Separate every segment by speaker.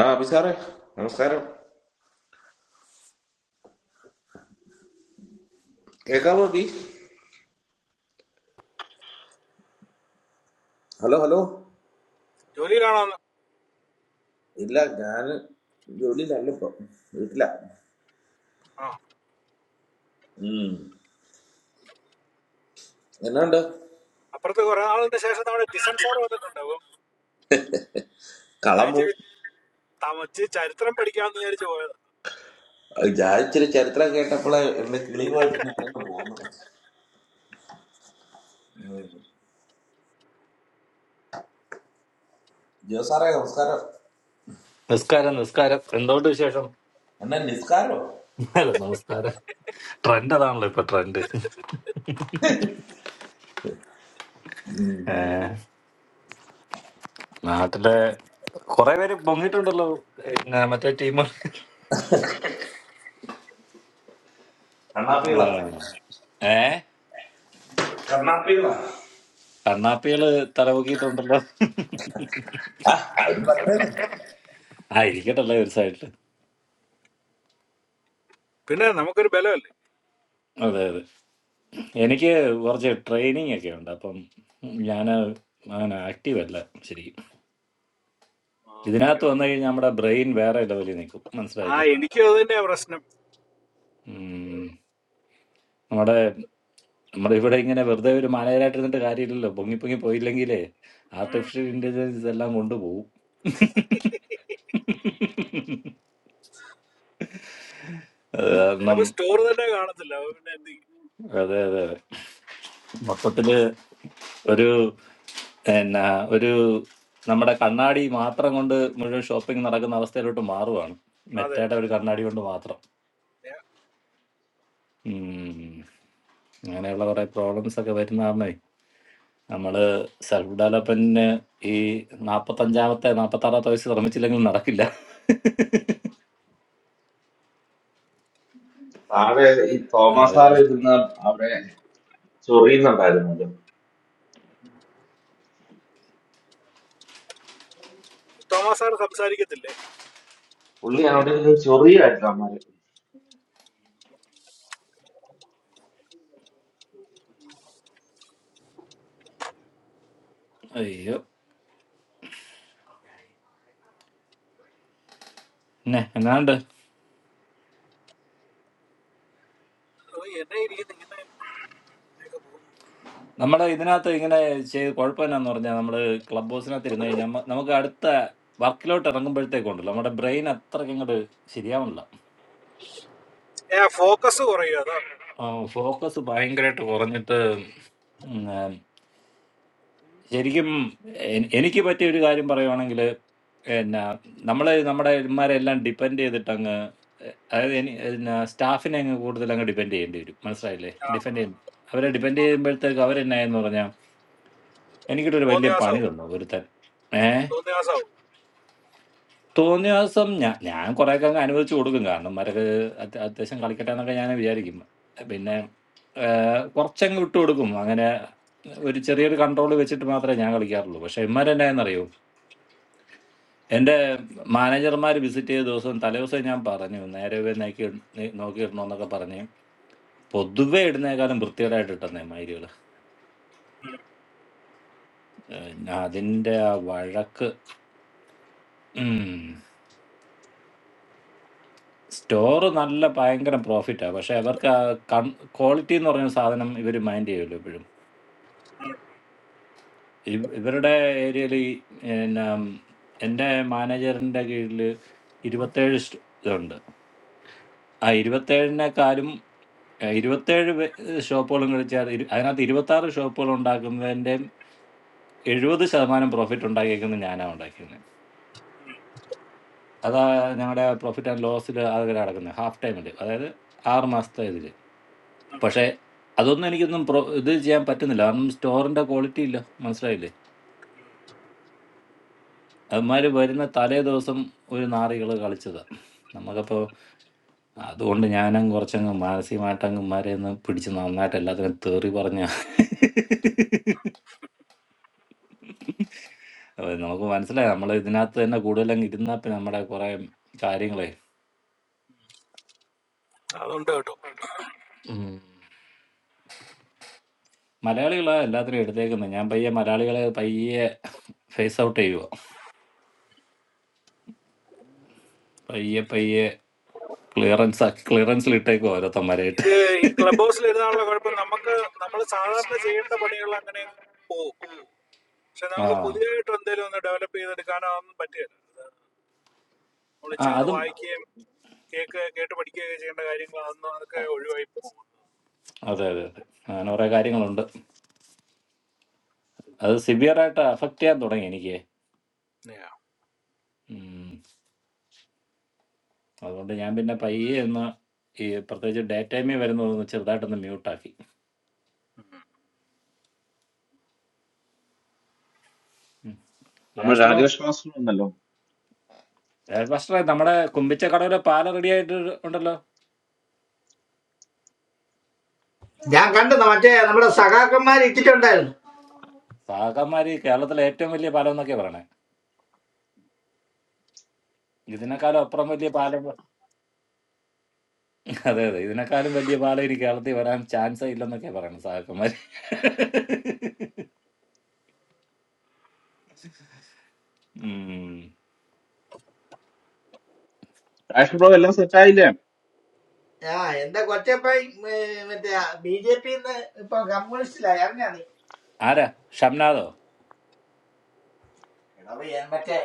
Speaker 1: ആ അഭിസാറേ നമസ്കാരം കേൾക്കാമോ ബി ഹലോ ഹലോ
Speaker 2: ജോലിയിലാണോന്ന്
Speaker 1: ഇല്ല ഞാൻ ജോലിയിലല്ല ഇപ്പൊ വീട്ടില
Speaker 2: ആ
Speaker 1: ഉം എന്നാണ്ട്
Speaker 2: അപ്പുറത്ത് കുറെ നാളിന്റെ ശേഷം നമ്മുടെ ടിസൺ സാർ വന്നിട്ടുണ്ട് അപ്പം ഞാൻ
Speaker 1: കളം പോയി
Speaker 2: ഇച്ചിരി തമച്ച് ചരിത്രം പഠിക്കാമെന്ന് വിചാരിച്ചു പോയത്
Speaker 1: ഞാൻ ഇച്ചിരി ചരിത്രം കേട്ടപ്പോളെ എന്റെ കിളിയുമായിട്ട് ഞാൻ അങ്ങ് പോകുന്നു ജോ സാറേ നമസ്കാരം
Speaker 3: നിസ്കാരം നിസ്കാരം എന്തോണ്ട് വിശേഷം
Speaker 1: എന്നാ നിസ്കാരോ
Speaker 3: അല്ല നമസ്കാരം ട്രെൻഡ് അതാണല്ലോ ഇപ്പൊ ട്രെൻഡ്
Speaker 1: ഉം.
Speaker 3: ഏ, നാട്ടിലെ കുറെ പേര് പൊങ്ങിയിട്ടുണ്ടല്ലോ പിന്നെ മറ്റേ ടീം ഏ
Speaker 1: കണ്ണാപ്പികളാ
Speaker 3: ഏ,
Speaker 1: കണ്ണാപ്പികളാ
Speaker 3: കണ്ണാപ്പികള് തലപൊക്കിയിട്ടുണ്ടല്ലോ
Speaker 1: ആ അവരും പറയണേ
Speaker 3: ആ ഇരിക്കട്ടല്ലേ ഒരു സൈഡില്
Speaker 2: പിന്നെ നമുക്കൊരു ബലമല്ലേ
Speaker 3: അതെ അതെ എനിക്ക് കുറച്ച് ട്രെയിനിങ് ഒക്കെ ഉണ്ട് അപ്പം ഞാൻ അങ്ങനെ ആക്റ്റീവ് അല്ല ശരിക്കും
Speaker 2: ഓക്കെ
Speaker 3: ഇതിനകത്ത് വന്നു
Speaker 2: ഓക്കെ
Speaker 3: കഴിഞ്ഞാൽ നമ്മുടെ ബ്രെയിൻ വേറെ ലെവലിൽ നിൽക്കും
Speaker 2: ആ
Speaker 3: മനസ്സിലായില്ലേ
Speaker 2: എനിക്കും അത് തന്നെയാ പ്രശ്നം
Speaker 3: ഉം. നമ്മുടെ നമ്മളിവിടെ ഇങ്ങനെ വെറുതെ ഒരു മാനേജരായിട്ട് ഇരുന്നിട്ട് കാര്യമില്ലല്ലോ പൊങ്ങി പൊങ്ങി പോയില്ലെങ്കിലേ
Speaker 2: ഉം.
Speaker 3: ആർട്ടിഫിഷ്യൽ ഇന്റലിജൻസ് എല്ലാം കൊണ്ടുപോകും അത് കാരണം
Speaker 2: ചിലപ്പോ സ്റ്റോർ തന്നെ കാണത്തില്ല അപ്പൊ പിന്നെ എന്ത് ചെയ്യും?
Speaker 3: അതെ അതെ അതെ. മൊത്തത്തില് ഒരു എന്നാ ഒരു നമ്മുടെ കണ്ണാടി മാത്രം കൊണ്ട് മുഴുവൻ ഷോപ്പിംഗ് നടക്കുന്ന അവസ്ഥയിലോട്ട് മാറുവാണ്
Speaker 2: അതെ
Speaker 3: മെറ്റയുടെ ഒരു കണ്ണാടി കൊണ്ട് മാത്രം
Speaker 2: ഞാൻ-
Speaker 3: ഉം. അങ്ങനെയുള്ള കുറെ പ്രോബ്ലംസ് ഒക്കെ വരുന്നതാണ് നമ്മള് സെൽഫ് ഡെവലപ്മെന്റിന് ഈ നാപ്പത്തഞ്ചാമത്തെ നാപ്പത്താറാമത്തെ വയസ്സ് ശ്രമിച്ചില്ലെങ്കിൽ നടക്കില്ല
Speaker 1: സാറ് ഈ
Speaker 3: ആ
Speaker 1: തോമസ്
Speaker 3: ഒരു
Speaker 1: സാറ്
Speaker 3: അവസ്ഥ.
Speaker 1: ഇരുന്ന് അവിടെ ചൊറിയുന്നുണ്ടായിരുന്നല്ലോ
Speaker 2: തോമസ് സാർ സംസാരിക്കത്തില്ലേ
Speaker 1: പുള്ളി അവിടെ ഇരുന്ന് ചൊറിയായിരുന്നു അമ്മാര്
Speaker 3: അയ്യോ പിന്നെ എന്നാണ്ട്
Speaker 2: അപ്പൊ എന്നെ ഇരിക്കുന്നു ഇങ്ങനെ
Speaker 3: നമ്മള് ഇതിനകത്ത് ഇങ്ങനെ ചെയ്ത് കുഴപ്പമെന്നാന്ന് പറഞ്ഞാൽ നമ്മള് ക്ലബ് ഹൗസിനകത്ത് ഇരുന്ന് കഴിഞ്ഞാൽ നമ്മ- നമുക്ക് അടുത്ത വർക്കിലോട്ട് ഇറങ്ങുമ്പോഴത്തേക്കുണ്ടല്ലോ നമ്മുടെ ബ്രെയിൻ അത്രയ്ക്ക് ഇങ്ങോട്ട് ശരിയാവണില്ല
Speaker 2: ഏ ഫോക്കസ് കുറയും അതാ
Speaker 3: ഫോക്കസ് ഭയങ്കരമായിട്ട് കുറഞ്ഞിട്ട് ഉം, ആ, ശരിക്കും എ- എനിക്ക് പറ്റിയ ഒരു കാര്യം പറയുവാണെങ്കിൽ എന്നാ നമ്മള് നമ്മുടെ ഇവന്മാരെ എല്ലാം ഡിപ്പെൻഡ് ചെയ്തിട്ടങ്ങ് അതായത് എനി പിന്നെ സ്റ്റാഫിനെ അങ്ങ് കൂടുതൽ അങ്ങ് ഡിപ്പെൻഡ് ചെയ്യേണ്ടി വരും മനസ്സിലായില്ലേ
Speaker 2: ആ, ആ.
Speaker 3: ഡിപ്പെൻഡ് ചെയ്യും അവരെ ഡിപ്പെൻഡ് ചെയ്യുമ്പോഴത്തേക്ക് അവരെന്നായെന്ന് പറഞ്ഞാൽ എനിക്കിട്ടൊരു വലിയ പണി
Speaker 2: തോന്നിയാസാവും
Speaker 3: തന്നു ഒരുത്തൻ ഏ
Speaker 2: തോന്നിയാസാവും
Speaker 3: തോന്നിയ ദിവസം ഞാൻ ഞാൻ കുറേയൊക്കെ അങ്ങ് അനുവദിച്ചു കൊടുക്കും കാരണം അവരൊക്കെ അത്യ- അത്യാവശ്യം കളിക്കട്ടെ എന്നൊക്കെ ഞാൻ വിചാരിക്കും പിന്നെ ഏ, കുറച്ചങ്ങ് വിട്ടു കൊടുക്കും അങ്ങനെ ഒരു ചെറിയൊരു കൺട്രോൾ വെച്ചിട്ട് മാത്രമേ ഞാൻ കളിക്കാറുള്ളൂ പക്ഷെ ഇമ്മാരെന്നായെന്നറിയോ എൻ്റെ മാനേജർമാർ വിസിറ്റ് ചെയ്ത ദിവസം തലേദിവസം ഞാൻ പറഞ്ഞു നേരെ നോക്കി നോക്കിയിടണമെന്നൊക്കെ പറഞ്ഞ് പൊതുവെ ഇടുന്നേക്കാളും വൃത്തികേടായിട്ട് ഇട്ടെന്നേ
Speaker 2: ഉം.
Speaker 3: പിന്നെ അതിന്റെ ആ വഴക്ക് ഉം. സ്റ്റോറ് നല്ല ഭയങ്കര പ്രോഫിറ്റാ പക്ഷെ അവർക്ക് ആ ക്വാളിറ്റി എന്ന് പറയുന്ന സാധനം ഇവർ മൈൻഡ് ചെയ്യുമല്ലോ എപ്പോഴും ഇവ- ഇവരുടെ ഏരിയയിൽ ഈ പിന്നെ എൻ്റെ മാനേജറിൻ്റെ കീഴിൽ ഇരുപത്തേഴ് സ്റ്റ- ഇതുണ്ട് ആ ഇരുപത്തേഴിനേക്കാളും ഏഹ്, ഇരുപത്തേഴ് വെ- ഷോപ്പുകളും കളിച്ചാൽ ഇരു- അതിനകത്ത് ഇരുപത്തി ആറ് ഷോപ്പുകൾ ഉണ്ടാക്കുന്നതിൻ്റെ എഴുപത് ശതമാനം പ്രോഫിറ്റ് ഉണ്ടാക്കിയിരിക്കുന്നത് ഞാനാണ് ഉണ്ടാക്കിയിരുന്നത് അതാ ഞങ്ങളുടെ പ്രോഫിറ്റ് ആൻഡ് ലോസിൽ അത് കിടക്കുന്നത് ഹാഫ് ടൈമിൽ അതായത് ആറ് മാസത്തെ ഇതിൽ പക്ഷേ അതൊന്നും എനിക്കൊന്നും പ്രൊ ഇത് ചെയ്യാൻ പറ്റുന്നില്ല കാരണം സ്റ്റോറിൻ്റെ ക്വാളിറ്റി ഇല്ല മനസ്സിലായില്ലേ അവന്മാർ വരുന്ന തലേ ദിവസം ഒരു നാറികൾ കളിച്ചതാണ് നമുക്കപ്പോൾ അതുകൊണ്ട് ഞാനും കുറച്ചങ്ങ് മാനസികമായിട്ടങ്ങ് മാരെ ഒന്ന് പിടിച്ച് നന്നായിട്ട് എല്ലാത്തിനും തേറി പറഞ്ഞ നമുക്ക് മനസ്സിലായി നമ്മൾ ഇതിനകത്ത് തന്നെ കൂടുതലങ്ങ് ഇരുന്നാൽ പിന്നെ നമ്മുടെ കുറേ കാര്യങ്ങളെ
Speaker 2: അതുണ്ട് കേട്ടോ
Speaker 3: ഉം. മലയാളികളാ എല്ലാത്തിനും എടുത്തേക്കുന്നത് ഞാൻ പയ്യെ മലയാളികളെ പയ്യെ ഫേസ് ഔട്ട് ചെയ്യുക പയ്യെ പയ്യെ ക്ലിയറൻസ് ആക്കി ക്ലിയറൻസിൽ ഇട്ടേക്കും ഓരോത്തന്മാരായിട്ട്
Speaker 2: ഇത് ഈ ക്ലബ് ഹൗസിൽ ഇരുന്നാലുള്ള കുഴപ്പം നമുക്ക് നമ്മൾ സാധാരണ ചെയ്യേണ്ട പണികൾ അങ്ങനെ പോകും പക്ഷെ
Speaker 3: ആ
Speaker 2: നമുക്ക് പുതിയതായിട്ട് എന്തെങ്കിലും ഒന്ന് ഡെവലപ്പ് ചെയ്തെടുക്കാനോ ഒന്നും പറ്റുകയില്ല നമ്മൾ
Speaker 3: ആ
Speaker 2: ഇച്ചിരി ഒന്ന്
Speaker 3: അതും
Speaker 2: വായിക്കുകയും കേക്ക് കേട്ട് പഠിക്കുകയൊക്കെ ചെയ്യേണ്ട കാര്യങ്ങൾ അതൊന്നും അതൊക്കെ ഒഴിവായി പോകും
Speaker 3: അതെ അതെ അതെ അങ്ങനെ കുറെ കാര്യങ്ങളുണ്ട് അത് സിവിയർ ആയിട്ട് അഫക്റ്റ് ചെയ്യാൻ തുടങ്ങി എനിക്ക്
Speaker 2: Yeah.
Speaker 3: ഉം. അതുകൊണ്ട് ഞാൻ പിന്നെ പയ്യെ ഒന്ന് ഈ പ്രത്യേകിച്ച് ഡേ ടൈമിൽ വരുന്നതൊന്ന് ചെറുതായിട്ടൊന്ന് മ്യൂട്ടാക്കി
Speaker 1: നമ്മൾ
Speaker 3: രാജ് ബ്രോ
Speaker 1: രാജേഷ് മാസ്റ്റർ ഉണ്ടല്ലോ
Speaker 3: രാജ് മാസ്റ്ററെ നമ്മുടെ കുമ്പിച്ചക്കടവിലെ പാലം റെഡി ആയിട്ട് ഉണ്ടല്ലോ
Speaker 4: ഞാൻ കണ്ടെന്ന് മറ്റേ നമ്മുടെ സഖാക്കന്മാർ ഇട്ടിട്ടുണ്ടായിരുന്നു
Speaker 3: സാകന്മാര് കേരളത്തിലെ ഏറ്റവും വലിയ പാലം എന്നൊക്കെ പറയണേ ഇതിനേക്കാളും അപ്പുറം വലിയ പാലം അതെ അതെ ഇതിനേക്കാളും വലിയ പാലം ഇനി കേരളത്തിൽ വരാൻ ചാൻസേ ഇല്ലെന്നൊക്കെ പറയണം സാകന്മാര് ഉം.
Speaker 1: രാജേഷ് ബ്രോ എല്ലാം സെറ്റായില്ലേ
Speaker 4: ആ എന്റെ കൊച്ചപ്പ മറ്റേ ബി ജെ പി ഇപ്പൊ കമ്മ്യൂണിസ്റ്റിലായി അറിഞ്ഞാ നീ
Speaker 3: ആരാ ഷംനാദോ
Speaker 4: എടാ പോയി, ഞാൻ മറ്റേ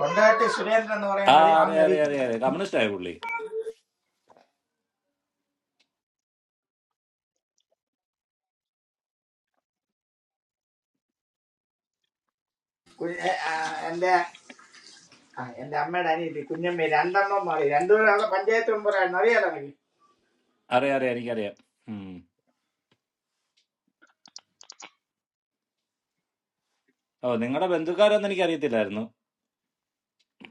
Speaker 4: കൊണ്ടാട്ടി സുരേന്ദ്രൻ എന്ന്
Speaker 3: ആ
Speaker 4: പറയുന്ന അറി ആണെന്ന്
Speaker 3: അറിയാം അറിയാം അറിയാം
Speaker 4: അറിയത്തില്ല
Speaker 3: അറിയാം കമ്മ്യൂണിസ്റ്റ് ആയ പുള്ളി
Speaker 4: കുഞ്ഞ്- ഏ, ആ, എന്റെ ആ, എന്റെ അമ്മയുടെ അനിയത്തി കുഞ്ഞമ്മ രണ്ടെണ്ണം മാറി രണ്ടുപേരാണ് പഞ്ചായത്ത് മെമ്പറായിരുന്നു അറിയാലോ എനിക്ക്
Speaker 3: അറിയാം അറിയാം എനിക്കറിയാം ഉം. ഓ നിങ്ങളുടെ ബന്ധുക്കാരൊന്നും എനിക്കറിയത്തില്ലായിരുന്നു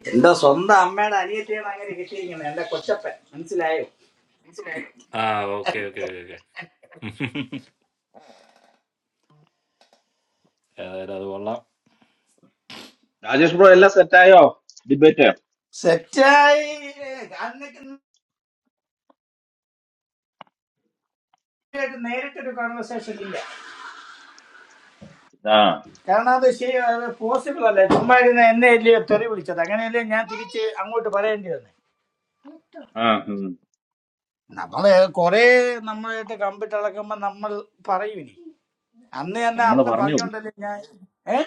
Speaker 4: എന്റെ സ്വന്തം അമ്മയുടെ അനിയത്തിയാണ് അങ്ങനെ കിട്ടിയിരിക്കുന്നത് എന്റെ കൊച്ചപ്പൻ മനസ്സിലായോ
Speaker 3: ആ ഓക്കെ ഓക്കെ ഓക്കെ ഓക്കെ ഏതായാലും അത് കൊള്ളാം
Speaker 1: രാജേഷ് ബ്രോ എല്ലാം സെറ്റായോ ഡിബേറ്റ്
Speaker 4: സെറ്റായി അന്നൊക്കെ നേരിട്ടൊരു കോൺവെർസേഷൻ ഇല്ല
Speaker 1: ആ
Speaker 4: കാരണം അത് ശരി അത് പോസിബിൾ അല്ല ചുമ്മാ ഇരുന്ന് എന്നെ അല്ലയോ തെറി വിളിച്ചത് അങ്ങനെയല്ലേ ഞാൻ തിരിച്ച് അങ്ങോട്ട് പറയേണ്ടി വന്നേ
Speaker 1: ആ
Speaker 4: നമ്മള് കുറെ നമ്മളായിട്ട് കമ്പിട്ട് അളക്കുമ്പോ നമ്മൾ പറയും ഇനി അന്ന് തന്നെ
Speaker 1: നമ്മൾ
Speaker 4: അന്ന്
Speaker 1: പറഞ്ഞു പോകും
Speaker 4: പറഞ്ഞോണ്ടല്ലേ ഞാൻ ഏ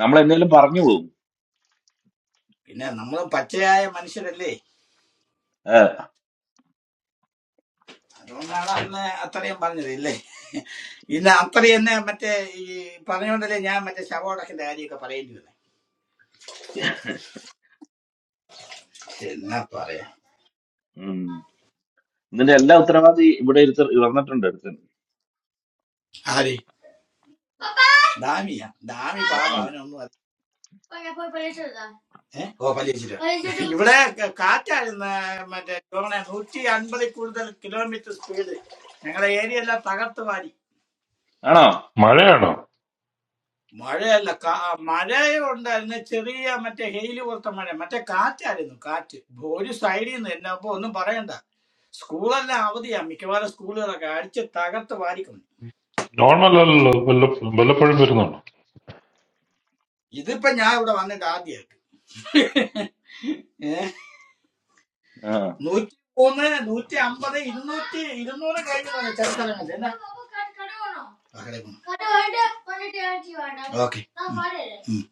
Speaker 1: നമ്മൾ എന്തെങ്കിലും പറഞ്ഞു പോകും
Speaker 4: പിന്നെ നമ്മൾ പച്ചയായ മനുഷ്യരല്ലേ
Speaker 1: ഏ,
Speaker 4: അതുകൊണ്ടാണ് അന്ന് അത്രയും പറഞ്ഞത് ഇല്ലേ ഇന്ന് അത്രയും തന്നെ മറ്റേ ഈ പറഞ്ഞോണ്ടല്ലേ ഞാൻ മറ്റേ ശവോടക്കിന്റെ കാര്യമൊക്കെ പറയേണ്ടി വന്നേ എന്നാ പറയാ
Speaker 1: ഉം. ഇതിന്റെ എല്ലാ ഉത്തരവാദി ഇവിടെ ഇരുത്ത- ഇറന്നിട്ടുണ്ട് എടുത്ത്
Speaker 4: ആര് ദാമിയാ ദാമി
Speaker 1: ആ,
Speaker 4: പാവ അവനൊന്നും പോയി പോയി പരീക്ഷിച്ചെടുത്താ ഏഹ് ഓ പരീക്ഷിച്ചിട്ട് പരീക്ഷിച്ചിട്ട് ഇവിടെ ക- കാറ്റായിരുന്നു മറ്റേ ടോണെ നൂറ്റി അൻപതിൽ കൂടുതൽ കിലോമീറ്റർ സ്പീഡ് ഞങ്ങളുടെ ഏരിയ എല്ലാം തകർത്ത് വാരി
Speaker 1: ആണോ
Speaker 5: മഴയാണോ
Speaker 4: മഴയല്ല കാ- മഴയും ഉണ്ടായിരുന്നു ചെറിയ മറ്റേ ഹെയില് പോലത്തെ മഴ മറ്റേ കാറ്റായിരുന്നു കാറ്റ് ഒരു സൈഡിൽ നിന്ന് എന്നെ അപ്പൊ ഒന്നും പറയണ്ട സ്കൂളെല്ലാം അവധിയാ മിക്കവാറും സ്കൂളുകളൊക്കെ അടിച്ച് തകർത്ത് വാരിക്കൊണ്ട്
Speaker 5: നോർമൽ അല്ലല്ലോ വല്ല വല്ലപ്പോഴും വരുന്നുണ്ടോ
Speaker 4: ഇതിപ്പോ ഞാൻ ഇവിടെ വന്നിട്ട് ആദ്യമായിട്ട് ഏഹ്
Speaker 1: ആ
Speaker 4: നൂറ്റി മൂന്ന് നൂറ്റി അമ്പത് ഇരുന്നൂറ്റി ഇരുന്നൂറ് കഴിഞ്ഞതാണ് ചില സ്ഥലങ്ങളിൽ എന്നാ ആ, കടയിൽ പോണം. ഓക്കെ ഉം, ഉം.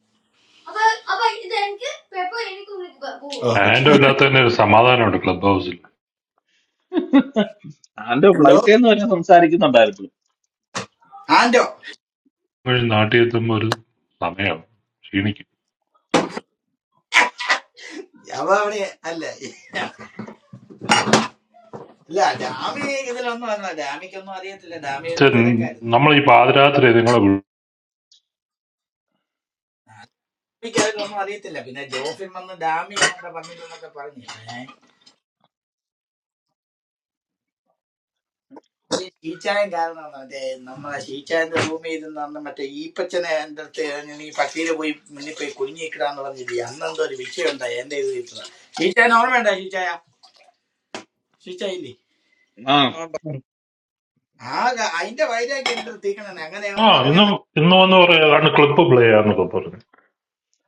Speaker 4: ഓ,
Speaker 5: ആൻഡോ
Speaker 4: കൊടുത്തു.
Speaker 5: ഇല്ലാത്ത തന്നെ ഒരു സമാധാനമുണ്ട് ക്ലബ് ഹൗസിൽ
Speaker 1: അവന്റെ
Speaker 4: എന്തോ
Speaker 1: ഫ്ലൈറ്റിൽ നിന്ന് വരെ സംസാരിക്കുന്നുണ്ടായിരുന്നു
Speaker 4: ആന്റോ
Speaker 5: വഴി നാട്ടിൽ എത്തുമ്പോൾ ഒരു സമയമാവും ക്ഷീണിക്കും
Speaker 4: അവ അവിടെ അല്ല ഇല്ല ഡാമി ഇതിലൊന്നും അല്ല ഡാമിക്കൊന്നും അറിയത്തില്ല ഡാമി
Speaker 5: ചെ-
Speaker 4: തിരക്കായിരുന്നു
Speaker 5: നമ്മൾ ഈ പാതിരാത്രി നിങ്ങളെ വിളി-
Speaker 4: ഡാമിക്ക് അതിലൊന്നും അറിയത്തില്ല പിന്നെ ജോഫിൻ വന്ന് ഡാമി എന്നൊക്കെ പറഞ്ഞിരുന്നൊക്കെ പറഞ്ഞു ഈ ഷീച്ചായം കാരണം മറ്റേ നമ്മളെ ഷീച്ചായന്റെ റൂമിൽ ഇരുന്ന് അന്ന് മറ്റേ ഈപ്പച്ചനെ എന്റെ അടുത്ത് ഞാൻ ഈ പട്ടിയില് പോയി മുന്നിൽ പോയി കുഞ്ഞിക്കിടാന്ന് പറഞ്ഞില്ലേ അന്ന് എന്തോ ഒരു വിഷയം ഉണ്ടായി എന്റെ ഇത് കിട്ടുന്നത് ഷീച്ചായൻ ഓർമ്മയുണ്ടോ ഷീച്ചായ ഷീച്ചായില്ലേ
Speaker 1: ആ
Speaker 6: അതുകൊണ്ട് ഇപ്പൊ
Speaker 4: ആ ഗ- അതിന്റെ വൈരാഗ്യം എന്റെ അടുത്ത് തീക്കണേ അങ്ങനെ അവൻ
Speaker 5: ആ ഇന്ന്
Speaker 4: പറഞ്ഞെന്ന്
Speaker 5: ഇന്ന് വന്ന് പറയാതാണ് ക്ലബ്ബ് പ്ലേ ആന്നൊക്കെ പറഞ്ഞു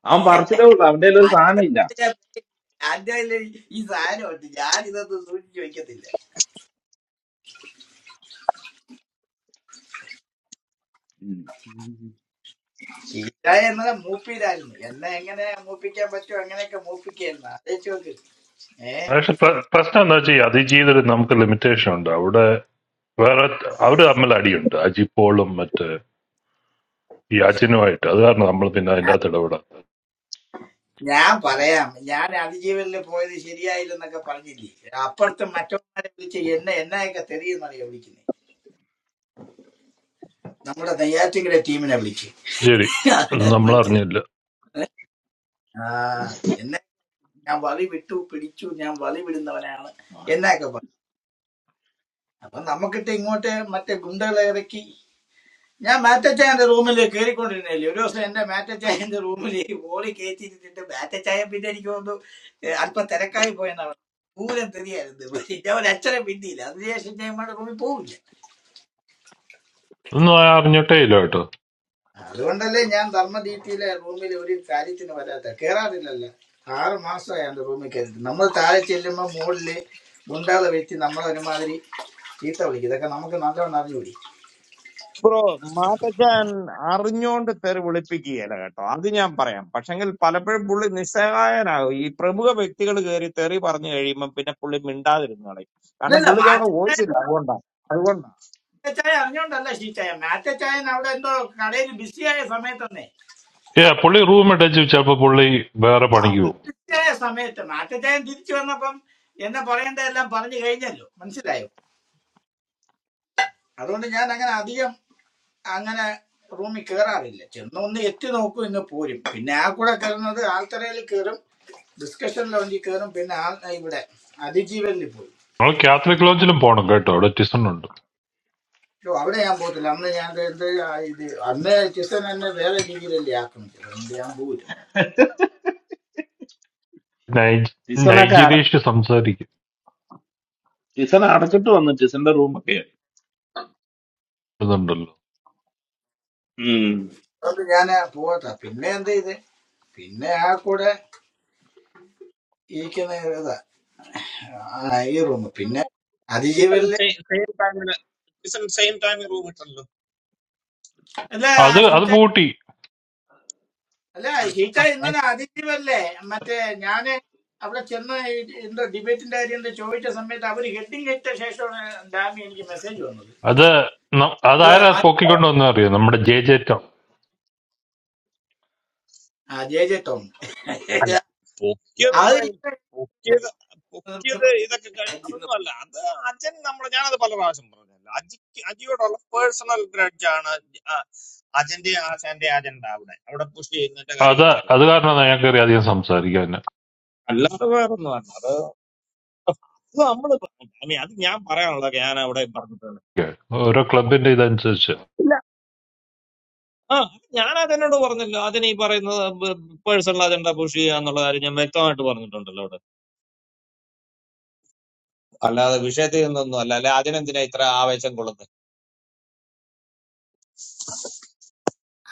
Speaker 1: അവൻ പറിച്ചിട്ടേ ഉള്ളു അവന്റെ കയ്യിൽ ഒരു
Speaker 4: ആന്റെ
Speaker 1: സാധനം ഇല്ല
Speaker 4: വൈരാഗ്യം- ആന്റെ വൈരാഗ്യം ഈ സാധനമുണ്ട് ഞാൻ ഇതൊന്നും സൂചിച്ച് വെക്കത്തില്ല
Speaker 1: ഉം.
Speaker 4: ഷീച്ചായ എന്നത് മൂപ്പിയിലായിരുന്നു എന്നെ എങ്ങനെ മൂപ്പിക്കാൻ പറ്റുമോ അങ്ങനെയൊക്കെ മൂപ്പിക്കായിരുന്നു ആലോചിച്ച് നോക്ക് ഏഹ്
Speaker 5: പക്ഷെ പ്ര- പ്രശ്നം എന്താ വെച്ചാൽ ഈ അതിജീവിതത്തിൽ നമുക്ക് ലിമിറ്റേഷൻ ഉണ്ട് അവിടെ വേറെ അവര് തമ്മിൽ അടിയുണ്ട് അജിപ്പോളും മറ്റേ ഈ അജിനുമായിട്ട് അത് കാരണം നമ്മൾ പിന്നെ അതിൻ്റെ അകത്ത് ഇടപെടാം
Speaker 4: ഞാൻ പറയാം ഞാൻ അതിജീവനിൽ പോയത് ശരിയായില്ലെന്നൊക്കെ പറഞ്ഞില്ലേ അപ്പുറത്ത് മറ്റവന്മാരെ വിളിച്ച് എന്നെ എന്നെയൊക്കെ തെറിയെന്നറിയാ വിളിക്കുന്നത് നമ്മുടെ നെയ്യാറ്റിങ്കര ടീമിനെ വിളിച്ച്
Speaker 5: ശരി നമ്മൾ
Speaker 4: മനസ്സിലായി
Speaker 5: അറിഞ്ഞില്ല
Speaker 4: ആ എന്നെ ഞാൻ വളി വിട്ടു പിടിച്ചു ഞാൻ വളി വിടുന്നവനാണ് എന്നൊക്കെ പറഞ്ഞു അപ്പൊ നമുക്കിട്ട് ഇങ്ങോട്ട് മറ്റേ ഗുണ്ടകളെ ഇറക്കി ഞാൻ മാറ്റച്ചായന്റെ റൂമിൽ കയറിക്കൊണ്ടിരുന്നില്ലേ ഒരു ദിവസം എന്റെ മാറ്റച്ചായന്റെ റൂമിൽ ഓളി കയറ്റിയിരുന്നിട്ട് മാറ്റച്ചായ പിന്നെ എനിക്ക് തോന്നുന്നു ഏഹ് അല്പം തിരക്കായി പോയെന്നാണ് പൂരം തെറിയായിരുന്നു പക്ഷേ ഞാൻ ഒരു അച്ഛനെ പിന്നില്ല അതിനുശേഷം ഞാൻ ഇമ്മയുടെ റൂമിൽ പോവില്ല
Speaker 5: ഒന്നും അറിഞ്ഞിട്ടേ ഇല്ല കേട്ടോ
Speaker 4: അതുകൊണ്ടല്ലേ ഞാൻ ധർമ്മദീപ്തിയിലെ റൂമിൽ ഒരു കാര്യത്തിന് വരാത്ത കയറാറില്ലല്ല ആറ് മാസമായി എന്റെ റൂമിൽ കയറിയിട്ട് നമ്മൾ താഴെ ചെല്ലുമ്പോൾ മുകളില് മുണ്ടാതെ വെച്ച് നമ്മളെ ഒരുമാതിരി ചീത്ത വിളിക്കും ഇതൊക്കെ നമുക്ക് നല്ലോണം അറിഞ്ഞുകൂടി
Speaker 6: മാതജാൻ അറിഞ്ഞോണ്ട് തെറി വിളിപ്പിക്കുകയില്ല കേട്ടോ അത് ഞാൻ പറയാം പക്ഷെങ്കിൽ പലപ്പോഴും പുള്ളി നിസ്സഹായനാകും ഈ പ്രമുഖ വ്യക്തികൾ കയറി തെറി പറഞ്ഞു കഴിയുമ്പോൾ പിന്നെ പുള്ളി മിണ്ടാതിരുന്നു കളയും കാരണം പുള്ളിക്ക് അവിടെ
Speaker 4: ഇല്ലല്ല
Speaker 6: വോയിസ് ഇല്ല അതുകൊണ്ടാണ് അതുകൊണ്ടാണ്
Speaker 4: ചായ അറിഞ്ഞോണ്ടല്ല ഷീച്ചായ മാറ്റച്ചായൻ അവിടെ എന്തോ കടയിൽ ബിസിയായ സമയത്തന്നെ
Speaker 5: ഏ പുള്ളി റൂം അറ്റാച്ച് വെച്ചപ്പോ പുള്ളി വേറെ
Speaker 4: ആ
Speaker 5: പണിക്ക്
Speaker 4: പുള്ളി
Speaker 5: പോകും
Speaker 4: ബിസിയായ സമയത്ത് മാറ്റച്ചായൻ തിരിച്ചു വന്നപ്പം എന്നെ പറയേണ്ട എല്ലാം പറഞ്ഞു കഴിഞ്ഞല്ലോ മനസ്സിലായോ അതുകൊണ്ട് ഞാൻ അങ്ങനെ അധികം അങ്ങനെ റൂമിൽ കയറാറില്ല ചെന്ന് ഒന്ന് എത്തി നോക്കും ഇന്ന് പോരും പിന്നെ ആ കൂടെ കയറുന്നത് ആൽത്തറയിൽ കയറും ഡിസ്കഷൻ ലോഞ്ചിൽ കയറും പിന്നെ ആ ഇവിടെ അതിജീവനിൽ പോയി
Speaker 5: നമ്മൾ കാത്തലിക് ലോഞ്ചിലും പോണം കേട്ടോ അവിടെ ടിസൺ ഉണ്ട്
Speaker 4: ഓ അവിടെ ഞാൻ പോകത്തില്ല അന്ന് ഞാൻ എന്ത് ആ ഇത് അന്ന് ചിസൻ എന്നെ വേറെ രീതിയിലല്ലേ ആക്രമിച്ചത് അതുകൊണ്ട് ഞാൻ പോയി
Speaker 5: നൈജ്
Speaker 1: ടിസനൊക്കെ അട
Speaker 5: നൈജീരിയയിൽ സംസാരിക്കുന്നുണ്ടല്ലോ
Speaker 1: ടിസൺ അടച്ചിട്ട് വന്നു ടിസന്റെ റൂമൊക്കെ ഉം.
Speaker 4: അതുകൊണ്ട് ഞാൻ പോവാത്ത പിന്നെ എന്താ ഇത് പിന്നെ ആ കൂടെ ഇരിക്കുന്ന ഇതാ ആ, ഈ റൂം പിന്നെ
Speaker 6: ഇപ്പം
Speaker 4: അതിജീവനില്
Speaker 6: സെയിം ടൈമില് ഇപ്പം സെയിം ടൈമിൽ റൂം ഇട്ടല്ലോ
Speaker 4: അല്ല
Speaker 5: അത് അത്
Speaker 4: ഷീറ്റ
Speaker 5: പൂട്ടി
Speaker 4: അല്ല ഷീറ്റ ഇന്നലെ അതിജീവല്ലേ മറ്റേ ഞാന് അവിടെ ചെന്ന് ഈ- എന്തോ ഡിബേറ്റിന്റെ കാര്യം എന്തോ ചോദിച്ച സമയത്ത് അവര് ഹെഡിങ് ഇട്ട ശേഷമാണ് ഡാമി എനിക്ക് മെസ്സേജ് വന്നത്
Speaker 5: അത് ന-
Speaker 4: ഇതുപോലെ
Speaker 5: അതാരാ
Speaker 4: മാറ്റി
Speaker 6: ആ,
Speaker 5: പൊക്കിക്കൊണ്ട് വന്ന അറിയാം നമ്മുടെ ജെ ജേറ്റം
Speaker 4: ആ ജെ ജെ ടോം അത്
Speaker 6: അല്ല പൊക്കിയതൊന്നും അല്ല. പൊക്കിയത് പൊക്കിയത് ഇതൊക്കെ കഴി അതൊന്നും അല്ല അത് അജൻ നമ്മളെ ഞാനത് പല പ്രാവശ്യം പറഞ്ഞല്ലോ അജിക്ക് അജിയോടുള്ള പേഴ്സണൽ ഗ്രഡ്ജാണ് അജന്റെ ആശാന്റെ അജണ്ട അവിടെ അവിടെ പുഷ് ചെയ്യുന്നതിന്റെ കാര്യം
Speaker 5: അത്
Speaker 6: അത്രയേ
Speaker 5: അത്
Speaker 6: ഉള്ളൂ
Speaker 5: കാരണം ഞങ്ങൾക്ക് അറിയാം അധികം സംസാരിക്കാൻ
Speaker 6: അല്ലാതെ വേറെ ഒന്നും അല്ല അത് നമ്മൾ അത് ഞാൻ പറയാനുള്ളതൊക്കെ ഞാൻ അവിടെ പറഞ്ഞിട്ടുണ്ട്
Speaker 5: ഓരോ ക്ലബിന്റെ ഇതനുസരിച്ച്
Speaker 6: ഇല്ല ആ അത് ഞാൻ അതിനോട് പറഞ്ഞല്ലോ അതിന് ഈ പറയുന്നത് പേഴ്സണൽ അജണ്ട പുഷ് ചെയ്യുക എന്നുള്ള കാര്യം ഞാൻ വ്യക്തമായിട്ട് പറഞ്ഞിട്ടുണ്ടല്ലോ അവിടെ അല്ലാതെ വിഷയത്തിൽ നിന്നൊന്നും അല്ല അല്ലെ അതിനെന്തിനാ ഇത്ര ആവേശം കൊള്ളുന്നത്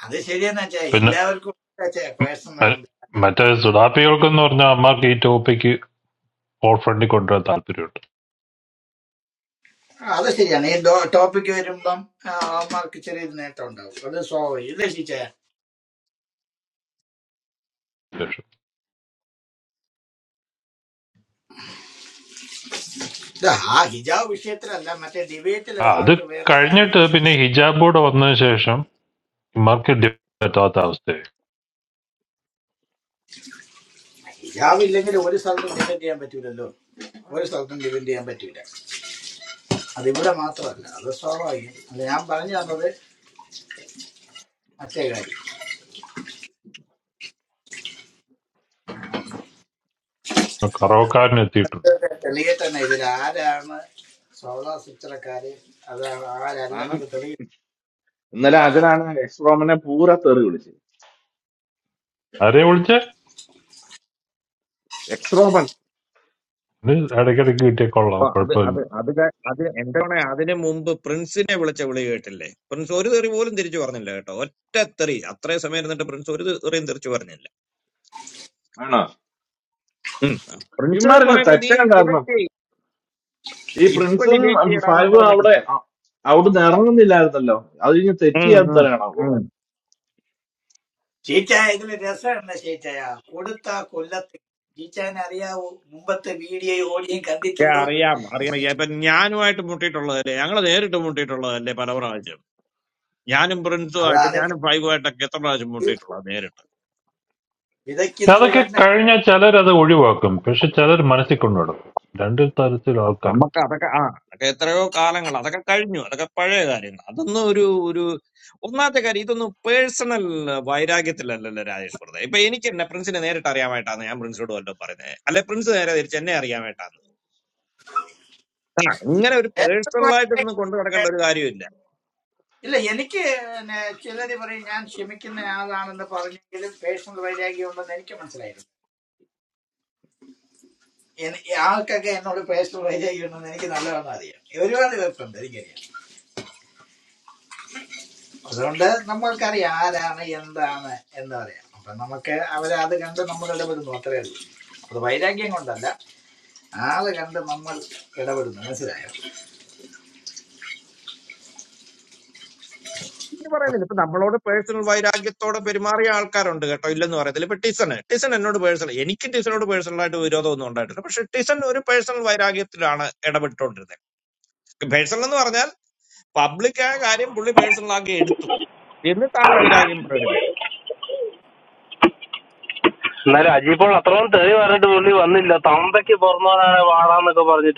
Speaker 4: അത് ശരിയെന്ന് വെച്ചാ
Speaker 5: പിന്നെ
Speaker 4: എല്ലാവർക്കും
Speaker 5: ഉം,
Speaker 4: പേഴ്സണൽ
Speaker 5: മ-
Speaker 4: ഉണ്ട്
Speaker 5: മറ്റേ സുഡാപ്പികൾക്കെന്ന് പറഞ്ഞാൽ അമ്മമാർക്ക് ഈ ടോപ്പിക്ക് ഓൾ ഫ്രണ്ടിൽ കൊണ്ടുവരാൻ താല്പര്യമുണ്ട്
Speaker 4: ആ, അത് ശരിയാണ് ഈ ടോപ്പിക്ക് വരുമ്പം ആ, അമ്മമാർക്ക് ചെറിയൊരു നേട്ടം ഉണ്ടാവും അത് സ്വാഭാവികം ഇല്ലേ ടീച്ചേ
Speaker 5: ശേഷം
Speaker 4: ഇത് ആ ഹിജാബ് വിഷയത്തിലല്ല മറ്റേ ഡിബേറ്റിൽ
Speaker 5: ആ അത്
Speaker 4: അവന്മാർക്ക് വേറെ സ്റ്റാൻഡ്
Speaker 5: കഴിഞ്ഞിട്ട്
Speaker 4: പിടിക്കാം
Speaker 5: പിന്നെ ഹിജാബ് കൂടെ വന്നതിന് ശേഷം ഇമാർക്ക് പറ്റാത്ത അവസ്ഥയായി
Speaker 4: ഹിജാബ് ഇല്ലെങ്കിൽ ഒരു സ്ഥലത്തും ഡിപെൻഡ് ചെയ്യാൻ പറ്റൂലല്ലോ ഒരു സ്ഥലത്തും ഡിപെൻഡ് ചെയ്യാൻ പറ്റൂല അത് ഇവിടെ മാത്രമല്ല അത് സ്വാഭാവികം അല്ല ഞാൻ പറഞ്ഞു തന്നത് മറ്റേ കാര്യം
Speaker 5: കറവക്കാരൻ എത്തിയിട്ടുണ്ട്
Speaker 4: ഇതൊക്കെ തെളിയട്ടെ ഇതിൽ ആരാണ് സോളാ സിസ്റ്ററക്കാര് അതാണ്
Speaker 1: ആ,
Speaker 4: ആരല്ലെന്നൊക്കെ
Speaker 1: ഇന്നലെ അജനാണ് എക്സ്ട്രോമിനെ പൂര തെറി വിളിച്ചു
Speaker 5: ആരെ വിളിച്ചേ
Speaker 1: എക്സ് റോബൻ
Speaker 5: ഇത് ഇടയ്ക്കിടയ്ക്ക് കിട്ടിയ കൊള്ളാം
Speaker 6: ആ, അത്
Speaker 5: കുഴപ്പമില്ല
Speaker 6: അത് അത് ക- അത് എന്റെ മോനെ അതിനു മുമ്പ് പ്രിൻസിനെ വിളിച്ച വിളി കേട്ടില്ലേ പ്രിൻസ് ഒരു തെറി പോലും തിരിച്ചു പറഞ്ഞില്ല കേട്ടോ ഒറ്റ തെറി അത്രയും സമയം ഇരുന്നിട്ട് പ്രിൻസ് ഒരു തെറിയും തിരിച്ചു പറഞ്ഞില്ല
Speaker 1: ആണോ
Speaker 6: ഉം. പ്രിൻസ്
Speaker 1: ഇമാരെല്ലാം
Speaker 6: പറയുന്നത് നീ
Speaker 1: തെറ്റുണ്ടായിരുന്നു
Speaker 6: ഡിബേറ്റ് ചെയ്
Speaker 1: ഈ
Speaker 6: ഇപ്പൊ
Speaker 1: പ്രിൻസും
Speaker 6: ഡിബേറ്റ് ചെയ്യടാന്നും
Speaker 1: ഫൈവും
Speaker 6: പറഞ്ഞ
Speaker 1: അവിടെ
Speaker 6: പ്രിൻസ്
Speaker 1: അ- അവിടുന്ന് ഇറങ്ങുന്നില്ലായിരുന്നല്ലോ അത് കഴിഞ്ഞ് തെറ്റ്
Speaker 6: ഉം,
Speaker 1: ചെയ്യാൻ
Speaker 6: ഉം,
Speaker 1: തരണമോ
Speaker 6: ഉം.
Speaker 4: ചീച്ചായ ഇതില് രസമുണ്ട് ചീച്ചായ കൊടുത്ത കൊല്ലത്ത് ചീച്ചായനെ അറിയാവൂ മുമ്പത്തെ വീഡിയോ ഓഡിയും
Speaker 6: ഏ,
Speaker 4: കണ്ടിട്ടുണ്ടോ
Speaker 6: അറിയാം അറിയാം ഇപ്പൊ ഞാനുമായിട്ട് മുട്ടിയിട്ടുള്ളതല്ലേ ഞങ്ങൾ നേരിട്ട് മുട്ടിയിട്ടുള്ളതല്ലേ പല പ്രാവശ്യം ഞാനും പ്രിൻസുമായിട്ട്
Speaker 4: അതാണ്
Speaker 6: ഞാനും ഫൈവുമായിട്ടൊക്കെ എത്ര പ്രാവശ്യം
Speaker 4: കരി
Speaker 6: മുട്ടിയിട്ടുള്ളത് നേരിട്ട്
Speaker 4: വിതയ്ക്കുന്നത്
Speaker 5: അതൊക്കെ
Speaker 4: തന്നെ
Speaker 5: കഴിഞ്ഞാൽ ചിലരത് ഒഴിവാക്കും പക്ഷെ ചിലർ മനസ്സിൽ കൊണ്ടുവിടും രണ്ട് തരത്തിലുള്ള ആൾക്കാർ
Speaker 6: നമുക്ക് അതൊക്കെ ആ അതൊക്കെ എത്രയോ കാലങ്ങൾ അതൊക്കെ കഴിഞ്ഞു അതൊക്കെ പഴയ കാര്യങ്ങൾ അതൊന്നും ഒരു ഒരു ഒന്നാമത്തെ കാര്യം ഇതൊന്നും പേഴ്സണൽ വൈരാഗ്യത്തിലല്ലല്ലോ രാജേഷ് വെറുതെ ഇപ്പൊ എനിക്ക് എന്നെ പ്രിൻസിനെ നേരിട്ട് അറിയാമായിട്ടാണ് ഞാൻ പ്രിൻസിനോട് വല്ലതും പറയുന്നത് അല്ലെ പ്രിൻസ് നേരെ തിരിച്ച് എന്നെ അറിയാമായിട്ടാണ് ആ, ഇങ്ങനെ ഒരു പേഴ്സണൽ ആയിട്ടൊന്നും കൊണ്ടു നടക്കേണ്ട ഒരു കാര്യമില്ല
Speaker 4: ഇല്ല എനിക്ക് പിന്നെ ചിലര് പറയും ഞാൻ ക്ഷമിക്കുന്ന ആളാണെന്ന് പറഞ്ഞെങ്കിലും പേഴ്സണൽ വൈരാഗ്യം ഉണ്ടെന്ന് എനിക്ക് മനസ്സിലായിരുന്നു എനി- ആൾക്കൊക്കെ എന്നോട് പേഴ്സണൽ വൈരാഗ്യം ഉണ്ടെന്ന് എനിക്ക് നല്ലവണ്ണം അറിയാം ഒരുപാട് പേർക്കുണ്ട് എനിക്കറിയാം അതുകൊണ്ട് നമ്മൾക്കറിയാം ആരാണ് എന്താണ് എന്ന് പറയാം അപ്പൊ നമുക്ക് അവരെ അത് കണ്ട് നമ്മൾ ഇടപെടുന്നു അത്രേ ഉള്ളൂ അത് വൈരാഗ്യം കൊണ്ടല്ല ആളെ കണ്ട് നമ്മൾ ഇടപെടുന്നു മനസ്സിലായോ
Speaker 6: ഇത് പറയുന്നില്ല ഇപ്പൊ നമ്മളോട് പേഴ്സണൽ വൈരാഗ്യത്തോടെ പെരുമാറിയ ആൾക്കാരുണ്ട് കേട്ടോ ഇല്ലെന്ന് പറയത്തില്ല ഇപ്പൊ ടിസണ് ടിസൺ എന്നോട് പേഴ്സണൽ എനിക്ക് ടിസണോട് പേഴ്സണൽ ആയിട്ട് വിരോധമൊന്നും ഉണ്ടായിട്ടില്ല പക്ഷെ ടിസൺ ഒരു പേഴ്സണൽ വൈരാഗ്യത്തിലാണ് ഇടപെട്ടുകൊണ്ടിരുന്നത് പേഴ്സണൽ എന്ന് പറഞ്ഞാൽ പബ്ലിക്കായ കാര്യം പുള്ളി പേഴ്സണൽ ആക്കി എടുത്തു എന്നിട്ട് ആ വൈരാഗ്യം പ്രകടിപ്പിച്ചു
Speaker 7: Nala, Ajipon, that round, today we are doing only one. No, Tanthaki Varmaar, we are doing.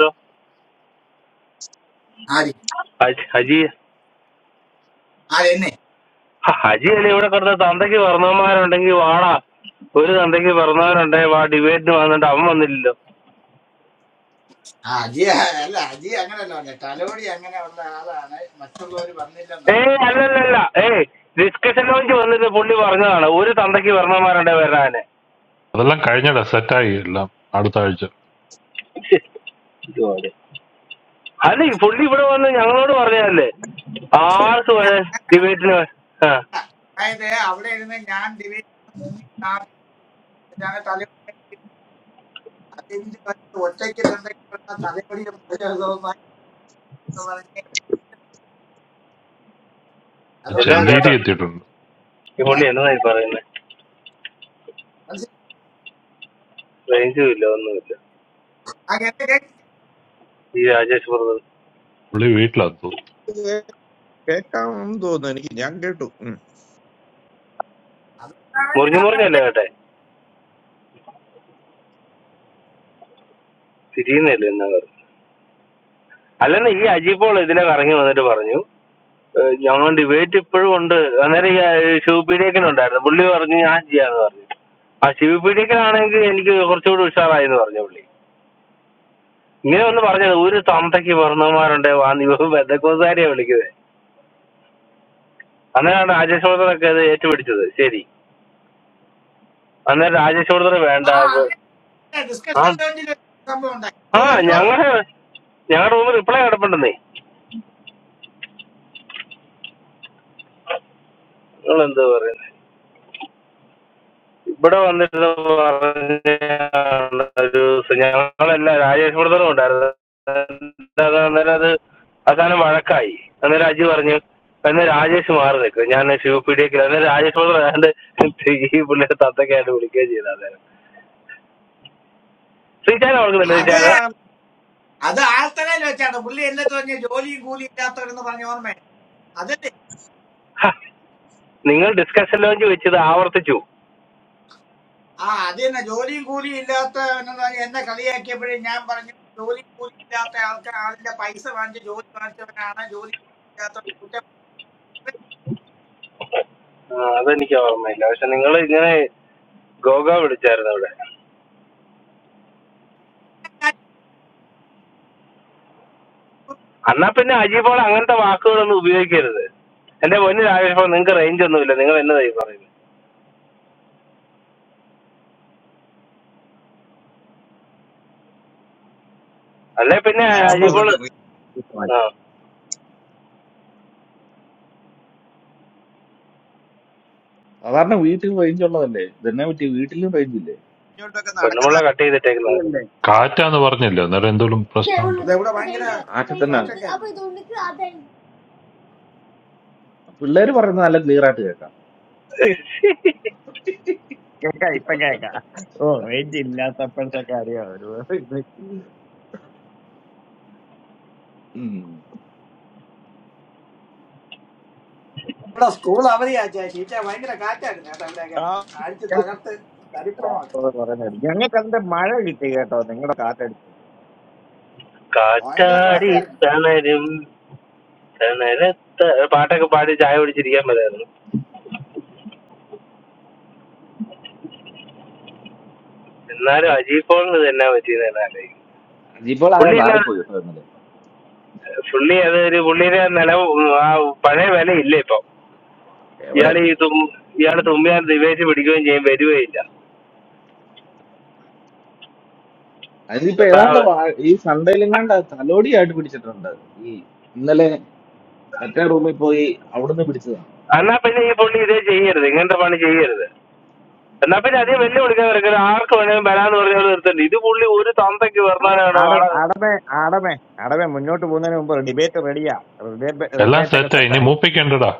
Speaker 4: ആര്
Speaker 7: What? We are going to do? Aj, Aj.
Speaker 4: ആ എന്നെ
Speaker 7: Aj, only one. We are going to do Tanthaki Varmaar. We are going to do. Only Tanthaki Varmaar. We are going to do.
Speaker 4: ആ അജി അല്ല അജി അങ്ങനല്ല പറഞ്ഞ തലോടി അങ്ങനെയുള്ള ആളാണ് മറ്റുള്ളവർ
Speaker 7: Debate, no, we
Speaker 4: വന്നില്ലെന്നാണ്
Speaker 7: are not doing. Hey, no, no, no. Hey, discussion only. We are going to do only debate. No, we are going to do Tanthaki Varmaar. We are going to do.
Speaker 5: അതെല്ലാം കഴിഞ്ഞിട സെറ്റായി എല്ലാം അടുത്ത ആഴ്ച
Speaker 7: Hey, only one. We are going to do. Ah, so, debate, no. Huh.
Speaker 4: അതായത് അവിടെ ഇരുന്ന് ഞാൻ divide മുങ്ങി നാടി ഇതാണ് തലയോടി അതിന്റെ വന്നിട്ട് ഒറ്റയ്ക്ക് തന്തയ്ക്കുള്ള തലയോടി എന്ന് പറഞ്ഞ്
Speaker 7: Long,
Speaker 4: അതുകൊണ്ടാണ്
Speaker 7: right?
Speaker 5: ചെങ്കീരി
Speaker 4: ഞാൻ
Speaker 5: എത്തിയിട്ടുണ്ട്
Speaker 7: We are
Speaker 4: ഏ,
Speaker 7: going to do. Only one. No,
Speaker 4: മനസ്സിലായോ?
Speaker 7: we are going to do.
Speaker 4: ആ, കേട്ട് കേട്ട്.
Speaker 7: We are going to do.
Speaker 5: പുള്ളി വീട്ടിലെത്തു
Speaker 6: കേൾക്കാമെന്ന് തോന്നുന്നു എനിക്ക് ഞാൻ കേട്ടു ഉം.
Speaker 4: അതുകൊണ്ടാണ്
Speaker 7: More than
Speaker 4: ഞാൻ
Speaker 7: more than
Speaker 4: മറ്റേ
Speaker 7: that, sitting is also another. Although, if I remember, they have said that we have to wait for some time. That is why we should not go to the supermarket. But if we go to the supermarket, we will get something cheap. You know, we have to buy something cheap. We have to buy something cheap. We have to buy something cheap. We have to buy something cheap. We
Speaker 4: ആ അതെ discussion സംഭവം ഉണ്ടായി ഓ എനിക്ക്
Speaker 7: have to buy something cheap. But I understand that. I do. So now, I am in the Rajesh. What do you know? That is that. That is that. As I am a Marathi, I am Rajivarney. I am Rajesh Marde. I am a super teacher. I am Rajesh Marde. He is the father of the education. So you are not working.
Speaker 4: ഓർമ്മ
Speaker 7: You are
Speaker 6: ഞാനിവിടെ
Speaker 7: not.
Speaker 4: അത് ആൾത്തലയിൽ വെച്ചാണ് പുള്ളി എന്നെ തോന്നിയ ജോലിയും കൂലിയും ഇല്ലാത്തവരെന്ന് പറഞ്ഞ ഓർമ്മ അതല്ലേ
Speaker 7: Ha. You are discussing only about the hour to you.
Speaker 4: ആ അത് തന്നെ ജോലിയും കൂലിയും ഇല്ലാത്തവനെന്ന് പറഞ്ഞ എന്നെ കളിയാക്കിയപ്പോഴേ ഞാൻ പറഞ്ഞു ജോലിയും കൂലിയും ഇല്ലാത്ത ആൾക്കാർ ആളിന്റെ പൈസ വാങ്ങിച്ച് ജോലി വാങ്ങിച്ചവനാണ് ജോലി ഇല്ലാത്തവൻ കുറ്റം
Speaker 7: Ah, that is your hour, my dear. So you are going to Google. എന്നാ പിന്നെ അജീബോൾ അങ്ങനത്തെ വാക്കുകളൊന്നും ഉപയോഗിക്കരുത് എന്റെ പൊന്നു രാജേഷ് നിങ്ങൾക്ക് റേഞ്ച് ഒന്നുമില്ല നിങ്ങൾ എന്നതായി പറയുന്നത് അല്ലെ പിന്നെ
Speaker 1: സാധാരണ
Speaker 7: അജീബോൾ
Speaker 6: ആയുഷ്മൃതന്റെ
Speaker 7: ആ
Speaker 1: സാധാരണ വീട്ടിൽ റേഞ്ച് ഉള്ളതല്ലേ ഇതെന്നെ പറ്റി വീട്ടിലും റേഞ്ച് ഇല്ലേ
Speaker 6: ഇങ്ങോട്ടൊക്കെ നടക്കുന്ന
Speaker 7: പെണ്ണുമുള്ള കട്ട് ചെയ്തിട്ടേക്കുന്നത്
Speaker 6: ആളുകളല്ലേ.
Speaker 5: കാറ്റാന്ന് പറഞ്ഞില്ല അന്നേരം എന്തെങ്കിലും പ്രശ്നമുണ്ടോ
Speaker 4: ഇതെവിടെ ഭയങ്കര
Speaker 1: ആക്കെ തന്നെ
Speaker 4: കാറ്റൊക്കെ
Speaker 1: പിള്ളേര് പറയുന്നത് നല്ല ക്ലിയർ ആയിട്ട് കേൾക്കാം
Speaker 6: കേൾക്കാം ഇപ്പൊ കേൾക്കാം ഓ റേഞ്ച് ഇല്ലാത്തപ്പോഴത്തെ കാര്യം
Speaker 1: ഉം
Speaker 4: ഇവിടെ സ്കൂൾ അവധിയാ ശീറ്റ ഭയങ്കര കാറ്റായിരുന്നു കേട്ടോ ഇവിടെയൊക്കെ അടിച്ച് തകർത്ത് തരിപ്പണമാക്കി
Speaker 6: ഞങ്ങൾക്ക് അതിന്റെ മഴ കിട്ടി കേട്ടോ നിങ്ങളുടെ കാറ്റടിച്ച്
Speaker 4: ഭയങ്കര
Speaker 7: കാറ്റാടി
Speaker 4: കാറ്റായിരുന്നു
Speaker 7: തണരും തണരത്ത പാട്ടൊക്കെ പാടി ചായ കുടിച്ചിരിക്കാൻ പറ്റായിരുന്നു എന്നാലും അജീബ് പോളിന് തന്നെ പറ്റിയെന്ന് തന്നെ ആലോചിക്കും
Speaker 1: അജിപ്പോൾ ആകെ
Speaker 7: പുള്ളി എന്നാ
Speaker 1: മാറിപ്പോയി കേട്ടോ ഇന്നലെ
Speaker 7: പുള്ളി അത് ഒരു പുള്ളിയുടെ നില ആ പഴയ വില ഇല്ല ഇപ്പൊ
Speaker 1: എവിടെ
Speaker 7: ഇയാൾ ഈ തും ഇയാൾ തുമ്മിയാൽ ദിവേശ് പിടിക്കുകയും ചെയ്യും വരികയും
Speaker 1: അതിനിപ്പോ
Speaker 7: അപ്പൊ
Speaker 1: ഏതാണ്ട് വാ- ഈ സൺഡേയിലെങ്ങാണ്ട് തലോടിയായിട്ട് പിടിച്ചിട്ടുണ്ട് ഈ ഇന്നലെ മറ്റേ റൂമിൽ പോയി അവിടുന്ന് പിടിച്ചതാ
Speaker 7: I am feeling very happy today. I am feeling very happy today. I am
Speaker 1: ഉം
Speaker 7: feeling very happy today. I am feeling very happy today. I am feeling
Speaker 6: ആടമേ ആടമേ ആടമേ ആടമേ മുന്നോട്ട് പോകുന്നതിന് മുമ്പ് ഡിബേറ്റ് റെഡിയാ
Speaker 5: എല്ലാം
Speaker 6: ഡിബേറ്റ് ഒക്കെ
Speaker 5: സെറ്റായി ഇനി
Speaker 6: സെറ്റായി
Speaker 5: മൂപ്പിക്കണ്ടടാ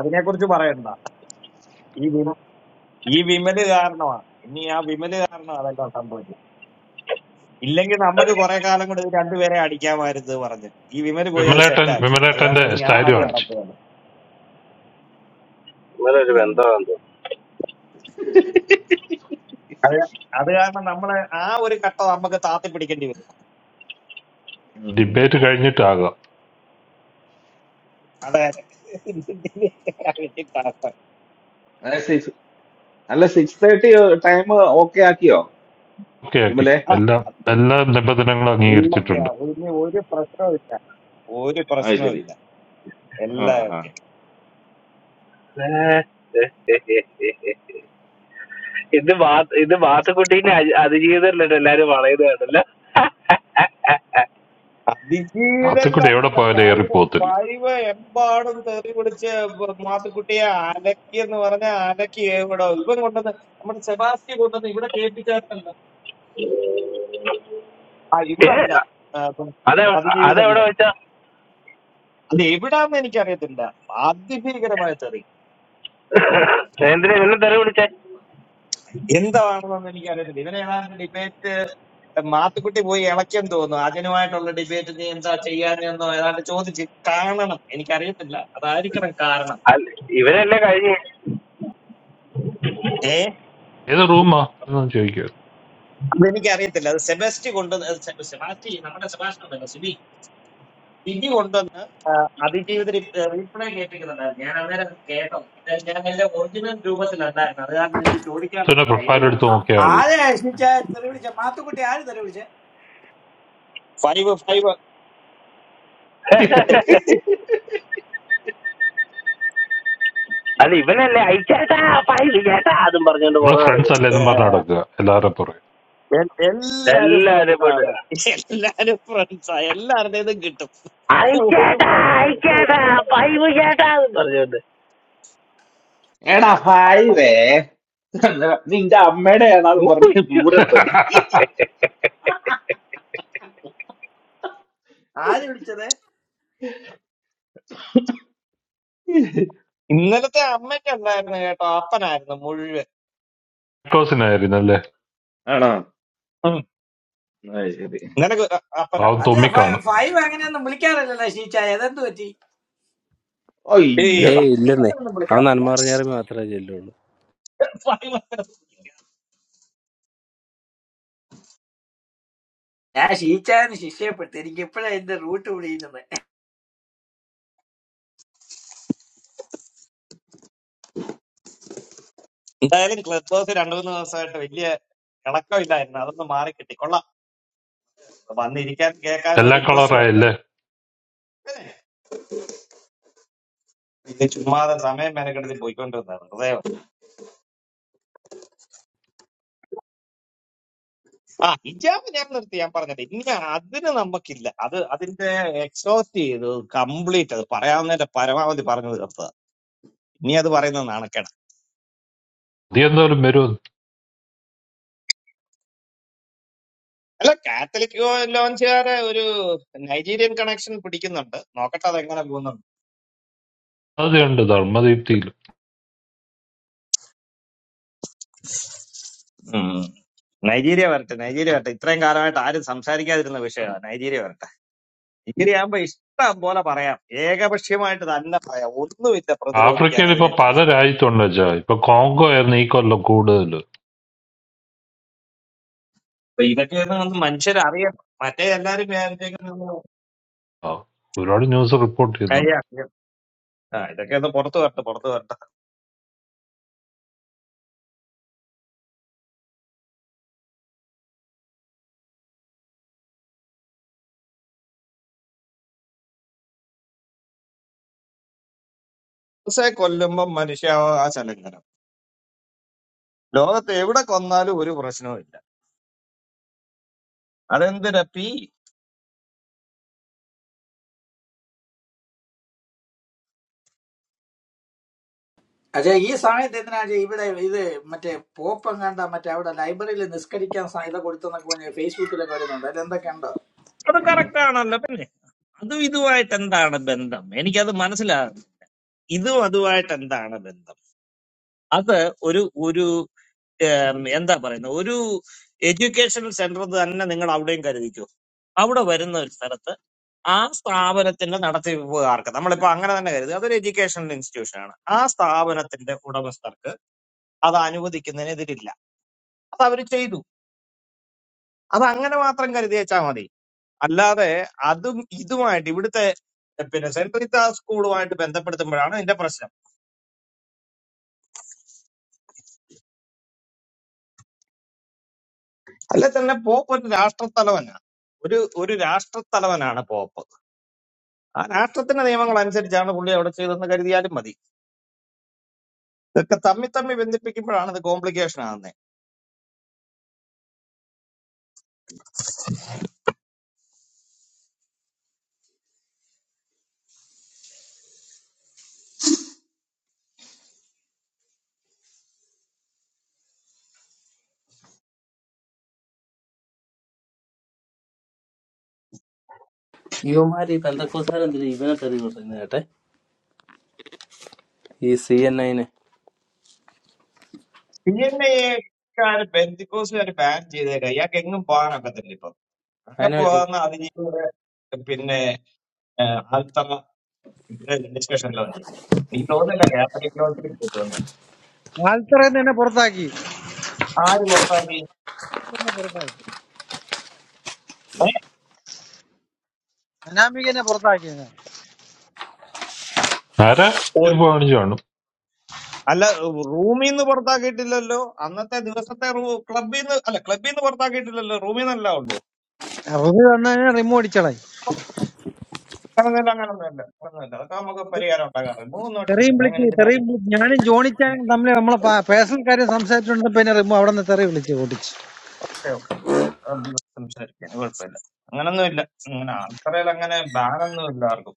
Speaker 6: അതിനെ കുറിച്ച് പറയണ്ട ഈ വിമല് കാരണമാണ് ഇനി ആ വിമല് കാരണം അതെല്ലാം സംഭവിച്ചത് ഇല്ലെങ്കിൽ നമുക്ക് കുറെ കാലം കൊണ്ട് ഇത് രണ്ടുപേരെ അടിക്കാമായിരുന്നു പറഞ്ഞിട്ട് ഈ വിമല് പോയി അത്
Speaker 5: വിമലേട്ടൻ
Speaker 6: സെറ്റാക്കി അത്
Speaker 5: വിമലേട്ടന്റെ
Speaker 6: കാരണം ഇനി ആ
Speaker 5: സ്റ്റൈൽ
Speaker 6: അടി
Speaker 5: കാണിച്ചു
Speaker 6: നടക്കുകയാണ്
Speaker 7: very
Speaker 1: ഉം
Speaker 6: അത് കാരണം നമ്മളെ ആ ഒരു കട്ട നമുക്ക് താത്തി പിടിക്കേണ്ടി വരും
Speaker 5: ഡിബേറ്റ് കഴിഞ്ഞിട്ടാകാം
Speaker 6: അതെ
Speaker 1: ഉം അല്ല സിക്സ് തേർട്ടി ടൈം ഓക്കെ ആക്കിയോ
Speaker 5: ഓക്കെ ആക്കി
Speaker 1: വിമലെ
Speaker 6: ആ,
Speaker 5: എല്ലാം എല്ലാ നിബന്ധനകളും
Speaker 6: എല്ലാം
Speaker 1: ഉം.
Speaker 5: അംഗീകരിച്ചിട്ടുണ്ട്
Speaker 6: ഒക്കെയാ ഇനി ഒരു പ്രശ്നവും ഇല്ല ഒരു
Speaker 1: അത്
Speaker 6: പ്രശ്നവും
Speaker 1: ശരി
Speaker 6: ഇല്ല
Speaker 1: ആ, ആ.
Speaker 6: എല്ലാം
Speaker 7: happy today. I am feeling very happy today. I am feeling very happy today. I am feeling very happy today.
Speaker 6: അതിജീവിതല്ല
Speaker 5: അകത്തുകൂടെ എവിടെ
Speaker 6: അന്നത്തെ
Speaker 5: പോയാലും
Speaker 6: പായവ
Speaker 5: ഏറിപ്പോകത്തില്ല
Speaker 6: പായവ എമ്പാടും തെറി പിടിച്ച് ബ- മാത്തുക്കുട്ടിയെ അലക്കി എന്ന് പറഞ്ഞ അലക്കി ഇവിടെ ഇവൻ കൊണ്ടുവന്ന് നമ്മുടെ സെബാസ്റ്റി കൊണ്ടുവന്ന് ഇവിടെ കേൾപ്പിച്ചായിരുന്നല്ലോ ആ ഇവിടെ അല്ല ആ, ഇപ്പം
Speaker 7: I am
Speaker 6: അതിജീവിതല്ല അത് എവിടാന്ന് എനിക്കറിയത്തില്ല അതിഭീകരമായ തെറി
Speaker 7: feeling very happy today. I am feeling very happy today. I am feeling very happy today.
Speaker 6: എന്താണെന്നൊന്നും എനിക്കറിയത്തില്ല ഇവനെ ഏതാണ്ട് ഡിബേറ്റ് മാത്തുക്കുട്ടി പോയി ഇളക്കം തോന്നുന്നു അജനുമായിട്ടുള്ള ഡിബേറ്റ് നീ എന്താ ചെയ്യാനെന്നോ ഏതാണ്ട് ചോദിച്ച് കാണണം എനിക്കറിയത്തില്ല അതായിരിക്കണം
Speaker 7: I
Speaker 6: കാരണം
Speaker 7: am feeling very happy
Speaker 5: ഏത് റൂമാ എന്ന് ചോദിക്കുക
Speaker 6: അതെനിക്ക് അറിയത്തില്ല അത് സെബാസ്റ്റി കൊണ്ടുവന്ന് സെ- സെബാസ്റ്റി നമ്മുടെ സെബാസ്റ്റ്യൻ ഉണ്ടല്ലോ സിബി സിബി കൊണ്ടുവന്ന് ആ, അതിജീവിത റീപ്ലേ കേൾപ്പിക്കുന്നുണ്ടായിരുന്നു ഞാൻ അന്നേരം കേട്ടോ അത് ഞാൻ എന്റെ ഒറിജിനൽ രൂപത്തിലല്ലായിരുന്നു അത് കാരണം എനിക്ക് ചോദിക്കാൻ
Speaker 5: അത്തന്നെ
Speaker 6: ലൈവ്
Speaker 5: പ്രൊഫൈൽ എടുത്ത്
Speaker 4: ആ-
Speaker 6: റൂമിലാണ്
Speaker 5: നോക്കിയാൽ മതി
Speaker 4: ആരെയാ ശീറ്റ തെറി വിളിച്ച മാത്തുക്കുട്ടി ആര് തെറി വിളിച്ചേ
Speaker 6: ഫൈവ് ഫൈവ് ഏഹ്,
Speaker 5: നമ്മൾ ഫ്രണ്ട്സ് അല്ലെന്നും പറഞ്ഞ് നടക്കുക എല്ലാവരും പുറകെ
Speaker 6: എൽ- എല്ലാരും ഫ്രണ്ട്സ് ആണ് എല്ലാരും ഫ്രണ്ട്സ് ആ എല്ലാവരുടേതും കിട്ടും ഒരു പ്രശ്നവും
Speaker 7: today.
Speaker 1: എടാ ഹൈവേ നിന്റെ അമ്മയുടെ ആണെന്ന് പറഞ്ഞ് ദൂരത്ത്
Speaker 4: ആര് വിളിച്ചത്
Speaker 6: ഇന്നലത്തെ അമ്മയ്ക്കുണ്ടായിരുന്നു കേട്ടോ അപ്പനായിരുന്നു മുഴുവൻ
Speaker 5: കോസിനായിരുന്നു അല്ലേ
Speaker 1: ആണോ
Speaker 6: ഉം.
Speaker 1: അത് ശരി
Speaker 6: ഇന്നലെ അ-
Speaker 5: പാവം
Speaker 6: അപ്പനായിരുന്നു
Speaker 4: അത്
Speaker 5: തുമ്മി
Speaker 4: ഫൈ-
Speaker 5: കാണും
Speaker 4: ഫൈവ് അങ്ങനെയൊന്നും വിളിക്കാറില്ലല്ലോ ഷീച്ചായ അതെന്ത് പറ്റി
Speaker 6: ഏയ്
Speaker 1: അയ്യടാ
Speaker 7: Hey, listen.
Speaker 6: ഫൈവ് ഒന്നും
Speaker 7: I'm not
Speaker 6: വിളിക്കാറില്ല
Speaker 7: marrying her.
Speaker 4: ഞാൻ ഷീച്ചാന്ന് ശിക്ഷയപ്പെട്ടു എനിക്ക് ഇപ്പോഴാ ഇതിന്റെ റൂട്ട് പിടിക്കുന്നത്
Speaker 6: എന്തായാലും ക്ലബ് ഹൗസ് രണ്ടു മൂന്ന് ദിവസമായിട്ട് വലിയ ഇളക്കമില്ലായിരുന്നു അതൊന്ന് മാറി കിട്ടി കൊള്ളാം വന്നിരിക്കാൻ കേൾക്കാനും ഒരു
Speaker 5: എല്ലാ
Speaker 6: ഇൻട്രസ്റ്റ് വേണ്ടേ
Speaker 5: കളറായല്ലേ
Speaker 6: ഇത് ചുമ്മാതെ സമയം മെനക്കെടുത്ത് പോയിക്കൊണ്ടിരുന്നത് വെറുതെ ആ ഹിജാബ് ഞാൻ നിർത്തി ഞാൻ പറഞ്ഞത് ഇനി അതിന് നമുക്കില്ല അത് അതിന്റെ എക്സോസ്റ്റ് ചെയ്ത് കംപ്ലീറ്റ് അത് പറയാവുന്നതിന്റെ പരമാവധി പറഞ്ഞു തീർത്തത് ഇനി അത് പറയുന്നത് നാണക്കേട്
Speaker 5: നീ എന്തോലും വരും
Speaker 6: അല്ല കാത്തലിക് ലോഞ്ചുകാരെ ഒരു നൈജീരിയൻ കണക്ഷൻ പിടിക്കുന്നുണ്ട് നോക്കട്ടെ അതെങ്ങനെ
Speaker 5: അത് കണ്ട് ധർമ്മദീപ്തിയിൽ
Speaker 6: പോകുന്നുണ്ട് നൈജീരിയ വരട്ടെ നൈജീരിയ വരട്ടെ ഇത്രയും കാലമായിട്ട് ആരും സംസാരിക്കാതിരുന്ന വിഷയമാണ് നൈജീരിയ വരട്ടെ നൈജീരിയ ആകുമ്പോ ഇഷ്ടം പോലെ പറയാം ഏകപക്ഷീയമായിട്ട് തന്നെ പറയാം ഒന്നുമില്ല പ്രതിരോധിക്കാൻ
Speaker 5: ആഫ്രിക്കയിൽ ഇപ്പൊ
Speaker 6: അതിനെ
Speaker 5: പല
Speaker 6: കുറിച്ച്
Speaker 5: രാജ്യത്തുണ്ട് വെച്ചാ ഇപ്പൊ കോങ്കോ ആയിരുന്നു ഈ കൊല്ലം കൂടുതൽ
Speaker 6: അപ്പൊ ഇതൊക്കെ ഒന്ന് മനുഷ്യർ അറിയണം മറ്റേ എല്ലാരും വിചാരിച്ചേക്കുന്നത്
Speaker 5: ആ, ഒരുപാട് ന്യൂസ് റിപ്പോർട്ട് ചെയ്യുന്നുണ്ട്
Speaker 6: കൈയാക്കും ആ ഇതൊക്കെ ഒന്ന് പുറത്തു വരട്ടെ പുറത്തു വരട്ടെ ഹുസ്സെ കൊല്ലുമ്പോ മനുഷ്യാവകാശ ലംഘനം ലോകത്ത് എവിടെ കൊന്നാലും ഒരു പ്രശ്നവും ഇല്ല അതെന്തിനാ പി
Speaker 4: അതെ ഈ സമയത്ത് എന്തിനാ ഇത് ഇവിടെ ഇത് മറ്റേ പോപ്പം കണ്ട മറ്റേ അവിടെ ലൈബ്രറിയിൽ നിസ്കരിക്കാൻ സ- ഇത് കൊടുത്തെന്നൊക്കെ പറഞ്ഞ് ഫേസ്ബുക്കിലൊക്കെ വരുന്നുണ്ട് അതെന്തൊക്കെ ഉണ്ടോ
Speaker 6: അത് കറക്റ്റ് ആണല്ലോ പിന്നെ അതും ഇതുമായിട്ട് എന്താണ് ബന്ധം എനിക്കത് മനസ്സിലാകും ഇതും അതുമായിട്ട് എന്താണ് ബന്ധം അത് ഒരു ഒരു ഉം, എന്താ പറയുന്നത് ഒരു എഡ്യൂക്കേഷണൽ സെന്റർ തന്നെ നിങ്ങൾ അവിടെയും കരുതിക്കൂ അവിടെ വരുന്ന ഒരു സ്ഥലത്ത് ആ സ്ഥാപനത്തിന്റെ നടത്തിപ്പുകാർക്ക് നമ്മളിപ്പോ അങ്ങനെ തന്നെ കരുതുക അതൊരു എഡ്യൂക്കേഷണൽ ഇൻസ്റ്റിറ്റ്യൂഷൻ ആണ് ആ സ്ഥാപനത്തിന്റെ ഉടമസ്ഥർക്ക് അത് അനുവദിക്കുന്നതിനെതിരില്ല അത് അവർ ചെയ്തു അത് അങ്ങനെ മാത്രം കരുതി വെച്ചാൽ മതി അല്ലാതെ അതും ഇതുമായിട്ട് ഇവിടുത്തെ പിന്നെ സെൻട്രൽ സ്കൂളുമായിട്ട് ബന്ധപ്പെടുത്തുമ്പോഴാണ് ഇതിന്റെ പ്രശ്നം അല്ലെ തന്നെ പോപ്പ് ഒരു രാഷ്ട്രത്തലവനാണ് ഒരു ഒരു രാഷ്ട്രത്തലവനാണ് പോപ്പ് ആ രാഷ്ട്രത്തിന്റെ നിയമങ്ങൾ അനുസരിച്ചാണ് പുള്ളി അവിടെ ചെയ്തതെന്ന് കരുതിയാലും മതി ഇതൊക്കെ തമ്മി തമ്മി ബന്ധിപ്പിക്കുമ്പോഴാണ് ഇത് കോംപ്ലിക്കേഷൻ ആകുന്നത് പി എൻ എക്കാര് ബെന്തിക്കോസുകാർ ബാൻ ചെയ്തേക്ക ഇയാൾക്ക് എങ്ങും പോകാനൊക്കത്തില്ല ഇപ്പൊ ആകെ പോകുന്ന അതിജീവിയുടെ പിന്നെ ആൽത്തറ ഡിസ്കഷനിലോ നീ തോന്നില്ല കാത്തലിക് ലോട്ടറി കിട്ടുമെന്ന്
Speaker 8: ആൽത്തറയിൽ തന്നെ പുറത്താക്കി
Speaker 6: ആര് പുറത്താക്കി
Speaker 8: തന്നെ പുറത്താക്കി
Speaker 6: ഏ?
Speaker 8: അനാമികനെ പുറത്താക്കി ഞാൻ
Speaker 5: ആരാ
Speaker 6: ഒരു-
Speaker 5: ചിലപ്പോ കാണിച്ചു കാണും
Speaker 6: അല്ല റൂമിൽ നിന്ന് പുറത്താക്കിയിട്ടില്ലല്ലോ അന്നത്തെ ദിവസത്തെ ക്ലബിൽ നിന്ന് അല്ല ക്ലബിൽ നിന്ന് പുറത്താക്കിയിട്ടില്ലല്ലോ റൂമിൽ നിന്നല്ല ഉള്ളൂ
Speaker 8: റുബി വന്നു കഴിഞ്ഞാൽ റിമൂവ് അടിച്ചളായി
Speaker 6: അങ്ങനൊന്നുമില്ല അങ്ങനൊന്നുമില്ല അങ്ങനൊന്നുമില്ല അതൊക്കെ നമുക്ക് പരിഹാരം ഉണ്ടാകാറുണ്ട് മൂന്നും
Speaker 8: തെറിയും
Speaker 6: അടിക്കത്തില്ല അങ്ങനെ
Speaker 8: വിളിച്ച്
Speaker 6: എന്തിനാ
Speaker 8: തെറിയും വിളിച്ച് ഞാനും ജോണിച്ചാനും തമ്മിൽ നമ്മളെ പേഴ്സണൽ കാര്യം സംസാരിച്ചുകൊണ്ട് പിന്നെ റിമൂവ് അവിടെ നിന്ന് തെറി വിളിച്ച് ഓടിച്ച്
Speaker 6: ഓക്കെ ഓക്കെ നമുക്ക് സംസാരിക്കാൻ കുഴപ്പമില്ല അങ്ങനൊന്നുമില്ല അങ്ങനെ ആൾക്കാരെ അങ്ങനെ ബാൻ ഒന്നുമില്ല ആർക്കും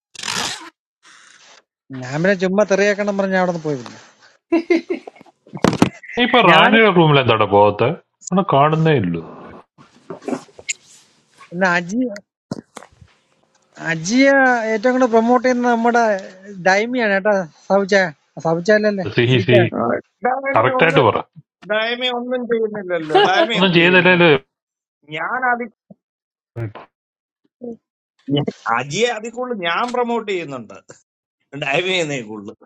Speaker 8: ഞാൻ പിന്നെ ചുമ്മാ തെറിയാക്കണം പറഞ്ഞ് അവിടെ നിന്ന് പോയിരുന്നു
Speaker 5: നീ ഇപ്പൊ
Speaker 8: ഞാൻ
Speaker 5: റാണിയുടെ റൂമിൽ എന്താടാ പോകത്തെ അവിടെ കാണുന്നേ ഇല്ലു
Speaker 8: പിന്നെ അജി അജിയെ ഏറ്റവും കൂടുതൽ പ്രൊമോട്ട് ചെയ്യുന്നത് നമ്മുടെ ഡൈമിയാണ് കേട്ടോ സവിച്ച സവിച്ചാലല്ലേ
Speaker 5: സിഹി
Speaker 8: സീറ്റ
Speaker 5: സി
Speaker 6: ആ, ഡയമി
Speaker 5: കറക്റ്റ്
Speaker 6: ഒന്ന്
Speaker 5: ആയിട്ട് പറ
Speaker 6: ഡയമി ഒന്നും ചെയ്യുന്നില്ലല്ലോ ഡയമി
Speaker 5: ഒന്നും
Speaker 6: എന്ത് ചെയ്യുന്നു
Speaker 5: ചെയ്തില്ലല്ലോ
Speaker 6: ഞാൻ അതി ഞാൻ- അജിയെ അതിൽ കൂടുതൽ ഞാൻ പ്രൊമോട്ട് ചെയ്യുന്നുണ്ട് ഡയമി എന്നേ കൂടുതൽ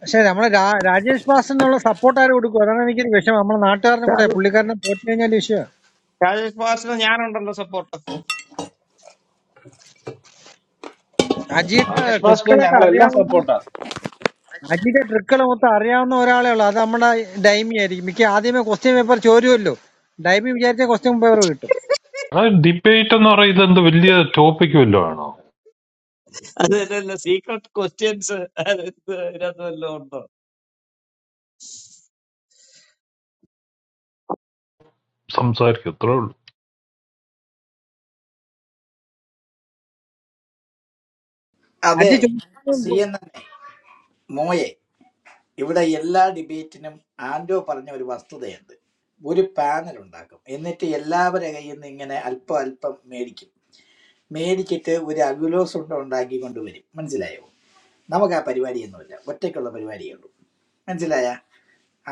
Speaker 8: പക്ഷെ നമ്മളെ രാ- രാജേഷ് ബാസിനുള്ള സപ്പോർട്ട് ആര് കൊടുക്കും അതാണ് എനിക്കൊരു വിഷയം നമ്മുടെ നാട്ടുകാരനും കൂടെ
Speaker 6: രാജ-
Speaker 8: പുള്ളിക്കാരനെ പോറ്റി കഴിഞ്ഞാൽ വിഷയം
Speaker 6: രാജേഷ് പാസിന് ഞാനുണ്ടല്ലോ സപ്പോർട്ട്
Speaker 8: അജിയുടെ
Speaker 1: ആകാശ് ഭാസ്കർ
Speaker 8: ട്രിക്കുകളൊക്കെ
Speaker 1: ഞങ്ങളെല്ലാം
Speaker 8: അറിയാവുന്ന
Speaker 1: സപ്പോർട്ടാ
Speaker 8: അജിയുടെ ട്രിക്കുകൾ മൊത്തം അറിയാവുന്ന ഒരാളേ ഉള്ളൂ അത് നമ്മുടെ ഡൈമി ആയിരിക്കും മിക്ക ആദ്യമേ ക്വസ്റ്റ്യൻ പേപ്പർ ചോരുമല്ലോ ഡൈമി വിചാരിച്ച ക്വസ്റ്റ്യൻ പേപ്പർ കിട്ടും
Speaker 5: ഡിബേറ്റ് എന്ന് പറയുന്നത് എന്ത് വലിയ ടോപ്പിക് വല്ലതും ആണോ
Speaker 6: അതല്ല സീക്രട്ട് ക്വസ്റ്റ്യൻസ് ഇതിനകത്ത് വല്ലതും ഉണ്ടോ
Speaker 5: സംസാരിക്കും അത്രേ ഉള്ളൂ
Speaker 4: അതെ
Speaker 8: അജി
Speaker 4: സി
Speaker 8: ചോദിച്ചത്
Speaker 4: എൻ എൻ മോയെ ഇവിടെ എല്ലാ ഡിബേറ്റിനും ആൻഡോ പറഞ്ഞ ഒരു വസ്തുതയുണ്ട് ഒരു പാനൽ ഉണ്ടാക്കും എന്നിട്ട് എല്ലാവരുടെ കയ്യിൽ നിന്ന് ഇങ്ങനെ അല്പം അല്പം മേടിക്കും മേടിച്ചിട്ട് ഒരു അഗുലോസ് ഉണ്ട ഉണ്ടാക്കി കൊണ്ടുവരും മനസ്സിലായോ നമുക്ക് ആ പരിപാടിയൊന്നുമില്ല ഒറ്റയ്ക്കുള്ള പരിപാടിയേ ഉള്ളൂ മനസ്സിലായ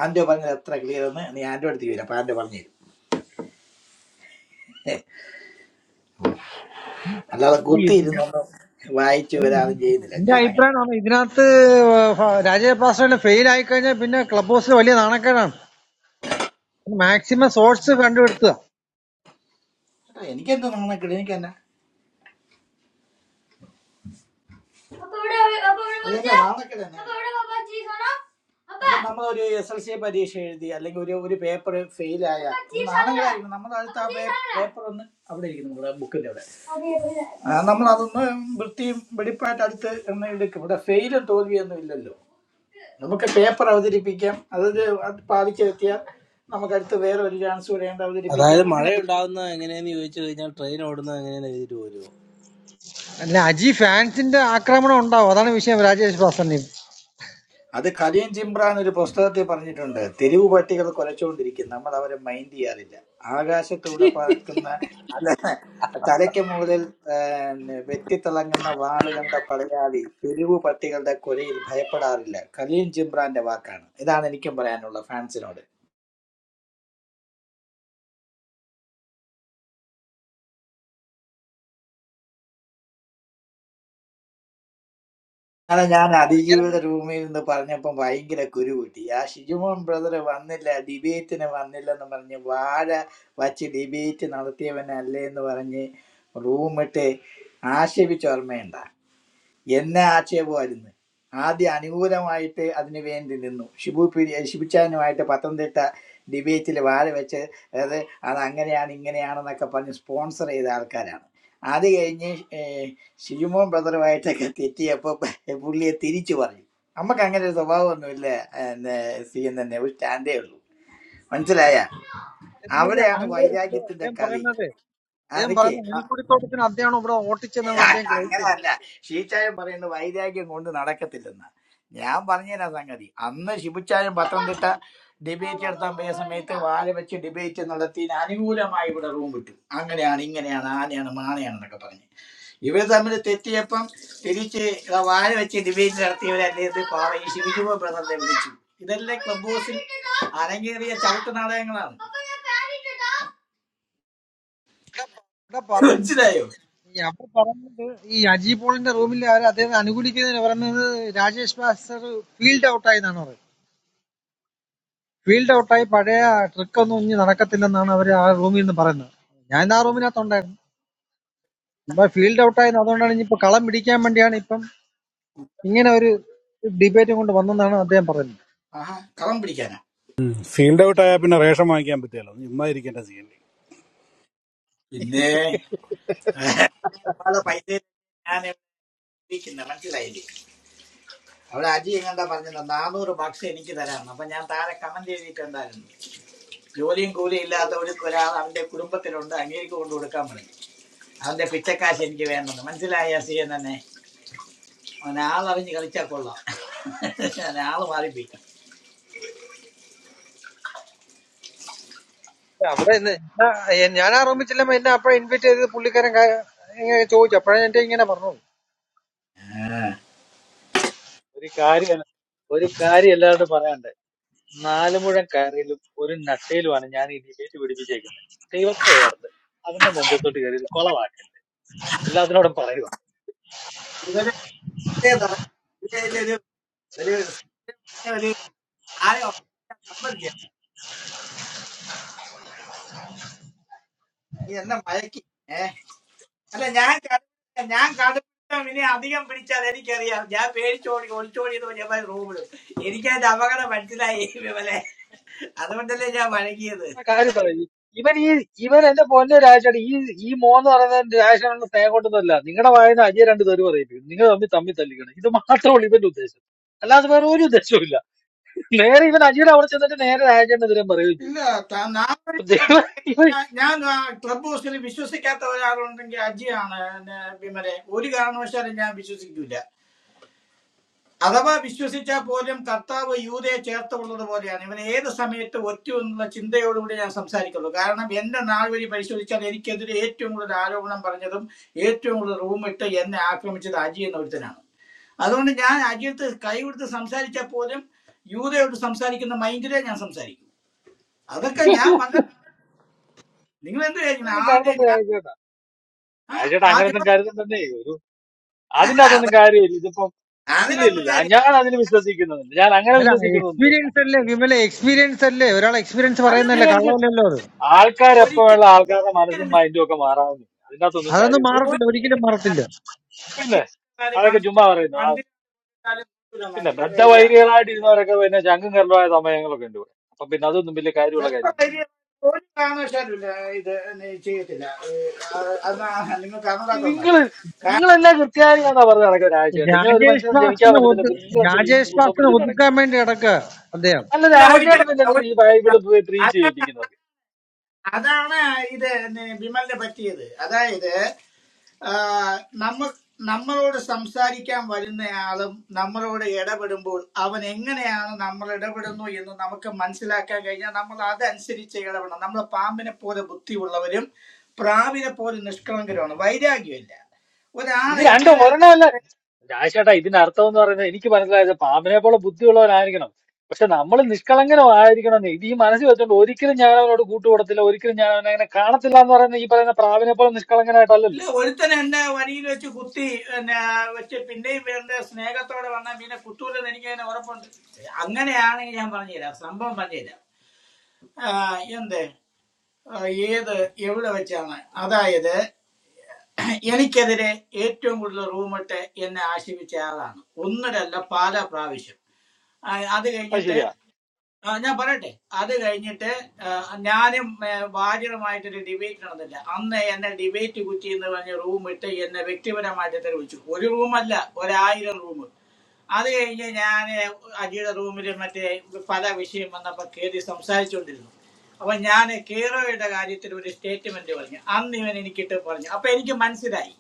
Speaker 4: ആൻഡോ പറഞ്ഞത് എത്ര ക്ലിയർ എന്ന് നീ ആൻഡോ അടുത്ത് വരും അപ്പൊ ആൻഡോ പറഞ്ഞു തരും ഏ, അല്ലാതെ
Speaker 8: അല്ല, ഇത് ഞാൻ-
Speaker 4: കുത്തിയിരുന്നൊന്നും വായിച്ചു
Speaker 8: അല്ല,
Speaker 4: ഒരാളും ചെയ്യുന്നില്ല
Speaker 8: എന്റെ
Speaker 4: ഞാൻ അങ്ങനെ
Speaker 8: അഭിപ്രായം ആണ് ഇതിനകത്ത് രാജേഷ് പാസ്റ്ററിന് ഫെയിൽ ആയി കഴിഞ്ഞാൽ പിന്നെ ക്ലബ് ഹൗസിൽ വലിയ നാണക്കേടാണ് മാക്സിമം സോഴ്സ് കണ്ടുപിടുത്തുക
Speaker 4: കേട്ടോ, എനിക്കെന്ത് നാണക്കേട് എനിക്ക് തന്നെ നാണക്കേട് തന്നെ നമ്മൾ ഒരു എസ് എൽ സി പരീക്ഷ എഴുതി അല്ലെങ്കിൽ ഒരു ഒരു പേപ്പർ ഫെയിൽ ആയ നാണങ്ങളായിരിക്കും നമ്മൾ അടുത്ത് ആ പേപ്പർ ഒന്ന് അവിടെ ഇരിക്കും നമ്മുടെ ബുക്കിന്റെ അവിടെ നമ്മൾ അതൊന്ന് വൃത്തിയും വെടിപ്പായിട്ട് അടുത്ത് ഒന്ന് എടുക്കും ഇവിടെ ഫെയിലും തോൽവിയൊന്നും ഇല്ലല്ലോ നമുക്ക് പേപ്പർ അവതരിപ്പിക്കാം അത് അത് പാലിച്ചെത്തിയാൽ നമുക്ക് അടുത്ത് വേറെ ഒരു ചാൻസ് കൂടെയുണ്ട് അവതരിപ്പിക്കാം അങ്ങനെ
Speaker 8: അല്ല അജി ഫാൻസിന്റെ ആക്രമണം ഉണ്ടാവും അതാണ് വിഷയം രാജേഷ് പാസ്റ്ററിന്
Speaker 4: അത് കലിയൻ ചിമ്പ്രാൻ ഒരു പുസ്തകത്തിൽ പറഞ്ഞിട്ടുണ്ട് തെരുവ് പട്ടികൾ കുലച്ചുകൊണ്ടിരിക്കും നമ്മൾ അവരെ മൈൻഡ് ചെയ്യാറില്ല ആകാശത്തൂടെ പറക്കുന്ന അല്ല തലയ്ക്ക് മുകളിൽ ഏർ, വെട്ടിത്തിളങ്ങുന്ന വാള് കണ്ട പടയാളി തെരുവ് പട്ടികളുടെ കൊലയിൽ ഭയപ്പെടാറില്ല കലിയൻ ചിമ്പ്രാന്റെ വാക്കാണ് ഇതാണ് എനിക്കും പറയാനുള്ള ഫാൻസിനോട് അതെ ഞാൻ
Speaker 8: ഭയങ്കരമായ
Speaker 4: അതിജീവിയുടെ റൂമിൽ നിന്ന് പറഞ്ഞപ്പോൾ ഭയങ്കര കുരുകൂട്ടി ആ ഷിജുമോൻ ബ്രദർ വന്നില്ല ഡിബേറ്റിന് വന്നില്ലെന്ന് പറഞ്ഞ് വാഴ വച്ച് ഡിബേറ്റ് നടത്തിയവനല്ലേ എന്ന് പറഞ്ഞ് റൂമിട്ട് ആക്ഷേപിച്ച ഓർമ്മയുണ്ട എന്നെ ആക്ഷേപമായിരുന്നു ആദ്യം അനുകൂലമായിട്ട് അതിനു വേണ്ടി നിന്നു ഷിബു പി ഷിബിച്ചാനുമായിട്ട് പത്തനംതിട്ട ഡിബേറ്റിൽ വാഴ വെച്ച് അത് അത് അങ്ങനെയാണ് ഇങ്ങനെയാണെന്നൊക്കെ പറഞ്ഞ് സ്പോൺസർ ചെയ്ത ആൾക്കാരാണ് അത് കഴിഞ്ഞ് ഏഹ്, ഷിജുമോൻ ബ്രദറുമായിട്ടൊക്കെ തെറ്റിയപ്പോൾ പുള്ളിയെ തിരിച്ചു പറഞ്ഞു നമുക്ക് അങ്ങനെ ഒരു സ്വഭാവമൊന്നുമില്ല എന്നെ സി എൻ തന്നെ ഒരു സ്റ്റാൻഡേ ഉള്ളൂ മനസ്സിലായ അവിടെയാണ്
Speaker 8: അഹങ്കാരം
Speaker 4: വൈരാഗ്യത്തിന്റെ
Speaker 8: അദ്ദേഹം
Speaker 4: കളി
Speaker 8: പറയുന്നത് അദ്ദേഹം
Speaker 4: അതൊക്കെ
Speaker 8: പറയുന്ന അണിക്കുടിത്തോട്ടത്തിന് അദ്ദേഹമാണ് ഇവിടെ
Speaker 4: അല്ല,
Speaker 8: ഓട്ടിച്ചതെന്നാണ് അദ്ദേഹം ഗ്രഹിക്കുന്നത്
Speaker 4: അങ്ങനെയല്ല ഷീച്ചായം പറയുന്നത് വൈരാഗ്യം കൊണ്ട് നടക്കത്തില്ലെന്ന് ഞാൻ പറഞ്ഞുതരാം സംഗതി അന്ന് ശിബുച്ചായം പത്തനംതിട്ട ഡിബേറ്റ് നടത്താൻ പോയ സമയത്ത് വാല വെച്ച് ഡിബേറ്റ് നടത്തിന് അനുകൂലമായി ഇവിടെ റൂം വിട്ടു അങ്ങനെയാണ് ഇങ്ങനെയാണ് ആനയാണ് മാനയാണ് എന്നൊക്കെ പറഞ്ഞ് ഇവർ തമ്മിൽ തെറ്റിയപ്പം തിരിച്ച് ഇതാ വാല വെച്ച് ഡിബേറ്റ് നടത്തിയവരല്ലേ ഇത് പാവ ഈ ശിവജുബ ബ്രദറിനെ വിളിച്ചു ഇതെല്ലാം ക്ലബ് ഹൗസിൽ അരങ്ങേറിയ ചവിട്ട് നാടകങ്ങളാണ്
Speaker 8: ഇവിടെ പറ-
Speaker 4: മനസ്സിലായോ
Speaker 8: ഈ അവർ പറയുന്നത് ഈ അജി പോളിന്റെ റൂമിൽ അവർ അദ്ദേഹം അനുകൂലിക്കുന്നതിന് പറയുന്നത് രാജേഷ് ബാസർ ഫീൽഡ് ഔട്ടായി എന്നാണ് പറയുന്നത് ഫീൽഡ് ഔട്ടായി പഴയ ട്രിക്ക് ഒന്നും ഇനി നടക്കത്തില്ലെന്നാണ് അവർ ആ റൂമിൽ നിന്ന് പറയുന്നത് ഞാൻ ഇന്ന് ആ റൂമിനകത്തുണ്ടായിരുന്നു ഇപ്പൊ ഫീൽഡ് ഔട്ടായി അതുകൊണ്ടാണ് ഇനിയിപ്പോ കളം പിടിക്കാൻ വേണ്ടിയാണ് ഇപ്പം ഇങ്ങനെ ഒരു ഡിബേറ്റ് കൊണ്ട് വന്നെന്നാണ് അദ്ദേഹം പറയുന്നത്
Speaker 4: ആഹാ കളം പിടിക്കാനാ
Speaker 2: ഫീൽഡ് ഔട്ട് ആയാൽ പിന്നെ റേഷൻ വാങ്ങിക്കാൻ പറ്റിയല്ലോ ചുമ്മാ ഇരിക്കേണ്ട സീനിൽ
Speaker 4: പിന്നെ ഇയാള് പൈതൽ ഞാൻ എഴുതിയിരിക്കുന്നത് മനസ്സിലായില്ലേ അവിടെ അജി എങ്ങാണ്ടാ പറഞ്ഞത് നാനൂറ് ബക്സ് എനിക്ക് തരാമെന്ന് അപ്പൊ ഞാൻ താഴെ കമന്റ് എഴുതിയിട്ടുണ്ടായിരുന്നു ജോലിയും കൂലിയും ഇല്ലാത്ത ഒരു ഒരാൾ അവന്റെ കുടുംബത്തിലുണ്ട് അങ്ങേക്ക് കൊണ്ട് കൊടുക്കാൻ പറഞ്ഞു അവന്റെ പിച്ചക്കാശ് എനിക്ക് വേണമെന്ന് മനസ്സിലായ സി എൻ തന്നെ അവൻ ആളറിഞ്ഞ് കളിച്ചാൽ കൊള്ളാം ഞാൻ ആള് മാറിപ്പോയി
Speaker 8: ഇല്ല, അവിടെ ഇന്ന് ഞാൻ ആ റൂമിൽ ചെല്ലുമ്പോൾ എന്നെ അപ്പോഴെ ഇൻവൈറ്റ് ചെയ്ത് പുള്ളിക്കാരൻ കാ- ഇങ്ങനെ ചോദിച്ചു അപ്പോഴാണ് എന്റെ ഇങ്ങനെ പറഞ്ഞത്
Speaker 9: ഒരു കാര്യം ഒരു കാര്യം എല്ലാവരോടും പറയാണ്ട് നാല് മുഴം കയറിയിലും ഒരു നട്ടയിലുമാണ് ഞാൻ ഈ ഡിബേറ്റ് പിടിപ്പിച്ചേക്കുന്നത് ദൈവത്തെ ഓർത്ത് അതിന്റെ നെഞ്ചത്തോട്ട് കയറി കൊളവാക്കരുത് എല്ലാത്തിനോടും പറയുക
Speaker 4: ഇവര് ഇതേ നട- ഇവര് ഒരു ഒരു ഒരു താരം സമ്മതിച്ചു നീ എന്നെ മയക്കി അല്ല ഞാൻ കട- ഞാൻ കടുപ്പം ഇനി അധികം പിടിച്ചാൽ എനിക്കറിയാം ഞാൻ പേടിച്ചോടി ഒളിച്ചോടിയത് ഞാൻ റൂമിലും എനിക്ക് അതിന്റെ അപകടം മനസ്സിലായി വിമലെ അതുകൊണ്ടല്ലേ ഞാൻ വഴങ്ങിയത്
Speaker 9: ആ കാര്യം പറയൂ ഇവൻ ഈ ഇവൻ എന്റെ പൊന്നെ രാജാണ് ഈ ഈ മോന്ന് പറയുന്നത് രാജാണെന്ന് സ്നേഹം കൊണ്ടതല്ല നിങ്ങളുടെ വായന അജയ രണ്ട് തെറി പറയിപ്പിക്കും നിങ്ങൾ തമ്മിൽ തമ്മിൽ തല്ലിക്കണം ഇത് മാത്രമേ ഉള്ളൂ ഇവന്റെ ഉദ്ദേശം അല്ലാതെ വേറെ ഒരു ഉദ്ദേശവും ഇല്ല നേരെ ഇവൻ അജിയുടെ അവിടെ ചെന്നിട്ട് നേരെ രാജേണ്ടെതിരെ പറയുകയും ചെയ്യും
Speaker 4: ഇല്ല ത- നാം വഴി
Speaker 9: ഇപ്പൊ
Speaker 4: നോക്കി
Speaker 9: ദൈവം ഇവൻ
Speaker 4: കഴിഞ്ഞാ- ഞാൻ ആ ക്ലബ് ഹൗസിൽ വിശ്വസിക്കാത്ത ഒരാളുണ്ടെങ്കിൽ അജിയാണ് എന്നെ വിമലെ ഒരു കാരണവശാലും ഞാൻ വിശ്വസിക്കൂല അഥവാ വിശ്വസിച്ചാൽ പോലും കർത്താവ് യൂതയെ ചേർത്തുള്ളത് പോലെയാണ് ഇവൻ ഏത് സമയത്ത് ഒറ്റ എന്നുള്ള ചിന്തയോടുകൂടി ഞാൻ സംസാരിക്കുള്ളൂ കാരണം എന്റെ നാൾ വഴി പരിശോധിച്ചാൽ എനിക്കെതിരെ ഏറ്റവും കൂടുതൽ ആരോപണം പറഞ്ഞതും ഏറ്റവും കൂടുതൽ റൂമിട്ട് എന്നെ ആക്രമിച്ചത് അജി എന്ന ഒരുത്തനാണ് അതുകൊണ്ട് ഞാൻ അജിയത്ത് കൈ കൊടുത്ത് സംസാരിച്ചാൽ പോലും യൂതയോട് സംസാരിക്കുന്ന മൈൻഡിലെ ഞാൻ സംസാരിക്കും അതൊക്കെ ഞാൻ വന്ന നിങ്ങൾ എന്ത് കാര്യം
Speaker 9: ഇവനൊന്നും
Speaker 4: ആദ്യം
Speaker 9: കരുതണ്ട
Speaker 4: ഞാൻ
Speaker 9: രാജേട്ടാ
Speaker 4: ആ,
Speaker 9: രാജേട്ടാ
Speaker 4: ആദ്യം
Speaker 9: അങ്ങനെയൊന്നും കരുതണ്ട അതിന്റെ അതൊന്നും
Speaker 4: അതൊക്കെ
Speaker 9: കാര്യമില്ല ഇതിപ്പം ഇല്ല ഇല്ല
Speaker 4: അതിനൊന്നും
Speaker 9: ഇല്ല
Speaker 4: കാര്യം
Speaker 9: ഞാൻ അതിന് വിശ്വസിക്കുന്നുണ്ട് ഞാൻ അങ്ങനെ
Speaker 8: അല്ല
Speaker 9: വിശ്വസിക്കുന്നൊന്നുമില്ല
Speaker 8: എക്സ്പീരിയൻസ് അല്ലേ വിമല എക്സ്പീരിയൻസ് അല്ലേ ഒരാൾ എക്സ്പീരിയൻസ്
Speaker 4: അല്ല
Speaker 8: പറയുന്നല്ലേ
Speaker 4: ഞാൻ
Speaker 9: മീനൻസ്
Speaker 8: കള്ളമല്ലല്ലോ അത്
Speaker 9: ആൾക്കാരെപ്പോ
Speaker 4: ഒരിക്കലും
Speaker 9: ഉള്ള ആൾക്കാരുടെ മനസ്സും
Speaker 4: ഒരിക്കലും
Speaker 9: മൈൻഡും ഒക്കെ മാറാവുന്നില്ല അതിന്റെ അകത്തൊന്നും
Speaker 8: അതൊന്നും
Speaker 4: വിശ്വ-
Speaker 9: കാര്യമൊന്നുമില്ല
Speaker 8: മാറത്തില്ല ഒരിക്കലും
Speaker 4: ഒരിക്കലും
Speaker 8: മാറത്തില്ല
Speaker 9: പിന്നെ
Speaker 4: ഞാൻ
Speaker 9: അതൊക്കെ ചുമ്മാ പറയുന്നു ആ,
Speaker 4: പണ്ട് ആയാലും ഇല്ല
Speaker 9: പിന്നെ
Speaker 4: മാറ്റി. ഇല്ല.
Speaker 9: ബദ്ധവൈരികളായിട്ട് ഇരുന്നവരൊക്കെ പിന്നെ ചങ്കും കരലുമായ സമയങ്ങളൊക്കെ ഉണ്ട് ഇവിടെ അപ്പൊ പിന്നെ അതൊന്നും വലിയ കാര്യമുള്ള
Speaker 4: വെപ്പ
Speaker 9: കാര്യമൊന്നും
Speaker 4: വലിയ ഒരു കാരണവശാലുമില്ല ഇത് നീ ചെയ്യത്തില്ല ഏ, അത് അത് നിങ്ങൾ കാണാത്തോണ്ടാണ്
Speaker 9: നിങ്ങൾ നിങ്ങൾ എന്നാ കൃത്യമായിട്ടാ പറഞ്ഞ നടക്കുക രാജേട്ടൻ ഇങ്ങനെ ഒരു
Speaker 8: രാജേഷ്
Speaker 9: മനുഷ്യനെ ക്ഷമിക്കാൻ
Speaker 8: ഭാസ്കറിനെ
Speaker 9: പറ്റത്തില്ല
Speaker 8: ഒതു
Speaker 9: പിന്നെ നിങ്ങൾ എന്തിനാ ഈ
Speaker 8: രാജേഷ്
Speaker 9: കുന്തം
Speaker 8: ഭാസ്കറിനെ
Speaker 9: പിടിച്ചു
Speaker 8: ഒതുക്കാൻ
Speaker 9: നടക്കുന്നത്
Speaker 8: വേണ്ടി കിടക്ക അദ്ദേഹം
Speaker 9: അല്ല
Speaker 4: ഇല്ല
Speaker 9: രാജേട്ടൻ
Speaker 4: ഒരിക്കലും
Speaker 9: പിന്നെ
Speaker 4: ഇല്ല,
Speaker 9: എന്തിനാ ഈ
Speaker 4: ഒരിക്കലും ഇല്ല.
Speaker 9: ബൈബിള് പ്രീച്ച്
Speaker 4: അത-
Speaker 9: ചെയ്യിപ്പിക്കുന്നത്
Speaker 4: അതാണ് ഇത് നീ- വിമലിന് പറ്റിയത് അതായത് ആ, നമ്മ നമ്മളോട് സംസാരിക്കാൻ വരുന്ന ആളും നമ്മളോട് ഇടപെടുമ്പോൾ അവൻ എങ്ങനെയാണ് നമ്മൾ ഇടപെടുന്നു എന്ന് നമുക്ക് മനസ്സിലാക്കാൻ കഴിഞ്ഞാൽ നമ്മൾ അതനുസരിച്ച് ഇടപെടണം നമ്മൾ പാമ്പിനെ പോലെ ബുദ്ധിയുള്ളവരും പ്രാവിനെ പോലെ നിഷ്കളങ്കരുമാണ് വൈരാഗ്യമില്ല
Speaker 9: ഇത് രണ്ട്
Speaker 4: ഒരാളെങ്ങനെ
Speaker 9: ഒരെണ്ണമല്ല രാജേട്ടാ ഇതിന്റെ അർത്ഥം എന്ന് പറയുന്നത് എനിക്ക് മനസ്സിലായത് പാമ്പിനെ പോലെ ബുദ്ധിയുള്ളവനായിരിക്കണം പക്ഷെ നമ്മൾ നിഷ്കളങ്കനും ആയിരിക്കണം എന്ന് ഇത് ഈ മനസ്സിൽ വെച്ചോണ്ട് ഒരിക്കലും ഞാൻ അവനോട് കൂട്ടുകൂടത്തില്ല ഒരിക്കലും ഞാൻ അവനെ അങ്ങനെ കാണത്തില്ല എന്ന് പറയുന്ന ഈ പറയുന്ന പ്രാവിനെ പോലെ നിഷ്കളങ്കനായിട്ടല്ലല്ലോ
Speaker 4: ഇല്ല ഒരുത്തൻ എന്നെ വരിയിൽ വെച്ച് കുത്തി പിന്നെ വെച്ച് പിന്നെയും വേണ്ട സ്നേഹത്തോടെ വന്നാൽ പിന്നെ കുത്തൂലെന്ന് എനിക്ക് അതിന് ഉറപ്പുണ്ട് അങ്ങനെയാണെങ്കിൽ ഞാൻ പറഞ്ഞുതരാം സംഭവം പറഞ്ഞുതരാം ആ, എന്ത് ആ, ഏത് എവിടെ വെച്ചാണ് അതായത് എനിക്കെതിരെ ഏറ്റവും കൂടുതൽ റൂമിട്ട് എന്നെ ആശീപിച്ച ആളാണ് ഒന്നിലല്ല പല പ്രാവശ്യം ആ, അത്
Speaker 9: അത്
Speaker 4: കഴിഞ്ഞിട്ട്
Speaker 9: ശരിയാ
Speaker 4: ആ, ഞാൻ പറയട്ടെ അത് കഴിഞ്ഞിട്ട് ആ, ഞാനും ഏ, വാര്യറുമായിട്ടൊരു ഡിബേറ്റ് നടന്നില്ല അന്ന് എന്നെ ഡിബേറ്റ് കുറ്റി എന്ന് പറഞ്ഞ റൂം ഇട്ട് എന്നെ വ്യക്തിപരമായിട്ട് തെളിവിച്ചു ഒരു റൂമല്ല ഒരായിരം റൂം അത് കഴിഞ്ഞ് ഞാൻ അജിയുടെ റൂമിൽ മറ്റേ പല വിഷയം വന്നപ്പോൾ കയറി സംസാരിച്ചുകൊണ്ടിരുന്നു അപ്പൊ ഞാൻ കേറോയുടെ കാര്യത്തിൽ ഒരു സ്റ്റേറ്റ്മെന്റ് പറഞ്ഞു അന്ന് ഇവൻ എനിക്കിട്ട് പറഞ്ഞു അപ്പൊ എനിക്ക് മനസ്സിലായി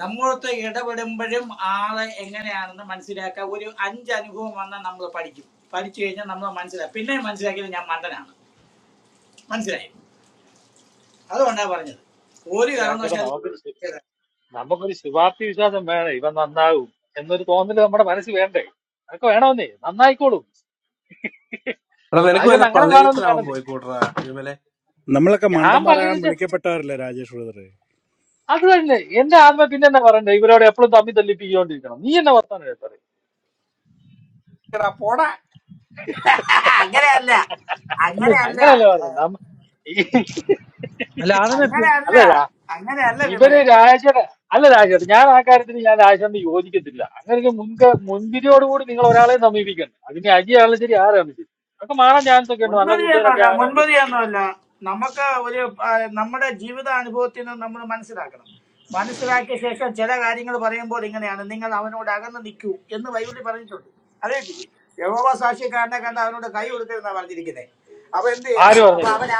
Speaker 4: നമ്മളൊത്ത് ഇടപെടുമ്പോഴും ആളെ എങ്ങനെയാണെന്ന് മനസ്സിലാക്കുക ഒരു അഞ്ച് അനുഭവം വന്നാൽ നമ്മൾ പഠിക്കും പഠിച്ചു കഴിഞ്ഞാൽ നമ്മൾ മനസ്സിലാക്കും പിന്നെ മനസ്സിലാക്കിയത് ഞാൻ മണ്ടനാണ് മനസ്സിലായി അതുകൊണ്ടാണ് പറഞ്ഞത് ഒരു
Speaker 9: ആക്ച്വലി
Speaker 4: കാരണവശാലും
Speaker 9: നമുക്ക് നമുക്കൊരു ശുഭാപ്തി വിശ്വാസം വേണം ഇവൻ നന്നാകും എന്നൊരു തോന്നല് നമ്മുടെ മനസ്സിൽ വേണ്ടേ അതൊക്കെ വേണമെന്നേ നന്നായിക്കോളും രാജേട്ടൻ അങ്ങനെ കാണുമെന്ന് വേണമെന്നേ
Speaker 2: നമ്മളൊക്കെ
Speaker 9: ഞാൻ
Speaker 2: മണ്ടന്മാരാകാൻ
Speaker 9: പള്ളിയിലെ
Speaker 2: വിളിക്കപ്പെട്ടവരല്ലേ രാജേഷ് ബ്രദറെ
Speaker 9: അത് തന്നെ എന്റെ ആത്മ പിന്നെ എന്നാ പറയണ്ടേ ഇവരോട് എപ്പോഴും തമ്മി തല്ലിപ്പിക്കൊണ്ടിരിക്കണം നീ എന്നെ വർത്താനം പറയും
Speaker 4: അങ്ങനെയല്ല
Speaker 8: അല്ലേ
Speaker 4: അങ്ങനെയല്ല
Speaker 9: അങ്ങനല്ല പറഞ്ഞത്
Speaker 8: അല്ല ആദ്യമേ പി-
Speaker 4: അങ്ങനെയല്ല
Speaker 9: അല്ല രാ-
Speaker 4: അങ്ങനെയല്ല വിമലെ
Speaker 9: ഇവര് രാജയുടെ അല്ല രാജേട്ട് ഞാൻ ആ കാര്യത്തിൽ ഞാൻ രാജേണ്ട് യോജിക്കത്തില്ല അങ്ങനെ ഒരു മുൻക മുൻവിധിയോടുകൂടി നിങ്ങൾ ഒരാളെ സമീപിക്കണം അതിന് അജിയാണ് ശരി ആരാണ് ശരി അതൊക്കെ മാറാൻ ചാൻസ് ഒക്കെ ഉണ്ട് നല്ല കൂട്ടുകാരൊക്കെ
Speaker 4: മുൻപതിയൊന്നുമല്ല
Speaker 9: ആകാനായിട്ടും
Speaker 4: മുൻപതിയൊന്നുമല്ല നമുക്ക് ഒരു ആ, നമ്മുടെ ജീവിത അനുഭവത്തിൽ നിന്ന് നമ്മൾ മനസ്സിലാക്കണം മനസ്സിലാക്കിയ ശേഷം ചില കാര്യങ്ങൾ പറയുമ്പോൾ ഇങ്ങനെയാണ് നിങ്ങൾ അവനോട് അകന്ന് നിൽക്കൂ എന്ന് ബൈബിളിൽ പറഞ്ഞിട്ടുണ്ട് അറിയത്തില്ലേ യഹോവ സാക്ഷിക്കാരനെ കണ്ട് അവനോട് കൈ കൊടുക്കരുതെന്നാണ് പറഞ്ഞിരിക്കുന്നത് അപ്പൊ എന്ത് ചെയ്യണം
Speaker 9: ആര്
Speaker 4: അപ്പൊ
Speaker 9: പറഞ്ഞേക്കുന്നത്
Speaker 4: അവൻ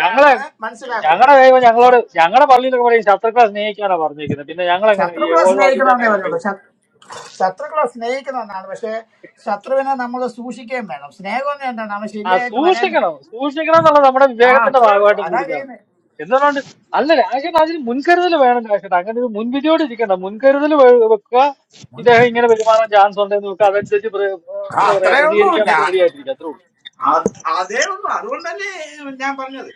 Speaker 9: ഞങ്ങളെ
Speaker 4: മനസ്സിലാക്കുന്നു
Speaker 9: ഞങ്ങളുടെ ദൈവം
Speaker 4: അപ്പൊ
Speaker 9: ഞങ്ങളോട് ഞങ്ങളുടെ പള്ളിയിലൊക്കെ പറയും ശത്രുക്കളെ സ്നേഹിക്കാനാ പറഞ്ഞേക്കുന്നത് പിന്നെ ഞങ്ങൾ എങ്ങനെ ഈ
Speaker 4: ശത്രുക്കളെ സ്നേഹിക്കണമെന്നേ
Speaker 9: ഏകോപവാദിക്കാരനെ
Speaker 4: പറയുള്ളൂ ശത്രു ശത്രുക്കളെ സ്നേഹിക്കണമെന്നാണ് പക്ഷെ ശത്രുവിനെ നമ്മൾ സൂക്ഷിക്കുകയും വേണം സ്നേഹം എന്ന് എന്താണ് അവൻ
Speaker 9: ആ
Speaker 4: ശരിയായിട്ട് വരാൻ
Speaker 9: സൂക്ഷിക്കണം
Speaker 4: വേണ്ടി
Speaker 9: സൂക്ഷിക്കണം എന്നുള്ളത് നമ്മുടെ
Speaker 4: ആ
Speaker 9: വിവേകത്തിന്റെ
Speaker 4: അത്രേ ഉള്ളൂ
Speaker 9: ഭാഗമായിട്ട്
Speaker 4: അതാ
Speaker 9: കൂടുതലാണ്
Speaker 4: ചെയ്യുന്നത്
Speaker 9: എന്തുകൊണ്ട് അല്ല രാജേട്ടൻ അതിന് മുൻകരുതൽ വേണം രാജേട്ടൻ അങ്ങനെ ഒരു മുൻവിധിയോട് ഇരിക്കണം മുൻകരുതൽ വെ- വെക്കുക ഇദ്ദേഹം ഇങ്ങനെ പെരുമാറാൻ ചാൻസ് ഉണ്ടെന്ന് നോക്കുക അതനുസരിച്ച് പ്ര- ഏഹ്
Speaker 4: ആ,
Speaker 9: എന്താ പറയാ
Speaker 4: അത്രേ ഉള്ളൂ
Speaker 9: പ്രതികരിക്കാൻ വേണ്ടി
Speaker 4: ഞാൻ
Speaker 9: റെഡി ആയിട്ടിരിക്കുക അത്രേ ഉള്ളൂ
Speaker 4: ആ- അതേ ഉള്ളൂ അതുകൊണ്ടല്ലേ ഞാൻ പറഞ്ഞത്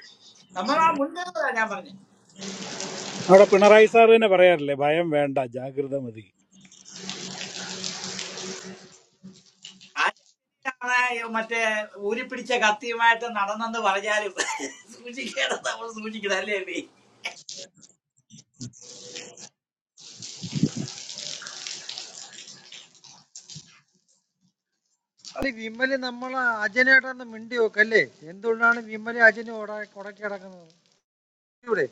Speaker 4: നമ്മൾ ആ മുൻകരുതലാ ഞാൻ പറഞ്ഞത്
Speaker 2: അവിടെ പിണറായി സാർ തന്നെ പറയാറില്ലേ ഭയം വേണ്ട ജാഗ്രത മതി
Speaker 4: ആരെയാണ് മറ്റേ ഊരിപ്പിടിച്ച കത്തിയുമായിട്ട് നടന്നെന്ന് പറഞ്ഞാലും സൂക്ഷിക്കണം നമ്മൾ സൂക്ഷിക്കണം അല്ലേ അല്ലേ
Speaker 8: അല്ല വിമല് നമ്മളെ അജനായിട്ടൊന്ന് മിണ്ടി നോക്കല്ലേ എന്തുകൊണ്ടാണ് വിമല അജനെ ഉടക്കി കിടക്കുന്നത് ഇവിടെ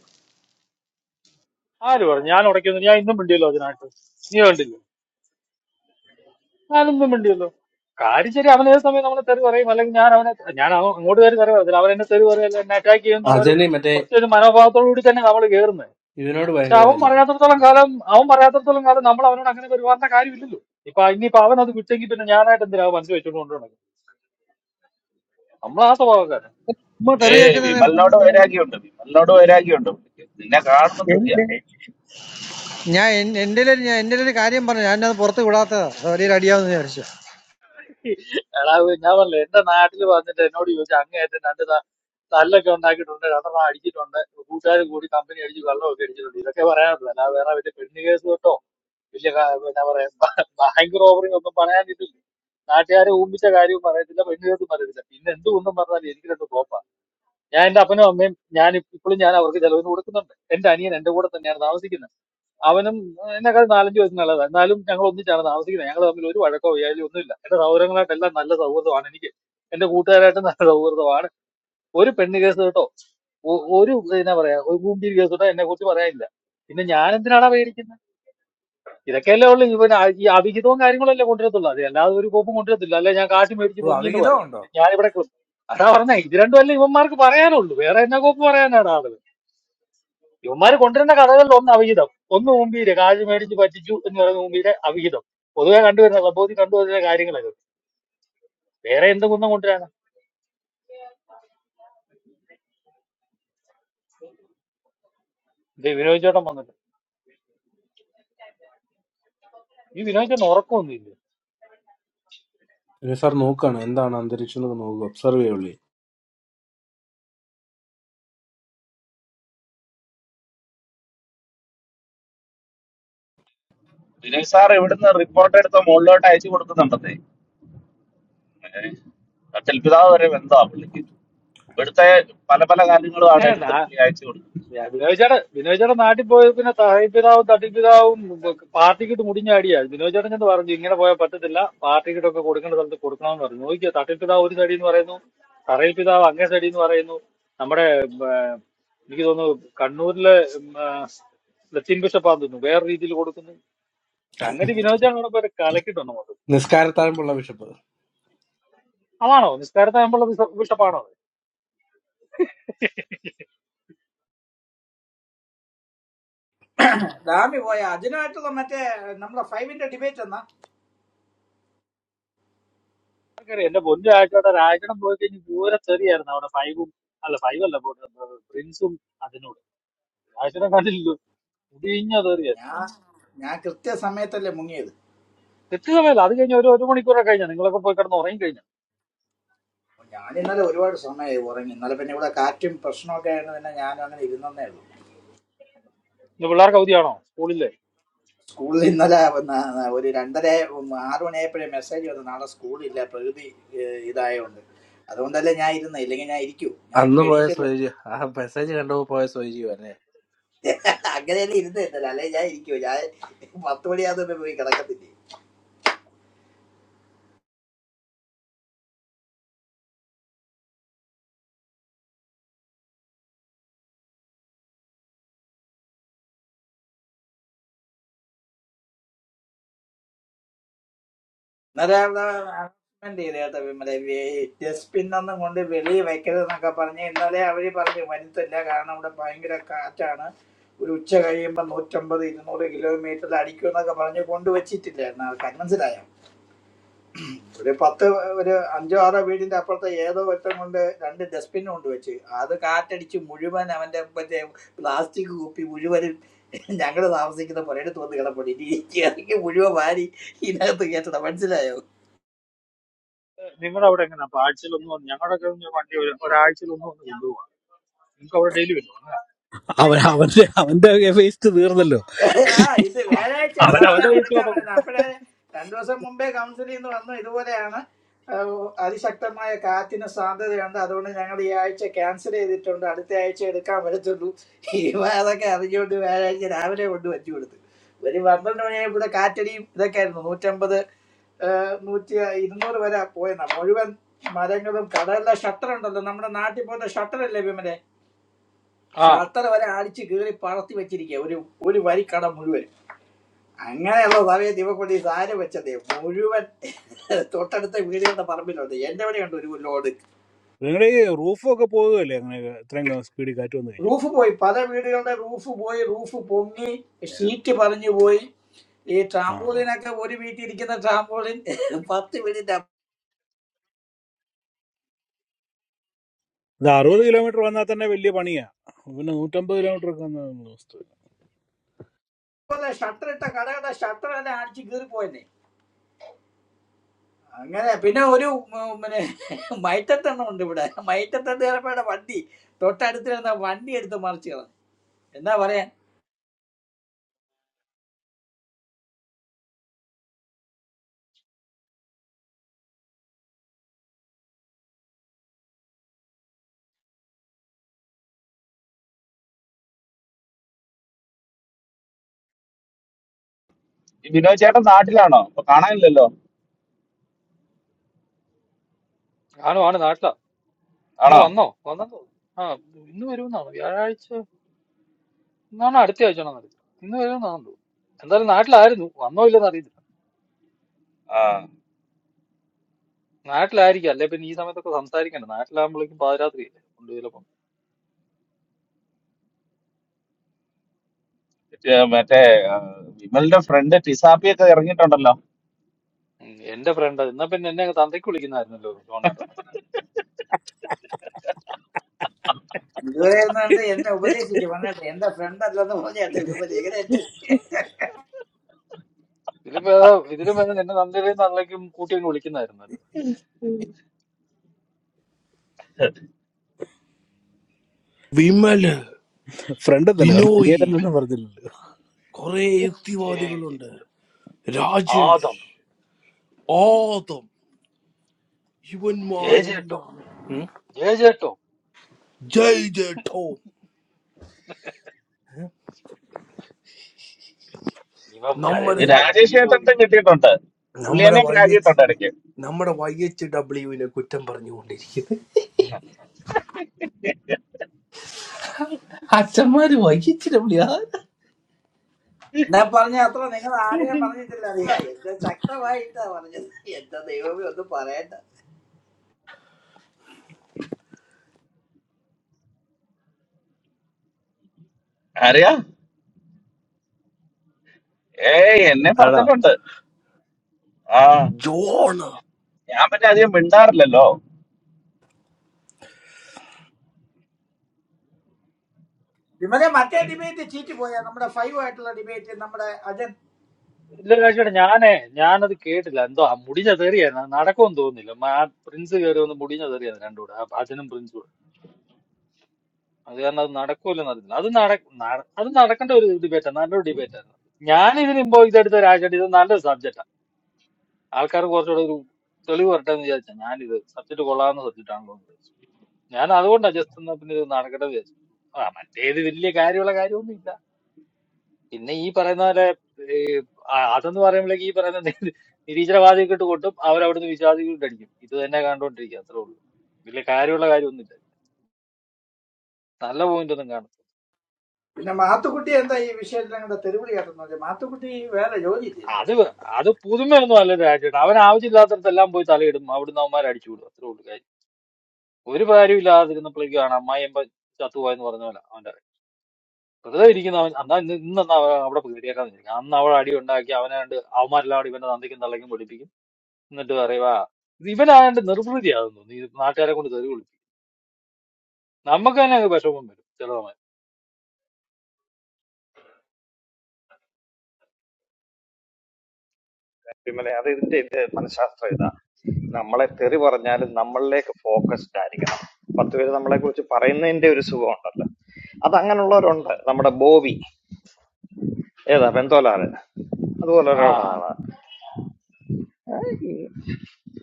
Speaker 9: ആര് പറഞ്ഞു ഞാൻ ഉടയ്ക്കുന്നു ഞാൻ ഇന്നും മിണ്ടിയല്ലോ അതിനായിട്ട് നീ കണ്ടില്ലേ ഞാനിന്നും മിണ്ടിയല്ലോ കാര്യം ശരി അവൻ ഏത് സമയം നമ്മളെ തെറി പറയും അല്ലെങ്കിൽ ഞാൻ അവനെ ഞാൻ അവൻ അങ്ങോട്ട് കയറി തെറി പറയത്തില്ല അവൻ എന്നെ തെറി പറയല്ല എന്നെ അറ്റാക്ക് ചെയ്യും എന്നുള്ള ഒരു ഒറ്റ ഒരു മനോഭാവത്തോടു കൂടി തന്നെ നമ്മൾ കയറുന്നത് പക്ഷെ അവൻ പറയാത്തടത്തോളം കാലം അവൻ പറയാത്തടത്തോളം കാലം നമ്മൾ അവനോട് അങ്ങനെ പെരുമാറുന്ന കാര്യമില്ലല്ലോ ഇപ്പൊ ഇനിയിപ്പൊ അവൻ അത് വിട്ടെങ്കിൽ പിന്നെ ഞാനായിട്ട് എന്തിനാ അവൻ മനസ്സിൽ വെച്ചോണ്ട് കൊണ്ടുപോകണം നമ്മൾ ആ സ്വഭാവക്കാരൻ
Speaker 8: ഉമ്മ
Speaker 1: ഏ
Speaker 8: തെറിയാക്കുന്നത് ഞാൻ
Speaker 1: വിമലിനോട്
Speaker 8: കണ്ടിട്ടില്ല.
Speaker 1: വൈരാഗ്യമുണ്ട് വിമലിനോട് വൈരാഗ്യമുണ്ട് പുള്ളിക്ക്. നിന്നെ കാണുമ്പോൾ തെറിയാ
Speaker 8: എന്റെ ഞാൻ എന്റെ ഞാൻ എന്റെ ഒരു കാര്യം പറഞ്ഞു ഞാൻ അത് പുറത്ത് വിടാത്തതാ അത് വലിയൊരു അടിയാവുന്ന വിചാരിച്ചു
Speaker 9: എടാ ഞാൻ പറഞ്ഞില്ല എന്റെ നാട്ടിൽ വന്നിട്ട് എന്നോട് ചോദിച്ചു അങ്ങേയറ്റം രണ്ട് ത- തല്ലൊക്കെ ഉണ്ടാക്കിയിട്ടുണ്ട് രണ്ടെണ്ണം അടിച്ചിട്ടുണ്ട് കൂട്ടുകാർ കൂടി കമ്പനി അടിച്ച് വെള്ളമൊക്കെ അടിച്ചിട്ടുണ്ട് ഇതൊക്കെ പറയാനുള്ളൂ അല്ലാതെ വേറെ വലിയ പെണ്ണ് കേസ് കേട്ടോ വലിയ ക- എന്നാ പറയാ ബാങ്ക് റോബറി ഒന്നും പറയാനില്ല നാട്ടുകാരെ ഊമ്പിച്ച കാര്യവും പറയത്തില്ല പെണ്ണ് കേസും പറയത്തില്ല പിന്നെ എന്ത് ഒന്നും പറഞ്ഞാലും എനിക്ക് രണ്ട് കോപ്പാ. ഞാൻ എന്റെ അപ്പനും അമ്മയും ഞാൻ ഇപ്പോഴും ഞാൻ അവർക്ക് ചെലവിന് കൊടുക്കുന്നുണ്ട് എന്റെ അനിയൻ എന്റെ കൂടെ തന്നെയാണ് താമസിക്കുന്നത് അവനും എന്നെക്കാൾ നാലഞ്ച് വയസ്സ് നല്ലതാണ് എന്നാലും ഞങ്ങൾ ഒന്നിച്ചാണ് താമസിക്കുന്നത് ഞങ്ങൾ തമ്മിൽ ഒരു വഴക്കോ വ്യായാലും ഒന്നുമില്ല എന്റെ സൗഹൃദങ്ങളായിട്ടെല്ലാം നല്ല സൗഹൃദമാണ് എനിക്ക് എന്റെ കൂട്ടുകാരായിട്ട് നല്ല സൗഹൃദമാണ് ഒരു പെണ്ണ് കേസ് കേട്ടോ ഒ- ഒരു എന്നാ പറയാ ഒരു കൂമ്പിരി കേസ് കേട്ടോ എന്നെ കുറിച്ച് പറയാനില്ല പിന്നെ ഞാൻ എന്തിനാടാ പേടിക്കുന്നത് ഇതൊക്കെയല്ലേ ഉള്ളു പിന്നെ ആ- ഈ അവിഹിതവും കാര്യങ്ങളല്ലേ കൊണ്ടുവരത്തുള്ളൂ അത് അല്ലാതെ ഒരു കോപ്പും കൊണ്ടുവരത്തില്ല അല്ലെ ഞാൻ കാശ് മേടിച്ച് മുങ്ങി എന്ന് പറയും ഇത് ഞാനിവിടെ ക്ലു- അതാ പറഞ്ഞ ഇത് രണ്ടുമല്ലേ ഇവന്മാർക്ക് പറയാനുള്ളൂ വേറെ എന്നാ കോപ്പ് പറയാനാണ് ആളുകൾ ഇവന്മാര് കൊണ്ടുവരുന്ന കഥകളിൽ ഒന്ന് അവിഹിതം ഒന്ന് മുമ്പീര് കാശ് മേടിച്ച് പറ്റിച്ചു എന്ന് പറയുന്ന മുമ്പീര് അവിഹിതം പൊതുവെ കണ്ടുവരുന്ന ക്ലബ്ബോധി കണ്ടുവരുന്ന കാര്യങ്ങളൊക്കെ വേറെ എന്ത് കുന്നം കൊണ്ടുവരാനാ ഇത് വിനോദ് ചേട്ടൻ വന്നിട്ട് ഈ വിനോദ് ചേട്ടൻ ഉറക്കമൊന്നുമില്ല
Speaker 1: വിനയ് സാർ ഇവിടുന്ന് റിപ്പോർട്ട് എടുത്ത് മുകളിലോട്ട് അയച്ചു കൊടുക്കുന്നുണ്ടെന്നേ ഇവിടുത്തെ പല പല കാര്യങ്ങളുമാണ് എടുത്ത് പുള്ളി അയച്ചു കൊടുക്കുന്നത്
Speaker 9: ഞാൻ ബിനോയ് ചേട്ടൻ ബിനോയ് ചേട്ടൻ നാട്ടിൽ പോയ പിന്നെ തഹപിതാവും തട്ടിപ്പിതാവും പാർട്ടിക്കിട്ട് മുടിഞ്ഞാടിയാ ബിനോയ് ചേട്ടൻ ചെന്ന് പറഞ്ഞു ഇങ്ങനെ പോയാൽ പറ്റത്തില്ല പാർട്ടിക്കിട്ടൊക്കെ കൊടുക്കേണ്ട സ്ഥലത്ത് കൊടുക്കണമെന്ന് പറഞ്ഞു നോക്കിയാ തട്ടിപ്പിതാവ് ഒരു സൈഡിൽ നിന്ന് പറയുന്നു തറയിൽ പിതാവ് അങ്ങേ സൈഡിൽ നിന്ന് പറയുന്നു നമ്മുടെ എനിക്ക് തോന്നുന്നു കണ്ണൂരിലെ ഉം, ആ, ലത്തീൻ ബിഷപ്പാന്ന് തോന്നുന്നു വേറെ രീതിയിൽ കൊടുക്കുന്നു അങ്ങനെ വിനോദ് ചേട്ടൻ അവിടെ പോയി കലക്കിട്ടുണ്ട് മൊത്തം അതാണോ നിസ്കാരത്തെ നമ്മളെ ബിഷ- ബിഷപ്പാണോ അത്?
Speaker 4: ഡാമി പോയ അതിനായിട്ടുള്ള മറ്റേ നമ്മുടെ ഫൈവിന്റെ ഡിബേറ്റ് എന്നാ
Speaker 9: ആർക്കറിയാം എന്റെ പൊന്നു രാജേട്ടൻ രാജേട്ടൻ പോയി കഴിഞ്ഞ് ദൂരെ ചെറിയായിരുന്നു അവിടെ ഫൈവും അല്ല ഫൈവ് അല്ല പ്രിൻസും അതിനോട് രാജേട്ടൻ കണ്ടില്ല മുടിഞ്ഞ തെറിയ
Speaker 4: ഞാൻ ഞാൻ കൃത്യസമയത്തല്ലേ മുങ്ങിയത്
Speaker 9: തെറ്റുകളല്ല അത് കഴിഞ്ഞ ഒരു ഒരു മണിക്കൂറൊക്കെ കഴിഞ്ഞാൽ നിങ്ങളൊക്കെ പോയി കിടന്ന് ഉറങ്ങി കഴിഞ്ഞാൽ
Speaker 4: ഞാൻ ഇന്നലെ ഒരുപാട് സമയമായി ഉറങ്ങി ഇന്നലെ പിന്നെ ഇവിടെ കാറ്റും പ്രശ്നമൊക്കെ ആയിരുന്നു പിന്നെ ഞാനും അങ്ങനെ ഇരുന്നേ
Speaker 9: ഇന്ന് പിള്ളേർക്ക് അവധിയാണോ സ്കൂളില്ലേ
Speaker 4: സ്കൂളിൽ ഇന്നലെ വന്ന ഒരു രണ്ടര ഉം, ആറ് മണിയായപ്പോഴേ മെസ്സേജ് വന്നു നാളെ സ്കൂളില്ല പ്രകൃതി ഏഹ്, ഇതായോണ്ട് അതുകൊണ്ടല്ലേ ഞാൻ ഇരുന്നത് ഇല്ലെങ്കിൽ ഞാൻ ഇരിക്കൂ ഞാൻ ഇപ്പൊ എണീറ്റല്ലേ അങ്ങനെയല്ലേ ഇരുന്നില്ല അല്ലെ ഞാൻ ഇരിക്കൂ ഞാൻ പത്ത് മണിയാകുമ്പോ പോയി കിടക്കത്തില്ലേ ഇന്നലെ അവിടെ announcement ചെയ്തു കേട്ടോ വിമലെ ഡസ്റ്റ്ബിൻ ഒന്നും കൊണ്ട് വെളിയിൽ വെക്കരുതെന്നൊക്കെ പറഞ്ഞ് ഇന്നലെ അവര് പറഞ്ഞു വരുത്തില്ല കാരണം ഇവിടെ ഭയങ്കര കാറ്റാണ് ഒരു ഉച്ച കഴിയുമ്പോൾ നൂറ്റമ്പത് ഇരുന്നൂറ് കിലോമീറ്ററിൽ അടിക്കുമെന്നൊക്കെ പറഞ്ഞ് കൊണ്ടുവച്ചിട്ടില്ലായിരുന്നു ആൾക്കാർ മനസ്സിലായോ ഒരു പത്ത് ഒരു അഞ്ചോ ആറോ വീടിന്റെ അപ്പുറത്തെ ഏതോ വെട്ടം കൊണ്ട് രണ്ട് ഡസ്റ്റ്ബിൻ കൊണ്ട് വെച്ച് അത് കാറ്റടിച്ച് മുഴുവൻ അവന്റെ മറ്റേ പ്ലാസ്റ്റിക് കുപ്പി മുഴുവനും ഞങ്ങൾ താമസിക്കുന്ന പുരയുടെ തോന്ന് കിടപ്പുണ്ട് ഇനി ഇറങ്ങി മുഴുവൻ വാരി ഇതിനകത്ത് കയറ്റണം മനസ്സിലായോ
Speaker 9: നിങ്ങളുടെ അവിടെ എങ്ങനെ അപ്പൊ ആഴ്ചയിലൊന്നും വന്ന് ഞങ്ങളുടെയൊക്കെ ഒന്ന് വണ്ടി ഒരു- ഒരാഴ്ചയിലൊന്നും വന്ന് കൊണ്ടു നിങ്ങൾക്ക് അവിടെ ഡെയിലി വരും
Speaker 2: അവൻ അവന്റെ അവന്റെ വേസ്റ്റ് തീർന്നല്ലോ
Speaker 4: ആ ഇത്
Speaker 9: ആ,
Speaker 4: വ്യാഴാഴ്ച
Speaker 9: അവൻ അവന്റെ
Speaker 4: സാധാരണ
Speaker 9: പൈസ
Speaker 4: എടുക്കാൻ
Speaker 9: മാത്രം മതി.
Speaker 4: പറ്റുന്നത് അപ്പോഴേ രണ്ടു ദിവസം മുമ്പേ കൗൺസിലിൽ നിന്ന് വന്നു ഇതുപോലെയാണ് ആ, അതിശക്തമായ കാറ്റിന് സാധ്യതയുണ്ട് അതുകൊണ്ട് ഞങ്ങൾ ഈ ആഴ്ച ക്യാൻസൽ ചെയ്തിട്ടുണ്ട് അടുത്ത ആഴ്ച എടുക്കാൻ പറ്റത്തുള്ളൂ ഇവ അതൊക്കെ അറിഞ്ഞുകൊണ്ട് വ്യാഴാഴ്ച രാവിലെ കൊണ്ട് വച്ചു കൊടുത്തു ഒരു പന്ത്രണ്ട് മണിയായപ്പോൾ ഇവിടെ കാറ്റടിയും ഇതൊക്കെ ആയിരുന്നു നൂറ്റമ്പത് ആ, നൂറ്റി ഇരുന്നൂറ് വരെ പോയെന്ന മുഴുവൻ മരങ്ങളും കടലിലെ ഷട്ടർ ഉണ്ടല്ലോ നമ്മുടെ നാട്ടിൽ പോലത്തെ ഷട്ടർ അല്ലേ വിമലെ
Speaker 9: ആ
Speaker 4: ഷട്ടർ വരെ അടിച്ച് കീറി പറത്തി വെച്ചിരിക്കുക ഒരു ഒരു വരി കട മുഴുവൻ അങ്ങനെയുള്ള സമയത്ത് ഇവക്കൊണ്ട് ഈ സാര വെച്ചതേ മുഴുവൻ തൊട്ടടുത്ത വീടുകളുടെ പറമ്പിലുണ്ട് എന്റെ ഇവിടെ ഉണ്ട് ഒരു ലോഡ്
Speaker 2: നിങ്ങളുടെ ഈ റൂഫൊക്കെ പോകുകയല്ലേ അങ്ങനെ ഇത്രയും സ്പീഡിൽ കാറ്റ് വന്നു കഴിഞ്ഞാൽ
Speaker 4: റൂഫ് പോയി പല വീടുകളുടെ റൂഫ് പോയി റൂഫ് പൊങ്ങി ഷീറ്റ് പറഞ്ഞു പോയി ഈ
Speaker 2: ആ
Speaker 4: ട്രാമ്പോളിനൊക്കെ ഒരു വീട്ടിൽ ഇരിക്കുന്ന ട്രാമ്പോളിൻ പത്ത് വീടിന്റെ
Speaker 2: ഇത് അറുപത് കിലോമീറ്റർ വന്നാൽ തന്നെ വലിയ പണിയാ പിന്നെ നൂറ്റമ്പത് കിലോമീറ്റർ ഒക്കെ വന്നാൽ നമ്മള് വസ്തു
Speaker 4: അപ്പോലെ ഷട്ടർ ഇട്ട കടകളുടെ ഷട്ടർ എല്ലാം അടിച്ച് കീറിപ്പോയെന്നെ അങ്ങനെ പിന്നെ ഒരു ഉം, പിന്നെ മൈറ്റത്തെണ്ണം ഉണ്ട് ഇവിടെ മൈറ്റത്തെണ്ണ ചിലപ്പോടെ വണ്ടി തൊട്ടടുത്തിരുന്ന വണ്ടി എടുത്ത് മറിച്ച് കളഞ്ഞു എന്താ പറയാ
Speaker 1: ഈ വിനോദ് ചേട്ടൻ നാട്ടിലാണോ അപ്പൊ കാണാനില്ലല്ലോ
Speaker 9: ആണോ ആണ് നാട്ടിലാ ആ
Speaker 1: ആണോ
Speaker 9: വന്നോ വന്നു ആ ഇന്ന് വരുമെന്നാണ് വ്യാഴാഴ്ച ഇന്നാണ് അടുത്ത ആഴ്ചയാണോ നടക്കുക ഇന്ന് വരുമെന്നാണെന്ന് തോന്നുന്നു എന്തായാലും നാട്ടിലായിരുന്നു വന്നോ ഇല്ലെന്ന് അറിയത്തില്ല
Speaker 1: ആ
Speaker 9: നാട്ടിലായിരിക്കും അല്ലെ പിന്നെ ഈ സമയത്തൊക്കെ സംസാരിക്കണ്ട നാട്ടിലാകുമ്പോഴേക്കും പാതിരാത്രിയല്ലേ കൊണ്ട് ചിലപ്പം
Speaker 1: ഏ, മറ്റേ ആ, വിമലിന്റെ ഫ്രണ്ട് ടിസാപ്പിയൊക്കെ ഇറങ്ങിയിട്ടുണ്ടല്ലോ
Speaker 9: ഉം, എന്റെ ഫ്രണ്ട് എന്നാ പിന്നെ എന്നെ അങ്ങ് തന്തയ്ക്ക് വിളിക്കുന്നായിരുന്നല്ലോ ജോണേട്ടൻ
Speaker 4: ഗുരുവായൂരുന്നുണ്ട് എന്നെ ഉപദേശിച്ചു പറഞ്ഞിട്ട് എന്റെ ഫ്രണ്ട് അല്ലെന്ന് പറഞ്ഞിട്ട് എങ്ങനെയുണ്ട്
Speaker 9: ഇതിലിപ്പോ ഏതാ, ഇതിലും വേണം എന്നെ നന്ദിരയും നല്ലേക്കും കൂട്ടി അങ്ങ് വിളിക്കുന്നായിരുന്നല്ലോ
Speaker 2: ഫ്രണ്ട് എന്നല്ലേ എന്നൊന്നും പറഞ്ഞില്ലല്ലോ
Speaker 9: ജയ് ജയ് ആദം ജയ ജേട്ടോ ജയ ജേട്ടോ
Speaker 1: ഈ
Speaker 9: ഇവന്മാരെല്ലാം ജീ
Speaker 1: രാജേഷ്
Speaker 9: ജോലി
Speaker 1: ഏട്ടൻ്റെ കിട്ടിയിട്ടുണ്ട് പുള്ളി എന്നെ പ്രാഗിയിട്ടുണ്ട് ഇടയ്ക്ക്
Speaker 4: ഞാൻ പറഞ്ഞ അത്ര നിങ്ങൾ ആരെയും പറഞ്ഞിട്ടില്ല അറിയാ എന്റെ ശക്തമായിട്ടാ പറഞ്ഞത് എന്റെ ദൈവമേ ഒന്നും പറയണ്ട
Speaker 1: അറിയാ ഏ എന്നെ പറഞ്ഞിട്ടുണ്ട് ആ ഞാൻ പിന്നെ അധികം മിണ്ടാറില്ലല്ലോ
Speaker 4: വിമലെ മറ്റേ ഡിബേറ്റ് ചീറ്റ് പോയാ നമ്മുടെ ഫൈവ് ആയിട്ടുള്ള ഡിബേറ്റ് നമ്മുടെ അജൻ
Speaker 9: ഇല്ല കാഴ്ചയുടെ ഞാനേ ഞാനത് കേട്ടില്ല എന്തോ ആ മുടിഞ്ഞ തെറിയായിരുന്നു അത് നടക്കുമെന്ന് തോന്നുന്നില്ല മ- ആ പ്രിൻസ് കയറി വന്ന് മുടിഞ്ഞ തെറിയായിരുന്നു രണ്ടുകൂടെ ആ അജനും പ്രിൻസും കൂടെ അത് കാരണം അത് നടക്കൂലെന്ന് അറിയില്ല അത് നട നട- അത് നടക്കേണ്ട ഒരു ഡിബേറ്റാണ് നല്ലൊരു ഡിബേറ്റായിരുന്നു ഞാൻ ഇതിന് ഇമ്പോ ഇതെടുത്ത രാജേട്ട് ഇത് നല്ലൊരു സബ്ജക്റ്റാണ് ആൾക്കാർ കുറച്ചുകൂടെ ഒരു തെളിവ് വരട്ടെ എന്ന് വിചാരിച്ചാ ഞാനിത് സബ്ജക്ട് കൊള്ളാവുന്ന സബ്ജക്റ്റ് ആണല്ലോ ഞാൻ അതുകൊണ്ടാ ജസ്റ്റ് എന്നാ പിന്നെ ഇത് നടക്കട്ടെ വിചാരിച്ചു ആ മറ്റേത് വലിയ കാര്യമുള്ള കാര്യമൊന്നും ഇല്ല പിന്നെ ഈ പറയുന്ന പോലെ ആ, അതെന്ന് പറയുമ്പോഴേക്ക് ഈ പറയുന്ന നി- നിരീശ്വരവാദികൾക്ക് ഇട്ട് കൊട്ടും അവരവിടുന്ന് വിശ്വാസികൾക്ക് ഇട്ട് അടിക്കും ഇത് തന്നെ കണ്ടോണ്ടിരിക്കുക അത്രേ ഉള്ളൂ വലിയ കാര്യമുള്ള കാര്യമൊന്നുമില്ല നല്ല പോയിന്റ് ഒന്നും കാണും
Speaker 4: പിന്നെ മാത്തുക്കുട്ടി എന്താ ഈ വിഷയത്തിൽ ഞങ്ങളുടെ തെരുവിളി കാട്ടുന്നത് മാത്തുക്കുട്ടി വേറെ ജോലി ചെയ്യുന്നു
Speaker 9: അത് വേ- അത് പുതുമയൊന്നും അല്ല രാജേട്ട് അവൻ ആവശ്യമില്ലാത്തടത്തെല്ലാം പോയി തലയിടും അവിടുന്ന് അവന്മാരെ അടിച്ചു വിടും അത്രേ ഉള്ളൂ കാര്യം ഒരു കാര്യമില്ലാതിരുന്നപ്പോഴേക്കും ആണ് അമ്മായി എമ്പ ചത്തുപോയെന്ന് പറഞ്ഞ പോലെ വെറുതെ ഇരിക്കുന്ന അവൻ എന്നാ ഇന്ന് ഇന്നെന്നാ അവിടെ കയറിയേക്കാന്ന് വിചാരിക്കും അന്ന് അവൾ അടി ഉണ്ടാക്കി അവനെ കണ്ട് അവന്മാരെല്ലാം കൂടി ഇവന്റെ തന്തയ്ക്കും തള്ളയ്ക്കും പൊടിപ്പിക്കും എന്നിട്ട് പറയുക ഇത് ഇവനായണ്ട് നിർവൃതിയാകുന്നു നീ നാട്ടുകാരെ കൊണ്ട് തെറി വിളിപ്പിക്കും നമുക്ക് തന്നെ അങ്ങ് വിഷമം വരും ചില സമയം
Speaker 6: വിമലെ അത് ഇതിന്റെ ഇത് മനഃശാസ്ത്രം ഇതാ നമ്മളെ തെറി പറഞ്ഞാലും നമ്മളിലേക്ക് ഫോക്കസ്ഡ് ആയിരിക്കണം പത്ത് പേര് നമ്മളെ കുറിച്ച് പറയുന്നതിന്റെ ഒരു സുഖമുണ്ടല്ലോ അത് അങ്ങനെയുള്ളവരുണ്ട്
Speaker 9: ഉം.
Speaker 6: നമ്മുടെ ബോബി ഏതാ പെന്തോലാറ് അതുപോലെ
Speaker 9: ആ
Speaker 6: ഒരാളാണ്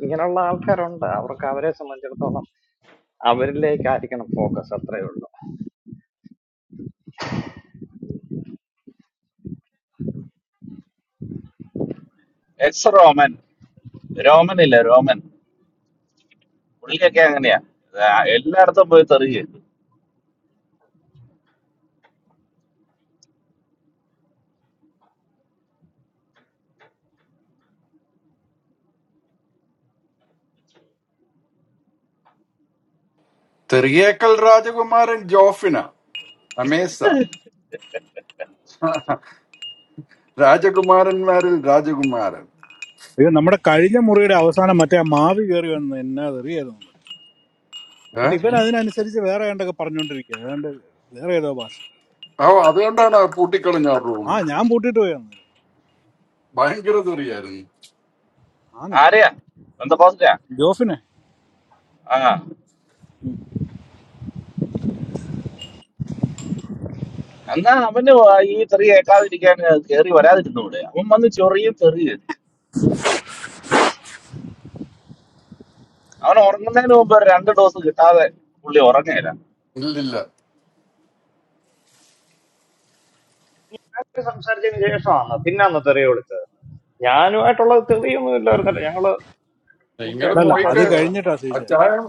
Speaker 6: ഇങ്ങനെയുള്ള ആൾക്കാരുണ്ട് അവർക്ക് അവരെ സംബന്ധിച്ചിടത്തോളം അവരിലേക്കായിരിക്കണം ഫോക്കസ് അത്രേ ഉള്ളൂ
Speaker 1: എക്സ് റോമൻ രോമൻ ഇല്ല രോമൻ പുള്ളിയൊക്കെ അങ്ങനെയാ ആ, എല്ലായിടത്തും പോയി തെറിയ
Speaker 10: ചെറിയേക്കൽ രാജകുമാരൻ ജോഫിന അമേസ രാജകുമാരന്മാരിൽ രാജകുമാരൻ
Speaker 2: അയ്യോ നമ്മുടെ കഴിഞ്ഞ മുറിയുടെ അവസാനം മറ്റേ ആ മാവി കയറി വന്നു എന്നാ തെറിയായിരുന്നു
Speaker 10: ഏ
Speaker 2: എന്നിട്ട് ഇവൻ അതിനനുസരിച്ച് വേറെ ഏണ്ടൊക്കെ പറഞ്ഞോണ്ടിരിക്കുക ഏതാണ്ട് വേറെ ഏതോ ഭാഷ
Speaker 10: ഓ അതുകൊണ്ടാണ് ആ പൂട്ടിക്കളഞ്ഞ ആ റൂം
Speaker 2: ആ ഞാൻ പൂട്ടിട്ട് പോയാന്ന്
Speaker 10: ഭയങ്കര തെറിയായിരുന്നു
Speaker 2: ആന്ന്
Speaker 1: ആരെയാ ബന്ധപ്പോസിറ്റാ
Speaker 2: ജോഫിനെ
Speaker 1: ആ എന്നാ അവന് വാ- ഈ തെറി കേൾക്കാതിരിക്കാൻ കയറി വരാതിരുന്നൂടെ അവൻ വന്ന് ചൊറിയും തെറി അവൻ ഉറങ്ങുന്നതിന് മുമ്പ് ഒരു രണ്ട് ഡോസ് കിട്ടാതെ പുള്ളി ഉറങ്ങുകയില്ല
Speaker 10: ഇല്ലില്ല
Speaker 6: അവര് സംസാരിച്ചതിന് ശേഷമാണ് പിന്നെ അന്ന് തെറി വിളിച്ചത് ഞാനുമായിട്ടുള്ള തെറിയൊന്നും ഇല്ലായിരുന്നല്ലോ ഞങ്ങള്
Speaker 10: നിങ്ങൾ
Speaker 6: തീർച്ചയായിട്ടും
Speaker 2: അല്ലല്ല അത്
Speaker 10: പോയിക്ക്
Speaker 6: സംസാരിച്ചു
Speaker 2: കഴിഞ്ഞിട്ടാ
Speaker 6: പോയതാണ്
Speaker 2: സീജ
Speaker 10: അച്ചായൻ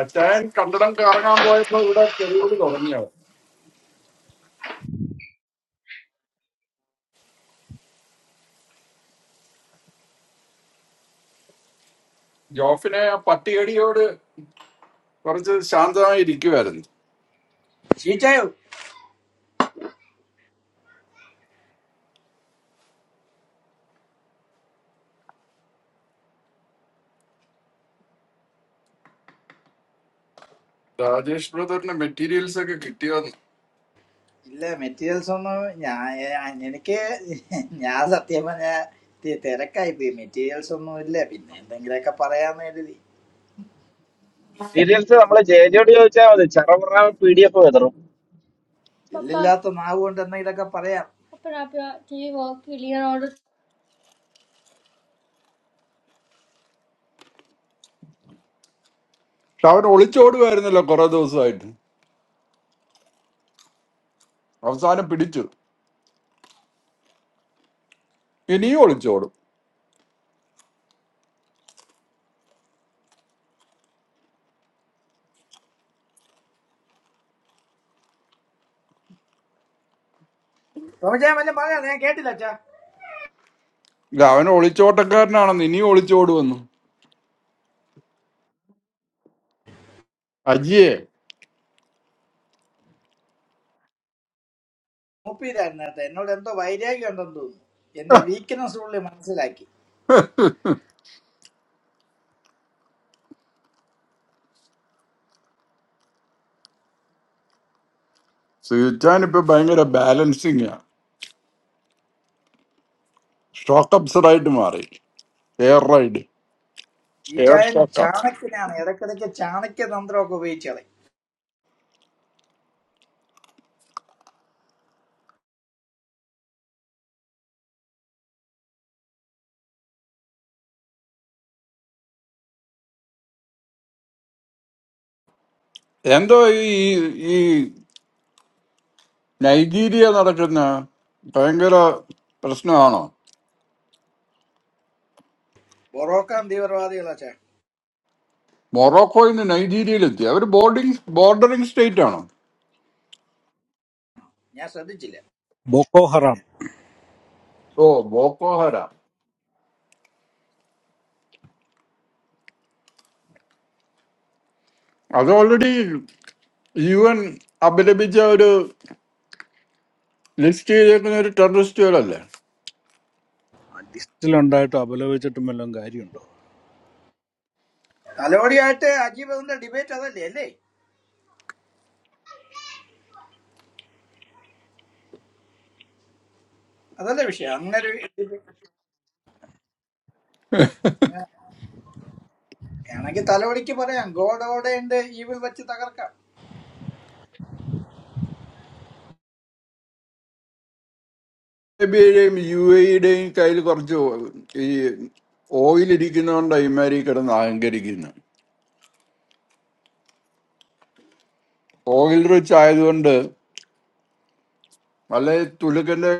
Speaker 10: അച്ചായൻ കണ്ടിടം കറങ്ങാൻ പോയപ്പോ ഇവിടെ തെറിയോട് തുടങ്ങിയോ ജോഫിനെ ആ പട്ടിയടിയോട് കുറച്ച് ശാന്തമായി ഇരിക്കുമായിരുന്നു
Speaker 4: ചീറ്റായോ
Speaker 10: രാജേഷ് ബ്രദറിന്റെ മെറ്റീരിയൽസ് ഒക്കെ കിട്ടിയോന്ന്
Speaker 4: ഇല്ല മെറ്റീരിയൽസ് ഒന്നും ഞാൻ ഞാൻ- എനിക്ക് ഞാൻ സത്യം പറഞ്ഞ തിരക്കായി പോയി മെറ്റീരിയൽസ് ഒന്നും ഇല്ല പിന്നെ എന്തെങ്കിലുമൊക്കെ പറയാന്ന് കരുതി
Speaker 1: മെറ്റീരിയൽസ് നമ്മള് ജേജോട് ചോദിച്ചാൽ മതി ചെറപുറ പി ഡി എഫ് വിതറും
Speaker 4: ഇല്ലില്ലാത്ത നാവ് കൊണ്ട് എന്തെങ്കിലുമൊക്കെ പറയാം
Speaker 10: പക്ഷെ അവൻ ഒളിച്ചോടുമായിരുന്നല്ലോ കുറെ ദിവസമായിട്ട് അവസാനം പിടിച്ചു ഇനിയും ഒളിച്ചോടും
Speaker 4: ടോമിച്ചായ വല്ലതും പറയാം ഞാൻ കേട്ടില്ല അച്ഛാ
Speaker 10: ഇല്ല അവൻ ഒളിച്ചോട്ടക്കാരനാണെന്ന് ഇനിയും ഒളിച്ചോടുവെന്നു അജിയെ
Speaker 4: മൂപ്പിയിലായിരുന്നു കേട്ടോ എന്നോട് എന്തോ വൈരാഗ്യം ഉണ്ടെന്ന് തോന്നുന്നു എന്റെ വീക്ക്നെസ് പുള്ളി മനസ്സിലാക്കി
Speaker 10: സുയിച്ചാൻ ഇപ്പൊ ഭയങ്കര ബാലൻസിങ് ആ ഷോക്ക് അപ്സർ ആയിട്ട് മാറി എയർ റൈഡ്
Speaker 4: ഈ
Speaker 10: എയർ
Speaker 4: ചായൻ
Speaker 10: ഷോക്ക്
Speaker 4: ചാണക്യനാണ് ഇടക്കിടയ്ക്ക് ചാണക്യ തന്ത്രമൊക്കെ ഉപയോഗിച്ച് കളയും
Speaker 10: എന്തോ ഈ ഈ നൈജീരിയ നടക്കുന്ന ഭയങ്കര പ്രശ്നമാണോ
Speaker 4: ബൊറോക്കാൻ തീവ്രവാദികളാച്ചാ
Speaker 10: മൊറോക്കോയിൽ നിന്ന് നൈജീരിയയിലെത്തി അവർ ബോർഡിങ് ബോർഡറിങ് സ്റ്റേറ്റ് ആണോ
Speaker 4: ഞാൻ ശ്രദ്ധിച്ചില്ല
Speaker 2: ബൊക്കോ ഹറാം
Speaker 10: ഓ ബോക്കോഹര അത് ഓൾറെഡി യു എൻ അപലപിച്ച ഒരു ലിസ്റ്റ് ചെയ്തേക്കുന്ന ഒരു ടെററിസ്റ്റുകളല്ലേ
Speaker 2: ലിസ്റ്റിലുണ്ടായിട്ട് അപലപിച്ചിട്ടും വല്ലതും കാര്യമുണ്ടോ
Speaker 4: തലോടിയായിട്ട് അജീബിന്റെ ഡിബേറ്റ് അതല്ലേ അല്ലേ അതല്ലേ വിഷയം അങ്ങനെ ഒരു ഡിബേറ്റ് ആണെങ്കിൽ തലോടിക്ക് പറയാം ഗോഡ് ഓടെ ഉണ്ട് ഈവിൽ വെച്ച് തകർക്കാം
Speaker 10: അറേബ്യയുടെയും യു എയുടെയും കയ്യിൽ കുറച്ച് ഈ ഓയിൽ ഇരിക്കുന്നതുകൊണ്ട് ഇമാരി കിടന്ന് അഹങ്കരിക്കുന്നു ഓയിൽ റിച്ച് ആയതുകൊണ്ട് നല്ല തുലുക്കന്റെ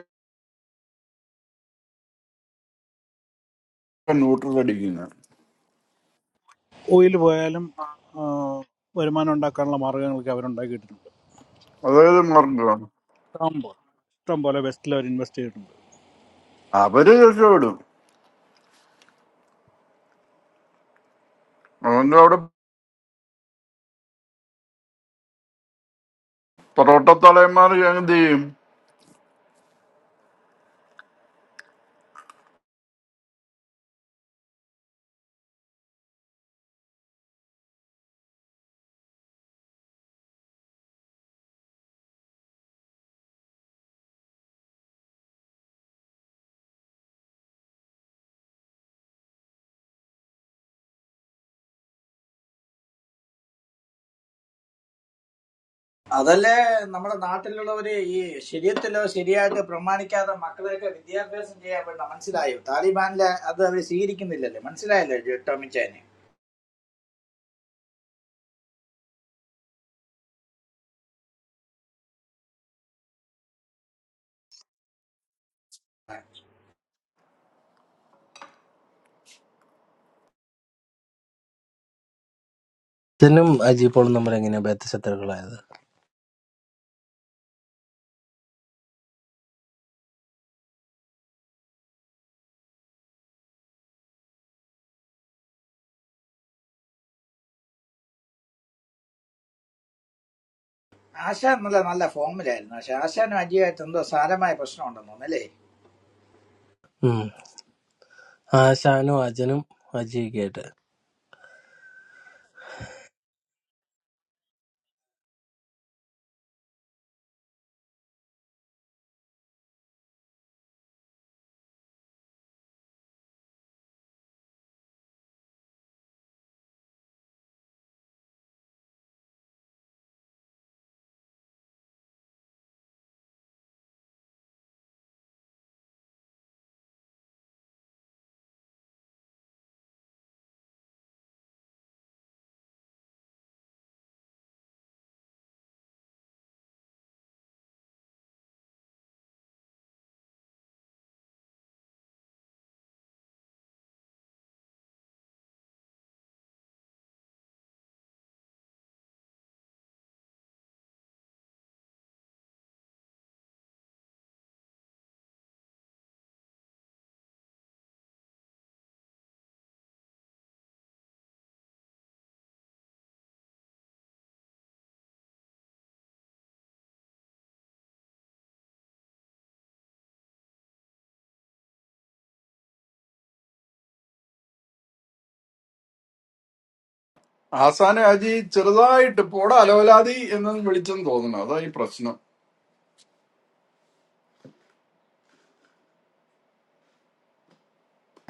Speaker 10: ന്യൂട്രൽ അടിക്കുന്നു
Speaker 2: ഓയിൽ പോയാലും ആ, വരുമാനം ഉണ്ടാക്കാനുള്ള മാർഗങ്ങളൊക്കെ അവരുണ്ടാക്കിയിട്ടുണ്ട്
Speaker 10: അതായത് മാർഗം
Speaker 2: ഇഷ്ടം പോലെ ഇഷ്ടം പോലെ വെസ്റ്റിൽ അവർ ഇൻവെസ്റ്റ് ചെയ്തിട്ടുണ്ട്
Speaker 10: അവര് രക്ഷപ്പെടും അതുകൊണ്ട് അവിടെ പൊറോട്ട തലയന്മാർ എന്ത് ചെയ്യും
Speaker 4: അതല്ലേ നമ്മുടെ നാട്ടിലുള്ളവര് ഈ ശരിയത്തിലോ ശരിയായിട്ട് പ്രമാണിക്കാതെ മക്കളെയൊക്കെ വിദ്യാഭ്യാസം ചെയ്യാൻ വേണ്ട മനസ്സിലായോ താലിബാനിലെ അത് അവർ സ്വീകരിക്കുന്നില്ലല്ലേ മനസ്സിലായല്ലോ ജെ- ടോമിച്ചാന് ആശാൻ നല്ല നല്ല ഫോമിലായിരുന്നു പക്ഷെ ആശാനും അജിയായിട്ട് എന്തോ സാരമായ പ്രശ്നം ഉണ്ടെന്ന് തോന്നുന്നു അല്ലേ
Speaker 10: ആസാന ഹാജി ചെറുതായിട്ട് പോട അലവലാതി എന്ന് വിളിച്ചെന്ന് തോന്നുന്നു അതാ ഈ പ്രശ്നം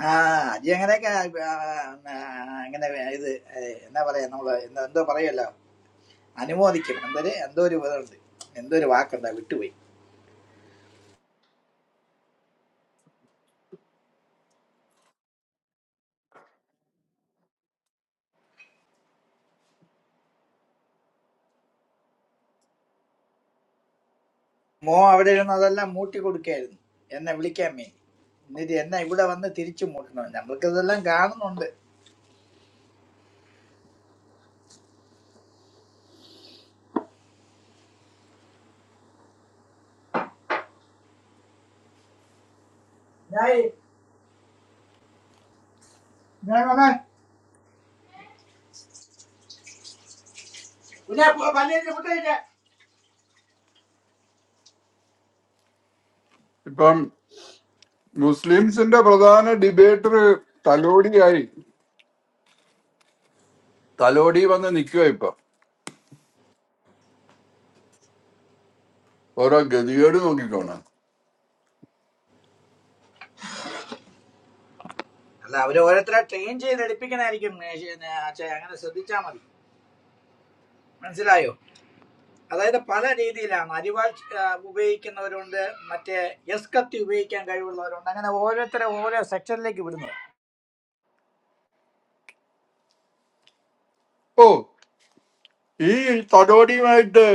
Speaker 4: ആ അജി അങ്ങനെയൊക്കെ ആ, ആ, അങ്ങനെ ഇത് ഏ, എന്നാ പറയാ നമ്മള് എന്താ- എന്തോ പറയല്ലോ അനുമോദിക്കും എന്തൊരു എന്തോ ഒരു ഇതുണ്ട് എന്തോ ഒരു വാക്കുണ്ടാ വിട്ടുപോയി മോ അവിടെ ഇരുന്ന് അതെല്ലാം മൂട്ടി കൊടുക്കായിരുന്നു എന്നെ വിളിക്കാൻ വേണ്ടി എന്നിട്ട് എന്നെ ഇവിടെ വന്ന് തിരിച്ചു മൂട്ടണം നമ്മൾക്ക് ഇതെല്ലാം കാണുന്നുണ്ട് ഞായ്, ഞാൻ വന്നെ. പിന്നെ പോ- പള്ളിയിൽ മുട്ട കഴിക്കാൻ.
Speaker 10: ഇപ്പം മുസ്ലിംസിന്റെ പ്രധാന ഡിബേറ്റർ തലോടിയായി തലോടി വന്ന് നിൽക്കുക ഇപ്പൊ ഓരോ ഗതികേട് നോക്കിക്കോണം
Speaker 4: അല്ല അവര് ഓരോരുത്തരെ ട്രെയിൻ ചെയ്ത് എടുപ്പിക്കണായിരിക്കും ഏ, ശ- ഏ, അച്ഛാ, അങ്ങനെ ശ്രദ്ധിച്ചാൽ മതി മനസ്സിലായോ അതായത് പല രീതിയിലാണ് അരിവാൾ ആ, ഉപയോഗിക്കുന്നവരുണ്ട് മറ്റേ എസ് കത്തി ഉപയോഗിക്കാൻ കഴിവുള്ളവരുണ്ട് അങ്ങനെ ഓരോരുത്തരെ ഓരോ സെക്ഷനിലേക്ക് വിടുന്നു
Speaker 10: ഓ ഈ തടോടിയുമായിട്ട്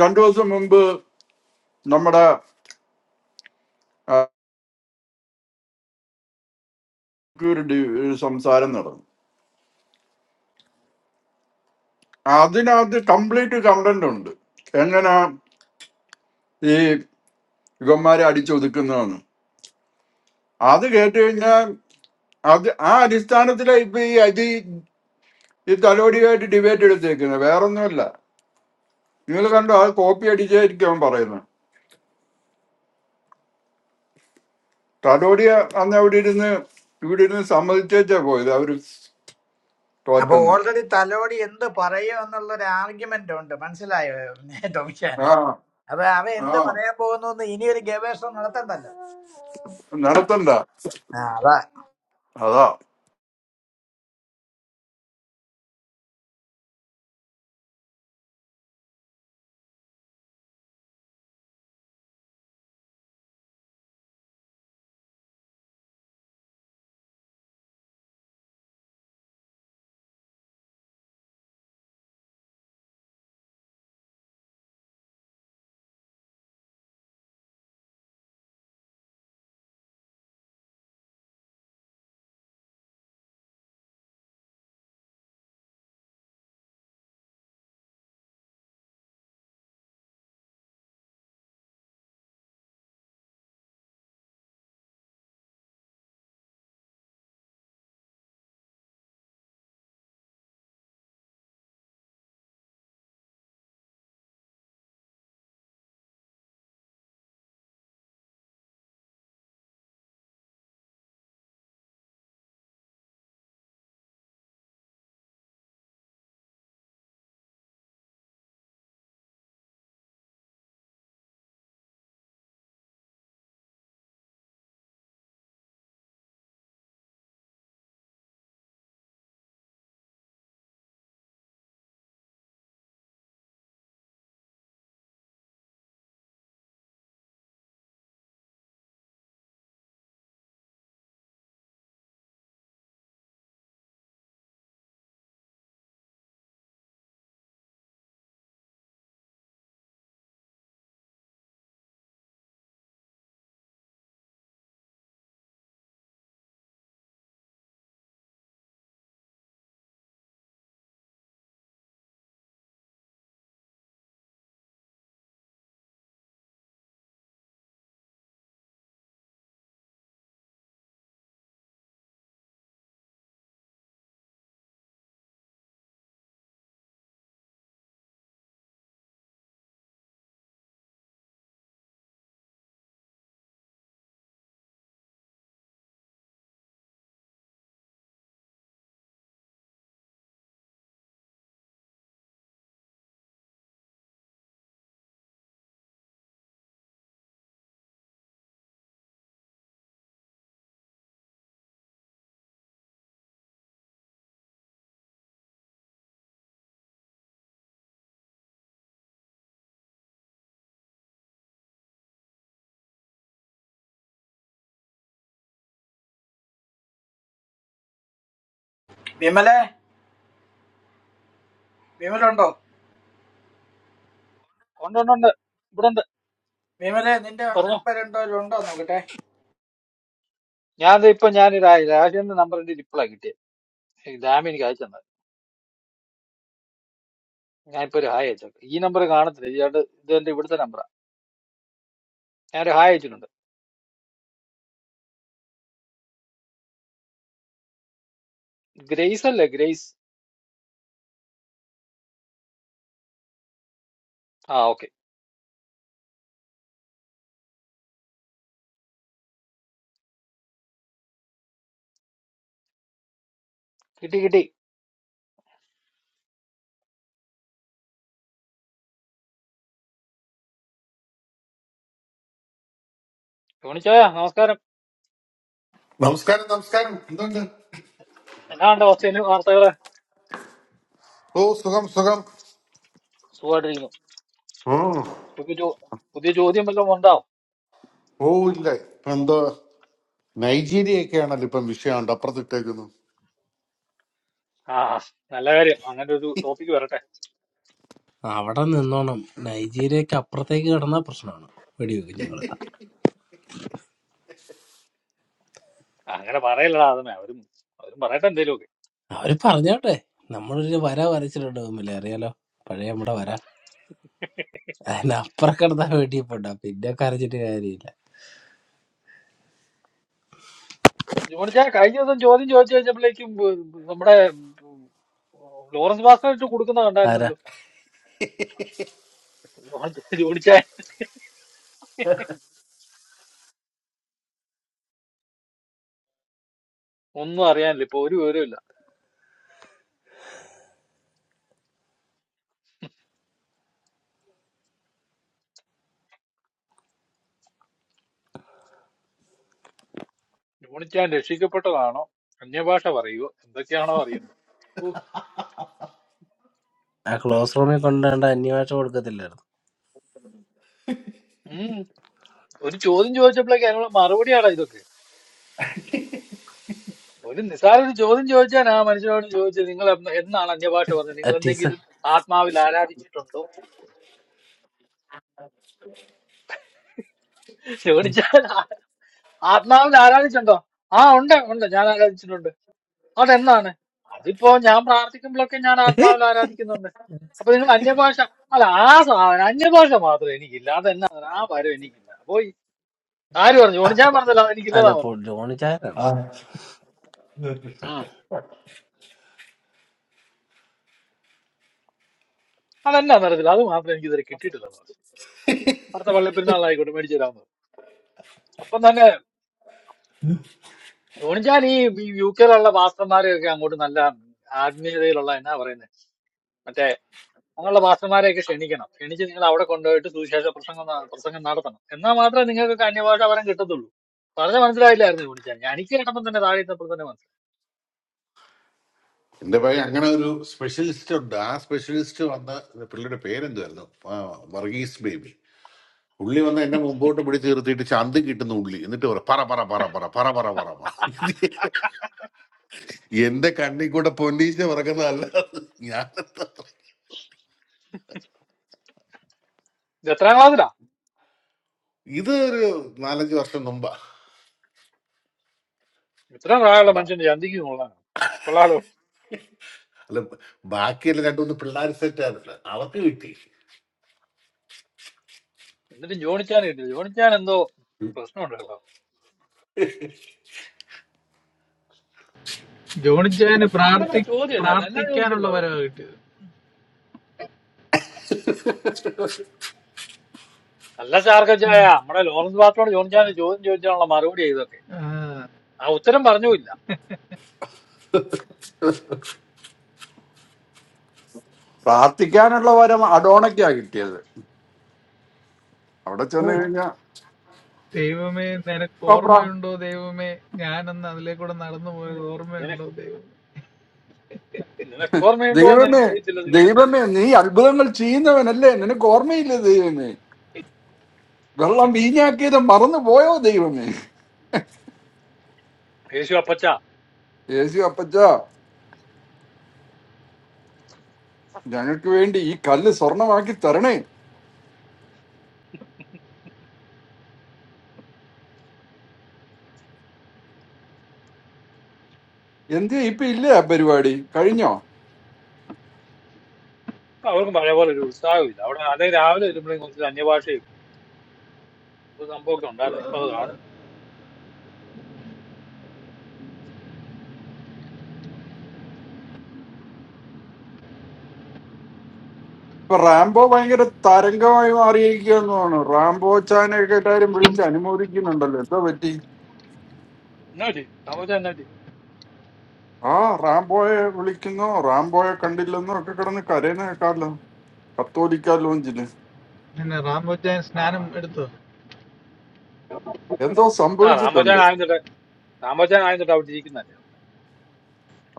Speaker 10: രണ്ടു ദിവസം മുമ്പ് നമ്മുടെ ആ, ഒരു ഡി- ഒരു സംസാരം നടന്നു അതിനകത്ത് കംപ്ലീറ്റ് കണ്ടന്റ് ഉണ്ട് എങ്ങനെ ഈ യുഗന്മാരെ അടിച്ചൊതുക്കുന്നതെന്ന് അത് കേട്ട് കഴിഞ്ഞാൽ അത് ആ അടിസ്ഥാനത്തിലാ ഇപ്പൊ ഈ അതി ഈ തലോടിയായിട്ട് ഡിബേറ്റ് എടുത്തേക്കുന്നത് വേറൊന്നുമല്ല നിങ്ങൾ കണ്ടോ ആ കോപ്പി അടിച്ചായിരിക്കും അവൻ പറയുന്നത് തലോടിയ അന്ന് അവിടെ ഇരുന്ന് ഇവിടെ ഇരുന്ന് സമ്മതിച്ചേച്ചാ പോയത് അവര്
Speaker 4: അപ്പൊ
Speaker 10: തോറ്റൊന്നും
Speaker 4: ഓൾറെഡി തലോടി എന്ത് പറയും എന്നുള്ള ഒരു ആർഗ്യുമെന്റ് ഉണ്ട് മനസ്സിലായോ ടോമിച്ചാൻ
Speaker 10: ആ
Speaker 4: അപ്പൊ അവ
Speaker 10: ആ
Speaker 4: എന്ത് പറയാൻ പോകുന്നു എന്ന് ഇനി ഒരു ഗവേഷണം നടത്തണ്ടല്ലോ
Speaker 10: നടത്തണ്ട
Speaker 4: ആ, അതാ
Speaker 10: അതാ
Speaker 4: വിമലെ വിമലുണ്ടോ
Speaker 9: ഉണ്ടുണ്ടുണ്ട് ഇവിടെ ഉണ്ട്
Speaker 4: വിമലെ നിന്റെ
Speaker 9: പറഞ്ഞോ
Speaker 4: നമ്പർ ഉണ്ടോ ഉണ്ടോ നോക്കട്ടെ
Speaker 9: ഞാൻ ദേ ഇപ്പൊ ഞാൻ രാജേന്ദ്രന്റെ നമ്പർ എന്റെ ഇപ്പോഴാ കിട്ടിയത് ഈ ഡാമി എനിക്ക് അയച്ചു തന്നെ ഞാനിപ്പോ ഒരു ഹായ് അയച്ചേക്കാം ഈ നമ്പർ കാണത്തില്ല ഇയാളുടെ ഇത് എന്റെ ഇവിടുത്തെ നമ്പറാ ഞാൻ ഒരു ഹായ് അയച്ചിട്ടുണ്ട് ഗ്രേസ് അല്ലേ ഗ്രേസ് ആ ഓക്കെ കിട്ടി കിട്ടി യോണിച്ചോയാ നമസ്കാരം
Speaker 11: നമസ്കാരം നമസ്കാരം എന്തുണ്ട്
Speaker 9: എന്നാ ഉണ്ട് ഓസ്ട്രേലിയൻ വാർത്തകള്
Speaker 11: ഓ സുഖം സുഖം
Speaker 9: സുഖമായിട്ടിരിക്കുന്നു
Speaker 11: ഉം.
Speaker 9: ഇതൊക്കെ ചോ പുതിയ ചോദ്യം വല്ലതും ഉണ്ടാവും
Speaker 11: ഓ ഇല്ല ഇപ്പൊ എന്തോ നൈജീരിയൊക്കെയാണല്ലോ ഇപ്പം വിഷയമുണ്ട് അപ്പുറത്തിട്ടേക്കുന്നു
Speaker 9: ആ നല്ല കാര്യം അങ്ങനെ ഒരു ടോപ്പിക് വരട്ടെ ആ, അങ്ങനെ പറയലടാ അതന്നെ അവരും അവരും പറയട്ടെ എന്തേലും ഒക്കെ ജോണിച്ചാൻ കഴിഞ്ഞ ദിവസം ചോദ്യം ചോദിച്ചു കഴിഞ്ഞപ്പോഴേക്കും ബ്- ബ് നമ്മുടെ ഉം, ലോറൻസ് ഭാസ്കറിട്ട് കൊടുക്കുന്ന കണ്ടായിരുന്നല്ലോ ജോണിച്ചാൻ ജോണിച്ചാൻ ഒന്നും അറിയാനില്ല ഇപ്പൊ ഒരു വിവരമില്ല ജോണിച്ചാൻ രക്ഷിക്കപ്പെട്ടതാണോ അന്യഭാഷ പറയുവോ എന്തൊക്കെയാണോ അറിയണ്ടത് ഓ, ഉം ഒരു ചോദ്യം ചോദിച്ചപ്പോഴേക്കും അതിനുള്ള മറുപടിയാടാ ഇതൊക്കെ ഒരു നിസ്സാര ഒരു ചോദ്യം ചോദിച്ചാൽ ആ മനുഷ്യനോട് ചോദിച്ചത് നിങ്ങൾ എന്ന് എന്നാണ് അന്യഭാഷ പറഞ്ഞത് നിങ്ങൾ എന്തെങ്കിലും ആത്മാവിൽ ആരാധിച്ചിട്ടുണ്ടോ ചോദിച്ചാൽ ആ- ആത്മാവിൽ ആരാധിച്ചിട്ടുണ്ടോ ആ ഉണ്ട് ഉണ്ട് ഞാൻ ആരാധിച്ചിട്ടുണ്ട് അതെന്നാണ് അതിപ്പോ ഞാൻ പ്രാർത്ഥിക്കുമ്പോഴൊക്കെ ഞാൻ ആത്മാവിൽ ആരാധിക്കുന്നുണ്ട് അപ്പൊ നിങ്ങൾ അന്യഭാഷ അല്ല ആ സാധനം അന്യഭാഷ മാത്രം എനിക്കില്ല അതെന്നാ ആ വരം എനിക്കില്ല അപ്പൊ ഈ- ആര് പറഞ്ഞു ഓണി ഞാൻ പറഞ്ഞല്ലോ എനിക്കില്ലതാ പറഞ്ഞത് ഉം. അതെന്നാന്ന് അറിയത്തില്ല അത് മാത്രം എനിക്ക് ഇതുവരെ കിട്ടിയിട്ടില്ല അടുത്ത പള്ളിപ്പെരുന്നാൾ ആയിക്കോട്ടെ മേടിച്ചു തരാമെന്ന് അപ്പൊ തന്നെ ധോണിച്ചാൽ ഈ യു കെയിലുള്ള മാസ്റ്റർമാരെയൊക്കെ അങ്ങോട്ട് നല്ല ആത്മീയതയിലുള്ള എന്നാ പറയുന്നത് മറ്റേ അങ്ങനെയുള്ള മാസ്റ്റർമാരെയൊക്കെ ക്ഷണിക്കണം ക്ഷണിച്ച് നിങ്ങൾ അവിടെ കൊണ്ടുപോയിട്ട് സുവിശേഷ പ്രസംഗം ന- പ്രസംഗം നടത്തണം എന്നാൽ മാത്രമേ നിങ്ങൾക്ക് അന്യഭാഷ വരം കിട്ടത്തുള്ളൂ പറഞ്ഞ മനസ്സിലായില്ലായിരുന്നു ധോണിച്ചാൽ ഞാൻ എനിക്ക് കേട്ടപ്പോൾ തന്നെ താഴെ ഇരുന്നപ്പോൾ തന്നെ മനസ്സിലായി
Speaker 11: എന്റെ ഭാര്യ അങ്ങനെ ഒരു സ്പെഷ്യലിസ്റ്റ് ഉണ്ട് ആ സ്പെഷ്യലിസ്റ്റ് വന്ന പിള്ളയുടെ പേരെന്തുവായിരുന്നു ആ, വർഗീസ് ബേബി ഉള്ളി വന്ന് എന്നെ മുമ്പോട്ട് പിടിച്ച് നിർത്തിയിട്ട് ചന്ത് കിട്ടുന്ന ഉള്ളി എന്നിട്ട് പറ പറ പറ പറ പറ പറ പറ പറ പറ. ഇത് എന്റെ കണ്ണി കൂടെ പൊന്നീച്ച പറക്കുന്നതല്ല ഞാൻ
Speaker 9: ഇത് എത്രാം ക്ലാസ്സിലാ
Speaker 11: ഇത് ഒരു നാലഞ്ച് വർഷം മുമ്പാ
Speaker 9: ഇത്രയും പ്രായമുള്ള മനുഷ്യന്റെ ചന്തിക്ക് കൊള്ളാണ് കൊള്ളാലോ
Speaker 11: അല്ല ബാക്കിയുള്ള രണ്ടു മൂന്ന് പിള്ളേർ സെറ്റ് ആയിരുന്നില്ല അവർക്ക് കിട്ടി
Speaker 9: എന്നിട്ട് ജോണിച്ചാൻ കിട്ടി ജോണിച്ചാൻ എന്തോ പ്രശ്നമുണ്ട് കേട്ടോ
Speaker 12: ജോണിച്ചാന്
Speaker 9: എന്നാ
Speaker 12: പ്രാർത്ഥി
Speaker 9: ചോദ്യം ഇല്ലായിരുന്നു എന്നാ
Speaker 12: പ്രാർത്ഥിക്കാനുള്ള
Speaker 9: ചോദിച്ചപ്പോഴാണ്
Speaker 12: വരവ് കിട്ടിയത്
Speaker 9: കല്ല ചാർക്കച്ചായ നമ്മുടെ ലോറൻസ് ബാസ്റ്റോട് ജോണിച്ചാൻ ചോദ്യം ചോദിച്ചാലുള്ള മറുപടി ഇതൊക്കെ
Speaker 12: ആ,
Speaker 9: ആ ഉത്തരം പറഞ്ഞുമില്ല
Speaker 10: പ്രാർത്ഥിക്കാനുള്ള വരം അഡോണയ്ക്കാ കിട്ടിയത് അവിടെ ചെന്ന് കഴിഞ്ഞാ
Speaker 12: ദൈവമേ നിനക്ക്
Speaker 10: ഇപ്പൊ പ്രാ-
Speaker 12: ഓർമ്മയുണ്ടോ ദൈവമേ ഞാനന്ന് അതിലെ കൂടെ നടന്നു പോയത് ഓർമ്മയുണ്ടോ ദൈവം
Speaker 9: നിനക്കോർമ്മയുണ്ടോ എന്ന്
Speaker 10: ദൈവമേ
Speaker 9: എനിക്കറിയത്തില്ല ദൈവമേ
Speaker 10: ദൈവമേ നീ അത്ഭുതങ്ങൾ ചെയ്യുന്നവനല്ലേ നിനക്ക് ഓർമ്മയില്ലേ ദൈവമേ വെള്ളം വീഞ്ഞാക്കിയത് മറന്നു പോയോ ദൈവമേ
Speaker 9: യേശു അപ്പച്ച
Speaker 10: യേശു അപ്പച്ച ഞങ്ങൾക്ക് വേണ്ടി ഈ കല്ല് സ്വർണമാക്കി തരണേ എന്തേ ഇപ്പൊ ഇല്ലേ ആ പരിപാടി കഴിഞ്ഞോ
Speaker 9: ഇപ്പൊ അവർക്കും പഴയ പോലെ ഒരു ഉത്സാഹമില്ല അവിടെ അല്ലെങ്കിൽ രാവിലെ വരുമ്പോഴേ കുറച്ച് അന്യഭാഷയും ഒരു സംഭവമൊക്കെ ഉണ്ടായിരുന്നു ഇപ്പൊ അത് കാണുന്നില്ല
Speaker 10: ഇപ്പൊ റാംബോ ഭയങ്കര തരംഗമായി മാറിയിരിക്കുകയെന്നാണ് റാംബോ ചാനൊക്കെ എല്ലാരും വിളിച്ച് അനുമോദിക്കുന്നുണ്ടല്ലോ എന്തോ പറ്റി
Speaker 9: എന്നാ പറ്റി രാമോച്ചാൻ എന്നാ പറ്റി
Speaker 10: ആ റാംബോയെ വിളിക്കുന്നോ റാംബോയെ കണ്ടില്ലെന്നോ ഒക്കെ കിടന്ന് കരയുന്ന കേൾക്കാമല്ലോ കത്തോലിക്ക ലോഞ്ചില്
Speaker 12: പിന്നെ റാംബോ ചാൻ
Speaker 9: ആ
Speaker 12: സ്നാനം എടുത്തോ
Speaker 10: എന്തോ
Speaker 9: ആ രാമോച്ചാൻ
Speaker 10: സംഭവിച്ചിട്ടുണ്ട്
Speaker 9: ആയിരുന്നിട്ട് രാമോച്ചാൻ ആയിരുന്നിട്ട് അവിടെ ഇരിക്കുന്നല്ലേ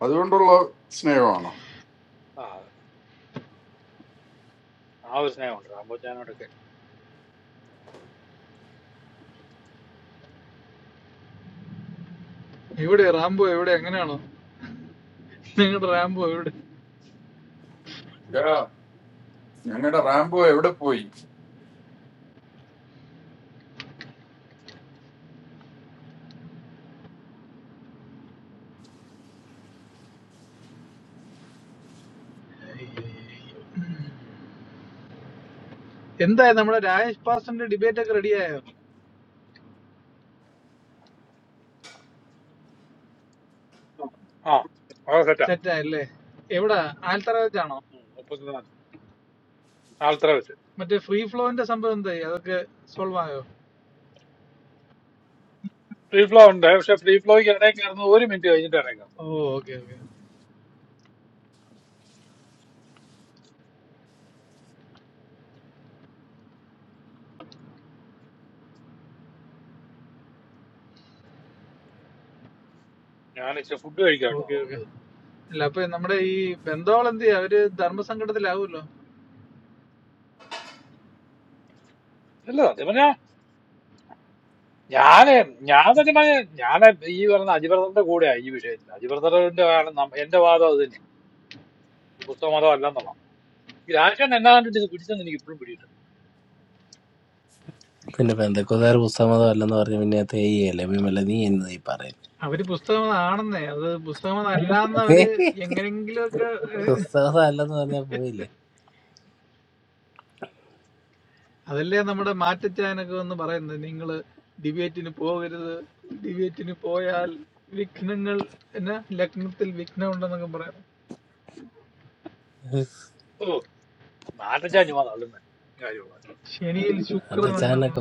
Speaker 10: അതുകൊണ്ടുള്ള സ്നേഹമാണോ
Speaker 9: ആ ആ ഒരു സ്നേഹമുണ്ട് രാമോച്ചാനോടൊക്കെ
Speaker 12: എവിടെ റാംബോ എവിടെ എങ്ങനെയാണോ നിങ്ങളുടെ റാംബോ എവിടെ
Speaker 10: ഞങ്ങളുടെ റാംബോ എവിടെ പോയി
Speaker 12: എന്തായി നമ്മുടെ രാജേഷ് പാസ്റ്ററിന്റെ ഡിബേറ്റ് ഒക്കെ റെഡിയായോ
Speaker 9: ആ അത് സെറ്റാ
Speaker 12: സെറ്റായല്ലേ എവിടാ ആൽത്തറ വെച്ചാണോ
Speaker 9: ഉം, മുപ്പത്തിനാല് നാളത്ര വെച്ച്
Speaker 12: മറ്റേ ഫ്രീ ഫ്ലോന്റെ സംഭവം എന്തായി അതൊക്കെ സോൾവ് ആയോ
Speaker 9: ഫ്രീ ഫ്ലോ ഉണ്ട് പക്ഷെ ഫ്രീ ഫ്ലോയ്ക്ക് ഇടയിൽ കയറുന്നത് ഒരു മിനിറ്റ് കഴിഞ്ഞിട്ട് ഇടയിൽ കയറുന്നത്
Speaker 12: ഓ ഓക്കെ ഓക്കെ
Speaker 9: ഞാൻ ഇച്ചിരി ഫുഡ് കഴിക്കാം കേട്ടോ
Speaker 12: ഓക്കെ ഓക്കെ അല്ല അപ്പൊ നമ്മുടെ ഈ ബന്ധവൾ എന്ത് ചെയ്യും അവര് ധർമ്മസങ്കടത്തിലാവുമല്ലോ
Speaker 9: ഇല്ല ഞാന് ഞാൻ സത്യം പറഞ്ഞ ഞാൻ ഈ പറഞ്ഞ അജിബ്രദറിന്റെ കൂടെയാ ഈ വിഷയത്തിൽ അജിബ്രദറിന്റെ കാരണം നമ്മ- എന്റെ വാദം അത് തന്നെ ഈ പുസ്തക മതം അല്ല എന്നുള്ള ഈ രാജേഷൻ എന്നാ കണ്ടിട്ട് ഇത് പിടിച്ചെന്ന് എനിക്ക് ഇപ്പോഴും പിടിയിട്ടുണ്ട്
Speaker 12: അവര് പുസ്തകം ആണെന്നേ അത് പുസ്തകം അല്ലാന്ന് അവര് എങ്ങനെങ്കിലും ഒക്കെ ഏഹ്, അതല്ലേ നമ്മുടെ മാറ്റച്ചാനൊക്കെ ഒന്ന് പറയുന്നത് നിങ്ങള് ഡിബേറ്റിന് പോകരുത് ഡിബേറ്റിന് പോയാൽ വിഘ്നങ്ങൾ എന്നാ ലഗ്നത്തിൽ വിഘ്നം ഉണ്ടെന്നൊക്കെ പറയാം
Speaker 9: ഓ നാട്ടച്ചാൻ ചുമ്മാ തള്ളും തന്നെ കാര്യമുള്ള
Speaker 12: ശനിയിൽ ശുക്രൻ ഉണ്ടെന്ന്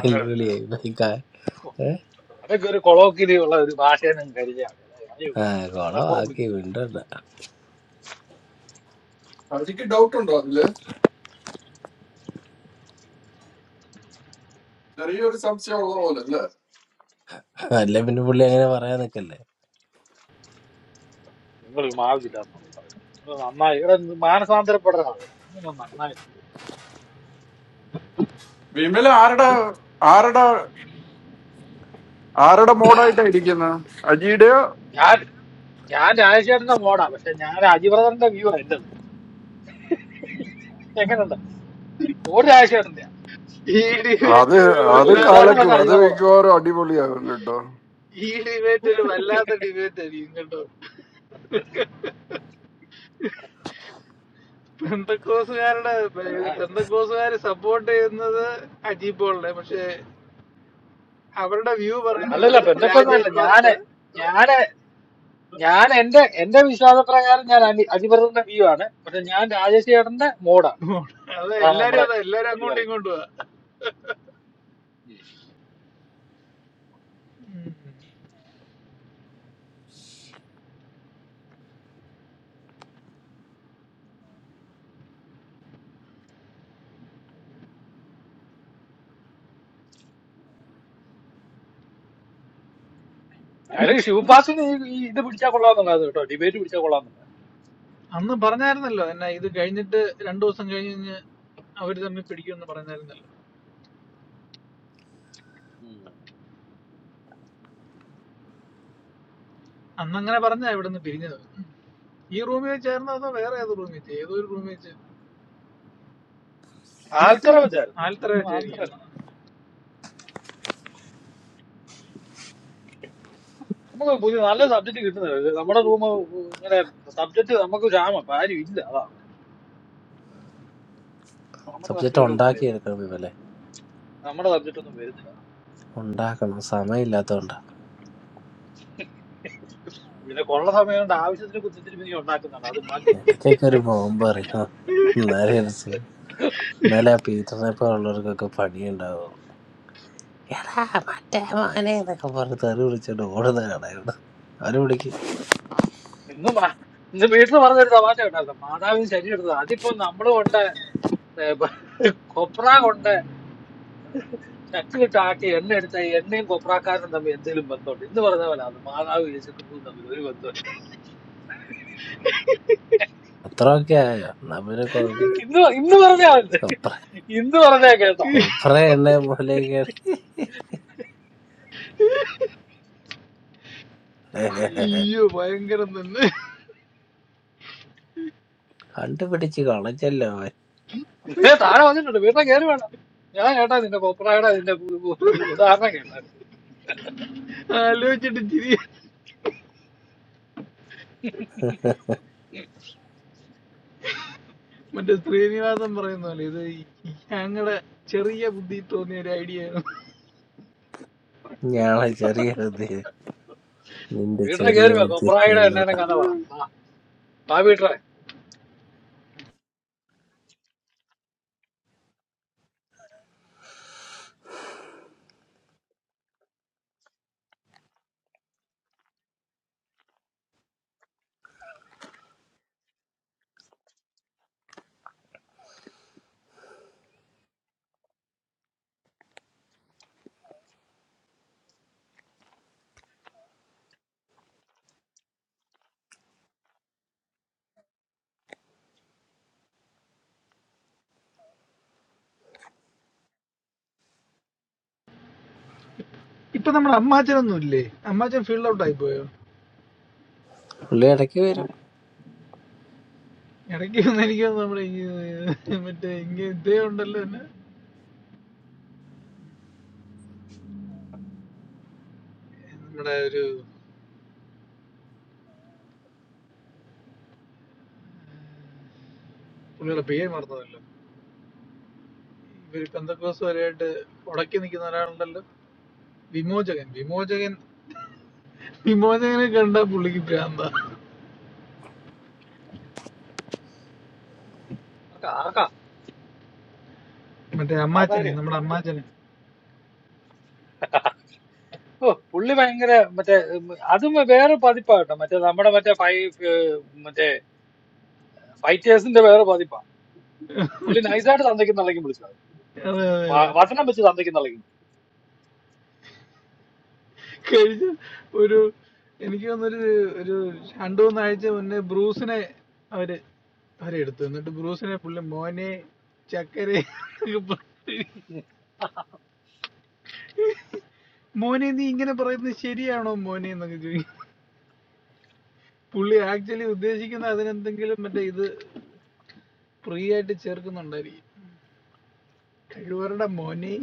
Speaker 9: അങ്ങനെ തന്നെ. അതൊക്കെ ഒരു കൊളോക്കിലി ഉള്ള ഒരു ഭാഷയെന്നും കരുതിയാൽ മതി. അല്ലാതെ കാര്യം മനഃപൂർവ്വം വിളിക്കുന്നു
Speaker 10: അവർക്ക് ഡൗട്ട് ഉണ്ടോ അതില് ചെറിയൊരു സംശയം ഉള്ള പോലെ അല്ലേ
Speaker 9: നിങ്ങൾ മാവില്ല എന്നൊക്കെ പറയുന്നത് നിങ്ങൾ നന്നായി ഇവിടെ മാനസാന്തരപ്പെടുന്ന ആള് നിങ്ങൾ നന്നായി
Speaker 10: വിമല ആരുടെ ആരുടെ ആരുടെ മോഡായിട്ടാ ഇരിക്കുന്നത് അജിയുടെയോ
Speaker 9: ഞാൻ ഞാൻ രാജശേഖരന്റെ മോഡാ പക്ഷെ ഞാൻ അജിബ്രദറിന്റെ വ്യൂ ആണ് എന്റേത് എങ്ങനെയുണ്ട് ഒരു രാജശേഖരന്റെ
Speaker 12: ഈ
Speaker 10: അത്
Speaker 12: ഡിബേറ്റ് ഒരു
Speaker 10: അത്
Speaker 9: എന്റെ
Speaker 12: വല്ലാത്ത
Speaker 9: വിശ്വാസം
Speaker 10: കലക്കും
Speaker 12: ഡി-
Speaker 9: തന്നെ
Speaker 10: അത് മിക്കവാറും അടിപൊളിയാകും കേട്ടോ
Speaker 12: ഈ ഡിബേറ്റ് ഒരു വല്ലാത്ത ഡിബേറ്റ് ആയിരിക്കും കേട്ടോ പെന്തക്കോസുകാരുടെ
Speaker 9: അജിബ്രദർ
Speaker 12: പെന്തക്കോസുകാര് സപ്പോർട്ട് ചെയ്യുന്നത് അജീബ് പോളിനെ പക്ഷെ അവരുടെ വ്യൂ
Speaker 9: അല്ലല്ല
Speaker 12: പറയുന്നത്
Speaker 9: ബന്ധക്കൊന്നുമല്ല
Speaker 12: രാജേഷ്
Speaker 9: ഞാന്
Speaker 12: മാസ്റ്റർ
Speaker 9: ഞാന് ഞാൻ എന്റെ എന്റെ വിശ്വാസപ്രകാരം ഞാൻ അനി- അതിവ്രതന്റെ വ്യൂ ആണ് പക്ഷെ ഞാൻ രാജേഷ് ചേട്ടന്റെ മോഡാണ്
Speaker 12: അത്
Speaker 9: അതാണ്
Speaker 12: എല്ലാരും
Speaker 9: നമ്മുടെ
Speaker 12: അതാ എല്ലാരും
Speaker 9: ഒരു
Speaker 12: അങ്ങോട്ടും
Speaker 9: വെറൈറ്റി
Speaker 12: ഇങ്ങോട്ടും പോവാ.
Speaker 9: കാര്യം ശിവപാസിന് ഈ ഈ ഇത് പിടിച്ചാൽ കൊള്ളാമെന്നുണ്ടായിരുന്നു കേട്ടോ ഡിബേറ്റ് പിടിച്ചാൽ കൊള്ളാമെന്നുണ്ടായിരുന്നു
Speaker 12: അന്ന് പറഞ്ഞായിരുന്നല്ലോ എന്നാ ഇത് കഴിഞ്ഞിട്ട് രണ്ടു ദിവസം കഴിഞ്ഞ് കഴിഞ്ഞ് അവര് തമ്മിൽ പിടിക്കുമെന്ന് പറഞ്ഞായിരുന്നല്ലോ
Speaker 9: ഉം.
Speaker 12: അന്ന് അങ്ങനെ പറഞ്ഞാ ഇവിടെ നിന്ന് പിരിഞ്ഞത് ഈ റൂമിൽ വെച്ചായിരുന്നോ അതോ വേറെ ഏത് റൂമിൽ വെച്ച് ഏതോ ഒരു റൂമിൽ വെച്ച്
Speaker 9: ആൽത്തറ വെച്ചായിരുന്നു തോന്നുന്നു.
Speaker 12: ആൽത്തറ
Speaker 9: എനിക്ക് തോന്നുന്നു ആൽത്തറ
Speaker 12: വെച്ചായിരിക്കും
Speaker 9: നമുക്ക് പുതിയ നല്ല സബ്ജക്ട് കിട്ടുന്നില്ല ഇത് നമ്മുടെ റൂം ഇങ്ങനെ സബ്ജക്ട് നമുക്ക് ക്ഷാമം ഇപ്പൊ ആരും ഇല്ല അതാ കുഴപ്പം. നമ്മുടെ സബ്ജക്റ്റുകളൊന്നും വരുന്നില്ല നമ്മുടെ സബ്ജക്റ്റ് ഒന്നും വരുന്നില്ല പിന്നെ കൊള്ള സമയം കൊണ്ട് ആവശ്യത്തിന് കുത്തിത്തിരിപ്പിനി ഉണ്ടാക്കുന്നുണ്ട് അത് മതി ഇന്ന് മാ- ഇന്ന് വീട്ടിൽ പറഞ്ഞൊരു തമാശ ഉണ്ടായിരുന്നു മാതാവിന് ശരി എടുത്തത് അതിപ്പോ നമ്മൾ കൊണ്ട് ഏ, ബ- കൊപ്ര കൊണ്ട് ചക്കിലിട്ട് ആട്ടി എണ്ണ എടുത്ത ഈ എണ്ണയും കൊപ്രാക്കാരനും തമ്മിൽ എന്തെങ്കിലും ബന്ധമുണ്ട് ഇന്ന് പറഞ്ഞ പോലെ അത് മാതാവ് യേശുക്രിസ്തുവും തമ്മിൽ ഒരു ബന്ധമില്ല ഇന്ന് ഇന്ന് പറഞ്ഞാ മതി. ഇന്ന് പറഞ്ഞാ കേട്ടോ
Speaker 12: അയ്യോ ഭയങ്കരം തന്നെ
Speaker 9: ഏ, താഴെ വന്നിട്ടുണ്ട് വീട്ടിലെ കയറി വേണം ഞാൻ കേട്ടാ നിന്റെ കൊപ്രായുടെ നിന്റെ ഉ- ഉ- ഉ- ഉദാഹരണം കേട്ടായിരുന്നു
Speaker 12: ആലോചിച്ചിട്ട് ചിരി മറ്റേ ശ്രീനിവാസൻ പറയുന്ന പോലെ ഇത് ഞങ്ങളുടെ ചെറിയ ബുദ്ധി തോന്നിയ ഒരു ഐഡിയ ആയിരുന്നു
Speaker 9: വീട്ടിലെ കയറി വാ കൊപ്രായുടെ എണ്ണേനെ കഥ പറ ആ, വാ വീട്ടിലെ
Speaker 12: ഇപ്പൊ നമ്മുടെ അമ്മാച്ചനൊന്നും ഇല്ലേ അമ്മാച്ചൻ ഫീൽഡ് ഔട്ട് ആയി പോയോ ഇടയ്ക്ക് ഒന്ന് എനിക്ക് തോന്നുന്നു നമ്മുടെ ഈ മറ്റേ ഇങ്ങനെ ഇതേ ഉണ്ടല്ലോ എന്നെ നമ്മുടെ ഒരു പുള്ളിയുടെ പേര് മറന്നതല്ലോ ഇവര് പെന്തക്കോസുകാരായിട്ട് ഉടക്കി നിൽക്കുന്ന ഒരാളുണ്ടല്ലോ വിമോചകൻ വിമോചകൻ വിമോചകനെ കണ്ട പുള്ളിക്ക് ഭ്രാന്ത
Speaker 9: ആർക്കാ
Speaker 12: മറ്റേ
Speaker 9: ആർക്കാ
Speaker 12: അമ്മാച്ചനെ നമ്മുടെ അമ്മാച്ചനെ
Speaker 9: ഓ പുള്ളി ഭയങ്കര മറ്റേ ഉം, അതും വേറെ പതിപ്പാ കേട്ടോ മറ്റേ നമ്മുടെ മറ്റേ ഫൈ ഏർ, മറ്റേ ഫൈറ്റേഴ്സിന്റെ വേറെ പതിപ്പാ പുള്ളി നൈസായിട്ട് തന്തയ്ക്ക് നിളയ്ക്കും വിളിച്ചു
Speaker 12: അതെ അതെ അതെ
Speaker 9: വചനം വെച്ച് തന്തയ്ക്ക് നിളയ്ക്കും
Speaker 12: കഴിഞ്ഞ ഒരു എനിക്ക് തോന്നുന്നൊരു ഒരു രണ്ടു മൂന്നാഴ്ച മുന്നേ ബ്രൂസിനെ അവര് അവരെടുത്തു എന്നിട്ട് ബ്രൂസിനെ പുള്ളി മോനെ ചക്കരെ എന്നൊക്കെ പറഞ്ഞ് മോനെ നീ ഇങ്ങനെ പറയുന്നത് ശരിയാണോ മോനെ എന്നൊക്കെ ചോദിക്കും പുള്ളി ആക്ച്വലി ഉദ്ദേശിക്കുന്ന അതിനെന്തെങ്കിലും മറ്റേ ഇത് ഫ്രീ ആയിട്ട് ചേർക്കുന്നുണ്ടായിരിക്കും കഴിവരുടെ മോനെ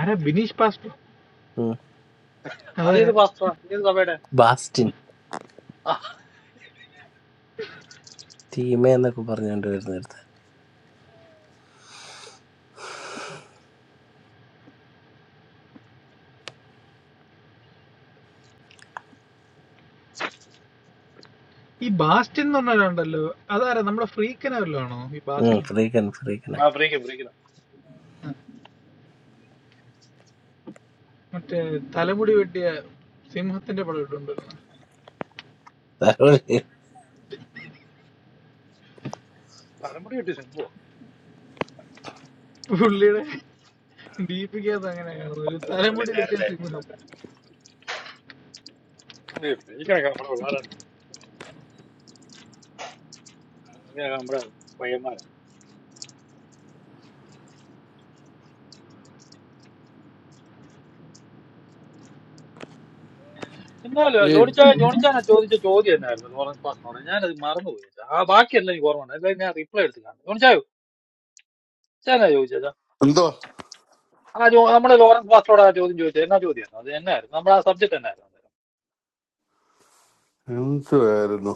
Speaker 12: ആരാ ബിനീഷ് ബാസ്റ്റോ
Speaker 9: അതേത്
Speaker 12: അതാരാ
Speaker 9: പാസ്റ്റർ ഏത് സഭയുടെ ആ
Speaker 12: ഈ ബാസ്റ്റിൻ എന്ന് പറഞ്ഞാലുണ്ടല്ലോ അതാരാ നമ്മുടെ ഫ്രീക്കനെ വല്ലതും ആണോ ഈ ബാസ്റ്റിൻ
Speaker 9: ആ ഫ്രീക്ക് ഫ്രീക്കിന
Speaker 12: ആ മറ്റേ തലമുടി വെട്ടിയ സിംഹത്തിന്റെ പടം ഇട്ടുണ്ടായിരുന്നു
Speaker 9: തലമുടി കിട്ടി സിംഭുവോ
Speaker 12: പുള്ളിയുടെ ദീപികത് അങ്ങനെ കാണുന്നു ഒരു തലമുടി വെട്ടിയ സിംഹം
Speaker 9: ഫ്രീക്കണൊക്കെ നമ്മുടെ പിള്ളേരാണ് ഇവരൊക്കെ നമ്മുടെ പയ്യന്മാരാ എന്നാലും
Speaker 10: ഈ
Speaker 9: ജോണിച്ചാ ജോണിച്ചാനാ ചോദിച്ച ചോദ്യം എന്നായിരുന്നു ലോറൻസ് പാസ്റ്ററോട് ഞാനത് മറന്നുപോയി ആ ബാക്കിയെല്ലാം എനിക്ക് ഓർമ്മ ഉണ്ട് അല്ലെങ്കിൽ ഞാൻ റിപ്ലൈ എടുത്ത് കാണും ജോണിച്ചായോ ഞാനാ ചോദിച്ചാ
Speaker 11: എന്തോ
Speaker 9: ആ ജോ നമ്മുടെ ലോറൻസ് പാസ്റ്ററോട് ആ ചോദ്യം ചോദിച്ചത് എന്നാ ചോദ്യമായിരുന്നു അത് എന്നായിരുന്നു നമ്മുടെ ആ സബ്ജക്ട് എന്നായിരുന്നു
Speaker 11: എന്തുവായിരുന്നു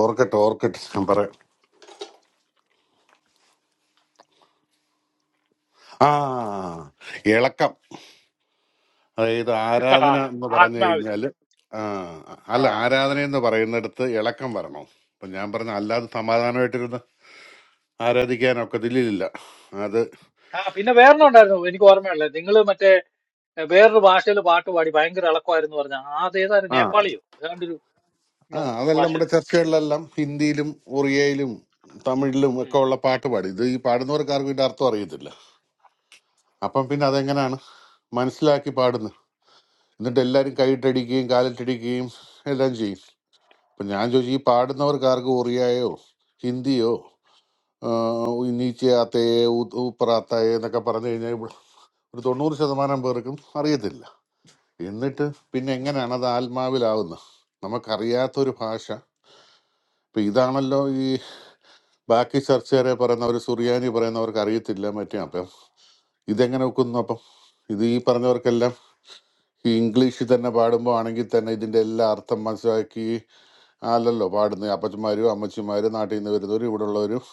Speaker 11: ഓർക്കട്ടെ ഓർക്കട്ടെ ഞാൻ പറയാം ആ ഇളക്കം അതായത്
Speaker 9: ആ,
Speaker 11: ആരാധന എന്ന് പറഞ്ഞു
Speaker 9: ആത്മാവില്
Speaker 11: കഴിഞ്ഞാല് ആ
Speaker 9: ആ
Speaker 11: അല്ല ആരാധന എന്ന് പറയുന്നിടത്ത് ഇളക്കം വരണോ അപ്പൊ ഞാൻ പറഞ്ഞ അല്ലാതെ സമാധാനമായിട്ടിരുന്ന് ആരാധിക്കാനൊക്കെ ഇതിലില്ല അത്
Speaker 9: ആ, പിന്നെ വേറൊന്നുണ്ടായിരുന്നു എനിക്ക് ഓർമ്മയുള്ളത് നിങ്ങൾ മറ്റേ എഹ്, വേറൊരു ഭാഷയിൽ പാട്ട് പാടി ഭയങ്കര ഇളക്കമായിരുന്നു പറഞ്ഞ അതേതായാലും
Speaker 11: ആ
Speaker 9: നേപ്പാളിയോ ഏതാണ്ടൊരു
Speaker 11: ആ
Speaker 9: നോ-
Speaker 11: അതെല്ലാം നമ്മുടെ
Speaker 9: ഭാഷയില്
Speaker 11: ചർച്ചകളിലെല്ലാം ഹിന്ദിയിലും ഒറിയയിലും തമിഴിലും ഒക്കെ
Speaker 9: ഉം.
Speaker 11: ഉള്ള പാട്ട് പാടി ഇത് ഈ പാടുന്നവർക്ക് ആർക്കും ഇതിന്റെ അർത്ഥം അറിയത്തില്ല അപ്പം പിന്നെ അതെങ്ങനെയാണ് മനസ്സിലാക്കി പാടുന്നത് എന്നിട്ട് എല്ലാവരും കൈയിട്ടടിക്കുകയും കാലിട്ടടിക്കുകയും എല്ലാം ചെയ്യും അപ്പം ഞാൻ ചോദിച്ചു ഈ പാടുന്നവർക്ക് ആർക്കും ഒറിയായോ ഹിന്ദിയോ നീച്ചയാത്തയെ ഉപ്പറാത്തയെ എന്നൊക്കെ പറഞ്ഞു കഴിഞ്ഞാൽ ഇവിടെ ഒരു തൊണ്ണൂറ് ശതമാനം പേർക്കും അറിയത്തില്ല എന്നിട്ട് പിന്നെ എങ്ങനെയാണ് അത് ആത്മാവിലാവുന്നത് നമുക്കറിയാത്തൊരു ഭാഷ ഇപ്പം ഇതാണല്ലോ ഈ ബാക്കി ചർച്ചകാരെ പറയുന്നവർ സുറിയാനി പറയുന്നവർക്ക് അറിയത്തില്ല മറ്റേ അപ്പം ഇതെങ്ങനെ ഒക്കുന്നു അപ്പം ഇത് ഈ പറഞ്ഞവർക്കെല്ലാം ഈ ഇംഗ്ലീഷിൽ തന്നെ പാടുമ്പോൾ ആണെങ്കിൽ തന്നെ ഇതിൻ്റെ എല്ലാ അർത്ഥം മനസ്സിലാക്കി അല്ലല്ലോ പാടുന്നത് അപ്പച്ചന്മാരും അമ്മച്ചിമാരും നാട്ടിൽ നിന്ന് വരുന്നവരും ഇവിടെ ഉള്ളവരും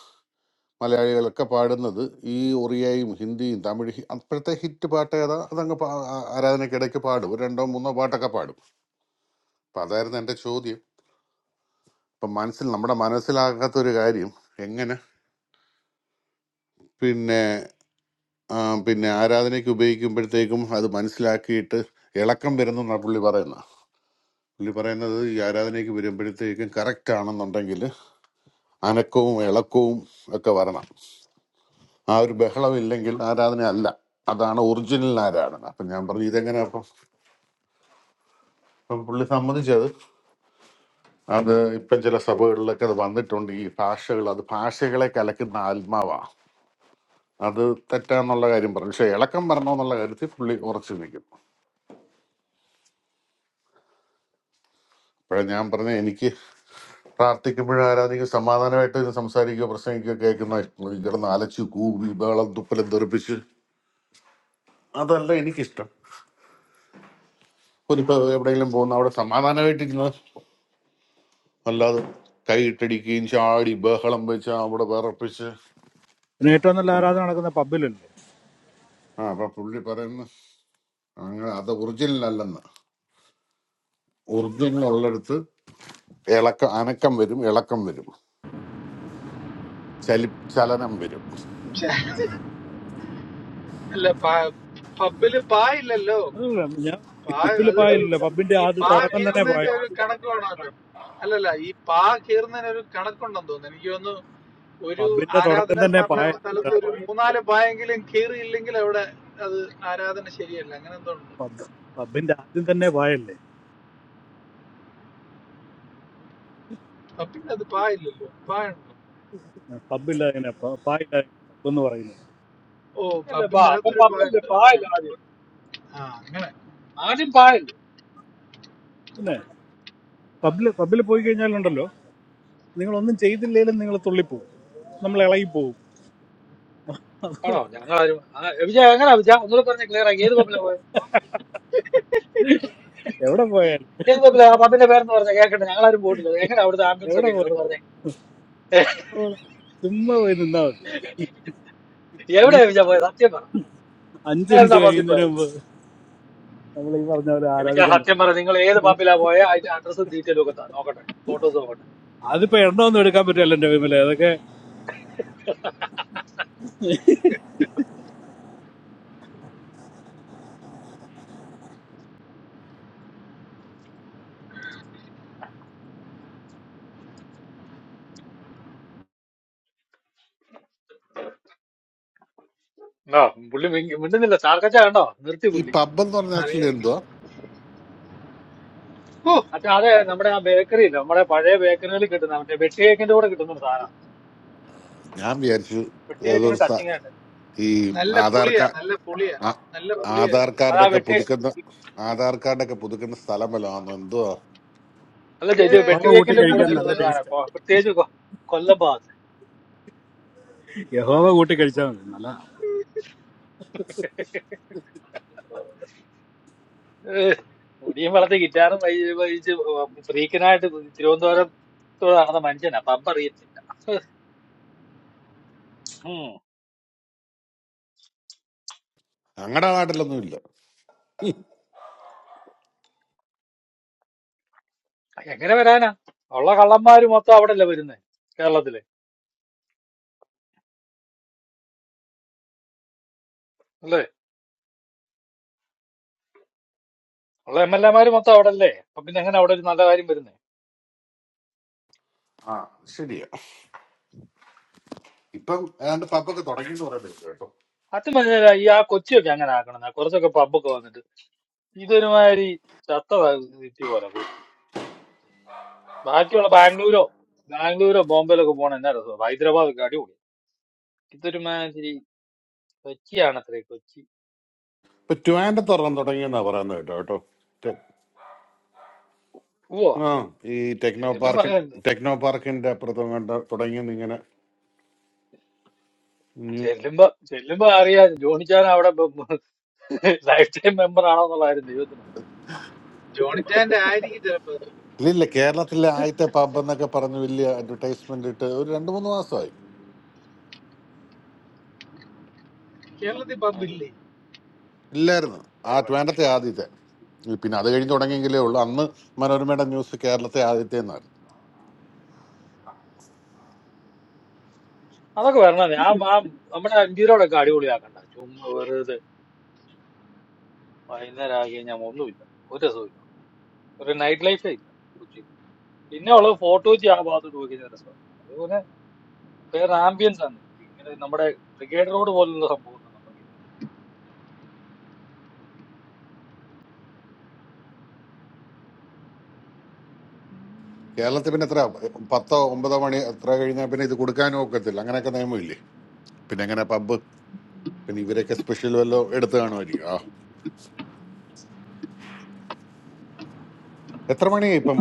Speaker 11: മലയാളികളൊക്കെ പാടുന്നത് ഈ ഒറിയയും ഹിന്ദിയും തമിഴ് ഹി- അപ്പോഴത്തെ ഹിറ്റ് പാട്ട് ഏതാ അതങ്ങ് പാ- ആ- ആരാധനയ്ക്കിടയ്ക്ക് പാടും ഒരു രണ്ടോ മൂന്നോ പാട്ടൊക്കെ പാടും അപ്പം അതായിരുന്നു എൻ്റെ ചോദ്യം ഇപ്പം മനസ്സിൽ നമ്മുടെ മനസ്സിലാകാത്തൊരു കാര്യം എങ്ങനെ പിന്നെ ആ, പിന്നെ ആരാധനയ്ക്ക് ഉപയോഗിക്കുമ്പോഴത്തേക്കും അത് മനസ്സിലാക്കിയിട്ട് ഇളക്കം വരുന്നു എന്നാണ് പുള്ളി പറയുന്നത് പുള്ളി പറയുന്നത് ഈ ആരാധനയ്ക്ക് വരുമ്പോഴത്തേക്കും കറക്റ്റ് ആണെന്നുണ്ടെങ്കിൽ അനക്കവും ഇളക്കവും ഒക്കെ വരണം ആ ഒരു ബഹളം ഇല്ലെങ്കിൽ ആരാധന അല്ല അതാണ് ഒറിജിനൽ ആരാധന അപ്പൊ ഞാൻ പറഞ്ഞു ഇതെങ്ങനെ അപ്പം അപ്പം പുള്ളി സമ്മതിച്ചത് അത് ഇപ്പം ചില സഭകളിലൊക്കെ അത് വന്നിട്ടുണ്ട് ഈ ഭാഷകൾ അത് ഭാഷകളെ കലക്കുന്ന ആത്മാവാ അത് തെറ്റാന്നുള്ള കാര്യം പറഞ്ഞു പക്ഷെ ഇളക്കം വരണമെന്നുള്ള കാര്യത്തിൽ പുള്ളി ഉറച്ചു നിൽക്കും അപ്പോഴേ ഞാൻ പറഞ്ഞു എനിക്ക് പ്രാർത്ഥിക്കുമ്പോഴും ആരാധിക്കും സമാധാനമായിട്ട് ഇത് സംസാരിക്കുകയോ പ്രസംഗിക്കുകയോ കേൾക്കുന്ന ഇഷ്ടം. കിടന്ന് അലച്ചു കൂവി ബഹളം തുപ്പലം തെറിപ്പിച്ച് അതല്ല എനിക്കിഷ്ടം ഒരിപ്പോ എവിടെയെങ്കിലും പോകുന്ന അവിടെ സമാധാനമായിട്ടിരുന്ന് അല്ലാതെ കൈയിട്ടടിക്കുകയും ചാടി ബഹളം വെച്ച് അവിടെ വിറപ്പിച്ച്
Speaker 2: പിന്നെ ഏറ്റവും നല്ല ആരാധന നടക്കുന്ന പബ്ബിലല്ലേ
Speaker 11: ആ അപ്പൊ പുള്ളി പറയുന്ന അങ്ങനെ അത് ഒറിജിനൽ അല്ലെന്ന് ഒറിജിനൽ ഉള്ളിടത്ത് ഇളക്കം അനക്കം വരും ഇളക്കം വരും ചലി ചലനം വരും
Speaker 12: അല്ല പാ- പബ്ബില് പാ ഇല്ലല്ലോ
Speaker 2: അതല്ല, ഞാൻ
Speaker 12: പാ
Speaker 2: പബ്ബിൽ
Speaker 12: അതൊരു
Speaker 2: പായലില്ല പബ്ബിന്റെ
Speaker 12: ഈ
Speaker 2: ആദ്യ
Speaker 12: പാ
Speaker 2: തുടക്കം തന്നെ
Speaker 12: കീറുന്നതിന്റെ
Speaker 2: പായൽ
Speaker 12: ഒരു കണക്ക് വേണമല്ലോ അല്ലല്ല ഈ പാ കീറുന്നതിന് ഒരു കണക്കുണ്ടെന്ന് തോന്നുന്നു എനിക്ക് തോന്നുന്നു ഒരു
Speaker 2: പബ്ബിന്റെ തുടക്കം
Speaker 12: ആരാധനാ
Speaker 2: തന്നെ
Speaker 12: സ്ഥാപന
Speaker 2: പായല്ലേ
Speaker 12: സ്ഥലത്ത്
Speaker 2: സ്റ്റാർ
Speaker 12: ഒരു മൂന്നാല് പായെങ്കിലും കീറിയില്ലെങ്കിൽ അവിടെ അത് ആരാധന ശരിയല്ല അങ്ങനെ എന്തോ ഉണ്ട്
Speaker 2: പബ് പബ്ബിന്റെ ആദ്യം തന്നെ പായല്ലേ
Speaker 12: പബ്ബിന്റെ അത് പാ ഇല്ലല്ലോ പാ ഉണ്ടോ
Speaker 2: പബ്ബില്ല അങ്ങനെ പായില്ല അങ്ങനെ പബ് എന്ന് പറയുന്നത്
Speaker 12: ഓ
Speaker 9: അല്ലേ ബാ
Speaker 12: പബ്ബിന്റെ
Speaker 9: അപ്പം
Speaker 12: അകത്തൊരു പാ
Speaker 9: പബ്ബല്ലേ
Speaker 12: ഉണ്ട്
Speaker 9: പായല്ല ആദ്യം
Speaker 12: ആ അങ്ങനെ
Speaker 9: ആദ്യം പായല്ലേ
Speaker 2: പിന്നെ പബ്ബിൽ പബ്ബിൽ പോയി കഴിഞ്ഞാലുണ്ടല്ലോ നിങ്ങൾ ഒന്നും ചെയ്തില്ലേലും നിങ്ങൾ തുള്ളിപ്പോവും നമ്മൾ ഇളകി പോവും അതോ,
Speaker 9: ആണോ ഞങ്ങളാരും ആ, വിജയ എങ്ങനെയാ വിജയ ഒന്നുകൂടെ പറഞ്ഞ ക്ലിയർ ആക്കി ഏത് പബ്ബിലാ പോയത്
Speaker 2: എവിടെ പോയാലും
Speaker 9: ഏത് പബ്ബിലാ ആ പബ്ബിന്റെ പേരെന്ന് പറഞ്ഞ കേക്കട്ടെ ഞങ്ങളാരും പോയിട്ടില്ല എങ്ങനെ അവിടുത്തെ ആംബിയൻസ്
Speaker 2: എവിടെ
Speaker 9: ഒക്കെ എങ്ങനെ ഒന്ന്
Speaker 2: പോയാലും
Speaker 9: പറഞ്ഞേ
Speaker 2: ചുമ്മാ പോയി നിന്നാ മതി
Speaker 9: എവിടെയാ
Speaker 2: അഞ്ച്
Speaker 9: വിജയ പോയത് സത്യം പറ
Speaker 2: അഞ്ച്
Speaker 9: നിങ്ങൾ എന്താ
Speaker 2: മിനിറ്റ്
Speaker 9: പബ്ബിൽ
Speaker 2: കഴിയുന്നതിന്
Speaker 9: പോയത്
Speaker 2: മുമ്പ് നമ്മൾ ഈ പറഞ്ഞ പോലെ
Speaker 9: വിജയ
Speaker 2: ആരാധിക്കാൻ
Speaker 9: സത്യം പറ
Speaker 2: തുടങ്ങും
Speaker 9: നിങ്ങൾ ഏത് പബ്ബിലാ പോയത് അതിന്റെ അഡ്രസ്സും ഡീറ്റെയിലും ഒക്കെ താ നോക്കട്ടെ ഫോട്ടോസ്
Speaker 2: അതിപ്പോ എണ്ണമൊന്നും എടുക്കാൻ പറ്റില്ല എന്റെ വിമലെ അതൊക്കെ
Speaker 9: ആ പുള്ളി മിണ്ട- മിണ്ടുന്നില്ല ചാർക്കച്ച കണ്ടോ നിർത്തി
Speaker 11: ഈ
Speaker 9: പുള്ളി
Speaker 11: പബ് എന്ന് പറഞ്ഞ ആക്ച്വലി എന്തുവാ
Speaker 12: ഓ
Speaker 9: അച്ഛാ അതെ നമ്മുടെ ആ ബേക്കറി ഇല്ല നമ്മുടെ പഴയ ബേക്കറിയിൽ കിട്ടുന്ന മറ്റേ വെട്ടി കേക്കിന്റെ കൂടെ കിട്ടുന്ന ഒരു സാധനം
Speaker 11: ഞാൻ വിചാരിച്ചു
Speaker 9: വെട്ടി
Speaker 11: ഏതോ
Speaker 9: കേക്കിന്
Speaker 11: ഒരു സ-
Speaker 9: ടച്ചിങ് ആയിട്ട്
Speaker 11: ഈ
Speaker 12: നല്ല
Speaker 11: ആധാർ
Speaker 12: പുളിയാ
Speaker 11: കാർഡ്
Speaker 12: നല്ല പുളിയാ
Speaker 11: ആ-
Speaker 12: നല്ല പുളിയാ
Speaker 11: ആധാർ
Speaker 12: ഇതിന്.
Speaker 9: അത് ആ
Speaker 11: കാർഡൊക്കെ
Speaker 9: വെട്ടി
Speaker 11: പുതുക്കുന്ന ആധാർ കാർഡൊക്കെ പുതുക്കുന്ന സ്ഥലം വല്ലതാണോ എന്തുവാ
Speaker 9: അല്ല ചേ,
Speaker 12: ഏ
Speaker 9: ഇത്
Speaker 2: യഹോവ
Speaker 9: വെട്ടി
Speaker 2: കൂട്ടി
Speaker 9: കേക്കിന്റെ കൂടെ
Speaker 12: തിന്നുന്ന
Speaker 2: കഴിക്കാൻ
Speaker 12: ഒരു
Speaker 9: കിട്ടുന്ന
Speaker 2: നല്ല
Speaker 9: ഒരു
Speaker 12: സാധനം.
Speaker 9: സാധനം
Speaker 2: ടേസ്റ്റാണ്
Speaker 9: കൊ- പ്രത്യേകിച്ച് കൊ- കൊല്ലം ഭാഗത്ത്
Speaker 2: യഹോവ കൂട്ടി കഴിച്ചാൽ മതി നല്ല
Speaker 9: ഏഹ്, മുടിയും വളർത്തി ഗിറ്റാറും വൈ- വഹിച്ച് ഫ്രീക്കനായിട്ട് തിരുവനന്തപുരത്തോട് നടന്ന മനുഷ്യനാ പമ്പ അറിയത്തില്ല ഉം.
Speaker 11: ഞങ്ങളുടെ നാട്ടിലൊന്നും ഇല്ല
Speaker 9: എങ്ങനെ വരാനാ ഉള്ള കള്ളന്മാര് മൊത്തം അവിടെ അല്ലേ വരുന്നത് കേരളത്തില് അല്ലേ ഉള്ള എം എൽ എമാര് മൊത്തം അവിടെ അല്ലേ അപ്പൊ പിന്നെ എങ്ങനെ അവിടെ ഒരു നല്ല കാര്യം വരുന്നത്
Speaker 11: ആ ശരിയാ ഇപ്പം ഏതാണ്ട് പബ്ബൊക്കെ തുടങ്ങി എന്ന് പറയുന്നത് കേട്ടു കേട്ടോ
Speaker 9: അത് മനസ്സിലായി ഈ ആ കൊച്ചിയൊക്കെ അങ്ങനെ ആക്കണം കുറച്ചൊക്കെ പബ്ബൊക്കെ വന്നിട്ട് ഇതൊരുമാതിരി ചത്ത സിറ്റി പോലെ കൊച്ചി ബാക്കിയുള്ള ബാംഗ്ലൂരോ ബാംഗ്ലൂരോ ബോംബെയിലൊക്കെ പോകണ എന്നാ രസം ഹൈദരാബാദൊക്കെ അടിപൊളി ഇതൊരുമാതിരി കൊച്ചിയാണ് അത്രേ കൊച്ചി
Speaker 11: ഇപ്പൊ ട്വാൻഡ് തുറന്ന് തുടങ്ങിയെന്നാ പറയുന്നത് കേട്ടോ കേട്ടോ ടെ-
Speaker 9: ഓ
Speaker 11: ആ ഈ ടെക്നോ
Speaker 9: ചെല്ലും
Speaker 11: പാർക്ക്
Speaker 9: പറയുന്നത്
Speaker 11: ടെക്നോ പാർക്കിന്റെ അപ്പുറത്തും കണ്ട തുടങ്ങിയെന്ന് ഇങ്ങനെ ന്യൂ-
Speaker 9: ചെല്ലുമ്പോ ചെല്ലുമ്പോ അറിയാ ജോണിച്ചാൻ അവിടെ ലൈഫ് ടൈം മെമ്പർ ആണോന്നുള്ള കാര്യം ദൈവത്തിന് അറിയാം.
Speaker 12: ജോണിച്ചാന്റെ ആയിരിക്കും ചിലപ്പോ ഇത്.
Speaker 11: ഇല്ലില്ല കേരളത്തിലെ ആദ്യത്തെ പബ് എന്നൊക്കെ പറഞ്ഞ് വലിയ അഡ്വർടൈസ്മെന്റ് ഇട്ട് ഒരു രണ്ട് മൂന്ന് മാസമായി
Speaker 12: കേരളത്തിൽ
Speaker 9: ആ ശരി.
Speaker 12: പബ്ബില്ലേ
Speaker 11: ഇല്ലായിരുന്നു ആ
Speaker 9: കാര്യം വേണ്ട.
Speaker 11: ട്വാൻഡത്തെ ആദ്യത്തെ ഈ പിന്നെ അത് കഴിഞ്ഞ് തുടങ്ങിയെങ്കിലേ ഉള്ളൂ അന്ന് മനോരമയുടെ ന്യൂസ് കേരളത്തെ ആദ്യത്തെ എന്നായിരുന്നു
Speaker 9: അതൊക്കെ വരണം ഞാൻ ആ നമ്മുടെ അഞ്ചീരോടൊക്കെ അടിപൊളിയാക്കണ്ട ചുമ്മാ വെറുതെ വൈകുന്നേരം ആക്കി കഴിഞ്ഞാൽ ഒന്നുമില്ല ഒരു രസവും ഇല്ല ഒരു നൈറ്റ് ലൈഫേ ഇല്ല കൊച്ചിയിൽ പിന്നെ ഉള്ളത് ഫോട്ടോജി ആ ഭാഗത്തോട്ട് പോയി കഴിഞ്ഞാൽ രസമാണ് അതുപോലെ വേറെ ആംബിയൻസ് ആണ് ഇങ്ങനെ നമ്മുടെ ബ്രിഗേഡ് റോഡ് പോലുള്ള സംഭവം ഒന്നും നമുക്ക് ഇല്ല.
Speaker 11: കേരളത്തിൽ പിന്നെ എത്ര പത്തോ ഒമ്പതോ മണി എത്ര കഴിഞ്ഞാൽ പിന്നെ ഇത് കൊടുക്കാനും ഒക്കത്തില്ല അങ്ങനെയൊക്കെ നിയമമില്ലേ പിന്നെ എങ്ങനെ പബ്ബ് പിന്നെ ഇവരൊക്കെ സ്പെഷ്യൽ വല്ലോ എടുത്ത് കാണുമായിരിക്കും ആ എത്ര മണിയായി ഇപ്പം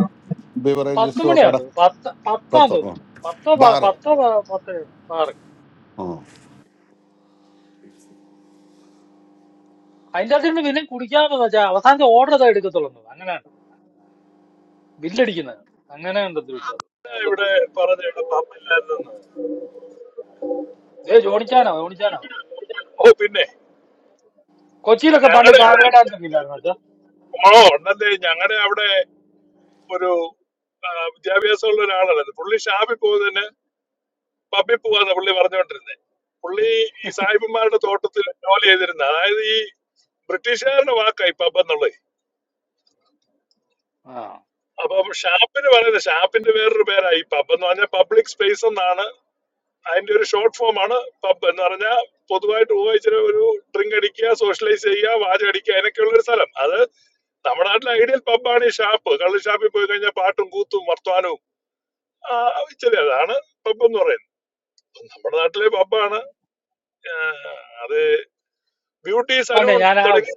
Speaker 9: പത്ത്
Speaker 11: ബിവറേജസോ കട
Speaker 9: മണിയാണ് പത്ത് പത്താന്ന്
Speaker 11: പത്തോ ആ.
Speaker 9: തോന്നുന്നുണ്ട് പത്തോ പ-
Speaker 11: ബാറ്
Speaker 9: പത്തോ പ- പത്ത് ബാറൊക്കെ
Speaker 11: ആ
Speaker 9: അതിന്റെ അകത്ത് നിന്ന് പിന്നെ കുടിക്കാന്ന് വെച്ചാൽ അവസാനത്തെ ഓർഡർ ഇതാ എടുക്കത്തുള്ളൂ എന്ന് തോന്നുന്നു. അങ്ങനെയാണ് ബില്ലടിക്കുന്നത് അങ്ങനെ ഉണ്ടെന്ന് വെച്ചാൽ
Speaker 13: ഞാൻ ഇവിടെ പറഞ്ഞ ഇവിടെ പമ്പില്ലായിരുന്നു
Speaker 9: ഏ ജോണിച്ചാനോ ജോണിച്ചാനോ
Speaker 13: ഓ പിന്നെ
Speaker 9: കൊച്ചിയിലൊക്കെ പണ്ട്
Speaker 13: ഞങ്ങളുടെ ഇവിടെ
Speaker 9: കാവല ഡാൻസ് ഒക്കെ ഇല്ലായിരുന്നു വെച്ചാ
Speaker 13: ഓ ഉണ്ടല്ലേ ഞങ്ങളുടെ അവിടെ ഒരു ആ, വിദ്യാഭ്യാസമുള്ള ഒരാളാണ് പുള്ളി ഷാപ്പിൽ പോകുന്നതിന് പബ്ബിൽ പോവാന്ന് പുള്ളി പറഞ്ഞുകൊണ്ടിരുന്നത് പുള്ളി ഈ സാഹിബന്മാരുടെ തോട്ടത്തിൽ ജോലി ചെയ്തിരുന്ന അതായത് ഈ ബ്രിട്ടീഷുകാരുടെ വാക്കായി പബ് എന്നുള്ളത്
Speaker 9: ആ
Speaker 13: അപ്പൊ ഷാപ്പിന് പറയുന്നത് ഷാപ്പിന്റെ വേറൊരു പേരായി പബ് എന്ന് പറഞ്ഞാൽ പബ്ലിക് സ്പേസ് എന്നാണ് അതിന്റെ ഒരു ഷോർട്ട് ഫോം ആണ് പബ് എന്ന് പറഞ്ഞാൽ പൊതുവായിട്ട് ഉപയോഗിച്ചിട്ട് ഒരു ഡ്രിങ്ക് അടിക്കുക സോഷ്യലൈസ് ചെയ്യുക വാചടിക്കുക അതിനൊക്കെയുള്ള ഒരു സ്ഥലം അത് നമ്മുടെ നാട്ടിലെ ഐഡിയൽ പബ്ബാണ് ഈ ഷാപ്പ് കള്ള് ഷാപ്പിൽ പോയി കഴിഞ്ഞാൽ പാട്ടും കൂത്തും വർത്തമാനവും ആ, ഇച്ചിരി അതാണ് പബ് എന്ന് പറയുന്നത് നമ്മുടെ നാട്ടിലെ പബ്ബാണ് അത് ബ്യൂട്ടി
Speaker 9: പണ്ടേ
Speaker 13: സലൂൺ
Speaker 9: ഞാൻ ആ
Speaker 13: തുടങ്ങി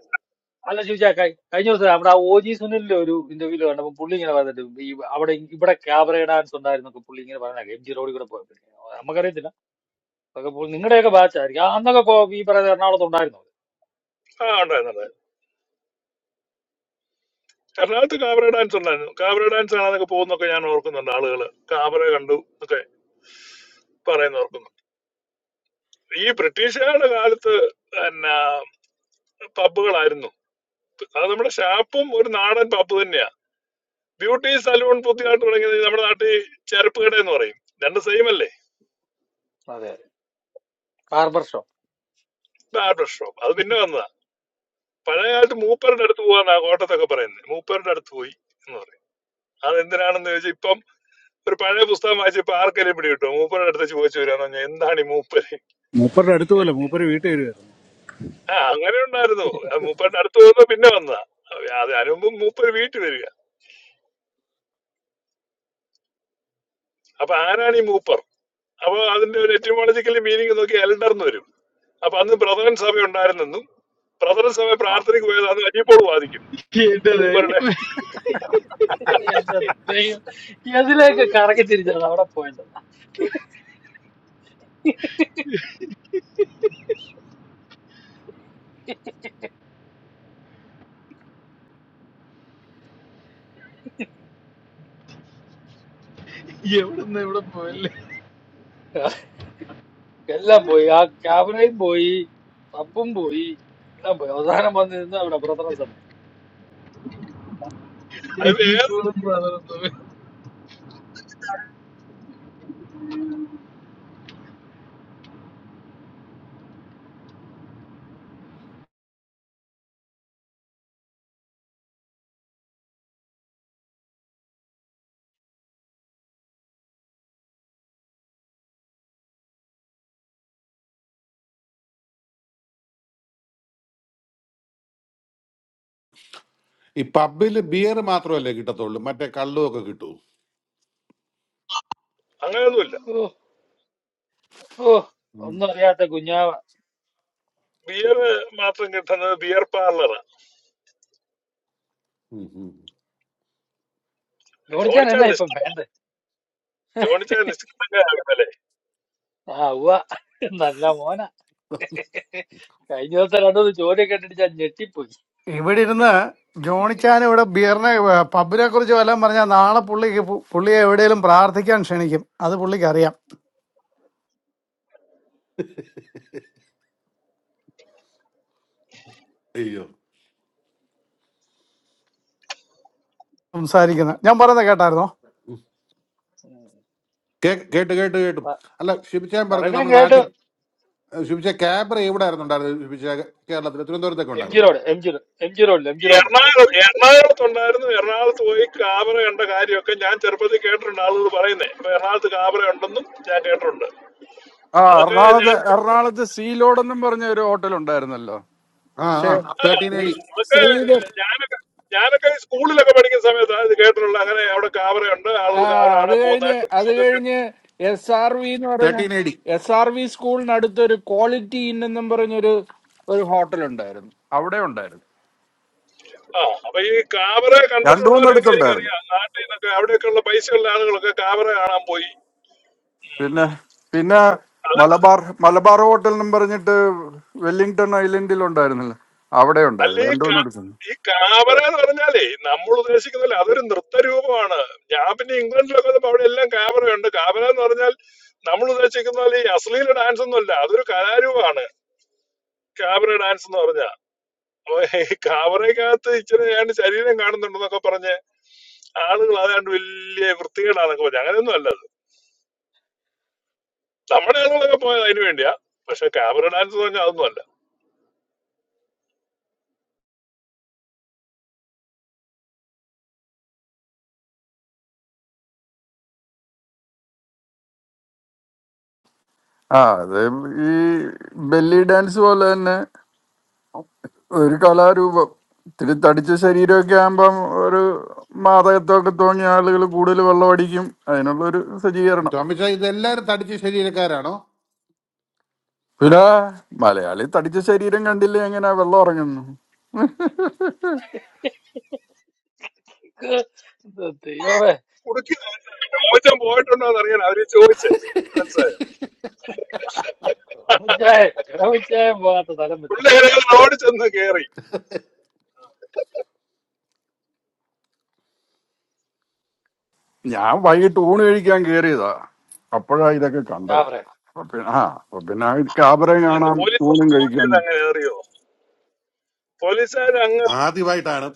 Speaker 9: അല്ല ചോദിച്ചാ കഴിഞ്ഞ ദിവസം നമ്മുടെ ആ ഒ ജി സുനിലിന്റെ ഒരു ഇന്റർവ്യൂല് കണ്ടപ്പോൾ പുള്ളി ഇങ്ങനെ പറഞ്ഞിട്ട് ഈ അവിടെ ഇവിടെ ക്യാബറ ഡാൻസ് ഉണ്ടായിരുന്നൊക്കെ പുള്ളി ഇങ്ങനെ പറഞ്ഞ എം ജി റോഡിൽ കൂടെ പോയപ്പോഴേ നമുക്കറിയത്തില്ല അതൊക്കെ പുള്ളി നിങ്ങളുടെയൊക്കെ ബാച്ചായിരിക്കും ആ, അന്നൊക്കെ കോ- ഈ പറയുന്ന എറണാകുളത്ത് ഉണ്ടായിരുന്നു
Speaker 13: ആ ഉണ്ടായിരുന്നത് എറണാകുളത്ത് കാബര ഡാൻസ് ഉണ്ടായിരുന്നു കാബര ഡാൻസ് ആണ് അതൊക്കെ പോകുന്നൊക്കെ ഞാൻ ഓർക്കുന്നുണ്ട് ആളുകള് കാബര കണ്ടു എന്നൊക്കെ പറയുന്ന ഓർക്കുന്നു ഈ ബ്രിട്ടീഷുകാരുടെ കാലത്ത് പിന്നെ പബ്ബുകളായിരുന്നു അത് നമ്മുടെ ഷാപ്പും ഒരു നാടൻ പപ്പ് തന്നെയാ ബ്യൂട്ടി സലൂൺ പുതിയതായിട്ട് തുടങ്ങിയത് നമ്മുടെ നാട്ടിൽ ചെരുപ്പ് കട എന്ന് പറയും രണ്ട് സെയിം അല്ലേ
Speaker 9: അതെ അതെ ബാർബർ ഷോ
Speaker 13: ബാർബർ ഷോപ്പ് അത് പിന്നെ വന്നതാ പഴയ കാലത്ത് മൂപ്പരുടെ അടുത്ത് പോവാന്നാ കോട്ടത്തൊക്കെ പറയുന്നത് മൂപ്പരുടെ അടുത്ത് പോയി എന്ന് പറയും അത് എന്തിനാണെന്ന് ചോദിച്ചാൽ ഇപ്പം ഒരു പഴയ പുസ്തകം വായിച്ചപ്പോ ആർക്കെങ്കിലും പിടി കിട്ടും മൂപ്പരുടെ അടുത്ത് ചോദിച്ചു വരാന്ന് പറഞ്ഞാൽ എന്താണ് ഈ മൂപ്പര്
Speaker 2: മൂപ്പരുടെ അടുത്ത്
Speaker 13: ഏ?
Speaker 2: പോലെ മൂപ്പര് വീട്ടിൽ വരിക
Speaker 13: ആ അങ്ങനെ ഉണ്ടായിരുന്നു ആ, മൂപ്പരുടെ അടുത്ത് പോകുന്നത് പിന്നെ വന്നതാ അതിനുമ്പ് മൂപ്പർ വീട്ടിൽ വരിക അപ്പൊ ആരാണ് ഈ മൂപ്പർ അപ്പൊ അതിന്റെ ഒരു എറ്റിമോളജിക്കൽ മീനിങ് നോക്കി എൽഡർ എന്ന് വരും അപ്പൊ അന്ന് ബ്രദറൻ സഭ ഉണ്ടായിരുന്നു പ്രഥമ സമയ
Speaker 9: ആ
Speaker 13: പ്രാർത്ഥനയ്ക്ക് പോയതാണ് അനിയപ്പോൾ വാദിക്കും
Speaker 12: എന്റെ
Speaker 13: മൂപ്പരുടെ
Speaker 12: ദൈവമേ.
Speaker 9: എന്റെ ദൈവം. എതിലേക്ക് കറങ്ങി തിരിച്ചാണ് അവിടെ പോയത്
Speaker 12: എവിടുന്ന് എവിടെ പോയല്ലേ
Speaker 9: എല്ലാം പോയി ആ ക്യാബറയും പോയി പബ്ബും പോയി എല്ലാം പോയി അവസാനം വന്ന് നിന്ന് അവിടെ പ്രസരം സമയം
Speaker 13: അത് വേറെ
Speaker 12: ജീപ്പുകളും ബ്രദറും
Speaker 11: ഈ പബ്ബിൽ ബിയർ മാത്രമല്ലേ കിട്ടത്തുള്ളൂ മറ്റേ കള്ളും ഒക്കെ കിട്ടൂ
Speaker 13: അങ്ങനെയൊന്നുമില്ല
Speaker 9: ഓ ഓ
Speaker 11: ഉം.
Speaker 9: ഒന്നും അറിയാത്ത കുഞ്ഞാവ
Speaker 13: ബിയർ മാത്രം കിട്ടുന്നത് ബിയർ പാർലറാണ്
Speaker 11: ഉം, ഉം.
Speaker 9: ജോണിച്ചാൻ
Speaker 13: ജോണിച്ചാൽ
Speaker 9: എന്നാ ഇപ്പൊ
Speaker 13: നിഷ്ഠ
Speaker 9: വേണ്ടത്
Speaker 13: ജോണിച്ചാൽ നിഷ്ഠല്ലേ
Speaker 9: ആ ഉവ്വ നല്ല മോന കഴിഞ്ഞ ദിവസം രണ്ടു ചോദ്യം കേട്ടിട്ട് ഞാൻ ഞെട്ടിപ്പോയി
Speaker 14: ഇവിടെ ഇരുന്ന് ജോണിച്ചാൻ ഇവിടെ ബിയറിനെ പബ്ബിനെ കുറിച്ച് വല്ലതും പറഞ്ഞാൽ നാളെ പുള്ളിക്ക് പു- പുള്ളിയെ എവിടെയെങ്കിലും പ്രാർത്ഥിക്കാൻ ക്ഷണിക്കും അത് പുള്ളിക്ക് അറിയാം
Speaker 11: അയ്യോ
Speaker 14: സംസാരിക്കുന്നത് ഞാൻ പറയുന്നത് കേട്ടായിരുന്നോ
Speaker 9: ഉം.
Speaker 11: കേ- കേട്ട് കേട്ട് കേട്ടു
Speaker 9: പ-
Speaker 11: അല്ല ശിബിച്ചാൻ പറഞ്ഞു
Speaker 9: പറഞ്ഞ
Speaker 11: നമ്മുടെ
Speaker 9: കേട്ടു
Speaker 11: നാട്ടിൽ ശിബിച്ച ക്യാബ്ര ഇവിടെ ആയിരുന്നു ഉണ്ടായിരുന്നത് ശിബിച്ച കേരളത്തിൽ തിരുവനന്തപുരത്തൊക്കെ
Speaker 9: എം ജി
Speaker 11: ഉണ്ടായിരുന്നു
Speaker 9: road M G road M G റോഡിൽ എം ജി
Speaker 13: ഈ
Speaker 9: റോഡിലുണ്ട്
Speaker 13: എറണാകുളം എറണാകുളത്ത് ഉണ്ടായിരുന്നു എറണാകുളത്ത് പോയി കാബറ കണ്ട കാര്യമൊക്കെ ഞാൻ ചെറുപ്പത്തിൽ കേട്ടിട്ടുണ്ട് ആളുകൾ പറയുന്നേ ഇപ്പൊ എറണാകുളത്ത് കാബറ ഉണ്ടെന്നും ഞാൻ കേട്ടിട്ടുണ്ട്
Speaker 10: ആ
Speaker 13: അതൊക്കെ
Speaker 10: എറണാകുളത്ത്
Speaker 13: ഞാൻ
Speaker 10: എറണാകുളത്ത് സീലോഡ് എന്നും പറഞ്ഞ ഒരു ഹോട്ടൽ ഉണ്ടായിരുന്നല്ലോ
Speaker 11: ആ
Speaker 10: പക്ഷേ
Speaker 11: ആ
Speaker 13: ആ,
Speaker 11: തേർട്ടീൻ എ
Speaker 10: ശ്രീ
Speaker 11: ഡി
Speaker 13: അതൊക്കെ
Speaker 10: ശ്രീധർ
Speaker 13: ഞാനൊക്കെ ഞാനൊക്കെ സ്കൂളിലൊക്കെ പഠിക്കുന്ന സമയത്താണ് ഇത് കേട്ടിട്ടുള്ളത് അങ്ങനെ അവിടെ കാബറയുണ്ട്
Speaker 10: ആ
Speaker 13: ആളുകൾ കാബറ
Speaker 10: അത്
Speaker 13: കാണാൻ
Speaker 10: കഴിഞ്ഞ്
Speaker 13: പോകുന്നതായിട്ടും
Speaker 10: അത്
Speaker 13: ഒക്കെ
Speaker 10: കഴിഞ്ഞ് എസ് ആർ വി എന്ന് പറഞ്ഞ
Speaker 11: thirteen A D
Speaker 10: S R V സ്കൂളിനടുത്ത് ഒരു ക്വാളിറ്റി ഇൻ എന്നും പറഞ്ഞൊരു ഒരു ഹോട്ടൽ ഉണ്ടായിരുന്നു അവിടെ ഉണ്ടായിരുന്നു
Speaker 13: ആ അപ്പൊ ഈ കാബറെ
Speaker 10: രണ്ടു
Speaker 13: കണ്ടിട്ടുള്ളവരെയൊക്കെ
Speaker 10: മൂന്നെടുത്തുണ്ടായിരുന്നു
Speaker 13: എനിക്കറിയാം നാട്ടിൽ നിന്നൊക്കെ അവിടെയൊക്കെ ഉള്ള പൈസയുള്ള ആളുകളൊക്കെ കാബറ കാണാൻ പോയി
Speaker 10: പിന്നെ പിന്നെ
Speaker 13: അത്
Speaker 10: മലബാർ മലബാർ ഹോട്ടൽ എന്നും പറഞ്ഞിട്ട് വെല്ലിംഗ്ടൺ ഐലൻഡിൽ ഉണ്ടായിരുന്നില്ല അവിടെ ഉണ്ടായിരുന്നു
Speaker 13: അല്ലേ
Speaker 10: രണ്ടു
Speaker 13: കാ-
Speaker 10: മൂന്നെടുത്തുണ്ട്
Speaker 13: ഈ കാബറ എന്ന് പറഞ്ഞാലേ നമ്മൾ ഉദ്ദേശിക്കുന്നില്ല അതൊരു നൃത്തരൂപമാണ് ഞാൻ പിന്നെ ഇംഗ്ലണ്ടിലൊക്കെ വന്നപ്പോ അവിടെ എല്ലാം കാബറയുണ്ട് കാബറ എന്ന് പറഞ്ഞാൽ നമ്മൾ ഉദ്ദേശിക്കുന്ന പോലെ ഈ അശ്ലീല ഡാൻസ് ഒന്നുമല്ല അതൊരു കലാരൂപമാണ് കാബറ ഡാൻസ് എന്ന് പറഞ്ഞാൽ അപ്പൊ ഈ കാബറയ്ക്കകത്ത് ഇച്ചിരി ഏതാണ്ട് ശരീരം കാണുന്നുണ്ടെന്നൊക്കെ പറഞ്ഞ് ആളുകൾ ഏതാണ്ട് വലിയ വൃത്തികേടാന്നൊക്കെ പറഞ്ഞു അങ്ങനെയൊന്നും അല്ല അത്. നമ്മുടെ ആളുകളൊക്കെ പോയത് അതിനു വേണ്ടിയാ പക്ഷെ കാബറ ഡാൻസ് എന്ന് പറഞ്ഞാൽ അതൊന്നും അല്ല
Speaker 10: ആ അത് ഈ ബെല്ലി ഡാൻസ് പോലെ തന്നെ ഒരു കലാരൂപം ഇത്തിരി തടിച്ച ശരീരമൊക്കെ ആകുമ്പം ഒരു മാതകത്വമൊക്കെ തോന്നിയ ആളുകൾ കൂടുതൽ വെള്ളം അടിക്കും അതിനുള്ള ഒരു സജ്ജീകരണം
Speaker 11: ടോമിച്ച ഇതെല്ലാരും തടിച്ച് ശരീരക്കാരാണോ
Speaker 10: പിന്നെ മലയാളി തടിച്ച ശരീരം കണ്ടില്ലേ എങ്ങനെ വെള്ളം ഇറങ്ങുന്നു ഉം.
Speaker 9: ഇത് ദൈവമേ
Speaker 13: കുടുക്കി മോശം പോയിട്ടുണ്ടോ എന്ന് അറിയാൻ അവര് ചോദിച്ചേ മനസ്സിലായോ
Speaker 9: ടോമിച്ചായ ടോമിച്ചായ പോകാത്ത തലം വരുന്നുണ്ട്
Speaker 13: പിള്ളേരെ റോഡ് ചെന്ന് കയറി
Speaker 10: ഞാൻ വൈകിട്ട് ഊണ് കഴിക്കാൻ കയറിയതാ അപ്പോഴാ ഇതൊക്കെ
Speaker 9: ഞാൻ
Speaker 10: കണ്ടത്
Speaker 9: പറയാം
Speaker 10: അപ്പൊ പിന്നെ ആ അപ്പൊ പിന്നെ കാബറയും
Speaker 13: ആണ്
Speaker 10: കാണാം
Speaker 13: പോലീസ്
Speaker 10: ഊണും കഴിക്കാൻ
Speaker 13: അങ്ങ് കയറിയോ പോലീസുകാർ അങ്ങ്
Speaker 11: ആദ്യമായിട്ടാണ്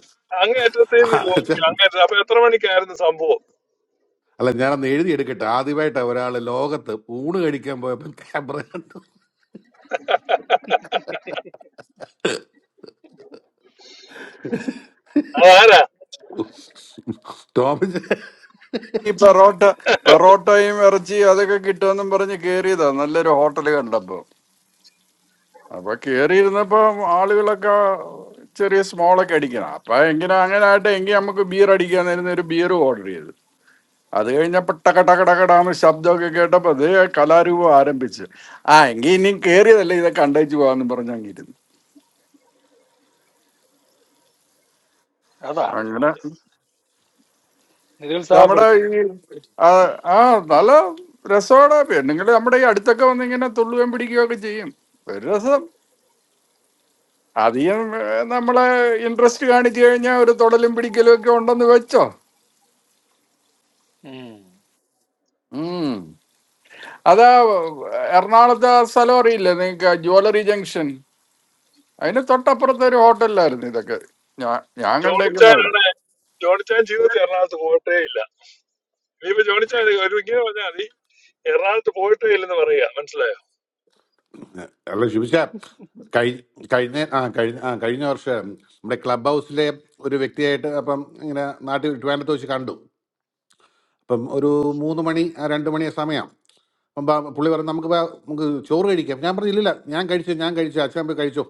Speaker 13: അങ്ങേറ്റത്തിൽ നിന്ന് ചോദിച്ചു അങ്ങേറ്റം അപ്പൊ എത്ര മണിക്കായിരുന്നു സംഭവം
Speaker 11: അല്ല ഞാനന്ന് എഴുതിയെടുക്കട്ടെ ആദ്യമായിട്ട് ഒരാൾ ലോകത്ത് ഊണ് കഴിക്കാൻ പോയപ്പോൾ ക്യാമറ കണ്ടു
Speaker 13: അതാരാ
Speaker 11: തോമസ്
Speaker 10: ഈ പെറോട്ട പെറോട്ടയും ഇറച്ചി അതൊക്കെ കിട്ടുമെന്നും പറഞ്ഞ് കയറിയതാ നല്ലൊരു ഹോട്ടൽ കണ്ടപ്പോ അപ്പൊ കേറിയിരുന്നപ്പോ ആളുകളൊക്കെ ചെറിയ സ്മോളൊക്കെ അടിക്കണം അപ്പൊ എങ്ങനെ അങ്ങനെ ആയിട്ട് എങ്കിൽ നമുക്ക് ബിയർ അടിക്കാൻ നേരുന്ന ഒരു ബിയർ ഓർഡർ ചെയ്തു അത് കഴിഞ്ഞപ്പോ ടക്കടക്കടക്കടാന്ന് ശബ്ദമൊക്കെ കേട്ടപ്പോ അതേ കലാരൂപം ആരംഭിച്ച് ആ എങ്കിൽ ഇനി കേറിയതല്ലേ ഇതൊക്കെ കണ്ടേച്ച് പോവാന്ന് പറഞ്ഞ് അങ്ങിരുന്നു
Speaker 9: അതാണ്
Speaker 10: അങ്ങനെ
Speaker 9: ടോമിച്ചായ
Speaker 10: നമ്മുടെ
Speaker 9: നിരുത്സാഹപ്പെടുത്തി
Speaker 10: ഈ
Speaker 9: കാര്യം
Speaker 10: ആ ആ, നല്ല രസമാണ് പെണ്ണുങ്ങള് നമ്മുടെ ഈ അടുത്തൊക്കെ വന്ന് ഇങ്ങനെ തുള്ളുകയും പിടിക്കുകയൊക്കെ ചെയ്യും ഒരു രസം അധികം ഏ, നമ്മളെ ഇൻട്രസ്റ്റ് കാണിച്ചു കഴിഞ്ഞാൽ ഒരു തൊടലും പിടിക്കലും ഒക്കെ ഉണ്ടെന്ന് വെച്ചോ
Speaker 9: ഉം.
Speaker 10: ഉം അതാ എറണാകുളത്തെ ആ സ്ഥലം അറിയില്ലേ നിങ്ങൾക്ക് ജ്വല്ലറി ജംഗ്ഷൻ അതിന് തൊട്ടപ്പുറത്തെ ഒരു ഹോട്ടലിലായിരുന്നു ഇതൊക്കെ ഞാൻ ഞാൻ കണ്ടേക്കുന്ന അവിടെ
Speaker 13: ജോണിച്ചാനാണ് ജോണിച്ചാൻ ജീവിതത്തിൽ എറണാകുളത്ത് പോയിട്ടേ ഇല്ല ഇനിയിപ്പോ ജോണിച്ചാൻ ഒരു ഇങ്ങനെ പറഞ്ഞാൽ മതി എറണാകുളത്ത് പോയിട്ടേ ഇല്ലെന്ന് പറയാ മനസ്സിലായോ
Speaker 11: അല്ല ശുഭിച്ച കഴി കഴിഞ്ഞ ആ കഴിഞ്ഞ ആ കഴിഞ്ഞ വർഷം നമ്മുടെ ക്ലബ് ഹൗസിലെ ഒരു വ്യക്തിയായിട്ട് അപ്പം ഇങ്ങനെ നാട്ടിൽ ട്രിവാൻഡ്രത്ത് വെച്ച് കണ്ടു അപ്പം ഒരു മൂന്ന് മണി ആ രണ്ട് മണി ആ സമയം അപ്പം ബാ- പുള്ളി പറഞ്ഞു നമുക്ക് ബാ- നമുക്ക് ചോറ് കഴിക്കാം ഞാൻ പറഞ്ഞു ഇല്ലില്ല ഞാൻ കഴിച്ചു ഞാൻ കഴിച്ചു അച്ഛൻ പോയി കഴിച്ചു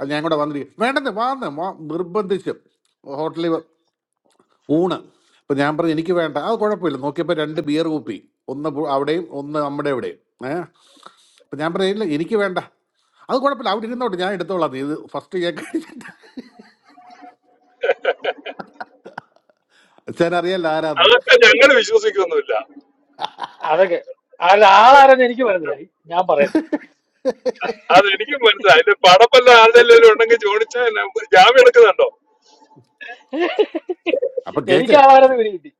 Speaker 11: അത് ഞാൻ കൂടെ വന്നിരിക്കും വേണ്ടെന്ന് വാന്ന് നിർബന്ധിച്ച് ഹോട്ടലിൽ ഊണ് ഇപ്പം ഞാൻ പറഞ്ഞു എനിക്ക് വേണ്ട അത് കുഴപ്പമില്ല നോക്കിയപ്പോൾ രണ്ട് ബിയർ കുപ്പി ഒന്ന് പു- അവിടെയും ഒന്ന് നമ്മുടെ ഇവിടെയും ഏ അപ്പം ഞാൻ പറഞ്ഞു ഇല്ല എനിക്ക് വേണ്ട അത് കുഴപ്പമില്ല അവിടെ ഇരുന്നോട്ട് ഞാൻ എടുത്തോളാം നീ ഇത് ഫസ്റ്റ് കേക്ക് അടിച്ചിട്ട് അച്ഛൻ അറിയാല്ല ആരാന്ന്
Speaker 13: അതൊക്കെ ഞങ്ങൾ വിശ്വസിക്കൊന്നുമില്ല
Speaker 9: അതൊക്കെ അല്ല ആളാരെന്ന് എനിക്ക് മനസ്സിലായി ഞാൻ പറയുന്നില്ല
Speaker 13: അത് എനിക്കും മനസ്സിലായി അതിന്റെ പടപ്പല്ല ആളുടെ ഉണ്ടെങ്കിൽ ജോണിച്ചാൻ ജാമ്യം എടുക്കുന്നുണ്ടോ
Speaker 11: അപ്പൊ
Speaker 9: എനിക്ക്
Speaker 11: കേക്ക്
Speaker 9: ആളാരെന്ന് പിടി കിട്ടി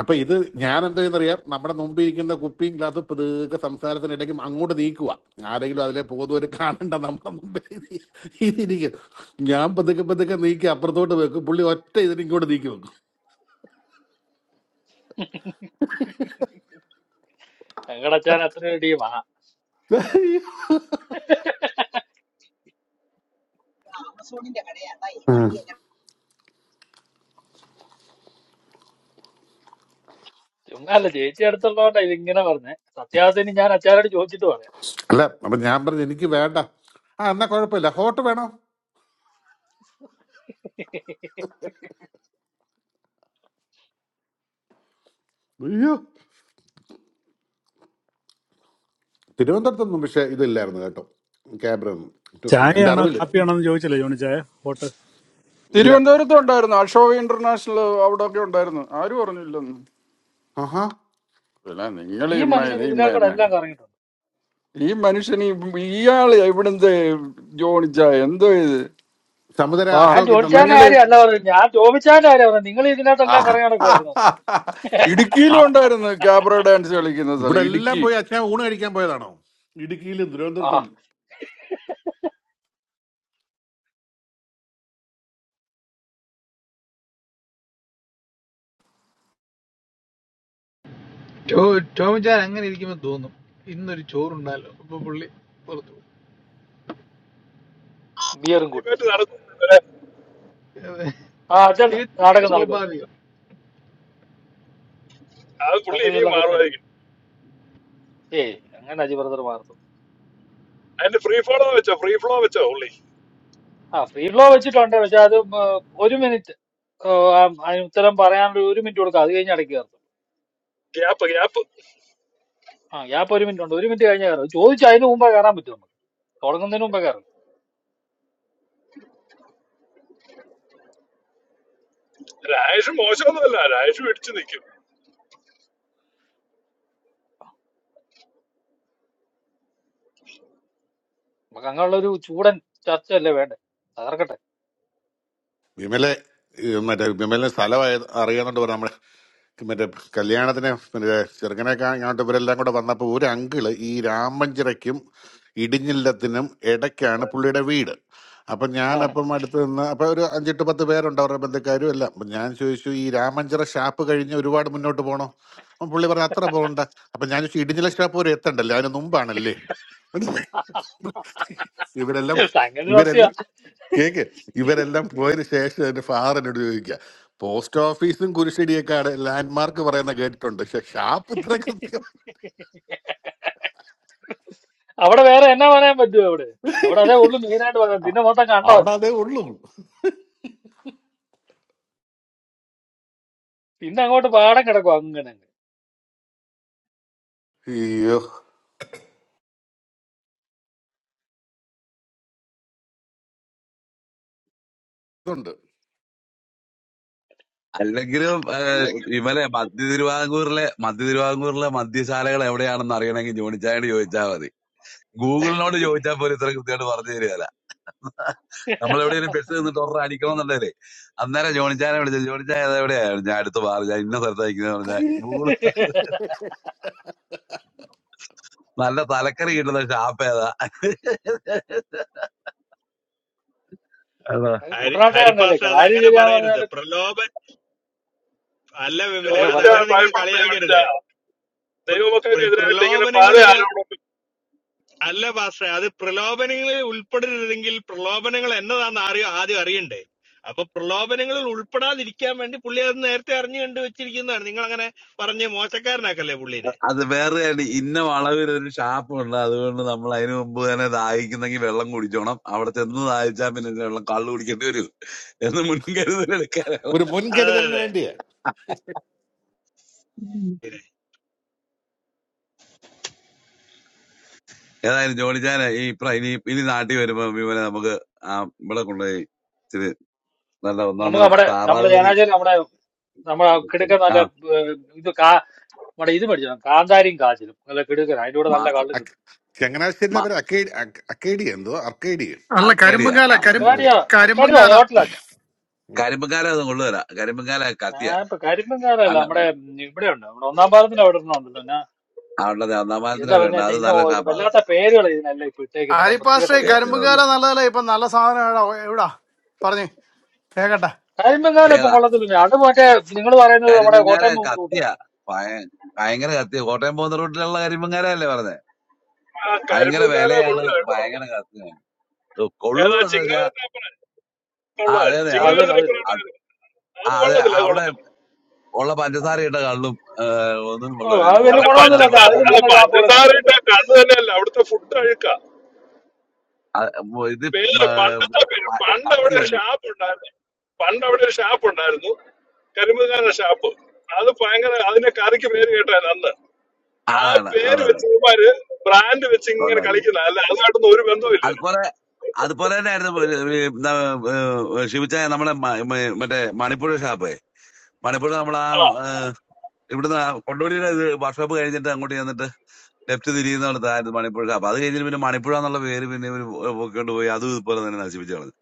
Speaker 11: അപ്പൊ ഇത് ഞാൻ എന്താ ചെയ്യുന്നറിയാം നമ്മുടെ മുമ്പിൽ ഇരിക്കുന്ന കുപ്പിയും ഗ്ലാസ് പതുക്കെ സംസാരത്തിനിടയ്ക്കും അങ്ങോട്ട് നീക്കുക ആരെങ്കിലും അതിലെ പോകുന്നവര് കാണണ്ട നമ്മുടെ മുമ്പിൽ ഇതിരിക്കും ഞാൻ പതുക്കെ പതുക്കെ നീക്കി അപ്പുറത്തോട്ട് വെക്കും പുള്ളി ഒറ്റ ഇതിന് ഇങ്ങോട്ട് നീക്കി വെക്കും
Speaker 9: ഞങ്ങളുടെ അച്ഛൻ അത്രയും ഒരു ടീമാ
Speaker 11: ഉം.
Speaker 9: ചുമ്മാ അല്ല ചേച്ചി അടുത്തുള്ളതുകൊണ്ടാ ഇതിങ്ങനെ പറഞ്ഞേ സത്യാസത്തിന് ഞാൻ അച്ചാരോട് ചോദിച്ചിട്ട് പറയാം
Speaker 11: അല്ല അപ്പൊ ഞാൻ പറഞ്ഞു എനിക്ക് വേണ്ട ആ എന്നാ കുഴപ്പമില്ല ഹോട്ട് വേണോ അയ്യോ തിരുവനന്തപുരത്തൊന്നും പക്ഷെ ഇതില്ലായിരുന്നു കേട്ടോ ക്യാബ്ര ഒന്നും ടു- എന്റെ
Speaker 2: ചായയാണോ
Speaker 11: അറിവില്
Speaker 2: കാപ്പിയാണോ എന്ന് ചോദിച്ചില്ലേ ജോണി ചായ വോട്ട്
Speaker 11: ഇല്ല
Speaker 10: തിരുവനന്തപുരത്ത് ഉണ്ടായിരുന്നു അശോക ഇന്റർനാഷണൽ അവിടെ ഒക്കെ ഉണ്ടായിരുന്നു ആരും പറഞ്ഞില്ലെന്ന്
Speaker 11: ആഹാ
Speaker 10: പിന്നെ നിങ്ങൾ
Speaker 9: ഈ
Speaker 10: ഇമ്മ
Speaker 9: മനുഷ്യൻ
Speaker 10: ഇത് ഇമ്മ
Speaker 9: ഇതിനകത്ത്
Speaker 10: തന്നെ
Speaker 9: എല്ലാം കറങ്ങിയിട്ടുണ്ട്
Speaker 10: ഈ മനുഷ്യൻ ഈ- ഇയാള് എവിടുന്ന് ജോണിച്ച എന്തോ ഇത്
Speaker 11: സമുദ്ര
Speaker 10: വാ
Speaker 9: ഞാൻ
Speaker 11: അശോക്
Speaker 9: ചോദിച്ചാൻ്റെ
Speaker 10: നിങ്ങള്
Speaker 11: ഇന്റർനാഷണലോ
Speaker 9: കാര്യം അല്ല പറഞ്ഞു ഞാൻ ചോദിച്ചാൻ്റെ കാര്യം പറഞ്ഞു നിങ്ങൾ ഇതിനകത്തെല്ലാം കറങ്ങി നടക്കുമായിരുന്നു
Speaker 11: ആ
Speaker 10: ഇടുക്കിയിലും ഉണ്ടായിരുന്നു ക്യാബ്ര ഡാൻസ് കളിക്കുന്ന
Speaker 11: ഇവിടെ
Speaker 10: സ്ഥലം
Speaker 11: എല്ലാം
Speaker 10: ഇടുക്കി
Speaker 11: പോയി അച്ഛൻ ഊണ് കഴിക്കാൻ പോയതാണോ ഇടുക്കിയിലും
Speaker 9: ആ
Speaker 11: തിരുവനന്തപുരത്തും
Speaker 12: ടോ ടോമിച്ചാൻ അങ്ങനെ ഇരിക്കുമ്പോ തോന്നും ഇന്നൊരു ചോറുണ്ടല്ലോ അപ്പൊ പുള്ളി പുറത്തു പോകും.
Speaker 9: ബിയറും കൂട്ടി
Speaker 13: ഡിബേറ്റ് നടത്തുന്നത്
Speaker 12: അത്
Speaker 9: ആ അച്ഛൻ
Speaker 12: തികച്ചും
Speaker 9: നാടകം നടക്കും
Speaker 12: സ്വാഭാവികം
Speaker 13: അത് പുള്ളി
Speaker 9: സംഗതി
Speaker 13: ഇനിയും
Speaker 9: എല്ലാം സെറ്റാക്കി
Speaker 13: മാറുമായിരിക്കും
Speaker 9: ഏയ് അങ്ങനെ അജി ബ്രദർ മാർത്തും
Speaker 13: അതിന്റെ ഫ്രീ ഫോളോ വെച്ചോ ഫ്രീ ഫ്ലോ വെച്ചോ ഉള്ളി
Speaker 9: ആ ഫ്രീ ഫ്ലോ വെച്ചിട്ടുണ്ട് പക്ഷെ അത് ഉം, ഏഹ്, ഒരു മിനിറ്റ് ഓ, ആ- അതിന് ഉത്തരം പറയാനുള്ള ഒരു മിനിറ്റ് കൊടുക്കുക അത് കഴിഞ്ഞ് അടക്കി കയറത്തുള്ളൂ
Speaker 13: ഗ്യാപ്പ് ഗ്യാപ്പ്
Speaker 9: ആ ഗ്യാപ്പ് ഒരു മിനിറ്റ് ഉണ്ട് ഒരു മിനിറ്റ് കഴിഞ്ഞ് കയറും ചോദിച്ചു അതിന് മുമ്പേ കയറാൻ പറ്റും നമുക്ക് തുടങ്ങുന്നതിന് മുമ്പേ കയറും
Speaker 13: രാജേഷ് മോശമൊന്നുമല്ല രാജേഷ് പിടിച്ചു നിൽക്കും
Speaker 9: നമുക്ക് അങ്ങനെയുള്ള ഒരു ചൂടൻ ചർച്ചയല്ലേ വേണ്ടേ തകർക്കട്ടെ
Speaker 11: വിമലെ ഈ മറ്റേ വിമലിന് സ്ഥലം അറിയാന്നുണ്ട് പറഞ്ഞു മറ്റേ കല്യാണത്തിന് മറ്റേ ചെറുക്കനൊക്കെ ഇങ്ങോട്ട് ഇവരെല്ലാം കൂടെ വന്നപ്പോൾ ഒരു അങ്കിള് ഈ രാമഞ്ചിറയ്ക്കും ഇടിഞ്ഞില്ലത്തിനും ഇടയ്ക്കാണ് പുള്ളിയുടെ വീട് അപ്പം
Speaker 9: ആ.
Speaker 11: ഞാനപ്പം അടുത്ത് നിന്ന് അപ്പം ഒരു അഞ്ചെട്ട് പത്ത് പേരുണ്ട് അവരുടെ ബന്ധുക്കാരും എല്ലാം അപ്പം ഞാൻ ചോദിച്ചു ഈ രാമഞ്ചിറ ഷാപ്പ് കഴിഞ്ഞ് ഒരുപാട് മുന്നോട്ട് പോകണോ അപ്പം പുള്ളി പറഞ്ഞു അത്ര പോകണ്ട അപ്പം ഞാൻ ചോദിച്ചു ഇടിഞ്ഞില ഷാപ്പ് വരെ എത്തണ്ടല്ലേ അതിന് മുമ്പാണല്ലേ ഇവരെല്ലാം
Speaker 9: സംഗതി സത്യ
Speaker 11: ഇവരെല്ലാം കേക്ക് ഇവരെല്ലാം പോയതിന് ശേഷം എൻ്റെ ഫാദറിനോട് ചോദിക്കുക പോസ്റ്റ് ഓഫീസും കുരിശടിയൊക്കെ ലാൻഡ് മാർക്ക് പറയുന്ന കേട്ടിട്ടുണ്ട് പക്ഷെ ഷാപ്പ് ഇത്ര കൃത്യം
Speaker 9: അവിടെ വേറെ എന്നാ പറയാൻ പറ്റുമോ അവിടെ അവിടെ അതേ ഉള്ളു മെയിനായിട്ട് പറയാം പിന്നെ മൊത്തം
Speaker 11: അവിടെ
Speaker 9: കണ്ടമല്ലേ
Speaker 11: അതേ ഉള്ളൂ
Speaker 9: പിന്നെ അങ്ങോട്ട് പാടം കിടക്കും അങ്ങനെ അങ്ങ്.
Speaker 11: അയ്യോ ഇതുണ്ട്
Speaker 15: അല്ലെങ്കിലും ഏഹ്, ഇവലെ മധ്യ തിരുവിതാംകൂറിലെ മധ്യ തിരുവിതാംകൂറിലെ മദ്യശാലകൾ എവിടെയാണെന്ന് അറിയണമെങ്കിൽ ജോണിച്ചായോട് ചോദിച്ചാൽ മതി ഗൂഗിളിനോട് ചോദിച്ചാൽ പോലും ഇത്ര കൃത്യമായിട്ട് പറഞ്ഞു തരികയല്ല നമ്മൾ എവിടെയെങ്കിലും ബസ് നിന്നിട്ട് ഒരെണ്ണം അടിക്കണമെന്നുണ്ടെങ്കിലേ അന്നേരം ജോണിച്ചാനെ വിളിച്ചു ജോണിച്ചായ ഏതാ എവിടെയാണ് ഞാൻ അടുത്ത് പറഞ്ഞു ഞാൻ ഇന്ന സ്ഥലത്ത് അയക്കുന്നത് പറഞ്ഞാൽ ഗൂഗിൾ നല്ല തലക്കറി കിട്ടുന്ന ഷാപ്പ് ഏതാ അതാ.
Speaker 9: അത്
Speaker 16: ഹരി
Speaker 9: കുട്ടനാട്ടുകാരനല്ലേ
Speaker 16: ഹരിപ്പാസ്റ്റർ അത്
Speaker 9: കാര്യം
Speaker 16: അങ്ങനെ
Speaker 9: ശരിയാന്ന്
Speaker 16: പറയരുത്
Speaker 9: പറഞ്ഞാല്
Speaker 16: പ്രലോഭൻ അല്ല വിമലെ
Speaker 9: പറഞ്ഞോ
Speaker 16: അത്
Speaker 13: ജോണിച്ച
Speaker 9: പറഞ്ഞോ
Speaker 16: അങ്ങനെ നിങ്ങൾ
Speaker 13: ഭയപ്പെടുന്ന ജോണിച്ച
Speaker 16: കളിയാക്കരുത് പ്ര-
Speaker 13: ദൈവമക്കൾക്ക്
Speaker 16: പ്ര-
Speaker 13: എതിരായിട്ട് ഇങ്ങനെ പല
Speaker 16: പ്രലോഭനങ്ങളില്
Speaker 13: ആരോടും
Speaker 16: അല്ല പാസ്റ്റർ അത് പ്രലോഭനങ്ങളിൽ ഉൾപ്പെടരുതെങ്കിൽ പ്രലോഭനങ്ങൾ എന്നതാന്ന് അറിയ ആദ്യം അറിയണ്ടേ അപ്പൊ പ്രലോഭനങ്ങളിൽ ഉൾപ്പെടാതിരിക്കാൻ വേണ്ടി പുള്ളി അത് നേരത്തെ അറിഞ്ഞു കണ്ടു വെച്ചിരിക്കുന്നതാണ് നിങ്ങൾ അങ്ങനെ പറഞ്ഞ് മോശക്കാരനാക്കല്ലേ പുള്ളിനെ
Speaker 15: അത് വേറെ ആണ്. ഇന്ന വളവിൽ ഒരു ഷാപ്പ് ഉണ്ട് അതുകൊണ്ട് നമ്മൾ അതിനു മുമ്പ് തന്നെ ദാഹിക്കുന്നെങ്കിൽ വെള്ളം കുടിച്ചോണം അവിടെ ചെന്ന് ദാഹിച്ചാൽ പിന്നെ വെള്ളം കള്ളു കുടിക്കേണ്ടി വരും എന്ന് മുൻകരുതൽ എടുക്കാൻ
Speaker 11: ഒരു
Speaker 16: അതെ
Speaker 11: മുൻകരുതലിന്
Speaker 16: അതെ
Speaker 11: വേണ്ടിയാ
Speaker 15: ഏതായാലും ജോണിച്ചാന് ഈ പ്ര- ഇനി ഇനി നാട്ടിൽ വരുമ്പോ വിമലെ നമുക്ക് ആ ഇവിടെ കൊണ്ടുപോയി ഇച്ചിരി നല്ല ഒന്നാം
Speaker 9: നമുക്ക്
Speaker 15: തരം
Speaker 9: നമ്മുടെ
Speaker 15: താറാവ്
Speaker 9: നമ്മുടെ
Speaker 15: കറി
Speaker 9: ജനാചാര്യം നമ്മുടെ നമ്മുടെ കിടുക്കൻ
Speaker 15: ആ
Speaker 9: നല്ല ഏഹ്, ഇത് കാ നമ്മുടെ ഇത് മേടിച്ചു കാന്താരിയും കാച്ചിലും നല്ല കിടുക്കൻ അതിന്റെ കൂടെ നല്ല
Speaker 15: മാസ്റ്റർ
Speaker 9: കള്ളും
Speaker 11: അക്ക-
Speaker 9: കിട്ടും
Speaker 11: ചങ്ങനാശ്ശേരിയിലെ
Speaker 15: മ-
Speaker 11: പേര് അക്കേഡി അക്ക- അക്കേഡി എന്തോ അർക്കേഡി
Speaker 14: അല്ല
Speaker 15: അർക്കേഡിയ
Speaker 14: കരിമ്പുംകാല
Speaker 15: ആ, അത്
Speaker 14: കരും
Speaker 15: മതി.
Speaker 9: അർക്കാടിയ അർക്കാടിയ
Speaker 14: കരിമ്പുംകാല
Speaker 9: ഹോട്ടലാച്ചാ
Speaker 15: കരിമ്പങ്കാല അത് കൊണ്ടുവരാ കരിമ്പങ്കാല കത്തിയ
Speaker 9: ഞാൻ ഇപ്പൊ കരിമ്പൻകാരല്ല
Speaker 15: അല്ല
Speaker 9: നമ്മുടെ ഉം, ഇവിടെ ഉണ്ട് നമ്മുടെ ഒന്നാം പാലത്തിന്റെ അവിടെ ഒരെണ്ണം ഉണ്ടല്ലോ
Speaker 15: അവിടെ ഒന്നാമത്തിന്
Speaker 9: എന്താ
Speaker 15: അവിടെ ഉണ്ട്
Speaker 9: പറഞ്ഞാൽ
Speaker 15: അത്
Speaker 9: ഇതിന്
Speaker 15: നല്ല
Speaker 9: ഒരു
Speaker 15: ഷാപ്പാ അത്
Speaker 9: വല്ലാത്ത പേരുകൾ ഇതിനെല്ലാം ഇപ്പൊ ഇട്ടേക്കുന്നില്ല വൃത്തികെട്ട
Speaker 14: ആരിപ്പാസ്റ്റേ
Speaker 9: പേരാണ്
Speaker 14: കരിമ്പുംകാല
Speaker 15: ഏപ്പിനല്ലേ
Speaker 14: നല്ലതല്ല ഇപ്പൊ നല്ല സാധനം എവിടാ എവിടാ പറഞ്ഞു കേക്കട്ടെ
Speaker 9: കരിമ്പെങ്കാലം ഇപ്പം
Speaker 15: ഏതാ
Speaker 9: കൊള്ളത്തില്ല അത് മറ്റേ നിങ്ങൾ പറയുന്നത് നമ്മുടെ
Speaker 15: കരിമ്പങ്കാല
Speaker 9: കോട്ടയം പോകുന്ന
Speaker 15: കത്തിയ
Speaker 9: റൂട്ടല്ലേ
Speaker 15: ഭയ- ഭയങ്കര കത്തിയ കോട്ടയം പോകുന്ന റൂട്ടിലുള്ള കരിമ്പങ്കാല അല്ലേ പറഞ്ഞത്
Speaker 13: ആ
Speaker 15: ഭയങ്കര
Speaker 13: കരിമ്പുംകാല
Speaker 15: വിലയാണ്
Speaker 13: കൊള്ളു കേട്ടോ
Speaker 15: ഭയങ്കര കത്തിയ ഓ, കൊള്ളു
Speaker 13: ഏതാ
Speaker 15: എന്ന് വെച്ചാ
Speaker 13: ചിങ്ങാരത്തിനെ
Speaker 15: ആ അതെ
Speaker 13: കൊള്ളാം
Speaker 15: അതെ അത്
Speaker 9: അതിന്
Speaker 13: ചിങ്ങാരത്തിനെ
Speaker 9: അതിന്
Speaker 15: അത്
Speaker 13: കൊള്ളായിരുന്നു അത്
Speaker 15: ആ അതെ
Speaker 13: കൊള്ളത്തില്ല അത്
Speaker 15: അവിടെ
Speaker 13: കൊള്ളത്തില്ല
Speaker 15: ഉള്ള പഞ്ചസാരയിട്ട കള്ളും ഏഹ്, ഒന്നും
Speaker 9: ഓ
Speaker 15: കൊള്ളും
Speaker 9: അത് വലിയ
Speaker 15: കുറെ
Speaker 13: അല്ല
Speaker 9: ഗുണമൊന്നുമില്ല
Speaker 15: കള്ളിനകത്ത്
Speaker 9: അത്
Speaker 13: പഞ്ചസാര
Speaker 15: പഞ്ചസാര
Speaker 9: അതിലും
Speaker 13: അല്ല
Speaker 9: നല്ല
Speaker 15: ഇടും
Speaker 9: ഷാപ്പുകളൊക്കെ
Speaker 13: പഞ്ചസാര
Speaker 9: ഉണ്ട്
Speaker 13: ഇട്ട കണ്ണ് തന്നെയല്ല അവിടുത്തെ ഫുഡ് അഴുക്ക
Speaker 15: അത് ഉം ഇത്
Speaker 13: പേര്
Speaker 15: ഏഹ്,
Speaker 13: പണ്ടത്തെ പേര്
Speaker 15: പ-
Speaker 13: പണ്ട്
Speaker 15: കത്തി
Speaker 13: അവിടെ ഒരു
Speaker 15: വില
Speaker 13: ഷാപ്പ് ഉണ്ടായിരുന്നു പണ്ട് അവിടെ ഒരു ഷാപ്പ് ഉണ്ടായിരുന്നു കരിമ്പുകാരുടെ ഷാപ്പ് അത് ഭയങ്കര അതിന്റെ കറിക്ക് പേര് കേട്ടായിരുന്നു അന്ന് ആ
Speaker 15: അതാണ്
Speaker 13: പേര്
Speaker 15: അതാണ്
Speaker 13: വെച്ച് ഇവന്മാര് ബ്രാൻഡ് വെച്ച് ഇങ്ങനെ
Speaker 15: ഉണ്ടാക്കി
Speaker 13: കളിക്കുന്ന അല്ല അതുമായിട്ടൊന്നും ഒരു ബന്ധവുമില്ല ഇതിന്
Speaker 15: അതുപോലെ അതുപോലെ തന്നെയായിരുന്നു ഒരു- ഒരു എന്താ, ഏഹ്, ശിവച്ചായ നമ്മുടെ മ- മ- മറ്റേ മണിപ്പൂർ ഷാപ്പ് മണിപ്പൂർ നമ്മൾ ആ
Speaker 13: ആ
Speaker 15: ഏഹ്, ഇവിടുന്ന് ആ കൊണ്ടോടിയുടെ ഇത് വർക്ക്ഷോപ്പ് കഴിഞ്ഞിട്ട് അങ്ങോട്ട് ചെന്നിട്ട് ലെഫ്റ്റ് തിരിയുന്നിടത്തായിരുന്നു മണിപ്പൂർ ഷാപ്പ് അത് കഴിഞ്ഞിട്ട് പിന്നെ മണിപ്പൂർ എന്നുള്ള പേര് പിന്നെ ഇവര് പൊക്കിക്കൊണ്ട് പോയി അതും ഇതുപോലെ തന്നെ നശിപ്പിച്ചു കളഞ്ഞു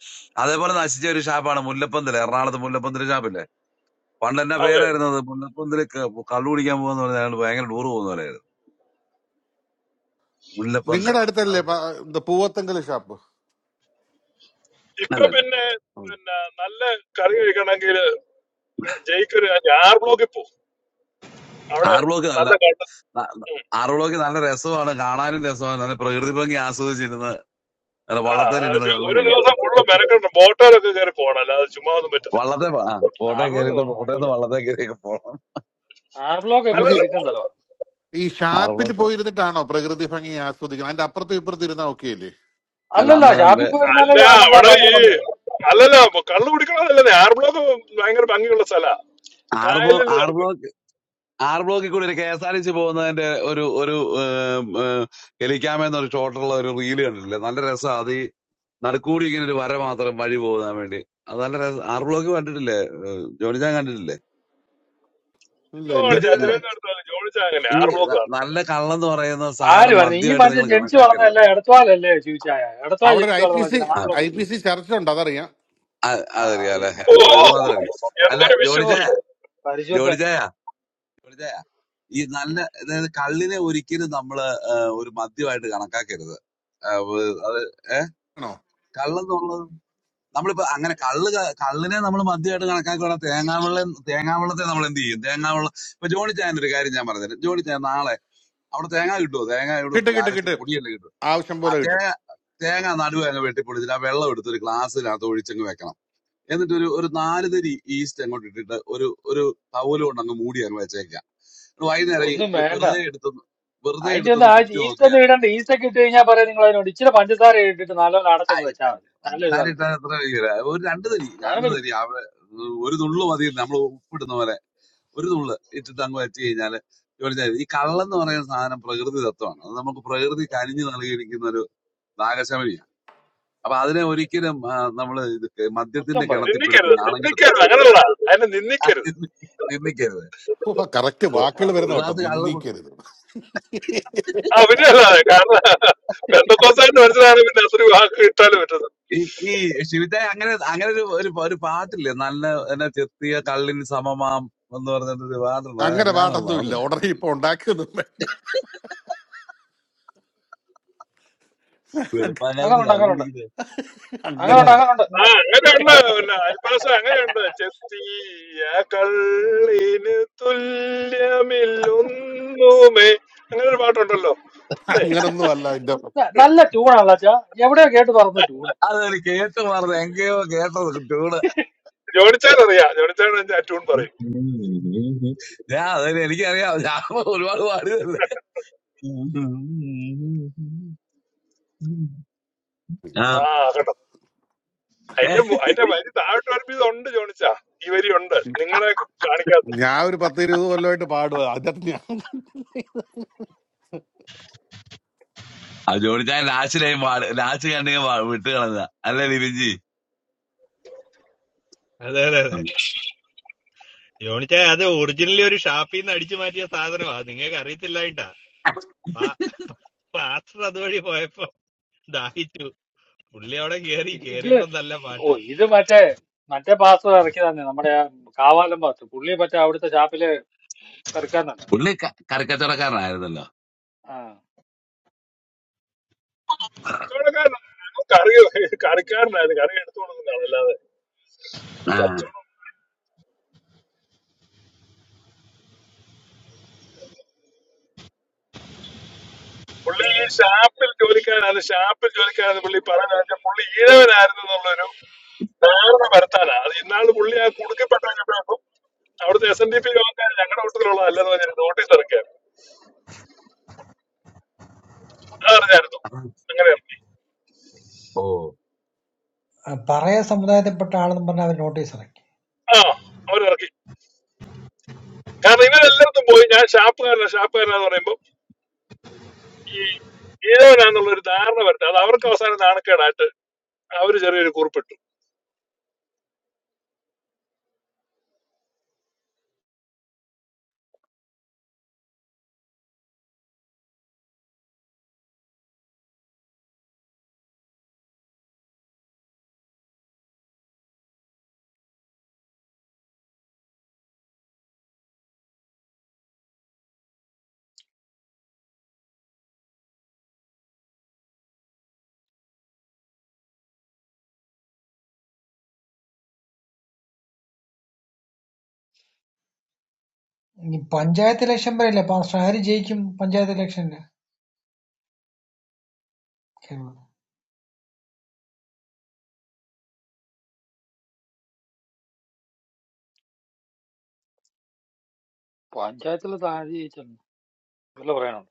Speaker 15: അതേപോലെ നശിച്ച ഒരു ഷാപ്പാണ് മുല്ലപ്പന്തൽ എറണാകുളത്ത് മുല്ലപ്പന്തൽ ഷാപ്പില്ലേ പണ്ട് എന്നെ
Speaker 13: അതെ
Speaker 15: പേരായിരുന്നത് മുല്ലപ്പന്തിലേക്ക് കള്ളു കുടിക്കാൻ പോകുന്ന പറഞ്ഞാൽ അയാൾ ഭയങ്കര ടൂർ പോകുന്ന പോലെയായിരുന്നു മുല്ലപ്പന്ത്
Speaker 11: നിങ്ങളുടെ അടുത്തല്ലേ പ- ഇത് പൂവത്തെങ്കൽ ഷാപ്പ്
Speaker 13: ഇപ്പൊ
Speaker 15: അല്ല
Speaker 13: പിന്നെ
Speaker 11: ഉം.
Speaker 13: പിന്നെ നല്ല കറി കഴിക്കണമെങ്കിൽ ജയിക്കൊരു ആർ ബ്ലോക്കിൽ പോകും അവിടെ
Speaker 15: ആർ ബ്ലോക്ക് നല്ല
Speaker 13: നല്ല കണ്ട
Speaker 15: ന- ന- ആർ ബ്ലോക്ക് നല്ല രസമാണ് കാണാനും രസമാണ് നല്ല പ്രകൃതി ഭംഗി ആസ്വദിച്ചിരുന്ന് നല്ല
Speaker 13: ആ
Speaker 15: വള്ളത്തേൽ ഇരുന്ന്
Speaker 13: ഒരു
Speaker 15: കള്ളു
Speaker 13: ഒരു
Speaker 15: കുടിക്കുക
Speaker 13: ദിവസം ഫുള്ള് മെനക്കെട്ട് ബോട്ടോയിലൊക്കെ കയറി പോകണം അല്ലാതെ ചുമ്മാ ഒന്നും പറ്റത്തില്ല
Speaker 15: വള്ളത്തെ പ- ആ, ബോട്ടെ
Speaker 9: ആർ ബ്ലോക്ക്
Speaker 15: കയറിയിട്ട്
Speaker 9: പോകണം
Speaker 15: ബോട്ടേന്ന്
Speaker 9: അടിപൊളിയാണ്
Speaker 15: വള്ളത്തെ കയറിയൊക്കെ പോകണം
Speaker 9: ആർ ബ്ലോക്ക് ഒക്കെ
Speaker 11: നമുക്ക്
Speaker 13: അല്ലല്ല
Speaker 9: കിടക്കുന്ന സ്ഥലമാണ്
Speaker 11: ഈ
Speaker 15: ആർ
Speaker 11: ഷാപ്പിൽ
Speaker 15: ബ്ലോക്ക്
Speaker 11: പോയിരുന്നിട്ടാണോ പ്രകൃതി ഭംഗി ആസ്വദിക്കുന്നത് അതിന്റെ അപ്പുറത്തും ഇപ്പുറത്തും ഇരുന്നാ ഓക്കെ അല്ലേ
Speaker 15: അല്ല
Speaker 9: അല്ലല്ല
Speaker 15: അന്നേരം
Speaker 9: ഷാപ്പിൽ
Speaker 15: വേ-
Speaker 9: പോയിരുന്നാലേ
Speaker 13: അല്ല
Speaker 9: നമുക്ക് ആ
Speaker 13: അവിടെ
Speaker 9: ഭയങ്കര
Speaker 13: ഈ
Speaker 9: ഭംഗിയായിരുന്നു
Speaker 13: അല്ലല്ല കള്ളു കുടിക്കണമെന്നല്ലേ ആർ ബ്ലോക്ക് ഭയങ്കര ഭംഗിയുള്ള സ്ഥലാ
Speaker 15: ആർ ബ്ലോ
Speaker 13: കായലിൽ
Speaker 15: ആർ
Speaker 13: നടക്കും
Speaker 15: ബ്ലോക്ക് ആർ ബ്ലോക്കിൽ കൂടി ഒരു K S R T C പോകുന്നതിന്റെ ഒരു ഒരു ഹെലിക്കാമെന്നൊരു ഷോട്ടുള്ള ഒരു റീല് കണ്ടിട്ടില്ലേ നല്ല രസം അത് നടുക്കൂടി ഇങ്ങനെ ഒരു വര മാത്രം വഴി പോകാൻ വേണ്ടി അത് നല്ല രസം ആർ ബ്ലോക്ക് കണ്ടിട്ടില്ലേ ഏഹ് ജോണി ഞാൻ കണ്ടിട്ടില്ലേ
Speaker 11: ഇല്ല ഇല്ല
Speaker 15: പിന്നെ
Speaker 13: ജോണിച്ചാ
Speaker 11: ഇല്ല
Speaker 15: ഇതിനാണ്
Speaker 13: തിരുവനന്തപുരത്ത് ജോണിച്ചാ അങ്ങനെ
Speaker 15: ഈ
Speaker 13: ആർ ബ്ലോക്ക്
Speaker 15: ന-
Speaker 13: ആണ്
Speaker 15: നല്ല കള്ളെന്ന് പറയുന്ന
Speaker 9: ആര്
Speaker 15: സാധനം
Speaker 9: പറഞ്ഞു ഈ
Speaker 15: മദ്യമായിട്ട് നിങ്ങൾ
Speaker 9: മനുഷ്യൻ ജനിച്ചു
Speaker 15: കണക്കാക്കരുത്
Speaker 9: വളർന്നതല്ലേ എടത്വാലല്ലേ ശിവച്ചായ എടത്വാ
Speaker 11: അവിടെ ഒരു
Speaker 9: ജനിച്ചു
Speaker 11: ഐ പി
Speaker 9: വളർന്ന
Speaker 11: സി
Speaker 9: മനുഷ്യൻ ആർ
Speaker 15: ആ,
Speaker 11: ഐ
Speaker 9: ബ്ലോക്ക്
Speaker 11: പി സി ചർച്ച ഉണ്ട് അതറിയാം
Speaker 15: ആ-
Speaker 9: ആ അത്
Speaker 15: അതറിയാലേ
Speaker 9: ശരി
Speaker 13: ഓ
Speaker 15: ഇപ്പൊ ഇത് മാത്രം അറിയാം അല്ല
Speaker 13: എന്തൊരു
Speaker 15: ജോണി
Speaker 9: ഓ
Speaker 13: വിശുദ്ധി
Speaker 15: ചായ ജോണി
Speaker 9: പരിശുദ്ധൻ
Speaker 15: ചായ ജോണി ചായ ഈ നല്ല അതായത് കള്ളിനെ ഒരിക്കലും നമ്മള് ഏഹ്, ഒരു മദ്യമായിട്ട് കണക്കാക്കരുത് ഏഹ്, വ- അത്
Speaker 11: ആണോ
Speaker 15: കള്ളെന്നുള്ളത് നമ്മളിപ്പോ അങ്ങനെ കള്ള് ക- കള്ളിനെ നമ്മൾ മദ്യമായിട്ട് കണക്കാക്കുകയാണെങ്കിൽ തേങ്ങാവെള്ളം തേങ്ങാവെള്ളത്തെ നമ്മൾ എന്ത് ചെയ്യും തേങ്ങാവെള്ളം ഇപ്പൊ ജോണി ചായന്റെ ഒരു കാര്യം ഞാൻ പറഞ്ഞുതരാം ജോണി ചായ നാളെ അവിടെ തേങ്ങ കിട്ടുമോ തേങ്ങ ഇവിടെ
Speaker 11: കിട്ടും കിട്ടും
Speaker 15: അരച്ച്
Speaker 11: കിട്ടും
Speaker 15: പൊടിയല്ലേ കിട്ടും
Speaker 11: ആവശ്യം
Speaker 15: ആ
Speaker 11: പോലെ കിട്ടും
Speaker 15: തേ- തേങ്ങ നടുവ് അങ്ങ് വെട്ടിപ്പൊളിച്ചിട്ട് ആ വെള്ളം എടുത്ത് ഒരു ഗ്ലാസ്സിനകത്ത് ഒഴിച്ചങ്ങ് വെക്കണം എന്നിട്ട് ഒരു ഒരു നാല് തരി ഈസ്റ്റ് അങ്ങോട്ട് ഇട്ടിട്ട് ഒരു ഒരു തവല് കൊണ്ട് അങ്ങ് മൂടി അങ്ങ് വെച്ചേക്കുക എന്നിട്ട് വൈകുന്നേരം ഈ
Speaker 9: ഒന്നും
Speaker 15: ജു-
Speaker 9: വേണ്ട
Speaker 15: വെറുതെ എടുത്തൊന്ന് വെറുതെ
Speaker 9: അതിന്റെ ഒന്ന്
Speaker 15: എടുത്തൊന്ന്
Speaker 9: ആ
Speaker 15: കുടിച്ചു
Speaker 9: ഈസ്റ്റ് ഒന്നും
Speaker 15: നോക്കിയാൽ
Speaker 9: ഇടണ്ട ഈസ്റ്റ് ഒക്കെ ഇട്ട് കഴിഞ്ഞാൽ പറയാം നിങ്ങൾ അതിനോട് ഇച്ചിരി പഞ്ചസാര ഇട്ടിട്ട് നല്ലോണം
Speaker 15: ആ,
Speaker 9: അടച്ചങ്ങ്
Speaker 15: ഈ
Speaker 9: വെച്ചാൽ മതി
Speaker 15: പഞ്ച-
Speaker 9: നല്ല ഇത്
Speaker 15: പഞ്ചസാര
Speaker 9: വല്ലട്ടെ
Speaker 15: ഇട്ടാൽ എത്ര വരികയില്ല. ഒരു രണ്ട് തരി
Speaker 9: സാധനം
Speaker 15: രണ്ട്
Speaker 9: വരും
Speaker 15: തരി അവിടെ ഒരു നുള്ളു മതി നമ്മൾ ഉപ്പിടുന്ന പോലെ ഒരു നുള്ള് ഇട്ടിട്ട് അങ്ങ് വെച്ച് കഴിഞ്ഞാൽ ജോലി ചെയ്യും. ഈ കള്ളെന്ന് പറയുന്ന സാധനം പ്രകൃതി തത്വമാണ് അത് നമുക്ക് പ്രകൃതി കനിഞ്ഞു നൽകിയിരിക്കുന്ന ഒരു നാഗശമനി അപ്പൊ അതിനെ ഒരിക്കലും ആ, നമ്മള് ഇത് ക-
Speaker 9: കുറ്റം
Speaker 15: മദ്യത്തിന്റെ
Speaker 9: പറയില്ല
Speaker 15: കിണത്തിപ്പിടുത്തി
Speaker 13: നിന്ദിക്കരുത്
Speaker 15: നാണം കെടുത്ത്
Speaker 13: നിന്ദിക്കരുത് അങ്ങനല്ല അതിനെ നിന്ദിക്കരുത്
Speaker 15: അതിന് നിന്ദിക്കരുത്
Speaker 11: ഓ കറക്റ്റ്
Speaker 15: ഇപ്പൊ
Speaker 11: വാക്കുകൾ
Speaker 9: അതാണ്
Speaker 15: ഒരു
Speaker 11: വരുന്ന കേട്ടോ
Speaker 15: ഗ്ലാസ് കള്ള് കുടി
Speaker 11: നിന്ദിക്കരുത്
Speaker 13: ആ പിന്നെ അല്ല കാരണം പെന്തക്കോസായിട്ട് മനസ്സിലാണ് പിന്നെ അത്ര വാക്ക് കിട്ടാൻ പറ്റുന്നത്
Speaker 15: ഈ ഈ ശിവിറ്റായി അങ്ങനെ അങ്ങനെ ഒരു ഒരു ഒരു പാട്ടില്ലേ നല്ല എന്നാ ചെത്തിയ കള്ളിന് സമമാം എന്ന് പറഞ്ഞിട്ടൊരു പാട്ടുണ്ട്
Speaker 11: അങ്ങനെ
Speaker 15: അത് ഞാനത്
Speaker 11: പാട്ടൊന്നും
Speaker 15: മറന്നു
Speaker 11: ഇല്ല
Speaker 15: പോയി.
Speaker 11: ഉടനെ ഇപ്പൊ ഉണ്ടാക്കിയൊന്നും വേണ്ട
Speaker 15: ഇപ്പൊ എളുപ്പകാലത്ത്
Speaker 9: അങ്ങനുണ്ട്
Speaker 15: കള്ള്
Speaker 9: അങ്ങനുണ്ട്
Speaker 15: കുടിക്കുന്നത്
Speaker 11: അങ്ങനെ
Speaker 9: അങ്ങനുണ്ട്
Speaker 15: കണ്ടത്
Speaker 9: അങ്ങനുണ്ട്
Speaker 13: ആ അങ്ങനെയുണ്ട് പിന്നെ അൽപാസ അങ്ങനെയുണ്ട് ചെത്തിയ കള്ളിന് തുല്യമില്ലൊന്നുമേ അങ്ങനെ ഒരു പാട്ടുണ്ടല്ലോ അല്ലേ
Speaker 11: അങ്ങനൊന്നും അല്ല എന്റെ
Speaker 9: ന- നല്ല ട്യൂണാണല്ലോ അച്ഛാ എവിടെയോ കേട്ട് പറഞ്ഞ ട്യൂണ്
Speaker 15: അതൊരു കേട്ട് മറന്നു എങ്കയോ കേട്ടത് കുട്ടിയോട്
Speaker 13: ജോണിച്ചാൻ അറിയാം ജോണിച്ചാൻ ആ ട്യൂൺ പറയും
Speaker 15: ഞാൻ അതിന് എനിക്കറിയാം ഞാൻ ഒരുപാട് പാടിയതല്ലേ
Speaker 13: ആ
Speaker 15: ആ
Speaker 13: കേട്ടോ അതിന്റെ മു- അതിന്റെ വരി താഴോട്ട് അടുപ്പിത് ഉണ്ട് ജോണിച്ചാ ഈ വരി ഉണ്ട് നിങ്ങളെ കാണിക്കാത്ത
Speaker 11: ഞാൻ ഒരു പത്ത് ഇരുപത് കൊല്ലമായിട്ട് പാടുക അതിനകത്ത് ഞാൻ
Speaker 15: ആ ജോലിച്ചാൻ ലാച്ചിലായി ലാച്ച് കണ്ടെങ്കിൽ വിട്ട് കളഞ്ഞ അല്ലേ ലിബിൻജി
Speaker 16: അതെ അതെ അതെ ജോണിച്ചായ അത് ഒറിജിനലി ഒരു ഷാപ്പിൽ നിന്ന് അടിച്ചു മാറ്റിയ സാധനമാ നിങ്ങൾക്ക് അറിയത്തില്ലായിട്ടാ പാ- പാസ്റ്റർ അതുവഴി പോയപ്പോ ദാഹിച്ചു Fully our carey
Speaker 9: ഇത് ഇത്
Speaker 16: carey, but dalley
Speaker 9: oh
Speaker 16: part.
Speaker 9: ഇത് മറ്റേ മറ്റേ പാസ് ഇറക്കി തന്നെ നമ്മുടെ ആ കാവാലം പാസ് പുള്ളി മറ്റേ അവിടുത്തെ ഷാപ്പില് കറിക്കാരനല്ല
Speaker 15: പുള്ളി ക- കറിക്കച്ചവടക്കാരനായിരുന്നല്ലോ
Speaker 9: ആ
Speaker 13: ചോടക്കാരൻ കറി കറിക്കാരനായത് കറി എടുത്തു കൊടുക്കുന്നതാണ്
Speaker 15: ആ
Speaker 13: കച്ചവടം പുള്ളി ഈ ഷാപ്പിൽ ജോലിക്കാരാണ് ഷാപ്പിൽ ജോലിക്കാരെന്ന് പുള്ളി പറഞ്ഞാൽ പുള്ളി ഈഴവനായിരുന്നു എന്നുള്ളൊരു ധാരണ വരുത്താനാ അത് ഇന്നാള് പുള്ളി ആ കുടുക്കപ്പെട്ടപ്പോൾ അവിടുത്തെ എസ് എൻ ഡി പി യോഗക്കാർ ഞങ്ങളുടെ കൂട്ടത്തിലുള്ള അല്ലെന്ന് പറഞ്ഞാൽ നോട്ടീസ് ഇറക്കിയായിരുന്നു അത് അറിഞ്ഞായിരുന്നു അങ്ങനെ ഇറക്കി
Speaker 15: ഓ
Speaker 8: പറയാ സമുദായത്തിൽപ്പെട്ട ആളെന്ന് പറഞ്ഞാൽ അവർ നോട്ടീസ്
Speaker 13: ആ അവരിറക്കി കാരണം ഇവരെല്ലായിടത്തും പോയി ഞാൻ ഷാപ്പുകാരനാ ഷാപ്പുകാരനാന്ന് പറയുമ്പോൾ ഈ ഈഴവനാന്നുള്ള ഒരു ധാരണ വരുത്തുക അത് അവർക്ക് അവസാനം നാണക്കേടായിട്ട് അവര് ചെറിയൊരു കുറിപ്പിട്ടു
Speaker 8: ഇനി പഞ്ചായത്ത് ഇലക്ഷൻ പറയില്ല അപ്പൊ ആര് ജയിക്കും പഞ്ചായത്ത് ഇലക്ഷനില് കേരളത്തിൽ
Speaker 9: പഞ്ചായത്തിലെ താഴെച്ചൊന്നും വല്ല പറയാനുണ്ട്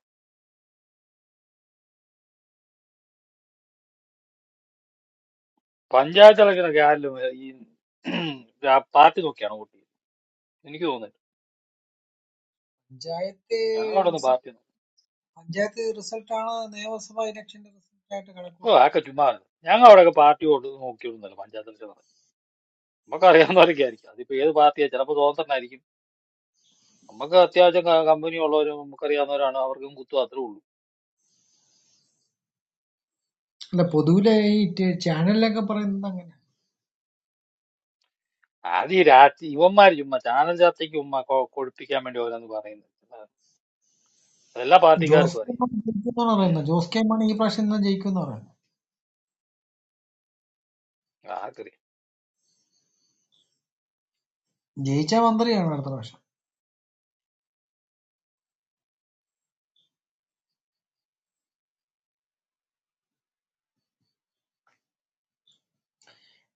Speaker 9: പഞ്ചായത്ത് ഇലക്ഷനൊക്കെ ആരിലും ഈ ആ പാർട്ടി നോക്കിയാണ് വോട്ട് ചെയ്യുന്നത് എനിക്ക് തോന്നുന്നത്
Speaker 8: പഞ്ചായത്ത്
Speaker 9: ഞങ്ങളവിടെ ഒന്നും
Speaker 8: റിസ-
Speaker 9: പാർട്ടി
Speaker 8: പഞ്ചായത്ത് റിസൾട്ടാണ് നിയമസഭാ ഇലക്ഷന്റെ റിസൾട്ട് ആയിട്ട്
Speaker 9: ഓ
Speaker 8: കണക്കൂട്ടുന്നത്
Speaker 9: അതൊക്കെ ചുമ്മാ അല്ല ഞങ്ങൾ അവിടെയൊക്കെ പാർട്ടി കൊണ്ട് നോക്കിയിരുന്നല്ലോ പഞ്ചായത്തിൽ ചെന്നത് നമുക്ക് അറിയാവുന്നവരൊക്കെ ആയിരിക്കും അതിപ്പോ ഏത് പാർട്ടിയാ ചിലപ്പോൾ സ്വതന്ത്രനായിരിക്കും നമുക്ക് അത്യാവശ്യം ക- കമ്പനി ഉള്ളവരും നമുക്കറിയാവുന്നവരാണ് അവർക്കും കുത്തും അത്രേ ഉള്ളൂ
Speaker 8: അല്ല പൊതുവിലെ ഈ ടെ- ചാനലിലൊക്കെ പറയുന്നത് അങ്ങനെ
Speaker 9: ആദ്യം ഈ രാത്രി ഇവന്മാർ ചുമ്മാ ചാനൽ ചർച്ചയ്ക്ക് ചുമ്മാ കൊ- കൊഴുപ്പിക്കാൻ വേണ്ടി ഓരോന്ന് പറയുന്നത് അതെല്ലാ
Speaker 8: ജോസ്
Speaker 9: പാർട്ടിക്കാർക്കും
Speaker 8: കെ
Speaker 9: അറിയാം
Speaker 8: മാണി ജയിക്കുമെന്നാണ് പറയുന്നത് ജോസ് കെ മാണി ഈ പ്രാവശ്യം ഇന്ന് ജയിക്കുമെന്ന് പറയുന്നത്
Speaker 9: ആർക്കറിയാം
Speaker 8: ജയിച്ചാൽ മന്ത്രിയാണ് അടുത്ത പ്രാവശ്യം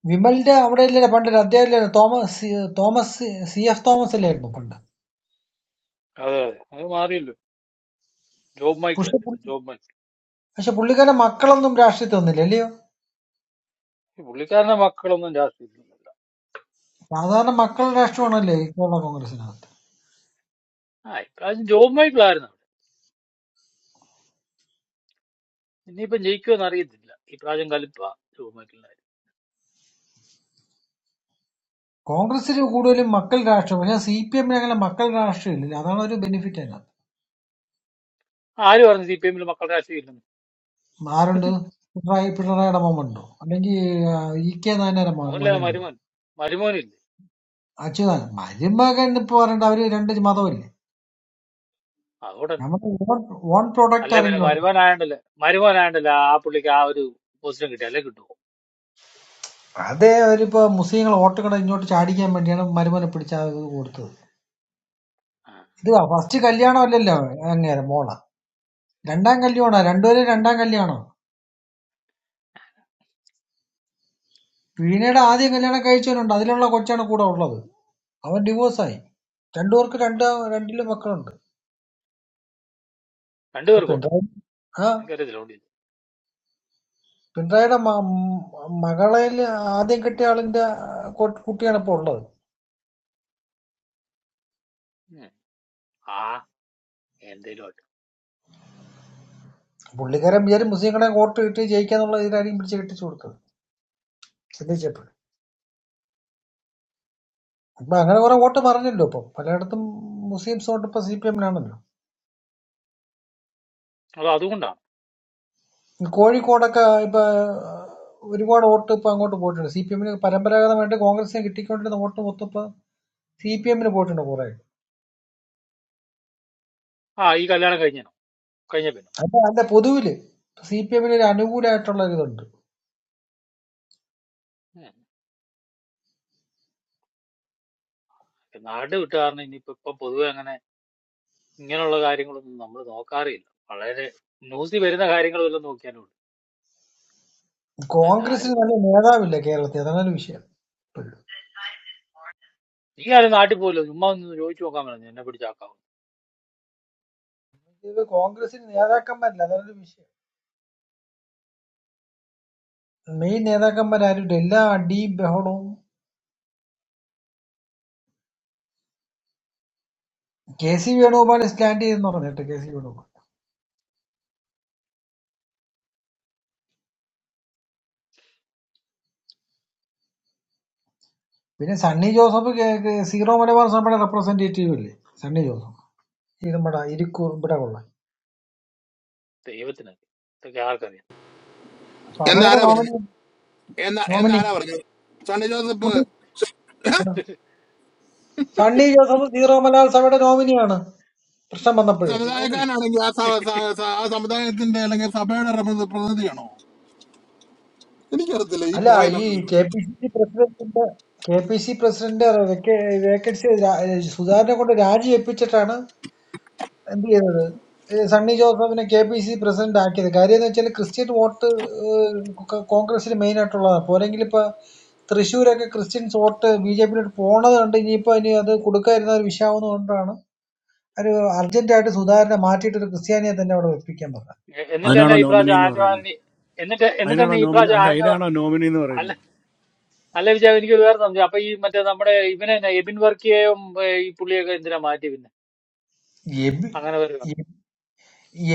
Speaker 8: വിമലിന്റെ അവിടെ ഇല്ലല്ലോ പണ്ട് അദ്ദേഹം ഇല്ലല്ലോ തോമസ് തോമസ് സി എഫ് തോമസ് അല്ലായിരുന്നു പണ്ട്
Speaker 9: അതെ അതെ അത് മാറിയല്ലോ ജോബ്
Speaker 8: പക്ഷെ
Speaker 9: മൈക്കിളല്ലേ ഇപ്പം
Speaker 8: പുള്ളി-
Speaker 9: ജോബ് മൈക്കിൾ
Speaker 8: പക്ഷെ പുള്ളിക്കാരന്റെ മക്കളൊന്നും രാഷ്ട്രീയത്തിൽ വന്നില്ല അല്ലയോ
Speaker 9: ഈ പുള്ളിക്കാരന്റെ മക്കളൊന്നും രാഷ്ട്രീയത്തിലൊന്നുമില്ല
Speaker 8: സാധാരണ മക്കളുടെ രാഷ്ട്രീയമാണല്ലേ ഈ കേരള കോൺഗ്രസിനകത്ത്
Speaker 9: ആ ഇപ്രാവശ്യം ജോബ് മൈക്കിളായിരുന്നു അവിടെ ഇനിയിപ്പം ജയിക്കുമെന്ന് അറിയത്തില്ല ഇപ്രാവശ്യം കലിപ്പാ ജോബ് മൈക്കിളിനായിരുന്നു
Speaker 8: കോൺഗ്രസ്സിന് കൂടുതലും മക്കൾ രാഷ്ട്രീയം. പക്ഷെ സി പി എമ്മിന് അങ്ങനെ മക്കൾ രാഷ്ട്രീയം ഇല്ലല്ലോ. അതാണ് ഒരു ബെനിഫിറ്റ് അതിനകത്ത്.
Speaker 9: ആര് പറഞ്ഞു സി പി എമ്മിൽ മക്കളുടെ രാഷ്ട്രീയം ഇല്ലെന്ന്?
Speaker 8: ആരുണ്ട്? പിണറായി പിണറായിയുടെ മകനുണ്ടോ? അല്ലെങ്കിൽ ആ, ഇ കെ നായനാരുടെ മ-
Speaker 9: മോനില്ല
Speaker 8: മകനുണ്ടോ?
Speaker 9: മരുമോൻ മരുമോനില്ലേ
Speaker 8: അച്യുതാനന്ദൻ മരുമകൻ ഇപ്പൊ പറയണ്ട അവര് രണ്ട് മതമില്ലേ?
Speaker 9: അതുകൊണ്ട് തന്നെ
Speaker 8: നമ്മുടെ ഓൺ ഓൺ പ്രൊഡക്റ്റ്
Speaker 9: അല്ല പിന്നെ
Speaker 8: ആരെങ്കിലും ഉണ്ടോ?
Speaker 9: മരുമോനായോണ്ടല്ലേ മരുമോനായോണ്ടല്ലേ ആ പുള്ളിക്ക് ആ ഒരു പോസിറ്റീവ് കിട്ടി അല്ലെ കിട്ടുമോ
Speaker 8: അതേ അവരിപ്പോ മുസ്ലിങ്ങൾ വോട്ടുകൾ ഇങ്ങോട്ട് ചാടിക്കാൻ വേണ്ടിയാണ് മരുമനെ പിടിച്ച ആ ഇത് കൊടുത്തത്.
Speaker 9: ആ,
Speaker 8: ഇത് ഫസ്റ്റ് കല്യാണം അല്ലല്ലോ അങ്ങേരെ മോള. രണ്ടാം കല്യാണോ? രണ്ടുപേരും രണ്ടാം കല്യാണോ? വീണയുടെ ആദ്യം കല്യാണം കഴിച്ചവനുണ്ട്. അതിലുള്ള കൊച്ചാണ് കൂടെ ഉള്ളത്. അവൻ ഡിവോഴ്സായി. രണ്ടു പേർക്കും രണ്ട് രണ്ടിലും മക്കളുണ്ട്. അപ്പൊ
Speaker 9: രണ്ടുപേർക്കും ഉണ്ടോ
Speaker 8: പിണറായി ആ
Speaker 9: എനിക്കറിയത്തില്ല ഉണ്ട്
Speaker 8: പിണറായിയുടെ മ- മ- മകളെ ആദ്യം കെട്ടിയ ആളിന്റെ ആ, കു- കുട്ടിയാണ് ഇപ്പൊ ഉള്ളത്.
Speaker 9: ആ എന്തേലും ആട്ടെ
Speaker 8: പുള്ളിക്കാരൻ വിചാരം മുസ്ലിങ്ങളെ വോട്ട് കിട്ടി ജയിക്കാന്നുള്ള ഇതിലായിരിക്കും പിടിച്ച് കെട്ടിച്ചു കൊടുത്തത് ചിന്തിച്ചപ്പോൾ അപ്പൊ അങ്ങനെ കുറെ വോട്ട് മറിഞ്ഞല്ലോ ഇപ്പൊ പലയിടത്തും മുസ്ലിംസ് വോട്ട് ഇപ്പൊ സി പി എമ്മിനാണല്ലോ
Speaker 9: അത് അതുകൊണ്ടാണ്
Speaker 8: ഈ കോഴിക്കോടൊക്കെ ഇപ്പൊ ഒരുപാട് വോട്ട് ഇപ്പൊ അങ്ങോട്ട് പോയിട്ടുണ്ട് സി പി എമ്മിന് പരമ്പരാഗതമായിട്ട് കോൺഗ്രസിന് കിട്ടിക്കൊണ്ടിരുന്ന വോട്ട് മൊത്തം ഇപ്പൊ സി പി എമ്മിന് പോയിട്ടുണ്ട് കുറെ
Speaker 9: ആ ഈ കല്യാണം കഴിഞ്ഞോ കഴിഞ്ഞ പിന്നെ
Speaker 8: അല്ല അല്ല പൊതുവില് സി പി എമ്മിന് ഒരു അനുകൂലമായിട്ടുള്ള ഒരു ഇതുണ്ട്
Speaker 9: ഉം. നാട് വിട്ടുകാരണം ഇനിയിപ്പോ ഇപ്പൊ പൊതുവെ അങ്ങനെ ഇങ്ങനെയുള്ള കാര്യങ്ങളൊന്നും നമ്മൾ നോക്കാറില്ല വളരെ ന്യൂസിൽ വരുന്ന കാര്യങ്ങളെല്ലാം നോക്കിയാലും ഉണ്ട് അല്ല ആര്
Speaker 8: കോൺഗ്രസിന് നല്ല
Speaker 9: നോക്കും
Speaker 8: നേതാവില്ല കേരളത്തിൽ അതാണ് ഒരു വിഷയം ഇപ്പോഴും
Speaker 9: നീ ആരും നാട്ടിൽ പോയില്ല ചുമ്മാ ഒന്ന് ചോദിച്ചു നോക്കാൻ പറഞ്ഞു എന്നെ പിടിച്ചാക്കാവും
Speaker 8: ഇത് കോൺഗ്രസിന് നേതാക്കന്മാരില്ല അതാണ് ഒരു വിഷയം മെയിൻ നേതാക്കന്മാരായിട്ട് എല്ലാ അടിയും ബഹളവും കെ സി വേണുഗോപാൽ സ്റ്റാൻഡ് ചെയ്തെന്ന് പറഞ്ഞിട്ട് കെ സി വേണുഗോപാൽ പിന്നെ സണ്ണി ജോസഫ് കേ- കേ- സീറോ മലബാർ സഭയുടെ റെപ്രസെന്റേറ്റീവ് അല്ലേ സണ്ണി ജോസഫ് ഈ നമ്മുടെ ഇരിക്കൂർ ഇവിടെ കൊള്ള
Speaker 9: ദൈവത്തിനറിയാം ഇതൊക്കെ ആർക്കറിയാം
Speaker 8: സഭയുടെ
Speaker 17: എന്നാരാ പറഞ്ഞു
Speaker 8: നോമിനി
Speaker 17: എന്നാ
Speaker 8: നോമിനി
Speaker 17: എന്നാരാ പറഞ്ഞു സണ്ണി ജോസഫ്
Speaker 8: പുള്ളി- സണ്ണി ജോസഫ് സീറോ മലബാർ സഭയുടെ നോമിനിയാണ് പ്രശ്നം വന്നപ്പോൾ
Speaker 17: സമുദായക്കാരനാണെങ്കിൽ ആ സ- സ- സ- ആ സമുദായത്തിന്റെ അല്ലെങ്കിൽ സഭയുടെ റെപ്രസ- പ്രതിനിധിയാണോ എനിക്കറിയത്തില്ല ഈ
Speaker 8: അല്ല
Speaker 17: മോയന
Speaker 8: ഈ കെ പി സി സി പ്രസിഡന്റിന്റെ K P C president vacancy സുധാകരനെ കൊണ്ട് രാജി ഏൽപ്പിച്ചിട്ടാണ് എന്ത് ചെയ്തത് ഏ, സണ്ണി ജോസഫിനെ കെ പി സി പ്രസിഡന്റ് ആക്കിയത് കാര്യം എന്ന് വെച്ചാൽ ക്രിസ്ത്യൻ വോട്ട് കോൺഗ്രസിന് മെയിൻ ആയിട്ടുള്ളതാണ് പോരെങ്കിൽ ഇപ്പൊ തൃശ്ശൂരൊക്കെ ക്രിസ്ത്യൻസ് വോട്ട് ബി ജെ പിന്നോട്ട് പോണത് കൊണ്ട് ഇനിയിപ്പോ ഇനി അത് കൊടുക്കാതിരുന്ന ഒരു വിഷയമാവുന്നത് കൊണ്ടാണ് ഒരു അർജന്റായിട്ട് സുധാകരനെ മാറ്റിയിട്ട് ഒരു ക്രിസ്ത്യാനിയെ തന്നെ അവിടെ വെപ്പിക്കാൻ പറഞ്ഞത്
Speaker 9: എ- എന്നിട്ട് തന്നെ
Speaker 2: അതിനാണോ
Speaker 9: ഈ
Speaker 2: നോമിനി
Speaker 9: പ്രാവശ്യം
Speaker 2: എന്ന്
Speaker 9: ആന്റോ
Speaker 2: പറയുന്നത്
Speaker 9: ആന്റണി എന്നിട്ട് എന്നിട്ട്
Speaker 2: അതിനാണോ
Speaker 9: തന്നെ ഈ
Speaker 2: നോമിനി
Speaker 9: പ്രാവശ്യം
Speaker 2: അല്ല
Speaker 9: ആന്റോ
Speaker 2: അതിനാണോ നോമിനി എന്ന്
Speaker 9: അല്ല
Speaker 2: പറയുന്നത്
Speaker 9: അല്ല വിചാരം എനിക്ക് ഒരു വേറെ സംശയം അപ്പൊ ഈ മറ്റേ നമ്മുടെ ഇവനെ തന്നെ എബിൻ വർക്കിയെയും ഏ, ഈ പുള്ളിയൊക്കെ എന്തിനാ മാറ്റി പിന്നെ അങ്ങനെ വരുവാണ്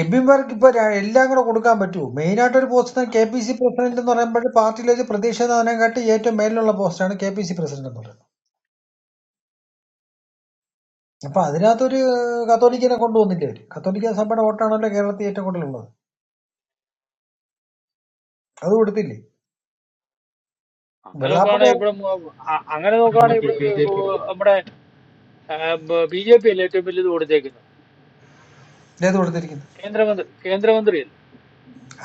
Speaker 8: എംപിമാർക്ക് ഇപ്പൊ ര- എല്ലാം കൂടെ കൊടുക്കാൻ പറ്റുമോ മെയിൻ ആയിട്ട് ഒരു post K P C president എന്ന് പറയുമ്പോൾ പാർട്ടിയിലെ പ്രതിഷേധനെക്കാട്ടി ഏറ്റവും മേലിലുള്ള പോസ്റ്റാണ് കെ പി സി പ്രസിഡന്റ് എന്ന് പറയുന്നത് അപ്പൊ അതിനകത്തൊരു കത്തോലിക്കനെ കൊണ്ടുവന്നില്ലേ അവര് കത്തോലിക്ക സഭയുടെ വോട്ടാണല്ലോ കേരളത്തിൽ ഏറ്റവും കൂടുതലുള്ളത് അത് കൊടുത്തില്ലേ
Speaker 9: അങ്ങനെ
Speaker 8: വെള്ളാപ്പള്ളി
Speaker 9: നോക്കുവാണെങ്കിൽ ഇവിടെ മു- അ- അങ്ങനെ നോക്കുവാണെങ്കിൽ
Speaker 12: നമുക്ക്
Speaker 9: ഇവിടെ
Speaker 12: ബി
Speaker 9: ഏ,
Speaker 12: ജെ പി
Speaker 9: ബു- നമ്മുടെ ബി ജെ പി അല്ലേ ഏറ്റവും വലിയത് കൊടുത്തേക്കുന്നത്
Speaker 8: ഏത് കൊടുത്തിരിക്കുന്നത്
Speaker 9: കേന്ദ്രമന്ത്രി കേന്ദ്രമന്ത്രിയല്ലേ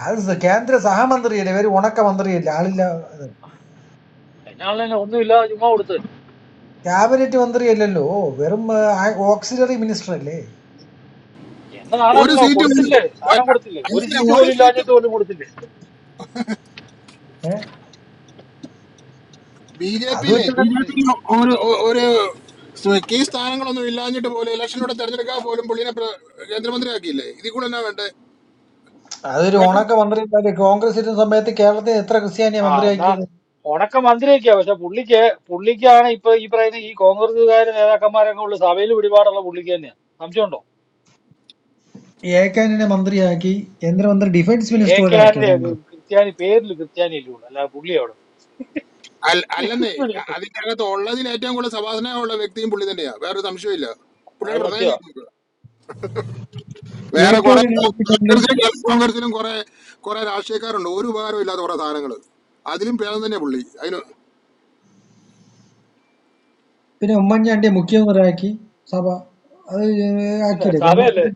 Speaker 8: അത് സ- കേന്ദ്ര സഹമന്ത്രിയല്ലേ ഇവര് ഉണക്ക മന്ത്രിയല്ലേ ആളില്ല ഇത്.
Speaker 9: അതിനാളെ തന്നെ ഒന്നുമില്ലാതെ ചുമ്മാ കൊടുത്തതല്ലേ
Speaker 8: ക്യാബിനറ്റ് മന്ത്രിയല്ലല്ലോ വെറും ഓക്സിലറി മിനിസ്റ്റർ അല്ലേ
Speaker 17: ഒരു
Speaker 9: എന്നതാണല്ലോ
Speaker 17: സീറ്റ് പോലും-
Speaker 9: കൊടുത്തില്ലേ
Speaker 17: ഒ-
Speaker 9: സാധനം കൊടുത്തില്ലേ ഒരു
Speaker 17: അങ്ങനെ
Speaker 9: സീറ്റ്
Speaker 17: ഒരു
Speaker 9: പോലും
Speaker 17: സീറ്റ്
Speaker 9: ഇല്ലാഞ്ഞിട്ട് പോലും കൊടുത്തില്ലേ
Speaker 8: ഏഹ്
Speaker 17: ബി ജെ
Speaker 8: അത്
Speaker 17: പിയിലെ
Speaker 8: വെച്ചിട്ട്
Speaker 17: ബി ജെ പിയിലെ ഒരു ഒ- ഒരു സ് കീ സ്ഥാനങ്ങളൊന്നും ഇല്ലാഞ്ഞിട്ട് പോലും ഇലക്ഷനോടെ തെരഞ്ഞെടുക്കാൻ പോലും പുള്ളിനെ പ്ര- കേന്ദ്രമന്ത്രിയാക്കിയില്ലേ ഇതിൽ കൂടെ എന്നാ വേണ്ടേ
Speaker 8: അതൊരു ഉണക്ക മന്ത്രി അല്ലേ? കോൺഗ്രസ് ഇരുന്ന സമയത്ത് കേരളത്തിൽ എത്ര ക്രിസ്ത്യാനിയെ
Speaker 9: ആ എന്നാ
Speaker 8: മന്ത്രിയാക്കിയത്
Speaker 9: ഉണക്ക മന്ത്രിയൊക്കെയാ പക്ഷെ പുള്ളിക്ക് പുള്ളിക്കാണ് ഇപ്പൊ ഈ പറയുന്ന ഈ കോൺഗ്രസ്സുകാര് നേതാക്കന്മാരൊക്കെ ഉള്ള സഭയിൽ പിടിപാടുള്ള പുള്ളിക്ക് തന്നെയാ സംശയമുണ്ടോ
Speaker 8: ഏക്കാനിനെ മന്ത്രിയാക്കി കേന്ദ്രമന്ത്രി ഡിഫൻസ്
Speaker 9: ഏ
Speaker 8: മിനിസ്റ്ററാക്കി
Speaker 9: കാനഡ
Speaker 8: കോൺഗ്രസ്
Speaker 9: ക്രിസ്ത്യാനി പേരിൽ ക്രിസ്ത്യാനി ഇല്ലേ ഉള്ളൂ അല്ല പുള്ളി അവിടെ
Speaker 17: അൽ- അല്ലെന്നേ അതിന്റെ അകത്ത് ഉള്ളതിൽ ഏറ്റവും കൂടുതൽ സഭാസനമുള്ള വ്യക്തിയും പുള്ളി തന്നെയാ വേറൊരു സംശയമില്ല
Speaker 9: അത്
Speaker 17: പുള്ളിയുടെ
Speaker 9: സത്യമാ
Speaker 17: പ്രധാന വേറെ കുറെ
Speaker 8: ഏക്കാനിനെ പിന്നെ
Speaker 17: കോൺഗ്രസിലും കേരള കോൺഗ്രസിലും കുറെ കുറെ രാഷ്ട്രീയക്കാരുണ്ട് ഒരു ഉപകാരം ഇല്ലാത്ത കുറെ സാധനങ്ങൾ അതിലും ഭേദം തന്നെ പുള്ളി അതിന്
Speaker 8: പിന്നെ ഉമ്മൻചാണ്ടിയെ മുഖ്യമന്ത്രിയാക്കി സഭ അത്
Speaker 9: പിന്നെ
Speaker 8: ആക്കിയില്ലേ
Speaker 9: സഭയല്ലേ
Speaker 8: കോൺഗ്രസ്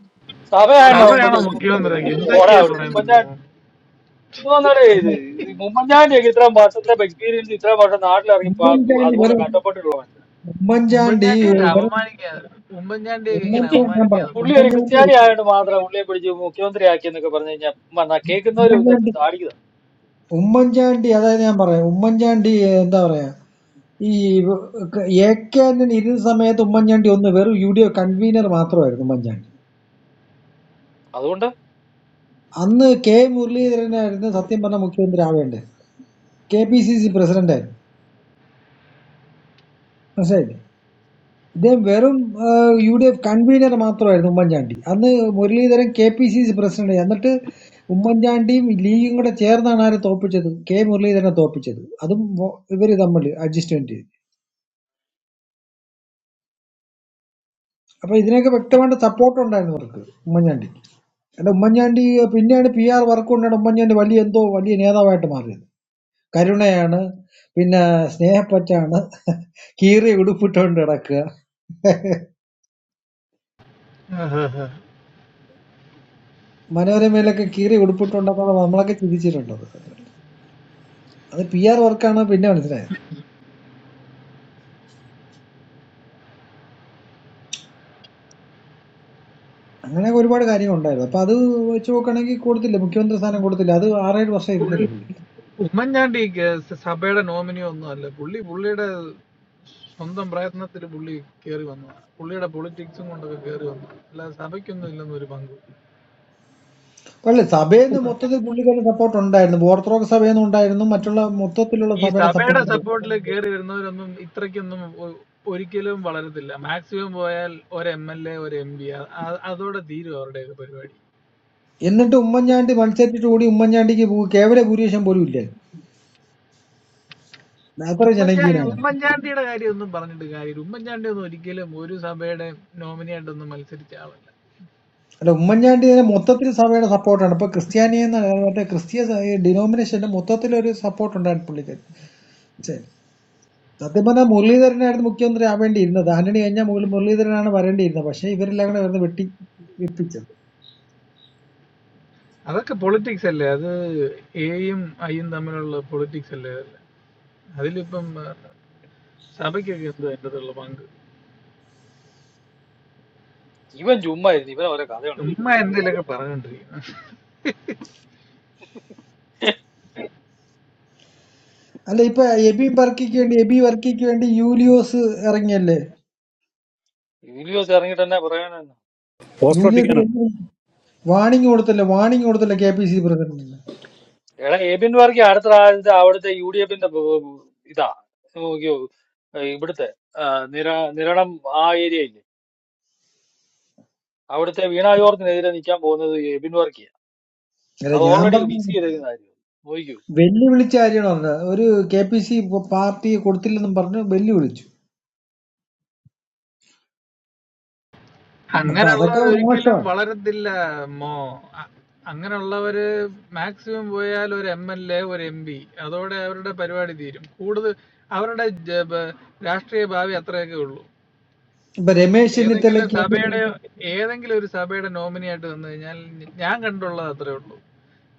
Speaker 9: സഭയാണ്
Speaker 12: സഭയാണോ
Speaker 9: ഉമ്മൻചാണ്ടി
Speaker 17: സമയം
Speaker 9: മുഖ്യമന്ത്രി
Speaker 12: മുഖ്യമന്ത്രി
Speaker 9: ഇത് പോരാ
Speaker 12: എന്തൊക്കെയാ
Speaker 9: അവിടുന്ന്
Speaker 12: പറയുന്നത്
Speaker 9: ഉമ്മൻചാണ്ടി ഇത് വന്നാലേ ഇത് ഇത് ഉമ്മൻചാണ്ടിയൊക്കെ ഇത്രയും വർഷത്തെ എക്സ്പീരിയൻസ് ഇത്രയും വർഷം നാട്ടിലിറങ്ങി പാ-
Speaker 8: ഉമ്മൻചാണ്ടി
Speaker 9: അതുപോലെ
Speaker 8: വെറും
Speaker 9: കഷ്ടപ്പെട്ടിട്ടുള്ള
Speaker 8: ഉമ്മൻചാണ്ടി
Speaker 12: ഉമ്മൻചാണ്ടിയൊക്കെ
Speaker 8: വെറും
Speaker 12: അപമാനിക്കാതെ ഉമ്മൻചാണ്ടിയൊക്കെ ഇങ്ങനെ
Speaker 9: മനുഷ്യൻ
Speaker 8: ഉമ്മൻചാണ്ടി ഞാൻ പറയാം
Speaker 12: അപമാനിക്കാതെ
Speaker 9: പുള്ളി ഒരു
Speaker 8: ഉമ്മൻചാണ്ടി
Speaker 9: ക്രിസ്ത്യാനി ആയതുകൊണ്ട് മാത്രം പുള്ളിയെ പിടിച്ച് മുഖ്യമന്ത്രി ആക്കി എന്നൊക്കെ പറഞ്ഞു കഴിഞ്ഞാൽ കേൾക്കുന്നവര് പിന്നെ
Speaker 8: ഉമ്മൻചാണ്ടി
Speaker 9: താടി
Speaker 8: ഉമ്മൻചാണ്ടി അതായത് ഞാൻ പറയാം ഉമ്മൻചാണ്ടി എന്താ പറയാ ഈ എ കെ ആന്റണി ഇരുന്ന സമയത്ത് ഉമ്മൻചാണ്ടി ഒന്ന് വെറും യു ഡി എഫ് കൺവീനർ മാത്രമായിരുന്നു ഉമ്മൻചാണ്ടി
Speaker 9: അതുകൊണ്ട്
Speaker 8: അന്ന് കെ മുരളീധരനായിരുന്നു സത്യം പറഞ്ഞ മുഖ്യമന്ത്രി ആവേണ്ടത് കെ പി സി സി പ്രസിഡന്റായിരുന്നു മനസ്സിലായില്ലേ ഇദ്ദേഹം വെറും ഏഹ്, യു ഡി എഫ് കൺവീനർ മാത്രമായിരുന്നു ഉമ്മൻചാണ്ടി അന്ന് Muraleedharan K P C C president എന്നിട്ട് ഉമ്മൻചാണ്ടിയും ലീഗും കൂടെ ചേർന്നാണ് ആരെ തോപ്പിച്ചത് കെ മുരളീധരനെ തോപ്പിച്ചത് അതും ഇവർ തമ്മിൽ അഡ്ജസ്റ്റ്മെന്റ് ചെയ്തു അപ്പൊ ഇതിനൊക്കെ വ്യക്തമായിട്ട് സപ്പോർട്ട് ഉണ്ടായിരുന്നു അവർക്ക് ഉമ്മൻചാണ്ടിക്ക് അല്ല ഉമ്മൻചാണ്ടി പിന്നെയാണ് പി ആർ വർക്ക് കൊണ്ടാണ് ഉമ്മൻചാണ്ടി വലിയ എന്തോ വലിയ നേതാവായിട്ട് മാറിയത് കരുണയാണ് പിന്നെ സ്നേഹപ്പറ്റാണ് കീറിയ ഉടുപ്പിട്ടുകൊണ്ട് കിടക്കുക മനോരമയിലൊക്കെ കീറി ഉടുപ്പിട്ടുണ്ടപ്പോൾ നമ്മളൊക്കെ ചിരിച്ചിട്ടുണ്ട് അത് അത് പി ആർ വർക്കാണ് പിന്നെ മനസ്സിലായത് അങ്ങനെ ഒരുപാട് കാര്യങ്ങൾ ഉണ്ടായിരുന്നു അപ്പൊ അത് വെച്ച് നോക്കുകയാണെങ്കിൽ കൊടുത്തില്ല മുഖ്യമന്ത്രി സ്ഥാനം കൊടുത്തില്ല അത് ആറേഴ് വർഷം ഇരുന്നില്ല
Speaker 12: പുള്ളി-
Speaker 8: പുള്ളിക്ക്
Speaker 12: ഉമ്മൻചാണ്ടി ഗ- സഭയുടെ നോമിനി ഒന്നും അല്ല പുള്ളി പുള്ളിയുടെ സ്വന്തം പ്രയത്നത്തിൽ പുള്ളി കയറി വന്നതാണ് പുള്ളിയുടെ പൊളിറ്റിക്സും കൊണ്ടൊക്കെ കയറി വന്നു അല്ലാതെ സഭയ്ക്കൊന്നും ഇല്ലെന്ന് ഒരു പങ്ക്
Speaker 8: അല്ല സഭയിൽ നിന്ന് മൊത്തത്തിൽ പുള്ളിക്കൊരു സപ്പോർട്ട് ഉണ്ടായിരുന്നു ഓർത്തഡോക്സ് സഭയിൽ നിന്ന് ഉണ്ടായിരുന്നു മറ്റുള്ള മൊത്തത്തിലുള്ള
Speaker 12: ഈ
Speaker 8: സഭയുടെ സപ്പോർട്ട്
Speaker 12: സഭയുടെ
Speaker 8: ഉണ്ട്
Speaker 12: സപ്പോർട്ടിൽ കയറി വരുന്നവരൊന്നും ഇത്രയ്ക്കൊന്നും ഒ- ഒരിക്കലും വളരത്തില്ല മാക്സിമം പോയാൽ ഒരു എം എൽ എ ഒരു എം പി അതോടെ തീരും അവരുടെയൊക്കെ പരിപാടി
Speaker 8: എന്നിട്ട് ഉമ്മൻചാണ്ടി മത്സരിച്ചിട്ട് കൂടി ഉമ്മൻചാണ്ടിക്ക് ഭൂ- കേവല ഭൂരിപക്ഷം പോലും ഇല്ലായിരുന്നു അത്ര
Speaker 12: ഉമ്മൻചാണ്ടി
Speaker 8: ജനകീയനാണ്
Speaker 12: ഉമ്മൻചാണ്ടിയുടെ കാര്യം ഒന്നും പറഞ്ഞിട്ട് കാര്യമില്ല ഉമ്മൻചാണ്ടി ഒന്നും ഒരിക്കലും ഒരു സഭയുടെ നോമിനിയായിട്ടൊന്നും മത്സരിച്ച ആളല്ല
Speaker 8: അല്ല ഉമ്മൻചാണ്ടി ഇതിനെ മൊത്തത്തിൽ സഭയുടെ സപ്പോർട്ടാണ് ഇപ്പൊ ക്രിസ്ത്യാനി എന്ന മറ്റേ ക്രിസ്ത്യ ഡിനോമിനേഷന്റെ മൊത്തത്തിലൊരു സപ്പോർട്ട് ഉണ്ടായിരുന്നു പുള്ളിക്ക് സത്യം പറഞ്ഞാൽ മുരളീധരനായിരുന്നു മുഖ്യമന്ത്രി ആവേണ്ടിയിരുന്നത്. ആന്റണി കഴിഞ്ഞാൽ മുകൾ- മുരളീധരനാണ് വരേണ്ടിയിരുന്നത്. പക്ഷേ ഇവരെല്ലാം കൂടെ വരുന്ന വെട്ടി വെപ്പിച്ചത്.
Speaker 12: അതൊക്കെ പൊളിറ്റിക്സ് അല്ലേ അത് എയും ഐയും തമ്മിലുള്ള പൊളിറ്റിക്സ് അല്ലേ അതിലിപ്പം ആ, സഭയ്ക്കൊക്കെ എന്താ അതിൻ്റെ അകത്തുള്ള പങ്ക്
Speaker 9: ഇവൻ ചുമ്മാ ഇരുന്ന് ഇവൻ ഓരോ കഥ ഉണ്ടാക്കുന്നത്
Speaker 12: ചുമ്മാ എന്തെങ്കിലുമൊക്കെ പറഞ്ഞോണ്ടിരിക്കുന്നു
Speaker 8: അല്ല ഇപ്പൊ എബി വർക്കിക്ക് വേണ്ടി എബി വർക്കിക്ക് വേണ്ടി യൂലിയോസ് ഇറങ്ങിയല്ലേ?
Speaker 9: യൂലിയോസ് ഇറങ്ങിയിട്ട് തന്നെ പറയാനെന്ന്
Speaker 2: പോസ്റ്റ്
Speaker 8: യൂലിയോസ്
Speaker 2: ഒട്ടിക്കാനാണോ
Speaker 8: വാണിംഗ് കൊടുത്തല്ലേ? വാണിംഗ് കൊടുത്തല്ലേ കെ പി സി പ്രസിഡന്റിന്?
Speaker 9: എടാ എബിൻ വർഗി അടുത്ത ആഴ്ച അവിടുത്തെ യു ഡി എഫിന്റെ ഇതാ നോക്കിയോ ഏഹ് ഇവിടുത്തെ ആ, നിര നിരണം ആ ഏരിയ ഇല്ലേ അവിടുത്തെ വീണ ജോർജിനെതിരെ നിൽക്കാൻ പോകുന്നത് എബിൻ വർഗിയ
Speaker 8: അല്ല
Speaker 9: അത്
Speaker 8: ഞാൻ
Speaker 9: ഓൾറെഡി
Speaker 8: പറഞ്ഞു
Speaker 9: ഫിക്സ് ചെയ്തേക്കുന്നതായിരുന്നു നോക്കൂ
Speaker 8: വെല്ലുവിളിച്ച കാര്യമാണ് പറഞ്ഞത്. ഒരു കെ പി സി പാർട്ടി കൊടുത്തില്ലെന്നും പറഞ്ഞ് വെല്ലുവിളിച്ചു. അപ്പൊ അതൊക്കെ
Speaker 12: അങ്ങനെയുള്ളവർ ഒരിക്കലും
Speaker 8: മോശമാണ്.
Speaker 12: വളരത്തില്ല മോ അ- അങ്ങനെയുള്ളവര് മാക്സിമം പോയാൽ ഒരു എം എൽ എ ഒരു എം പി അതോടെ അവരുടെ പരിപാടി തീരും കൂടുതൽ അവരുടെ ജ- ബ- രാഷ്ട്രീയ ഭാവി അത്രയൊക്കെ ഉള്ളൂ
Speaker 8: ഇപ്പൊ രമേശ്
Speaker 12: ഏതെങ്കിലും
Speaker 8: ചെന്നിത്തലയ്ക്ക് വേണ്ടി
Speaker 12: സഭയുടെ ഏതെങ്കിലും ഒരു സഭയുടെ നോമിനി ആയിട്ട് വന്നു കഴിഞ്ഞാൽ ഞ- ഞാൻ കണ്ടുള്ളത് അത്രേ ഉള്ളൂ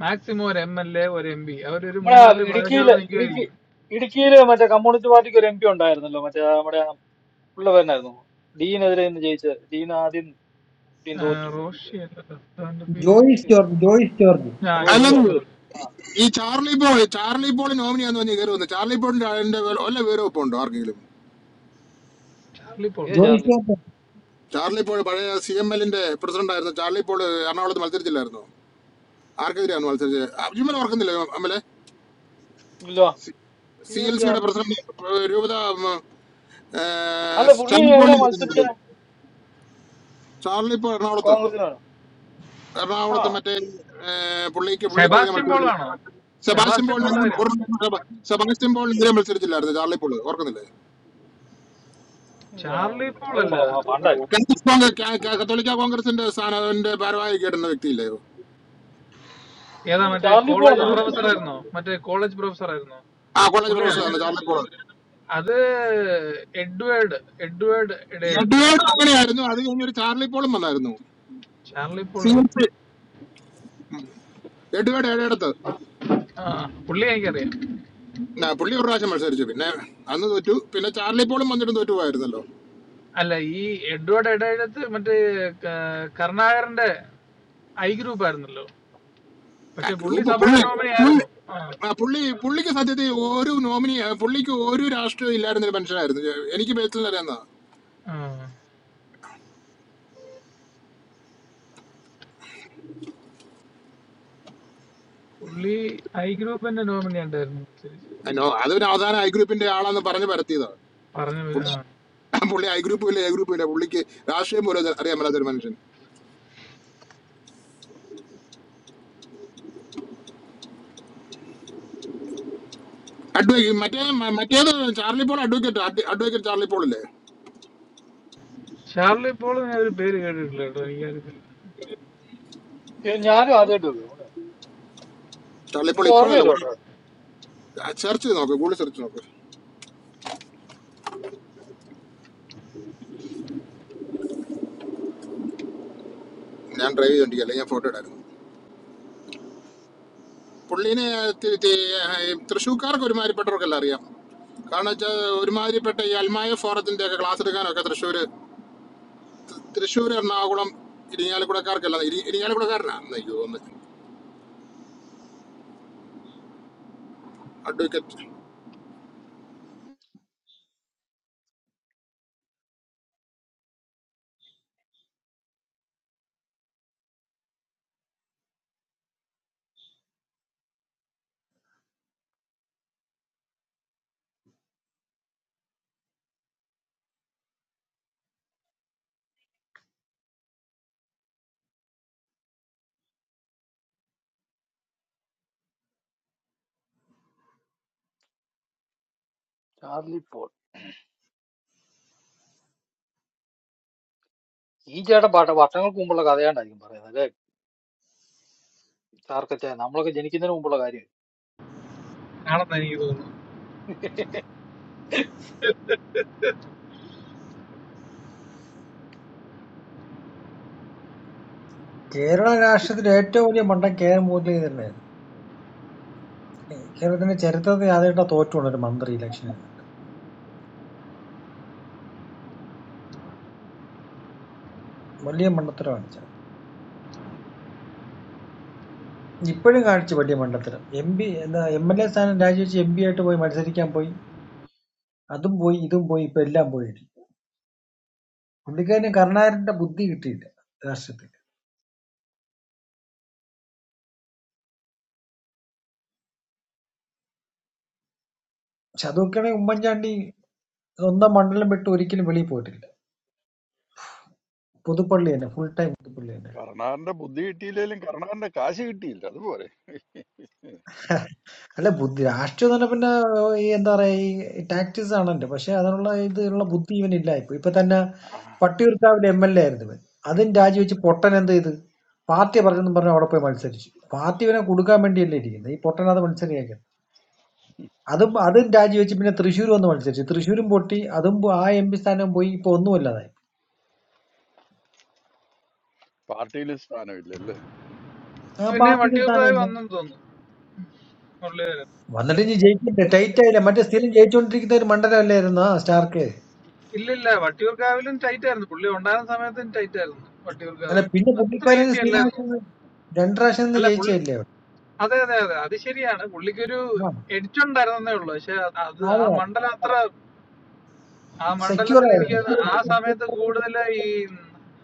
Speaker 12: മാക്സിമം ഒരു എം എൽ എ ഒരു എം പി അവരൊരു
Speaker 9: നമ്മുടെ
Speaker 12: മൂന്നാല് പ്രാവശ്യം
Speaker 9: ഇടുക്കിയില്
Speaker 12: അവിടെ
Speaker 9: ഇടുക്കി
Speaker 12: നിൽക്കുമായിരിക്കും
Speaker 9: ഇടുക്കിയില് മറ്റേ കമ്മ്യൂണിസ്റ്റ് പാർട്ടിക്ക് ഒരു എം പി ഉണ്ടായിരുന്നല്ലോ മറ്റേ നമ്മുടെ ഉള്ള പേരനായിരുന്നു ഡീനെതിരെ ഇന്ന് ജയിച്ചത് ഡീൻ ആദ്യം ഡീൻ തോറ്റില്ല മറ്റേ
Speaker 12: റോഷി അല്ല അവന്റെ പേര്
Speaker 8: ജോയിസ്
Speaker 9: ജോഷി
Speaker 8: ജോർജ്
Speaker 9: ജോർജ്
Speaker 8: ജോയിസ് ജോർജ്
Speaker 12: ആ ജോയ്സ്
Speaker 17: അല്ലെന്ന്
Speaker 12: ജോൾ
Speaker 9: ജോർജ്.
Speaker 17: ഈ ചാർലി പോൾ ചാർലി പോൾ നോമിനിയാന്ന് പറഞ്ഞ് കയറി വന്നു ചാർലി പോളിന്റെ അതിന്റെ വല്ല വല്ല വിവരവും ഇപ്പൊ ഉണ്ടോ ആർക്കെങ്കിലും
Speaker 12: ചാർലി പോൾ
Speaker 9: ഏത്
Speaker 8: ജോയിസ്
Speaker 9: ചാർലി
Speaker 8: ജോർജ്
Speaker 17: ചാർലി പോൾ പഴയ സി എം എല്ലിന്റെ പ്രസിഡന്റ് ആയിരുന്നു ചാർലി പോൾ എറണാകുളത്ത് മത്സരിച്ചില്ലായിരുന്നു ആർക്കെതിരെയാണ് മത്സരിച്ചത് അജ്മൽ ഓർക്കുന്നില്ല അമ്മലെ
Speaker 9: ഇല്ല
Speaker 17: സി
Speaker 9: ഏത്
Speaker 17: എൽ സിയുടെ
Speaker 9: ചാർലി
Speaker 17: പ്രസിഡന്റ് രൂപത ഉം, ഏർ,
Speaker 9: അല്ല പുള്ളി
Speaker 17: ചാർലി
Speaker 9: എവിടെ
Speaker 17: പോളിനെ ഇറക്കുന്നുണ്ട്.
Speaker 9: മത്സരിച്ച
Speaker 17: ചാർലി പോൾ എറണാകുളത്ത്
Speaker 9: കോൺഗ്രസിനാണ് ആ
Speaker 17: എറണാകുളത്ത് മറ്റേ ഏഹ്, പുള്ളിക്ക് പുള്ളിക്കെതിരെ
Speaker 12: സെബാസ്റ്റ്യൻ പോൾ
Speaker 17: മത്സരിച്ചില്ല
Speaker 12: ആണോ
Speaker 17: സെബാസ്റ്റ്യൻ
Speaker 12: സെബാസ്റ്റ്യൻ
Speaker 17: പോൾ
Speaker 12: പോൾ
Speaker 17: ഒരു
Speaker 12: ആരാണ്
Speaker 17: സെബാസ്റ്റ്യൻ പോൾ എതിരെ മത്സരിച്ചില്ലായിരുന്നു ചാർലി പോള് ഓർക്കുന്നില്ലേ
Speaker 9: ഞാൻ
Speaker 12: ചാർലി
Speaker 9: ഓർക്കുന്നത്
Speaker 12: പോൾ
Speaker 9: നമുക്ക്
Speaker 12: അല്ല
Speaker 9: പ- പ- പണ്ടായിരിക്കും
Speaker 17: കാത്തലിക് കോൺഗ്രസ് കാ- കാ- കത്തോലിക്ക കോൺഗ്രസിന്റെ സ്ഥാനത്തിന്റെ ഭാരവാഹി കേട്ടുന്ന വ്യക്തിയില്ലയോ
Speaker 12: ഏതാ
Speaker 9: പുള്ളി
Speaker 12: മറ്റേ
Speaker 9: ചാർലി പോൾ
Speaker 12: കോളേജ്
Speaker 9: എന്നാണ് പുള്ളി
Speaker 12: പ്രൊഫസർ ആയിരുന്നോ മറ്റേ കോളേജ് പ്രൊഫസർ ആയിരുന്നോ
Speaker 17: ആ കോളേജ്
Speaker 12: പുള്ളിയാണ്
Speaker 17: പ്രൊഫസറാണ് ചാർലി പോള്
Speaker 12: അത് എഡ്വേർഡ് എഡ്വേർഡ് ഇടയെടുത്ത്
Speaker 17: എഡ്വേർഡ് അങ്ങനെയായിരുന്നു അത് കഴിഞ്ഞ് ഒരു ചാർലി പോളും വന്നായിരുന്നു
Speaker 12: ചാർലി പോൾ
Speaker 17: സി എം
Speaker 12: എനിക്ക്
Speaker 17: സി എഡ്വേർഡ് ഏഴെടുത്ത്
Speaker 12: ആ പുള്ളി എനിക്കറിയാം
Speaker 17: പുള്ളി ഒരു പ്രാവശ്യം മത്സരിച്ചു പിന്നെ അന്ന് തോറ്റു പിന്നെ ചാർലി പോളും വന്നിട്ട് തോറ്റുപോയായിരുന്നല്ലോ
Speaker 12: അല്ല ഈ എഡ്വേർഡ് ഇടയെടുത്ത് മറ്റേ ക- കരുണാകരന്റെ ഐ ഗ്രൂപ്പ് ആയിരുന്നല്ലോ
Speaker 17: ആ
Speaker 12: പക്ഷെ പുള്ളി
Speaker 17: ഗ്രൂപ്പ്
Speaker 12: സഭയുടെ നോമിനി
Speaker 17: പുള്ളി
Speaker 12: ആയിരുന്നു ആ,
Speaker 17: ആ പുള്ളി പുള്ളിക്ക് സത്യത്തിൽ ഒരു നോമിനി ആ, പുള്ളിക്ക് ഒരു രാഷ്ട്രീയം ഇല്ലായിരുന്നൊരു മനുഷ്യനായിരുന്നു എനിക്ക് ബേച്ചലറിയാവുന്ന
Speaker 12: ആ. പുള്ളി ഐ ഗ്രൂപ്പിന്റെ നോമിനി ഉണ്ടായിരുന്നു തിരിച്ച്.
Speaker 17: അതൊരു അവസാന ഐ ഗ്രൂപ്പിന്റെ ആളാന്ന് പറഞ്ഞു പരത്തിയതാ
Speaker 12: പറഞ്ഞു വ- ആ.
Speaker 17: പുള്ളി പുള്ളി ഐ ഗ്രൂപ്പും ഇല്ല ഐ ഗ്രൂപ്പും ഇല്ല പുള്ളിക്ക് രാഷ്ട്രീയം പോലും അത് അറിയാൻ മേലാത്ത ഒരു മനുഷ്യൻ അഡ്വ മറ്റേ മ- മറ്റേത് ചാർലി പോൾ അഡ്വക്കേറ്റ് അഡ്വക്കേറ്റ് ചാർലി പോൾ ഇല്ലേ
Speaker 12: ഷാർലി പോൾ ഞാൻ ഒരു പേര് കേട്ടിട്ടില്ല കേട്ടോ എനിക്കറിയത്തില്ല
Speaker 9: ഏ, ഞാനും ആദ്യമായിട്ട് കേൾക്കും. ഉള്ളെ.
Speaker 17: ചാർലി പോൾ
Speaker 9: എനിക്ക്
Speaker 17: ഇപ്പോഴല്ല
Speaker 9: ഓർമ്മയില്ല
Speaker 17: കുറെ
Speaker 9: കേട്ടോ
Speaker 17: സെർച്ച് ചെയ്ത് നോക്ക് ഗൂഗിൾ സെർച്ച് നോക്ക് ഞാൻ ഡ്രൈവ് ചെയ്തോണ്ടിരിക്കുക അല്ലെങ്കിൽ ഞാൻ ഫോട്ടോ ഇടായിരുന്നു പുള്ളീനെ തി- തി- ഈ തൃശ്ശൂർക്കാർക്ക് ഒരുമാതിരിപ്പെട്ടവർക്കെല്ലാം അറിയാം കാരണം വെച്ചാൽ ഒരുമാതിരിപ്പെട്ട ഈ അൽമായ ഫോറത്തിന്റെ ഒക്കെ ക്ലാസ് എടുക്കാനൊക്കെ തൃശ്ശൂർ തൃശ്ശൂർ എറണാകുളം ഇരിങ്ങാലക്കുടക്കാർക്കല്ല ഇരി- ഇരിങ്ങാലക്കുടക്കാരനാ എന്ന് എനിക്ക് തോന്നുന്നത് അഡ്വക്കേറ്റ്
Speaker 9: ചാർലി പോൾ ഈ ചേട്ടൻ പട്ട വർഷങ്ങൾക്ക് മുമ്പുള്ള കഥയാണ്ടായിരിക്കും പറയുന്നത് അല്ലെ ചാർക്കച്ച നമ്മളൊക്കെ ജനിക്കുന്നതിന് മുമ്പുള്ള കാര്യം
Speaker 12: ആണെന്ന് എനിക്ക് തോന്നുന്നു
Speaker 8: കേരള രാഷ്ട്രത്തിലെ ഏറ്റവും വലിയ മണ്ടൻ കെ എം മൂല്യം തന്നെയായിരുന്നു കേരളത്തിന്റെ ചരിത്രത്തിൽ ആദ്യമായിട്ട് തോറ്റുകൊണ്ട് ഒരു മന്ത്രി ഇലക്ഷൻ ചെയ്തിട്ട് വലിയ മണ്ടത്തരം കാണിച്ചു ഇപ്പോഴും കാണിച്ചു വലിയ മണ്ടത്തരം എം പി എന്താ എം എൽ എ സ്ഥാനം രാജിവെച്ച് എം പി ആയിട്ട് പോയി മത്സരിക്കാൻ പോയി അതും പോയി ഇതും പോയി ഇപ്പൊ എല്ലാം പോയി പുള്ളിക്കാരന് കരുണാകരന്റെ ബുദ്ധി കിട്ടിയില്ല രാഷ്ട്രത്തിൽ പക്ഷെ അതൊക്കെയാണെങ്കിൽ ഉമ്മൻചാണ്ടി സ്വന്തം മണ്ഡലം വിട്ട് ഒരിക്കലും വെളിയിൽ പോയിട്ടില്ല പുതുപ്പള്ളി തന്നെ ഫുൾ ടൈം പുതുപ്പള്ളി തന്നെ
Speaker 10: കർണാറിന്റെ ബുദ്ധി കിട്ടിയില്ലെങ്കിലും കർണാറിന്റെ കാശ് കിട്ടിയില്ല അതുപോലെ
Speaker 8: അല്ല ബുദ്ധി രാഷ്ട്രീയം തന്നെ പിന്നെ ഏഹ്, ഈ എന്താ പറയാ ഈ ടാക്ടിക്സ് ആണല്ലോ പക്ഷെ അതിനുള്ള ഇതിനുള്ള ബുദ്ധി ഇവനില്ല ഇപ്പൊ ഇപ്പൊ തന്നെ വട്ടിയൂർക്കാവിലെ എം എൽ എ ആയിരുന്നു ഇവൻ അതും രാജിവെച്ച് പൊട്ടൻ എന്ത് ചെയ്ത് പാർട്ടി പറഞ്ഞെന്നും പറഞ്ഞു അവിടെ പോയി മത്സരിച്ചു പാർട്ടി ഇവനെ കൊടുക്കാൻ വേണ്ടിയല്ലേ ഇരിക്കുന്നത് ഈ പൊട്ടൻ അത് മത്സരിക്കുന്നത് അതും അതും രാജിവെച്ച് പിന്നെ തൃശ്ശൂർ വന്ന് മത്സരിച്ചു തൃശ്ശൂരും പൊട്ടി അതും പോ- ആ എം പി സ്ഥാനം പോയി ഇപ്പൊ ഒന്നുമല്ലാതായി
Speaker 10: പാർട്ടിയിൽ സ്ഥാനമില്ല
Speaker 8: ആ
Speaker 12: പിന്നെ
Speaker 8: പാർട്ടിയുടെ സ്ഥാനം
Speaker 12: വട്ടിയൂർക്കാവ്
Speaker 8: ഒന്നും
Speaker 12: വന്നെന്ന് തോന്നുന്നു പുള്ളിയുടെ
Speaker 8: വന്നിട്ട് ഇനി ജയിക്കില്ല ടൈറ്റ് ആയില്ല മറ്റേ സ്ഥിരം ജയിച്ചുകൊണ്ടിരിക്കുന്ന ഒരു മണ്ഡലമല്ലായിരുന്നു സ്റ്റാർക്ക്
Speaker 12: ഇല്ലില്ല വട്ടിയൂർക്കാവിലും ടൈറ്റ് ആയിരുന്നു പുള്ളി ഉണ്ടായിരുന്ന സമയത്തും ടൈറ്റ് ആയിരുന്നു
Speaker 8: അല്ല
Speaker 12: വട്ടിയൂർക്കാവ്
Speaker 8: പിന്നെ
Speaker 12: അത്ര
Speaker 8: പുള്ളിക്കാരൻ
Speaker 12: ഈസി അല്ലായിരുന്നു
Speaker 8: സ്ഥിരമായിട്ട് രണ്ടു പ്രാവശ്യം ഒന്ന്
Speaker 12: അല്ല പുള്ളി
Speaker 8: ജയിച്ചില്ലേ അവിടെ?
Speaker 12: അതെ അതെ അതെ അത് ശരിയാണ് പുള്ളിക്കൊരു
Speaker 8: ആ
Speaker 12: എഡിറ്റ് ഉണ്ടായിരുന്നേ ഉള്ളു പക്ഷെ അത് ആ
Speaker 8: അതെ
Speaker 12: മണ്ഡലം അത്ര ആ
Speaker 8: സെക്യൂർ
Speaker 12: മണ്ഡലത്തിൽ
Speaker 8: ആയിരുന്നു
Speaker 12: എനിക്ക് ആ സമയത്ത്
Speaker 8: വട്ടിയൂർക്കാവിൽ-
Speaker 12: കൂടുതൽ ഈ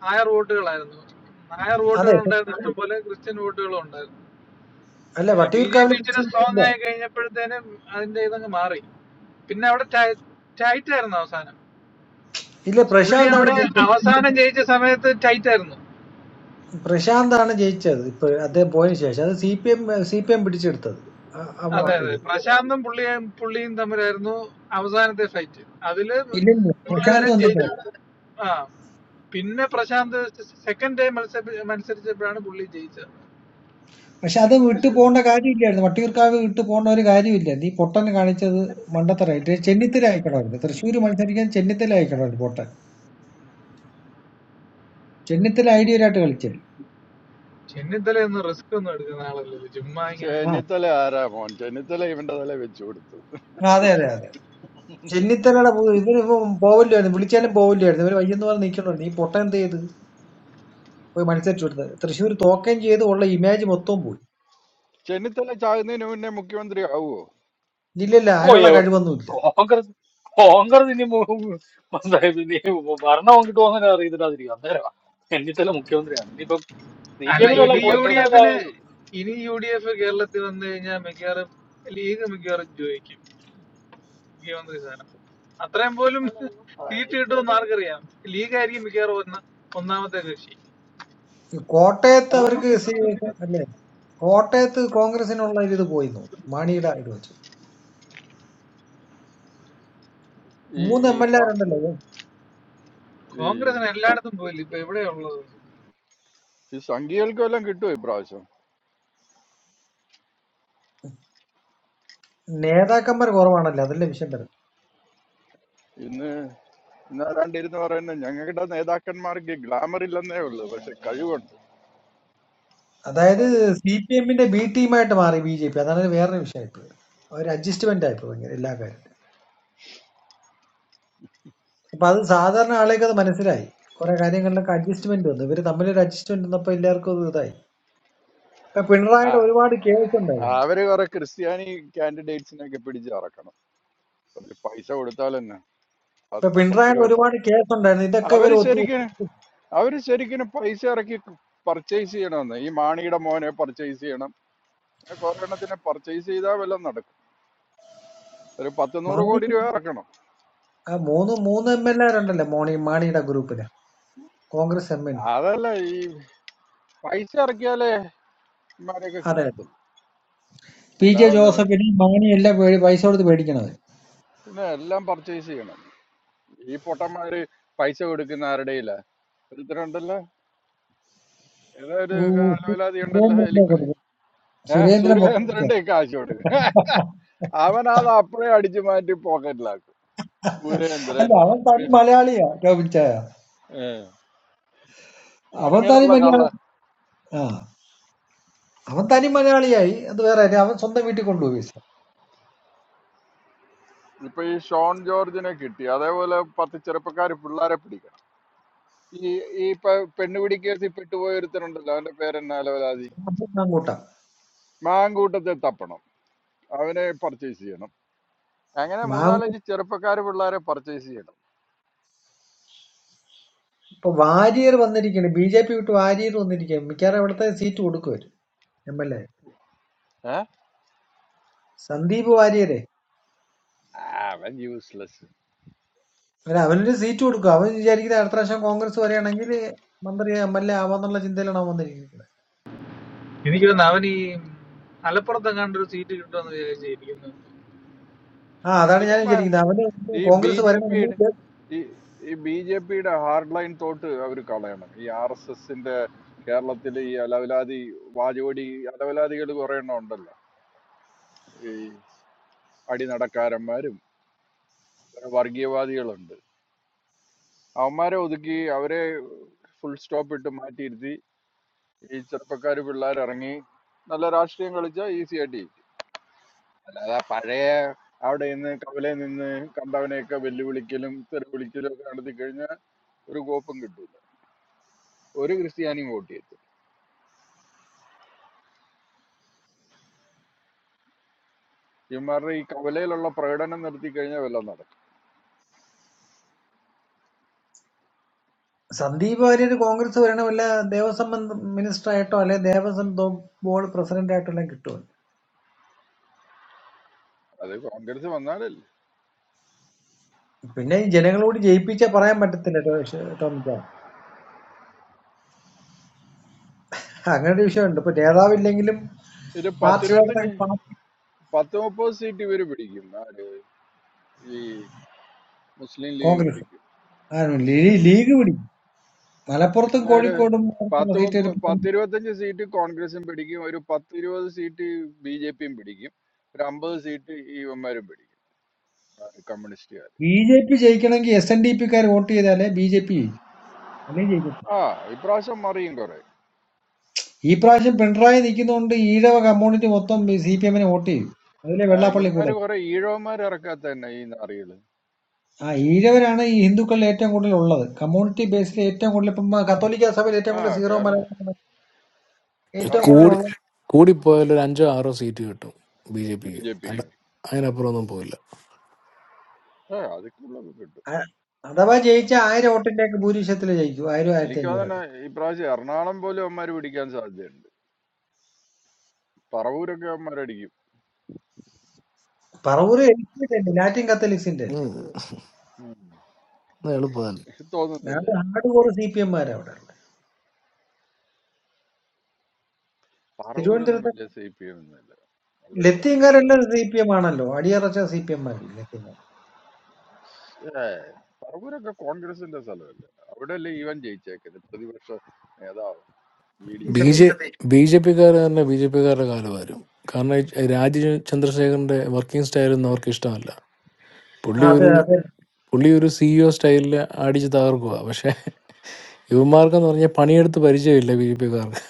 Speaker 12: നായർ വോട്ടുകളായിരുന്നു നായർ
Speaker 8: അതെ
Speaker 12: വോട്ടുകൾ ഉണ്ടായിരുന്നു ഇഷ്ടംപോലെ ക്രിസ്ത്യൻ വോട്ടുകളും ഉണ്ടായിരുന്നു
Speaker 8: അല്ല
Speaker 12: പക്ഷെ ബി ജെ
Speaker 8: വട്ടിയൂർക്കാവിൽ
Speaker 12: പി ഇച്ചിരി
Speaker 8: കിച്ചൺ ഇല്ല
Speaker 12: സ്ട്രോങ് ആയി കഴിഞ്ഞപ്പോഴത്തേനും അതിന്റെ ഇതങ്ങ് മാറി പിന്നെ അവിടെ ടൈറ്റ് ആയിരുന്നു അവസാനം
Speaker 8: ഇല്ല
Speaker 12: പുള്ളി
Speaker 8: പ്രശാന്താണ്
Speaker 12: അവിടെ
Speaker 8: ജയിച്ചത്
Speaker 12: അവസാനം ജയിച്ച സമയത്ത് ടൈറ്റ് ആയിരുന്നു
Speaker 8: പ്രശാന്താണ് ജയിച്ചത് ഇപ്പൊ അദ്ദേഹം പോയതിനു ശേഷം അത് C P M C P M പിടിച്ചെടുത്തത് ആ, ആ
Speaker 12: അതെ
Speaker 8: വാ-
Speaker 12: അതെ
Speaker 8: ഇത്
Speaker 12: പ്രശാന്തും പുള്ളിയും പുള്ളിയും തമ്മിലായിരുന്നു അവസാനത്തെ ഫൈറ്റ് അതില്
Speaker 8: ഇല്ലല്ലോ പ്രശാന്ത്
Speaker 12: മുരളീധരൻ
Speaker 8: വന്നില്ല
Speaker 12: ജയിച്ചു ആ പിന്നെ പ്രശാന്ത് സെക്കൻഡ് ടൈം മത്സരി മത്സരിച്ചപ്പോഴാണ് പുള്ളി ജയിച്ചത്
Speaker 8: പക്ഷെ അത് വിട്ടു പോകേണ്ട കാര്യമില്ലായിരുന്നു വട്ടിയൂർക്കാവ് വിട്ടു പോകേണ്ട ഒരു കാര്യമില്ലായിരുന്നു ഈ പൊട്ടന് കാണിച്ചത് മണ്ടത്തരായിട്ട് ചെന്നിത്തല അയക്കണമായിരുന്നു തൃശ്ശൂർ മത്സരിക്കാൻ ചെന്നിത്തല അയക്കണമായിരുന്നു പൊട്ടൻ ചെന്നിത്തല ഐഡിയലായിട്ട് കളിച്ചില്ല
Speaker 12: ചെന്നിത്തലയൊന്നും റിസ്ക് ഒന്നും എടുക്കുന്ന ആളല്ലല്ലോ ചുമ്മാ ഇങ്ങനെ
Speaker 10: ചെന്നിത്തല ആരാ മോൻ ചെന്നിത്തല ഇവന്റെ തല വെച്ചു കൊടുത്തു
Speaker 8: ആ, അതെ അതെ അതെ ചെന്നിത്തലയുടെ പോ- ഇവര് ഇപ്പൊ പോവില്ലായിരുന്നു വിളിച്ചാലും പോവില്ലായിരുന്നു ഇവര് വയ്യെന്ന് പറഞ്ഞ് നിൽക്കണുണ്ട് ഈ പൊട്ടൻ എന്ത് ചെയ്ത് പോയി മത്സരിച്ചു കൊടുത്തത് തൃശ്ശൂർ തോക്കുകയും ചെയ്ത് ഉള്ള ഇമേജ് മൊത്തവും പോയി
Speaker 10: ചെന്നിത്തല ചാകുന്നതിന് മുന്നേ മുഖ്യമന്ത്രി ആവുമോ
Speaker 8: ഇല്ലില്ല
Speaker 9: ഓ
Speaker 8: അതിനുള്ള
Speaker 9: എവിടെ
Speaker 8: കഴിവൊന്നുമില്ല
Speaker 9: കോൺഗ്രസ് കോൺഗ്രസ് ഇനി മു- മനസ്സിലായത് ഇനി ഭരണം അങ്ങോട്ട് പോകുന്ന അറിയത്തില്ലാതിരിക്കും അന്നേരം ചെന്നിത്തല മുഖ്യമന്ത്രിയാണ് ഇനിയിപ്പം സി പി
Speaker 12: അല്ല
Speaker 10: എന്ത് പറ്റി
Speaker 9: എമ്മിലെല്ലാം
Speaker 12: ഇനി യു
Speaker 9: പോയി
Speaker 12: ഡി
Speaker 10: പെട്ടെന്ന്
Speaker 9: കഴിഞ്ഞാൽ
Speaker 12: എഫിന് ഇനി യു ഡി എഫ് കേരളത്തിൽ വന്നു കഴിഞ്ഞാൽ മിക്കവാറും ലീഗ് മിക്കവാറും ജയിക്കും മുഖ്യമന്ത്രി സ്ഥാനം അത്രയും പോലും
Speaker 9: ആയാലും
Speaker 12: സീറ്റ് കിട്ടുമെന്ന് ആർക്കറിയാം ലീഗ് ആയിരിക്കും മിക്കവാറും ഒന്ന ഒന്നാമത്തെ കക്ഷി
Speaker 8: ഈ കോട്ടയത്ത് അവർക്ക് സി- അല്ലേ കോട്ടയത്ത് കോൺഗ്രസിനുള്ള ഒരു ഇത് പോയി എന്ന് തോന്നുന്നു മാണിയുടെ ഇത് വെച്ച്
Speaker 10: ഈ
Speaker 8: മൂന്ന്
Speaker 10: ഈ
Speaker 8: എം എൽ
Speaker 10: ക-
Speaker 8: എമാരുണ്ടല്ലോ
Speaker 10: ഈ
Speaker 12: കോൺഗ്രസിന് എല്ലായിടത്തും പോയില്ല ഇപ്പൊ എവിടെയാ ഉള്ളത്
Speaker 10: ഈ സംഘികൾക്ക് വല്ലതും കിട്ടുമോ ഇപ്രാവശ്യം
Speaker 8: നേതാക്കന്മാർ കുറവാണല്ലോ അതല്ലേ വിഷയം വരുന്നത്
Speaker 10: ഇന്ന് ഇന്നാരാണ്ട് ഇരുന്ന് പറയുന്നത് ഞങ്ങളുടെ നേതാക്കന്മാർക്ക് ഗ്ലാമർ ഇല്ലെന്നേ ഉള്ളൂ പക്ഷെ കഴിവുണ്ട്
Speaker 8: അതായത്
Speaker 10: ക്യാപ്റ്റായിരുന്നു
Speaker 8: സി പി എമ്മിന്റെ ബി ടീമായിട്ട് മാറി ബി ജെ പി അതാണ് വേറൊരു വിഷയമായിട്ട് അവർ അഡ്ജസ്റ്റ്മെന്റ് ആയിപ്പോ ഭയങ്കര എല്ലാ കാര്യവും അപ്പൊ അത് സാധാരണ ആളെയൊക്കെ അത് മനസ്സിലായി കുറെ കാര്യങ്ങളിലൊക്കെ അഡ്ജസ്റ്റ്മെന്റ് വന്നു ഇവര് തമ്മിലൊരു അഡ്ജസ്റ്റ്മെന്റ് വന്നപ്പോ എല്ലാവർക്കും അത് ഇതായി ഇപ്പൊ
Speaker 10: ആ
Speaker 8: പിണറായിയുടെ ഒരുപാട് കേസ്
Speaker 10: ആ,
Speaker 8: ഉണ്ടായിരുന്നു
Speaker 10: അവര് കുറെ ക്രിസ്ത്യാനി കാൻഡിഡേറ്റ്സിനെയൊക്കെ പിടിച്ച് ഇറക്കണം കുറച്ച് പൈസ കൊടുത്താൽ തന്നെ
Speaker 8: ഇപ്പൊ പിണറായിയുടെ
Speaker 10: പത്തിരുപത്
Speaker 8: ഒരുപാട് കേസ് ഉണ്ടായിരുന്നു ഇതൊക്കെ ഇവർ
Speaker 10: അവര്
Speaker 8: ഒത്തു
Speaker 10: ശരിക്കും
Speaker 8: ഒത്തു-
Speaker 10: അവര് ശരിക്കും പൈസ ഇറക്കി പർച്ചേസ് ചെയ്യണമെന്ന് ഈ മാണിയുടെ മോനെ പർച്ചേസ് ചെയ്യണം പിന്നെ കുറെ എണ്ണത്തിനെ പർച്ചേസ് ചെയ്താൽ വല്ലതും നടക്കും ഒരു പത്ത് നൂറ് കോടി
Speaker 8: മാണിക്ക്
Speaker 10: രൂപ ഇറക്കണം
Speaker 8: ആ മൂന്ന് മൂന്ന് എം എൽ ഉണ്ടല്ലോ മോണി മാണിയുടെ ഗ്രൂപ്പില് കോൺഗ്രസ് എം എൽ എ,
Speaker 10: അതല്ല ഈ പൈസ ഇറക്കിയാലേ ഇമാരെയൊക്കെ
Speaker 8: അതെ
Speaker 10: കിട്ടത്തുള്ളൂ
Speaker 8: പി ജെ
Speaker 10: അല്ലാതെ ന-
Speaker 8: ജോസഫിന് മാണി എല്ലാം പേടി പൈസ കൊടുത്ത് പേടിക്കണത്
Speaker 10: പിന്നെ എല്ലാം പർച്ചേസ് ചെയ്യണം ഈ പൊട്ടന്മാര് പൈസ കൊടുക്കുന്ന ആരുടെ ഇല്ല ഒരുത്തരുണ്ടല്ലോ ഏതോ ഒരു
Speaker 8: ഉ- ഉ-
Speaker 10: അലവലാതി ഉണ്ടല്ലോ
Speaker 8: സുരേന്ദ്രനെ
Speaker 10: എലിക്ക്
Speaker 8: കൊടുത്ത്
Speaker 10: ഏഹ്
Speaker 8: സുരേന്ദ്രൻ മൊത്തം ഇതാ.
Speaker 10: സുരേന്ദ്രന്റെ കാശ് കൊടുക്കും അവൻ അത് അപ്പഴേ അടിച്ചു മാറ്റി പോക്കറ്റിലാക്കും
Speaker 8: അല്ല
Speaker 10: സുരേന്ദ്രൻ
Speaker 8: അവൻ തനി
Speaker 10: പിന്നെ
Speaker 8: മലയാളിയാ ടോപ്പിച്ചായ
Speaker 10: ഏഹ്,
Speaker 8: അവൻ തനി
Speaker 10: അങ്ങനെയുള്ള കള്ള
Speaker 8: മലയാളി ആ അവൻ തനി മലയാളിയായി അത് വേറെ കാര്യം. അവൻ സ്വന്തം വീട്ടിൽ കൊണ്ടുപോയി വിസ
Speaker 10: ഇപ്പൊ ഈ ഷോൺ ജോർജിനെ കിട്ടി അതേപോലെ പത്ത് ചെറുപ്പക്കാർ പിള്ളേരെ പിടിക്കും ഈ ഈ ഇപ്പൊ പെണ്ണുപിടി കേസിൽ പെട്ടുപോയ ഒരുത്തനുണ്ടല്ലോ അവന്റെ പേരെന്നാ അലവലാതി
Speaker 8: മാങ്കൂട്ട
Speaker 10: മാങ്കൂട്ടത്തെ തപ്പണം അവനെ പർച്ചേസ് ചെയ്യണം അങ്ങനെ
Speaker 8: മാങ്കൂട്ട
Speaker 10: മൂന്നാലഞ്ച് ചെറുപ്പക്കാര് പിള്ളേരെ പർച്ചേസ് ചെയ്യണം
Speaker 8: ഇപ്പൊ വാര്യർ വന്നിരിക്കുകയാണ് ബി ജെ പി വിട്ട് വാര്യർ വന്നിരിക്കുകയാണ് മിക്കവാറും അവിടുത്തെ സീറ്റ് കൊടുക്കുമായിരിക്കും എം എൽ എ
Speaker 10: ഏഹ്
Speaker 8: സന്ദീപ് വാര്യരെ
Speaker 10: അവൻ യൂസ്ലെസ്
Speaker 8: അല്ല അവനൊരു സീറ്റ് കൊടുക്കും അവൻ വിചാരിക്കുന്നത് അടുത്ത പ്രാവശ്യം കോൺഗ്രസ് വരികയാണെങ്കിൽ മന്ത്രി എം എൽ എ ആവാന്നുള്ള ചിന്തയിലാണ് അവൻ വന്നിരിക്കുന്നത്
Speaker 12: എനിക്ക് തോന്നുന്നു അവൻ ഈ മലപ്പുറത്ത് കണ്ടൊരു സീറ്റ് കിട്ടുമെന്ന് വിചാരിച്ചിരിക്കുന്നു
Speaker 8: ആ അതാണ് ഞാൻ
Speaker 10: ഇവന്മാർ
Speaker 8: വിചാരിക്കുന്നത് അവന്
Speaker 10: ഈ ബി
Speaker 8: കോൺഗ്രസ്
Speaker 10: ജെ പിയുടെ
Speaker 8: വരണമെങ്കിൽ
Speaker 10: ഈ ഈ ബി ജെ പിയുടെ ഹാർഡ് ലൈൻ തോട്ട് അവർ കളയണം ഈ ആർ എസ് എസിന്റെ കേരളത്തിലെ ഈ അലവലാതി വാചോടി അലവലാദികൾ കുറെ എണ്ണം ഉണ്ടല്ലോ ഈ അടിനടക്കാരന്മാരും വർഗീയവാദികളുണ്ട് അവന്മാരെ ഒതുക്കി അവരെ ഫുൾ സ്റ്റോപ്പ് ഇട്ട് മാറ്റിയിരുത്തി ഈ ചെറുപ്പക്കാർ പിള്ളേർ ഇറങ്ങി നല്ല രാഷ്ട്രീയം കളിച്ചാൽ ഈസി ആയിട്ട് ജയിക്കും. അല്ലാതെ ആ പഴയ അവിടെ നിന്ന് കവലയിൽ നിന്ന് കണ്ടവനെയൊക്കെ വെല്ലുവിളിക്കലും തെറി വിളിക്കലും ഒക്കെ നടത്തി കഴിഞ്ഞാൽ ഒരു കോപ്പും കിട്ടൂല ഒരു ക്രിസ്ത്യാനിയും വോട്ട് ചെയ്യത്തില്ല ഇവന്മാരുടെ ഈ കവലയിലുള്ള പ്രകടനം നടത്തി കഴിഞ്ഞാൽ വല്ലതും നടക്കും
Speaker 8: സന്ദീപ് വാര്യർ കോൺഗ്രസ് വരണമല്ല ദേവസ്വം മിനിസ്റ്റർ ആയിട്ടോ അല്ലെ ദേവസ്വം ബോർഡ് പ്രസിഡന്റ് ആയിട്ടോ എല്ലാം കിട്ടും
Speaker 10: അത് കോൺഗ്രസ് വന്നാലല്ലേ
Speaker 8: പിന്നെ ഈ ജനങ്ങളോട് ജയിപ്പിച്ച പറയാൻ പറ്റത്തില്ല ടോ- ഷ- ടോമിച്ചാ അങ്ങനെ ഒരു വിഷയമുണ്ട് ഇപ്പൊ നേതാവില്ലെങ്കിലും
Speaker 10: ഇത്
Speaker 8: പാർട്ടിയിലായിട്ടുള്ള
Speaker 10: പത്തിരുപത്തഞ്ച്
Speaker 8: പാർട്ടി
Speaker 10: പത്ത് മുപ്പത് സീറ്റ് ഇവര് പിടിക്കും ആര്? ഈ മുസ്ലിം ലീഗ്
Speaker 8: കോൺഗ്രസ്
Speaker 10: പിടിക്കും
Speaker 8: ആണ്
Speaker 10: മുസ്ലിം
Speaker 8: ലീ-
Speaker 10: ലീഗ്
Speaker 8: ലീഗ് പിടിക്കും മലപ്പുറത്തും
Speaker 10: പിന്നെ ഒരു
Speaker 8: കോഴിക്കോടും അടുത്തുള്ള
Speaker 10: പത്ത്
Speaker 8: സീറ്റ്
Speaker 10: മുപ്പ-
Speaker 8: വരുമ്പോൾ
Speaker 10: പത്തിരുപത്തഞ്ച് സീറ്റ് കോൺഗ്രസും പിടിക്കും ഒരു പത്തിരുപത് സീറ്റ് ബി ജെ പിയും പിടിക്കും ഒരു അമ്പത് സീറ്റ് ഇവന്മാരും പിടിക്കും ആ, കമ്മ്യൂണിസ്റ്റുകാർ
Speaker 8: ബി ജെ പി ജയിക്കണമെങ്കിൽ എസ് എൻ ഡി പിക്കാർ വോട്ട് ചെയ്താലേ ബി ജെ പി ജയിക്കും അല്ലെങ്കിൽ ജയിക്കും
Speaker 10: ആ ഇപ്രാവശ്യം മറിയും കുറെ
Speaker 8: ഈ പ്രാവശ്യം പിണറായി നിൽക്കുന്നതുകൊണ്ട് ഈഴവ കമ്മ്യൂണിറ്റി മൊത്തം സി പി എമ്മിനെ വോട്ട് ചെയ്തു അതിലെ
Speaker 10: ആ
Speaker 8: വെള്ളാപ്പള്ളി കൂടെ
Speaker 10: ഇവന്മാര് കുറെ ഈഴവന്മാർ ഇറക്കാത്ത തന്നെ ഈ നാറികള്
Speaker 8: ആ ഈഴവരാണ് ഈ ഹിന്ദുക്കളിൽ ഏറ്റവും കൂടുതൽ ഉള്ളത് കമ്മ്യൂണിറ്റി ബേസിൽ ഏറ്റവും കൂടുതൽ ഇപ്പം കത്തോലിക്ക സഭയിൽ ഏറ്റവും
Speaker 10: ആ
Speaker 8: കൂടുതൽ സീറോ
Speaker 10: കേരള
Speaker 8: മലയാളം ഏറ്റവും കൂടുതൽ
Speaker 10: കറക്റ്റ്
Speaker 18: കൂടി
Speaker 8: ഉള്ളത്
Speaker 18: കൂടിപ്പോയാൽ ഒരു അഞ്ചോ ആറോ സീറ്റ് കിട്ടും ബി ജെ
Speaker 10: ബി
Speaker 18: പിക്ക്
Speaker 10: ജെ
Speaker 18: അല്ല
Speaker 10: പിക്ക്
Speaker 18: അതിനപ്പുറം ഒന്നും പോയില്ല
Speaker 10: ഏ അതൊക്കെയുള്ളത് കിട്ടും
Speaker 8: അ- അഥവാ ജയിച്ച ആയിരം വോട്ടിന്റെ ഒക്കെ ഭൂരിപക്ഷത്തിൽ ജയിക്കും ആയിരം ആയിരത്തി
Speaker 10: എനിക്ക് തന്നെ
Speaker 8: അഞ്ഞൂറൊക്കെ
Speaker 10: ഇപ്രാവശ്യം എറണാകുളം പോലും അവന്മാർ പിടിക്കാൻ സാധ്യതയുണ്ട് പറവൂരൊക്കെ അവന്മാരടിക്കും
Speaker 8: പറവൂർ എൽ അല്ലേ ലാറ്റിൻ കത്തലിക്സിന്റെ അല്ലേ
Speaker 18: ഉം.
Speaker 10: ഉം.
Speaker 18: അത് എളുപ്പമല്ല
Speaker 8: അത്
Speaker 10: തോന്നുന്നില്ലേ
Speaker 8: ഹാർഡ് കോർ സി പി എംമാരാ അവിടെ ഉള്ളത്
Speaker 10: പറവൂരൊന്നും
Speaker 8: തിരുവനന്തപുരത്ത്
Speaker 10: വലിയ സി പി എം ഒന്നുമില്ല അവിടെ കോൺഗ്രസ്
Speaker 8: ലത്തീങ്കാരെല്ലാം സി പി എം ആണല്ലോ അടിയറച്ച സി പി എംമാരല്ലേ ലത്തീങ്കാർ
Speaker 10: ഏ, പറവൂരൊക്കെ കോൺഗ്രസിന്റെ സ്ഥലമല്ലേ അവിടെയല്ലേ ഇവൻ ജയിച്ചേക്കല് പ്രതിപക്ഷ നേതാവ് V
Speaker 8: V
Speaker 10: D
Speaker 8: D
Speaker 18: B J
Speaker 8: Satheesan
Speaker 18: B J പിക്കാർ തന്നെ ബി ജെ പിക്കാരുടെ കാലം വരും കാരണം ഈ രാജീവ് ചന്ദ്രശേഖരന്റെ വർക്കിംഗ് സ്റ്റൈലൊന്നും അവർക്ക് ഇഷ്ടമല്ല
Speaker 8: ആ,
Speaker 18: പുള്ളി
Speaker 8: അതെ
Speaker 18: ഒരു
Speaker 8: അതെ
Speaker 18: പുള്ളി ഒരു സിഇഒ സ്റ്റൈലിൽ അടിച്ച് തകർക്കുക പക്ഷെ യുവമാർക്കെന്ന് പറഞ്ഞാൽ പണിയെടുത്ത് പരിചയമില്ല ബി ജെ പിക്കാർക്ക്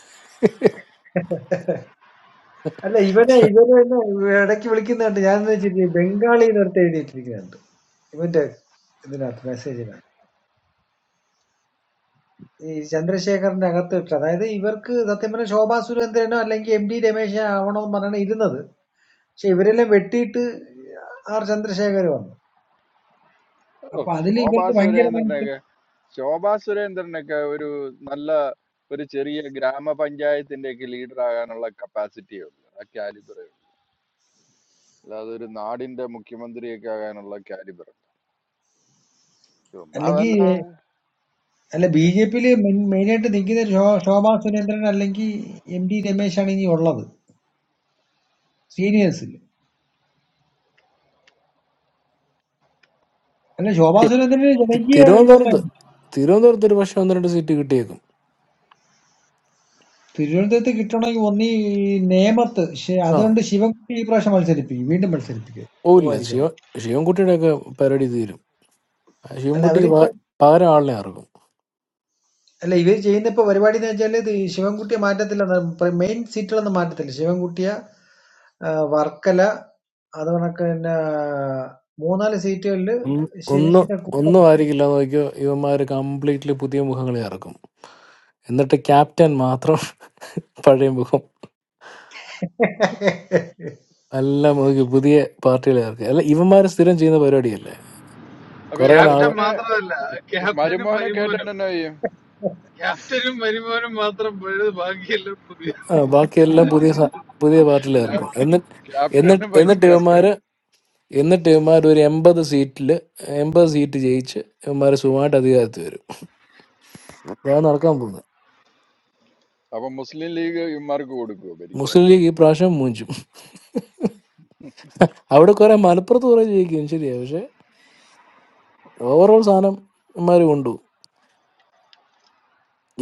Speaker 8: അല്ല ഇവനെ ഇവനെ എന്നെ ഇടയ്ക്ക് വിളിക്കുന്ന കണ്ട് ഞാൻ വെച്ചിട്ട് ബംഗാളി നേരത്തെ എഴുതിയിട്ടിരിക്കുന്നുണ്ട് ഇവന്റെ ഇതിനകത്ത് മെസ്സേജിനകത്ത് ഈ ചന്ദ്രശേഖറിന്റെ അകത്ത് ഇട്ട് അതായത് ഇവർക്ക് സത്യം പറഞ്ഞ ശോഭാ സുരേന്ദ്രനോ അല്ലെങ്കിൽ എം ഡി രമേശോ ആവണോന്ന് പറഞ്ഞാണ് ഇരുന്നത് പക്ഷെ ഇവരെല്ലാം വെട്ടിയിട്ട് ആർ ചന്ദ്രശേഖർ വന്നു
Speaker 10: ഓ
Speaker 8: അപ്പൊ അതിൽ
Speaker 10: ശോഭാ
Speaker 8: ഇവർക്ക് ഭയങ്കര മനസ്സ്
Speaker 10: സുരേന്ദ്രനൊക്കെ ശോഭാ സുരേന്ദ്രനൊക്കെ ഒരു നല്ല ഒരു ചെറിയ ഗ്രാമപഞ്ചായത്തിന്റെ ഒക്കെ ലീഡർ ആകാനുള്ള കപ്പാസിറ്റി ഉണ്ട് ആ കാലിബർ അല്ലാതെ ഒരു നാടിന്റെ മുഖ്യമന്ത്രിയൊക്കെ ആകാനുള്ള കാലിബർ ചുമ്മാ
Speaker 8: അല്ലെങ്കിൽ
Speaker 10: അതല്ല
Speaker 8: അല്ല ബി ജെ പിയില് മെയിനായിട്ട് നിൽക്കുന്ന ഒരു ശോ ശോഭാ സുരേന്ദ്രൻ അല്ലെങ്കിൽ എം ടി രമേശാണ് ഇനി ഉള്ളത് സീനിയേഴ്സിൽ അല്ല ശോഭാ സുരേന്ദ്രന് ജനകീയ ഇതുള്ള
Speaker 18: തിരുവനന്തപുരത്ത് തിരുവനന്തപുരത്ത് ഒരു പക്ഷെ ഒന്ന് രണ്ട് സീറ്റ് കിട്ടിയേക്കും
Speaker 8: തിരുവനന്തപുരത്ത് കിട്ടണമെങ്കിൽ ഒന്നീ നേമത്ത് ശ-
Speaker 18: ആ
Speaker 8: അതുകൊണ്ട് ശിവൻകുട്ടി ഈ പ്രാവശ്യം മത്സരിപ്പിക്കും വീണ്ടും മത്സരിപ്പിക്കും
Speaker 18: ഓ ഇല്ല
Speaker 8: പോവായിരിക്കും
Speaker 18: ശിവ ശിവൻകുട്ടിയുടെ ഒക്കെ പരടി തീരും
Speaker 8: അല്ല
Speaker 18: ശിവൻകുട്ടിക്ക്
Speaker 8: അവരിപ്പോ
Speaker 18: പക- പകരം ആളിനെ ഇറക്കും
Speaker 8: അല്ല ഇവർ ചെയ്യുന്ന ഇപ്പൊ പരിപാടി എന്ന് വെച്ചാൽ ഇത് ശിവൻകുട്ടിയെ മാറ്റത്തില്ല മെയിൻ സീറ്റുകളൊന്നും മാറ്റത്തില്ല ശിവൻകുട്ടിയെ ആ, വർക്കല അത് കണക്ക് തന്നെ മൂന്നാല് സീറ്റുകളില്
Speaker 18: ഒന്ന്- ഒന്നും
Speaker 8: ശിവന്റെ കൂടെ
Speaker 18: ഒന്നും ആയിരിക്കില്ല എന്ന് നോക്കിയോ ഇവന്മാർ കംപ്ലീറ്റ്ലി പുതിയ മുഖങ്ങളെ ഇറക്കും എന്നിട്ട് ക്യാപ്റ്റൻ മാത്രം പഴയ മുഖം എല്ലാം നോക്കി പുതിയ പാർട്ടികളെ ഇറക്കും അല്ല ഇവന്മാർ സ്ഥിരം ചെയ്യുന്ന പരിപാടിയല്ലേ
Speaker 10: അപ്പൊ ഈ
Speaker 18: കുറെ
Speaker 12: ക്യാപ്റ്റൻ
Speaker 18: നാള്
Speaker 10: മരുമോനെ
Speaker 12: മാത്രമല്ല ക്യാപ്റ്റനും
Speaker 10: മരുമോനെ കേട്ടാൻ
Speaker 12: മരുമോനും
Speaker 10: എന്നാ ചെയ്യും
Speaker 12: ക്യാപ്റ്റനും മരുമോനും മാത്രം പോയത് ബാക്കിയെല്ലാം പുതിയ
Speaker 18: ആ,
Speaker 10: ആ,
Speaker 18: ബാക്കിയെല്ലാം പുതിയ സ- പുതിയ പാർട്ടികളെ ഇറക്കും
Speaker 10: ക്യാപ്റ്റ-
Speaker 18: എന്നിട്ട് എന്നിട്ട്
Speaker 10: ക്യാപ്റ്റനും വൈസ്
Speaker 18: എന്നിട്ട് ഇവന്മാര്
Speaker 10: ക്യാപ്റ്റനും
Speaker 18: എന്നിട്ട് ഇവന്മാർ ഒരു എൺപത് സീറ്റിൽ എൺപത് സീറ്റ് ജയിച്ച് ഇവന്മാർ സുഖമായിട്ട് അധികാരത്തിൽ വരും അതാണ് നടക്കാൻ പോകുന്നത്
Speaker 10: അപ്പൊ മുസ്ലിം ലീഗ് ഇവന്മാർക്ക് കൊടുക്കുവോ ഭരിക്കാൻ
Speaker 18: മുസ്ലിം ലീഗ് ഈ പ്രാവശ്യം മൂഞ്ചും അവിടെ കുറെ മലപ്പുറത്ത് കുറെ ജയിക്കും ശരിയാ പക്ഷെ ഓവറോൾ സാധനം ഇവന്മാര് കൊണ്ടു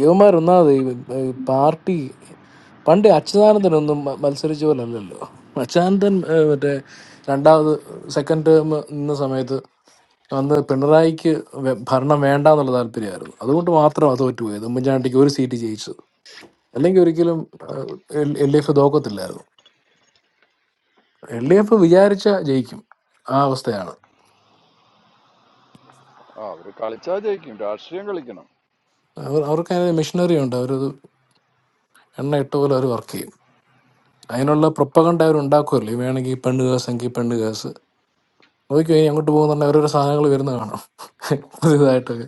Speaker 18: ഇവന്മാർ ഒന്നാമത് ഈ ഈ പാർട്ടി പണ്ട് അച്യുതാനന്ദൻ ഒന്നും മ- മത്സരിച്ച പോലെ അല്ലല്ലോ അച്യുതാനന്ദൻ ഏഹ്, മറ്റേ രണ്ടാമത് സെക്കൻഡ് ടേം നിന്ന സമയത്ത് അന്ന് പിണറായിക്ക് വെ- ഭരണം വേണ്ട എന്നുള്ള താല്പര്യമായിരുന്നു അതുകൊണ്ട് മാത്രമാണ് തോറ്റുപോയത് ഉമ്മൻചാണ്ടിക്ക് ഒരു സീറ്റ് ജയിച്ചത് അല്ലെങ്കിൽ ഒരിക്കലും എൽ ഡി എഫ് തോക്കത്തില്ലായിരുന്നു എൽ ഡി എഫ് വിചാരിച്ച ജയിക്കും ആ അവസ്ഥയാണ്
Speaker 10: ആ അവര് കളിച്ചാൽ ജയിക്കും രാഷ്ട്രീയം കളിക്കണം
Speaker 18: അവർ അവർക്ക് അതിന് മെഷീനറി ഉണ്ട് അവരത് എണ്ണ ഇട്ട പോലെ അവർ വർക്ക് ചെയ്യും അതിനുള്ള പ്രൊപ്പകണ്ട അവർ ഉണ്ടാക്കുമല്ലോ ഈ വേണമെങ്കിൽ പെണ്ണ് കേസ് എങ്കിൽ പെണ്ണ് കേസ് നോക്കിയോ ഇനി അങ്ങോട്ട് പോകുന്നുണ്ടെങ്കിൽ ഓരോരോ സാധനങ്ങൾ വരുന്ന കാണാം പുതിയതായിട്ടൊക്കെ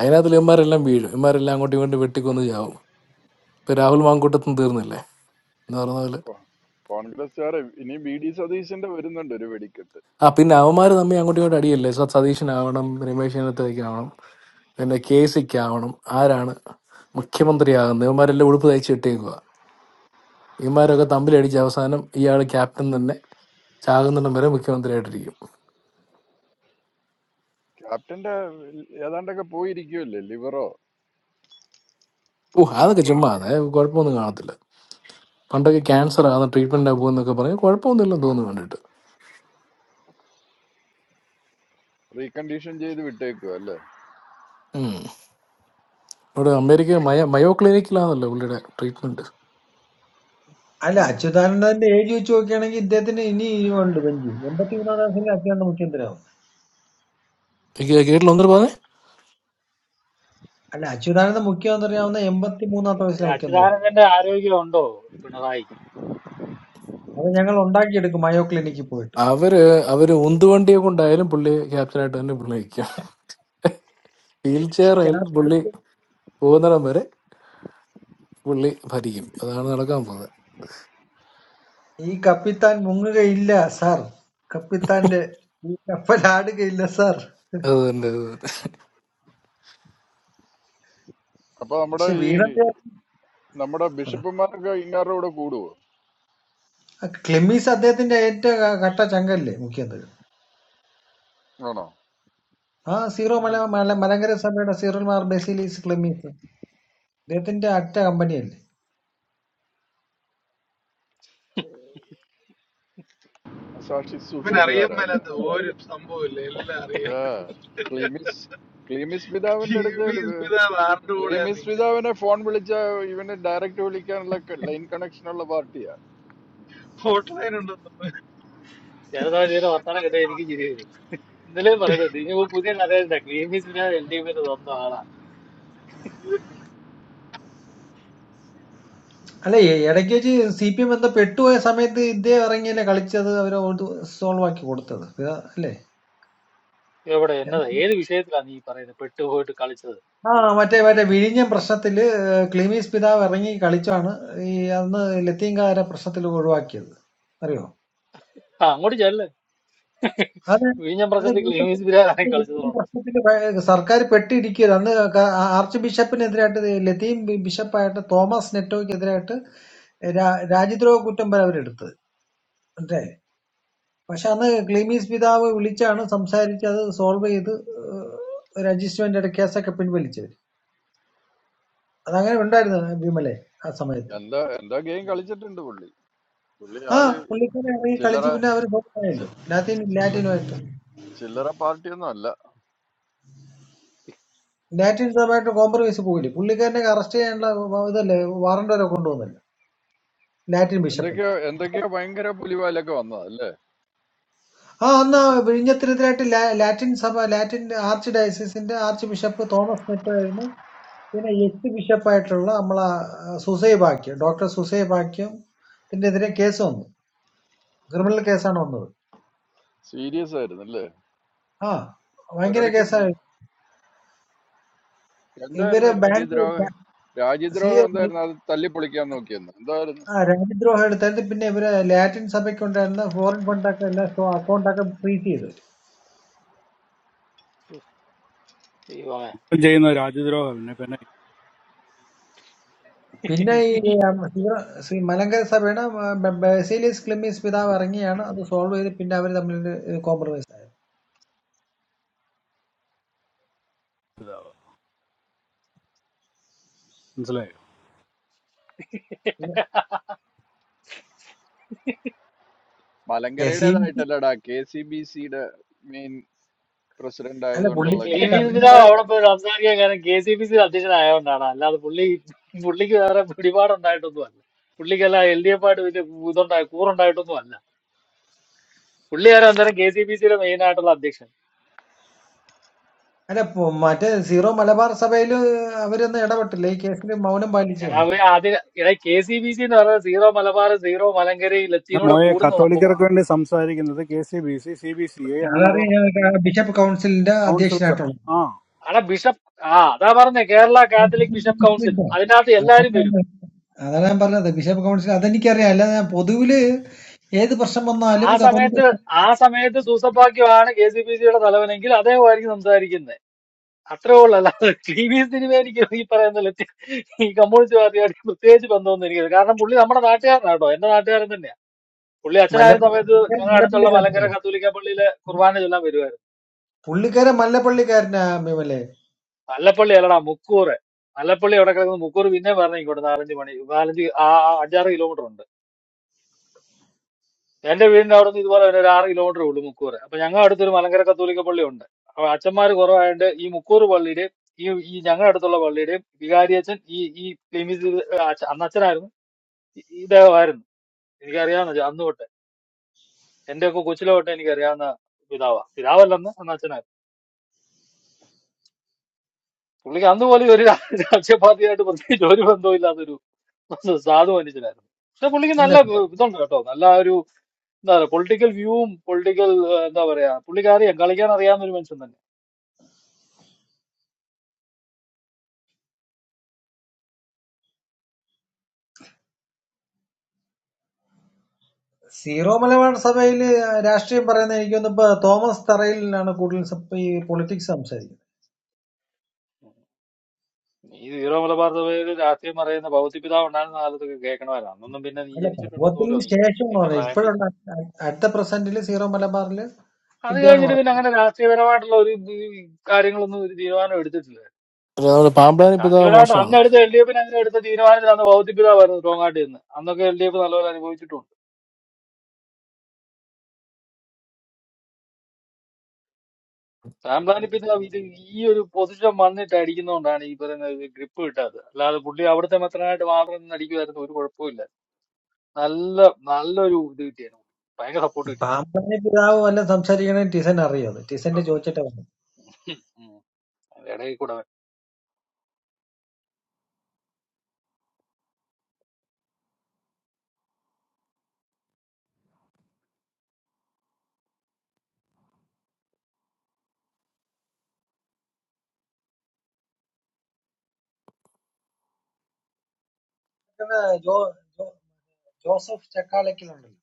Speaker 18: അതിനകത്ത് ഇവന്മാരെല്ലാം വീഴും ഇവന്മാരെല്ലാം അങ്ങോട്ടും ഇങ്ങോട്ടും വെട്ടിക്കൊന്ന് ചാവും ഇപ്പൊ രാഹുൽ മാങ്കൂട്ടത്തും തീർന്നില്ലേ എന്ന് പറഞ്ഞ പോലെ
Speaker 10: കോ- കോൺഗ്രസ്സുകാരെ ഇനി ബി ഡി സതീശന്റെ വരുന്നുണ്ട് ഒരു വെടിക്കെട്ട്
Speaker 18: ആ പിന്നെ അവന്മാർ തമ്മിൽ അങ്ങോട്ടും ഇങ്ങോട്ടും അടിയല്ലേ സ- സതീശനാവണം രമേശിനത്തേക്കാവണം പിന്നെ കെ സിക്കാവണം ആരാണ് മുഖ്യമന്ത്രിയാകുന്നത് ഇവന്മാരെല്ലാം ഉടുപ്പ് തയ്ച്ച് ഇട്ടേക്കുക ഇവന്മാരൊക്കെ തമ്മിലടിച്ച് അവസാനം ഇയാൾ ക്യാപ്റ്റൻ തന്നെ ചാകുന്നിടം വരെ മുഖ്യമന്ത്രിയായിട്ടിരിക്കും
Speaker 10: ക്യാപ്റ്റന്റെ ഏതാണ്ടൊക്കെ പോയിരിക്കുമല്ലേ ലിവറോ
Speaker 18: ഓ അതൊക്കെ
Speaker 10: കിണാപ്പണി
Speaker 18: ചുമ്മാ അത് കുഴപ്പമൊന്നും കാണത്തില്ല പണ്ടൊക്കെ ക്യാൻസർ ആണ് ട്രീറ്റ്മെന്റ് പോകുന്നൊക്കെ പറഞ്ഞ് കുഴപ്പമൊന്നുമില്ലെന്ന് തോന്നുന്നു കണ്ടിട്ട്
Speaker 10: റീകണ്ടീഷൻ ചെയ്ത് വിട്ടേക്കുക അല്ലേ
Speaker 18: ഉം. ഇവിടെ അമേരിക്ക മയ മയോ ക്ലിനിക്കിലാണല്ലോ പുള്ളിയുടെ ട്രീറ്റ്മെന്റ്
Speaker 8: അല്ല
Speaker 10: ഉം.
Speaker 8: അച്യുതാനന്ദന്റെ ഏജ് വെച്ച് നോക്കുകയാണെങ്കിൽ ഇദ്ദേഹത്തിന് ഇനി ഉണ്ട് ബെഞ്ചി എൺപത്തി മൂന്നാം വയസ്സിൽ അച്യുതാനന്ദ മുഖ്യമന്ത്രിയാവും
Speaker 18: കേട്ടില്ല ഒന്നിട്ട് പറഞ്ഞേ
Speaker 8: അല്ല അച്യുതാനന്ദ മുഖ്യമന്ത്രിയാവുന്ന എൺപത്തി മൂന്നാമത്തെ
Speaker 9: അതിന്
Speaker 8: വയസ്സിലെ മുഖ്യമന്ത്രിയാവും
Speaker 9: അച്യുതാനന്ദന്റെ ആരോഗ്യം ഉണ്ടോ പിണറായിക്ക്
Speaker 8: അത് ഞങ്ങൾ ഉണ്ടാക്കിയെടുക്കും മയോ ക്ലിനിക്കിൽ പോയിട്ട്
Speaker 18: അവര്
Speaker 9: ഉം.
Speaker 18: അവര് ഉന്തുവണ്ടിയെ കൊണ്ടായാലും പുള്ളി ക്യാപ്റ്റൻ ആയിട്ട് തന്നെ പുള്ളി നിൽക്കും വീൽ ചെയറിൽ പുള്ളി
Speaker 8: ക്യാപ്റ്റൻ
Speaker 18: പോകുന്നിടം വരെ പുള്ളി ഭരിക്കും അതാണ് നടക്കാൻ പോകുന്നത്
Speaker 8: ഈ കപ്പിത്താൻ മുങ്ങുകയില്ല സാർ കപ്പിത്താന്റെ ഈ കപ്പലാടുകയില്ല സാർ
Speaker 18: അത് തന്നെ അത് തന്നെ.
Speaker 10: അപ്പൊ നമ്മുടെ
Speaker 8: പക്ഷെ
Speaker 10: ഈ
Speaker 8: വീണ
Speaker 10: നമ്മുടെ ബിഷപ്പുമാരൊക്കെ ഇങ്ങാരുടെ കൂടെ കൂടുവോ
Speaker 8: ക്ലെമീസ് അദ്ദേഹത്തിന്റെ ഏറ്റവും ക- കട്ട ചങ്കല്ലേ മുഖ്യമന്ത്രി
Speaker 10: ആണോ
Speaker 8: ആ സീറോ മല
Speaker 9: ഉം.
Speaker 8: മല മലങ്കര സഭയുടെ സീറോ മാർ ബസീലീസ് ക്ലെമീസ് ഇദ്ദേഹത്തിന്റെ അറ്റ കമ്പനിയല്ലേ
Speaker 10: മനസാക്ഷി
Speaker 12: ഇവന് അറിയാൻ
Speaker 10: സൂക്ഷിപ്പുകാരാ അല്ലേ
Speaker 12: മേലാത്ത ഒരു സംഭവമില്ല എല്ലാം അറിയാം
Speaker 10: ഏ, ക്ലീമിസ് ക്ലീമിസ്
Speaker 12: ടി
Speaker 10: പിതാവിന്റെ അടുത്ത്
Speaker 12: വി
Speaker 10: ഇത്-
Speaker 12: പിതാവ് ആരുടെ കൂടെ
Speaker 10: ക്ലീമിസ്
Speaker 12: നിൽക്കും
Speaker 10: പിതാവിനെ ഫോൺ വിളിച്ച ഇവന് ഡയറക്റ്റ് വിളിക്കാനുള്ള ലൈൻ കണക്ഷൻ ഉള്ള പാർട്ടിയാ
Speaker 12: ഹോട്ട് ലൈൻ ഉണ്ടെന്ന്
Speaker 9: ചെറുതായി തീരെ വർത്തമാനം കിട്ടാൻ എനിക്ക് ചിരി വരും ഇന്നലെയും പറയുന്നത് ഇനിയിപ്പോ പുതിയ കഥയുണ്ട് ക്ലീൻ മിസ് എൽ ഡി എഫിന്റെ സ്വന്തം ആളാണ്
Speaker 8: അല്ല എ- ഇടയ്ക്ക് വെച്ച് സി പി എം എന്തോ പെട്ടുപോയ സമയത്ത് ഇദ്ദേഹം ഇറങ്ങിയല്ലേ കളിച്ചത് അവരെ സോൾവ് ആക്കി കൊടുത്തത് ഇത് അല്ലേ
Speaker 9: എവിടെ
Speaker 8: എന്ത്?
Speaker 9: എന്നതാ ഏത് വിഷയത്തിലാണ് നീ പറയുന്നത് പെട്ടുപോയിട്ട് കളിച്ചത്
Speaker 8: ആ മറ്റേ മറ്റേ വിഴിഞ്ഞം പ്രശ്നത്തില് ഏഹ്, ക്ലിമീസ് പിതാവ് ഇറങ്ങി കളിച്ചാണ് ഈ അന്ന് ലത്തീൻകാരെ പ്രശ്നത്തിൽ ഒഴിവാക്കിയത് അറിയോ
Speaker 9: ആ അങ്ങോട്ട് ചെല്ല്
Speaker 8: അത്
Speaker 9: വിഴിഞ്ഞം
Speaker 8: അത്
Speaker 9: പ്രശ്നത്തിൽ
Speaker 8: വീണ്ടും
Speaker 9: ക്ലീൻ മിസ്
Speaker 8: അത്
Speaker 9: ബിരാനായി
Speaker 8: വീണ്ടും
Speaker 9: കളിച്ചതോണ്ട്
Speaker 8: പ്രശ്നത്തില് ഭയ- സർക്കാർ പെട്ടിരിക്കുക അന്ന് ക- ആർച്ച് ബിഷപ്പിനെതിരായിട്ട് ലത്തീൻ ബി- ബിഷപ്പായിട്ട് തോമസ് നെറ്റോയ്ക്കെതിരായിട്ട് രാ- രാജ്യദ്രോഹ കുറ്റം വരെ അവരെടുത്തത് അല്ലേ പക്ഷെ അന്ന് ക്ലീമീസ് പിതാവ് വിളിച്ചാണ് സംസാരിച്ച് അത് സോൾവ് ചെയ്ത് രജിസ്റ്റർമെന്റ് ഇട കേസൊക്കെ പിൻവലിച്ചവർ അതങ്ങനെ ഉണ്ടായിരുന്നു വിമലെ ആ സമയത്ത്
Speaker 10: എന്താ എന്താ ഗെയിം കളിച്ചിട്ടുണ്ട് പുള്ളി പുള്ളി
Speaker 8: ആ
Speaker 10: ആള്
Speaker 8: പുള്ളിക്കാരെ ഇറങ്ങി
Speaker 10: ചില്ലറ
Speaker 8: കളിച്ച് പിന്നെ അവർ സോൾവ് ആയല്ലോ
Speaker 10: ചി-
Speaker 8: ലാറ്റിൻ
Speaker 10: ചില്ല
Speaker 8: ലാറ്റിനുമായിട്ട്
Speaker 10: ചില്ലറ പാർട്ടിയൊന്നും അല്ല
Speaker 8: ലാറ്റിൻ സഭയായിട്ട് കോംപ്രമൈസ് പോയില്ലേ പുള്ളിക്കാരനെ അറസ്റ്റ് ചെയ്യാനുള്ള വ- ഇതല്ലേ വാറണ്ട് വരെ കൊണ്ടുവന്നല്ലോ ലാറ്റിൻ ബിഷപ്പിന്
Speaker 10: എന്തൊക്കെയോ എന്തൊക്കെയോ ഭയങ്കര പുലിവാലൊക്കെ വന്നതാ അല്ലേ
Speaker 8: ആ അന്ന് ആ വിഴിഞ്ഞത്തിനെതിരായിട്ട് ലാ- ലാറ്റിൻ സഭ ലാറ്റിൻ ആർച്ച് ഡയസിന്റെ ആർച്ച് ബിഷപ്പ് തോമസ് സ്മിത്ത് ആയിരുന്നു പിന്നെ എക്സ് ബിഷപ്പായിട്ടുള്ള നമ്മളെ ആ, സുസൈ ബാക്യം ഡോക്ടർ സുസൈ ബാക്യം ഇതിനെതിരെ കേസ് വന്നു ക്രിമിനൽ കേസാണ് വന്നത്
Speaker 10: സീരിയസ് ആയിരുന്നു അല്ലേ
Speaker 8: ആ ഭയങ്കര
Speaker 10: ഒരിടയ്ക്ക്
Speaker 8: കേസാണ്
Speaker 10: പു-
Speaker 8: ഇവര്
Speaker 10: എന്തായിരുന്നു
Speaker 8: ബാങ്ക്
Speaker 10: രാജ്യദ്രോഹ
Speaker 8: സി
Speaker 10: രാജ്യദ്രോഹം എന്തായിരുന്നു അത് തല്ലിപ്പൊളിക്കാൻ നോക്കിയെന്ന് എന്തായിരുന്നു
Speaker 8: ആ രാജ്യദ്രോഹം എടുത്തായിട്ട് പിന്നെ ഇവര് ലാറ്റിൻ സഭയ്ക്ക് ഉണ്ടായിരുന്ന ഫോറിൻ ഫണ്ടൊക്കെ എല്ലാം അക്കൗണ്ടൊക്കെ ഫ്രീസ് ചെയ്തു
Speaker 9: ദൈവമേ
Speaker 2: ഇപ്പം ചെയ്യുന്ന രാജ്യദ്രോഹം പിന്നെ പിന്നെ
Speaker 8: പിന്നെ ഈ
Speaker 9: നീ
Speaker 8: ഉം, ശിവ ശ്രീ മലങ്കര സഭയുടെ ഉം, ബ- ബസേലിയസ് ക്ലിമീസ് പിതാവ് ഇറങ്ങിയാണ് അത് സോൾവ് ചെയ്ത് പിന്നെ അവർ തമ്മിൽ കോംപ്രമൈസ് ആയത്
Speaker 2: മനസ്സിലായോ
Speaker 8: കെ സി ബി
Speaker 10: മലങ്കരയുടേതായിട്ടല്ലടാ കെ സി ബി സിയുടെ മെയിൻ പ്രസിഡന്റ്
Speaker 8: അല്ല
Speaker 10: ആയതുകൊണ്ടുള്ള
Speaker 8: പുള്ളിക്കാരെ
Speaker 9: ക്ലീൻ
Speaker 10: ഗെയിം
Speaker 9: മിസ്
Speaker 8: കർദിനാൾ
Speaker 9: ബിരാവ്
Speaker 10: കളിച്ചത്
Speaker 9: അവിടെ പോയി സംസാരിക്കാൻ കാരണം കെ സി ബി സി അധ്യക്ഷനായോണ്ടാണ് അല്ലാതെ പുള്ളി പുള്ളിക്ക് വേറെ പിടിപാടുണ്ടായിട്ടൊന്നും അല്ല പുള്ളിക്കല്ല എൽ ഡി എഫ് ആയിട്ട് വലിയ ഇതുണ്ടായി കൂറുണ്ടായിട്ടൊന്നും അല്ല പുള്ളിയാരോ അന്നേരം കെ സി ബി സിയുടെ മെയിൻ ആയിട്ടുള്ള അധ്യക്ഷൻ
Speaker 8: അല്ല പു- മറ്റേ സീറോ മലബാർ സഭയിൽ അവരൊന്നും ഇടപെട്ടില്ല ഈ കേസിൽ മൗനം
Speaker 9: എടാ
Speaker 8: പാലിച്ചാണ്
Speaker 9: അവര് ആദ്യം എടാ കെ സി ബി സി എന്ന് പറഞ്ഞാൽ സീറോ മലബാർ സീറോ മലങ്കരി
Speaker 2: എന്റെ
Speaker 9: ലത്തീനൂടെ
Speaker 2: മോയെ
Speaker 9: കൂടുന്ന
Speaker 2: കത്തോലിക്കർക്ക്
Speaker 9: സംഭവമാണ്
Speaker 2: വേണ്ടി സംസാരിക്കുന്നത് K C B C C B C I അങ്ങനെയുള്ള
Speaker 8: അതറിയാം ബിഷപ്പ് കൗൺസിലിന്റെ
Speaker 2: കൗൺസിൽസാ
Speaker 8: അധ്യക്ഷനായിട്ടുള്ളത്
Speaker 2: ആ
Speaker 9: അവിടെ ബിഷപ്പ് ആ അതാ പറഞ്ഞേ കേരള
Speaker 8: ഞാൻ
Speaker 9: കാത്തലിക്
Speaker 8: ബിഷപ്പ്
Speaker 9: ബിഷപ്പ് കൗൺസിൽ
Speaker 8: കൗൺസിലിന്റെ
Speaker 9: അതിനകത്ത് എല്ലാരും
Speaker 8: അതാണ്
Speaker 9: വരും
Speaker 8: ഞാൻ- അതാണ് ഞാൻ പറഞ്ഞത് ബിഷപ്പ് കൗൺസിൽ അതെനിക്കറിയാം അല്ലാതെ ഞാൻ പൊതുവില് ഏത് പ്രശ്നം
Speaker 9: ആ
Speaker 8: വന്നാലും
Speaker 9: സമയത്ത്
Speaker 8: കത്തോലിക്ക
Speaker 9: ആ സമയത്ത് സൂസപ്പാക്യമാണ് കെ സി ബി സിയുടെ തലവനെങ്കിൽ അദ്ദേഹമായിരിക്കും സംസാരിക്കുന്നത് അത്രേ ഉള്ളൂ അല്ലാതെ ടി വി സിനിമ എനിക്ക് ഈ പറയുന്ന ലത്തി ഈ കമ്മ്യൂണിസ്റ്റ് പാർട്ടിയായിട്ട് പ്രത്യേകിച്ച് ബന്ധമൊന്നും എനിക്കില്ല കാരണം പുള്ളി നമ്മുടെ നാട്ടുകാരനാട്ടോ എന്റെ നാട്ടുകാരൻ തന്നെയാണ് പുള്ളി അച്ഛനായിരുന്ന
Speaker 8: മല്ലപ്പള്ളി
Speaker 9: സമയത്ത് ഞങ്ങളുടെ അടുത്തുള്ള
Speaker 8: മല്ലപ്പള്ളി
Speaker 9: മലങ്കര കത്തോലിക്ക പള്ളിയിലെ കുർബാന ചൊല്ലാൻ വരുമായിരുന്നു
Speaker 8: പുള്ളിക്കാരൻ മല്ലപ്പള്ളിക്കാരനാ അമ്മീമല്ലേ
Speaker 9: അല്ലപ്പള്ളി അല്ലടാ മുക്കൂറ് അല്ലപ്പള്ളി അവിടെ കിടക്കുന്ന മുക്കൂറ് പിന്നെ പറഞ്ഞു ഇങ്ങോട്ട് നാലഞ്ച് മണി നാലഞ്ച് ആ ആ അഞ്ചാറ് കിലോമീറ്റർ ഉണ്ട് എന്റെ വീടിന്റെ അവിടെ നിന്ന് ഇതുപോലെ തന്നെ ഒരു ആറ് കിലോമീറ്റർ ഉള്ളൂ മുക്കൂറ് അപ്പൊ ഞങ്ങളുടെ അടുത്തൊരു മലങ്കര കത്തോലിക്ക പള്ളി ഉണ്ട് അപ്പൊ അച്ഛന്മാര് കുറവായതുകൊണ്ട് ഈ മുക്കൂറ് പള്ളിയുടെയും ഈ ഈ ഞങ്ങളുടെ അടുത്തുള്ള പള്ളിയുടെയും വികാരിയച്ഛൻ ഈ ഈ ക്ലിമിസ് അച്ഛ- അന്ന് അച്ഛനായിരുന്നു ഈ- ഈ ഇദ്ദേഹമായിരുന്നു എനിക്കറിയാവുന്ന ചെ- അന്ന് തൊട്ട് എന്റെ ഒക്കെ കൊച്ചിലെ തൊട്ട് എനിക്കറിയാവുന്ന പിതാവാ പിതാവല്ലെന്ന് അന്ന് അച്ഛനായിരുന്നു പുള്ളിക്ക് അന്ന് പോലും ഒരു രാ- രാഷ്ട്രീയ പാർട്ടിയായിട്ട് പ്രത്യേകിച്ച് ഒരു ബന്ധവും ഇല്ലാത്തൊരു സാധു മനുഷ്യനായിരുന്നു പക്ഷെ പുള്ളിക്ക്
Speaker 8: അല്ല
Speaker 9: നല്ല ഇതുണ്ട് കേട്ടോ നല്ല ഒരു എന്താ പറയാ പൊളിറ്റിക്കൽ വ്യൂവും പൊളിറ്റിക്കൽ എന്താ പറയാ പുള്ളിക്ക് അറിയാം കളിക്കാൻ അറിയാവുന്ന ഒരു മനുഷ്യൻ തന്നെ
Speaker 8: സീറോ മലബാർ സഭയില് രാഷ്ട്രീയം പറയുന്ന എനിക്ക് തോന്നുന്നു ഇപ്പൊ തോമസ് തറയിലാണ് കൂടുതൽ സം- ഈ പൊളിറ്റിക്സ് സംസാരിക്കുന്നത്
Speaker 9: ഈ ഹീറോ മലബാർ സഭയിൽ രാഷ്ട്രീയം അറിയുന്ന ഭൗതിപിതാവ് ഉണ്ടായിരുന്ന കാലത്തൊക്കെ കേൾക്കണമായിരുന്നു അന്നൊന്നും പിന്നെ നീ
Speaker 8: അല്ല
Speaker 9: ജനിച്ചിട്ടുണ്ടെന്ന് പോലും
Speaker 8: സംഭവത്തിന്
Speaker 9: അറിയത്തില്ല
Speaker 8: ശേഷം എന്ന്
Speaker 9: നിന്റെ
Speaker 8: പറഞ്ഞാൽ
Speaker 9: പ്രായം വെച്ച്
Speaker 8: ഇപ്പോഴുണ്ട് അടുത്ത പ്രസന്റില് സീറോ മലബാറില്
Speaker 9: അത്
Speaker 8: ഇതാണ്
Speaker 9: കഴിഞ്ഞിട്ട്
Speaker 8: പറഞ്ഞത്
Speaker 9: പിന്നെ അങ്ങനെ രാഷ്ട്രീയപരമായിട്ടുള്ള ഒരു ഇത് ഈ കാര്യങ്ങളൊന്നും ഒരു തീരുമാനം എടുത്തിട്ടില്ല
Speaker 18: അപ്പൊ നമ്മുടെ പാമ്പ്ലാൻ ഇപ്പൊ ഇതാ
Speaker 9: രാഷ്ട്രീയപരമായിട്ട് അന്ന്
Speaker 18: മോശമാണ്
Speaker 9: എടുത്ത എൽ ഡി എഫിന് അങ്ങനെ എടുത്ത തീരുമാനത്തിൽ അന്ന് ഭൗതിപിതാവായിരുന്നു ടോങ്ങാട്ടി എന്ന് അന്നൊക്കെ എൽ ഡി എഫ് നല്ലപോലെ അനുഭവിച്ചിട്ടുണ്ട് സാംപ്ലാൻ ഇപ്പൊ ഇതാ ഇത് ഈ ഒരു പൊസിഷൻ വന്നിട്ട് അടിക്കുന്നോണ്ടാണ് ഈ പറയുന്ന ഗ്രിപ്പ് കിട്ടാത്തത് അല്ലാതെ പുള്ളി അവിടുത്തെ മെത്രനായിട്ട് മാത്രം നിന്ന് അടിക്കുമായിരുന്നു ഒരു കുഴപ്പമില്ല നല്ല നല്ലൊരു ഇത് കിട്ടിയായിരുന്നു ഭയങ്കര സപ്പോർട്ട് കിട്ടിയായിരുന്നു
Speaker 8: പാമ്പന്റെ പിതാവ് വല്ലതും സംസാരിക്കണേ ടിസൻ അറിയോ അത് ടിസന്റെ ചോദിച്ചിട്ടേ പറഞ്ഞു
Speaker 9: ഉം. അതിന്റെ ഇടയിൽ കൂടെ വെ-
Speaker 8: ഇത് ജോ ജോ- ജോസഫ് ചക്കാലക്കലുണ്ടല്ലോ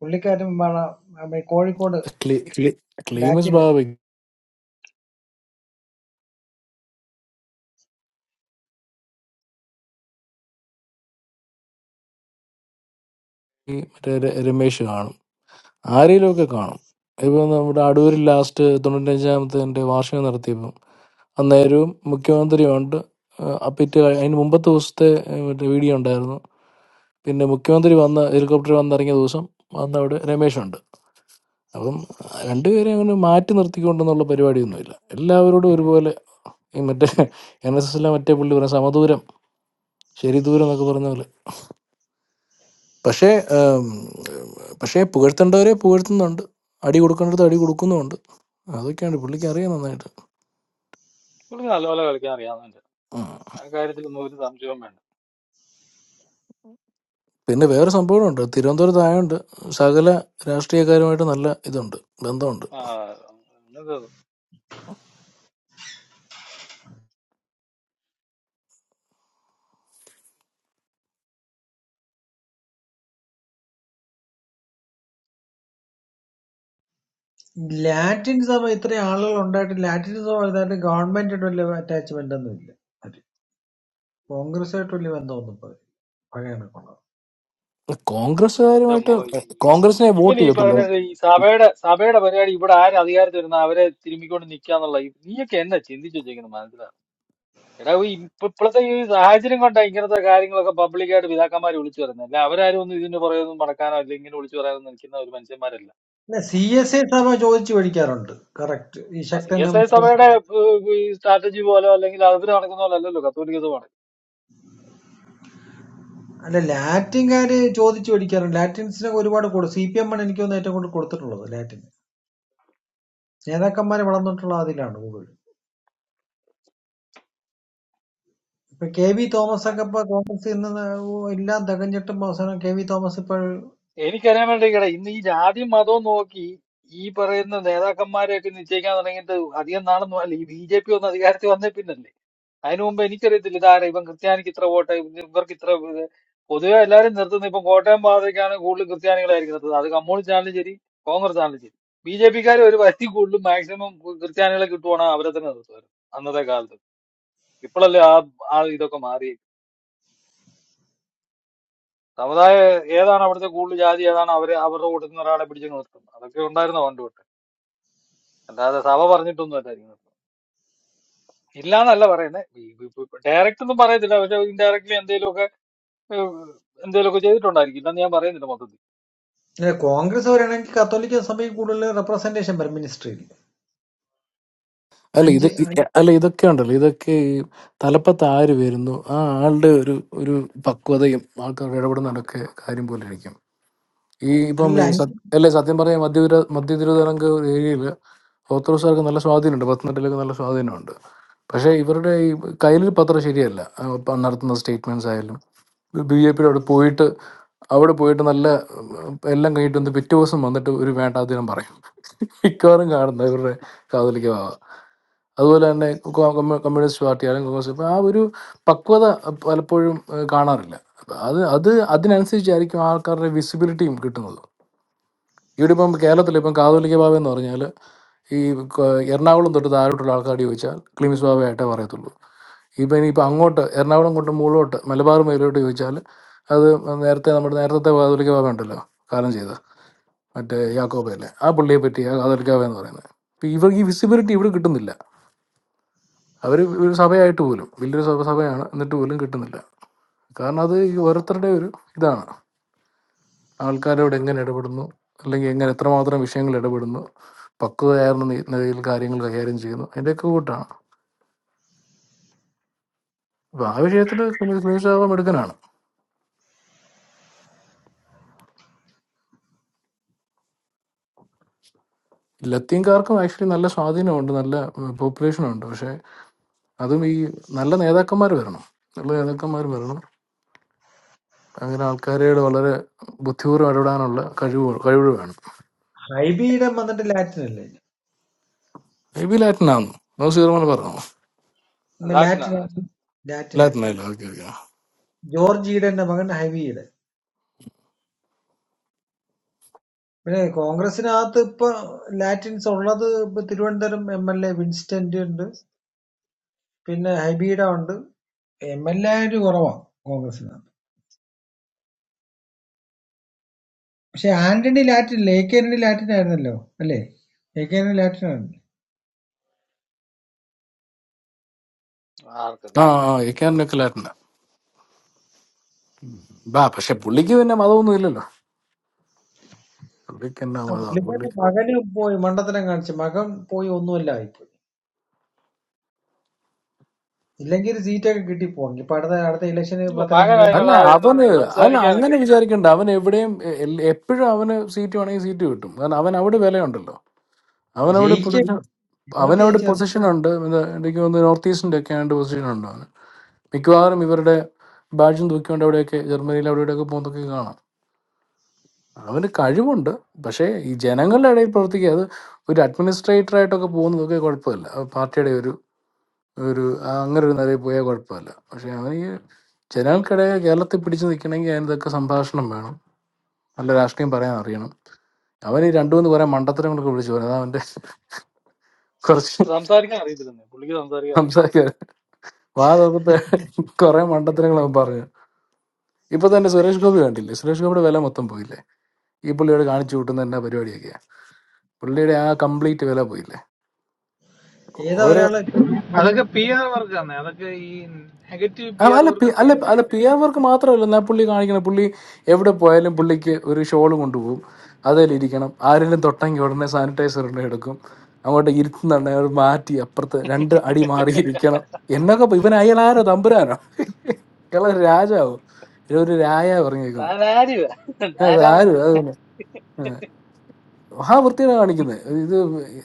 Speaker 8: പുള്ളിക്കാരൻ വള- നമ്മുടെ കോഴിക്കോട്
Speaker 18: ക്ലീ- ക്ലീ- ക്ലീമിസ് ബാബയ്ക്ക് മറ്റേ ര- രമേശ് കാണും ആരെയിലുമൊക്കെ കാണും ഇപ്പം നമ്മുടെ അടൂരിൽ ലാസ്റ്റ് തൊണ്ണൂറ്റഞ്ചാമത്തെ വാർഷികം നടത്തിയപ്പം അന്നേരവും മുഖ്യമന്ത്രിയുണ്ട് ഏഹ് അപ്പിറ്റ് കഴി- അതിന് മുമ്പത്തെ ദിവസത്തെ ഏഹ് മറ്റേ വീഡിയോ ഉണ്ടായിരുന്നു പിന്നെ മുഖ്യമന്ത്രി വന്ന ഹെലികോപ്റ്റർ വന്നിറങ്ങിയ ദിവസം വന്ന അവിടെ രമേശുണ്ട് അപ്പം രണ്ടുപേരെ അങ്ങനെ മാറ്റി നിർത്തിക്കൊണ്ടെന്നുള്ള പരിപാടിയൊന്നുമില്ല എല്ലാവരോടും ഒരുപോലെ ഈ മറ്റേ എൻ എസ് എസിലെ മറ്റേ പുള്ളി പറഞ്ഞ സമദൂരം ശരിദൂരം എന്നൊക്കെ പറഞ്ഞ പോലെ പക്ഷേ ഏം, പക്ഷേ പുകഴ്ത്തേണ്ടവരെ പുകഴ്ത്തുന്നുണ്ട് അടി കൊടുക്കേണ്ടത് അടി കൊടുക്കുന്നുമുണ്ട് അതൊക്കെയാണ് പുള്ളിക്ക് അറിയാം നന്നായിട്ട്
Speaker 9: പുള്ളി നല്ലപോലെ കളിക്കാൻ അറിയാവുന്നുണ്ട്
Speaker 18: ഉം.
Speaker 9: ആ കാര്യത്തിലൊന്നും ഒരു സംശയവും വേണ്ട
Speaker 18: പിന്നെ വേറെ സംഭവമുണ്ട് തിരുവനന്തപുരത്ത് ആയതുകൊണ്ട് സകല രാഷ്ട്രീയക്കാരുമായിട്ട് നല്ല ഇതുണ്ട് ബന്ധമുണ്ട്
Speaker 9: ആ എന്നത്
Speaker 8: ലാറ്റിൻ സഭ ഇത്രയും ആളുകൾ ഉണ്ടായിട്ട് ലാറ്റിൻ സഭ ഇതായിട്ട് ഗവൺമെന്റായിട്ട് വലിയ അറ്റാച്ച്മെന്റ് ഒന്നും ഇല്ല അവര് കോൺഗ്രസ്സായിട്ട് വലിയ ബന്ധമൊന്നും ഇപ്പൊ പഴയ കണക്കുള്ളത്
Speaker 9: എന്റെ
Speaker 18: കോൺഗ്രസ്സുകാരുമായിട്ട്
Speaker 9: മോ ഈ-
Speaker 18: കോൺഗ്രസിനെ
Speaker 9: ഇവൻ
Speaker 18: വോട്ട്
Speaker 9: ഈ
Speaker 18: ചെയ്യത്തുള്ളൂ
Speaker 9: പറയുന്നത് ഈ സഭയുടെ സഭയുടെ പരിപാടി ഇവിടെ ആര് അധികാരത്തിൽ വരുന്ന അവരെ തിരുമ്മിക്കൊണ്ട് നിക്കാന്നുള്ള ഈ- നീയൊക്കെ എന്നാ ചിന്തിച്ചു വെച്ചേക്കുന്നത് എടാ ഈ ഇപ്പ- ഇപ്പോഴത്തെ ഈ സാഹചര്യം കൊണ്ടാ ഇങ്ങനത്തെ കാര്യങ്ങളൊക്കെ പബ്ലിക്കായിട്ട് പിതാക്കന്മാർ വിളിച്ചു പറയുന്നത് അല്ല അവരാരും ഒന്നും ഇതിന്റെ പുറകെയൊന്നും നടക്കാനോ അല്ല ഇങ്ങനെ വിളിച്ചു പറയാനൊന്നും നിൽക്കുന്ന ഒരു മനുഷ്യന്മാരല്ല
Speaker 8: പിന്നെ സി എസ് ഐ സഭ ചോദിച്ചു പഠിക്കാറുണ്ട് കറക്റ്റ് ഈ
Speaker 9: ആ സി
Speaker 8: ശക്തന്റെ
Speaker 9: എസ് ഐ
Speaker 8: മത-
Speaker 9: സഭയുടെ സ്ട്രാറ്റജി പോലെ അല്ലെങ്കിൽ അവർ നടക്കുന്ന പോലെ അല്ലല്ലോ കത്തോലിക്ക സഭ നടക്കുന്നത്.
Speaker 8: അല്ല ലാറ്റിൻകാര് ചോദിച്ചു പഠിക്കാറുണ്ട് ലാറ്റിൻസിനെ ഒരുപാട് കൊടുക്കും സി പി എം ആണ് എനിക്ക് തോന്നുന്നു ഏറ്റവും കൂടുതൽ കൊടുത്തിട്ടുള്ളത് ലാറ്റിന് നേതാക്കന്മാരെ വളർന്നിട്ടുള്ള അതിലാണ് കൂടുതൽ ഇപ്പൊ കെ വി തോമസ് ഒക്കെ ഇപ്പൊ കോൺഗ്രസ് ഇന്ന് എല്ലാം തികഞ്ഞിട്ടും അവസാനം കെ വി തോമസ് ഇപ്പോൾ
Speaker 9: എനിക്കറിയാൻ വേണ്ടി കേടാ ഇന്ന് ഈ ജാതിയും മതവും നോക്കി ഈ പറയുന്ന നേതാക്കന്മാരെയൊക്കെ നിശ്ചയിക്കാൻ തുടങ്ങിയിട്ട് അധികം നാളൊന്നും അല്ല ഈ ബി ജെ പി ഒന്ന് അധികാരത്തിൽ വന്നേ പിന്നല്ലേ അതിനു മുമ്പ് എനിക്കറിയത്തില്ല ഇതാരാ ഇവൻ ക്രിസ്ത്യാനിക്ക് ഇത്ര വോട്ട് ഇവർക്ക് ഇത്ര ഇത്. പൊതുവെ എല്ലാവരും നിർത്തുന്നത് ഇപ്പം കോട്ടയം പാതയ്ക്കാണ് കൂടുതൽ ക്രിസ്ത്യാനികളായിരിക്കും നിർത്തുന്നത് അത് കമ്മ്യൂണിസ്റ്റ് ആണെങ്കിലും ശരി കോൺഗ്രസ് ആണെങ്കിലും ശരി ബി ജെ പിക്കാർ ഒരു പരിധി കൂടുതലും മാക്സിമം ക്രിസ്ത്യാനികളെ കിട്ടുവാണെങ്കിൽ അവരെ തന്നെ നിർത്തുമായിരുന്നു അന്നത്തെ കാലത്ത് ഇപ്പോഴല്ലേ ആ ആ ഇതൊക്കെ മാറി സമുദായ ഏതാണ് അവിടുത്തെ കൂടുതൽ ജാതി ഏതാണ് അവരെ അവരുടെ കൂട്ടത്തിൽ നിന്ന് ഒരാളെ പിടിച്ച് നിർത്തും അതൊക്കെ ഉണ്ടായിരുന്ന പണ്ട് തൊട്ട് അല്ലാതെ സഭ പറഞ്ഞിട്ടൊന്നും അല്ലായിരിക്കും നിർത്തുന്നത് ഇല്ലാന്നല്ല പറയുന്നത് ഡയറക്റ്റ് ഒന്നും പറയത്തില്ല പക്ഷെ ഇൻഡയറക്ട്ലി എന്തെങ്കിലും എന്തെങ്കിലുമൊക്കെ ചെയ്തിട്ടുണ്ടായിരിക്കും ഇല്ലെന്ന് ഞാൻ പറയുന്നില്ല മൊത്തത്തിൽ
Speaker 8: കോൺഗ്രസ് വരികയാണെങ്കിൽ കത്തോലിക്ക സഭയിൽ കൂടുതൽ റെപ്രസെന്റേഷൻ വരും മിനിസ്ട്രിയിൽ
Speaker 18: അല്ല ഇത്
Speaker 8: അഞ്ച് അ-
Speaker 18: ഇ- അല്ല ഇതൊക്കെ ഉണ്ടല്ലോ ഇതൊക്കെ ഈ തലപ്പത്ത് ആര് വരുന്നു ആ ആളുടെ ഒരു ഒരു പക്വതയും ആൾക്കാരുടെ ഇടപെടുന്നതൊക്കെ കാര്യം പോലെ ഇരിക്കും ഈ ഇപ്പം
Speaker 8: അല്ല
Speaker 18: ഈ
Speaker 8: അഞ്ച്
Speaker 18: സത്- അല്ലേ സത്യം പറയാം മധ്യ തിരു- മധ്യ തിരുവിതാംകൂർ ഏരിയയിൽ ഓത്തഡോക്സുകാർക്ക് നല്ല സ്വാധീനമുണ്ട് പത്തനംതിട്ടയിലൊക്കെ നല്ല സ്വാധീനമുണ്ട് പക്ഷേ ഇവരുടെ ഈ കയ്യിലൊരു പത്രം ശരിയല്ല ആ, പ- നടത്തുന്ന സ്റ്റേറ്റ്മെൻറ്റ്സ് ആയാലും ബി ജെ പിയുടെ അവിടെ പോയിട്ട് അവിടെ പോയിട്ട് നല്ല ഉം, എല്ലാം കഴിഞ്ഞിട്ട് വന്ന് പിറ്റേ ദിവസം വന്നിട്ട് ഒരു വേണ്ടാധീനം പറയും മിക്കവാറും കാണുന്ന ഇവരുടെ കാതലിക്ക ഭാവ അതുപോലെ തന്നെ കോ- കമ്മ്യൂ- കമ്മ്യൂണിസ്റ്റ് പാർട്ടി ആയാലും കോൺഗ്രസ് ഇപ്പം ആ ഒരു പക്വത പലപ്പോഴും ഏഹ്, കാണാറില്ല അപ്പം അത് അത് അതിനനുസരിച്ചായിരിക്കും ആൾക്കാരുടെ വിസിബിലിറ്റിയും കിട്ടുന്നത് ഇവിടെ ഇപ്പം കേരളത്തിൽ ഇപ്പം കാതോലിക്ക ബാബ എന്ന് പറഞ്ഞാൽ ഈ ക- എറണാകുളം തൊട്ട് താഴോട്ടുള്ള ആൾക്കാർ ചോദിച്ചാൽ ക്ലിമിസ് ബാബയായിട്ടേ പറയത്തുള്ളൂ ഇപ്പം ഇനിയിപ്പോൾ അങ്ങോട്ട് എറണാകുളം കൊണ്ട് മുകളിലോട്ട് മലബാർ മേലോട്ട് ചോദിച്ചാൽ അത് നേരത്തെ നമ്മുടെ നേരത്തെ കാതോലിക്ക ബാബ ഉണ്ടല്ലോ കാലം ചെയ്ത മറ്റേ യാക്കോബയല്ലേ ആ പുള്ളിയെ പറ്റിയ കാതോലിക്ക ബാബ എന്ന് പറയുന്നത് ഇപ്പം ഇവർക്ക് ഈ വിസിബിലിറ്റി ഇവിടെ കിട്ടുന്നില്ല അവർ ഒരു സഭയായിട്ട് പോലും വലിയൊരു സഭ സഭയാണ് എന്നിട്ട് പോലും കിട്ടുന്നില്ല കാരണം അത് ഈ ഓരോരുത്തരുടെ ഒരു ഇതാണ് ആൾക്കാരോട് എങ്ങനെ ഇടപെടുന്നു അല്ലെങ്കിൽ എങ്ങനെ എത്രമാത്രം വിഷയങ്ങൾ ഇടപെടുന്നു പക്വതയാർന്ന നി- നിലയിൽ കാര്യങ്ങൾ കൈകാര്യം ചെയ്യുന്നു അതിൻ്റെയൊക്കെ കൂട്ടാണ് അപ്പോൾ ആ വിഷയത്തിൽ ക്ലീൻഷാവാൻ എടുക്കാനാണ് ലത്തീൻകാർക്കും ആക്ച്വലി നല്ല സ്വാധീനമുണ്ട് നല്ല പോപ്പുലേഷൻ ഉണ്ട് പക്ഷേ അതും ഈ നല്ല നേതാക്കന്മാർ വരണം നല്ല നേതാക്കന്മാർ വരണം അങ്ങനെ ആൾക്കാരോട് വളരെ ബുദ്ധിപൂർവ്വം ഇടപെടാനുള്ള കഴിവ് കഴിവ് വേണം
Speaker 8: ഹൈബിയുടെ വന്നിട്ട് ലാറ്റിൻ അല്ലേ
Speaker 18: മേ ബി ലാറ്റിനാന്ന് നോ സീറോമൻ പറഞ്ഞു
Speaker 8: ഉം
Speaker 9: ലാറ്റിനാ
Speaker 8: ലാറ്റിൻ
Speaker 9: ലാറ്റിന്
Speaker 8: ലാറ്റിൻ
Speaker 18: ലാറ്റിനല്ല ഓക്കെ ഓക്കെ
Speaker 8: ജോർജിയുടെ എന്റെ മകൻ ഹൈബിയുടെ പിന്നെ കോൺഗ്രസിനകത്ത് ഇപ്പൊ ലാറ്റിൻസ് ഉള്ളത് ഇപ്പൊ Thiruvananthapuram M L A Vincent ഉണ്ട് പിന്നെ ഹൈബിയുടെ ഉണ്ട് എം എൽ എ ആയിട്ട് കുറവാണ് കോൺഗ്രസിനകത്ത് പക്ഷെ Antony Latin A K Antony Latin ആയിരുന്നല്ലോ അല്ലേ എ കെ ആന്റണി ലാറ്റിൻ ആയിരുന്നു
Speaker 9: ആർക്കറിയാം
Speaker 18: ആ ആ എക്കാരനൊക്കെ ലാറ്റിന ബാ പക്ഷെ പുള്ളിക്ക് പിന്നെ മതമൊന്നും ഇല്ലല്ലോ പുള്ളിക്കെന്നാ
Speaker 8: ആ
Speaker 18: മതാ പുള്ളി
Speaker 8: പുള്ളിക്കാരന്റെ മകന് പോയി മണ്ടത്തരം കാണിച്ച് മകൻ പോയി ഒന്നുമല്ല ആയിപ്പോയി ഇല്ലെങ്കിൽ ഒരു സീറ്റൊക്കെ കിട്ടി പോകും ഇപ്പൊ അടുത്ത അടുത്ത ഇലക്ഷന്
Speaker 9: ഇയ്യോ, മകൻ
Speaker 8: പത്തനംതിട്ട
Speaker 9: അതിനുള്ള
Speaker 18: അല്ല അവന്
Speaker 9: ഇതൊന്നുമില്ല
Speaker 18: അല്ല
Speaker 9: സംസാരിക്കാനൊക്കെ
Speaker 18: അങ്ങനെ
Speaker 9: ബുദ്ധിമുട്ട്
Speaker 18: വിചാരിക്കണ്ട അവൻ എവിടെയും എ- എൽ- എപ്പോഴും അവന് സീറ്റ് വേണമെങ്കിൽ സീറ്റ് കിട്ടും കാരണം അവൻ അവിടെ വിലയുണ്ടല്ലോ അവനവിടെ പൊസിഷൻ
Speaker 8: ജയിക്കണ്ടേ കേരളത്തിൽ
Speaker 18: അവനവിടെ
Speaker 8: ജയിച്ചു വരണം.
Speaker 18: പൊസിഷൻ ഉണ്ട് ഇത് എനിക്ക് തോന്നുന്നു നോർത്ത് ഈസ്റ്റിന്റെ ഒക്കെ ആയിട്ട് പൊസിഷൻ ഉണ്ട് അവന് മിക്കവാറും ഇവരുടെ ബാഡ്ജും തൂക്കിക്കൊണ്ട് അവിടെയൊക്കെ ജർമ്മനിയിൽ അവിടെ ഇവിടെയൊക്കെ പോകുന്നതൊക്കെ കാണാം അവന് കഴിവുണ്ട് പക്ഷേ ഈ ജനങ്ങളുടെ ഇടയിൽ പ്രവർത്തിക്കുക അത് ഒരു അഡ്മിനിസ്ട്രേറ്റർ ആയിട്ടൊക്കെ പോകുന്നതൊക്കെ കുഴപ്പമില്ല അത് പാർട്ടിയുടെ ഒരു ഒരു ആ അങ്ങനെ ഒരു നിലയിൽ പോയാൽ കുഴപ്പമില്ല പക്ഷെ അവന് ഈ ജനങ്ങൾക്കിടയിൽ കേരളത്തിൽ പിടിച്ചു നിൽക്കണമെങ്കിൽ അതിനൊക്കെ സംഭാഷണം വേണം നല്ല രാഷ്ട്രീയം പറയാൻ അറിയണം അവൻ ഈ രണ്ടു മൂന്ന് കുറെ മണ്ടത്തരങ്ങളൊക്കെ വിളിച്ചു പറയും അതാ അവന്റെ കുറച്ച്
Speaker 9: സംസാരിക്കാൻ അറിയത്തില്ലെന്നേ പുള്ളിക്ക് സംസാരിക്കാൻ അറിയത്തില്ല
Speaker 18: സംസാരിക്കാൻ വാ തുറന്നപ്പോ കുറെ മണ്ടത്തരങ്ങൾ അവൻ പറഞ്ഞു ഇപ്പൊ തന്നെ സുരേഷ് ഗോപി കണ്ടില്ലേ സുരേഷ് ഗോപിയുടെ വില മൊത്തം പോയില്ലേ ഈ പുള്ളിയോട് കാണിച്ചു കൂട്ടുന്ന എന്നാ പരിപാടിയൊക്കെയാ പുള്ളിയുടെ ആ കംപ്ലീറ്റ് വില പോയില്ലേ
Speaker 8: ഏതാ
Speaker 18: ഓരോ
Speaker 8: ഒരാള്
Speaker 12: അതൊക്കെ പി
Speaker 8: നോമിനേഷൻ
Speaker 12: ആർ വർക്കാണ് അതൊക്കെ ഈ നെഗറ്റീവ്
Speaker 18: ആ,
Speaker 12: പി ആർ
Speaker 18: അല്ല
Speaker 12: വർക്ക്
Speaker 18: പി- അല്ല
Speaker 12: ചെയ്യുന്ന
Speaker 18: അല്ല പി അവർക്ക് മാത്രമല്ല എന്നാ പുള്ളി കാണിക്കണം പുള്ളി എവിടെ പോയാലും പുള്ളിക്ക് ഒരു ഷോൾ കൊണ്ടുപോകും അതിൽ ഇരിക്കണം ആരെങ്കിലും തൊട്ടെങ്കിൽ ഉടനെ സാനിറ്റൈസർ ഉടനെ എടുക്കും അങ്ങോട്ട് ഇരുത്തുന്നുണ്ടെ അവർ മാറ്റി അപ്പുറത്ത് രണ്ട് അടി മാറി ഇരിക്കണം എന്നൊക്കെ പ- ഇവൻ അയാൾ ആരോ തമ്പുരാനോ ഇയാളെ രാജാവോ ഇയാൾ ഒരു രായ പറഞ്ഞേക്കുന്നത്
Speaker 9: താൻ ആരുവാ
Speaker 18: അത്
Speaker 9: നാരായണ
Speaker 18: ആരും അതൊന്നും മഹാ വൃത്തിയാണ് കാണിക്കുന്നത് ഇത്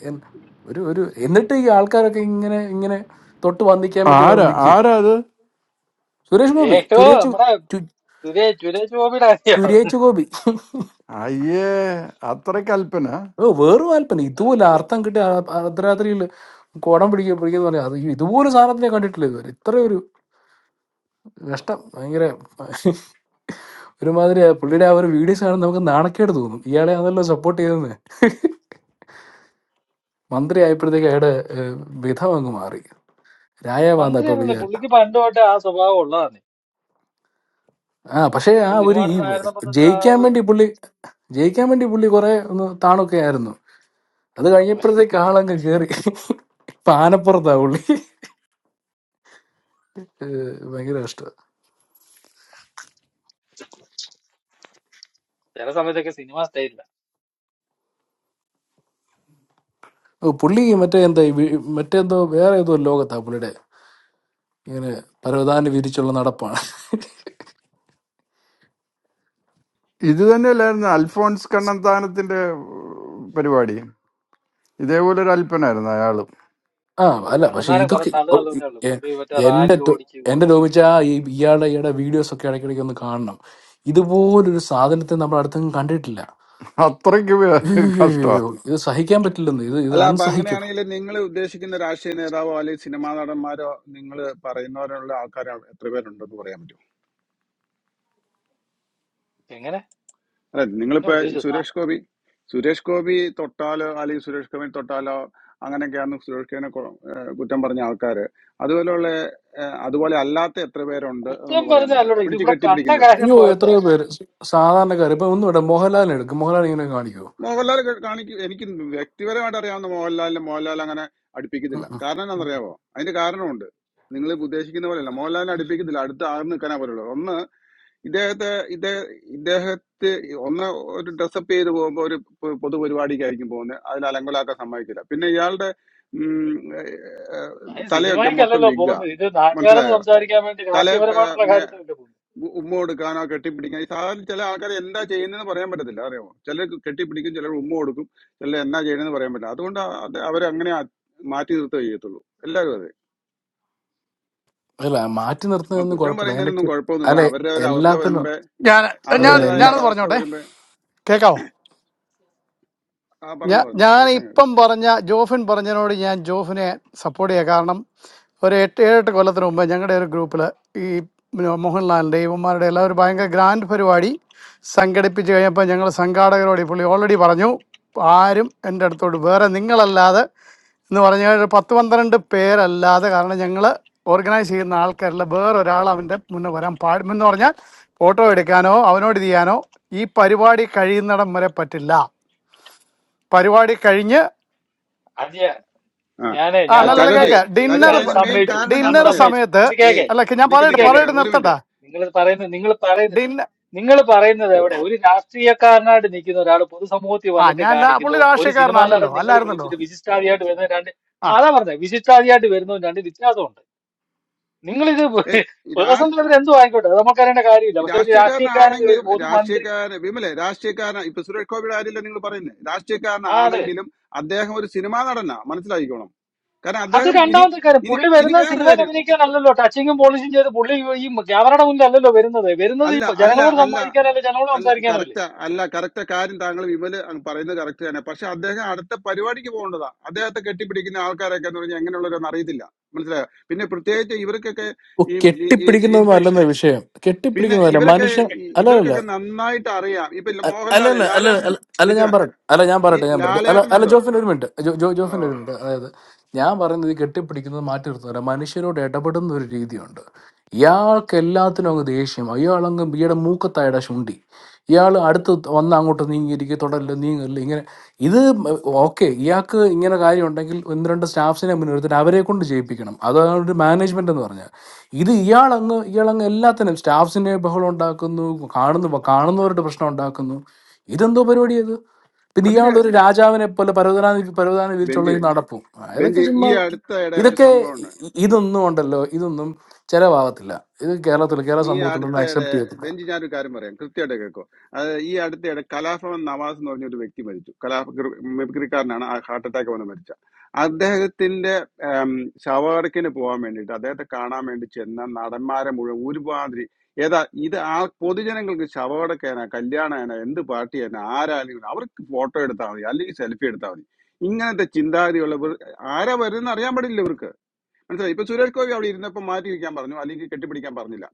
Speaker 18: എൻ- ഒരു ഒരു എന്നിട്ട് ഈ ആൾക്കാരൊക്കെ ഇങ്ങനെ ഇങ്ങനെ തൊട്ട് വന്നിക്കാൻ വേണ്ടി
Speaker 10: ആരാ
Speaker 18: വന്നിക്കുക
Speaker 10: ആരാ അത്
Speaker 18: സുരേഷ് ഗോപി
Speaker 9: ഏട്ടോ നമ്മടെ
Speaker 18: ചുരേച്ചു
Speaker 9: സുരേഷ് സുരേഷ് ഗോപിയുടെ അറിയോ
Speaker 18: സുരേഷ് ഗോപി
Speaker 10: അയ്യേ അത്ര കൽപ്പന
Speaker 18: ഓ വേറെ വാൽപ്പന ഇതുപോലെ
Speaker 9: അയ്യോ
Speaker 18: അർത്ഥം കിട്ടിയ ആ- ആ അർദ്ധരാത്രിയിൽ കുടം പിടിക്കുക പിടിക്കുന്ന പറയാം അത് ഇതുപോലെ സാധനത്തിനെ കണ്ടിട്ടില്ല ഇതുവരെ ഇത്ര ഒരു നഷ്ടം ഭയങ്കര ഒരുമാതിരി ആ പുള്ളിയുടെ ആ ഒരു വീഡിയോസ് കാണുമ്പോൾ നമുക്ക് നാണക്കേട് തോന്നും ഇയാളെ അതല്ലോ സപ്പോർട്ട് ചെയ്തെന്ന് മന്ത്രി ആയപ്പോഴത്തേക്ക് അയാളുടെ ഏഹ്, വിധം അങ്ങ് മാറി രായവാന്ത ഇപ്പൊ
Speaker 9: മന്ത്രിയാണല്ലേ
Speaker 18: വിചാരിച്ച
Speaker 9: പുള്ളിക്ക് പണ്ട് തൊട്ടേ ആ സ്വഭാവം ഉള്ളതാണ്
Speaker 18: ആ പക്ഷേ ആ
Speaker 9: പുള്ളി സിനിമ
Speaker 18: ഒരു ഈ
Speaker 9: നടനായിരുന്നപ്പോ തൊട്ട് ആ
Speaker 18: ജയിക്കാൻ
Speaker 9: ഒരു
Speaker 18: വേണ്ടി പുള്ളി ജയിക്കാൻ വേണ്ടി പുള്ളി കുറെ ഒന്ന് താണൊക്കെ ആയിരുന്നു അത് കഴിഞ്ഞപ്പോഴത്തേക്ക് ആളങ്ങ് കേറി പാനപ്പുറത്താ പുള്ളി ഏഹ് ഭയങ്കര ഇഷ്ടമാണ്
Speaker 9: ചില സമയത്തൊക്കെ സിനിമ സ്റ്റൈലില്ല
Speaker 18: പുള്ളി മറ്റേ എന്താ ഈ വി- മറ്റേന്തോ വേറെ ഏതോ ലോകത്താ പുള്ളിയുടെ ഇങ്ങനെ പരവതാനി വിരിച്ചുള്ള നടപ്പാണ്
Speaker 10: ഇത് തന്നെയല്ലായിരുന്നു അൽഫോൺസ് കണ്ണന്താനത്തിന്റെ പരിപാടി ഇതേപോലെ ഒരു അൽപ്പനായിരുന്നു അയാള്
Speaker 18: ആ
Speaker 9: ഓ
Speaker 18: അല്ല പക്ഷെ
Speaker 9: കണ്ണന്താനം കുറെ
Speaker 18: ഇതൊക്കെ
Speaker 9: തള്ളു
Speaker 18: ഓ,
Speaker 9: തള്ളുന്നേ
Speaker 18: ഇ-
Speaker 9: ഉള്ളു
Speaker 18: എ-
Speaker 9: പുള്ളി മറ്റേ
Speaker 18: എന്റെ
Speaker 9: റാലി
Speaker 18: ടോ-
Speaker 9: ഓടിച്ച്
Speaker 18: എന്റെ രോമിച്ച ഈ ഇയാളുടെ ഇയാളുടെ വീഡിയോസ് ഒക്കെ ഇടയ്ക്കിടയ്ക്ക് ഒന്ന് കാണണം ഇതുപോലൊരു സാധനത്തെ നമ്മൾ അടുത്തെങ്കിലും കണ്ടിട്ടില്ല
Speaker 10: Hat wirklich was draus.
Speaker 18: അയ്യോ ഇത് സഹിക്കാൻ പറ്റില്ലെന്ന് ഇത് ഇത്
Speaker 19: അല്ല അപ്പൊ
Speaker 18: അൺസഹിക്കും
Speaker 19: അങ്ങനെയാണെങ്കിൽ നിങ്ങൾ ഉദ്ദേശിക്കുന്ന രാഷ്ട്രീയ നേതാവോ അല്ലെങ്കിൽ സിനിമാ നടന്മാരോ നിങ്ങൾ പറയുന്നവരുള്ള ആൾക്കാർ എത്ര പേരുണ്ടെന്ന് പറയാൻ പറ്റുമോ
Speaker 9: എങ്ങനെ
Speaker 19: അല്ല
Speaker 9: എന്നെ
Speaker 19: നിങ്ങളിപ്പോ
Speaker 9: ഉദ്ദേശിച്ചു ആ,
Speaker 19: സുരേഷ് ഗോപി സുരേഷ് ഗോപി തൊട്ടാലോ അല്ലെങ്കിൽ സുരേഷ് ഗോപി തൊട്ടാലോ അങ്ങനെയൊക്കെയാണ് സുരേഷ് ഗോപിനെ കൊ- ഏഹ് കുറ്റം പറഞ്ഞ ആൾക്കാര് അതുപോലെയുള്ള ഏഹ് അതുപോലെ അല്ലാത്ത എത്ര പേരുണ്ട്
Speaker 9: കുറ്റം
Speaker 19: എന്ന് പറയാൻ പറ്റും
Speaker 9: പറഞ്ഞല്ലോ ഇത്
Speaker 19: പിടിച്ച്
Speaker 9: ഇവിടെ കണ്ട
Speaker 19: കെട്ടിപ്പിടിക്കുന്നവര്
Speaker 9: കാര്യം
Speaker 18: അയ്യോ
Speaker 9: പറഞ്ഞു
Speaker 18: എത്രയോ പേര് സ- സാധാരണക്കാർ ഇപ്പൊ ഒന്നും ഇവിടെ മോഹൻലാലിനെ എടുക്കും മോഹൻലാൽ ഇങ്ങനെ കാണിക്കുമോ
Speaker 19: മോഹൻലാൽ കാണിക്കും എനിക്ക് വ്യക്തിപരമായിട്ട് അറിയാവുന്ന മോഹൻലാലിനെ മോഹൻലാൽ അങ്ങനെ അടുപ്പിക്കത്തില്ല കാരണം എന്താണെന്നറിയാമോ അതിന്റെ കാരണമുണ്ട് നിങ്ങൾ ഉദ്ദേശിക്കുന്ന പോലെയല്ല മോഹൻലാലിനെ അടുപ്പിക്കത്തില്ല അടുത്ത് ആർന്ന് നിൽക്കാനേ പറയുള്ളൂ ഒന്ന് ഇദ്ദേഹത്തെ ഇദ്ദേഹ ഇദ്ദേഹത്തെ ഒന്ന് ഒരു ഡ്രസ്സപ്പ് ചെയ്ത് പോകുമ്പോൾ ഒരു പൊ- പൊതുപരിപാടിക്കായിരിക്കും പോകുന്നത് അതിൽ അലങ്കോലാക്കാൻ സമ്മതിക്കില്ല പിന്നെ ഇയാളുടെ ഉം, ഏഹ്,
Speaker 9: അത്
Speaker 19: തലയൊക്കെ മൊത്തം
Speaker 9: സിനിമയ്ക്കല്ലല്ലോ
Speaker 19: വിഗ
Speaker 9: പോകുന്നത് ഇത് നാട്ടുകാരോട്
Speaker 19: മനസ്സിലായോ
Speaker 9: സംസാരിക്കാൻ വേണ്ടി
Speaker 19: തല
Speaker 9: രാഷ്ട്രീയപരമായിട്ടുള്ള കാര്യത്തിലല്ലേ പോകുന്നത്
Speaker 19: ഉ- ഉമ്മ കൊടുക്കാനോ കെട്ടിപ്പിടിക്കാൻ ഈ സാധാരണ ചില ആൾക്കാർ എന്താ ചെയ്യുന്നതെന്ന് പറയാൻ പറ്റത്തില്ല അറിയാമോ ചിലർ കെട്ടിപ്പിടിക്കും ചിലർ ഉമ്മ കൊടുക്കും ചിലർ എന്നാ ചെയ്യണമെന്ന് പറയാൻ പറ്റില്ല അതുകൊണ്ട് അത് അവരങ്ങനെ ആ- മാറ്റി നിർത്തുക ചെയ്യത്തുള്ളൂ എല്ലാവരും അതെ
Speaker 18: അല്ല മാറ്റി
Speaker 19: ചുമ്മാ
Speaker 18: നിർത്തുന്നതൊന്നും
Speaker 19: കുറ്റം
Speaker 18: കുഴപ്പമില്ല അതിന്റെ
Speaker 19: പറയുന്നതിനൊന്നും കുഴപ്പമൊന്നുമില്ല
Speaker 18: അല്ലെ
Speaker 19: അവരുടെ ഒരു അവസ്ഥ
Speaker 18: എല്ലാത്തിനും
Speaker 19: വരുമ്പോ
Speaker 14: ഞാൻ ഞാൻ
Speaker 18: അല്ലല്ല
Speaker 19: അവരുടേതായ
Speaker 18: എല്ലാ
Speaker 14: ഞാനത്
Speaker 19: ഒരവസ്ഥ
Speaker 14: പറഞ്ഞോട്ടെ
Speaker 19: വരുമ്പോ
Speaker 14: കേക്കാവോ
Speaker 19: ആ
Speaker 14: ഞാൻ
Speaker 19: പറഞ്ഞു പറഞ്ഞു
Speaker 14: ഞാൻ
Speaker 19: കേൾക്കാൻ
Speaker 14: ഇപ്പം
Speaker 19: കേൾക്കാം
Speaker 14: പറഞ്ഞ ജോഫിൻ പറഞ്ഞതിനോട് ഞാൻ ജോഫിനെ സപ്പോർട്ട് ചെയ്യാം കാരണം ഒരു എട്ട് ഏഴെട്ട് കൊല്ലത്തിന് മുമ്പ് ഞങ്ങളുടെ ഒരു ഗ്രൂപ്പിൽ ഈ പിന്നെ മോഹൻലാലിൻ്റെ ഇവന്മാരുടെ എല്ലാം ഒരു ഭയങ്കര ഗ്രാൻഡ് പരിപാടി സംഘടിപ്പിച്ച് കഴിഞ്ഞപ്പോൾ ഞങ്ങൾ സംഘാടകരോട് ഈ പുള്ളി ഓൾറെഡി പറഞ്ഞു ആരും എൻ്റെ അടുത്തോട്ട് വേറെ നിങ്ങളല്ലാതെ എന്ന് പറഞ്ഞ ഒരു പത്ത് പന്ത്രണ്ട് പേരല്ലാതെ കാരണം ഞങ്ങൾ ഓർഗനൈസ് ചെയ്യുന്ന ആൾക്കാരിൽ വേറൊരാൾ അവൻ്റെ മുന്നേ വരാൻ പാടുമെന്ന് പറഞ്ഞാൽ ഫോട്ടോ എടുക്കാനോ അവനോട് ഇത് ചെയ്യാനോ ഈ പരിപാടി കഴിയുന്നിടം വരെ പറ്റില്ല പരിപാടി കഴിഞ്ഞ്
Speaker 9: അത് ഞാ-
Speaker 19: ആ
Speaker 9: ഞാനേ
Speaker 14: ആ
Speaker 19: ആ,
Speaker 9: ഞാൻ
Speaker 14: അല്ല അല്ല അല്ല,
Speaker 9: അതല്ല
Speaker 19: ചകജി
Speaker 14: കേക്ക
Speaker 9: മികച്ച
Speaker 14: ഡിന്നർ
Speaker 19: ചകജി
Speaker 9: അത്
Speaker 19: അതിന് മെയിൻ
Speaker 9: സമ്മതിച്ചു
Speaker 19: കാരണം ഞാൻ
Speaker 9: അത്
Speaker 14: ഡിന്നർ
Speaker 19: പറഞ്ഞുതരാം
Speaker 9: സമ്മതിച്ചു
Speaker 14: സമയത്ത്
Speaker 9: ഇത്
Speaker 19: ഏയ്
Speaker 9: കേക്കെ
Speaker 14: അല്ല ക- ഞാൻ
Speaker 19: നിക്ക്
Speaker 9: ഇത്
Speaker 14: പറയട്ടെ
Speaker 19: നിക്ക്
Speaker 9: കേക്കെ
Speaker 19: നിക്ക്
Speaker 14: പറയട്ടെ
Speaker 19: ഒരു
Speaker 14: നിർത്തട്ടാ
Speaker 19: മിനിറ്റ്
Speaker 9: നിങ്ങൾ പറയുന്നത് നിങ്ങൾ പറയുന്നത്
Speaker 14: ഡിന്നർ
Speaker 9: നിങ്ങൾ പറയുന്നത് എവിടെ ഒരു രാഷ്ട്രീയക്കാരനായിട്ട് നിൽക്കുന്ന ഒരാൾ പൊതുസമൂഹത്തിൽ
Speaker 14: ആ
Speaker 9: വന്നിട്ട്
Speaker 14: ഞാൻ അല്ല പുള്ളി
Speaker 9: കാണിക്കുന്നതും ഒരു സിനിമാ നടൻ
Speaker 14: രാഷ്ട്രീയക്കാരനല്ലല്ലോ
Speaker 9: നിങ്ങൾ
Speaker 14: അല്ലായിരുന്നല്ലോ
Speaker 9: വിളിച്ചിട്ട് വിശിഷ്ടാതിയായിട്ട് വരുന്ന രണ്ട്
Speaker 14: ആ
Speaker 9: അതാ പറഞ്ഞത് വിശിഷ്ടാതിയായിട്ട് വരുന്നതും രണ്ട് വ്യത്യാസമുണ്ട് നിങ്ങൾ ഇത്
Speaker 19: ഏയ്
Speaker 9: പേഴ്സണൽ
Speaker 19: രാഷ്ട്രീയ
Speaker 9: ലെവൽ എന്തോ ആയിക്കോട്ടെ അത് നമുക്കറിയേണ്ട കാര്യമില്ല പക്ഷെ ഒരു രാഷ്ട്രീയക്കാരൻ
Speaker 19: രാഷ്ട്രീയക്കാരനാണെങ്കിൽ
Speaker 9: ഒരു പൊതുമന്ത്രി
Speaker 19: രാഷ്ട്രീയക്കാരൻ വിമലെ രാഷ്ട്രീയക്കാരൻ ഇപ്പൊ സുരേഷ് ഗോപിയുടെ കാര്യമില്ല നിങ്ങൾ പറയുന്നത് രാഷ്ട്രീയക്കാരനാണെങ്കിലും അദ്ദേഹം ഒരു സിനിമാ നടനാ മനസ്സിലാക്കിക്കോണം കാരണം
Speaker 9: അത്
Speaker 19: അദ്ദേഹം ഇനി
Speaker 9: രണ്ടാമത്തെ കാര്യം
Speaker 19: ഇനി
Speaker 9: പുള്ളി
Speaker 19: ഇനി
Speaker 9: വരുന്ന
Speaker 19: വേറൊരു
Speaker 9: സിനിമയിൽ
Speaker 19: കാര്യം
Speaker 9: അഭിനയിക്കാനല്ലല്ലോ ടച്ചിങ്ങും പോളിഷും ചെയ്ത് പുള്ളി ഈ ക്യാമറയുടെ മുന്നിൽ അല്ലല്ലോ വരുന്നത് വരുന്നത് ഈ
Speaker 19: അല്ല അല്ല
Speaker 9: ജനങ്ങളോട്
Speaker 19: അല്ല
Speaker 9: സംവാദിക്കാനല്ലേ ജനങ്ങളോട്
Speaker 19: അല്ല
Speaker 9: സംസാരിക്കാനും അല്ലേ
Speaker 19: കറക്റ്റ് അല്ല കറക്റ്റ് കാര്യം താങ്കൾ വിമല് അങ്ങ് പറയുന്നത് കറക്റ്റ് തന്നെ പക്ഷെ അദ്ദേഹം അടുത്ത പരിപാടിക്ക് പോകേണ്ടതാ അദ്ദേഹത്തെ കെട്ടിപ്പിടിക്കുന്ന ആൾക്കാരൊക്കെ എന്ന് പറഞ്ഞാൽ എങ്ങനെയുള്ളവരെന്ന് അറിയത്തില്ല മനസ്സിലായോ പിന്നെ പ്രത്യേകിച്ച് ഇവർക്കൊക്കെ
Speaker 18: ഓ,
Speaker 19: ഈ
Speaker 18: കെട്ടിപ്പിടിക്കുന്നതൊന്നും
Speaker 19: ഇൻഫെക്ഷൻ
Speaker 18: അല്ലെന്ന വിഷയം
Speaker 19: പിന്നെ
Speaker 18: കെട്ടിപ്പിടിക്കുന്നതല്ല
Speaker 19: ഇവരൊക്കെ
Speaker 18: മനുഷ്യൻ അല്ല
Speaker 19: ഇവർക്കൊക്കെ നന്നായിട്ട് അറിയാം ഇപ്പൊ
Speaker 18: അല്ല
Speaker 19: മോഹൻലാൽ
Speaker 18: അല്ല അല്ല
Speaker 19: ലാലേട്ടൻ
Speaker 18: അല്ല അല്ല,
Speaker 19: നിൽക്കുക
Speaker 18: ഞാൻ പറയട്ടെ അല്ല ഞാൻ
Speaker 19: ഈ
Speaker 18: പറയട്ടെ ഞാൻ പറയട്ടെ അല്ല അല്ല
Speaker 19: ലാലേട്ടനുണ്ടോ
Speaker 18: ജോഫിന്റെ ഒരു മിനിറ്റ് ജോ ജോ-
Speaker 19: ഓ
Speaker 18: ജോഫിന്റെ ഒരു മിനിറ്റ് അതായത് ഞാൻ പറയുന്നത് ഈ കെട്ടിപ്പിടിക്കുന്നത് മാറ്റി നിർത്തുന്നില്ല മനുഷ്യരോട് ഇടപെടുന്ന ഒരു രീതിയുണ്ട് ഇയാൾക്ക് എല്ലാത്തിനും അങ്ങ് ദേഷ്യം അയാളങ്ങ് ഇയാളുടെ മൂക്കത്തായുടെ ശുണ്ടി ഇയാൾ അടുത്ത് വന്ന് അങ്ങോട്ട് നീങ്ങിയിരിക്കുക തുടരില്ല നീങ്ങില്ല ഇങ്ങനെ ഇത് ഓക്കെ ഇയാൾക്ക് ഇങ്ങനെ കാര്യം ഉണ്ടെങ്കിൽ ഒന്ന് രണ്ട് സ്റ്റാഫ്സിനെ മുൻനിർത്തിട്ട് അവരെ കൊണ്ട് ചെയ്യിപ്പിക്കണം അതാണ് ഒരു മാനേജ്മെന്റ് എന്ന് പറഞ്ഞാൽ ഇത് ഇയാളങ്ങ് ഇയാളങ്ങ് എല്ലാത്തിനും സ്റ്റാഫ്സിനെ ബഹളം ഉണ്ടാക്കുന്നു കാണുന്നു കാണുന്നവരുടെ പ്രശ്നം ഉണ്ടാക്കുന്നു ഇതെന്തോ പരിപാടി ഇത് പിന്നെ
Speaker 19: അതിന്
Speaker 18: ഇയാളൊരു രാജാവിനെ പോലെ പരവതാനി പരവതാനി വിരിച്ചുള്ള
Speaker 19: ബെഞ്ചി
Speaker 18: ഈ നടപ്പും ആ, ഇതൊക്കെ
Speaker 19: ബെഞ്ചി ഈ
Speaker 18: ചുമ്മാ
Speaker 19: അടുത്തിടെ ഒരു
Speaker 18: ഇതൊക്കെ
Speaker 19: സംഭവം
Speaker 18: ഇ- ഇതൊന്നും ഉണ്ടല്ലോ ഇതൊന്നും ചെലവാകത്തില്ല ഇത് കേരളത്തിൽ കേരള
Speaker 19: ഈ
Speaker 18: സമൂഹത്തിലൊന്നും
Speaker 19: അടുത്തയിടെ
Speaker 18: അക്സെപ്റ്റ് ചെയ്യത്തില്ല
Speaker 19: ബെഞ്ച് ഞാനൊരു കാര്യം പറയാം കൃത്യമായിട്ട് കേൾക്കോ അത് ഈ അടുത്തയിടെ കലാഭവൻ നവാസ് എന്ന് പറഞ്ഞൊരു വ്യക്തി മരിച്ചു കലാ മിമിക്രിക്കാരനാണ് ആ ഹാർട്ട് അറ്റാക്ക് വന്ന് മരിച്ച അദ്ദേഹത്തിന്റെ ഉം, ശവകടക്കിന് പോകാൻ വേണ്ടിയിട്ട് അദ്ദേഹത്തെ കാണാൻ വേണ്ടി ചെന്ന നടന്മാരെ മുഴുവൻ ഒരുമാതിരി ഏതാ ഇത് ആ പൊതുജനങ്ങൾക്ക് ശവകടക്കേന കല്യാണേന എന്ത് പാർട്ടി തന്നെ ആരായാലും അവർക്ക് ഫോട്ടോ എടുത്താൽ മതി അല്ലെങ്കിൽ സെൽഫി എടുത്താൽ മതി ഇങ്ങനത്തെ ചിന്താഗതിയുള്ളവർ ആരാ വരുന്ന അറിയാൻ പാടില്ല മനസ്സിലായി ഇപ്പൊ സുരേഷ് ഗോപി അവിടെ ഇരുന്നപ്പോൾ മാറ്റി വയ്ക്കാൻ പറഞ്ഞു അല്ലെങ്കിൽ കെട്ടിപ്പിടിക്കാൻ പറഞ്ഞില്ല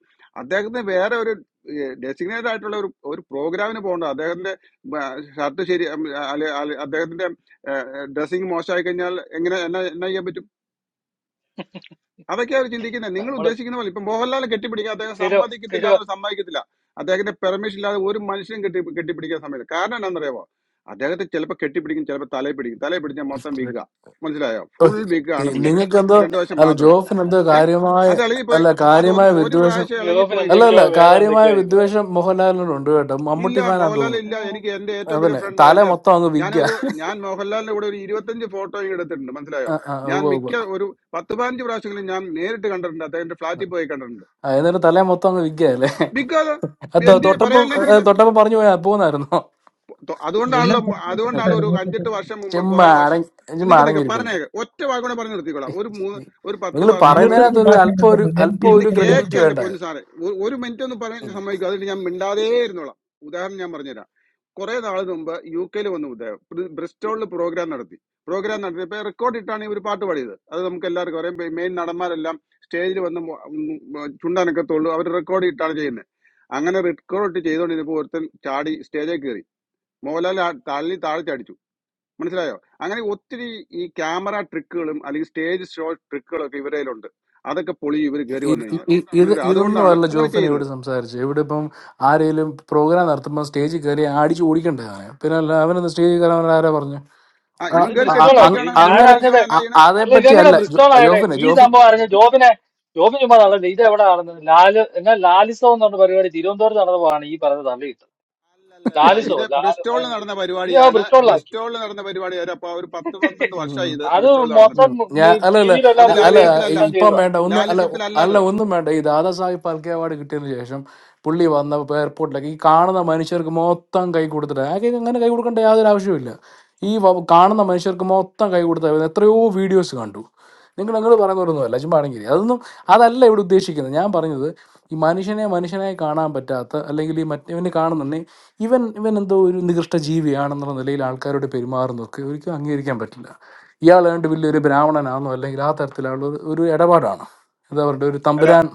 Speaker 19: അദ്ദേഹത്തിന് വേറെ ഒരു ഡെസിഗ്നേറ്റഡ് ആയിട്ടുള്ള ഒരു ഒരു പ്രോഗ്രാമിന് പോകണ്ട അദ്ദേഹത്തിന്റെ ഷർട്ട് ശരി ഉം, അല്ലെ- അല്ലെ- അദ്ദേഹത്തിന്റെ ഡ്രസ്സിങ് മോശമായി കഴിഞ്ഞാൽ എങ്ങനെ എന്നാ എന്നാ ചെയ്യാൻ പറ്റും അതൊക്കെ അവർ ചിന്തിക്കുന്നത് നിങ്ങൾ
Speaker 9: നമ്മള്
Speaker 19: ഉദ്ദേശിക്കുന്ന പോലെ ഇപ്പൊ മോഹൻലാലിനെ കെട്ടിപ്പിടിക്കാൻ അദ്ദേഹം
Speaker 9: സ്ഥിരം
Speaker 19: സമ്മതിക്കത്തില്ല
Speaker 9: സ്ഥിരം
Speaker 19: എന്ന് സമ്മതിക്കത്തില്ല അദ്ദേഹത്തിന്റെ പെർമിഷൻ ഇല്ലാതെ ഒരു മനുഷ്യനും കെട്ടി കെട്ടിപ്പിടിക്കാൻ സമയത്ത് കാരണം എന്താണെന്നറിയാമോ അദ്ദേഹത്തെ ചിലപ്പോൾ കെട്ടിപ്പിടിക്കും ചിലപ്പോൾ തലയിൽ പിടിക്കും തലയിൽ പിടിച്ചാൽ മൊത്തം വിഗ മനസ്സിലായോ ഫുൾ വിഗ ആണ് പുള്ളിയുടെ
Speaker 18: നിങ്ങൾക്ക് എന്തോ
Speaker 19: ഫ്രണ്ട് വശം
Speaker 18: അല്ല
Speaker 19: മാത്രമേ ഉള്ളൂ
Speaker 18: ജോഫിന് എന്തോ
Speaker 19: ഏഹ്
Speaker 18: കാര്യമായ
Speaker 19: അത് ഇളകിപ്പോയി
Speaker 18: അല്ല
Speaker 19: അത് ഒന്ന്
Speaker 18: കാര്യമായ
Speaker 19: ഒരു
Speaker 18: വിദ്വേഷം
Speaker 19: പ്രാവശ്യം
Speaker 9: യൂറോപ്പിൽ
Speaker 19: ഇളകിപ്പോയി
Speaker 18: അല്ല
Speaker 19: കഴിഞ്ഞാൽ
Speaker 9: എന്തൊക്കെയോ
Speaker 18: അല്ല
Speaker 9: വേറെ
Speaker 18: കാര്യമായ
Speaker 9: എന്തൊക്കെയോ ഈ പറയുന്നത്
Speaker 18: വിദ്വേഷം മോഹൻലാലിനോടുണ്ട് കേട്ടോ മമ്മൂട്ടി
Speaker 19: ഇല്ല
Speaker 18: ഫാനാന്ന്
Speaker 19: മോഹൻലാൽ
Speaker 18: തോന്നുന്നു
Speaker 19: ഇല്ല
Speaker 9: ഉം.
Speaker 19: എനിക്ക് എന്റെ ഏറ്റവും വലിയ
Speaker 18: അതന്നെ
Speaker 19: ഫ്രണ്ടാ
Speaker 18: തല
Speaker 19: എന്റെ
Speaker 18: മൊത്തം അങ്ങ് വിഗ്ഗ
Speaker 19: ഞാനൊരു ഞാൻ മോഹൻലാലിന്റെ കൂടെ ഒരു ഇരുപത്തഞ്ച് ഫോട്ടോയും എടുത്തിട്ടുണ്ട് മനസ്സിലായോ
Speaker 18: ഉവ
Speaker 19: ഞാൻ
Speaker 18: ഉവ
Speaker 19: മിക്ക ഒരു പത്ത് പതിനഞ്ച് പ്രാവശ്യങ്ങളിൽ ഞാൻ നേരിട്ട് കണ്ടിട്ടുണ്ട് അദ്ദേഹത്തിന്റെ ഫ്ലാറ്റിൽ പോയി കണ്ടിട്ടുണ്ട്
Speaker 18: ആ, എന്നിട്ട് തല മൊത്തം അങ്ങ് വിഗ്ഗ അല്ലേ
Speaker 19: ബിക്കോസ്
Speaker 18: ആ, തൊ-
Speaker 19: എന്ത്
Speaker 18: തൊട്ടപ്പം
Speaker 19: പറയാനില്ല എനിക്ക്
Speaker 18: ഏ,
Speaker 19: ഇത്
Speaker 18: തൊട്ടപ്പം
Speaker 19: ഫു-
Speaker 18: പറഞ്ഞു പോയാ പോന്നായിരുന്നോ
Speaker 19: തൊ-
Speaker 8: എല്ലാം
Speaker 19: അതുകൊണ്ടാണല്ലോ മ- അതുകൊണ്ടാണ് ഒരു
Speaker 8: സംസ്കൃതത്തിലുണ്ടായിരുന്നു.
Speaker 19: അഞ്ചെട്ട് വർഷം മുമ്പ് കുറെ വർഷം
Speaker 18: ചെമ്മടങ്ങി
Speaker 19: നിക്ക് നിക്ക്
Speaker 18: മടങ്ങിയിരിക്കുന്നത്
Speaker 19: പറഞ്ഞേക്ക് ഒറ്റ വാക്കുകൂടെ പറഞ്ഞു നിർത്തിക്കോളാം ഒരു മൂന്ന് ഒരു പത്ത്
Speaker 18: നിങ്ങൾ
Speaker 19: വർഷങ്ങൾ
Speaker 8: ഇരുപത്തഞ്ച്
Speaker 18: പറയുന്നതിനകത്ത് ഒരു അല്പം
Speaker 8: ഭാഷയുണ്ട്
Speaker 18: ഒരു
Speaker 8: മൂവായിരത്തി
Speaker 18: അല്പം
Speaker 19: ഇതിന്റെ
Speaker 18: ഒരു
Speaker 8: ഇരുപത്തഞ്ച് ഭാഷ
Speaker 18: ക്രെഡിബിലിറ്റി
Speaker 19: കേക്ക് എന്റെ
Speaker 18: വേണ്ട
Speaker 19: പൊന്നു സാറേ ഒ- ഒരു മിനിറ്റ് ഒന്ന് പറയാൻ ഞാൻ സമ്മതിക്കും അതുകൊണ്ട് ഞാൻ മിണ്ടാതേ ഇരുന്നോളാം ഉദാഹരണം ഞാൻ പറഞ്ഞുതരാം കുറെ നാൾ മുമ്പ് യു കെയിൽ വന്നു ഉദാഹരണം ബ്രി- ബ്രിസ്റ്റോളിൽ പ്രോഗ്രാം നടത്തി പ്രോഗ്രാം നടത്തിയപ്പോ റെക്കോർഡ് ഇട്ടാണ് ഇവർ പാട്ട് പാടിയത് അത് നമുക്ക് എല്ലാവർക്കും അറിയാം മെയിൻ നടന്മാരെല്ലാം സ്റ്റേജിൽ വന്ന് മൊ- ഉം ചുണ്ടാനൊക്കെ തോളൂ അവർ റെക്കോർഡ് ഇട്ടാണ് ചെയ്യുന്നത് അങ്ങനെ റെക്കോർഡ് ഇട്ട് ചെയ്തുകൊണ്ടിരുന്നപ്പോൾ ഒരുത്തൻ ചാടി സ്റ്റേജിൽ കയറി മോഹൻലാൽ ആ തള്ളി താഴെ ചാടിച്ചു മനസ്സിലായോ അങ്ങനെ ഒത്തിരി ഈ ക്യാമറ ട്രിക്കുകളും അല്ലെങ്കിൽ സ്റ്റേജ് ഷോ ട്രിക്കുകളും ഒക്കെ ഇവരേലുണ്ട് അതൊക്കെ പൊളി ഇവർ കയറി
Speaker 18: ഇ-
Speaker 19: വന്നു
Speaker 18: ഇ-
Speaker 19: കഴിഞ്ഞാൽ
Speaker 18: ഇ- ഇത്
Speaker 19: മനസ്സിലായോ
Speaker 18: ഇതൊന്നും
Speaker 19: അതുകൊണ്ടാണ്
Speaker 18: അല്ല
Speaker 19: അങ്ങനെ
Speaker 18: ജോഫിൻ ഇവിടെ
Speaker 19: ചെയ്യുന്നത്
Speaker 18: സംസാരിച്ചു ഇവിടെ ഇപ്പം ആരെങ്കിലും പ്രോഗ്രാം നടത്തുമ്പോൾ സ്റ്റേജിൽ കയറി അടിച്ചു ഓടിക്കണ്ടേ അവനെ പിന്നെ അല്ല അവനൊന്ന് സ്റ്റേജിൽ കയറാൻ അവൻ ആരാ പറഞ്ഞു
Speaker 19: ആ
Speaker 18: ആ,
Speaker 9: അത്
Speaker 19: ഇവൻ കയറി
Speaker 18: ആ, ആ,
Speaker 9: ബ്രിസ്റ്റോൾ ആക്കി
Speaker 18: അങ്-
Speaker 9: ഇത്
Speaker 19: കെട്ടിപ്പിടിക്കുകയാണ്
Speaker 9: ഞാൻ
Speaker 19: മുണ്ട്
Speaker 18: അങ്ങനെ
Speaker 9: അറിഞ്ഞത്
Speaker 19: വലിക്കുകയാണ് എന്നാ
Speaker 18: അ-
Speaker 19: ചെയ്യണേ
Speaker 9: അല്ല
Speaker 18: അതേപ്പറ്റി
Speaker 9: ഇതെങ്ങനെ
Speaker 18: അല്ല ജോ-
Speaker 9: ബ്രിസ്റ്റോൾ ആയത്
Speaker 18: ജോഫിനെ
Speaker 9: ഈ സംഭവം
Speaker 18: ജോഫിൻ
Speaker 9: അറിഞ്ഞ ജോബിനെ ജോബിന് ചുമ്മാ
Speaker 19: ആ.
Speaker 9: തള്ളുന്നത് ഇത് എവിടെ നടന്നത് ലാല് എന്നാ ലാലിസോ എന്ന് പറഞ്ഞ പരിപാടി തിരുവനന്തപുരത്ത് നടന്നപ്പോഴാണ് ഈ പറഞ്ഞ തള്ളിയിട്ടത്
Speaker 19: അല്ലല്ലല്ല
Speaker 9: ലാലിസോ
Speaker 19: ഇത്
Speaker 9: ലാൽ
Speaker 19: ബ്രിസ്റ്റോളിൽ നടന്ന
Speaker 9: ഇത് ആ
Speaker 19: പരിപാടിയാണ്
Speaker 9: ബ്രിസ്റ്റോളിലാക്കി
Speaker 19: ബ്രിസ്റ്റോളിൽ നടന്ന പരിപാടി ഒരു അപ്പൊ ഒരു പത്ത് പന്ത്രണ്ട് വർഷമായി ഇത്
Speaker 9: അത്
Speaker 19: ബ്രിസ്റ്റോളിൽ നടന്നിട്ട്
Speaker 18: ഉം.
Speaker 9: മൊത്തം
Speaker 18: ഞാ
Speaker 9: നീ
Speaker 18: അല്ല അല്ല
Speaker 19: അത്
Speaker 9: ടിവിയിലെല്ലാം
Speaker 18: അ- അല്ല
Speaker 9: വരികയും
Speaker 19: ലാലിസ്യത്തിലല്ല
Speaker 18: ഈ-
Speaker 9: എല്ലാം
Speaker 18: ഇപ്പം
Speaker 9: ചെയ്തതാ
Speaker 18: വേണ്ട ഒന്ന് അല്ല ഒ-
Speaker 19: ലാലിസ്യത്തിലല്ല
Speaker 18: അല്ല
Speaker 19: അത്
Speaker 18: ഒന്നും വേണ്ട ഈ ദാദാസാഹിബ് ഫാൽക്കെ അവാർഡ് കിട്ടിയതിന് ശേഷം പുള്ളി വന്ന എയർപോർട്ടിലേക്ക് ഈ കാണുന്ന മനുഷ്യർക്ക് മൊത്തം കൈ കൊടുത്തിട്ട് ആകെ അങ്ങനെ കൈ കൊടുക്കേണ്ട യാതൊരു ആവശ്യമില്ല ഈ വ- കാണുന്ന മനുഷ്യർക്ക് മൊത്തം കൈ കൊടുത്ത എത്രയോ വീഡിയോസ് കണ്ടു നിങ്ങൾ നിങ്ങൾ പറയുന്നവരൊന്നുമല്ല ചുമ്പാണെങ്കിൽ അതൊന്നും അതല്ല ഇവിടെ ഉദ്ദേശിക്കുന്നത് ഞാൻ പറഞ്ഞത് ഈ മനുഷ്യനെ മനുഷ്യനായി കാണാൻ പറ്റാത്ത അല്ലെങ്കിൽ ഈ മറ്റവനെ കാണുന്നുണ്ടെങ്കിൽ ഇവൻ ഇവൻ എന്തോ ഒരു നികൃഷ്ട ജീവിയാണെന്നുള്ള നിലയിൽ ആൾക്കാരോട് പെരുമാറുന്നതൊക്കെ ഒരിക്കലും അംഗീകരിക്കാൻ പറ്റില്ല ഇയാൾ ഏണ്ട് വലിയൊരു ബ്രാഹ്മണനാണെന്നോ അല്ലെങ്കിൽ ആ തരത്തിലുള്ള ഒരു ഒരു ഇടപാടാണ് എന്താ പറയുക ഒരു
Speaker 19: അല്ല
Speaker 18: തമ്പുരാൻ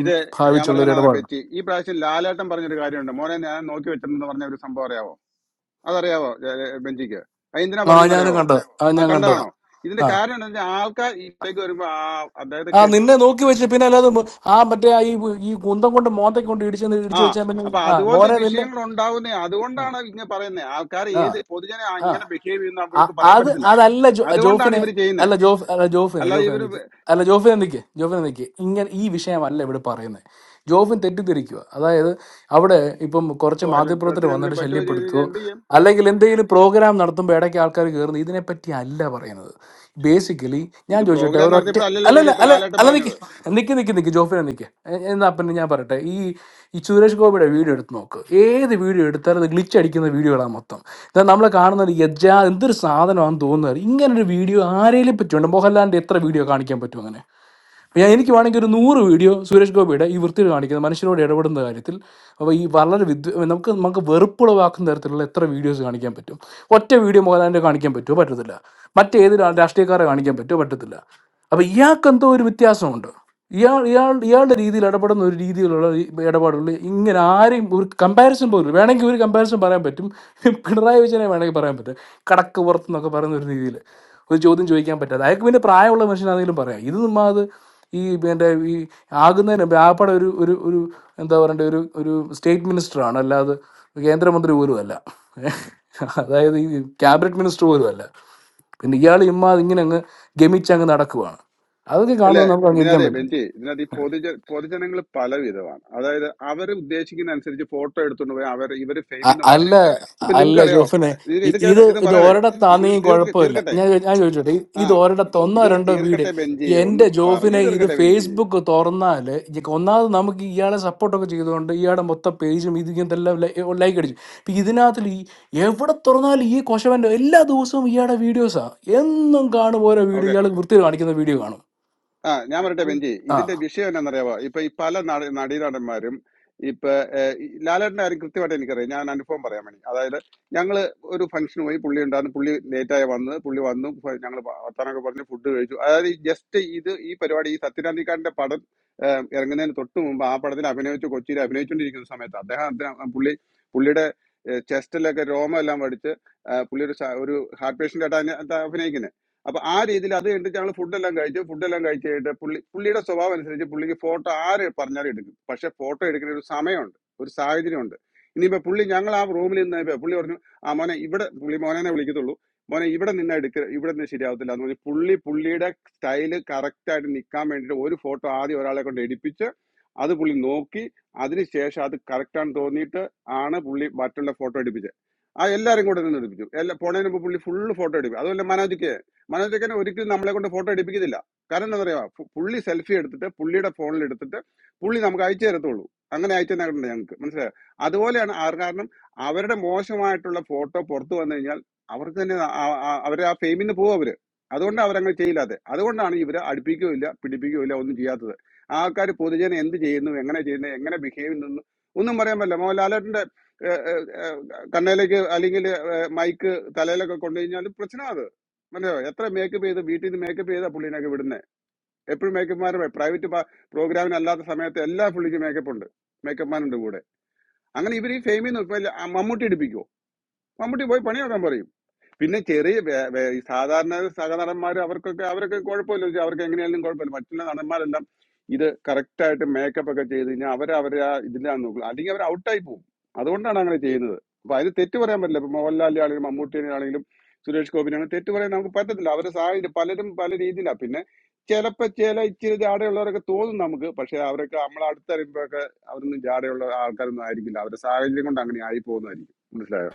Speaker 19: ഇത് ഞാൻ
Speaker 18: ഭാവിച്ചുള്ള ഒരു
Speaker 19: പറഞ്ഞാ
Speaker 18: ഇടപാടാണ്
Speaker 19: ബെച്ചി ഈ പ്രാവശ്യം ലാലേട്ടൻ പറഞ്ഞൊരു കാര്യമുണ്ട് മോനെ ഞാൻ നോക്കി വെച്ചിട്ടുണ്ടെന്ന് പറഞ്ഞ ഒരു സംഭവം അറിയാവോ അതറിയാവോ ഏ, ഏ, ബെഞ്ചിക്ക് അത് എന്തിനാ
Speaker 18: ആ ഞാനും
Speaker 19: പറഞ്ഞെന്നറിയാവോ
Speaker 18: കണ്ടത് ആ
Speaker 19: ആ
Speaker 18: ഞാൻ കണ്ടതാ
Speaker 19: കണ്ടതാണോ ഇതിന്റെ
Speaker 18: ആ
Speaker 19: കാര്യം എന്താ വെച്ചാൽ ആൾക്കാർ ഇപ്പേക്ക് വരുമ്പോ ആ അതായത്
Speaker 18: ആ
Speaker 19: കെട്ട്
Speaker 18: നിന്നെ നോക്കി വെച്ച് പിന്നെ അല്ലാതെ മ- ആ മറ്റേ ആ ഈ ഈ കുന്തം കൊണ്ട് മോന്തയ്ക്ക് കൊണ്ട് ഇടിച്ച്
Speaker 19: ആ
Speaker 18: ഇടിച്ചു വെച്ചാൽ പിന്നെ
Speaker 19: അപ്പൊ
Speaker 18: ആ
Speaker 19: അതുപോലത്തെ
Speaker 18: മോനെ നിന്നെ
Speaker 19: വിഷയങ്ങൾ ഉണ്ടാവുന്നേ അതുകൊണ്ടാണ് ഇങ്ങനെ പറയുന്നത് ആൾക്കാർ
Speaker 18: ആ
Speaker 19: ഏത് പൊതുജന
Speaker 18: ആ
Speaker 19: ഇങ്ങനെ ബിഹേവ് ചെയ്യുന്ന
Speaker 18: അ-
Speaker 19: അവർക്ക് പറയാൻ
Speaker 18: അത്
Speaker 19: പറ്റത്തില്ല
Speaker 18: അതല്ല ജോ-
Speaker 19: അതുകൊണ്ടാണ്
Speaker 18: ജോഫിനെ
Speaker 19: ഇവർ ചെയ്യുന്നത്
Speaker 18: അല്ല ജോഫ് അല്ല ജോഫിനെ
Speaker 19: അല്ലാതെ
Speaker 18: ജോഫിനെ
Speaker 19: ഇവർ
Speaker 18: നിക്ക് അല്ല ജോഫിനെ നിക്ക് ജോഫിനെ നിക്ക് ഇങ്ങനെ ഈ വിഷയമല്ല ഇവിടെ പറയുന്നത് ജോഫിൻ തെറ്റിദ്ധരിക്കുക അതായത് അവിടെ ഇപ്പം കുറച്ച്
Speaker 19: അല്ല
Speaker 18: മാധ്യമപ്രവർത്തകർ
Speaker 19: ഡ്രസ്സിന്
Speaker 18: വന്നിട്ട്
Speaker 19: എന്തെങ്കിലും പറ്റുമോ ചെയ്ത്
Speaker 18: ശല്യപ്പെടുത്തുകയോ
Speaker 19: കഴിഞ്ഞാൽ എന്ത് ചെയ്യും
Speaker 18: അല്ലെങ്കിൽ എന്തെങ്കിലും പ്രോഗ്രാം നടത്തുമ്പോൾ ഇടയ്ക്ക് ആൾക്കാർ കയറുന്നു ഇതിനെപ്പറ്റി അല്ല പറയുന്നത് ബേസിക്കലി ഞാൻ
Speaker 19: ഇത്
Speaker 18: ചോദിച്ചോട്ടെ
Speaker 19: പ്രോഗ്രാം
Speaker 18: ഒരൊറ്റ
Speaker 19: നടത്തിയപ്പോഴല്ലോ
Speaker 18: അല്ലല്ല
Speaker 19: കയറിയപ്പോ
Speaker 18: അല്ല
Speaker 19: ലാലേട്ടൻ
Speaker 18: അല്ല നിക്ക്
Speaker 19: പറഞ്ഞത്
Speaker 18: നിക്ക് നിക്ക് നിക്ക് ജോഫിനെ നിക്ക് എ- എന്നാ പിന്നെ ഞാൻ പറയട്ടെ ഈ ഈ സുരേഷ് ഗോപിയുടെ വീഡിയോ എടുത്ത് നോക്ക് ഏത് വീഡിയോ എടുത്താലും അത് ഗ്ലിച്ച് അടിക്കുന്ന വീഡിയോകളാണ് മൊത്തം ഇതാ നമ്മൾ കാണുന്നത് യജാ എന്തൊരു സാധനമാണെന്ന് തോന്നുന്നത് ഇങ്ങനെ ഒരു വീഡിയോ ആരെയും പറ്റുമുണ്ട് മോഹൻലാലിന്റെ എത്ര വീഡിയോ കാണിക്കാൻ പറ്റും അങ്ങനെ അപ്പോൾ ഞാൻ എനിക്ക് വേണമെങ്കിൽ ഒരു നൂറ് വീഡിയോ സുരേഷ് ഗോപിയുടെ ഈ വൃത്തിയിൽ കാണിക്കുന്ന മനുഷ്യരോട് ഇടപെടുന്ന കാര്യത്തിൽ അപ്പോൾ ഈ വളരെ വിദ് നമുക്ക് നമുക്ക് വെറുപ്പുളവാക്കുന്ന തരത്തിലുള്ള എത്ര വീഡിയോസ് കാണിക്കാൻ പറ്റും ഒറ്റ വീഡിയോ മോഹൻലാലിൻ്റെ കാണിക്കാൻ പറ്റുമോ പറ്റത്തില്ല മറ്റേത് രാ- രാഷ്ട്രീയക്കാരെ കാണിക്കാൻ പറ്റുമോ പറ്റത്തില്ല അപ്പോൾ ഇയാൾക്ക് എന്തോ ഒരു വ്യത്യാസമുണ്ട് ഇയാൾ ഇയാൾ ഇയാളുടെ രീതിയിൽ ഇടപെടുന്ന ഒരു രീതിയിലുള്ള ഈ ഇടപാടുകൾ ഇങ്ങനെ ആരെയും ഒരു കമ്പാരിസൺ പോലും വേണമെങ്കിൽ ഒരു കമ്പാരിസൺ പറയാൻ പറ്റും പിണറായി വിജയനെ വേണമെങ്കിൽ പറയാൻ പറ്റും കടക്ക് പുറത്ത് എന്നൊക്കെ പറയുന്ന ഒരു രീതിയിൽ ഒരു ചോദ്യം ചോദിക്കാൻ പറ്റാതെ അയാൾക്ക് പിന്നെ പ്രായമുള്ള മനുഷ്യനാണെങ്കിലും പറയാം ഇത് ചുമ്മാ അത് ഈ എൻ്റെ ഈ ആകുന്നതിന് മുമ്പ് ആപ്പാടെ ഒരു ഒരു ഒരു എന്താ പറയണ്ടേ ഒരു ഒരു സ്റ്റേറ്റ് മിനിസ്റ്ററാണ് അല്ലാതെ കേന്ദ്രമന്ത്രി പോലും അല്ല അതായത് ഈ ക്യാബിനറ്റ് മിനിസ്റ്റർ പോലും അല്ല പിന്നെ ഇയാൾ ഇമ്മാ ഇങ്ങനെ അങ്ങ് ഗമിച്ച് അങ്ങ് നടക്കുവാണ് അതൊക്കെ
Speaker 19: അല്ലേ
Speaker 18: കാണുന്നത് നമുക്ക് അംഗീകരിക്കാൻ
Speaker 19: ഇതിനകത്തെ
Speaker 18: പറ്റില്ല
Speaker 19: ബെഞ്ചി ഇതിനകത്ത് ഈ പൊതുജ പൊതുജനങ്ങൾ പല വിധമാണ് അതായത് അവർ ഉദ്ദേശിക്കുന്ന അനുസരിച്ച് ഫോട്ടോ എടുത്തുകൊണ്ട് പോയി അവർ ഇവർ
Speaker 18: അ-
Speaker 19: ഫെയിമിന്
Speaker 18: അല്ല
Speaker 19: മാറിപ്പോകും ഇപ്പൊ
Speaker 18: അല്ല
Speaker 19: നിങ്ങൾക്കറിയോ
Speaker 18: ജോഫിനെ
Speaker 19: ഇത്
Speaker 18: ഇ-
Speaker 19: ഇത്
Speaker 18: ഇത്
Speaker 19: കേറ- ഇത്
Speaker 18: ഇത്
Speaker 19: പറയണേക്ക ഇത്
Speaker 18: ഒരിടത്താണെങ്കിൽ
Speaker 19: തീർക്ക
Speaker 18: കുഴപ്പമില്ല
Speaker 19: തീർക്കട്ടെ
Speaker 18: ഞാൻ ചോ- ഞാൻ ചോദിച്ചോട്ടെ ഇ-
Speaker 19: ആ
Speaker 18: ഇത് ഒരിടത്ത് ഒന്നോ
Speaker 19: ഇതൊന്ന്
Speaker 18: രണ്ടോ വീട്
Speaker 19: തീർക്കട്ടെ ബെഞ്ചി ഒന്ന്
Speaker 18: എന്റെ
Speaker 19: പറഞ്ഞു
Speaker 18: ജോഫിനെ ഇത്
Speaker 19: തീർക്കട്ടെ ബെഞ്ചി
Speaker 18: ഫേസ്ബുക്ക് തുറന്നാല് ഈ ഒന്നാമത് നമുക്ക് ഇയാളെ സപ്പോർട്ടൊക്കെ ചെയ്തുകൊണ്ട് ഇയാളുടെ മൊത്തം പേജും ഇത് ഇങ്ങനത്തെ എല്ലാം ലൈക്ക് അടിച്ചു ഇപ്പൊ ഇതിനകത്തിൽ ഈ എവിടെ തുറന്നാലും ഈ കൊശവന്റെ എല്ലാ ദിവസവും ഇയാളുടെ വീഡിയോസാ എന്നും കാണും ഓരോ വീഡിയോ
Speaker 19: ഓക്കെ
Speaker 18: ഇയാൾ വൃത്തിയിൽ കാണിക്കുന്ന വീഡിയോ കാണും
Speaker 19: ആ ഞാൻ പറയട്ടെ ബെഞ്ചി
Speaker 18: ആ
Speaker 19: ഇതിന്റെ വിഷയം എന്നാണെന്നറിയാവോ ഇപ്പൊ ഈ പല നട നടീനടന്മാരും ഇപ്പൊ ഏഹ്, ഈ ലാലേട്ടന്റെ കാര്യം കൃത്യമായിട്ട് എനിക്കറിയാം ഞാൻ അനുഭവം പറയാൻ വേണ്ടി അതായത് ഞങ്ങള് ഒരു ഫംഗ്ഷന് പോയി പുള്ളി ഉണ്ടായിരുന്നു പുള്ളി ലേറ്റായി വന്ന് പുള്ളി വന്നു ഞങ്ങൾ വർത്താനൊക്കെ പറഞ്ഞ് ഫുഡ് കഴിച്ചു അതായത് ജസ്റ്റ് ഇത് ഈ പരിപാടി ഈ സത്യനാന്തിക്കാരന്റെ പടം ഇറങ്ങുന്നതിന് തൊട്ട് മുമ്പ് ആ പടത്തിൽ അഭിനയിച്ച് കൊച്ചിയിൽ അഭിനയിച്ചുകൊണ്ടിരിക്കുന്ന സമയത്ത് അദ്ദേഹം അദ്ദേഹം- പുള്ളി പുള്ളിയുടെ ചെസ്റ്റിലൊക്കെ രോമെല്ലാം വടിച്ച് ആ, പുള്ളി ഒരു സ- ഒരു ഹാർട്ട് പേഷ്യന്റ് ആയിട്ട് അതിനെ- അത് അഭിനയിക്കുന്നത് അപ്പൊ ആ രീതിയിൽ അത് കഴിഞ്ഞിട്ട് ഞങ്ങൾ ഫുഡെല്ലാം കഴിച്ചു ഫുഡെല്ലാം കഴിച്ച് കഴിഞ്ഞിട്ട് പുള്ളി പുള്ളിയുടെ സ്വഭാവം അനുസരിച്ച് പുള്ളിക്ക് ഫോട്ടോ ആര് പറഞ്ഞാലും എടുക്കും പക്ഷെ ഫോട്ടോ എടുക്കുന്ന ഒരു സമയമുണ്ട് ഒരു സാഹചര്യമുണ്ട് ഇനിയിപ്പോ പുള്ളി ഞങ്ങൾ ആ റൂമിൽ നിന്നപ്പോ പുള്ളി പറഞ്ഞു ആ മോനെ ഇവിടെ പുള്ളി മോനെ വിളിക്കത്തുള്ളൂ മോനെ ഇവിടെ നിന്ന് എടുക്ക ഇവിടെ നിന്ന് ശരിയാവത്തില്ല എന്ന് പറഞ്ഞ് പുള്ളി പുള്ളിയുടെ സ്റ്റൈല് കറക്റ്റ് ആയിട്ട് നിൽക്കാൻ വേണ്ടിയിട്ട് ഒരു ഫോട്ടോ ആദ്യം ഒരാളെ കൊണ്ട് എടുപ്പിച്ച് അത് പുള്ളി നോക്കി അതിനുശേഷം അത് കറക്റ്റ് ആണെന്ന് തോന്നിയിട്ട് ആണ് പുള്ളി മറ്റുള്ള ഫോട്ടോ എടുപ്പിച്ചത് ആ എല്ലാരും കൂടെ നിന്ന് എടുപ്പിച്ചു എല്ലാ പോണതിന് മുമ്പ് പുള്ളി ഫുൾ ഫോട്ടോ എടുപ്പിക്കും അതുപോലെ മനോജയ്ക്ക് മനോജയ്ക്കനെ ഒരിക്കലും നമ്മളെ കൊണ്ട് ഫോട്ടോ എടുപ്പിക്കുന്നില്ല കാരണം എന്താ പറയാ പു- പുള്ളി സെൽഫി എടുത്തിട്ട് പുള്ളിയുടെ ഫോണിൽ എടുത്തിട്ട് പുള്ളി നമുക്ക് അയച്ചു തരത്തുള്ളൂ അങ്ങനെ അയച്ചു തന്നിട്ടുണ്ട് ഞങ്ങൾക്ക് മനസ്സിലായോ അതുപോലെയാണ് ആർ കാരണം അവരുടെ മോശമായിട്ടുള്ള ഫോട്ടോ പുറത്തു വന്നു കഴിഞ്ഞാൽ അവർക്ക് തന്നെ അവർ ആ ഫെയിമിന് പോകും അവര് അതുകൊണ്ട് അവരങ്ങനെ ചെയ്യില്ലാതെ അതുകൊണ്ടാണ് ഇവര് അടുപ്പിക്കുകയില്ല പിടിപ്പിക്കുകയില്ല ഒന്നും ചെയ്യാത്തത് ആൾക്കാർ പൊതുജനം എന്ത് ചെയ്യുന്നു എങ്ങനെ ചെയ്യുന്നു എങ്ങനെ ബിഹേവ് ചെയ്യുന്നു ഒന്നും പറയാൻ പറ്റില്ല മോഹൻലാലേട്ടന്റെ ഏഹ്, ഏഹ്, ഏഹ്, കണ്ണയിലേക്ക് അല്ലെങ്കിൽ മൈക്ക് തലയിലൊക്കെ കൊണ്ടുകഴിഞ്ഞാലും പ്രശ്നം അത് മനസ്സിലായോ എത്ര മേക്കപ്പ് ചെയ്ത് വീട്ടിൽ നിന്ന് മേക്കപ്പ് ചെയ്താ പുള്ളിനൊക്കെ വിടുന്നത് എപ്പോഴും മേക്കപ്പ്മാരും പ്രൈവറ്റ് പ്രോഗ്രാമിനല്ലാത്ത സമയത്ത് എല്ലാ പുള്ളിക്കും മേക്കപ്പ് ഉണ്ട് മേക്കപ്പ്മാരുണ്ട് കൂടെ അങ്ങനെ ഇവർ ഈ ഫെയിമിൽ നിന്ന് ഇപ്പൊ ഇല്ല, ആ മമ്മൂട്ടി എടുപ്പിക്കുവോ മമ്മൂട്ടി പോയി പണിയാക്കാൻ പറയും പിന്നെ ചെറിയ വേ- വേ- ഈ സാധാരണ സഹനടന്മാർ അവർക്കൊക്കെ അവരൊക്കെ കുഴപ്പമില്ല വെച്ചാൽ അവർക്ക് എങ്ങനെയായാലും കുഴപ്പമില്ല മറ്റുള്ള നടന്മാരെല്ലാം ഇത് correct ആയിട്ട് മേക്കപ്പ് ഒക്കെ ചെയ്ത് കഴിഞ്ഞാൽ അവർ അവരെ ഇതിലാണ് നോക്കുക അല്ലെങ്കിൽ അവർ ഔട്ടായി പോകും അതുകൊണ്ടാണ് അങ്ങനെ ചെയ്യുന്നത് അപ്പൊ അതിന് തെറ്റ് പറയാൻ പറ്റില്ല ഇപ്പൊ മോഹൻലാലിനെ ആണെങ്കിലും മമ്മൂട്ടിനെ ആണെങ്കിലും സുരേഷ് ഗോപിനാണെങ്കിലും തെറ്റ് പറയാൻ നമുക്ക് പറ്റത്തില്ല അവരെ സാഹചര്യം പലരും പല രീതിയിലാണ് പിന്നെ ചിലപ്പോ ചില ഇച്ചിരി ജാടയുള്ളവരൊക്കെ തോന്നും നമുക്ക് പക്ഷെ അവരൊക്കെ നമ്മളെ അടുത്തറിയുമ്പോഴൊക്കെ അവരൊന്നും ജാടയുള്ള ആൾക്കാരൊന്നും ആയിരിക്കില്ല അവരുടെ സാഹചര്യം കൊണ്ട് അങ്ങനെ ആയി പോകുന്നതായിരിക്കും മനസ്സിലായോ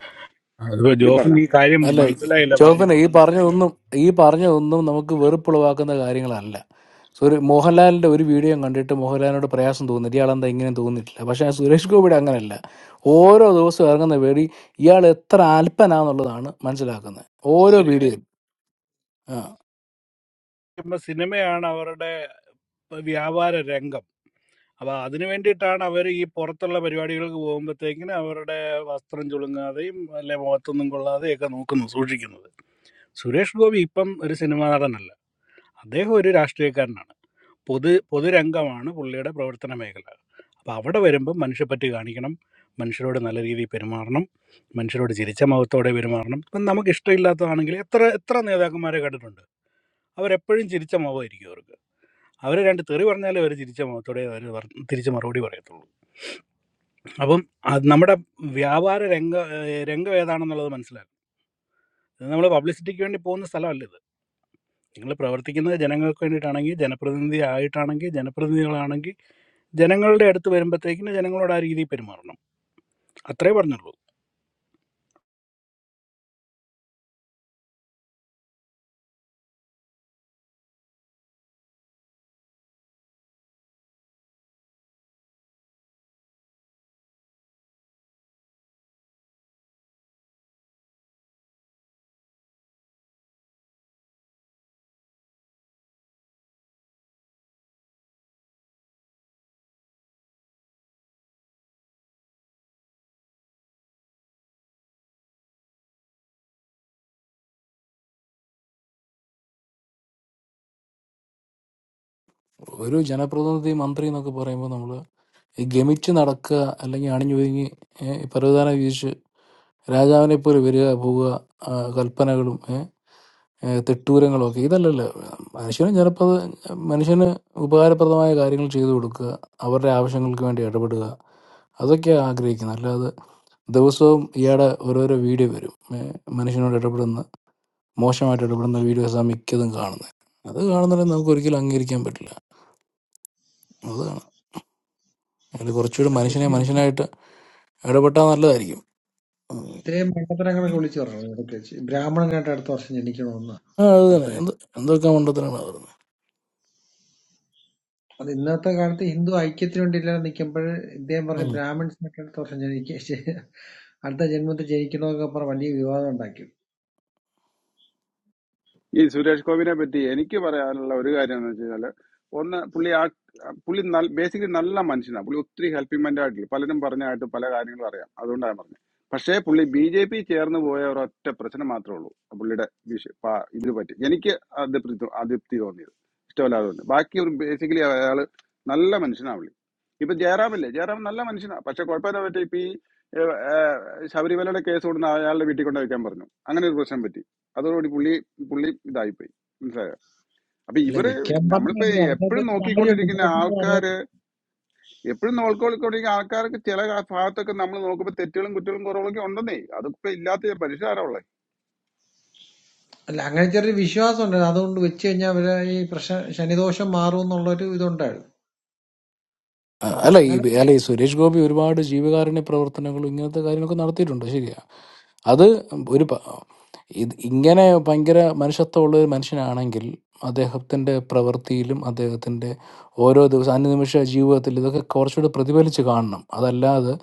Speaker 2: അതിപ്പോ
Speaker 19: നീ പറഞ്ഞ
Speaker 2: ജോഫിന് ഈ കാര്യം
Speaker 18: അല്ല
Speaker 2: മനസ്സിലായില്ല
Speaker 18: ജോഫിനെ
Speaker 2: പറഞ്ഞത്
Speaker 18: ഈ പറഞ്ഞതൊന്നും ഈ പറഞ്ഞതൊന്നും നമുക്ക് വെറുപ്പുളവാക്കുന്ന കാര്യങ്ങളല്ല സൂര്യ മോഹൻലാലിന്റെ ഒരു വീഡിയോ കണ്ടിട്ട് മോഹൻലാലിനോട് പ്രയാസം തോന്നുന്നില്ല ഇയാളെന്താ ഇങ്ങനെ തോന്നിയിട്ടില്ല പക്ഷേ സുരേഷ് ഗോപിയുടെ അങ്ങനെയല്ല ഓരോ ദിവസവും ഇറങ്ങുന്ന വേടി ഇയാൾ എത്ര അല്പനാന്നുള്ളതാണ് മനസ്സിലാക്കുന്നത് ഓരോ വീഡിയോയും ആ
Speaker 2: ഇപ്പൊ സിനിമയാണ് അവരുടെ വ്യാപാര രംഗം അപ്പൊ അതിനു വേണ്ടിയിട്ടാണ് അവർ ഈ പുറത്തുള്ള പരിപാടികൾക്ക് പോകുമ്പോഴത്തേക്കിന് അവരുടെ വസ്ത്രം ചുളുങ്ങാതെയും അല്ലെ മുഖത്തൊന്നും കൊള്ളാതെയും ഒക്കെ നോക്കുന്നത് സൂക്ഷിക്കുന്നത് സുരേഷ് ഗോപി ഇപ്പം ഒരു സിനിമാ നടനല്ല അദ്ദേഹം ഒരു രാഷ്ട്രീയക്കാരനാണ് പൊതു പൊതുരംഗമാണ് പുള്ളിയുടെ പ്രവർത്തന മേഖല അപ്പൊ അവിടെ വരുമ്പം മനുഷ്യപ്പറ്റി കാണിക്കണം മനുഷ്യരോട് നല്ല രീതിയിൽ പെരുമാറണം മനുഷ്യരോട് ചിരിച്ച മുഖത്തോടെ പെരുമാറണം ഇപ്പം നമുക്ക് ഇഷ്ടമില്ലാത്തതാണെങ്കിൽ എത്ര എത്ര നേതാക്കന്മാരെ കണ്ടിട്ടുണ്ട് അവരെപ്പോഴും ചിരിച്ച മുഖമായിരിക്കും അവർക്ക് അവർ രണ്ട് തെറി പറഞ്ഞാലേ അവർ ചിരിച്ച മുഖത്തോടെ അവർ തിരിച്ച് മറുപടി പറയത്തുള്ളൂ അപ്പം അത് നമ്മുടെ വ്യാപാര രംഗ ഏഹ് രംഗം ഏതാണെന്നുള്ളത് മനസ്സിലായി നമ്മൾ പബ്ലിസിറ്റിക്ക് വേണ്ടി പോകുന്ന സ്ഥലമല്ല ഇത് നിങ്ങൾ പ്രവർത്തിക്കുന്നത് ജനങ്ങൾക്ക് വേണ്ടിയിട്ടാണെങ്കിൽ ജനപ്രതിനിധി ആയിട്ടാണെങ്കിൽ ജനപ്രതിനിധികളാണെങ്കിൽ ജനങ്ങളുടെ അടുത്ത് വരുമ്പോഴത്തേക്കിന് ജനങ്ങളോട് ആ രീതിയിൽ പെരുമാറണം അത്രേ പറഞ്ഞുള്ളൂ
Speaker 18: ഒരു ജനപ്രതിനിധി മന്ത്രി എന്നൊക്കെ പറയുമ്പോൾ നമ്മൾ ഗമിച്ച് നടക്കുക അല്ലെങ്കിൽ അണിഞ്ഞൊതുങ്ങി പരവധാനം വീതിച്ച് രാജാവിനെ പോലെ വരിക പോവുക ആ, കൽപ്പനകളും ഏ, ഏ, തെട്ടൂരങ്ങളും ഒക്കെ ഇതല്ലല്ലോ മനുഷ്യന് ചിലപ്പോൾ അത് മനുഷ്യന് ഉപകാരപ്രദമായ കാര്യങ്ങൾ ചെയ്തു കൊടുക്കുക അവരുടെ ആവശ്യങ്ങൾക്ക് വേണ്ടി ഇടപെടുക അതൊക്കെയാണ് ആഗ്രഹിക്കുന്നത് അല്ലാതെ ദിവസവും ഇയാടെ ഓരോരോ വീഡിയോ വരും ഏ, മനുഷ്യനോട് ഇടപെടുന്ന മോശമായിട്ട് ഇടപെടുന്ന വീഡിയോസാണ് മിക്കതും കാണുന്നത് അത് കാണുന്നുണ്ടെങ്കിൽ നമുക്ക് ഒരിക്കലും അംഗീകരിക്കാൻ പറ്റില്ല അതാണ് അതിൽ കുറച്ചുകൂടി മനുഷ്യനെ മനുഷ്യനായിട്ട് ഇടപെട്ടാൽ നല്ലതായിരിക്കും ഉം.
Speaker 8: ഇത്രയും മണ്ടത്തരങ്ങളൊക്കെ വിളിച്ചു പറഞ്ഞു ഇടയ്ക്ക് വെച്ച് ബ്രാഹ്മണനായിട്ട് അടുത്ത വർഷം ജനിക്കണമെന്ന്
Speaker 18: ആ അത്
Speaker 8: അടുത്ത
Speaker 18: തന്നെ
Speaker 8: ജന്മം.
Speaker 18: എന്ത് എന്തൊക്കെ മണ്ടത്തിനാണ് പറയുന്നത്
Speaker 8: അത് ഇന്നത്തെ കാലത്ത് ഹിന്ദു ഐക്യത്തിന് വേണ്ടി ഇല്ലാതെ നിൽക്കുമ്പോൾ ഇദ്ദേഹം പറഞ്ഞു ബ്രാഹ്മിൺസിനൊക്കെ അടുത്ത വർഷം ജനിക്ക ജ- അടുത്ത ജന്മത്തിൽ ജനിക്കണമെന്നൊക്കെ പറഞ്ഞ് വലിയ വിവാദം ഉണ്ടാക്കി
Speaker 19: ഈ സുരേഷ് ഗോപിനെ പറ്റി എനിക്ക് പറയാനുള്ള ഒരു കാര്യം എന്ന് വെച്ച് കഴിഞ്ഞാല് ഒന്ന് പുള്ളി ആ പുള്ളി ബേസിക്കലി നല്ല മനുഷ്യനാണ് പുള്ളി ഒത്തിരി ഹെൽപ്പിംഗ് മൈൻഡ് ആയിട്ടില്ല പലരും പറഞ്ഞായിട്ട് പല കാര്യങ്ങളും അറിയാം അതുകൊണ്ടാണ് പറഞ്ഞത് പക്ഷേ പുള്ളി ബി ജെ പി ചേർന്ന് പോയ ഒരൊറ്റ പ്രശ്നം മാത്രമേ ഉള്ളൂ പുള്ളിയുടെ വിഷ- പ- ഇതിന് പറ്റി എനിക്ക് അതൃപ്തി തോ- അതൃപ്തി തോന്നിയത് ഇഷ്ടമല്ലാതെ തോന്നി ബാക്കി ഒരു ബേസിക്കലി അയാള് നല്ല മനുഷ്യനാണ് പുള്ളി ഇപ്പൊ ജയറാമില്ലേ ജയറാം നല്ല മനുഷ്യനാണ് പക്ഷെ കുഴപ്പമില്ല പറ്റി ഇപ്പൊ ഈ ഏഹ്, ഏഹ്, ശബരിമലയുടെ കേസ് കൊടുക്കുന്ന അയാളുടെ വീട്ടിൽ കൊണ്ടുവയ്ക്കാൻ പറഞ്ഞു അങ്ങനെ ഒരു പ്രശ്നം പറ്റി അതോടുകൂടി പുള്ളി പുള്ളി ഇതായിപ്പോയി മനസ്സിലായോ അപ്പൊ
Speaker 8: അല്ലെ
Speaker 19: ഇവര്
Speaker 8: വെക്കാൻ
Speaker 19: നമ്മളിപ്പോ
Speaker 8: പറഞ്ഞില്ല അതിനകത്ത്
Speaker 19: എപ്പോഴും
Speaker 8: ഒരു
Speaker 19: നോക്കിക്കൊണ്ടിരിക്കുന്ന
Speaker 8: കാര്യമുണ്ട്
Speaker 19: ആൾക്കാര് എപ്പോഴും നോക്കിക്കൊണ്ടിരിക്കുന്ന ആൾക്കാർക്ക് ചില ഭാഗത്തൊക്കെ നമ്മൾ നോക്കുമ്പോ തെറ്റുകളും കുറ്റങ്ങളും കുറവുകളൊക്കെ ഉണ്ടെന്നേ അതൊക്കെ ഇല്ലാത്ത പരിഷ്കാരമുള്ളത്
Speaker 8: അല്ല അങ്ങനെ ചെറിയൊരു വിശ്വാസം ഉണ്ടായിരുന്നു അതുകൊണ്ട് വെച്ച് കഴിഞ്ഞാൽ അവരെ ഈ പ്രശ്ന ശനിദോഷം മാറും എന്നുള്ളൊരു ഇതുണ്ടായിരുന്നു
Speaker 18: ആ,
Speaker 8: അപ്പൊ
Speaker 18: അല്ല ഈ
Speaker 8: അങ്ങനെ
Speaker 18: അല്ല ഈ സുരേഷ് ഗോപി ഒരുപാട് ജീവകാരുണ്യ പ്രവർത്തനങ്ങളും ഇങ്ങനത്തെ കാര്യങ്ങളൊക്കെ നടത്തിയിട്ടുണ്ട് ശരിയാ അത് ഒരു പ- ഇത് ഇങ്ങനെ ഭയങ്കര മനുഷ്യത്വമുള്ള ഒരു മനുഷ്യനാണെങ്കിൽ അദ്ദേഹത്തിൻ്റെ പ്രവൃത്തിയിലും അദ്ദേഹത്തിൻ്റെ ഓരോ ദിവസം അനുനിമിഷ ജീവിതത്തിൽ ഇതൊക്കെ കുറച്ചുകൂടി പ്രതിഫലിച്ച് കാണണം അതല്ലാതെ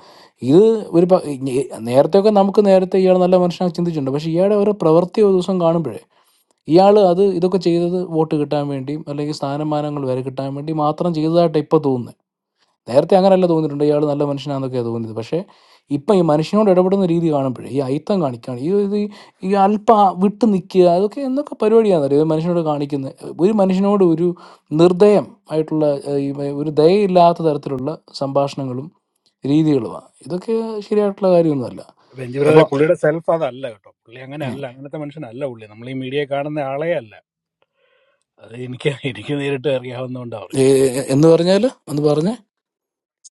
Speaker 18: ഇത് ഒരു പ- ഇ- നേരത്തെയൊക്കെ നമുക്ക് നേരത്തെ ഇയാൾ നല്ല മനുഷ്യനാണ് ചിന്തിച്ചിട്ടുണ്ട് പക്ഷേ ഇയാളുടെ ഓരോ പ്രവൃത്തി ഒരു ദിവസം കാണുമ്പോഴേ ഇയാൾ അത് ഇതൊക്കെ ചെയ്തത് വോട്ട് കിട്ടാൻ വേണ്ടിയും അല്ലെങ്കിൽ സ്ഥാനമാനങ്ങൾ വരെ കിട്ടാൻ വേണ്ടി മാത്രം ചെയ്തതായിട്ട് ഇപ്പോൾ തോന്നുന്നത് നേരത്തെ അങ്ങനെയല്ല തോന്നിയിട്ടുണ്ട് ഇയാൾ നല്ല മനുഷ്യനാണെന്നൊക്കെയാണ് തോന്നിയത് പക്ഷേ ഇപ്പം ഈ മനുഷ്യനോട് ഇടപെടുന്ന രീതി കാണുമ്പോഴേ ഈ അയിത്തം കാണിക്കുകയാണ് ഈ ഇത് ഈ അല്പ വിട്ട് നിൽക്കുക അതൊക്കെ എന്തൊക്കെ പരിപാടിയാണെന്നറിയോ ഇത് മനുഷ്യനോട് കാണിക്കുന്നത് ഒരു മനുഷ്യനോട് ഒരു നിർദ്ദയം ആയിട്ടുള്ള ഏഹ്, ഈ ഒരു ദയയില്ലാത്ത തരത്തിലുള്ള സംഭാഷണങ്ങളും രീതികളുമാണ് ഇതൊക്കെ ശരിയായിട്ടുള്ള കാര്യമൊന്നുമല്ല
Speaker 2: രഞ്ജി ബ്രദറെ
Speaker 18: അപ്പം
Speaker 2: പുള്ളിയുടെ സെൽഫ് അതല്ല കേട്ടോ പുള്ളി അങ്ങനെ
Speaker 18: ഉം,
Speaker 2: അല്ല അങ്ങനത്തെ മനുഷ്യനല്ല പുള്ളി നമ്മൾ ഈ മീഡിയ കാണുന്ന ആളെ അല്ല അത് എനിക്ക് എനിക്ക് നേരിട്ട് അറിയാവുന്നതുകൊണ്ട്
Speaker 18: ഏ,
Speaker 2: പറയും
Speaker 18: എന്ന് പറഞ്ഞാൽ ഒന്ന് പറഞ്ഞേ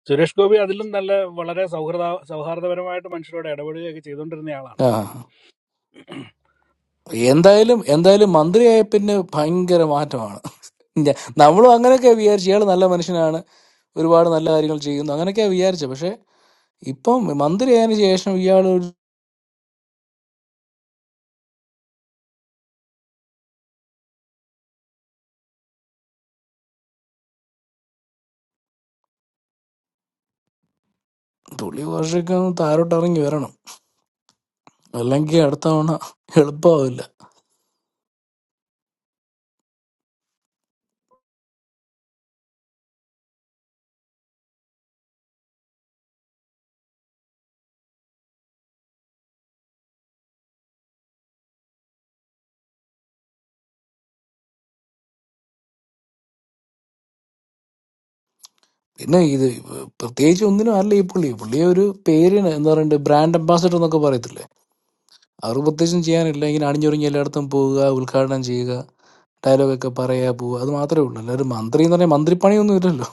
Speaker 2: സുരേഷ് ഗോപി അതിലും നല്ല വളരെ സൗഹൃദ സൗഹാർദ്ദപരമായിട്ട് മനുഷ്യരോട് ഇടപെടുകയൊക്കെ ചെയ്തുകൊണ്ടിരുന്ന ആളാണ്
Speaker 18: ആ എന്തായാലും എന്തായാലും മന്ത്രിയായ പിന്നെ ഭയങ്കര മാറ്റമാണ് ഞ- നമ്മളും അങ്ങനെയൊക്കെ വിചാരിച്ചു ഇയാൾ നല്ല മനുഷ്യനാണ് ഒരുപാട് നല്ല കാര്യങ്ങൾ ചെയ്യുന്നു അങ്ങനെയൊക്കെയാ വിചാരിച്ചത് പക്ഷെ ഇപ്പം മന്ത്രിയായതിനു ശേഷം ഇയാൾ ഒരു തുള്ളി വർഷമൊക്കെ ഒന്ന് താഴോട്ട് ഇറങ്ങി വരണം അല്ലെങ്കിൽ അടുത്ത തവണ എളുപ്പമാവില്ല പിന്നെ ഇത് പ്രത്യേകിച്ച് ഒന്നിനും അല്ല ഈ പുള്ളി പുള്ളിയെ ഒരു പേരിന് എന്താ പറയണ്ടേ ബ്രാൻഡ് അംബാസഡർ എന്നൊക്കെ പറയത്തില്ലേ അവർ പ്രത്യേകിച്ചും ചെയ്യാനില്ല ഇങ്ങനെ അണിഞ്ഞൊരുങ്ങി എല്ലായിടത്തും പോവുക ഉദ്ഘാടനം ചെയ്യുക ഡയലോഗൊക്കെ പറയാ പോവുക അത് മാത്രമേ ഉള്ളൂ അല്ലാതെ ഒരു മന്ത്രി എന്ന് പറഞ്ഞാൽ മന്ത്രിപ്പണിയൊന്നും ഇല്ലല്ലോ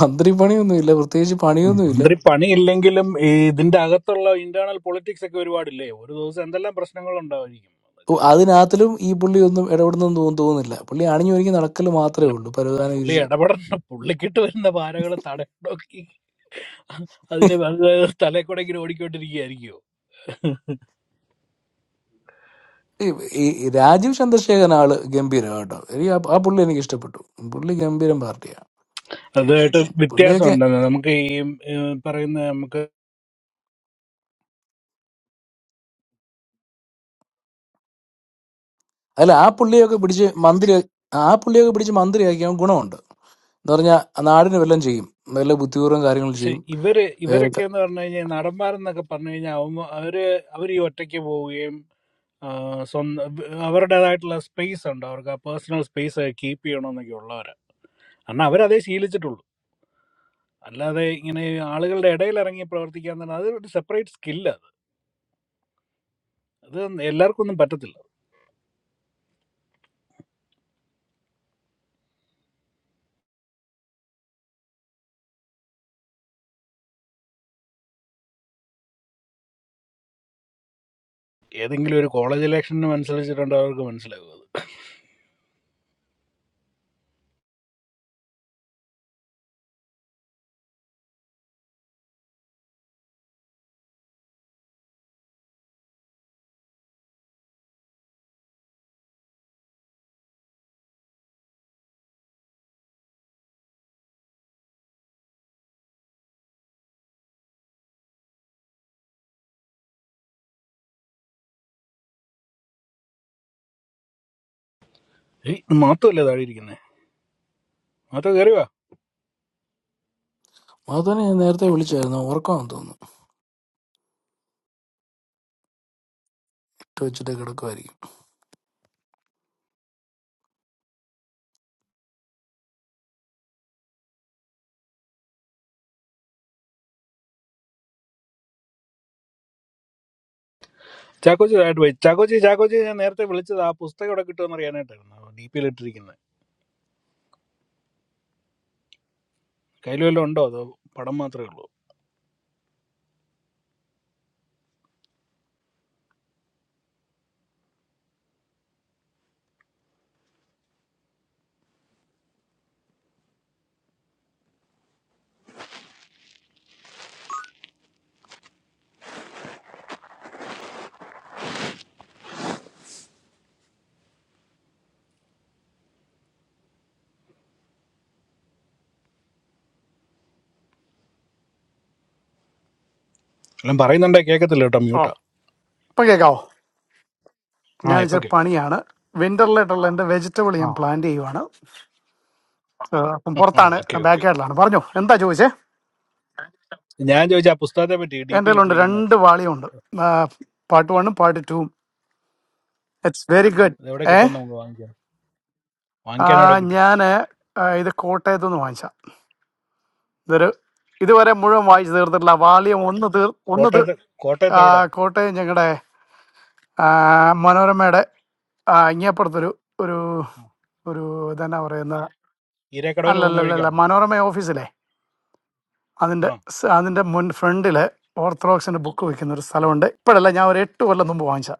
Speaker 18: മന്ത്രിപ്പണിയൊന്നും ഇല്ല പ്രത്യേകിച്ച് പണിയൊന്നും ഇല്ല
Speaker 2: മന്ത്രി പണിയില്ലെങ്കിലും ഈ ഇതിന്റെ അകത്തുള്ള ഇന്റേണൽ പൊളിറ്റിക്സ് ഒക്കെ ഒരുപാടില്ലേ ഒരു ദിവസം എന്തെല്ലാം പ്രശ്നങ്ങൾ ഉണ്ടാവായിരിക്കും
Speaker 18: ഓ,
Speaker 2: അതൊക്കെ
Speaker 18: അതിനകത്തിലും ഈ പുള്ളി ഒന്നും ഇടപെടുന്നെന്ന് തോന്നു- തോന്നുന്നില്ല പുള്ളി അണിഞ്ഞൊരുങ്ങി നടക്കൽ മാത്രമേ
Speaker 2: അല്ല
Speaker 18: ഉള്ളൂ
Speaker 2: ആ
Speaker 18: പരവധാനം
Speaker 2: പുള്ളി
Speaker 18: വിരിച്ച്
Speaker 2: ഇടപെടണം പുള്ളിക്കിട്ട് വരുന്ന പാരകൾ തടയൊക്കി അതിന് തലേക്കൂടെങ്കിലും ഓടിക്കൊണ്ടിരിക്കുകയായിരിക്കുമോ
Speaker 18: ഈ ഈ രാജീവ് ചന്ദ്രശേഖരൻ ആള് ഗംഭീരം കേട്ടോ എനിക്ക് ആ ആ പുള്ളി എനിക്ക് ഇഷ്ടപ്പെട്ടു പുള്ളി ഗംഭീരം പാർട്ടിയാണ്
Speaker 2: അതുമായിട്ട്
Speaker 18: പുള്ളിയൊക്കെ
Speaker 2: വ്യത്യാസമുണ്ട് നമുക്ക് ഈ ഏഹ്, പറയുന്ന നമുക്ക്
Speaker 18: അല്ല ആ പുള്ളിയൊക്കെ പിടിച്ച് മന്ത്രി ആ പുള്ളിയൊക്കെ പിടിച്ച് മന്ത്രിയാക്കി അവൻ ഗുണമുണ്ട് എന്ന് പറഞ്ഞാൽ നാടിന് വല്ലതും ചെയ്യും നല്ല ബുദ്ധിപൂർവ്വം കാര്യങ്ങൾ
Speaker 2: പക്ഷെ
Speaker 18: ചെയ്യും
Speaker 2: ഇവര്
Speaker 18: ഏ,
Speaker 2: ഇവരൊക്കെ
Speaker 18: ക-
Speaker 2: എന്ന് പറഞ്ഞു കഴിഞ്ഞാൽ നടന്മാരെന്നൊക്കെ പറഞ്ഞു കഴിഞ്ഞാൽ അവ- അവര് അവർ ഈ ഒറ്റയ്ക്ക് പോവുകയും ആ, സ്വന്തം അവരുടേതായിട്ടുള്ള സ്പേസ് ഉണ്ട് അവർക്ക് ആ പേഴ്സണൽ സ്പേസ് കീപ്പ് ചെയ്യണമെന്നൊക്കെ ഉള്ളവരാ കാരണം അവരതേ ശീലിച്ചിട്ടുള്ളൂ അല്ലാതെ ഇങ്ങനെ ആളുകളുടെ ഇടയിൽ ഇറങ്ങി പ്രവർത്തിക്കുക എന്ന് പറഞ്ഞാൽ അതൊരു സെപ്പറേറ്റ് സ്കില്ല അത് അത് എല്ലാവർക്കും ഒന്നും പറ്റത്തില്ല ഏതെങ്കിലും ഒരു കോളേജ് ഇലക്ഷന് മനസ്സിലിച്ചിട്ടുണ്ട് അവർക്ക് മനസ്സിലാകും അത് ഏയ്, ഇത് മാത്രമല്ലേ താഴെ ഇരിക്കുന്നത് മാത്രം കയറിയോ
Speaker 18: അതുതന്നെ ഞാൻ നേരത്തെ വിളിച്ചായിരുന്നു ഉറക്കമാണെന്ന് തോന്നുന്നു ഇട്ട് വെച്ചിട്ട് കിടക്കുമായിരിക്കും
Speaker 2: ചാക്കോച്ചി താഴോട്ട് പോയി ചാക്കോച്ചി ചാക്കോച്ചി ഞാൻ നേരത്തെ വിളിച്ചത് ആ പുസ്തകം ഇവിടെ കിട്ടുമെന്ന് അറിയാനായിട്ടായിരുന്നു ഡി പിയിൽ ഇട്ടിരിക്കുന്നത് കയ്യിൽ വല്ലതും ഉണ്ടോ അതോ പടം മാത്രമേ ഉള്ളൂ എല്ലാം പറയുന്നുണ്ടേ കേൾക്കത്തില്ല കേട്ടോ
Speaker 14: ഓ
Speaker 2: മ്യൂട്ടാ
Speaker 14: ഇപ്പൊ കേക്കാവോ
Speaker 2: ആ
Speaker 14: ഞാൻ
Speaker 2: ഇപ്പൊ
Speaker 14: ഇച്ചിരി
Speaker 2: കേൾക്കാം
Speaker 14: പണിയാണ് വിന്ററിലായിട്ടുള്ള എന്റെ വെജിറ്റബിൾ
Speaker 2: ആ
Speaker 14: ഞാൻ പ്ലാന്റ് ചെയ്യുവാണ് ആ, അപ്പം പുറത്താണ്
Speaker 2: ഓക്കെ ഓക്കെ
Speaker 14: ബാക്ക് യാർഡിലാണ് പറഞ്ഞോ എന്താ ചോദിച്ചേ
Speaker 2: ഞാൻ ചോദിച്ചു ആ പുസ്തകത്തെ പറ്റി ഡി
Speaker 14: എൻ്റെ
Speaker 2: പിയിൽ
Speaker 14: കയ്യിലുണ്ട്
Speaker 2: ഇട്ടിരിക്കുന്നത്
Speaker 14: രണ്ട് വാളിയുണ്ട് പാർട്ട് വണ്ണും പാർട്ട് ടൂവും ഇറ്റ്സ് വെരി ഗുഡ്
Speaker 2: ഇത് എവിടെ
Speaker 14: ഏ
Speaker 2: കിട്ടും നമുക്ക് വാങ്ങിക്കാം വാങ്ങിക്കാൻ എവിടെ കിട്ടും
Speaker 14: ഞാൻ ഇത് കോട്ടയത്തു നിന്ന് വാങ്ങിച്ച ഇതൊരു ഇതുവരെ മുഴുവൻ വായിച്ചു തീർത്തിട്ടില്ല വാളിയം ഒന്ന് തീർ ഒന്ന് തീർ
Speaker 2: കോട്ടയത്ത്
Speaker 14: ആ,
Speaker 2: കോട്ടയത്ത് എവിടെ
Speaker 14: കോട്ടയം ഞങ്ങളുടെ മനോരമയുടെ ആ, ഇങ്ങേപ്പുറത്തൊരു ഒരു
Speaker 2: ആ.
Speaker 14: ഒരു ഇതെന്നാ പറയുന്ന
Speaker 2: ഈരക്കടവിന് പോകുന്ന
Speaker 14: അല്ലല്ലല്ല
Speaker 2: വഴിക്കാണോ
Speaker 14: മനോരമ ഓഫീസിലെ
Speaker 2: ആ
Speaker 14: അതിന്റെ സ- അതിന്റെ മുൻ ഫ്രണ്ടില് ഓർത്തഡോക്സിന്റെ ബുക്ക് വെക്കുന്ന ഒരു
Speaker 2: ഉം.
Speaker 14: സ്ഥലമുണ്ട് ഇപ്പോഴല്ല ഞാൻ ഒരു എട്ട് കൊല്ലം മുമ്പ് വാങ്ങിച്ച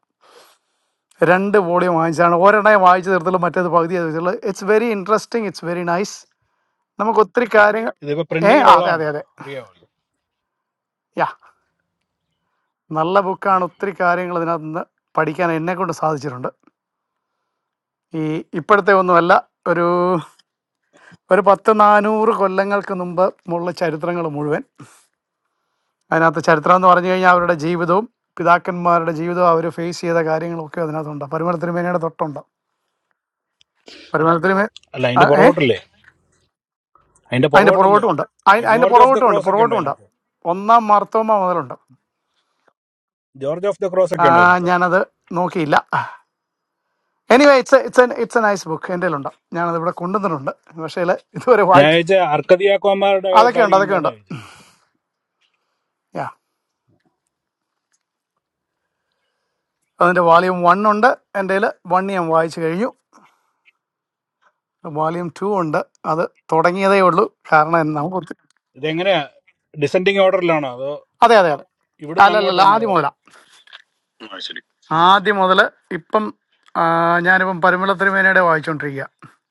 Speaker 14: രണ്ട് വോളിയം വാങ്ങിച്ചാണ് ഒരെണ്ണേ വായിച്ചു തീർത്തുള്ളൂ മറ്റേത് പകുതി തീർത്തുള്ളൂ it's very interesting it's very nice നമുക്ക് ഒത്തിരി കാര്യങ്ങൾ
Speaker 2: ഇതിപ്പോ
Speaker 14: ഏ അതെ
Speaker 2: പ്രിന്റിങ്ങിലുള്ളതാണോ
Speaker 14: അതെ
Speaker 2: അത്
Speaker 14: അതെ
Speaker 2: അറിയാമല്ലോ
Speaker 14: യാ നല്ല ബുക്കാണ് ഒത്തിരി കാര്യങ്ങൾ ഇതിനകത്ത് നിന്ന് പഠിക്കാൻ എന്നെ കൊണ്ട് സാധിച്ചിട്ടുണ്ട് ഈ ഇപ്പോഴത്തെ ഒന്നുമല്ല ഒരു ഒരു പത്ത് നാനൂറ് കൊല്ലങ്ങൾക്ക് മുമ്പ് ഉള്ള ചരിത്രങ്ങൾ മുഴുവൻ അതിനകത്ത് ചരിത്രം എന്ന് പറഞ്ഞു കഴിഞ്ഞാൽ അവരുടെ ജീവിതവും പിതാക്കന്മാരുടെ ജീവിതവും അവർ ഫേസ് ചെയ്ത കാര്യങ്ങളൊക്കെ അതിനകത്തുണ്ട് പരുമലത്തിരുമേനയുടെ തൊട്ടുണ്ട് പരുമലത്തിരുമേ
Speaker 2: അല്ല അതിന്റെ
Speaker 14: ഏ
Speaker 2: പുറകോട്ടല്ലേ അതിന്റെ
Speaker 14: അതിന്റെ പുറകോട്ടും
Speaker 2: പുറകോട്ടൊന്നുമില്ലേ
Speaker 14: ഉണ്ട്
Speaker 2: ഈ
Speaker 14: അയി- അതിന്റെ
Speaker 2: ജോർജ് ഓഫ് ദ
Speaker 14: പുറകോട്ടും ഉണ്ട്
Speaker 2: ക്രോസ് ഒക്കെ ഉണ്ടോ
Speaker 14: പുറകോട്ടും ഉണ്ട്
Speaker 2: അതിനകത്ത്
Speaker 14: ഒന്നാം മാർത്തോമ മുതലുണ്ട്
Speaker 2: ജോർജ് ഓഫ് ദ ക്രോസ്
Speaker 14: ആ,
Speaker 2: ഒക്കെ ഉണ്ടോ അതിനകത്ത്
Speaker 14: ഞാനത് നോക്കിയില്ല anyway it's it's an it's a nice book എൻ്റെ ഉണ്ട് ഞാനത് ഇവിടെ കൊണ്ടുവന്നിട്ടുണ്ട് പക്ഷേ ഇതുവരെ
Speaker 2: ഞാൻ
Speaker 14: വായിച്ചു
Speaker 2: ചോദിച്ച അർക്കതിയാക്കോമാരുടെ
Speaker 14: അതൊക്കെ ഉണ്ട്
Speaker 2: കാര്യം
Speaker 14: അതൊക്കെ
Speaker 2: ഉണ്ടോന്ന്
Speaker 14: ഉണ്ട്
Speaker 2: ചോദിച്ചു
Speaker 14: യാ അതിന്റെ വാല്യൂം വൺ ഉണ്ട് എൻ്റെ വൺ ഞാൻ വായിച്ചു കഴിഞ്ഞു വോളിയം ടു ഉണ്ട് അത് തുടങ്ങിയതേ ഉള്ളൂ കാരണം എന്ന് നമുക്ക് ഒത്തി-
Speaker 2: ഇതെങ്ങനെയാ ഡിസെൻഡിങ് ഓർഡറിലാണോ അതോ
Speaker 14: അതെ അതെ അതെ
Speaker 2: ഇവിടുന്ന്
Speaker 14: അല്ലല്ലല്ല
Speaker 2: അങ്ങോട്ടാണോ
Speaker 14: ആദ്യം
Speaker 2: അതോ
Speaker 14: മുതലാ
Speaker 2: ആ, ശരി
Speaker 14: ആദ്യം മുതൽ ഇപ്പം ആ, ഞാനിപ്പം പരിമള തിരുമേനയുടെ വായിച്ചുകൊണ്ടിരിക്കുക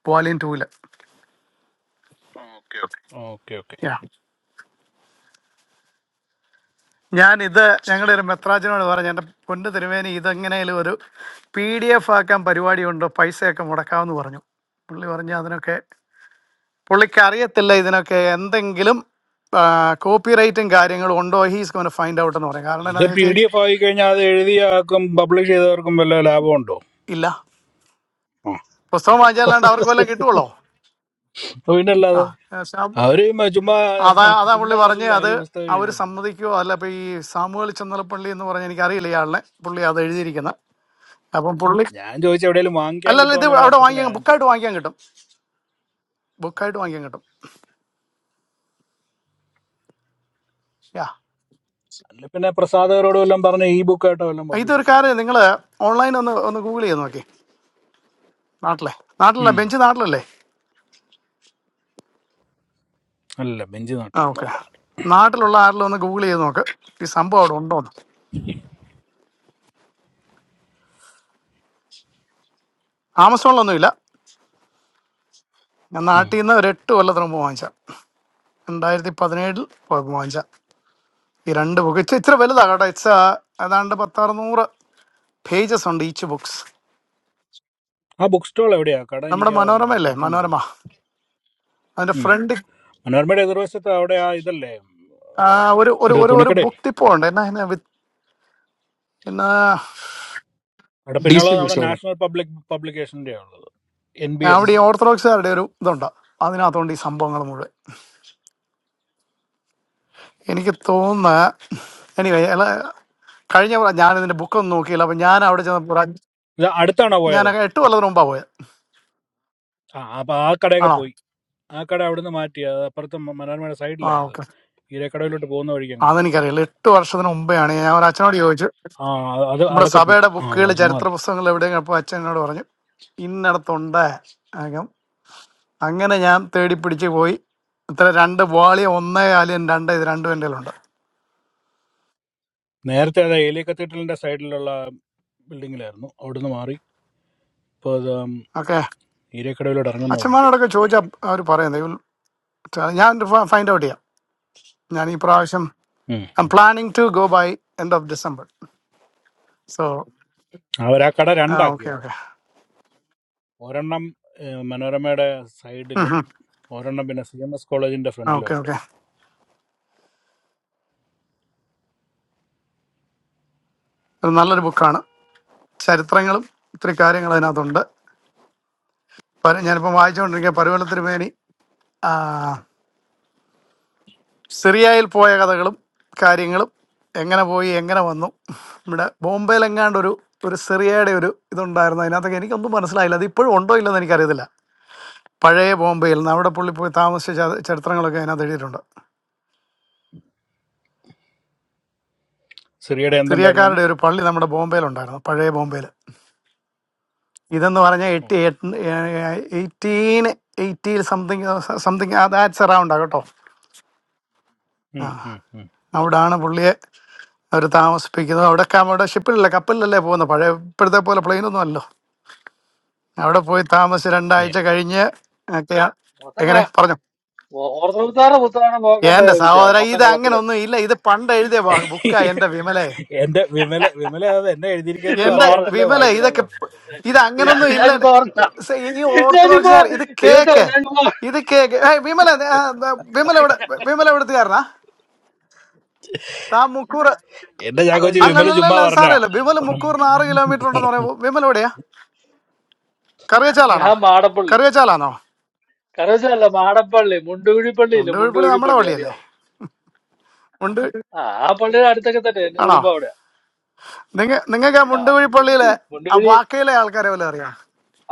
Speaker 14: വോളിയം ടൂവിൽ
Speaker 2: ഓക്കെ ഓക്കെ
Speaker 14: യാ ഞാൻ ഇത് ഞങ്ങളുടെ ഒരു മെത്രാജനോട് പറഞ്ഞു എൻ്റെ പൊന്ന് തിരുമേനി ഇതെങ്ങനെയും ഒരു പി ഡി എഫ് ആക്കാൻ പരിപാടിയുണ്ടോ പൈസയൊക്കെ മുടക്കാമെന്ന് പറഞ്ഞു പുള്ളി പറഞ്ഞു അതിനൊക്കെ പുള്ളിക്ക് അറിയത്തില്ല ഇതിനൊക്കെ എന്തെങ്കിലും കോപ്പി റൈറ്റും കാര്യങ്ങളും ഉണ്ടോ ഹീസ് ഗോൺ ഫൈൻഡ് ഔട്ട് എന്ന് പറയും കാരണം
Speaker 2: ഇത്
Speaker 14: എന്താണെന്ന്
Speaker 2: പി
Speaker 14: വെച്ചാൽ
Speaker 2: ഡി എഫ് ആയി കഴിഞ്ഞാൽ അത് എഴുതിയ ആക്കും പബ്ലിഷ് ചെയ്തവർക്കും വല്ല ലാഭമുണ്ടോ
Speaker 14: ഇല്ല
Speaker 2: ആ.
Speaker 14: പുസ്തകം വായിച്ചാലാണ്ട് അവർക്ക് വല്ലതും കിട്ടുമല്ലോ
Speaker 2: പിന്നെ
Speaker 14: ആ
Speaker 2: അല്ലാതെ
Speaker 14: ശ്യാം
Speaker 2: അവര് മ- ചുമ്മാ
Speaker 14: അതാ അതാ പുള്ളി
Speaker 2: ചുമ്മാ
Speaker 14: പറഞ്ഞ്
Speaker 2: അല്ല
Speaker 14: അത്
Speaker 2: ഒരു പുസ്തകം
Speaker 14: അവർ
Speaker 2: എഴുതിയത്
Speaker 14: സമ്മതിക്കുമോ അല്ല ഇപ്പൊ ഈ സാമുവൽ ചന്ദ്രപ്പള്ളി എന്ന് പറഞ്ഞ എനിക്കറിയില്ല ഇയാളിനെ പുള്ളി അത് എഴുതിയിരിക്കുന്നത് അപ്പം പുള്ളി
Speaker 2: ഞാൻ ചോദിച്ചു എവിടെയെങ്കിലും വാങ്ങിക്കാൻ
Speaker 14: അല്ലല്ല
Speaker 2: കിട്ടുമോ
Speaker 14: ഇത്
Speaker 2: എന്നുള്ള
Speaker 14: അവിടെ
Speaker 2: അർത്ഥത്തിലാണ്
Speaker 14: വാങ്ങിക്കാൻ
Speaker 2: ഞാൻ
Speaker 14: ബുക്കായിട്ട്
Speaker 2: ചോദിച്ചത്
Speaker 14: വാങ്ങിക്കാൻ കിട്ടും ബുക്കായിട്ട്
Speaker 2: ഓക്കെ
Speaker 14: വാങ്ങിക്കാൻ കിട്ടും യാ
Speaker 2: അല്ല പിന്നെ പ്രസാദകരോട് വല്ലതും പറഞ്ഞ ഈ ബുക്കായിട്ടോ വല്ലതും പബ്ലിഷ്
Speaker 14: ഇതൊരു
Speaker 2: ചെയ്യില്ല
Speaker 14: കാര്യം നിങ്ങൾ ഓൺലൈൻ ഒന്ന് ഒന്ന് ഗൂഗിൾ ചെയ്ത് നോക്കി നാട്ടിലെ നാട്ടിലല്ല
Speaker 2: ഉം.
Speaker 14: ബെഞ്ച് നാട്ടിലല്ലേ
Speaker 2: അല്ല ബെഞ്ച്
Speaker 14: ആ
Speaker 2: നാട്ടിലൊന്നും
Speaker 14: ഓക്കെ
Speaker 2: അല്ല
Speaker 14: നാട്ടിലുള്ള ആരെങ്കിലും ഒന്ന് ഗൂഗിൾ ചെയ്ത് നോക്ക് ഈ സംഭവം അവിടെ ഉണ്ടോന്ന് ആമസോണിലൊന്നും ഇല്ല ഞാൻ
Speaker 2: ഉം.
Speaker 14: നാട്ടിൽ നിന്ന് ഒരു എട്ട് കൊല്ലത്തിന് മുമ്പ് വാങ്ങിച്ച രണ്ടായിരത്തി പതിനേഴിൽ വാങ്ങിച്ച ഈ രണ്ട് ബുക്ക് ഇച്ചിരി ഇച്ചിരി വലുതാണ് കേട്ടോ ഇറ്റ്സ് ഏതാണ്ട് പത്താറുന്നൂറ് പേജസ് ഉണ്ട് ഈച്ച് ബുക്സ്
Speaker 2: ആ ബുക്ക് സ്റ്റാൾ എവിടെയാ കട
Speaker 14: നമ്മുടെ
Speaker 2: എനിക്ക്
Speaker 14: മനോരമ അല്ലേ
Speaker 2: പിടുത്തം
Speaker 14: മനോരമ
Speaker 2: കിട്ടുന്നില്ല
Speaker 14: അതിന്റെ
Speaker 2: ഉം.
Speaker 14: ഫ്രണ്ട്
Speaker 2: മനോരമയുടെ എതിർവശത്ത് അവിടെ ആ ഇതല്ലേ ഉം,
Speaker 14: ഒരു ഒരു
Speaker 2: ഒരു
Speaker 14: ഒരു ഒരു
Speaker 2: തുണിക്കടയില്ലേ
Speaker 14: ബുക്ക് ടിപ്പോ ഉണ്ട് എന്നാ എന്നാ with- എന്നാ
Speaker 2: അവിടെ
Speaker 18: ഡി
Speaker 2: പിന്നെയുള്ളത്
Speaker 18: സി
Speaker 2: നമ്മുടെ
Speaker 18: ബുക്സോളം
Speaker 2: നാഷണൽ പബ്ലിക് പബ്ലിക്കേഷൻ്റെ ഉള്ളത് എൻ ബി എസ്
Speaker 14: അവിടെ ഈ ഓർത്തഡോക്സുകാരുടെ ഒരു ഇതുണ്ട് അതിനകത്തുകൊണ്ട് ഈ സംഭവങ്ങൾ മുഴുവൻ എനിക്ക് തോന്നുന്നു എനിവേ അല്ല കഴിഞ്ഞ പ്രാ- ഞാൻ ഇതിന്റെ ബുക്കൊന്നും നോക്കിയില്ല അപ്പൊ ഞാൻ അവിടെ ചെന്നപ്പോൾ ഒരു അഞ്ച്-
Speaker 2: ഇത് അടുത്താണോ
Speaker 14: ഞാൻ
Speaker 2: പോയത്
Speaker 14: എട്ട് കൊല്ലത്തിന് മുമ്പാ പോയത്
Speaker 2: ആ അപ്പൊ ആ കടയൊക്കെ
Speaker 14: ആണോ
Speaker 2: പോയി ആ കട അവിടുന്ന് മാറ്റി അത് അപ്പുറത്ത് മനോരമയുടെ
Speaker 14: ആ
Speaker 2: സൈഡിലായത്
Speaker 14: ഓക്കെ
Speaker 2: ഈരക്കടവിലോട്ട് പോകുന്ന വഴിക്കാൻ കണ്ടത്
Speaker 14: അതെനിക്കറിയില്ല എട്ട് വർഷത്തിന് മുമ്പെയാണ് ഞാൻ ഒരു അച്ഛനോട് ചോദിച്ചു
Speaker 2: ആ അത്
Speaker 14: നമ്മുടെ
Speaker 2: അതൊക്കെ പോയി
Speaker 14: സഭയുടെ ബുക്കുകൾ
Speaker 2: ആ ചുമ്മാ
Speaker 14: ചരിത്ര
Speaker 2: അല്ല
Speaker 14: പുസ്തകങ്ങൾ എവിടെയെങ്കിലും അപ്പോൾ അച്ഛനോട് പറഞ്ഞു ഇന്നടത്തുണ്ട് അകം അങ്ങനെ ഞാൻ തേടി പിടിച്ച് പോയി ഇത്ര രണ്ട് വാളി ഒന്നേ ആലിയൻ രണ്ട് ഇത് രണ്ടും എൻ്റെ കയ്യിലുണ്ട്
Speaker 2: നേരത്തെ അത് ഏലിയ കത്തീഡ്രലിന്റെ സൈഡിലുള്ള ബിൽഡിങ്ങിലായിരുന്നു അവിടുന്ന് മാറി ഇപ്പോൾ അത്
Speaker 14: ഓക്കെ
Speaker 2: ഈരക്കടവിലോട്ട് ഇറങ്ങുന്ന വഴിക്ക്
Speaker 14: അച്ഛന്മാരോടൊക്കെ ചോദിച്ചാൽ അവർ പറയുന്നത് "You will- tell- ഞാൻ ഫൈൻഡ് ഔട്ട് ചെയ്യാം ഞാൻ ഈ പ്രാവശ്യം
Speaker 2: um,
Speaker 14: I'm
Speaker 2: um.
Speaker 14: Planning to go by end of December so
Speaker 2: അവരാ കട രണ്ടാക്കി
Speaker 14: ഓക്കെ
Speaker 2: കേട്ടോ
Speaker 14: ഓക്കെ
Speaker 2: ഒരെണ്ണം ഏഹ്, മനോരമയുടെ സൈഡിലും ഒരെണ്ണം പിന്നെ സി എം എസ് കോളേജിന്റെ
Speaker 14: ഓക്കെ
Speaker 2: ഫ്രണ്ടിലുമായിട്ട്
Speaker 14: ഓക്കെ അത് നല്ലൊരു ബുക്കാണ് ചരിത്രങ്ങളും ഒത്തിരി കാര്യങ്ങൾ അതിനകത്തുണ്ട് പര- ഞാനിപ്പം വായിച്ചുകൊണ്ടിരിക്കുക പരുവലത്തിന് മേനി സിറിയയിൽ പോയ കഥകളും കാര്യങ്ങളും എങ്ങനെ പോയി എങ്ങനെ വന്നു ഇവിടെ ബോംബെയിൽ എങ്ങാണ്ട് ഒരു ഒരു സിറിയയുടെ ഒരു ഇതുണ്ടായിരുന്നു അതിനകത്തൊക്കെ എനിക്കൊന്നും മനസ്സിലായില്ല അത് ഇപ്പോഴും ഉണ്ടോ ഇല്ലെന്ന് എനിക്കറിയത്തില്ല പഴയ ബോംബെയിൽ നിന്ന് അവിടെ പുള്ളി പോയി താമസിച്ച ച- ചരിത്രങ്ങളൊക്കെ അതിനകത്ത് എഴുതിയിട്ടുണ്ട്
Speaker 2: സിറിയയുടെ എന്തുണ്ടായിരുന്നു
Speaker 14: സിറിയക്കാരുടെ ഒരു പള്ളി നമ്മുടെ ബോംബെയിലുണ്ടായിരുന്നു പഴയ ബോംബെയിൽ ഇതെന്ന് പറഞ്ഞാൽ
Speaker 2: ഓ
Speaker 14: എയ്റ്റി എയ്റ്റീൻ എയ്റ്റിയിൽ സംതിങ് സംതിങ് ദാറ്റ്സ് അറൗണ്ടാണ് കേട്ടോ ആ
Speaker 2: ഉം, ഉം, ഉം.
Speaker 14: അവിടാണ് പുള്ളിയെ അവർ താമസിപ്പിക്കുന്നത് അവിടെയൊക്കെ അവിടെ ഒക്കെ നമ്മുടെ ഷിപ്പിലല്ലേ കപ്പലിലല്ലേ പോകുന്നത് പഴയ ഇപ്പോഴത്തെ പോലെ പ്ലെയിനൊന്നും അല്ലല്ലോ അവിടെ പോയി താമസിച്ച്
Speaker 2: Yeah.
Speaker 14: രണ്ടാഴ്ച കഴിഞ്ഞ് ഒക്കെ
Speaker 9: മൊത്തം
Speaker 14: എങ്ങനെ
Speaker 9: ക-
Speaker 14: പറഞ്ഞു
Speaker 9: ഓ- ഓർത്തവിത്താനെ പുത്താണ് നോക്കേണ്ട
Speaker 14: എന്റെ
Speaker 9: വിചാര
Speaker 14: സഹോദര
Speaker 9: മൊത്തം
Speaker 14: ഇത് അങ്ങനെ
Speaker 9: കള്ളത്തിലാണ്
Speaker 14: ഒന്നും ഇല്ല ഇത് പണ്ട് എഴുതിയ ബുക്കാ എന്റെ വിമലെ
Speaker 2: എന്റെ വിമല വിമല അത് എന്നെ എഴുതിയിരിക്കുന്നത്
Speaker 9: ചുമ്മാ
Speaker 14: എന്റെ
Speaker 9: പറഞ്ഞ
Speaker 2: അറിയാണ്ടല്ലേ
Speaker 9: ചുമ്മാ
Speaker 14: വിമല
Speaker 9: പറഞ്ഞ
Speaker 2: വായിക്കണമെന്ന്
Speaker 14: ഇതൊക്കെ
Speaker 2: പറഞ്ഞു
Speaker 14: പ്- ഇത്
Speaker 9: ഞാൻ
Speaker 14: അങ്ങനൊന്നും
Speaker 9: ഞാൻ
Speaker 14: ഇല്ല
Speaker 9: ചുമ്മാ പറഞ്ഞ
Speaker 14: സ- ഈ
Speaker 9: ഞാൻ
Speaker 14: ഓർത്തഡോക്സ്
Speaker 9: ചുമ്മാ
Speaker 14: സാർ ഇത്
Speaker 9: ദൈവത്തെ
Speaker 14: കേക്ക്
Speaker 9: പറഞ്ഞ ഞാൻ ചുമ്മാ
Speaker 14: ഇത് കേക്ക് ഏയ് വിമല ആ, ആ, ദാ, വിമല ഇവിടെ വിമല എവിടുത്തുകാരനാ താ മുക്കൂർ
Speaker 2: എന്റെ ചാക്കോച്ചി
Speaker 9: ചങ്ങനാശ്ശേരി
Speaker 2: വിമല ചുമ്മാ
Speaker 14: അല്ലല്ലല്ല സാറല്ല വിമല
Speaker 2: പറഞ്ഞ
Speaker 14: മുക്കൂറിന് ആറ് കിലോമീറ്റർ ഉണ്ടെന്ന് പറയുമ്പോൾ വിമല എവിടെയാ കറിയച്ചാലാണോ
Speaker 9: ഞാൻ മാടപ്പള്ളി
Speaker 14: കറിയച്ചാലാണോ
Speaker 9: കരവശല്ല മാടപ്പള്ളി മുണ്ടുകുഴിപ്പള്ളി ഇല്ലേ
Speaker 14: ഉണ്ട് കുഴപ്പമില്ല നമ്മുടെ
Speaker 9: മുണ്ടുകുഴിപ്പള്ളി
Speaker 14: പള്ളിയല്ലേ
Speaker 9: അറിയാവോ
Speaker 14: ഉണ്ട്
Speaker 9: ആ ആ പള്ളിയുടെ അടുത്തൊക്കെ തന്നെ എന്റെ
Speaker 14: ആണോ
Speaker 9: കുടുംബം അവിടെയാ
Speaker 14: നിങ്ങ നിങ്ങൾക്ക് ആ
Speaker 9: ആ
Speaker 14: മുണ്ടുകുഴിപ്പള്ളിയിലെ ആ
Speaker 9: മുണ്ടുകുഴി
Speaker 14: വാക്കയിലെ ആൾക്കാരെ വല്ല അറിയാം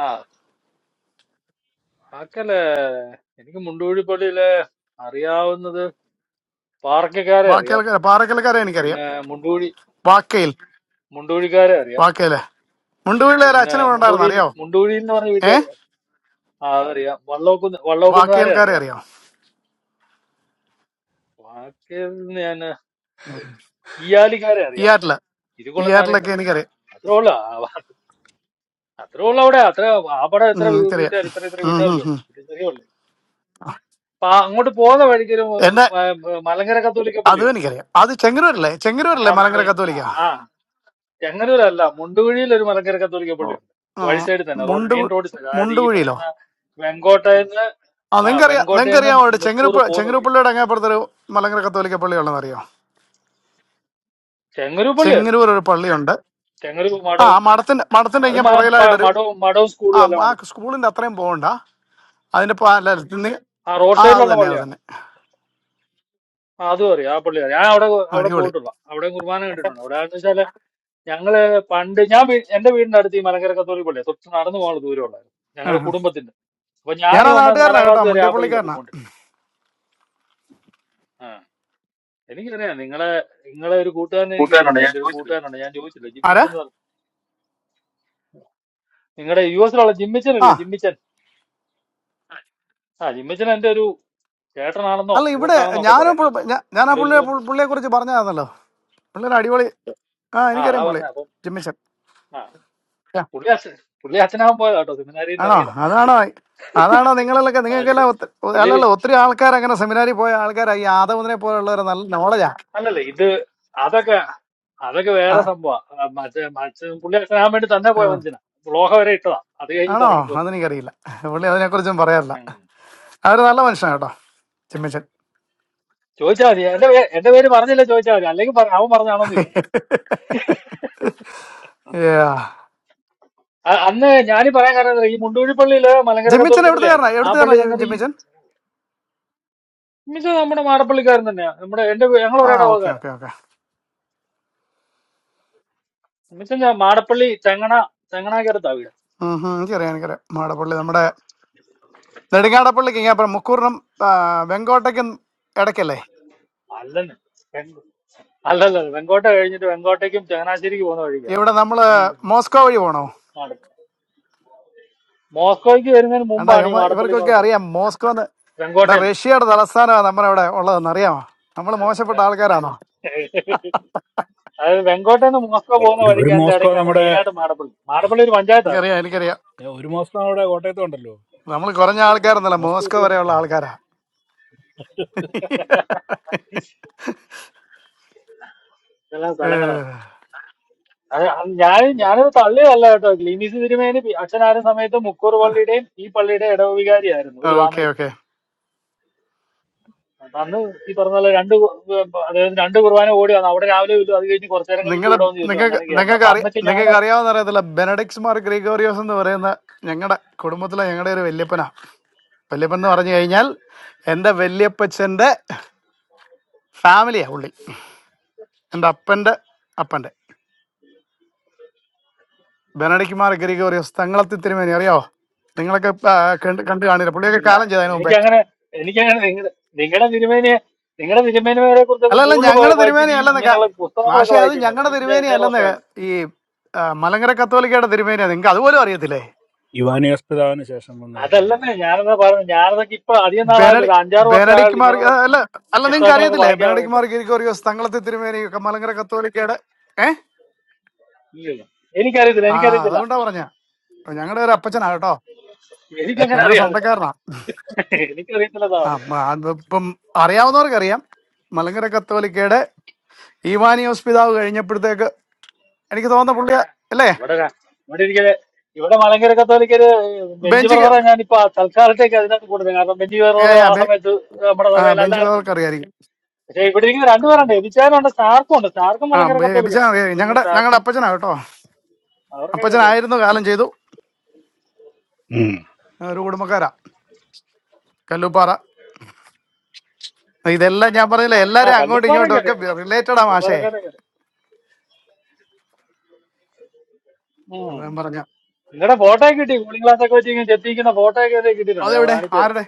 Speaker 9: ആ ആക്കല്ല എനിക്ക് മുണ്ടുകുഴി പള്ളിയിലെ അറിയാവുന്നത് പാർക്കക്കാരെ അറിയാം
Speaker 14: വാക്കയിൽക്കാരെ പാറക്കൽക്കാരെ എനിക്കറിയാം
Speaker 9: പിന്നെ മുണ്ടുകുഴി
Speaker 14: വാക്കയിൽ
Speaker 9: മുണ്ടുകുഴിക്കാരെ അറിയാം
Speaker 14: വാക്കയിലെ മുണ്ടുകുഴിയിലെ ഒരു
Speaker 9: പിന്നെ
Speaker 14: അച്ഛനെ ഇവിടെ ഉണ്ടായിരുന്നു
Speaker 9: മുണ്ടൂരി
Speaker 14: അറിയാവോ
Speaker 9: മുണ്ടൂരി എന്ന് പറഞ്ഞ
Speaker 14: ഏ
Speaker 9: വീട്ടുകാർ ആ അതറിയാം വള്ളോക്കുന്ന് വള്ളോക്കുന്നുകാരെ
Speaker 14: വാക്കയിൽക്കാരെ
Speaker 9: അറിയാം
Speaker 14: അറിയാം
Speaker 9: ബാക്കി ഞാൻ അറിയില്ല ഈയാലിക്കാരെ
Speaker 14: ഈ
Speaker 9: അറിയാം
Speaker 14: ആറ്റില് ഈ
Speaker 9: ഇരുകൊള്ളനെ അറിയണ്ട
Speaker 14: ആറ്റിലൊക്കെ എനിക്കറിയാം
Speaker 9: അത്രേ ഉള്ളു ആ- അത്രേ ഉള്ളു അവിടെ അത്ര ആ പടം എത്ര
Speaker 14: ഉം, എനിക്കറിയാം
Speaker 9: വീട്ടുകാർ ഇത്ര ഇത്ര
Speaker 14: ഉം, ഉം,
Speaker 9: വീട്ടുകാരില്ലേ ഉള്ളു
Speaker 14: ഉം.
Speaker 9: ഇത് ചെറിയ ഉള്ളു അപ്പൊ ആ അങ്ങോട്ട് പോകുന്ന വഴിക്കൊരു
Speaker 14: എന്നെ
Speaker 9: മ- മ- മലങ്കര കത്തോലിക്ക
Speaker 14: അതും
Speaker 9: പള്ളിയുണ്ട്
Speaker 14: എനിക്കറിയാം അത് ചെങ്ങന്നൂരല്ലേ
Speaker 9: ആ
Speaker 14: ചെങ്ങന്നൂരല്ലേ മലങ്കര
Speaker 9: മെ- ആ
Speaker 14: കത്തോലിക്ക
Speaker 9: ആ, ചെങ്ങന്നൂരല്ല മുണ്ടുകുഴിയിൽ ഒരു മലങ്കര കത്തോലിക്ക പള്ളിയുണ്ട്
Speaker 14: ആ,
Speaker 9: വഴി സൈഡിൽ തന്നെ റോഡ്
Speaker 14: മുണ്ടു
Speaker 9: മെയിൻ റോഡ് സൈഡ് അതായത് ഈ
Speaker 14: മുണ്ടുകുഴിയിലോ
Speaker 9: പറയുന്ന വെങ്കോട്ടയെന്ന്
Speaker 14: ആ
Speaker 9: ആ
Speaker 14: നിങ്ങൾക്കറിയാം
Speaker 9: വെങ്കോട്ടയെന്ന്
Speaker 14: നിങ്ങൾക്കറിയാം അവിടെ
Speaker 9: മുക്കൂർ
Speaker 14: ചെങ്ങനൂപ്പ
Speaker 9: പോകുന്ന വഴി
Speaker 14: ചെങ്ങനൂപ്പള്ളിയുടെ അങ്ങേപ്പുറത്തൊരു മലങ്കര കത്തോലിക്ക പള്ളിയുള്ളതെന്നറിയോ
Speaker 9: ചെങ്ങന്നൂർ പള്ളി അറിയാം
Speaker 14: ചെങ്ങന്നൂർ ഒരു പള്ളിയുണ്ട്
Speaker 9: തെങ്ങൊരു
Speaker 14: ആ
Speaker 9: മഠവും
Speaker 14: മഠത്തിന്റെ മഠത്തിന്റെ
Speaker 9: അത്
Speaker 14: ഇങ്ങനെ
Speaker 9: മ- പ-
Speaker 14: പുറകിലായിട്ടൊരു
Speaker 9: മഠവും മഠവും
Speaker 14: ആ
Speaker 9: സ്കൂളും എല്ലാം
Speaker 14: ആ
Speaker 9: ഉണ്ട്
Speaker 14: സ്കൂളിന്റെ അത്രയും പോകണ്ട അതിന്റെ പ- അല്ല, നി-
Speaker 9: ആ റോഡ്
Speaker 14: ആ അത്
Speaker 9: സൈഡിലുള്ള
Speaker 14: തന്നെ അത്
Speaker 9: പള്ളിയാണോ
Speaker 14: തന്നെ
Speaker 9: ആ അതും അറിയാം ആ പള്ളി അറിയാം ഞാൻ അവിടെ അവിടെ
Speaker 14: അടിപൊളി
Speaker 9: പോയിട്ടുള്ള അവിടെ കുർബാന കണ്ടിട്ടുണ്ട് അവിടെ എന്ന് വെച്ചാല് ഞങ്ങള് പണ്ട് ഞാൻ വീ- എന്റെ വീടിന്റെ അടുത്ത് ഈ മലങ്കര കത്തോലിക് പള്ളിയാണ് തൊട്ട് നടന്നു പോകാനുള്ള ദൂരമുള്ളായിരുന്നു
Speaker 14: ആ.
Speaker 9: ഞങ്ങളുടെ കുടുംബത്തിന്റെ അപ്പൊ ഞാൻ
Speaker 14: ഞാനാ
Speaker 9: ഈ ഒന്നാം
Speaker 14: നാട്ടുകാരനാ
Speaker 9: നാലാം
Speaker 14: കേട്ടോ
Speaker 9: ക്ലാസ് വരെ ആ പള്ളിയിലാണ്
Speaker 14: മുണ്ടിയപ്പള്ളിക്കാരനാ
Speaker 9: പോയിക്കൊണ്ടിരുന്നത് ആ എനിക്കറിയാം നിങ്ങളെ നിങ്ങളെ ഒരു കൂട്ടുകാരനെ എനിക്ക് കിട്ടിയിട്ടുണ്ട് എന്റെ ഒരു കൂട്ടുകാരനുണ്ട് ഞാൻ ചോദിച്ചില്ല
Speaker 14: ആരാ
Speaker 9: ജിമ്മിച്ചൻ എന്ന് പറഞ്ഞു നിങ്ങളുടെ യു എസിലുള്ള ജിമ്മിച്ചൻ
Speaker 14: ആ
Speaker 9: ഇല്ലേ ജിമ്മിച്ചൻ ആ ജിമ്മിച്ചൻ എന്റെ ഒരു ചേട്ടനാണെന്നോ
Speaker 14: അല്ല ഇവിടെ
Speaker 9: സുഹൃത്താണെന്നോ ഒക്കെ
Speaker 14: ഞാനും
Speaker 9: പറയാം
Speaker 14: പുള്ളി- ഞാ- ഞാൻ ആ
Speaker 9: നിങ്ങളുടെ ഒരു
Speaker 14: പുള്ളിയെ
Speaker 9: സുഹൃത്ത്
Speaker 14: പുള്ളിയെ കുറിച്ച് പറഞ്ഞായിരുന്നല്ലോ പുള്ളിയുടെ അടിപൊളി ആ
Speaker 9: ആ അതാ
Speaker 14: എനിക്കറിയാം പുള്ളി
Speaker 9: പറഞ്ഞ
Speaker 14: ജിമ്മിച്ചൻ
Speaker 9: പുള്ളി അച്ഛൻ പുള്ളി അച്ഛനാവാൻ പോയതാ കേട്ടോ സെമിനാരിയിൽ നിന്ന്
Speaker 14: ആണോ
Speaker 9: ഇറങ്ങിയതാ
Speaker 14: അതാണോ അതാണോ നിങ്ങളിലൊക്കെ
Speaker 9: ആ
Speaker 14: നിങ്ങൾക്കെല്ലാം
Speaker 9: അച്ഛൻ-
Speaker 14: ഒത്ത-
Speaker 9: പുള്ളി
Speaker 14: അല്ലല്ല ഒത്തിരി ആൾക്കാർ അങ്ങനെ സെമിനാരി പോയ ആൾക്കാരാ ഈ ആദവനെ പോലുള്ളവർ നല്ല നോളജാ
Speaker 9: അല്ലല്ല ഇത് അതൊക്കെ അതൊക്കെ
Speaker 14: ആ
Speaker 9: വേറെ സംഭവം അച്ഛൻ പുള്ളി അച്ഛനാവാൻ വേണ്ടി തന്നെ
Speaker 14: ആ.
Speaker 9: പോയ മനുഷ്യനാ ലോഹ വരെ ഇട്ടതാ അത് കഴിഞ്ഞിട്ട്
Speaker 14: ആണോ
Speaker 9: ഇറങ്ങിപ്പോരുന്ന
Speaker 14: അതെനിക്കറിയില്ല പുള്ളി അതിനെക്കുറിച്ചും പറയാറില്ല അവര് നല്ല മനുഷ്യനാ കേട്ടോ ജിമ്മിച്ചൻ
Speaker 9: ചോദിച്ചാൽ മതി എന്റെ പേ- എന്റെ പേര് പറഞ്ഞില്ല ചോദിച്ചാൽ മതി അല്ലെങ്കിൽ പറ- അവൻ പറഞ്ഞാണോന്ന് ചോദിക്കും
Speaker 14: Yeah.
Speaker 9: അ- അന്ന് ഞാനീ പറയാൻ കാരണം എന്താ, ഈ മുണ്ടൂഴി പള്ളിയില് മലങ്കര
Speaker 14: ജിമ്മിച്ചൻ
Speaker 9: കത്തോലിക്ക
Speaker 14: എവിടുത്തുകാരനാ
Speaker 9: പള്ളിയായിരുന്നു ആ
Speaker 14: എവിടുത്തുകാരനാ
Speaker 9: പള്ളിയിൽ
Speaker 14: ജി-
Speaker 9: എന്നിട്ട് ഈ
Speaker 14: ജിമ്മിച്ചൻ
Speaker 9: മിച്ച നമ്മുടെ മാടപ്പള്ളിക്കാരൻ തന്നെയാ നമ്മുടെ എന്റെ ഞങ്ങൾ
Speaker 14: ആ ഓക്കെ
Speaker 9: ഒരേടവകാരൻ
Speaker 14: ഓക്കെ ഓക്കെ
Speaker 9: മിച്ച മാടപ്പള്ളി തെങ്ങണ തെങ്ങണാക്കരത്താ വീട്
Speaker 14: എനിക്കറിയാം എനിക്കറിയാം മാടപ്പള്ളി നമ്മുടെ നെടുങ്ങാടപ്പള്ളിക്ക് ഇങ്ങനെ അപ്പുറം മുക്കൂറിനും ആ, വെങ്കോട്ടയ്ക്കും ഇടയ്ക്കല്ലേ
Speaker 9: അല്ലെന്ന് അല്ലല്ല വെങ്കോട്ട കഴിഞ്ഞിട്ട് വെങ്കോട്ടയ്ക്കും ചങ്ങനാശ്ശേരിക്ക് പോകുന്ന വഴിക്കാ
Speaker 14: ഇവിടെ നമ്മള്
Speaker 9: അങ്ങ്
Speaker 14: മോസ്കോ വഴി പോണോ
Speaker 9: മാട- മോസ്കോയ്ക്ക് വരുന്നതിന്
Speaker 14: കണ്ടാ
Speaker 9: മുമ്പാണ് ഈ
Speaker 14: ഇവന്മാ-
Speaker 9: മാടപ്പള്ളി എന്ന്
Speaker 14: ഇവർക്കൊക്കെ
Speaker 9: പറഞ്ഞ
Speaker 14: അറിയാം മോസ്കോ എന്ന്
Speaker 9: സ്ഥലം
Speaker 14: എടാ
Speaker 9: വെങ്കോട്ടയിൽ
Speaker 14: റഷ്യയുടെ തലസ്ഥാനമാണ് നമ്മുടെ ഇവിടെ ഉള്ളതെന്ന് അറിയാമോ നമ്മൾ മോശപ്പെട്ട
Speaker 9: നിന്ന്,
Speaker 14: ആൾക്കാരാണോ
Speaker 9: അതായത് വെങ്കോട്ടയിൽ നിന്ന് മോസ്കോ പോകുന്ന
Speaker 2: ഒരു ഒരു
Speaker 9: വഴിക്ക് അതിന്റെ
Speaker 2: മോസ്കോ
Speaker 9: ഇടയ്ക്കാണ്
Speaker 2: നമ്മുടെ
Speaker 9: മെയിനായിട്ട് മാടപ്പള്ളി മാടപ്പള്ളി ഒരു പഞ്ചായത്താണ്
Speaker 14: എനിക്കറിയാം എനിക്കറിയാം
Speaker 2: ഏ, ഒരു മോസ്കോ നമ്മുടെ കോട്ടയത്തുണ്ടല്ലോ
Speaker 14: നമ്മൾ കുറഞ്ഞ ആൾക്കാരൊന്നുമല്ല
Speaker 2: മോസ്കോ
Speaker 14: മോസ്കോ
Speaker 2: ഒത്തിരി
Speaker 14: വരെയുള്ള
Speaker 2: സ്ഥലത്തുണ്ട്
Speaker 14: ആൾക്കാരാ
Speaker 9: ഇതെല്ലാം സ്ഥലങ്ങളാണ് അത് അന്ന് ഞാൻ ഞാനൊരു തള്ളിയതല്ല കേട്ടോ ഗ്ലീമിസ് തിരുമേനി പി- അച്ഛനായിരുന്ന സമയത്ത് മുക്കൂർ പള്ളിയുടെയും ഈ പള്ളിയുടെ ഇടവികാരിയായിരുന്നു ഒരു
Speaker 14: ഓക്കെ
Speaker 9: സമയത്ത്
Speaker 14: ഓക്കെ
Speaker 9: അപ്പൊ അന്ന് ഈ പറഞ്ഞ പോലെ രണ്ട് കു- അതായത് രണ്ട് കുർബാന ഓടി വന്നു അവിടെ രാവിലെ വരും അത് കഴിഞ്ഞ് കുറച്ചു നേരം കഴിയുമ്പോൾ
Speaker 14: നിങ്ങളുടെ
Speaker 9: ഇവിടെ വന്ന് ചെല്ലും
Speaker 14: നിങ്ങൾക്ക്
Speaker 9: അങ്ങനെയൊക്കെയായിരുന്നു
Speaker 14: നിങ്ങൾക്ക്
Speaker 9: അപ്പൊ
Speaker 14: അറിയ
Speaker 9: അന്നൊക്കെ ഞാൻ
Speaker 14: നിങ്ങൾക്ക് അറിയാവുന്ന അറിയത്തില്ല ബെനഡിക്സ് മാർ ഗ്രിഗോറിയോസ് എന്ന് പറയുന്ന ഞങ്ങളുടെ കുടുംബത്തിലെ ഞങ്ങളുടെ ഒരു വല്യപ്പനാ വല്യപ്പൻ എന്ന് പറഞ്ഞു കഴിഞ്ഞാൽ എൻ്റെ വല്യപ്പച്ചൻ്റെ ഫാമിലിയാ ഉള്ളി എൻ്റെ അപ്പൻ്റെ അപ്പൻ്റെ ബെനഡിക്സ് മാർ ഗ്രിഗോറിയോസ് തങ്ങളത്തി തിരുമേനി അറിയാവോ നിങ്ങളൊക്കെ ആ, കണ്ട് കണ്ടു കാണില്ല പുള്ളിയൊക്കെ
Speaker 9: ഇല്ല
Speaker 14: കാലം ചെയ്തതിന് മുമ്പേ
Speaker 9: എനിക്കങ്ങനെ എനിക്കങ്ങനെ നിങ്ങളുടെ നിങ്ങളുടെ തിരുമേനിയെ നിങ്ങളുടെ തിരുമേനിമാരെ കുറിച്ചൊക്കെ
Speaker 14: അല്ല അല്ല
Speaker 9: കൂടുതൽ പോയി
Speaker 14: ഞങ്ങളുടെ
Speaker 9: വായിച്ചിട്ട്
Speaker 14: തിരുമേനി
Speaker 9: ഈ
Speaker 14: അല്ലെന്നൊക്കെ
Speaker 9: ഇങ്ങനെയുള്ള പുസ്തകങ്ങളൊക്കെ
Speaker 14: മാഷെ അത്
Speaker 9: വായിച്ചിരുന്നത്
Speaker 14: ഞങ്ങളുടെ
Speaker 9: അഞ്ച്
Speaker 14: തിരുമേനി
Speaker 9: അഞ്ചാറ്
Speaker 14: അല്ലെന്ന്
Speaker 9: വർഷമായിരുന്നു
Speaker 14: ഈ ആ, മലങ്കര കത്തോലിക്കയുടെ തിരുമേനിയാ നിങ്ങൾക്ക് അതുപോലും അറിയത്തില്ലേ
Speaker 2: യുവാനിയോസ് പിതാവിന് ശേഷം വന്ന തിരുവനന്തപുരം
Speaker 9: അതല്ലെന്നേ ഞാനെന്നാ പറഞ്ഞു ഞാനതൊക്കെ ഇപ്പൊ അധികം നാളായാലും ഒരു
Speaker 14: ബെനഡിക്
Speaker 9: അഞ്ചാറ്
Speaker 14: ബെനഡിക്
Speaker 9: വർഷമായാലും
Speaker 14: മാർ
Speaker 9: ഇങ്ങനെയുള്ള
Speaker 14: ആ, അല്ല അല്ല നിങ്ങൾക്ക്
Speaker 9: പുസ്തകങ്ങളൊക്കെ
Speaker 14: അറിയത്തില്ലേ
Speaker 9: വായിക്കാൻ
Speaker 14: ബെനഡിക്
Speaker 9: വേണ്ടിട്ട്
Speaker 14: മാർഗരിക്കോറിയോസ് തങ്ങളത്തെ തിരുമേനിയൊക്കെ മലങ്കര കത്തോലിക്കയുടെ ഏ
Speaker 9: ഇല്ലല്ലോ എനിക്കറിയത്തില്ല
Speaker 14: ആ
Speaker 9: എനിക്കറിയത്തില്ല
Speaker 14: അതുകൊണ്ടാ പറഞ്ഞ ഞങ്ങളുടെ ഒരു അപ്പച്ചനാ കേട്ടോ
Speaker 9: എനിക്കങ്ങനെ
Speaker 14: ഞങ്ങളുടെ
Speaker 9: അറിയാതെ
Speaker 14: സ്വന്തക്കാരനാ
Speaker 9: എനിക്കറിയത്തില്ല
Speaker 14: ആ
Speaker 9: സാറ്
Speaker 14: മ- അത് ഇപ്പം അറിയാവുന്നവർക്ക് അറിയാം മലങ്കര കത്തോലിക്കയുടെ ഈവാനിയോസ് പിതാവ് കഴിഞ്ഞപ്പോഴത്തേക്ക് എനിക്ക് തോന്നുന്ന പുള്ളി അല്ലേ
Speaker 9: ഇവിടെ ക- ഇവിടെ ഇരിക്കല് ഇവിടെ മലങ്കര കത്തോലിക്കര് ബെഞ്ച്
Speaker 14: ബെഞ്ച് ക-
Speaker 9: ബ്രദറെ ഞാനിപ്പോ തൽക്കാലത്തേക്ക് അതിനകത്ത് കൂടുതൽ കാരണം ബെഞ്ച്
Speaker 14: ഏ,
Speaker 9: ബ്രദർ
Speaker 14: ആ,
Speaker 9: ആ
Speaker 14: ബെ-
Speaker 9: സമയത്ത് നമ്മുടെ
Speaker 14: ആ,
Speaker 9: സഭയിൽ
Speaker 14: ബെഞ്ച്
Speaker 9: അല്ലായിരുന്നല്ലോ
Speaker 14: പിതാവർക്ക് അറിയായിരിക്കും
Speaker 9: പക്ഷെ ഇവിടെ ഇരിക്കുന്ന രണ്ടുപേരുണ്ട് എബിച്ചാനുണ്ട് സ്റ്റാർക്കും ഉണ്ട് സ്റ്റാർക്കും
Speaker 14: ആ
Speaker 9: മലങ്കര
Speaker 14: ബിച്ചാൻ
Speaker 9: കത്തോലിക്കണം
Speaker 14: അറിയാം
Speaker 9: ഇനിയൊന്നും
Speaker 14: ഞങ്ങളുടെ ഞങ്ങളുടെ
Speaker 9: സ്റ്റാർക്കും
Speaker 14: അപ്പച്ചനാ കേട്ടോ
Speaker 9: അവർക്ക് കയറി
Speaker 14: അപ്പച്ചനായിരുന്നു കാലം ചെയ്തു ഒരു കുടുംബക്കാരാ കല്ലൂപ്പാറ ഇതെല്ലാം ഞാൻ പറഞ്ഞില്ല
Speaker 9: ആ
Speaker 14: എല്ലാരും അങ്ങോട്ടും
Speaker 9: കല്ലുപ്പാറ
Speaker 14: ഇങ്ങോട്ടും ഒക്കെ
Speaker 9: കയറിയാണ് കേട്ടോ
Speaker 14: റിലേറ്റഡ് ആ മാഷേ
Speaker 9: കല്ലുപ്പാറക്കാരെ കയറി
Speaker 14: അത്
Speaker 9: ഉം
Speaker 14: ഞാൻ പറഞ്ഞ
Speaker 9: നിങ്ങളുടെ ഫോട്ടോ ഒക്കെ കിട്ടി കൂളിംഗ് ഗ്ലാസ് ഒക്കെ വെച്ച് ഇങ്ങനെ ചെത്തിക്കുന്ന ഫോട്ടോ ഒക്കെ ദേ കിട്ടിയിട്ടുണ്ട് ഞാൻ
Speaker 14: അതെവിടെ
Speaker 9: കാണിച്ചു തരാം
Speaker 14: ആരുടെ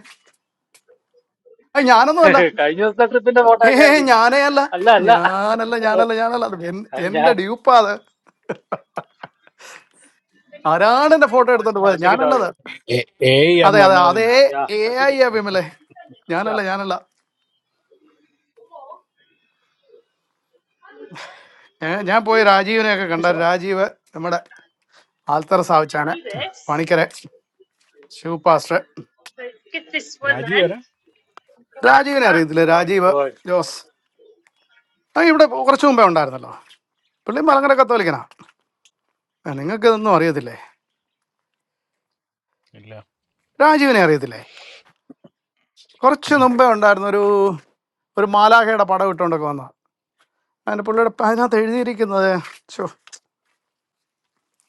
Speaker 14: അത് ഞാനൊന്നും അല്ല
Speaker 9: കഴിഞ്ഞ ദിവസത്തെ ട്രിപ്പിന്റെ ഫോട്ടോ
Speaker 14: ഏ
Speaker 9: ഒക്കെ ആയിട്ട് കിട്ടി
Speaker 14: ഞാനേ അല്ല
Speaker 9: അല്ല അല്ല
Speaker 14: ഞാനല്ല ഞാനല്ല ഞാനല്ല അത് എൻ-
Speaker 9: അത് ഞാൻ
Speaker 14: എന്റെ ഡ്യൂപ്പാ അത് ആരാണ് എന്റെ ഫോട്ടോ എടുത്തോണ്ട് പോയത്
Speaker 9: ഒറ്റയ്ക്ക് താഴെ
Speaker 14: ഞാനല്ലത്
Speaker 2: എ എ ഐ എന്ന്
Speaker 14: അതെ അതെ
Speaker 2: പറഞ്ഞാൽ മതി
Speaker 14: അതേ
Speaker 2: നീ
Speaker 9: യാ
Speaker 14: എ ഐ
Speaker 9: ഒറ്റയ്ക്ക്
Speaker 14: ആ വിമലെ
Speaker 9: യാ
Speaker 14: ഞാനല്ല ഞാനല്ല ഏ, ഞാൻ പോയി രാജീവിനെ ഒക്കെ കണ്ട
Speaker 9: വിശ്വാ
Speaker 14: രാജീവ് നമ്മുടെ ആൽത്തറ സാവിച്ചാനെ പണിക്കരെ ശിവ് പാസ്റ്റർ
Speaker 2: രാജീവ് വരാം
Speaker 14: രാജീവിനെ അറിയത്തില്ല രാജീവ്
Speaker 9: ഓ
Speaker 14: ജോസ് ആ ഇവിടെ കുറച്ച് മുമ്പേ ഉണ്ടായിരുന്നല്ലോ പുള്ളി മലങ്കര കത്തോലിക്കനാ ആ, നിങ്ങൾക്ക് ഇതൊന്നും അറിയത്തില്ലേ
Speaker 2: ഇല്ല
Speaker 14: രാജീവിനെ അറിയത്തില്ലേ കുറച്ച്
Speaker 2: ഉം.
Speaker 14: മുമ്പേ ഉണ്ടായിരുന്ന ഒരു ഒരു മാലാഖയുടെ പടം ഇട്ടുകൊണ്ടൊക്കെ വന്ന അതിന്റെ പുള്ളിയുടെ പ- അതിനകത്ത് എഴുതിയിരിക്കുന്നത് ചോ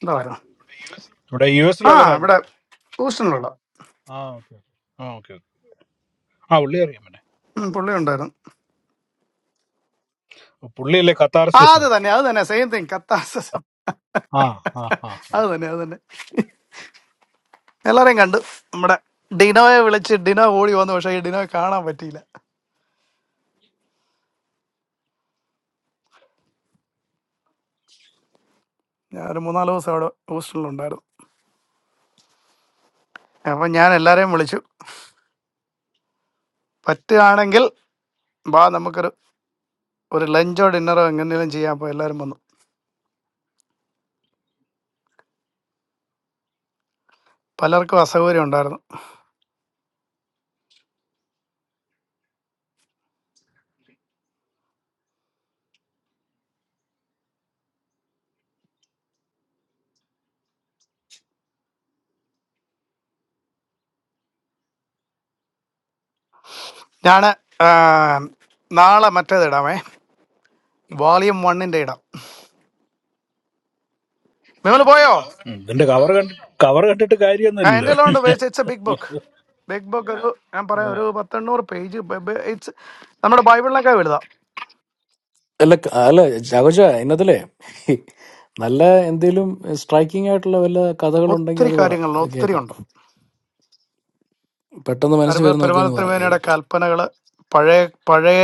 Speaker 14: എന്താ പറയുക
Speaker 2: ഇവിടെ യു
Speaker 14: ആ
Speaker 2: എസിലുള്ള രാജീവ്
Speaker 14: ഇവിടെ ഹൂസ്റ്റണിലുള്ള
Speaker 2: ആ ഓക്കെ ആ ഓക്കെ ഓക്കെ ആ പുള്ളി അറിയാം പിന്നെ
Speaker 14: ഉം, പുള്ളി ഉണ്ടായിരുന്നു
Speaker 2: പുള്ളിയല്ലേ
Speaker 14: ആ
Speaker 2: കത്താർസിസ്
Speaker 14: അത് തന്നെ അത് തന്നെ സെയിം തിങ് കത്താസം
Speaker 2: ആ ആ ആ ആ
Speaker 14: അത് തന്നെ അത് തന്നെ എല്ലാരെയും കണ്ടു നമ്മുടെ ഡിനോയെ വിളിച്ച് ഡിനോ ഓടി വന്നു പക്ഷേ ഈ ഡിനോയെ കാണാൻ പറ്റിയില്ല ഞാൻ ഒരു മൂന്നാല് ദിവസം അവിടെ ഹൂസ്റ്റണിലുണ്ടായിരുന്നു അപ്പം ഞാൻ എല്ലാരെയും വിളിച്ചു പറ്റുകയാണെങ്കിൽ വാ നമുക്കൊരു ഒരു ലഞ്ചോ ഡിന്നറോ എങ്ങനെയും ചെയ്യാൻ അപ്പോൾ എല്ലാവരും വന്നു പലർക്കും അസൗകര്യം ഉണ്ടായിരുന്നു ഞാൻ നാളെ മറ്റേത് ഇടാമേ വോളിയം വണ്ണിൻ്റെ ഇടാം നിങ്ങൾ പോയോ
Speaker 2: ഉം, ഇതിന്റെ കവർ കണ്ടി കവർ കണ്ടിട്ട്
Speaker 14: ആ, എൻ്റെ
Speaker 2: കാര്യമൊന്നുമില്ലല്ലോ
Speaker 14: എല്ലാം ഉണ്ട് waste it's a big book big book ഒരു ഞാൻ പറയാം
Speaker 2: Yeah.
Speaker 14: ഒരു പത്തെണ്ണൂറ് പേജ് ഇറ്റ്സ് നമ്മുടെ ബൈബിളിനൊക്കെ വലുതാം
Speaker 18: അല്ല ക- അല്ല ജാഗോജ ഇന്നത്തിലെ നല്ല എന്തേലും സ്ട്രൈക്കിംഗ് ആയിട്ടുള്ള വല്ല കഥകളുണ്ടെങ്കിൽ
Speaker 14: ഒത്തിരി
Speaker 18: അത് പറ
Speaker 14: കാര്യങ്ങളുണ്ട്
Speaker 18: അത്
Speaker 14: ഒത്തിരി
Speaker 18: കേൾക്കാം
Speaker 14: ഉണ്ട്
Speaker 18: പെട്ടെന്ന് മനസ്സിൽ
Speaker 14: അരുമ
Speaker 18: വരുന്നൊക്കെ ഒന്ന് പറ
Speaker 14: പെരുമാനത്തിനുമേനയുടെ
Speaker 18: കേൾക്കട്ടെ
Speaker 14: കൽപ്പനകൾ പഴയ പഴയ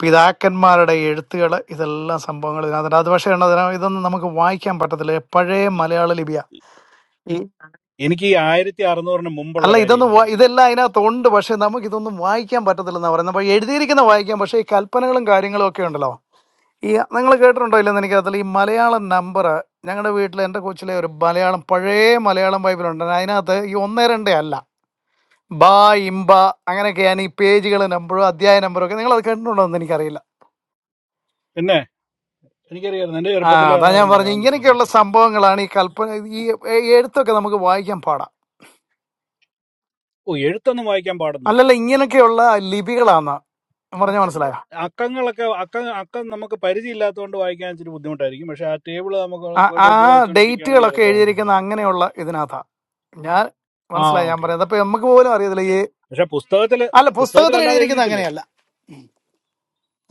Speaker 14: പിതാക്കന്മാരുടെ എഴുത്തുകൾ ഇതെല്ലാം സംഭവങ്ങൾ ഇതിനകത്തുണ്ട് അത് പക്ഷേ ഉണ്ട് ഇതിനകം ഇതൊന്നും നമുക്ക് വായിക്കാൻ പറ്റത്തില്ല പഴയ മലയാള ലിപിയ
Speaker 2: എനിക്ക് ഈ ആയിരത്തി അറുന്നൂറിന് മുമ്പുള്ള
Speaker 14: അല്ല
Speaker 2: കാര്യം
Speaker 14: ഇതൊന്നും
Speaker 2: എനിക്ക്
Speaker 14: വാ-
Speaker 2: അറിയേണ്ടത്
Speaker 14: ഇതെല്ലാം അതിനകത്തുണ്ട് പക്ഷെ നമുക്ക് ഇതൊന്നും വായിക്കാൻ പറ്റത്തില്ലെന്നാ പറയുന്നത് അപ്പൊ എഴുതിയിരിക്കുന്ന വായിക്കാം പക്ഷെ ഈ കൽപ്പനകളും കാര്യങ്ങളും ഒക്കെ ഉണ്ടല്ലോ ഈ നിങ്ങൾ കേട്ടിട്ടുണ്ടോ ഇല്ലെന്ന് എനിക്കകത്തില്ല ഈ മലയാളം നമ്പർ ഞങ്ങളുടെ വീട്ടിൽ എൻ്റെ കൊച്ചിലെ ഒരു മലയാളം പഴയ മലയാളം ബൈബിളുണ്ട് അതിനകത്ത് ഈ ഒന്നേ രണ്ടേ അല്ല ബാ ഇമ്പ അങ്ങനെയൊക്കെയാണ് ഈ പേജുകൾ നമ്പറും അധ്യായ നമ്പറും ഒക്കെ നിങ്ങൾ അത് കേട്ടിട്ടുണ്ടോ എന്ന് എനിക്കറിയില്ല
Speaker 2: പിന്നെ എനിക്കറിയാമായിരുന്നു എന്റെ
Speaker 14: ആ
Speaker 2: ചെറുപ്പത്തിൽ
Speaker 14: അതാ ഞാൻ
Speaker 2: അതായിരുന്നു
Speaker 14: പറഞ്ഞു
Speaker 2: മലയാളം പുസ്തകത്തിൽ
Speaker 14: ഇങ്ങനെയൊക്കെയുള്ള സംഭവങ്ങളാണ് ഈ കൽപ്പന ഈ എഴുത്തൊക്കെ നമുക്ക് വായിക്കാൻ പാടാം
Speaker 2: ഓ എഴുത്തൊന്നും വായിക്കാൻ പാടൊന്നുമില്ല
Speaker 14: അല്ലല്ല ഇങ്ങനെയൊക്കെയുള്ള ലിപികളാന്ന് പറഞ്ഞ മനസ്സിലായോ
Speaker 2: അക്കങ്ങളൊക്കെ അക്കം അക്കം നമുക്ക് പരിചയമില്ലാത്തതുകൊണ്ട് വായിക്കാൻ ഇച്ചിരി ബുദ്ധിമുട്ടായിരിക്കും പക്ഷെ ആ ടേബിൾ നമുക്ക്
Speaker 14: ആ
Speaker 2: കൂടെ
Speaker 14: ആ
Speaker 2: കൂടെ വെച്ചോണ്ടിരിക്കുകയാണെങ്കിൽ
Speaker 14: ഡേറ്റുകളൊക്കെ
Speaker 2: അതൊക്കെ
Speaker 14: എഴുതിയിരിക്കുന്ന
Speaker 2: വായിച്ചെടുക്കാം
Speaker 14: അങ്ങനെയുള്ള ഇതിനകത്താ ഞാൻ
Speaker 2: ആ
Speaker 14: മനസ്സിലായി ഞാൻ
Speaker 2: ഓക്കെ
Speaker 14: പറയുന്നത്
Speaker 2: ഓക്കെ
Speaker 14: അപ്പൊ നമുക്ക് പോലും അറിയത്തില്ല ഈ
Speaker 2: പക്ഷെ പുസ്തകത്തില്
Speaker 14: അല്ല പുസ്തകത്തിൽ
Speaker 2: പുസ്തകത്തിലല്ലാതെ
Speaker 14: എഴുതിയിരിക്കുന്നത്
Speaker 2: എഴുതിയിട്ടില്ലേ അത്
Speaker 14: അങ്ങനെയല്ല ഉം.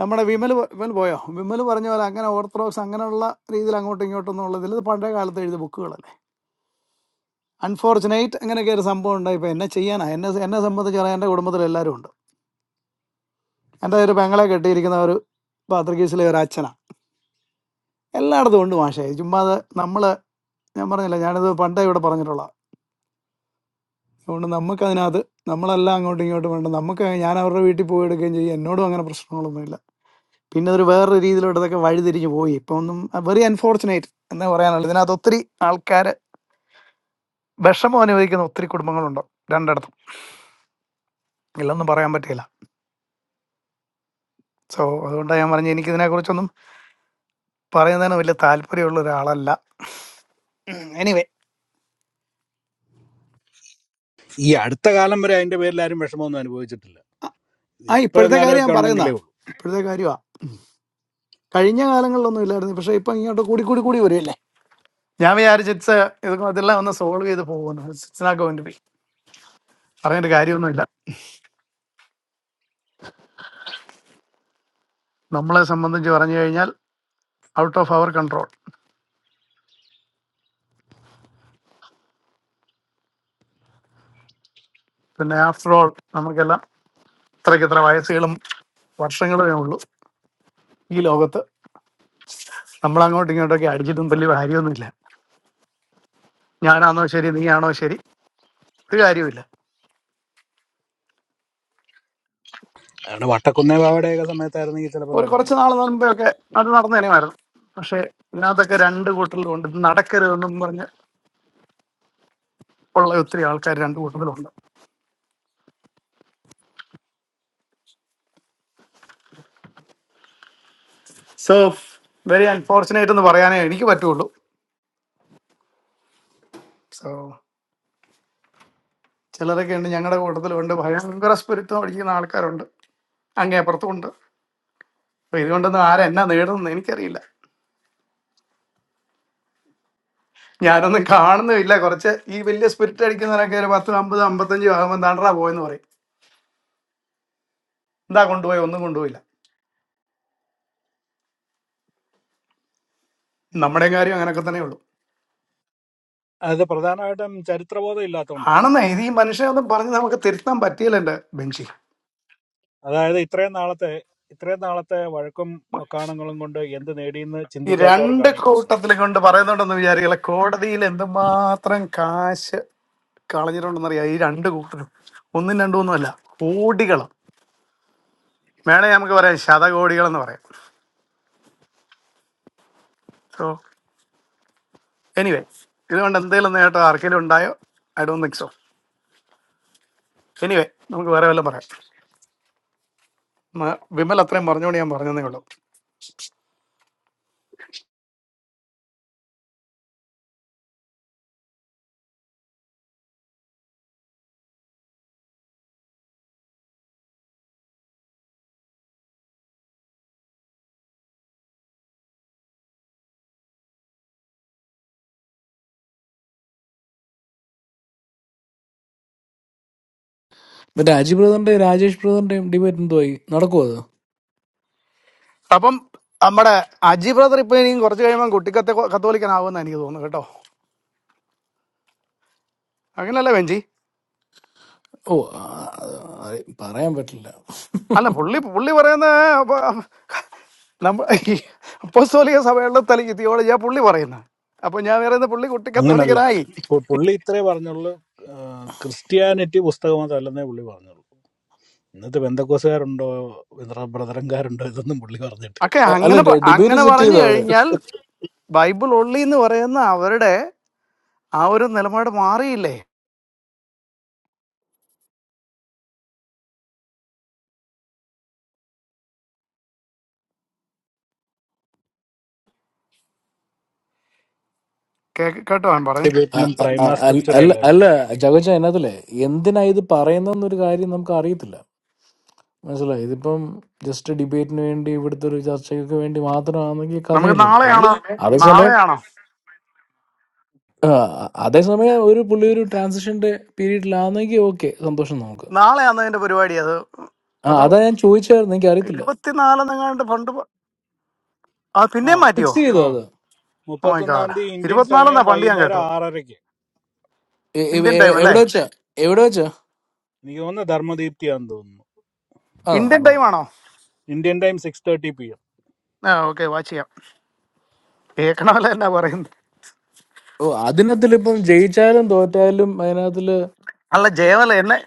Speaker 14: നമ്മുടെ
Speaker 2: ആ.
Speaker 14: വിമൽ പ- വിമൽ പോയോ വിമൽ പറഞ്ഞ പോലെ അങ്ങനെ ഓർത്തഡോക്സ് അങ്ങനെയുള്ള രീതിയിൽ അങ്ങോട്ടും ഇങ്ങോട്ടും എന്നുള്ളതിൽ ഇത് പഴയ കാലത്ത് എഴുതിയ ബുക്കുകളല്ലേ അൺഫോർച്ചുനേറ്റ് അങ്ങനെയൊക്കെ ഒരു സംഭവം ഉണ്ടായി ഇപ്പൊ എന്നെ ചെയ്യാനാ എന്നെ എന്നെ സംബന്ധിച്ച് പറയാൻ എൻ്റെ കുടുംബത്തിൽ എല്ലാവരും ഉണ്ട് എൻ്റെ ഒരു പെങ്ങളെ കെട്ടിയിരിക്കുന്ന ഒരു പാത്രികീസിലെ ഒരു അച്ഛനാ എല്ലായിടത്തും ഉണ്ട് മാഷേ ചുമ്മാ അത് നമ്മള് ഞാൻ പറഞ്ഞില്ല ഞാനിത് പണ്ടേ ഇവിടെ പറഞ്ഞിട്ടുള്ളതാ അതുകൊണ്ട് നമുക്ക് അതിനകത്ത് നമ്മളെല്ലാം അങ്ങോട്ടും ഇങ്ങോട്ടും വേണ്ട നമുക്ക് ഞാൻ അവരുടെ വീട്ടിൽ പോയി എടുക്കുകയും ചെയ്യും എന്നോടും അങ്ങനെ പ്രശ്നങ്ങളൊന്നുമില്ല പിന്നെ അതൊരു വേറൊരു രീതിയിലോട്ട് ഇതൊക്കെ വഴിതിരിഞ്ഞ് പോയി ഇപ്പൊ ഒന്നും വെരി അൺഫോർച്ചുനേറ്റ് എന്ന് പറയാനുള്ളത് ഇതിനകത്ത് ഒത്തിരി ആൾക്കാർ വിഷമം അനുഭവിക്കുന്ന ഒത്തിരി കുടുംബങ്ങളുണ്ട് രണ്ടിടത്തും ഇല്ലെന്നും പറയാൻ പറ്റില്ല സോ അതുകൊണ്ടാണ് ഞാൻ പറഞ്ഞത് എനിക്ക് ഇതിനെക്കുറിച്ചൊന്നും പറയുന്നതിന് വലിയ താല്പര്യമുള്ള ഒരാളല്ല എനിവേ
Speaker 2: ഈ അടുത്ത കാലം വരെ അതിന്റെ പേരിൽ ആരും വിഷമമൊന്നും അനുഭവിച്ചിട്ടില്ല
Speaker 14: ആ ഇപ്പോഴത്തെ
Speaker 2: ഇപ്പോഴെങ്ങാനും
Speaker 14: കാര്യം
Speaker 2: ഒക്കെ
Speaker 14: ഞാൻ പറയുന്ന
Speaker 2: ഉണ്ടെങ്കിലേ ഉള്ളൂ
Speaker 14: ഇപ്പോഴത്തെ കാര്യമാണ് കഴിഞ്ഞ കാലങ്ങളിലൊന്നും ഇല്ലായിരുന്നു പക്ഷെ ഇപ്പൊ ഇങ്ങോട്ട് കൂടി കൂടി കൂടി വരുമല്ലേ ഞാൻ വിചാരിച്ചു ഇറ്റ്സ് ഇതെല്ലാം ഒന്ന് സോൾവ് ചെയ്ത് പോകുന്നു it's not going to be പറഞ്ഞിട്ട് കാര്യമൊന്നുമില്ല നമ്മളെ സംബന്ധിച്ച് പറഞ്ഞു കഴിഞ്ഞാൽ ഔട്ട് ഓഫ് അവർ കൺട്രോൾ പിന്നെ ആഫ്റ്റർ ഓൾ നമുക്കെല്ലാം ഇത്രയ്ക്ക് ഇത്ര വയസ്സുകളും വർഷങ്ങളേ ഉള്ളൂ ഈ ലോകത്ത് നമ്മൾ അങ്ങോട്ടും ഇങ്ങോട്ടൊക്കെ അടിച്ചിട്ടും വലിയ കാര്യമൊന്നുമില്ല ഞാനാണോ ശരി നീയാണോ ശരി ഒരു കാര്യമില്ല
Speaker 2: അതുകൊണ്ട് വട്ടക്കുന്നേ ബാവയുടെയൊക്കെ സമയത്തായിരുന്നെങ്കിൽ ചിലപ്പോൾ
Speaker 14: ഒരു
Speaker 2: നടന്നു
Speaker 14: കുറച്ച് നാൾ
Speaker 2: പോയത്
Speaker 14: മുമ്പേ ഒക്കെ അത് നടന്നേനുമായിരുന്നു പക്ഷേ ഇതിനകത്തൊക്കെ രണ്ട് കൂട്ടറിലുണ്ട് ഇത് നടക്കരുതെന്നും പറഞ്ഞ് ഉള്ള ഒത്തിരി ആൾക്കാർ രണ്ട് കൂട്ടത്തിലുണ്ട് സോ വെരി അൺഫോർച്ചുനേറ്റ് എന്ന് പറയാനേ എനിക്ക് പറ്റുള്ളൂ സോ ചിലരൊക്കെ ഉണ്ട് ഞങ്ങളുടെ കൂട്ടത്തിലുണ്ട് ഭയങ്കര സ്പിരിത്വം അടിക്കുന്ന ആൾക്കാരുണ്ട് അങ്ങേ അപ്പുറത്തുമുണ്ട് അപ്പൊ ഇതുകൊണ്ടൊന്നും ആരാ എന്നാ നേടുന്നു എനിക്കറിയില്ല ഞാനൊന്നും കാണുന്നുമില്ല കുറച്ച് ഈ വലിയ സ്പിരിറ്റ് അടിക്കുന്നവരൊക്കെ ഒരു പത്ത് അമ്പത് അമ്പത്തഞ്ച് ആകുമ്പോൾ തണ്ടറാ പോയെന്ന് പറയും എന്താ കൊണ്ടുപോയി ഒന്നും കൊണ്ടുപോയില്ല നമ്മുടെ കാര്യം അങ്ങനെയൊക്കെ തന്നെ ഉള്ളൂ
Speaker 2: അത് പ്രധാനമായിട്ടും ചരിത്രബോധം ഇല്ലാത്തതുകൊണ്ട് കേട്ടോ
Speaker 14: ആണെന്നേ ഇത് ഈ മനുഷ്യനൊന്നും പറഞ്ഞ് നമുക്ക് തിരുത്താൻ പറ്റിയില്ല എന്റെ ബെഞ്ചി
Speaker 2: അതായത് ഇത്രയും നാളത്തെ ഇത്രയും നാളത്തെ വഴക്കും വക്കാണങ്ങളും കൊണ്ട് എന്ത് നേടിയെന്ന്
Speaker 14: ഈ രണ്ട്
Speaker 2: ചിന്തിക്കാത്തവർക്കാണ് ഈ പ്രശ്നം
Speaker 14: കൂട്ടത്തിലെ കൊണ്ട് പറയുന്നുണ്ടെന്ന് വിചാരിക്കില്ല കോടതിയിൽ എന്തുമാത്രം കാശ് കളഞ്ഞിട്ടുണ്ടെന്നറിയാം ഈ രണ്ട് കൂട്ടരും ഒന്നും രണ്ടും ഒന്നുമല്ല കോടികൾ മേളെ നമുക്ക് പറയാം ശതകോടികൾ എന്ന് പറയാം സോ എനിവേ ഇതുകൊണ്ട് എന്തെങ്കിലും നേട്ടം ആർക്കെങ്കിലും ഉണ്ടായോ I do think so anyway നമുക്ക് വേറെ വല്ലതും പറയാം മ- വിമൽ അത്രയും പറഞ്ഞുകൊണ്ട് ഞാൻ പറഞ്ഞതേ ഉള്ളൂ
Speaker 18: മറ്റേ അജി ബ്രദറിന്റെ രാജേഷ് ബ്രദറിന്റെയും ഡിബേറ്റ് എന്തോയി നടക്കുമോ അത്
Speaker 14: അപ്പം നമ്മുടെ അജി ബ്രദർ ഇപ്പൊ ഇനിയും കുറച്ച് കഴിയുമ്പോൾ കുട്ടിക്കത്തെ കത്തോലിക്കനാവുമെന്ന് എനിക്ക് തോന്നുന്നു കേട്ടോ അങ്ങനെയല്ല വെഞ്ചി
Speaker 18: ഓ ആ, ആ, പറയാൻ പറ്റില്ല
Speaker 14: അല്ല പുള്ളി പുള്ളി പറയുന്ന അപ്പ- നമ്മ ഈ അപ്പോസ്തോലിക സഭയുള്ള തലി തിയോളജിയാ പുള്ളി പറയുന്നത് അപ്പൊ ഞാൻ പറയുന്നത് പുള്ളി കുട്ടി
Speaker 2: അങ്ങനല്ല
Speaker 14: കത്തോലിക്കനായി
Speaker 2: ഇപ്പോൾ പുള്ളി ഇത്രേ പറഞ്ഞുള്ളൂ ആ, ക്രിസ്ത്യാനിറ്റി പുസ്തകമത് അല്ലെന്നേ പുള്ളി പറഞ്ഞുള്ളൂ ഇന്നത്തെ ബന്ധക്കോസുകാരുണ്ടോ ഇത്ര ബ്രദറൻകാരുണ്ടോ ഇതൊന്നും പുള്ളി പറഞ്ഞിട്ടില്ല
Speaker 14: ഒക്കെ
Speaker 18: അ- അല്ല
Speaker 14: അങ്ങനെ പ-
Speaker 18: ഡിബേറ്റ്
Speaker 14: അങ്ങനെ
Speaker 18: സെറ്റ്
Speaker 14: പറഞ്ഞു
Speaker 18: ചെയ്തോ അവര്
Speaker 14: കഴിഞ്ഞാൽ ബൈബിൾ ഉള്ളി എന്ന് പറയുന്ന അവരുടെ ആ ഒരു നിലപാട് മാറിയില്ലേ കേ- കേട്ടോ ഞാൻ പറയും
Speaker 18: അ-
Speaker 2: ഡിബേറ്റിലും
Speaker 18: അ-
Speaker 2: പ്രൈമാ
Speaker 18: അ- അല്ല
Speaker 2: സ്ക്രിപ്ചറോ
Speaker 18: അല്ല-
Speaker 2: അല്ലേ
Speaker 18: അല്ല,
Speaker 2: പറഞ്ഞത്
Speaker 18: ജാഗോജ ഇന്നത്തിലെ എന്തിനാ ഇത് പറയുന്നതെന്നൊരു കാര്യം നമുക്ക് അറിയത്തില്ല മനസ്സിലായി ഇതിപ്പം ജസ്റ്റ് ഡിബേറ്റിന് വേണ്ടി ഇവിടുത്തെ ഒരു ചർച്ചയ്ക്ക് വേണ്ടി മാത്രമാണെങ്കിൽ
Speaker 14: നമുക്ക്
Speaker 18: കഥയില്ലല്ലോ
Speaker 2: പുള്ളി
Speaker 14: നാളെയാണോ
Speaker 18: അതേസമയം
Speaker 14: നാളെയാണോ
Speaker 18: ആ, അതേസമയം ഒരു പുള്ളി ഒരു ട്രാൻസിഷന്റെ പീരീഡിലാണെങ്കിൽ ഓക്കെ സന്തോഷം നമുക്ക്
Speaker 14: നാളെയാണോ അതിന്റെ പരിപാടി അത്
Speaker 18: ആ
Speaker 14: അതോ
Speaker 18: അതാ ഞാൻ ചോദിച്ചായിരുന്നു എനിക്ക് അറിയത്തില്ല
Speaker 14: ഇരുപത്തിനാലെന്നെങ്ങാണ്ട് ഫണ്ട് പ- ആ
Speaker 2: ആ
Speaker 14: പിന്നെയും മാറ്റിയോ
Speaker 18: ഫിക്സ് ചെയ്തോ
Speaker 2: ആ
Speaker 18: അത്
Speaker 14: ഓ മൈ
Speaker 2: മുപ്പത്തൊന്നാം
Speaker 14: ഗാഡ്
Speaker 2: തീയതി ഇന്ത്യൻ സമയം
Speaker 14: ഇരുപത്തിനാലെന്നാ പണ്ട് ഞാൻ
Speaker 2: വൈകുന്നേരം
Speaker 14: കേട്ടത്
Speaker 2: ആറരയ്ക്ക്
Speaker 18: എ- എ-
Speaker 14: ഇന്ത്യൻ ടൈം
Speaker 18: എ-
Speaker 14: അല്ലേ
Speaker 18: എവിടെ വെച്ചാ എവിടെ വെച്ചാ
Speaker 2: എനിക്ക് തോന്നുന്നു ധർമ്മദീപ്തിയാന്ന് തോന്നുന്നു
Speaker 18: ആ
Speaker 14: ഇന്ത്യൻ ടൈം ആണോ
Speaker 2: Indian time six thirty P M
Speaker 14: ആ ഓക്കെ വാച്ച് ചെയ്യാം കേൾക്കണമല്ല എന്നാ പറയുന്നത്
Speaker 18: ഓ അതിനകത്തിൽ ഇപ്പം ജയിച്ചാലും തോറ്റാലും അതിനകത്തില്
Speaker 14: അല്ല ജയമല്ല എന്നെ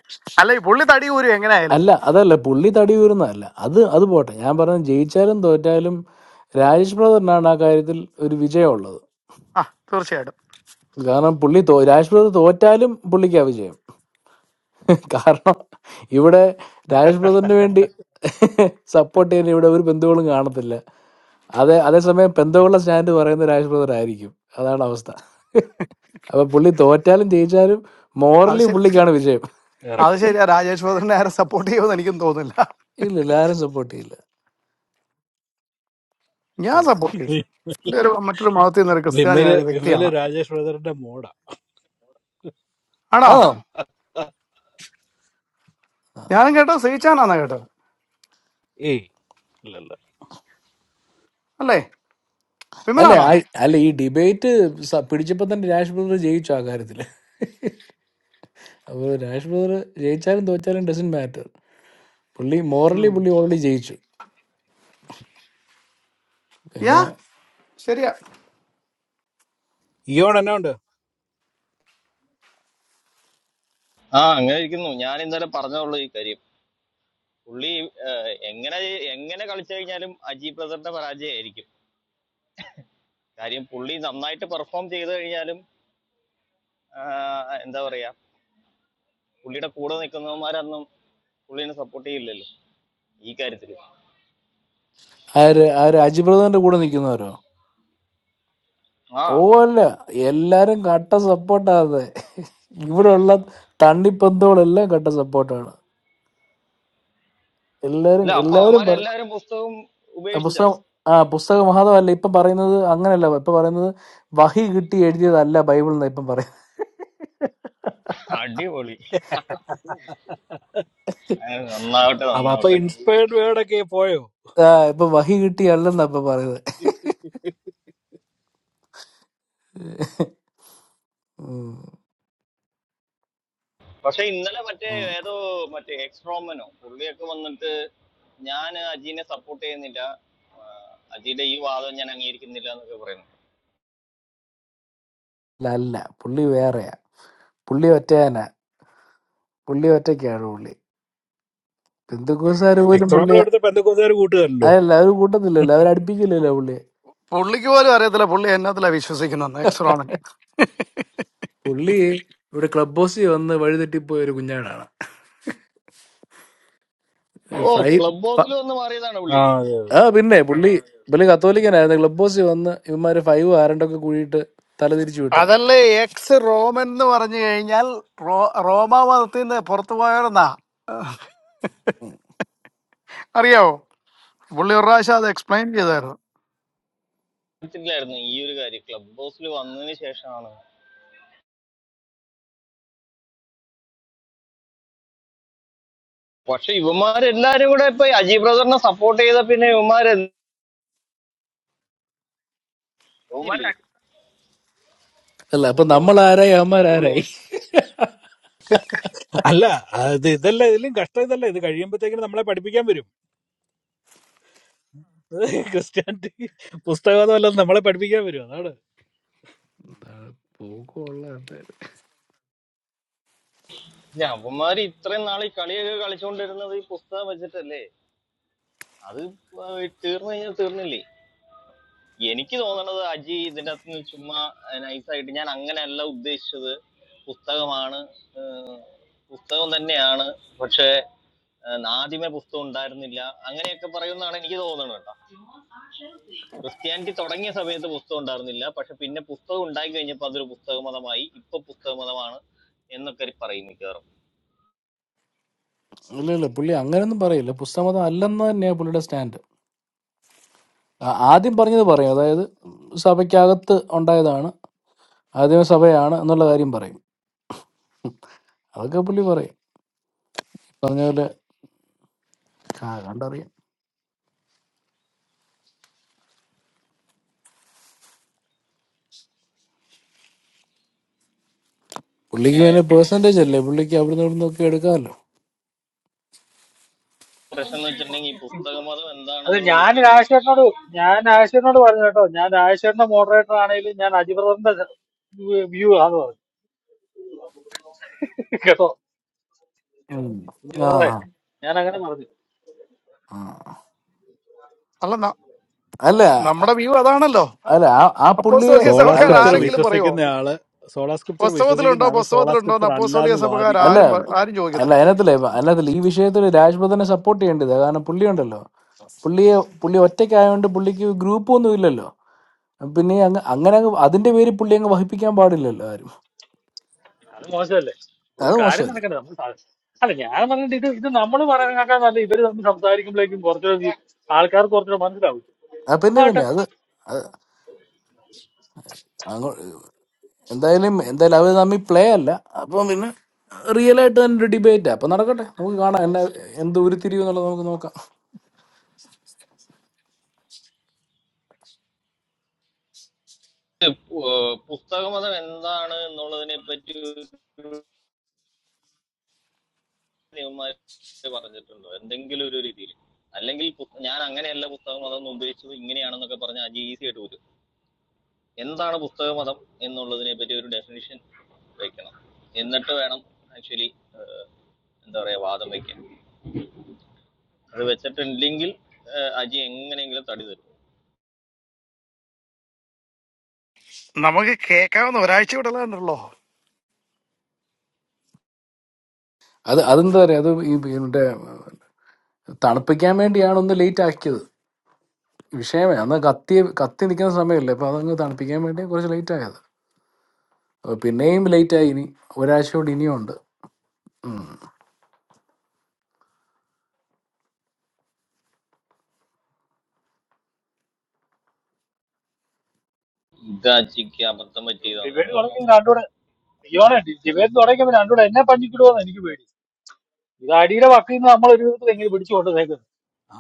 Speaker 14: അല്ല ഈ പുള്ളി തടി കൂരും എങ്ങനെയായാലും
Speaker 18: അല്ല അതല്ല പുള്ളി തടി വീറുന്നതല്ല അത് അത് പോട്ടെ ഞാൻ പറഞ്ഞ ജയിച്ചാലും തോറ്റാലും രാജേഷ് ബ്രദറിനാണ് ആ കാര്യത്തിൽ ഒരു വിജയമുള്ളത്
Speaker 14: ആ തീർച്ചയായിട്ടും
Speaker 18: കാരണം പുള്ളി തോ- രാജേഷ് ബ്രദർ തോറ്റാലും പുള്ളിക്കാ വിജയം കാരണം ഇവിടെ രാജേഷ് ബ്രദറിന് വേണ്ടി സപ്പോർട്ട് ചെയ്യാൻ ഇവിടെ ഒരു ബന്ധുക്കളും കാണത്തില്ല അതെ അതേസമയം പെന്തോകളുടെ സ്റ്റാൻഡ് പറയുന്ന രാജേഷ് ബ്രദർ ആയിരിക്കും അതാണ് അവസ്ഥ അപ്പൊ പുള്ളി തോറ്റാലും ജയിച്ചാലും
Speaker 14: അത്
Speaker 18: മോറലി
Speaker 14: ശരി
Speaker 18: പുള്ളിക്കാണ് വിജയം
Speaker 14: അത്
Speaker 2: കറക്റ്റ്.
Speaker 14: ശരിയാ രാജേഷ് ഭദ്രനെ ആരും സപ്പോർട്ട് ചെയ്യുമെന്ന് എനിക്കും തോന്നുന്നില്ല
Speaker 18: ഇല്ല എല്ലാരും സപ്പോർട്ട് ചെയ്യില്ല
Speaker 14: ഞാൻ
Speaker 18: ഉം.
Speaker 14: സപ്പോർട്ട് ചെയ്യും പുള്ളി ഒരു മറ്റൊരു മതത്തിൽ നിന്നൊരു
Speaker 2: വിമല്
Speaker 14: ക്രിസ്ത്യാനിയായ ഒരു
Speaker 2: വിമല്
Speaker 14: വ്യക്തിയാണ്
Speaker 2: രാജേഷ് ബ്രദറിന്റെ മോഡാ
Speaker 14: ആണോ
Speaker 18: ആ
Speaker 14: ഞാനും കേട്ടോ സഹിച്ചാനാന്നാ കേട്ടത്
Speaker 2: ഏയ് ഇല്ലല്ല
Speaker 14: അല്ലേ
Speaker 18: അല്ല
Speaker 14: വിമലാണോ
Speaker 18: ആ- അല്ല ഈ ഡിബേറ്റ് പിടിച്ചപ്പോ തന്നെ രാജേഷ് ബ്രദർ ജയിച്ചു ആ കാര്യത്തില് അപ്പൊ രാജേഷ് ബ്രദർ ജയിച്ചാലും തോറ്റാലും ഡസൻ മാറ്റർ പുള്ളി മോറലി
Speaker 14: ഉം.
Speaker 18: പുള്ളി ഓൾറെഡി ജയിച്ചു
Speaker 14: യാ
Speaker 18: പിന്നെ
Speaker 14: ശരിയാ
Speaker 2: ഇയോടെ എന്നാ ഉണ്ട്
Speaker 20: ആ അങ്ങനെ ഇരിക്കുന്നു ഞാൻ ഇന്നലെ പറഞ്ഞുള്ളൂ ഈ കാര്യം പുള്ളി ഏഹ്, എങ്ങനെ എങ്ങനെ കളിച്ചു കഴിഞ്ഞാലും അജി ബ്രദറിന്റെ പരാജയമായിരിക്കും കാര്യം പുള്ളി നന്നായിട്ട് പെർഫോം ചെയ്തു കഴിഞ്ഞാലും ആഹ്, എന്താ പറയാ പുള്ളിയുടെ കൂടെ നിൽക്കുന്നവന്മാരൊന്നും പുള്ളിനെ സപ്പോർട്ട് ചെയ്യില്ലല്ലോ ഈ കാര്യത്തിൽ
Speaker 18: ആ ഒരു ആ ഒരു അജി ബ്രദറിന്റെ കൂടെ നിൽക്കുന്നവരോ
Speaker 20: ആ
Speaker 18: ഓ അല്ല എല്ലാരും കട്ട സപ്പോർട്ടാ അതെ ഇവിടെ ഉള്ള തണ്ണിപ്പന്തുകളെല്ലാം കട്ട സപ്പോർട്ടാണ് എല്ലാരും
Speaker 20: അല്ല അപ്പൊ
Speaker 18: എല്ലാവരും പറ-
Speaker 20: അവന്മാരെല്ലാരും പുസ്തകം
Speaker 18: ആ
Speaker 20: ഉപേക്ഷിച്ചോ
Speaker 18: പുസ്തകം ആ പുസ്തക മഹാത്മല്ല ഇപ്പൊ പറയുന്നത് അങ്ങനല്ല ഇപ്പൊ പറയുന്നത് വഹി കിട്ടി എഴുതിയതല്ല ബൈബിൾ എന്നാ ഇപ്പം പറയുന്നത്
Speaker 20: അടിപൊളി ആ, നന്നാവട്ടെ
Speaker 2: അപ്പൊ അപ്പൊ
Speaker 20: നന്നാവട്ടെ
Speaker 2: ഇൻസ്പയർഡ് വേർഡ് ഒക്കെ പോയോ
Speaker 18: ആ ഇപ്പൊ വഹി കിട്ടിയല്ലെന്നാ ഇപ്പൊ പറയുന്നത് ഉം.
Speaker 20: പക്ഷെ ഇന്നലെ മറ്റേ
Speaker 18: ഉം.
Speaker 20: ഏതോ മറ്റേ എക്സ്ട്രോമനോ പുള്ളിയൊക്കെ വന്നിട്ട് ഞാൻ അജീനെ സപ്പോർട്ട് ചെയ്യുന്നില്ല അജിയുടെ ഈ വാദം ഞാൻ അംഗീകരിക്കുന്നില്ല എന്നൊക്കെ പറയുന്നു
Speaker 18: അല്ല അല്ല പുള്ളി വേറെയാ പുള്ളി ഒറ്റയാനാ പുള്ളി ഒറ്റയ്ക്കാണ് പുള്ളി ബന്ധുക്കോസാര് പോലും
Speaker 2: എക്സ്ട്രോമിൽ
Speaker 18: പുള്ളി
Speaker 2: ഇവിടുത്തെ പെന്തക്കോസുകാർ കൂട്ടുകാരല്ലോ
Speaker 18: അതല്ല അവര് കൂട്ടത്തില്ലല്ലോ അവർ അടുപ്പിക്കില്ലല്ലോ
Speaker 14: പുള്ളിക്ക് പോലും അറിയത്തില്ല പുള്ളി എന്നതിലാ വിശ്വസിക്കുന്നെന്ന് എക്സ്
Speaker 18: പുള്ളിയെ
Speaker 14: റോമൻ
Speaker 18: പുള്ളി ഇവിടെ ക്ലബ് ഹൗസിൽ വന്ന് വഴിതെറ്റിപ്പോയ ഒരു കുഞ്ഞാടാണ്
Speaker 20: ഓ
Speaker 18: ഫൈവ്
Speaker 20: ക്ലബ്
Speaker 18: ഫ-
Speaker 20: ഹൗസിൽ വന്ന് മാറിയതാണ്
Speaker 2: ആ
Speaker 20: പുള്ളി
Speaker 2: അതെ
Speaker 18: ആ
Speaker 2: അതെ
Speaker 18: പിന്നെ പുള്ളി പുള്ളി കത്തോലിക്കനായിരുന്നു ക്ലബ് ഹൗസിൽ വന്ന് ഇവന്മാര് ഫൈവ് ആരണ്ടൊക്കെ കൂടിയിട്ട് തല തിരിച്ചു വിട്ടതാ
Speaker 14: അതല്ലേ എക്സ് റോമൻ എന്ന് പറഞ്ഞു കഴിഞ്ഞാൽ റോ റോമാ മതത്തിൽ നിന്ന് പുറത്തു പോയവരെന്നാ അറിയാവോ പുള്ളി ഒരു പ്രാവശ്യം അത് എക്സ്പ്ലെയിൻ ചെയ്തായിരുന്നു
Speaker 20: അറിയത്തില്ലായിരുന്നു ഈ ഒരു കാര്യം ക്ലബ് ഹൗസിൽ വന്നതിന് ശേഷമാണ് പക്ഷെ ഇവന്മാരെല്ലാരും കൂടെ ഇപ്പൊ അജി ബ്രദറിനെ സപ്പോർട്ട് ചെയ്ത പിന്നെ ഇവന്മാരെന്തില്ലേ
Speaker 18: അല്ല അപ്പൊ
Speaker 20: ഫുള്ള്
Speaker 18: നമ്മൾ ആരായി അവന്മാർ ആരായി
Speaker 2: അല്ല അത് ഇതല്ല ഇതിലും കഷ്ടം ഇതല്ല ഇത് കഴിയുമ്പോഴത്തേക്കിനും നമ്മളെ പഠിപ്പിക്കാൻ വരും ക്രിസ്ത്യാനിറ്റി പുസ്തകമല്ല നമ്മളെ പഠിപ്പിക്കാൻ വരും അതാണ്
Speaker 18: എന്താണ് പോക്കുള്ള ആൾക്കാര്.
Speaker 20: അവന്മാര് ഇത്രയും നാൾ ഈ കളിയൊക്കെ കളിച്ചുകൊണ്ടിരുന്നത് ഈ പുസ്തകം വെച്ചിട്ടല്ലേ അത് ഇപ്പൊ തീർന്നു കഴിഞ്ഞാൽ തീർന്നില്ലേ എനിക്ക് തോന്നണത് അജി ഇതിന്റെ അകത്ത് നിന്ന് ചുമ്മാ നൈസായിട്ട് ഞാൻ അങ്ങനെയല്ല ഉദ്ദേശിച്ചത് പുസ്തകമാണ് പുസ്തകം തന്നെയാണ് പക്ഷെ ആദ്യമേ പുസ്തകം ഉണ്ടായിരുന്നില്ല അങ്ങനെയൊക്കെ പറയുമെന്നാണ് എനിക്ക് തോന്നുന്നത് കേട്ടോ ക്രിസ്ത്യാനിറ്റി തുടങ്ങിയ സമയത്ത് പുസ്തകം ഉണ്ടായിരുന്നില്ല പക്ഷെ പിന്നെ പുസ്തകം ഉണ്ടായി കഴിഞ്ഞപ്പോൾ അതൊരു പുസ്തക മതമായി ഇപ്പൊ പുസ്തക മതമാണ് എന്നൊക്കെ പറയും മിക്കവാറും
Speaker 18: ഇല്ല ഇല്ല പുള്ളി അങ്ങനെയൊന്നും പറയില്ല പുസ്തകമതം അല്ലെന്ന് തന്നെയാണ് പുള്ളിയുടെ സ്റ്റാൻഡ് ആ- ആദ്യം പറഞ്ഞത് പറയും അതായത് സഭയ്ക്കകത്ത് ഉണ്ടായതാണ് ആദ്യമേ സഭയാണ് എന്നുള്ള കാര്യം പറയും ഉം. അതൊക്കെ പുള്ളി പറയും പറഞ്ഞ പോലെ ആ, കണ്ടറിയാം പുള്ളിക്ക് പിന്നെ പേഴ്സൻറ്റേജ് അല്ലേ പുള്ളിക്ക് അവിടുന്ന് ഇവിടുന്ന് ഒക്കെ എടുക്കാമല്ലോ
Speaker 20: പ്രശ്നം എന്ന് വെച്ചിട്ടുണ്ടെങ്കിൽ ഈ പുസ്തക മതം
Speaker 9: അത്
Speaker 20: എന്താണെന്നുള്ള
Speaker 9: ഞാൻ
Speaker 20: ഡിഫൈൻ ചെയ്തിട്ടില്ലല്ലോ
Speaker 9: രാജശേഖരനോട് ഞാൻ രാജശേഖരനോട് പറഞ്ഞു കേട്ടോ ഞാൻ രാജശേഖരന്റെ മോഡറേറ്റർ ആണെങ്കിലും ഞാൻ അജിബ്രദറിന്റെ വ്യൂ ആണ് കേട്ടോ
Speaker 18: ഉം.
Speaker 9: കുഞ്ചു
Speaker 18: ആ
Speaker 9: ബ്രദറെ
Speaker 18: ആ.
Speaker 9: ഞാൻ അങ്ങനെ പറഞ്ഞു
Speaker 18: ആ.
Speaker 14: അല്ല ന-
Speaker 18: അല്ല
Speaker 14: നമ്മുടെ വ്യൂ അതാണല്ലോ
Speaker 18: അല്ല ആ ആ പുള്ളിയെ
Speaker 14: അപ്പോസ്തോലിക
Speaker 9: ആ
Speaker 2: സോളാ
Speaker 18: അല്ല
Speaker 14: സഭക്കാർ
Speaker 2: സ്ക്രിപ്ചർ
Speaker 18: ശരി
Speaker 14: ആരെങ്കിലും പറയുമോ
Speaker 2: വിശ്വസിക്കുന്ന ആള് സോളാ സ്ക്രിപ്ചർ വിശ്വസിക്കുന്ന
Speaker 14: പുസ്തകത്തിലുണ്ടോ
Speaker 2: ആള് സോളാ
Speaker 14: പുസ്തകത്തിലുണ്ടോ എന്ന്
Speaker 2: സ്ക്രിപ്ചർ അല്ല
Speaker 14: അപ്പോസ്തോലിക
Speaker 2: എന്ന്
Speaker 14: സഭക്കാർ
Speaker 18: അല്ല
Speaker 2: വാദിക്കുന്നു
Speaker 14: ആരും പ- ആരും
Speaker 18: അല്ല
Speaker 14: ചോദിക്കത്തില്ല
Speaker 18: അതിനകത്തില്ലേ അതിനകത്തില്ല ഈ വിഷയത്തിൽ രാജ്പഥനെ സപ്പോർട്ട് ചെയ്യേണ്ടത് കാരണം പുള്ളി ഉണ്ടല്ലോ പുള്ളിയെ പുള്ളി ഒറ്റയ്ക്കായതുകൊണ്ട് പുള്ളിക്ക് ഗ്രൂപ്പ് ഒന്നും ഇല്ലല്ലോ പിന്നെ അങ്ങ് അങ്ങനെ അങ്ങ് അതിന്റെ പേര് പുള്ളി അങ്ങ് വഹിപ്പിക്കാൻ പാടില്ലല്ലോ ആരും
Speaker 9: അത് മോശമല്ലേ ഒരു
Speaker 18: അത്
Speaker 9: കാര്യം
Speaker 18: മോശമല്ല
Speaker 9: നടക്കണ്ടേ നമ്മൾ സാധിച്ചു അല്ല ഞാൻ പറഞ്ഞിട്ട് ഇത് ഇത് നമ്മൾ പറയാനൊക്കെ നല്ല ഇവര് തമ്മിൽ സംസാരിക്കുമ്പോഴേക്കും കുറച്ചുകൂടെ ആൾക്കാർക്ക് കുറച്ചുകൂടെ മനസ്സിലാവും
Speaker 18: ആ പിന്നെ
Speaker 9: ആട്ടെ
Speaker 18: പിന്നെ അത് എന്തായാലും എന്തായാലും അവർ തമ്മിൽ പ്ലേ അല്ല അപ്പം പിന്നെ റിയൽ ആയിട്ട് തന്നെ ഒരു ഡിബേറ്റ് അപ്പൊ നടക്കട്ടെ നമുക്ക് കാണാം എന്നെ എന്ത് ഉരുത്തിരിവ് എന്നുള്ളത് നമുക്ക് നോക്കാം
Speaker 20: ഇത് പു- പുസ്തക മതം എന്താണ് എന്നുള്ളതിനെ പറ്റി ഒരു നിയമമാര് പറഞ്ഞിട്ടുണ്ടോ എന്തെങ്കിലും ഒരു രീതിയിൽ അല്ലെങ്കിൽ പു- ഞാൻ അങ്ങനെയല്ല പുസ്തക മതം എന്ന് ഉദ്ദേശിച്ചത് ഇങ്ങനെയാണെന്നൊക്കെ പറഞ്ഞ അജി ഈസി ആയിട്ട് വരും എന്താണ് പുസ്തകമതം എന്നുള്ളതിനെ പറ്റി ഒരു ഡെഫിനിഷൻ വെക്കണം എന്നിട്ട് വേണം ആക്ച്വലി എന്താ പറയാ വാദം വെക്കാൻ അത് വെച്ചിട്ടില്ലെങ്കിൽ ഏഹ്, അജി എങ്ങനെയെങ്കിലും തടി തരും
Speaker 14: നമുക്ക് കേൾക്കാവുന്ന ഒരാഴ്ച വിടലാണല്ലോ
Speaker 18: അത് അതെന്താ പറയാ അത് ഈ ഇതിന്റെ തണുപ്പിക്കാൻ വേണ്ടിയാണ് ഒന്ന് ലേറ്റ് ആക്കിയത് വിഷയമേ അന്ന് കത്തി കത്തി നിൽക്കുന്ന സമയമല്ലേ അപ്പൊ അതങ്ങ് തണുപ്പിക്കാൻ വേണ്ടി കുറച്ച് ലേറ്റ് ആയത് അപ്പൊ പിന്നെയും ലേറ്റ് ആയി ഇനി ഒരാഴ്ച കൂടി ഇനിയും ഉണ്ട്
Speaker 20: ഇത് അജിക്ക് അബദ്ധം പറ്റിയതാണ്
Speaker 9: ഡിബേറ്റ്
Speaker 20: വേറെ
Speaker 9: തുടങ്ങിയത്
Speaker 20: ഒന്നും
Speaker 9: രണ്ടുകൂടെ അയ്യോടെ ഡിബേറ്റ് തുടങ്ങിയപ്പോൾ രണ്ടുകൂടെ എന്നെ പഞ്ചിക്കിടുവോന്ന് എനിക്ക് പേടി ഇത് അടിയുടെ വക്കിൽ നിന്ന് നമ്മൾ ഒരു വിധത്തിൽ എങ്ങനെ പിടിച്ചു കൊണ്ടുവന്നേക്കുന്നത്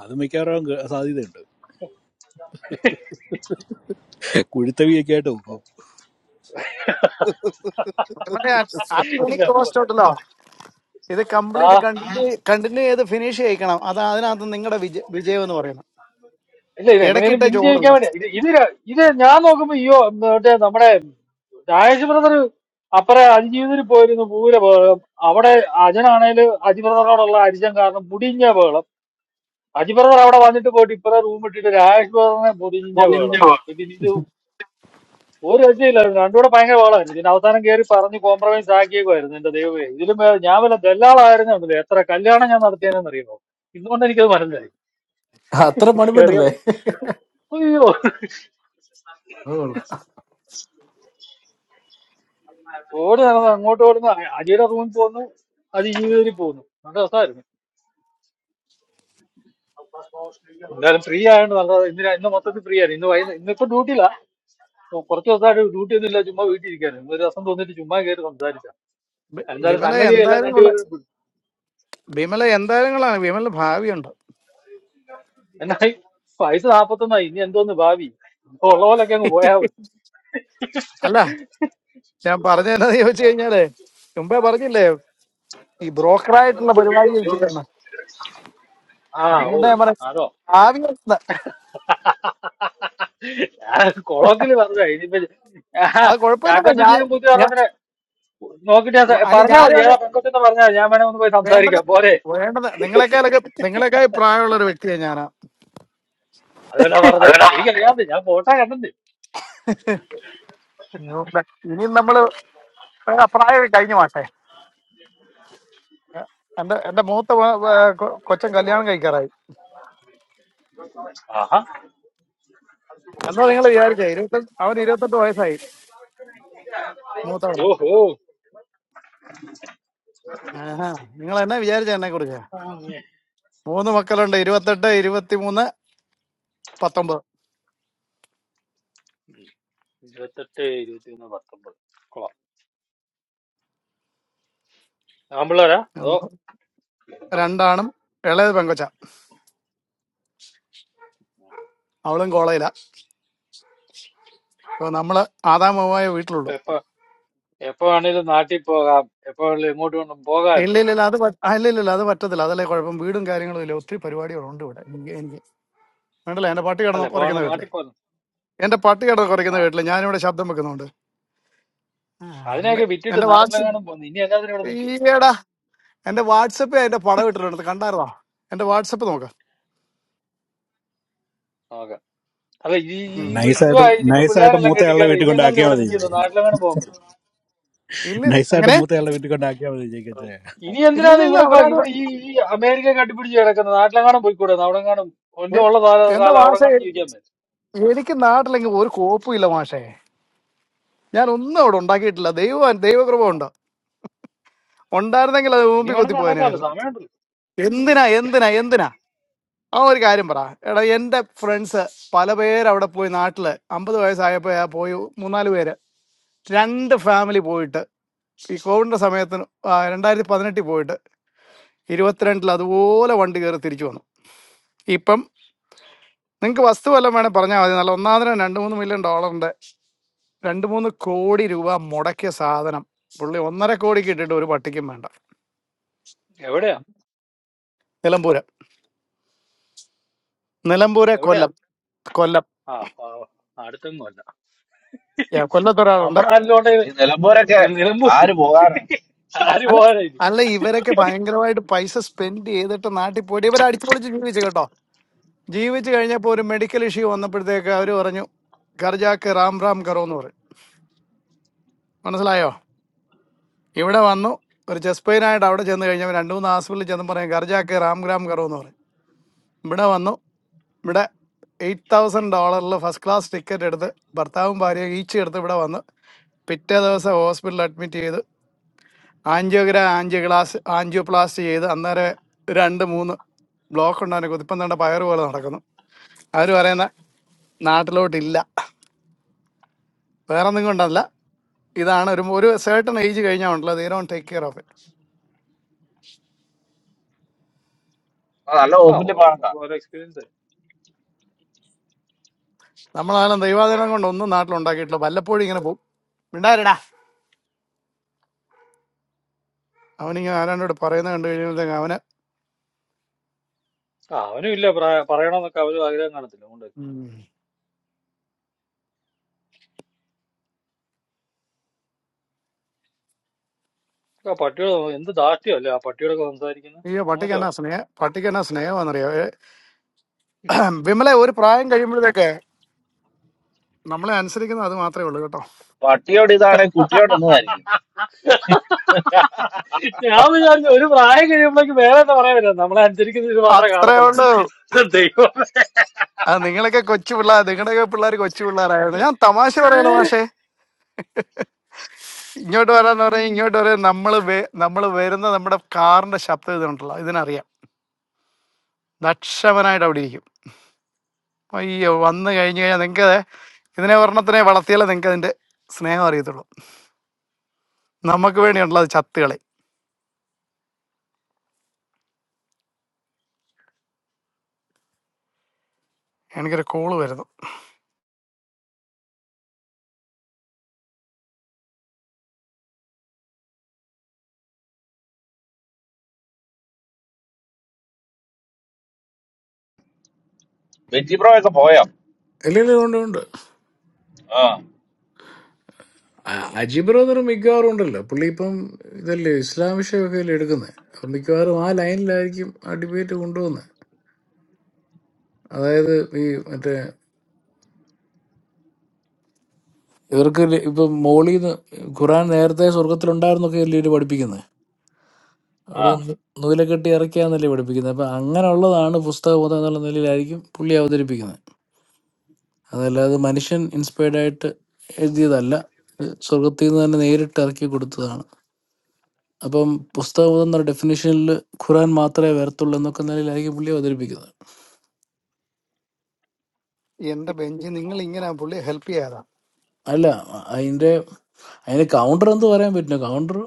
Speaker 2: അത് മിക്കവാറും ഗ- സാധ്യതയുണ്ട് കുഴുത്തവിയൊക്കെ ആയിട്ട് നോക്കും
Speaker 9: ഇല്ല
Speaker 14: ആറ്റോണിക്
Speaker 9: അപ്പൊ,
Speaker 14: കോസ്റ്റ് ഉണ്ടല്ലോ. ഇത്
Speaker 9: ആ
Speaker 14: കംപ്ലീറ്റ് കണ്ടിന്യൂ കണ്ടിന്യൂ ചെയ്ത് ഫിനിഷ് ചെയ്യിക്കണം അതാ അതിനകത്ത് നിങ്ങളുടെ വിജ വിജയം എന്ന് പറയുന്നത്
Speaker 9: ഇല്ല ഇത് എങ്ങനെയാലും
Speaker 14: ഇടയ്ക്കിട്ട
Speaker 9: പിൻ ചെയ്യിക്കാൻ
Speaker 14: ചോറുണ്ട്
Speaker 9: വേണ്ടി ഇത് ഇത് ര- ഇത് ഞാൻ നോക്കുമ്പോ അയ്യോ മറ്റേ നമ്മുടെ രാജേഷ് ബ്രദർ അപ്പറെ അതിജീവിതത്തിൽ പോയിരുന്നു പൂര ബഹളം അവിടെ അജനാണേൽ അജി ബ്രദറിനോടുള്ള അരിജം കാരണം മുടിഞ്ഞ ബഹളം അജി ബ്രദർ അവിടെ വന്നിട്ട് പോയിട്ട് ഇപ്പറെ റൂം ഇട്ടിട്ട് രാജേഷ് ബ്രദറിനെ മുടിഞ്ഞ ബഹളം ഇത് ഇത് ഒരു രക്ഷയില്ലായിരുന്നു രണ്ടുകൂടെ ഭയങ്കര ബഹളമായിരുന്നു ഇതിന് അവസാനം കയറി പറഞ്ഞ് കോംപ്രമൈസ് ആക്കിയേക്കുമായിരുന്നു എന്റെ ദൈവമേ ഇതിലും ഭേദം ഞാൻ വല്ല ദല്ലാളായിരുന്നു എത്ര കല്യാണം ഞാൻ നടത്തിയതെന്ന് അറിയുമോ ഇന്നുകൊണ്ട് എനിക്കത് മനസ്സിലായി
Speaker 18: അത്ര
Speaker 9: അറിയോ
Speaker 18: പണിപ്പെട്ടല്ലേ
Speaker 9: അയ്യോ
Speaker 18: അതുകൊള്ളാം.
Speaker 9: ഓടി നടന്ന് അങ്ങോട്ട് ഓടുന്നു അജിയുടെ റൂമിൽ പോന്നു അജി ജീവിതത്തിൽ പോന്നു നല്ല രസമായിരുന്നു എന്തായാലും ഫ്രീ ആയതുകൊണ്ട് നല്ലത് ഇന്ന് രാ- ഇന്ന് മൊത്തത്തിൽ ഫ്രീ ആണ് ഇന്ന് വൈകുന്നേരം ഇന്നിപ്പോ ഡ്യൂട്ടിയില്ല കുറച്ച് ദിവസമായിട്ട് ഡ്യൂട്ടി ഒന്നും ഇല്ല ചുമ്മാ വീട്ടിൽ ഇരിക്കാനും ഇന്ന് ഒരു രസം തോന്നിട്ട് ചുമ്മാ കയറി സംസാരിച്ച
Speaker 14: ബി-
Speaker 9: എന്തായാലും
Speaker 14: ബിമല
Speaker 9: സംഗതി എല്ലാം
Speaker 14: എന്തായാലും കൊള്ള
Speaker 9: രണ്ടുപേരും വിട്ടു.
Speaker 14: ബിമല എന്തായാലും കൊള്ളാണ് ബിമല ഭാവിയുണ്ട്
Speaker 9: എന്നായി പൈസ നാപ്പത്തൊന്നായി ഇനി എന്തോന്ന് ഭാവി ഇപ്പൊ ഉള്ള പോലൊക്കെ അങ്ങ് പോയാ മതി
Speaker 14: അല്ല ഞാൻ പറഞ്ഞതെന്നു ചോദിച്ചു കഴിഞ്ഞാല് മുമ്പേ പറഞ്ഞില്ലേ ഈ ബ്രോക്കറായിട്ടുള്ള പരിപാടി ചെയ്യുന്നത്
Speaker 9: ആ ഓ
Speaker 14: അതുകൊണ്ട് ഞാൻ പറയാം
Speaker 9: അതോ
Speaker 14: ഭാവി ഉണ്ട്.
Speaker 9: കൊളോക്കില് പറഞ്ഞ ഇനിയിപ്പോ ആ,
Speaker 14: അത് കുഴപ്പമില്ല
Speaker 9: ചാക്കോച്ചിക്ക്
Speaker 14: ഞാൻ
Speaker 9: ഞാൻ പുതിയ
Speaker 14: ഞാൻ
Speaker 9: പറഞ്ഞതിന് നോക്കിട്ട് ഞാൻ സ-
Speaker 14: അല്ല
Speaker 9: പറഞ്ഞാ മതി
Speaker 14: ഞാനും അത്
Speaker 9: ഏതാ പെൺകൊച്ചെന്ന് പറഞ്ഞാ മതി. ഞാൻ വേണേ ഒന്ന് പോയി
Speaker 14: വേണ്ടത്
Speaker 9: സംസാരിക്കാം പോരെ
Speaker 14: വേണ്ടത് നിങ്ങളെക്കാളൊക്കെ നിങ്ങളെക്കാൾ പ്രായമുള്ള ഒരു വ്യക്തിയാണ് ഞാനാ
Speaker 9: അതുകൊണ്ടാ പറഞ്ഞേ എനിക്കറിയാതെ ഞാൻ ഫോട്ടോ കണ്ടിട്ടുണ്ട്
Speaker 14: ഇനിയും നമ്മള് ആ പ്രായം കഴിഞ്ഞു മാട്ടെ എ- എന്റെ എന്റെ മൂത്ത മോ- ഏർ കൊ- കൊച്ചൻ കല്യാണം കഴിക്കാറായി
Speaker 9: ആഹാ
Speaker 14: എന്നാ നിങ്ങൾ വിചാരിച്ചേ ഇരുപത്തെട്ട് അവന് ഇരുപത്തെട്ട് വയസ്സായി മൂത്തവന
Speaker 9: ഓഹോ
Speaker 14: ആഹാ, നിങ്ങൾ എന്നാ വിചാരിച്ച എന്നെ കുറിച്ച് മൂന്ന് മക്കളുണ്ട് ഇരുപത്തെട്ട് ഇരുപത്തിമൂന്ന് പത്തൊമ്പത്
Speaker 9: ഇരുപത്തെട്ട് ഇരുപത്തിയൊന്ന് പത്തൊമ്പത് കൊള്ളാം ഞാൻ പിള്ളേരാ അതോ
Speaker 14: എന്നാ രണ്ടാണും ഇളയത് പെങ്കൊച്ച അവളും കോളേജിലാ അപ്പൊ നമ്മള് ആദാമമായ വീട്ടിലുള്ളൂ
Speaker 9: എപ്പോ എപ്പോ വേണേലും നാട്ടിൽ പോകാം എപ്പോ വേണേലും എങ്ങോട്ട് വേണം
Speaker 14: ഇല്ല
Speaker 9: പോകാമല്ലോ
Speaker 14: ഇല്ല ഇല്ല, അത് പറ്റ- ആ, ഇല്ല ഇല്ല ഇല്ല, അത് പറ്റത്തില്ല അതല്ലേ കുഴപ്പം വീടും കാര്യങ്ങളും ഇല്ല ഒത്തിരി പരിപാടികളുണ്ട് ഇവിടെ എനിക്ക് എനിക്ക് വേണ്ടല്ലോ എന്റെ പട്ടി
Speaker 9: അല്ല
Speaker 14: കിടന്ന്
Speaker 9: എപ്പോ
Speaker 14: കുറയ്ക്കുന്ന
Speaker 9: വേണേലും
Speaker 14: വീട്ടിലെ
Speaker 9: നാട്ടിൽ പോകാം
Speaker 14: എന്റെ പട്ടി കിടന്ന്
Speaker 9: ആ
Speaker 14: കുറയ്ക്കുന്ന വീട്ടിലെ ഞാനിവിടെ ശബ്ദം വെക്കുന്നുണ്ട് ആ, അങ്ങനെ
Speaker 9: അതിനെയൊക്കെ വിറ്റിട്ട്
Speaker 14: എന്റെ വാച്ച്
Speaker 9: നാട്ടിലെങ്ങാനും പോന്നു ഇനി എന്നാ ഇവിടെ നിൽക്കുവോ
Speaker 14: ഈടാ എന്റെ വാട്സപ്പിൽ അതിന്റെ പടം ഇട്ടിട്ടുണ്ട് കണ്ടായിരുന്നോ എന്റെ വാട്സപ്പ് നോക്ക
Speaker 9: നോക്കാം അല്ല ഈ ഈ- ഈ-
Speaker 2: നൈസായിട്ട്
Speaker 9: ഇതുമായി ഇനിയിപ്പോ
Speaker 2: നൈസായിട്ട്
Speaker 9: പിള്ളേരെല്ലാം
Speaker 2: മൂത്തയാളുടെ
Speaker 9: കെട്ടിക്കാറ്
Speaker 2: വീട്ടിൽ
Speaker 9: ഇനി എന്നാ
Speaker 2: കൊണ്ടാക്കിയാൽ
Speaker 9: ഇവിടെ നിൽക്കുന്നു
Speaker 2: മതി
Speaker 9: നാട്ടിലെങ്ങാനും പോകാൻ പറ്റും
Speaker 14: ഇല്ലില്ല
Speaker 2: നൈസായിട്ട്
Speaker 14: എങ്ങനെ
Speaker 2: മൂത്തയാളുടെ വീട്ടിൽ കൊണ്ടാക്കിയാൽ മതി ജയിക്കച്ചേ
Speaker 9: ഇനി എന്തിനാണ്
Speaker 14: ഇല്ലില്ലില്ല
Speaker 9: ഇവിടെ കൊ-
Speaker 14: അവരാരും
Speaker 9: ഇവിടെ ഈ ഈ അമേരിക്ക കട്ടിപ്പിടിച്ച് കിടക്കുന്നത് നാട്ടിലെങ്ങാനും പോയിക്കൂടെ അവിടെങ്ങാനും ഒന്നും
Speaker 14: എ-
Speaker 9: ഉള്ള കാലം
Speaker 14: എന്റെ
Speaker 9: കാലം
Speaker 14: മാഷെ
Speaker 9: അവിടെങ്ങാനും ജീവിക്കാൻ പറ്റും
Speaker 14: എനിക്ക് നാട്ടിലെങ്കിൽ ഒരു കോപ്പും ഇല്ല മാഷേ ഞാൻ ഒന്നും അവിടെ ഉണ്ടാക്കിയിട്ടില്ല
Speaker 9: ആ.
Speaker 14: ദൈവം ദൈവകൃപ ഉണ്ട് ഉണ്ടായിരുന്നെങ്കിൽ അത്
Speaker 9: ഇനി
Speaker 14: മുമ്പിൽ കുത്തി
Speaker 9: വേണമെങ്കിൽ ഉണ്ടാക്കാമല്ലോ
Speaker 14: പോകാനായിരുന്നു
Speaker 9: സമയമുണ്ടല്ലോ
Speaker 14: എന്തിനാ എന്തിനാ എന്തിനാ ആ ഒരു കാര്യം പറ എടാ എന്റെ ഫ്രണ്ട്സ് പല പേര് അവിടെ പോയി നാട്ടില് അമ്പത് വയസ്സായപ്പോ ആ പോയി മൂന്നാല് പേര് രണ്ട് ഫാമിലി പോയിട്ട് ഈ കോവിഡിന്റെ സമയത്തിന് ആ, രണ്ടായിരത്തി പതിനെട്ടിൽ പോയിട്ട് ഇരുപത്തിരണ്ടിൽ അതുപോലെ വണ്ടി കയറി തിരിച്ചു വന്നു ഇപ്പം നിങ്ങൾക്ക് വസ്തു വല്ലതും വേണേൽ പറഞ്ഞാൽ മതി നല്ല ഒന്നാമതിനും രണ്ട് മൂന്ന് മില്യൺ ഡോളറിന്റെ രണ്ട് മൂന്ന് കോടി രൂപ മുടക്കിയ സാധനം പുള്ളി ഒന്നര കോടിക്ക് ഇട്ടിട്ട് ഒരു പട്ടിക്കും വേണ്ട
Speaker 9: എവിടെയാ
Speaker 14: നിലമ്പൂര് നിലമ്പൂരെ
Speaker 9: എവിടെയാ
Speaker 14: കൊല്ലം കൊല്ലം
Speaker 9: ആ ആ, അടുത്തെങ്ങും അല്ല
Speaker 14: Yeah, കൊല്ലത്ത് ഒരാളുണ്ട്
Speaker 9: നമ്മുടെ നാട്ടിലോട്ട്
Speaker 1: ഈ നിലമ്പൂരൊക്കെ
Speaker 9: നിലമ്പൂർ
Speaker 1: ആര് പോകാനാണ് ശ്ശോ,
Speaker 9: ആര്
Speaker 14: അല്ല
Speaker 9: പോകാനാ ഇനി
Speaker 14: അല്ല ഇവരൊക്കെ ഭയങ്കരമായിട്ട് പൈസ സ്പെൻഡ് ചെയ്തിട്ട് നാട്ടിൽ പോയിട്ട് ഇവർ അടിച്ചുപൊളിച്ച് ജീവിച്ചു കേട്ടോ ജീവിച്ചു കഴിഞ്ഞപ്പോൾ ഒരു മെഡിക്കൽ ഇഷ്യൂ വന്നപ്പോഴത്തേക്ക് അവർ പറഞ്ഞു കർജാക്ക് റാം റാം കറോ എന്ന് പറയും മനസ്സിലായോ ഇവിടെ വന്നു ഒരു ചെസ്റ്റ് പെയിൻ ആയിട്ട് അവിടെ ചെന്ന് കഴിഞ്ഞപ്പോൾ രണ്ട് മൂന്ന് ഹോസ്പിറ്റലിൽ ചെന്ന് പറയും കർജാക്ക് റാം റാം കറോ എന്ന് പറയും ഇവിടെ വന്നു ഇവിടെ എയ്റ്റ് തൗസൻഡ് ഡോളറിൽ ഫസ്റ്റ് ക്ലാസ് ടിക്കറ്റ് എടുത്ത് ഭർത്താവും ഭാര്യയും ഈച്ച് എടുത്ത് ഇവിടെ വന്ന് പിറ്റേ ദിവസം ഹോസ്പിറ്റലിൽ അഡ്മിറ്റ് ചെയ്ത് ആൻജിയോഗ്രാം ആൻജിയോ ഗ്ലാസ് ആൻജിയോപ്ലാസ്റ്റ് ചെയ്ത് അന്നേരം രണ്ട് മൂന്ന് ബ്ലോക്ക് ഉണ്ടാകുന്ന കുതിപ്പം തേണ്ട പയറ് പോലെ നടക്കുന്നു അവർ പറയുന്ന നാട്ടിലോട്ടില്ല വേറെ ഒന്നും കൊണ്ടല്ല ഇതാണ് ഒരു ഒരു സേർട്ടൺ ഏജ് കഴിഞ്ഞാൽ ഉണ്ടല്ലോ they don't take care of it
Speaker 1: ആ നല്ല
Speaker 9: ആ
Speaker 1: ഹോസ്പിറ്റലിൽ പോകണ്ട
Speaker 9: ഓരോരുത്തർക്കും ഓരോ എക്സ്പീരിയൻസ്
Speaker 14: നമ്മളാലും ദൈവാധീനം കൊണ്ട് ഒന്നും നാട്ടിലുണ്ടാക്കിയിട്ടില്ല വല്ലപ്പോഴും ഇങ്ങനെ പോകും മിണ്ടാരടാ അവനിങ്ങനെ ആരാണ്ടോട് പറയുന്നത് കണ്ടു കഴിയുമ്പോഴത്തേക്ക് അവന്
Speaker 9: ആ അവനും ഇല്ല പ്രായ- പറയണമെന്നൊക്കെ അവരും ആഗ്രഹം കാണത്തില്ല അതുകൊണ്ട്
Speaker 14: ഉം.
Speaker 9: ആ പട്ടിയോട് നോ- എന്ത് ദാഷ്ട്യമല്ലേ ആ പട്ടിയോടൊക്കെ സംസാരിക്കുന്നത്
Speaker 14: അയ്യോ പട്ടിക്ക് എന്നാ
Speaker 9: മോശമാട്ടോ
Speaker 14: സ്നേഹ പട്ടിക്ക് എന്നാ സ്നേഹമാണെന്നറിയോ വിമലെ ഒരു പ്രായം കഴിയുമ്പോഴത്തേക്ക് നമ്മളെ അനുസരിക്കുന്നത് അത് മാത്രമേ ഉള്ളൂ കേട്ടോ
Speaker 1: പട്ടിയോട് ഇതാണ് കുട്ടിയോട് ഇന്നതായിരിക്കും
Speaker 9: ഞാൻ വിചാരിച്ചു ഒരു പ്രായം കഴിയുമ്പോഴേക്ക് വേറെ എന്താ പറയാൻ പറ്റില്ല നമ്മളെ അനുസരിക്കുന്നത് ഇത് മാത്രമേ
Speaker 14: അത്രേ
Speaker 9: കാണത്തുള്ളത്
Speaker 14: ഉള്ളൂ
Speaker 9: ദൈവം
Speaker 14: ആ, നിങ്ങളൊക്കെ കൊച്ചു പിള്ളേർ നിങ്ങളുടെയൊക്കെ പിള്ളേർ കൊച്ചു പിള്ളേരായിരുന്നു ഞാൻ തമാശ പറയണ പക്ഷേ ഇങ്ങോട്ട് വരാന്ന് പറഞ്ഞാൽ ഇങ്ങോട്ട് വരാൻ നമ്മൾ നമ്മൾ വരുന്ന നമ്മുടെ കാറിന്റെ ശബ്ദം ഇതുണ്ടല്ലോ ഇതിനറിയാം ദക്ഷമനായിട്ട് അവിടെ ഇരിക്കും അയ്യോ വന്നു കഴിഞ്ഞു കഴിഞ്ഞാൽ നിങ്ങൾക്ക് ഇതിനെ ഒരെണ്ണത്തിനെ വളർത്തിയാലേ നിങ്ങൾക്ക് അതിന്റെ സ്നേഹം അറിയത്തുള്ളൂ നമുക്ക് വേണ്ടിയുള്ള അത് ചത്തുകളി എനിക്കൊരു കോള് വരുന്നു
Speaker 1: ബെറ്റി പ്രോ ഒക്കെ പോയോ
Speaker 18: ഇല്ല ഇല്ല ഉണ്ട് ഉണ്ട്
Speaker 1: ആ
Speaker 18: ആ- അജി ബ്രദർ മിക്കവാറും ഉണ്ടല്ലോ പുള്ളി ഇപ്പം ഇതല്ലേ ഇസ്ലാം വിഷയമൊക്കെ അല്ലേ എടുക്കുന്നത് അപ്പം മിക്കവാറും ആ ലൈനിലായിരിക്കും ആ ഡിബേറ്റ് കൊണ്ടുപോകുന്നത് അതായത് ഈ മറ്റേ ഇവർക്ക് ല- ഇപ്പം മോളിന്ന് ഖുറാൻ നേരത്തെ സ്വർഗത്തിലുണ്ടായിരുന്നൊക്കെ അല്ലേ ഇവര് പഠിപ്പിക്കുന്നത്
Speaker 1: ആ
Speaker 18: അവിടെ നിന്ന് നൂലെ കെട്ടി ഇറക്കിയാന്നല്ലേ പഠിപ്പിക്കുന്നത് അപ്പം അങ്ങനെയുള്ളതാണ് പുസ്തകബോധം എന്നുള്ള നിലയിലായിരിക്കും പുള്ളി അവതരിപ്പിക്കുന്നത് അതല്ലാതെ മനുഷ്യൻ ഇൻസ്പയർഡ് ആയിട്ട് എഴുതിയതല്ല ഇത് സ്വർഗത്തിൽ നിന്ന് തന്നെ നേരിട്ട് ഇറക്കി കൊടുത്തതാണ് അപ്പം പുസ്തകം എന്ന ഡെഫിനേഷനിൽ ഖുറാൻ മാത്രമേ വരത്തുള്ളൂ എന്നൊക്കെ നിലയിലായിരിക്കും പുള്ളി അവതരിപ്പിക്കുന്നത്
Speaker 14: എന്റെ ബെഞ്ച് നിങ്ങൾ ഇങ്ങനെ പുള്ളി ഹെൽപ്പ് ചെയ്യാതാ
Speaker 18: അല്ല അതിന്റെ അതിന് കൗണ്ടർ എന്ന് പറയാൻ പറ്റില്ല കൗണ്ടർ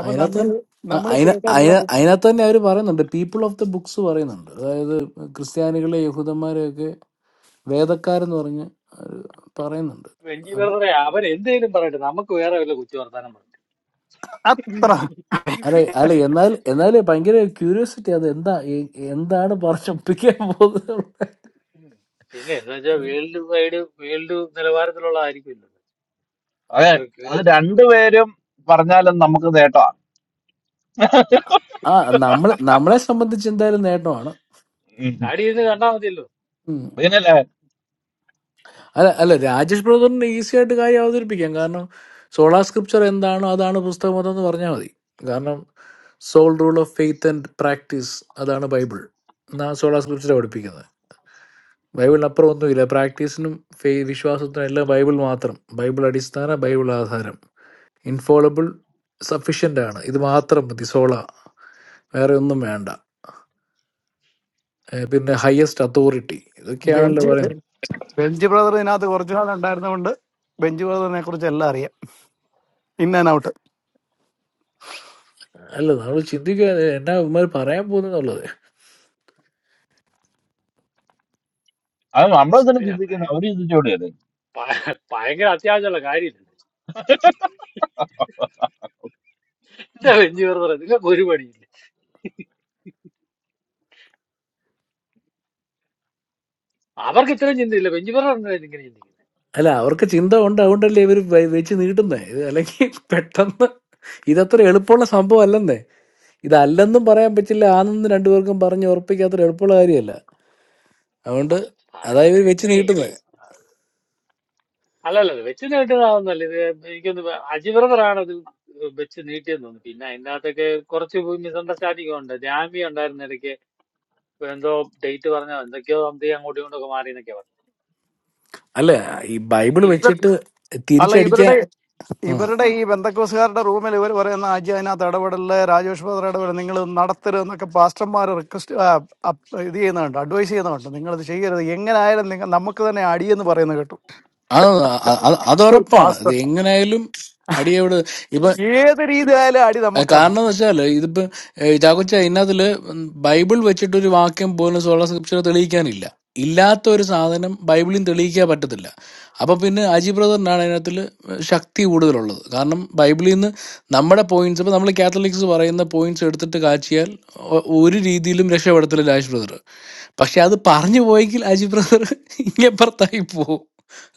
Speaker 14: അപ്പൊ
Speaker 18: അതിനകത്ത്
Speaker 14: നമ്മൾ
Speaker 18: തന്നെ- അ-
Speaker 14: നമ്മൾ
Speaker 18: അതിന- അതിന-
Speaker 14: കേട്ടാ
Speaker 18: അതിനകത്ത് തന്നെ അവർ പറയുന്നുണ്ട് പീപ്പിൾ ഓഫ് ദ ബുക്സ് പറയുന്നുണ്ട് അതായത് ക്രിസ്ത്യാനികളെ യഹൂദന്മാരെയൊക്കെ വേദക്കാരെന്ന് പറഞ്ഞ് അവര് പറയുന്നുണ്ട്
Speaker 9: വെഞ്ചി
Speaker 18: അത്
Speaker 9: വെറുതെ അവൻ എന്തെങ്കിലും പറയട്ടെ നമുക്ക് വേറെ വല്ല കുത്തി വർത്താനം പറയട്ടെ
Speaker 14: അത്ര
Speaker 18: അല്ല അല്ല എന്നാൽ എന്നാൽ ഭയങ്കര ക്യൂരിയോസിറ്റി അത് എന്താ എ- എന്താണ് പറഞ്ഞൊപ്പിക്കാൻ പോകുന്നത്
Speaker 9: പിന്നെ എന്താ വെച്ചാൽ വേൾഡ് വൈഡ് വേൾഡ് നിലവാരത്തിലുള്ള ആയിരിക്കുമല്ലോ
Speaker 1: അതെ
Speaker 9: ഭയങ്കര
Speaker 1: അത്
Speaker 9: ക്യൂരിയോസിറ്റി
Speaker 1: രണ്ടുപേരും പറഞ്ഞാലും നമുക്ക് നേട്ടമാണ്
Speaker 18: ആ നമ്മളെ നമ്മളെ സംബന്ധിച്ച് എന്തായാലും നേട്ടമാണ്
Speaker 9: ചാടി ഇരുന്ന് കണ്ടാൽ മതിയല്ലോ
Speaker 1: പിന്നല്ലേ
Speaker 18: അല്ല അല്ല രാജേഷ് ബ്രദറിന് ഈസി ആയിട്ട് കാര്യം അവതരിപ്പിക്കാം കാരണം സോളാ സ്ക്രിപ്ചർ എന്താണോ അതാണ് പുസ്തകം അതെന്ന് പറഞ്ഞാൽ മതി കാരണം sole rule of faith and practice അതാണ് ബൈബിൾ എന്നാ സോളാ സ്ക്രിപ്ചർ പഠിപ്പിക്കുന്നത് ബൈബിളിനപ്പുറം ഒന്നുമില്ല പ്രാക്ടീസിനും ഫേ വിശ്വാസത്തിനും എല്ലാം ബൈബിൾ മാത്രം ബൈബിൾ അടിസ്ഥാന ബൈബിൾ ആധാരം ഇൻഫോളബിൾ സഫിഷ്യൻ്റ് ആണ് ഇത് മാത്രം മതി സോള വേറെ ഒന്നും വേണ്ട ഏ, പിന്നെ ഹയസ്റ്റ് അതോറിറ്റി ഇതൊക്കെയാണല്ലോ
Speaker 14: ബെഞ്ച്
Speaker 18: പറയുന്നത്
Speaker 14: ബെഞ്ച് ബ്രദർ ഇതിനകത്ത് കുറച്ചു നാൾ ഉണ്ടായിരുന്നതുകൊണ്ട് ബെഞ്ച് ബ്രദറിനെ കുറിച്ച് എല്ലാം അറിയാം ഇൻ ആൻഡ് ഔട്ട്
Speaker 18: അല്ല നമ്മൾ ചിന്തിക്കുക എന്നാ ഇവന്മാർ പറയാൻ പോകുന്നുള്ളത്
Speaker 1: അത് നമ്മളെന്തിനു
Speaker 9: പിന്നെ
Speaker 1: ചിന്തിക്കുന്നത് അവര് ചിന്തിച്ചോടിയല്ലേ
Speaker 9: ഭ- ഭയങ്കര അത്യാവശ്യമുള്ള കാര്യമില്ല എന്താ ബെഞ്ചി ബർബർ നിങ്ങൾക്ക് ഒരു പണിയില്ല അവർക്ക് ഇത്രയും ചിന്തയില്ല ബെഞ്ചി ബർബർ എന്താ ഇങ്ങനെ ചിന്തിക്കുന്നത്
Speaker 18: അല്ല അവർക്ക് ചിന്ത ഉണ്ട് അതുകൊണ്ടല്ലേ ഇവർ വെച്ച് നീട്ടുന്നേ ഇത് അല്ലെങ്കിൽ പെട്ടെന്ന് ഇതത്ര എളുപ്പമുള്ള സംഭവം അല്ലെന്നേ ഇതല്ലെന്നും പറയാൻ പറ്റില്ല ആണെന്ന് രണ്ടുപേർക്കും പറഞ്ഞ് ഉറപ്പിക്കാത്ര എളുപ്പമുള്ള കാര്യമല്ല
Speaker 9: ആ,
Speaker 18: അതുകൊണ്ട് അതാ ഇവർ വെച്ച്
Speaker 9: പറയട്ടെ
Speaker 18: നീട്ടുന്നത്
Speaker 9: അല്ലല്ല ഇത് വെച്ച് നീട്ടുന്നതാവുന്നല്ല ഇത് എനിക്കൊന്ന് അജി ബർബർ ആണ് ഇത് വെച്ച് നീട്ടിയെന്ന് തോന്നുന്നു പിന്നെ അതിനകത്തൊക്കെ കുറച്ച് മിസ്അണ്ടർസ്റ്റാൻഡിംഗ് ഉണ്ട് ജാമ്യം ഉണ്ടായിരുന്ന ഇടയ്ക്ക് ഇപ്പൊ എന്തോ ഡേറ്റ് പറഞ്ഞോ എന്തൊക്കെയോ സംതിങ് അങ്ങോട്ടും ഇങ്ങോട്ടും ഒക്കെ മാറി എന്നൊക്കെ
Speaker 18: അല്ല ഈ ബൈബിൾ
Speaker 9: പറഞ്ഞു
Speaker 18: വെച്ചിട്ട്
Speaker 14: അല്ല
Speaker 18: തിരിച്ചടിക്കാൻ
Speaker 14: ഇവരുടെ
Speaker 18: ഉം.
Speaker 14: ഇവരുടെ ഈ ബന്ധക്കോസുകാരുടെ റൂമിൽ ഇവർ പറയുന്ന ആജി അതിനകത്ത് ഇടപെടല് രാജേഷ് ബ്രദർ ഇടപെടൽ നിങ്ങൾ നടത്തരുത് എന്നൊക്കെ പാസ്റ്റർമാർ റിക്വസ്റ്റ് ഇത് ചെയ്യുന്നുണ്ട് അഡ്വൈസ് ചെയ്യുന്നുണ്ട് നിങ്ങൾ ഇത് ചെയ്യരുത് എങ്ങനെയായാലും നിങ്ങൾ നമുക്ക് തന്നെ അടിയെന്ന് പറയുന്നത് കേട്ടു
Speaker 18: അത് അത് അത്
Speaker 14: ഒരു
Speaker 18: ഉറപ്പാണ് ഇത്
Speaker 14: പാസ്റ്റർ
Speaker 18: എങ്ങനെയായാലും അടിയവിടെ ഇപ്പൊ
Speaker 14: ഏത് രീതി ആയാലും അടി
Speaker 18: അത്
Speaker 14: നമുക്കാണ്
Speaker 18: കാരണം എന്ന് വെച്ചാല് ഇതിപ്പോ ചാക്കോച്ച ഇതിനകത്തില് ബൈബിൾ വെച്ചിട്ട് ഒരു വാക്യം പോലും സോള സ്ക്രിപ്ചർ തെളിയിക്കാനില്ല ഇല്ലാത്ത ഒരു സാധനം ബൈബിളിൽ തെളിയിക്കാൻ പറ്റത്തില്ല അപ്പൊ പിന്നെ അജി ബ്രദറിനാണ് അതിനകത്തിൽ ശക്തി കൂടുതലുള്ളത് കാരണം ബൈബിളിൽ നിന്ന് നമ്മുടെ പോയിന്റ്സ് ഇപ്പൊ നമ്മൾ കാത്തലിക്സ് പറയുന്ന പോയിന്റ്സ് എടുത്തിട്ട് കാച്ചിയാൽ ഒ- ഒരു രീതിയിലും രക്ഷപ്പെടത്തില്ല രാജ് ബ്രദർ പക്ഷെ അത് പറഞ്ഞു പോയെങ്കിൽ അജി ബ്രദർ ഇങ്ങപ്പുറത്തായി പോകും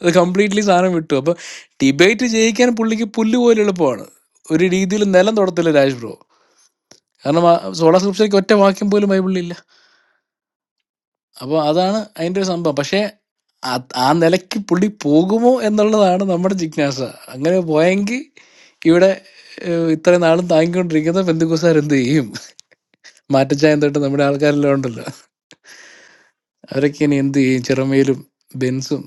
Speaker 18: അത് കംപ്ലീറ്റ്ലി സാധനം വിട്ടു അപ്പൊ ഡിബേറ്റ് ജയിക്കാൻ പുള്ളിക്ക് പുല്ല് പോലെ എളുപ്പമാണ് ഒരു രീതിയിൽ നിലം തൊടത്തില്ല രാജ് ബ്രോ കാരണം സോള സ്ക്രിപ്ഷനിക്ക് ഒറ്റ വാക്യം പോലും ബൈബിളിലില്ല അപ്പോൾ അതാണ് അതിൻ്റെ ഒരു സംഭവം പക്ഷേ ആ- ആ നിലയ്ക്ക് പുള്ളി പോകുമോ എന്നുള്ളതാണ് നമ്മുടെ ജിജ്ഞാസ അങ്ങനെ പോയെങ്കിൽ ഇവിടെ ഏഹ്, ഇത്രയും നാളും താങ്ങിക്കൊണ്ടിരിക്കുന്ന ബന്ധുക്കുസാർ എന്ത് ചെയ്യും മാറ്റച്ചായം തൊട്ട് നമ്മുടെ ആൾക്കാരെല്ലാം ഉണ്ടല്ലോ അവരൊക്കെ ഇനി എന്ത് ചെയ്യും ചിറമയിലും ബെൻസും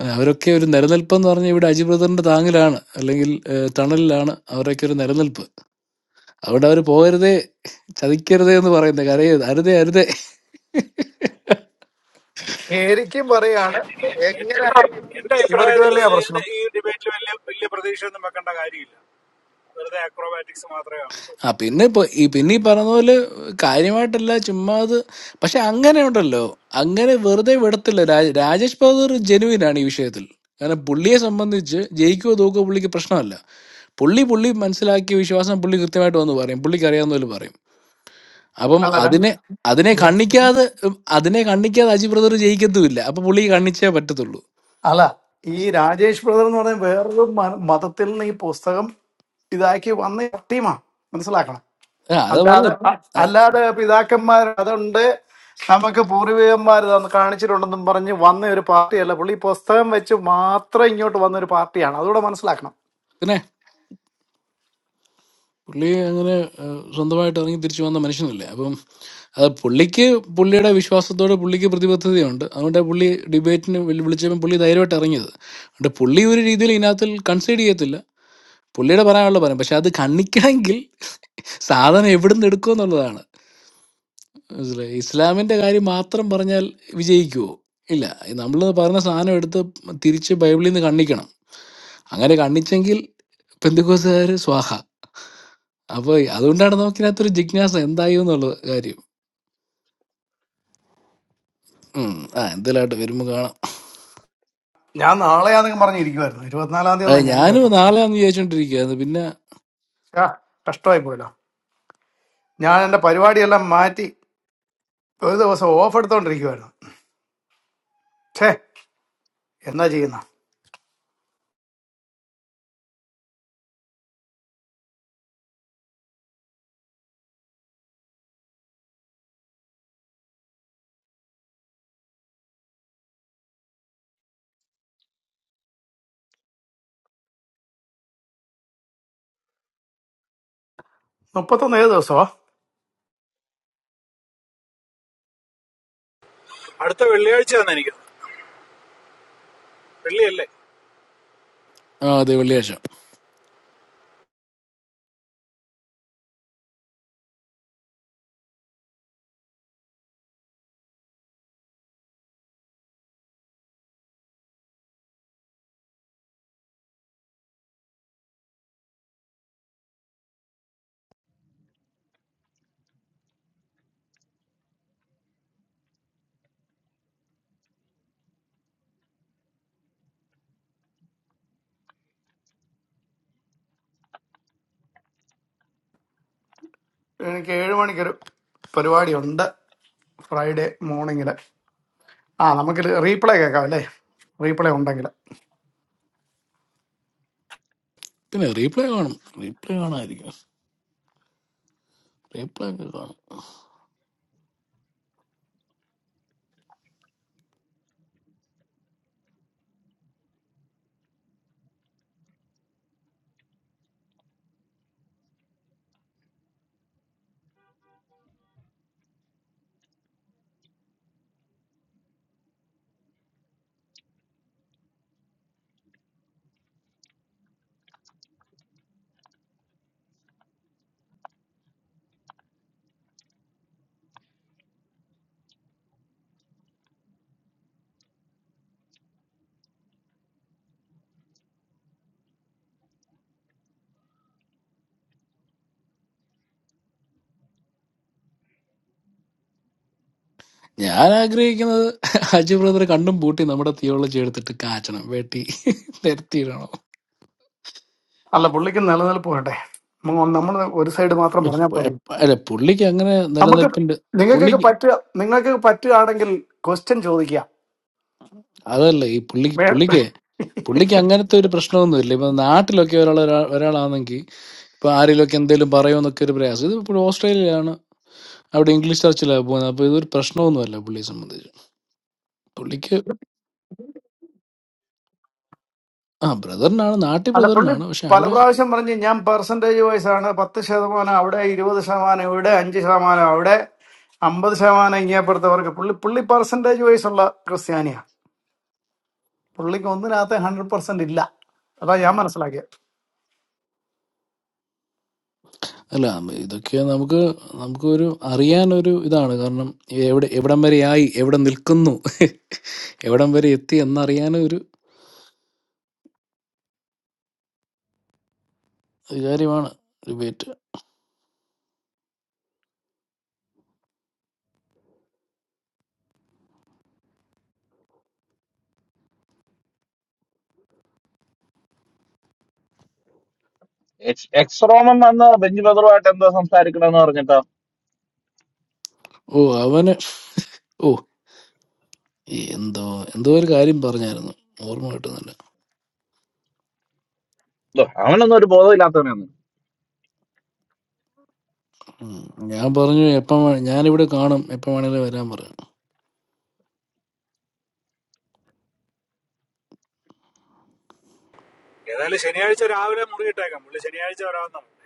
Speaker 18: ഏഹ്, അവരൊക്കെ ഒരു നിലനിൽപ്പെന്ന് പറഞ്ഞാൽ ഇവിടെ അജി ബ്രദറിന്റെ താങ്ങിലാണ് അല്ലെങ്കിൽ ഏഹ്, തണലിലാണ് അവരൊക്കെ ഒരു നിലനിൽപ്പ് അതുകൊണ്ട് അവർ പോകരുതേ ചതിക്കരുതേ എന്ന് പറയുന്നത് കരയരുത് അരുതേ അരുതേ
Speaker 14: ശരിക്കും പറയാണ്
Speaker 2: എൻ-
Speaker 14: എങ്ങനെ
Speaker 2: എ- എന്റെ
Speaker 14: ഇവർക്ക്
Speaker 2: അഭിപ്രായത്തിൽ
Speaker 14: തന്നെയാ
Speaker 2: ഇതിന് ഇതിന്
Speaker 14: പ്രശ്നം
Speaker 2: ഈ ഡിബേറ്റിൽ വലിയ വലിയ പ്രതീക്ഷയൊന്നും വെക്കേണ്ട കാര്യമില്ല വെറുതെ അക്രോബാറ്റിക്സ് മാത്രമേ കാണത്തുള്ളൂ
Speaker 18: ആ പിന്നെ ഇപ്പൊ ഈ പിന്നെ ഈ പറഞ്ഞ പോലെ കാര്യമായിട്ടല്ല ചുമ്മാ അത് പക്ഷെ അങ്ങനെ ഉണ്ടല്ലോ അങ്ങനെ വെറുതെ വിടത്തില്ല രാജ- രാജേഷ് ബഹദൂർ ജെനുവിൻ ആണ് ഈ വിഷയത്തിൽ കാരണം പുള്ളിയെ സംബന്ധിച്ച് ജയിക്കുകയോ തോക്കുകയോ പുള്ളിക്ക് പ്രശ്നമല്ല പുള്ളി പുള്ളി മനസ്സിലാക്കിയ വിശ്വാസം പുള്ളി കൃത്യമായിട്ട് വന്ന് പറയും പുള്ളിക്ക് അറിയാവുന്ന പോലെ പറയും അപ്പം അതിനെ അതിനെ
Speaker 14: അല്ലടാ
Speaker 18: കണ്ണിക്കാതെ ഉം, അതിനെ കണ്ണിക്കാതെ അജി ബ്രദർ ജയിക്കത്തുമില്ല അപ്പൊ പുള്ളി കണ്ണിച്ചേ പറ്റത്തുള്ളൂ
Speaker 14: അല്ല ഈ രാജേഷ് ബ്രദർ എന്ന് പറയുന്ന വേറൊരു മ- മതത്തിൽ നിന്ന് ഈ പുസ്തകം ഇതാക്കി വന്ന ടീമാണ് മനസ്സിലാക്കണം
Speaker 18: ആ അതാ
Speaker 14: അല്ലാതെ
Speaker 18: പറഞ്ഞു
Speaker 14: അ-
Speaker 18: ആ,
Speaker 14: അല്ലാതെ പിതാക്കന്മാർ അതുണ്ട് നമുക്ക് പൂർവികന്മാർ തന്ന് കാണിച്ചിട്ടുണ്ടെന്നും പറഞ്ഞ് വന്ന ഒരു പാർട്ടിയല്ല പുള്ളി ഈ പുസ്തകം വെച്ച് മാത്രം ഇങ്ങോട്ട് വന്ന ഒരു പാർട്ടിയാണ് അതുകൂടെ മനസ്സിലാക്കണം
Speaker 18: പിന്നെ പുള്ളി അങ്ങനെ ഏഹ്, സ്വന്തമായിട്ട് ഇറങ്ങി തിരിച്ചു വന്ന മനുഷ്യനല്ലേ അപ്പം അത് പുള്ളിക്ക് പുള്ളിയുടെ വിശ്വാസത്തോട് പുള്ളിക്ക് പ്രതിബദ്ധതയുണ്ട് അതുകൊണ്ട് പുള്ളി ഡിബേറ്റിന് വിളിച്ചപ്പോൾ പുള്ളി ധൈര്യമായിട്ട് ഇറങ്ങിയത് അതുകൊണ്ട് പുള്ളി ഒരു രീതിയിൽ ഇതിനകത്തിൽ കൺസൈഡ് ചെയ്യത്തില്ല പുള്ളിയുടെ പറയാനുള്ള പറയും പക്ഷെ അത് കണ്ണിക്കണമെങ്കിൽ സാധനം എവിടുന്ന് എടുക്കും എന്നുള്ളതാണ് മനസ്സിലായി ഇസ്ലാമിന്റെ കാര്യം മാത്രം പറഞ്ഞാൽ വിജയിക്കുവോ ഇല്ല നമ്മൾ പറഞ്ഞ സാധനം എടുത്ത് തിരിച്ച് ബൈബിളിൽ നിന്ന് കണ്ണിക്കണം അങ്ങനെ കണ്ണിച്ചെങ്കിൽ പെന്തുക്കോസുകാർ സ്വാഹ അപ്പോൾ അതുകൊണ്ടാണ് നമുക്കിതിനകത്തൊരു ജിജ്ഞാസ എന്തായി എന്നുള്ള കാര്യം ഉം. ആ എന്തെല്ലാമായിട്ട് വരുമ്പോൾ കാണാം
Speaker 14: ഞാൻ നാളെയാണെന്ന് പറഞ്ഞിരിക്കുമായിരുന്നു ഇരുപത്തിനാലാം തീയതി
Speaker 18: ആ,
Speaker 14: എന്നാ ഞാൻ
Speaker 18: ഞാനും
Speaker 14: കേട്ടത്
Speaker 18: നാളെയാന്ന് വിചാരിച്ചോണ്ടിരിക്കുകയായിരുന്നു പിന്നെ
Speaker 14: ആ, കഷ്ടമായി പോയല്ലോ ഞാൻ എന്റെ പരിപാടിയെല്ലാം മാറ്റി ഒരു ദിവസം ഓഫ് എടുത്തോണ്ടിരിക്കുമായിരുന്നു ഛേ എന്നാ ചെയ്യുന്ന മുപ്പത്തൊന്ന് ഏത് ദിവസമോ
Speaker 2: അടുത്ത വെള്ളിയാഴ്ചയാണ് എനിക്ക് തോന്നുന്നത്. വെള്ളിയല്ലേ
Speaker 18: ആ അതെ വെള്ളിയാഴ്ച
Speaker 14: എനിക്ക് ഏഴ് മണിക്കൊരു പരിപാടി ഉണ്ട് ഫ്രൈഡേ മോർണിംഗിൽ ആ നമുക്ക് റീപ്ലേ കേൾക്കാം അല്ലേ റീപ്ലേ ഉണ്ടെങ്കിൽ
Speaker 18: പിന്നെ റീപ്ലേ കാണും റീപ്ലേ കാണാമായിരിക്കും റീപ്ലേ ഒക്കെ കാണും ഞാൻ ആഗ്രഹിക്കുന്നത് അജു ബ്രദറെ കണ്ടും പൂട്ടി നമ്മുടെ തിയോളജി എടുത്തിട്ട് കാച്ചണം വെട്ടി നിരത്തിയിടണം
Speaker 14: അല്ല പുള്ളിക്ക് നിലനിൽപ്പ് വേണ്ടേ നമ്മൾ ഒരു സൈഡ് മാത്രം പറഞ്ഞാൽ
Speaker 18: ഇപ്പ-
Speaker 14: പോരെ
Speaker 18: എപ്പ- അല്ല പുള്ളിക്ക് അങ്ങനെ
Speaker 14: നമുക്ക്
Speaker 18: നിലനിൽപ്പിന്റെ
Speaker 14: നിങ്ങൾക്കൊക്കെ
Speaker 18: പുള്ളിക്ക്
Speaker 14: പറ്റുക നിങ്ങൾക്ക് പറ്റുകയാണെങ്കിൽ ക്വസ്റ്റ്യൻ ചോദിക്കുക
Speaker 18: അതല്ല ഈ പുള്ളിക്ക്
Speaker 14: വേ-
Speaker 18: പുള്ളിക്ക് പുള്ളിക്ക് അങ്ങനത്തെ ഒരു പ്രശ്നമൊന്നുമില്ല ഇപ്പൊ നാട്ടിലൊക്കെ ഒരാൾ ഒരാളാണെങ്കിൽ ഇപ്പൊ ആരെങ്കിലുമൊക്കെ എന്തെങ്കിലും പറയുമെന്നൊക്കെ ഒരു പ്രയാസം ഇത് ഇപ്പോൾ ഓസ്ട്രേലിയയിലാണ് അവിടെ ഇംഗ്ലീഷ് ചർച്ചിലാണ് പോകുന്നത് അപ്പൊ ഇതൊരു പ്രശ്നമൊന്നുമല്ല പുള്ളിയെ സംബന്ധിച്ച് പുള്ളിക്ക് ആ ബ്രദറിനാണ് നാട്ടിൽ
Speaker 14: അല്ല പുള്ളി
Speaker 18: ബ്രദറിനാണ് പക്ഷെ
Speaker 14: പല
Speaker 18: അവിടെ
Speaker 14: പ്രാവശ്യം പറഞ്ഞ് ഞാൻ പെർസെൻറ്റേജ് വൈസ് ആണ് പത്ത് ശതമാനം അവിടെ ഇരുപത് ശതമാനം ഇവിടെ അഞ്ച് ശതമാനം അവിടെ അമ്പത് ശതമാനം ഇങ്ങേപ്പുറത്തവർക്ക് പുള്ളി പുള്ളി പെർസെൻറ്റേജ് വൈസ് ഉള്ള ക്രിസ്ത്യാനിയാണ് പുള്ളിക്ക് ഒന്നിനകത്ത് ഹൺഡ്രഡ് പെർസെന്റ് ഇല്ല അതാ
Speaker 18: ആ,
Speaker 14: ഞാൻ മനസ്സിലാക്കിയത്
Speaker 18: അല്ല ഇതൊക്കെ നമുക്ക് നമുക്ക് ഒരു അറിയാനൊരു ഇതാണ് കാരണം എവിടെ എവിടം വരെ ആയി എവിടെ നിൽക്കുന്നു എവിടം വരെ എത്തി എന്നറിയാനൊരു ഒരു കാര്യമാണ് ഡിബേറ്റ്
Speaker 1: എക്സ് റോമൻ വന്ന് ബെഞ്ച് ബദറുമായിട്ട് എന്തോ സംസാരിക്കണമെന്ന് പറഞ്ഞിട്ടോ
Speaker 18: ഓ അവന് ഓ എന്തോ എന്തോ ഒരു കാര്യം പറഞ്ഞായിരുന്നു ഓർമ്മ കിട്ടുന്നില്ല
Speaker 1: ദോ, അവനൊന്നും ഒരു ബോധമില്ലാത്തവനാണ്
Speaker 18: ഉം. ഞാൻ പറഞ്ഞു എപ്പം വേ- ഞാനിവിടെ കാണും എപ്പം വേണേലും വരാൻ പറയാം
Speaker 2: ഏതായാലും ശനിയാഴ്ച രാവിലെ മുറിയിട്ടേക്കാം പുള്ളി ശനിയാഴ്ച വരാമെന്നാണ് പറഞ്ഞത്.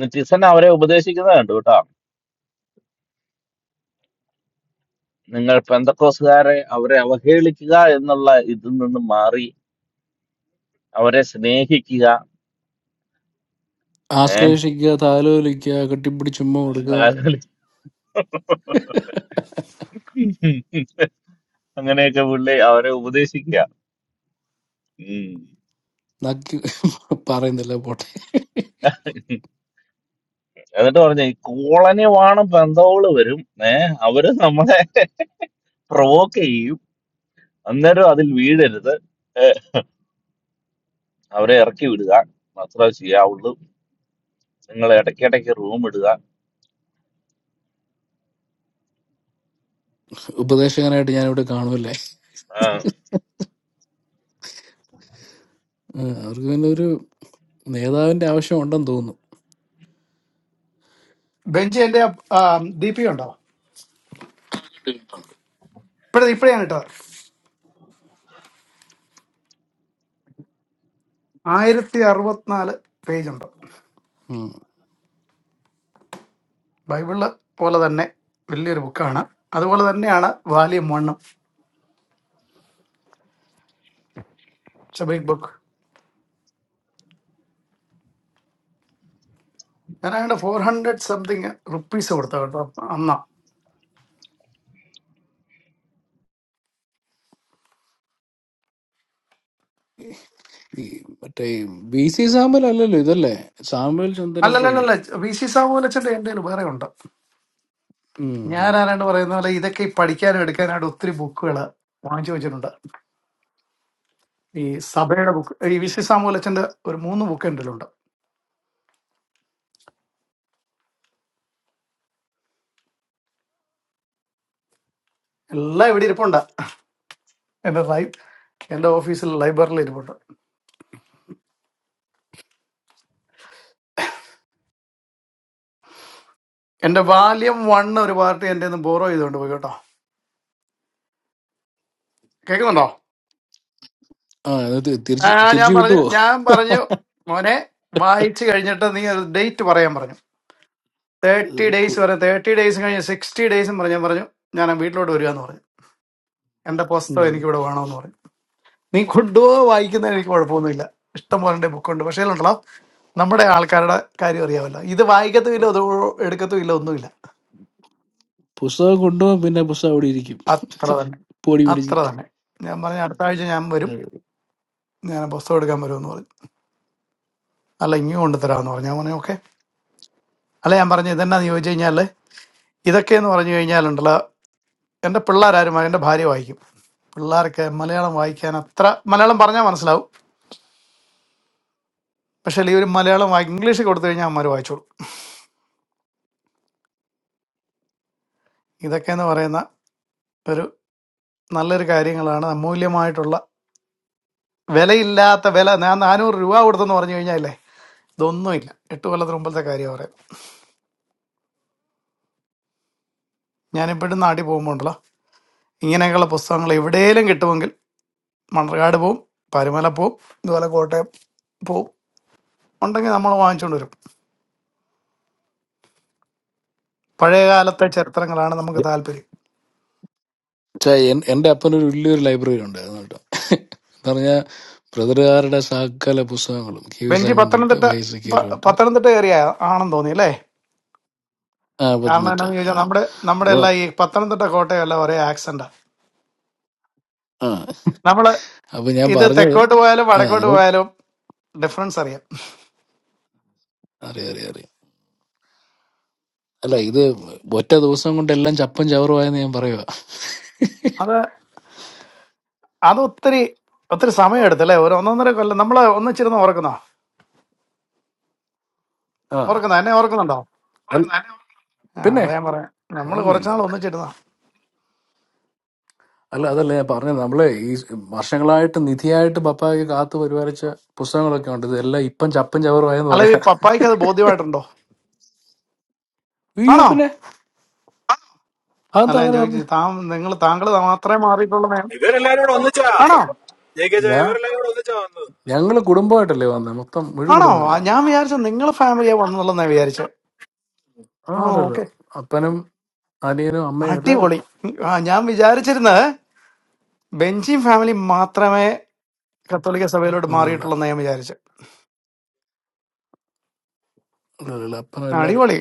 Speaker 1: നെറ്റിസൺ അവരെ ഉപദേശിക്കുന്നത് കണ്ടു കേട്ടോ നിങ്ങൾ പെന്തക്കോസുകാരെ അവരെ അവഹേളിക്കുക എന്നുള്ള ഇതിൽ നിന്ന് മാറി അവരെ സ്നേഹിക്കുക ഏഹ്
Speaker 18: ആശ്ലേഷിക്കുക താലോലിക്കുക കെട്ടിപ്പിടിച്ചുമ്മ കൊടുക്കുക
Speaker 1: അങ്ങനെയൊക്കെ പുള്ളി അവരെ ഉപദേശിക്കുക ഉം.
Speaker 18: നക്കി പറയുന്നില്ല പോട്ടെ
Speaker 1: എന്നിട്ട് പറഞ്ഞു ഈ കോളനി വാണം പെന്തോള് വരും ഏഹ് അവര് നമ്മളെ പ്രൊവോക്ക് ചെയ്യും അന്നേരം അതിൽ വീഴരുത് ഏ, അവരെ ഇറക്കി വിടുക മാത്രമേ ചെയ്യാവുള്ളൂ നിങ്ങൾ ഇടയ്ക്കിടയ്ക്ക് റൂം ഇടുക
Speaker 18: ഉപദേശകനായിട്ട് ഞാനിവിടെ കാണുമല്ലേ
Speaker 1: ആ.
Speaker 18: ഉം, അവർക്ക് പിന്നെ ഒരു നേതാവിന്റെ ആവശ്യം ഉണ്ടെന്ന് തോന്നുന്നു
Speaker 14: ബെഞ്ച് എന്റെ ദീപിക ഉണ്ടോ ഇപ്പഴേ ഇപ്പഴാണ് ഇട്ടത് ആയിരത്തി അറുപത്തിനാല് പേജ് ഉണ്ട്
Speaker 18: ഉം.
Speaker 14: ബൈബിള് പോലെ തന്നെ വലിയൊരു ബുക്കാണ് അതുപോലെ തന്നെയാണ് വാല്യം വണ്ണും ഇറ്റ്സ് എ ബിഗ് ബുക്ക് ഞാൻ അതിന്റെ ഫോർ ഹൺഡ്രഡ് സംതിങ് റുപ്പീസ് കൊടുത്ത കേട്ടോ അന്നാ
Speaker 18: ഈ മറ്റേ ബി സി സാമ്പൽ അല്ലല്ലോ ഇതല്ലേ സാമ്പൽ ചന്ദനപ്പള്ളി
Speaker 14: അല്ലല്ലല്ല വി സി സാബുലച്ചന്റെ എൻ്റെ കയ്യിൽ വേറെ ഉണ്ട്
Speaker 18: ഉം. ഉം.
Speaker 14: ഞാൻ ആരാണ്ട് പറയുന്ന പോലെ ഇതൊക്കെ ഈ പഠിക്കാനും എടുക്കാനായിട്ട് ഒത്തിരി ബുക്കുകൾ വാങ്ങിച്ചു വെച്ചിട്ടുണ്ട് ഈ സഭയുടെ ബുക്ക് ഈ വി സി സാമുലച്ചന്റെ ഒരു മൂന്ന് ബുക്ക് എൻ്റെ കയ്യിലുണ്ട് എല്ലാം ഇവിടെ ഇരിപ്പുണ്ട് എന്റെ ലൈ എന്റെ ഓഫീസിൽ ലൈബ്രറിയിൽ ഇരിപ്പുണ്ട് എന്റെ വാല്യം വൺ ഒരു പാർട്ടി എന്റെ നിന്ന് ബോറോ ചെയ്തുകൊണ്ട് പോയി കേട്ടോ കേൾക്കുന്നുണ്ടോ
Speaker 18: ആ അത് തി-
Speaker 14: ആ
Speaker 18: തിരിച്ച്
Speaker 14: ഞാൻ
Speaker 18: തിരിച്ചു
Speaker 14: പറഞ്ഞു
Speaker 18: കിട്ടുവോ
Speaker 14: ഞാൻ പറഞ്ഞു മോനെ വായിച്ചു കഴിഞ്ഞിട്ട് നീ ഒരു ഡേറ്റ് പറയാൻ പറഞ്ഞു തേർട്ടി ഡേയ്സ് വരെ തേർട്ടി ഡേയ്സ് കഴിഞ്ഞ് സിക്സ്റ്റി ഡേയ്സും പറഞ്ഞു ഞാൻ പറഞ്ഞു ഞാൻ വീട്ടിലോട്ട് വരിക എന്ന് പറഞ്ഞു എന്റെ
Speaker 18: ഉം.
Speaker 14: പുസ്തകം എനിക്ക് ഇവിടെ വേണമെന്ന് പറഞ്ഞു നീ കൊണ്ടുപോ വായിക്കുന്നതിന് എനിക്ക് കുഴപ്പമൊന്നുമില്ല ഇഷ്ടം പോലെ ബുക്കുണ്ട് പക്ഷേ ഉണ്ടല്ലോ നമ്മുടെ ആൾക്കാരുടെ കാര്യം അറിയാമല്ലോ ഇത് വായിക്കത്തുമില്ല അത് എടുക്കത്തുമില്ല ഒന്നുമില്ല
Speaker 18: പുസ്തകം കൊണ്ടുപോകും പിന്നെ പുസ്തകം അവിടെ ഇരിക്കും
Speaker 14: അത്ര തന്നെ
Speaker 18: പൊടി പിടിച്ച്
Speaker 14: അത്ര തന്നെ ഞാൻ പറഞ്ഞു അടുത്ത ആഴ്ച ഞാൻ വരും ഞാൻ പുസ്തകം എടുക്കാൻ വരുമെന്ന് പറഞ്ഞു അല്ല ഇങ്ങ് കൊണ്ടുതരാമെന്ന് പറഞ്ഞു ഞാൻ പറഞ്ഞു ഓക്കെ അല്ല ഞാൻ പറഞ്ഞു ഇതെന്നാന്ന് ചോദിച്ചു കഴിഞ്ഞാൽ ഇതൊക്കെ എന്ന് പറഞ്ഞു കഴിഞ്ഞാലുണ്ടല്ലോ എൻ്റെ പിള്ളേരാരും എൻ്റെ ഭാര്യ വായിക്കും പിള്ളേർക്ക് മലയാളം വായിക്കാൻ അത്ര മലയാളം പറഞ്ഞാൽ മനസ്സിലാവും പക്ഷേ ഈ ഒരു മലയാളം വായി- ഇംഗ്ലീഷ് കൊടുത്തു കഴിഞ്ഞാൽ അമ്മമാർ വായിച്ചോളും ഇതൊക്കെ എന്ന് പറയുന്ന ഒരു നല്ലൊരു കാര്യങ്ങളാണ് അമൂല്യമായിട്ടുള്ള വിലയില്ലാത്ത വില ഞാൻ നാനൂറ് രൂപ കൊടുത്തെന്ന് പറഞ്ഞു കഴിഞ്ഞാലേ ഇതൊന്നുമില്ല എട്ട് കൊല്ലത്തിന് മുമ്പത്തെ കാര്യം പറയാം ഞാനിപ്പോഴും നാട്ടിൽ പോകുമ്പോൾ ഇങ്ങനെയൊക്കെയുള്ള പുസ്തകങ്ങൾ എവിടെയെങ്കിലും കിട്ടുമെങ്കിൽ മണ്ണർകാട് പോവും പരുമല പോവും ഇതുപോലെ കോട്ടയം പോവും ഉണ്ടെങ്കിൽ നമ്മൾ വാങ്ങിച്ചുകൊണ്ട് വരും പഴയ കാലത്തെ ചരിത്രങ്ങളാണ് നമുക്ക് താല്പര്യം
Speaker 18: ഛെ, എൻ- എന്റെ അപ്പനൊരു വലിയൊരു ലൈബ്രറി ഉണ്ടായിരുന്നു കേട്ടോ എന്ന് പറഞ്ഞാൽ ബ്രദറുകാരുടെ സകല പുസ്തകങ്ങളും കെ വി
Speaker 14: ബെഞ്ചി
Speaker 18: സൈമൺ തൊട്ട്
Speaker 14: പത്തനംതിട്ട
Speaker 18: വൈ എസ് കെ
Speaker 14: പ-
Speaker 18: തൊട്ട്
Speaker 14: പത്തനംതിട്ട ഏരിയ ആണെന്ന് തോന്നി അല്ലേ
Speaker 18: ആ
Speaker 14: കാരണം
Speaker 18: പത്തനംതിട്ട
Speaker 14: എന്താണെന്ന് ചോദിച്ചാൽ നമ്മുടെ നമ്മുടെ
Speaker 18: അപ്പൊ
Speaker 14: എല്ലാം ഈ പത്തനംതിട്ട കോട്ടയം എല്ലാം ഒരേ ആക്സെന്റ്
Speaker 18: ആ
Speaker 14: നമ്മൾ
Speaker 18: അപ്പൊ ഞാൻ
Speaker 14: ഇത്
Speaker 18: പറഞ്ഞത്
Speaker 14: തെക്കോട്ട് പോയാലും
Speaker 18: ആ
Speaker 14: വടക്കോട്ട്
Speaker 18: നമ്മൾ
Speaker 14: പോയാലും ഡിഫറൻസ് അറിയാം
Speaker 18: അറിയാം അറിയാം അറിയാം അല്ല ഇത് ഒറ്റ ദിവസം കൊണ്ട് എല്ലാം ചപ്പും ചവറുമായെന്ന് ഞാൻ പറയുക
Speaker 14: അത് അത് ഒത്തിരി ഒത്തിരി സമയം എടുത്തല്ലേ ഒരു ഒന്നൊന്നര കൊല്ലം നമ്മൾ ഒന്നിച്ചിരുന്ന് ഓർക്കുന്നോ
Speaker 18: ആ
Speaker 14: ഓർക്കുന്നോ എന്നെ ഓർക്കുന്നുണ്ടോ
Speaker 18: അല്ല,
Speaker 14: ആ
Speaker 18: പിന്നെ
Speaker 14: അതാ ഞാൻ പറയാം നമ്മൾ കുറച്ചുനാൾ
Speaker 18: ഓർമ്മയില്ല
Speaker 14: ഒന്നിച്ചിരുന്ന
Speaker 18: അല്ല അതല്ല ഞാൻ പറഞ്ഞത് നമ്മളെ ഈ വർഷങ്ങളായിട്ട് നിധിയായിട്ട് പപ്പായ്ക്ക് കാത്തു പരിപാലിച്ച പുസ്തകങ്ങളൊക്കെ ഉണ്ട് ഇതെല്ലാം ഇപ്പം ചപ്പും ചവറുമായെന്ന്
Speaker 14: അല്ല ഈ
Speaker 18: പറയാ
Speaker 14: പപ്പായ്ക്ക് അത് ബോധ്യമായിട്ടുണ്ടോ
Speaker 18: അയ്യോ
Speaker 14: ആണോ
Speaker 18: പിന്നെ
Speaker 14: അല്ല
Speaker 18: അതെന്താ
Speaker 14: ഞാൻ
Speaker 18: അങ്ങനെ പറഞ്ഞു
Speaker 14: ചോദിച്ചു താൻ നിങ്ങൾ താങ്കൾ മാത്രമേ മാറിയിട്ടുള്ള നയം
Speaker 2: ഇവരെല്ലാരും കൂടെ ഒന്നിച്ചാ
Speaker 14: ആണോ
Speaker 2: ജെ കെ ജയ
Speaker 18: ഞാ
Speaker 2: ഇവരെല്ലാരും കൂടെ ഒന്നിച്ചാ വന്നത്
Speaker 18: ഞങ്ങള് കുടുംബമായിട്ടല്ലേ വന്നത് മൊത്തം മുഴു
Speaker 14: ആണോ ആ,
Speaker 18: കുടുംബമല്ലേ
Speaker 14: ഞാൻ
Speaker 18: വന്നത്
Speaker 14: വിചാരിച്ചു നിങ്ങൾ ഫാമിലിയാ വന്നുള്ളതെന്നാ വിചാരിച്ചു ആ
Speaker 18: ആ അല്ലല്ലോ
Speaker 14: ഓക്കെ
Speaker 18: അപ്പനും അനിയനും അമ്മയും എല്ലാരും
Speaker 14: അടിപൊളി ഉം, ആ, ഞാൻ വിചാരിച്ചിരുന്നത് ബെഞ്ചിൻ ഫാമിലി മാത്രമേ കത്തോലിക്ക സഭയിലോട്ട്
Speaker 18: അല്ലല്ല
Speaker 14: മാറിയിട്ടുള്ളൂ ഞാൻ വിചാരിച്ചു
Speaker 18: അല്ലല്ല അപ്പനും എല്ലാരും
Speaker 14: അടിപൊളി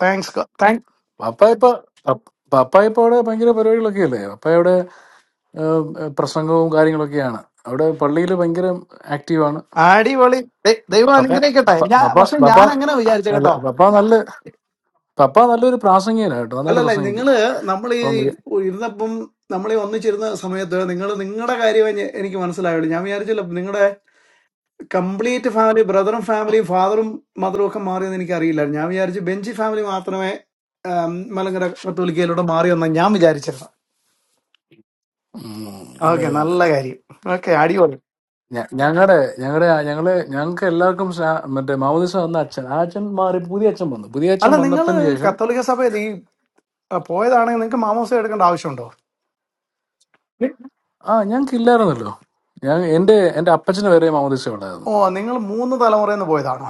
Speaker 14: താങ്ക്സ് താങ്ക്
Speaker 18: പപ്പ ഇപ്പൊ പപ്പ പപ്പ ഇപ്പൊ അവിടെ ഭയങ്കര പരിപാടികളൊക്കെ അല്ലേ പപ്പ അവിടെ ഏം, പ്രസംഗവും കാര്യങ്ങളൊക്കെയാണ് അവിടെ പള്ളിയിൽ ഭയങ്കര ആക്റ്റീവാണ്
Speaker 14: അടിപൊളി ദൈ- ദൈവം
Speaker 18: പപ്പ
Speaker 14: അനുഗ്രഹിക്കട്ടെ
Speaker 18: പ-
Speaker 14: ഞാൻ
Speaker 18: പപ്പ
Speaker 14: പക്ഷെ
Speaker 18: പപ്പ
Speaker 14: ഞാൻ അങ്ങനെ വിചാരിച്ച
Speaker 18: അല്ല
Speaker 14: കേട്ടോ
Speaker 18: പപ്പ നല്ല പപ്പ നല്ലൊരു പ്രാസംഗികനാണ് കേട്ടോ നന്നായിട്ട്
Speaker 14: അല്ലല്ല
Speaker 18: പ്രസംഗിക്കും
Speaker 14: നിങ്ങള് നമ്മൾ ഈ
Speaker 18: അപ്പം
Speaker 14: ഇരുന്നപ്പം നമ്മളീ ഒന്നിച്ചിരുന്ന സമയത്ത് നിങ്ങൾ നിങ്ങളുടെ കാര്യം എനിക്ക് മനസ്സിലായുള്ളൂ ഞാൻ വിചാരിച്ചില്ല നിങ്ങളുടെ കംപ്ലീറ്റ് ഫാമിലി ബ്രദറും ഫാമിലിയും ഫാദറും മദറും ഒക്കെ മാറിയെന്ന് എനിക്ക് അറിയില്ല ഞാൻ വിചാരിച്ചു ബെഞ്ചി ഫാമിലി മാത്രമേ ആം, മലങ്കര കത്തോലിക്കയിലൂടെ മാറിയെന്ന് ഞാൻ വിചാരിച്ചിരുന്നു
Speaker 18: ഉം, അല്ല
Speaker 14: ഓക്കെ
Speaker 18: അല്ല
Speaker 14: നല്ല കാര്യം ഓക്കെ അടിപൊളി
Speaker 18: ഞങ്ങളുടെ ഞങ്ങളുടെ ഞങ്ങളെ ഞങ്ങൾക്ക് എല്ലാവർക്കും സ്നാ- മറ്റേ മാമോദിസ വന്ന അച്ഛൻ ആ അച്ഛൻ മാറി പുതിയ അച്ഛൻ വന്നു പുതിയ അച്ഛൻ
Speaker 14: അല്ല നിങ്ങൾ
Speaker 18: വന്നപ്പിന് ശേഷം
Speaker 14: കത്തോലിക്ക സഭയിൽ ഈ അ, പോയതാണെങ്കിൽ നിങ്ങൾക്ക് മാമോസം എടുക്കേണ്ട ആവശ്യമുണ്ടോ
Speaker 18: ആ ഞങ്ങൾക്ക് ഇല്ലായിരുന്നല്ലോ ഞാൻ എന്റെ എന്റെ അപ്പച്ചന് വരെ മാമോദിസ ഉണ്ടായിരുന്നു
Speaker 14: ഓ നിങ്ങൾ മൂന്ന് തലമുറയിൽ നിന്ന് പോയതാണോ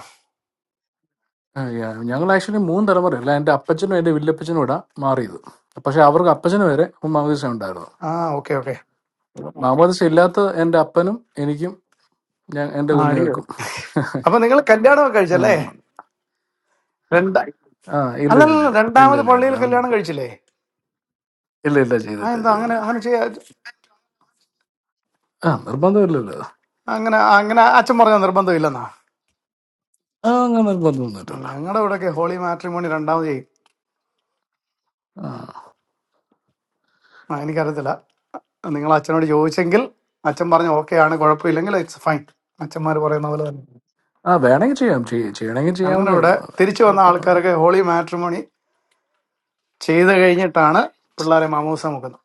Speaker 18: ആ, യാ- ഞങ്ങൾ ആക്ച്വലി മൂന്ന് തലമുറ അല്ല എന്റെ അപ്പച്ചനും എന്റെ വില്ലപ്പച്ചനും ഇവിടെ മാറിയത് പക്ഷെ അവർക്ക് അപ്പച്ചന് വരെ മാമോദിസ ഉണ്ടായിരുന്നു
Speaker 14: ആ ഓക്കെ ഓക്കെ
Speaker 18: മാമോദിസ ഇല്ലാത്ത എന്റെ അപ്പനും എനിക്കും ഞാൻ എന്റെ
Speaker 14: ആ അടിപൊളി
Speaker 18: കുഞ്ഞുങ്ങൾക്കും
Speaker 14: അപ്പൊ നിങ്ങൾ കല്യാണമൊക്കെ
Speaker 18: ആ
Speaker 14: കഴിച്ചല്ലേ രണ്ടാ
Speaker 18: ആ ഇല്ല ഇല്ല
Speaker 14: അല്ലല്ല
Speaker 18: ഇല്ല ഇല്ല
Speaker 14: രണ്ടാമത്
Speaker 18: ഇല്ല
Speaker 14: പള്ളിയിൽ
Speaker 18: ഇല്ല
Speaker 14: കല്യാണം കഴിച്ചില്ലേ
Speaker 18: ഇല്ല ഇല്ല
Speaker 14: ആ
Speaker 18: ചെയ്തില്ല
Speaker 14: എന്താ അങ്ങനെ
Speaker 18: ചെയ്തില്ല
Speaker 14: അങ്ങനെ ചെയ്യാ
Speaker 18: ആ നിർബന്ധമില്ലല്ലോ
Speaker 14: അങ്ങനെ അങ്ങനെ അച്ഛൻ പറഞ്ഞ നിർബന്ധമില്ലെന്നാ
Speaker 18: ആ അങ്ങനെ നിർബന്ധമൊന്നുമില്ലല്ലോ
Speaker 14: ഞങ്ങളുടെ ഇവിടെയൊക്കെ ഹോളി മാട്രിമോണി രണ്ടാമത് ചെയ്യും
Speaker 18: ആ
Speaker 14: ആ, എനിക്കറിയത്തില്ല നിങ്ങൾ അച്ഛനോട് ചോദിച്ചെങ്കിൽ അച്ഛൻ പറഞ്ഞ ഓക്കെ ആണ് കുഴപ്പമില്ലെങ്കിൽ ഇറ്റ്സ് ഫൈൻ അച്ഛന്മാർ പറയുന്ന പോലെ തന്നെ
Speaker 18: ആ വേണമെങ്കിൽ ചെയ്യാം ചെയ്യ- ചെയ്യണമെങ്കിൽ
Speaker 14: ഞങ്ങളുടെ
Speaker 18: ചെയ്യാവുന്നേ
Speaker 14: ഇവിടെ
Speaker 18: ഉള്ളൂ അത്
Speaker 14: തിരിച്ചു വന്ന
Speaker 18: കുഴപ്പമില്ല
Speaker 14: ആൾക്കാരൊക്കെ ഹോളി മാട്രിമോണി ചെയ്ത് കഴിഞ്ഞിട്ടാണ് പിള്ളേരെ മാമൂസ മുക്കുന്നത്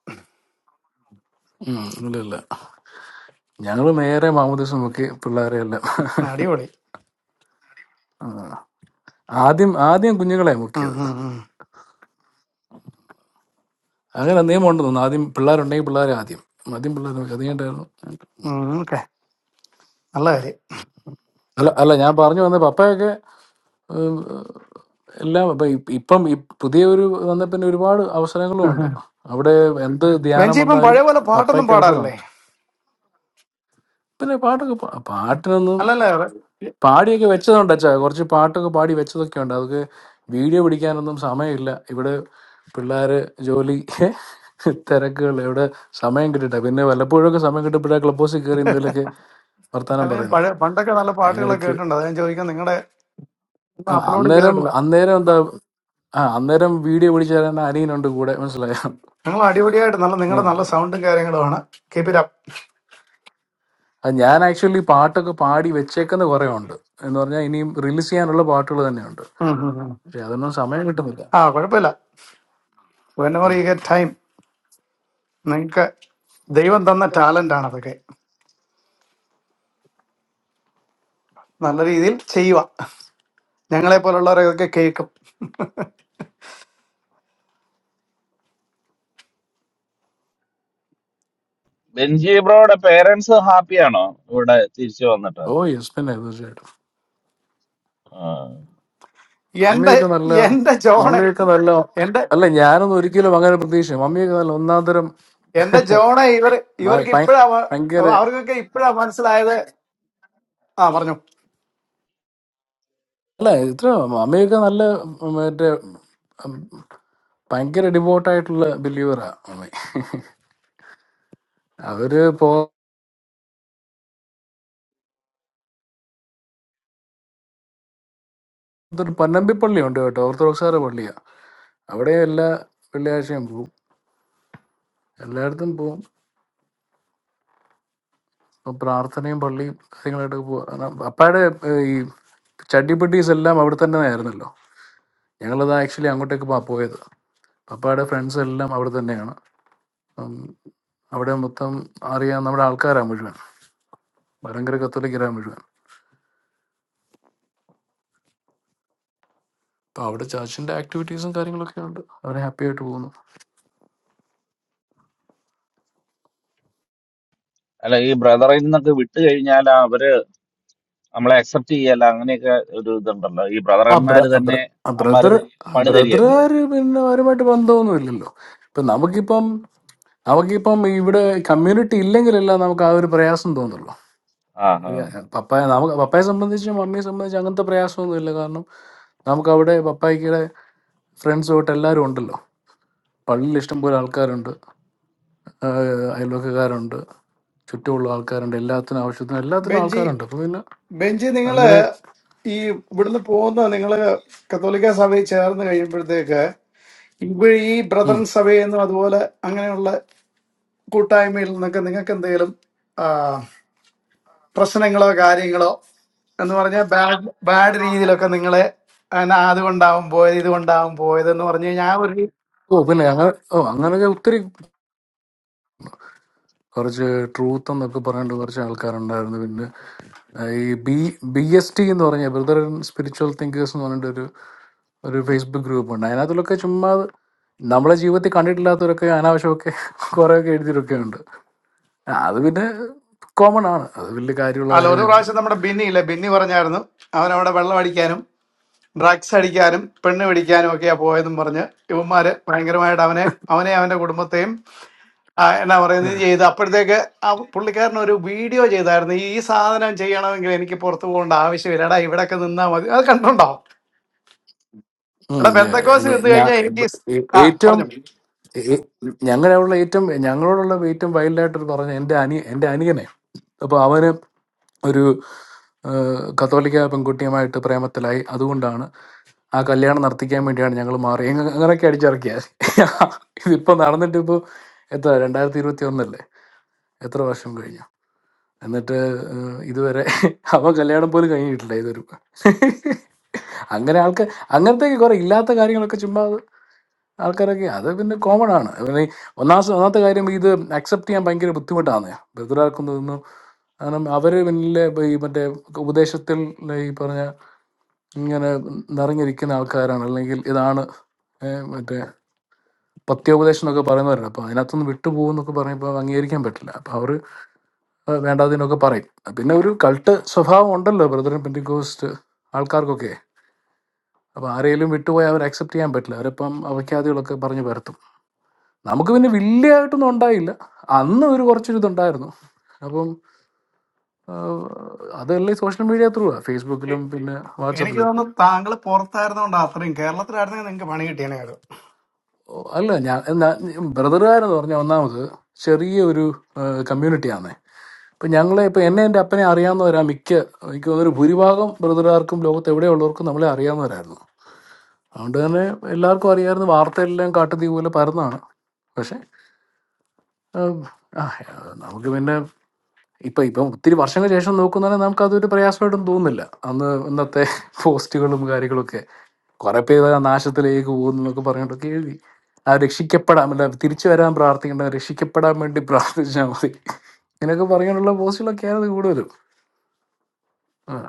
Speaker 18: ഉം, ഇല്ല ഇല്ല ഞങ്ങൾ നേരെ മാമോദിവസം മുക്കി പിള്ളേരെ എല്ലാം
Speaker 14: ആ, അടിപൊളി
Speaker 18: ആ. ആദ്യം ആദ്യം കുഞ്ഞുങ്ങളെ
Speaker 14: ഉം,
Speaker 18: മുക്കിയത്
Speaker 14: ഉം, ഉം.
Speaker 18: അങ്ങനെ നിയമം ഉണ്ടെന്ന് തോന്നുന്നു ആദ്യം പിള്ളേരുണ്ടെങ്കിൽ പിള്ളേരെ ആദ്യം ആദ്യം പിള്ളേരെ മുക്കി. അത് കഴിഞ്ഞിട്ടായിരുന്നു
Speaker 14: ഉം, ഓക്കെ നല്ല കാര്യം
Speaker 18: അല്ല അല്ല ഞാൻ പറഞ്ഞു വന്ന പപ്പയൊക്കെ ഉം, എല്ലാം ഇപ്പം ഇപ്പം ഈ പുതിയ ഒരു വന്ന പിന്നെ ഒരുപാട് അവസരങ്ങളും
Speaker 14: ഉം,
Speaker 18: ഉണ്ട്
Speaker 14: ഉം.
Speaker 18: അവിടെ എന്ത് ധ്യാനം
Speaker 14: വെഞ്ചി ഇപ്പം
Speaker 18: വന്നാലും
Speaker 14: പഴയ പോലെ പാട്ടൊന്നും
Speaker 18: പപ്പയ്ക്ക്
Speaker 14: പാടാറില്ലേ
Speaker 18: അവസരമുണ്ട് പിന്നെ പാട്ടൊക്കെ പാ- പാട്ടിനൊന്നും
Speaker 14: അല്ലല്ലേ
Speaker 18: പാടിയൊക്കെ വെച്ചതുണ്ട് അച്ഛാ കുറച്ച് പാട്ടൊക്കെ പാടി വെച്ചതൊക്കെ ഉണ്ട് അതൊക്കെ വീഡിയോ പിടിക്കാനൊന്നും സമയമില്ല ഇവിടെ പിള്ളേര് ജോലി തിരക്കുകൾ ഇവിടെ സമയം കിട്ടിട്ട പിന്നെ വല്ലപ്പോഴൊക്കെ സമയം കിട്ടപ്പോഴാ ക്ലബ് ഹൗസിൽ കയറി എന്തെങ്കിലുമൊക്കെ വർത്താനം
Speaker 14: അല്ല ഞാൻ
Speaker 18: പറയുന്നത്
Speaker 14: പഴയ പണ്ടൊക്കെ നല്ല പാട്ടുകളൊക്കെ
Speaker 18: അതിനിടയ്ക്ക്
Speaker 14: കേട്ടിട്ടുണ്ട് അത് ഞാൻ ചോദിക്കാൻ നിങ്ങളുടെ ഒന്നും
Speaker 18: ആ
Speaker 14: അപ്ലോഡ്
Speaker 18: അന്നേരം
Speaker 14: ചെയ്തിട്ടില്ല
Speaker 18: അന്നേരം എന്താ ആ അന്നേരം വീഡിയോ പിടിച്ചു തരാൻ അനിയനുണ്ട് കൂടെ മനസ്സിലായോ
Speaker 14: നിങ്ങൾ അടിപൊളിയായിട്ട് നല്ല
Speaker 18: ആ.
Speaker 14: നിങ്ങളുടെ നല്ല സൗണ്ടും കാര്യങ്ങളുമാണ് കീപ് ഇറ്റ്
Speaker 18: അത് ഞാൻ ആക്ച്വലി പാട്ടൊക്കെ പാടി വെച്ചേക്കുന്ന കുറെ ഉണ്ട് എന്ന് പറഞ്ഞാൽ ഇനിയും റിലീസ് ചെയ്യാനുള്ള പാട്ടുകൾ തന്നെയുണ്ട്
Speaker 14: അപ്പ്
Speaker 18: പക്ഷെ അതൊന്നും സമയം കിട്ടുന്നില്ല
Speaker 14: ആ കുഴപ്പമില്ല വെനവർ
Speaker 18: ഉം.
Speaker 14: യു ഗെറ്റ് ടൈം നിങ്ങൾക്ക് ദൈവം തന്ന ടാലന്റ് ആണ് അതൊക്കെ നല്ല രീതിയിൽ ചെയ്യുക ഞങ്ങളെ പോലുള്ളവരൊക്കെ കേൾക്കും
Speaker 1: ബെഞ്ചി ബ്രോയുടെ പേരൻസ് ഹാപ്പിയാണോ ഇവിടെ തിരിച്ചു വന്നിട്ട്
Speaker 18: ഓ യെസ് പിന്നെ തീർച്ചയായിട്ടും
Speaker 1: ആ.
Speaker 14: എന്റെ
Speaker 18: മമ്മിയൊക്കെ നല്ല
Speaker 14: എന്റെ ജോണ്
Speaker 18: മമ്മിയൊക്കെ നല്ല
Speaker 14: എന്റെ
Speaker 18: അല്ല ഞാനൊന്നും ഒരിക്കലും അങ്ങനെ പ്രതീക്ഷ മമ്മിയൊക്കെ നല്ല ഒന്നാം തരം
Speaker 14: എന്റെ ജോണ് ഇവർ
Speaker 18: ഭ-
Speaker 14: ഇവർക്ക്
Speaker 18: ഭയ-
Speaker 14: ഇപ്പോഴാ മ-
Speaker 18: ഭയങ്കര
Speaker 14: അവർക്കൊക്കെ ഇപ്പോഴാ മനസ്സിലായത് ആ പറഞ്ഞു
Speaker 18: അല്ല ഇത്ര മമ്മിയൊക്കെ നല്ല മറ്റേ ഉം, ഭയങ്കര ഡിവോട്ടായിട്ടുള്ള ബിലീവറാ മമ്മി അവര് അതൊരു പന്നമ്പിപ്പള്ളി ഉണ്ട് കേട്ടോ ഓർത്തഡോക്സാര പള്ളിയാ അവിടെ എല്ലാ വെള്ളിയാഴ്ചയും പോവും എല്ലായിടത്തും പോവും ഇപ്പം പ്രാർത്ഥനയും പള്ളിയും കാര്യങ്ങളായിട്ടൊക്കെ പോകും അപ്പാടെ ഏഹ്, ഈ ചട്ടിപ്പെട്ടീസ് എല്ലാം അവിടെ തന്നെ ആയിരുന്നല്ലോ ഞങ്ങളത് ആക്ച്വലി അങ്ങോട്ടേക്ക് പോ- പോയത് പപ്പായുടെ ഫ്രണ്ട്സ് എല്ലാം അവിടെ തന്നെയാണ് ഉം, അവിടെ മൊത്തം അറിയാം നമ്മുടെ ആൾക്കാരാണ് മുഴുവൻ ഭയങ്കര കത്തോലിക്കരാ മുഴുവൻ അപ്പം അവിടെ ചർച്ചിൻ്റെ ആക്ടിവിറ്റീസും കാര്യങ്ങളൊക്കെ ഉണ്ട് അവരെ ഹാപ്പി ആയിട്ട് പോകുന്നു
Speaker 1: അല്ല ഈ ബ്രദറിൽ നിന്നൊക്കെ വിട്ട് കഴിഞ്ഞാൽ അവര് നമ്മളെ അക്സെപ്റ്റ് ചെയ്യല്ല അങ്ങനെയൊക്കെ ഒരു ഇതുണ്ടല്ലോ ഈ
Speaker 18: ആ ബ്ര
Speaker 1: ബ്രദറന്മാര് തന്നെ അമ്മാര്
Speaker 18: ബ്രദർ
Speaker 1: പണി തരികയല്ലോ
Speaker 18: ബ്രദറുകാര് പിന്നെ അവരുമായിട്ട് ബന്ധമൊന്നുമില്ലല്ലോ ഇപ്പൊ നമുക്കിപ്പം നമുക്കിപ്പം ഇവിടെ കമ്മ്യൂണിറ്റി ഇല്ലെങ്കിലല്ല നമുക്ക് ആ ഒരു പ്രയാസം തോന്നുള്ളൂ
Speaker 1: ആ ആ.
Speaker 18: ഈ പപ്പായ നമുക്ക് പപ്പായെ സംബന്ധിച്ച് മമ്മിയെ സംബന്ധിച്ച് അങ്ങനത്തെ പ്രയാസമൊന്നുമില്ല കാരണം നമുക്ക് അവിടെ പപ്പായ്ക്കിടെ ഫ്രണ്ട്സ് തൊട്ട് എല്ലാവരും ഉണ്ടല്ലോ പള്ളിയിൽ ഇഷ്ടംപോലെ ആൾക്കാരുണ്ട് ആഹ് അയൽവക്കക്കാരുണ്ട് ചുറ്റുമുള്ള ആൾക്കാരുണ്ട് എല്ലാത്തിനും ആവശ്യത്തിനും എല്ലാത്തിനും
Speaker 14: ബെഞ്ചി
Speaker 18: ആൾക്കാരുണ്ട് അപ്പൊ പിന്നെ
Speaker 14: ബെഞ്ചി നിങ്ങള്
Speaker 18: അങ്ങനെ
Speaker 14: ഈ ഇവിടുന്ന് പോകുന്ന നിങ്ങള് കത്തോലിക്ക സഭയിൽ ചേർന്ന് കഴിയുമ്പോഴത്തേക്ക് ഇവ ഈ
Speaker 18: ഉം.
Speaker 14: ബ്രദറൻ സഭയിൽ നിന്നും അതുപോലെ അങ്ങനെയുള്ള കൂട്ടായ്മയിൽ നിന്നൊക്കെ നിങ്ങൾക്ക് എന്തെങ്കിലും പ്രശ്നങ്ങളോ കാര്യങ്ങളോ എന്ന് പറഞ്ഞാൽ ബാഡ് ബാഡ് രീതിയിലൊക്കെ നിങ്ങളെ എന്നാ അതുകൊണ്ടാവും പോയത് ഇതുകൊണ്ടാവും പോയത് എന്ന് പറഞ്ഞു കഴിഞ്ഞാൽ ആ ഒരു
Speaker 18: ഓ പിന്നെ അങ്ങനെ ഓ അങ്ങനെയൊക്കെ ഒത്തിരി കുറച്ച് ട്രൂത്ത് എന്നൊക്കെ പറഞ്ഞിട്ട് കുറച്ച് ആൾക്കാരുണ്ടായിരുന്നു പിന്നെ ആ, ഈ ബി ബി എസ് ടി എന്ന് പറഞ്ഞ ബ്രദർ സ്പിരിച്വൽ തിങ്കേഴ്സ് എന്ന് പറഞ്ഞിട്ട് ഒരു ഒരു ഫേസ്ബുക്ക് ഗ്രൂപ്പ് ഉണ്ട് അതിനകത്തുള്ളൊക്കെ ചുമ്മാ നമ്മളെ ജീവിതത്തിൽ കണ്ടിട്ടില്ലാത്തവരൊക്കെ അനാവശ്യമൊക്കെ കുറേയൊക്കെ എഴുതിയിട്ടൊക്കെ ഉണ്ട് ആ, അത് പിന്നെ കോമൺ ആണ് അത് വലിയ കാര്യമുള്ള
Speaker 14: അല്ല ഒരു പ്രാവശ്യം
Speaker 18: കാര്യമൊന്നുമല്ലല്ലോ
Speaker 14: നമ്മുടെ ബിന്നി ഇല്ലേ ബിന്നി പറഞ്ഞായിരുന്നു അവനവിടെ വെള്ളം അടിക്കാനും ഡ്രഗ്സ് അടിക്കാനും പെണ്ണ് പിടിക്കാനും ഒക്കെയാ പോയതെന്നും പറഞ്ഞ് ഇവന്മാര് ഭയങ്കരമായിട്ട് അവനെ അവനെ അവന്റെ കുടുംബത്തെയും ആ, എന്നാ പറയുന്നത് ചെയ്ത് അപ്പോഴത്തേക്ക് ആ പുള്ളിക്കാരൻ ഒരു വീഡിയോ ചെയ്തായിരുന്നു ഈ സാധനം ചെയ്യണമെങ്കിൽ എനിക്ക് പുറത്തു പോകേണ്ട ആവശ്യമില്ല എടാ ഇവിടെയൊക്കെ നിന്നാ മതി അത് കണ്ടുണ്ടോ
Speaker 18: ഉം,
Speaker 14: എടാ
Speaker 18: ഞാ-
Speaker 14: ബന്ധക്കോസ്
Speaker 18: ഞാ-
Speaker 14: നിന്ന്
Speaker 18: ഞാ-
Speaker 14: കഴിഞ്ഞാൽ എനിക്ക് ഈ സ്- ആ
Speaker 18: ഏറ്റവും
Speaker 14: പറഞ്ഞു
Speaker 18: ഏ- ഞങ്ങളോടുള്ള ഏറ്റവും ഞങ്ങളോടുള്ള ഏറ്റവും വൈൽഡായിട്ട് പറഞ്ഞ എൻ്റെ അനി എൻ്റെ അനിയനെ അപ്പോൾ അവന് ഒരു ആ, കത്തോലിക്ക പെൺകുട്ടിയുമായിട്ട് പ്രേമത്തിലായി അതുകൊണ്ടാണ് ആ കല്യാണം നടത്തിക്കാൻ വേണ്ടിയാണ് ഞങ്ങൾ മാറി എങ്ങ- അങ്ങനെയൊക്കെ അടിച്ചിറക്കിയ ഇതിപ്പോൾ നടന്നിട്ട് ഇപ്പോൾ എത്ര രണ്ടായിരത്തി ഇരുപത്തി ഒന്നല്ലേ എത്ര വർഷം കഴിഞ്ഞു എന്നിട്ട് ആ, ഇതുവരെ അവൻ കല്യാണം പോലും കഴിഞ്ഞിട്ടില്ല ഇതൊരു അങ്ങനെ ആൾക്ക് അങ്ങനത്തെ കുറെ ഇല്ലാത്ത കാര്യങ്ങളൊക്കെ ചുമ്മാ ആൾക്കാരൊക്കെ അത് പിന്നെ കോമൺ ആണ് പിന്നെ ഈ ഒന്നാമത്തെ ഒന്നാമത്തെ കാര്യം ഇത് അക്സെപ്റ്റ് ചെയ്യാൻ ഭയങ്കര ബുദ്ധിമുട്ടാണ് ബദലാക്കുന്നതൊന്നും കാരണം അവർ പിന്നെ ഈ മറ്റേ ഉപദേശത്തിൽ ഈ പറഞ്ഞ ഇങ്ങനെ നിറഞ്ഞിരിക്കുന്ന ആൾക്കാരാണ് അല്ലെങ്കിൽ ഇതാണ് ഏ, മറ്റേ പത്യോപദേശം എന്നൊക്കെ പറയുന്നവരുണ്ട് അപ്പോൾ അതിനകത്തുനിന്ന് വിട്ടുപോകും എന്നൊക്കെ പറയുമ്പോൾ അംഗീകരിക്കാൻ പറ്റില്ല അപ്പോൾ അവർ വേണ്ടാതിനൊക്കെ പറയും പിന്നെ ഒരു കൾട്ട് സ്വഭാവം ഉണ്ടല്ലോ ബ്രദറിൻ പെൻറ്റിക്കോസ്റ്റ് ആൾക്കാർക്കൊക്കെ അപ്പോൾ ആരെയും വിട്ടുപോയാൽ അവർ അക്സെപ്റ്റ് ചെയ്യാൻ പറ്റില്ല അവരിപ്പം അവഖ്യാദികളൊക്കെ പറഞ്ഞു പരത്തും നമുക്ക് പിന്നെ വലിയതായിട്ടൊന്നും ഉണ്ടായില്ല അന്ന് ഒരു കുറച്ചൊരു ഇതുണ്ടായിരുന്നു അപ്പം ആ, അതല്ലേ സോഷ്യൽ മീഡിയ ത്രൂ ഫേസ്ബുക്കിലും പിന്നെ
Speaker 14: എനിക്ക്
Speaker 18: വാട്സപ്പിലും ഒക്കെ
Speaker 14: തോന്നുന്നു താങ്കൾ പുറത്തായിരുന്നോണ്ട് അത്രയും കേരളത്തിലായിരുന്നെങ്കിൽ നിങ്ങൾക്ക് പണി കിട്ടിയേനെ അത്
Speaker 18: ഓ, അല്ല ഞാൻ ബ്രദറുകാരെന്ന് പറഞ്ഞ ഒന്നാമത് ചെറിയ ഒരു കമ്മ്യൂണിറ്റിയാണേ ഇപ്പൊ ഞങ്ങളെ ഇപ്പൊ എന്നെ എന്റെ അപ്പനെ അറിയാവുന്നവരാ മിക്ക എനിക്ക് തോന്നുന്നു ഒരു ഭൂരിഭാഗം ബ്രദറുകാർക്കും ലോകത്ത് എവിടെയുള്ളവർക്കും നമ്മളെ അറിയാവുന്നവരായിരുന്നു അതുകൊണ്ട് തന്നെ എല്ലാവർക്കും അറിയാമായിരുന്നു വാർത്തയെല്ലാം കാട്ടുതീ പോലെ പരന്നാണ് പക്ഷെ ആ, ആ, നമുക്ക് പിന്നെ ഇപ്പം ഇപ്പം ഒത്തിരി വർഷങ്ങൾക്ക് ശേഷം നോക്കുന്നുണ്ടെങ്കിൽ നമുക്കതൊരു പ്രയാസമായിട്ടൊന്നും തോന്നുന്നില്ല അന്ന് ഇന്നത്തെ പോസ്റ്റുകളും കാര്യങ്ങളൊക്കെ കുറെ പേര് ആ നാശത്തിലേക്ക് പോകുന്നു എന്നൊക്കെ പറഞ്ഞിട്ടൊക്കെ എഴുതി ആ രക്ഷിക്കപ്പെടാൻ അല്ല തിരിച്ചു വരാൻ പ്രാർത്ഥിക്കേണ്ട രക്ഷിക്കപ്പെടാൻ വേണ്ടി പ്രാർത്ഥിച്ചാൽ മതി ഇങ്ങനെയൊക്കെ പറയാനുള്ള പോസ്റ്റുകളൊക്കെ ആയിരുന്നു കൂടുതലും ആ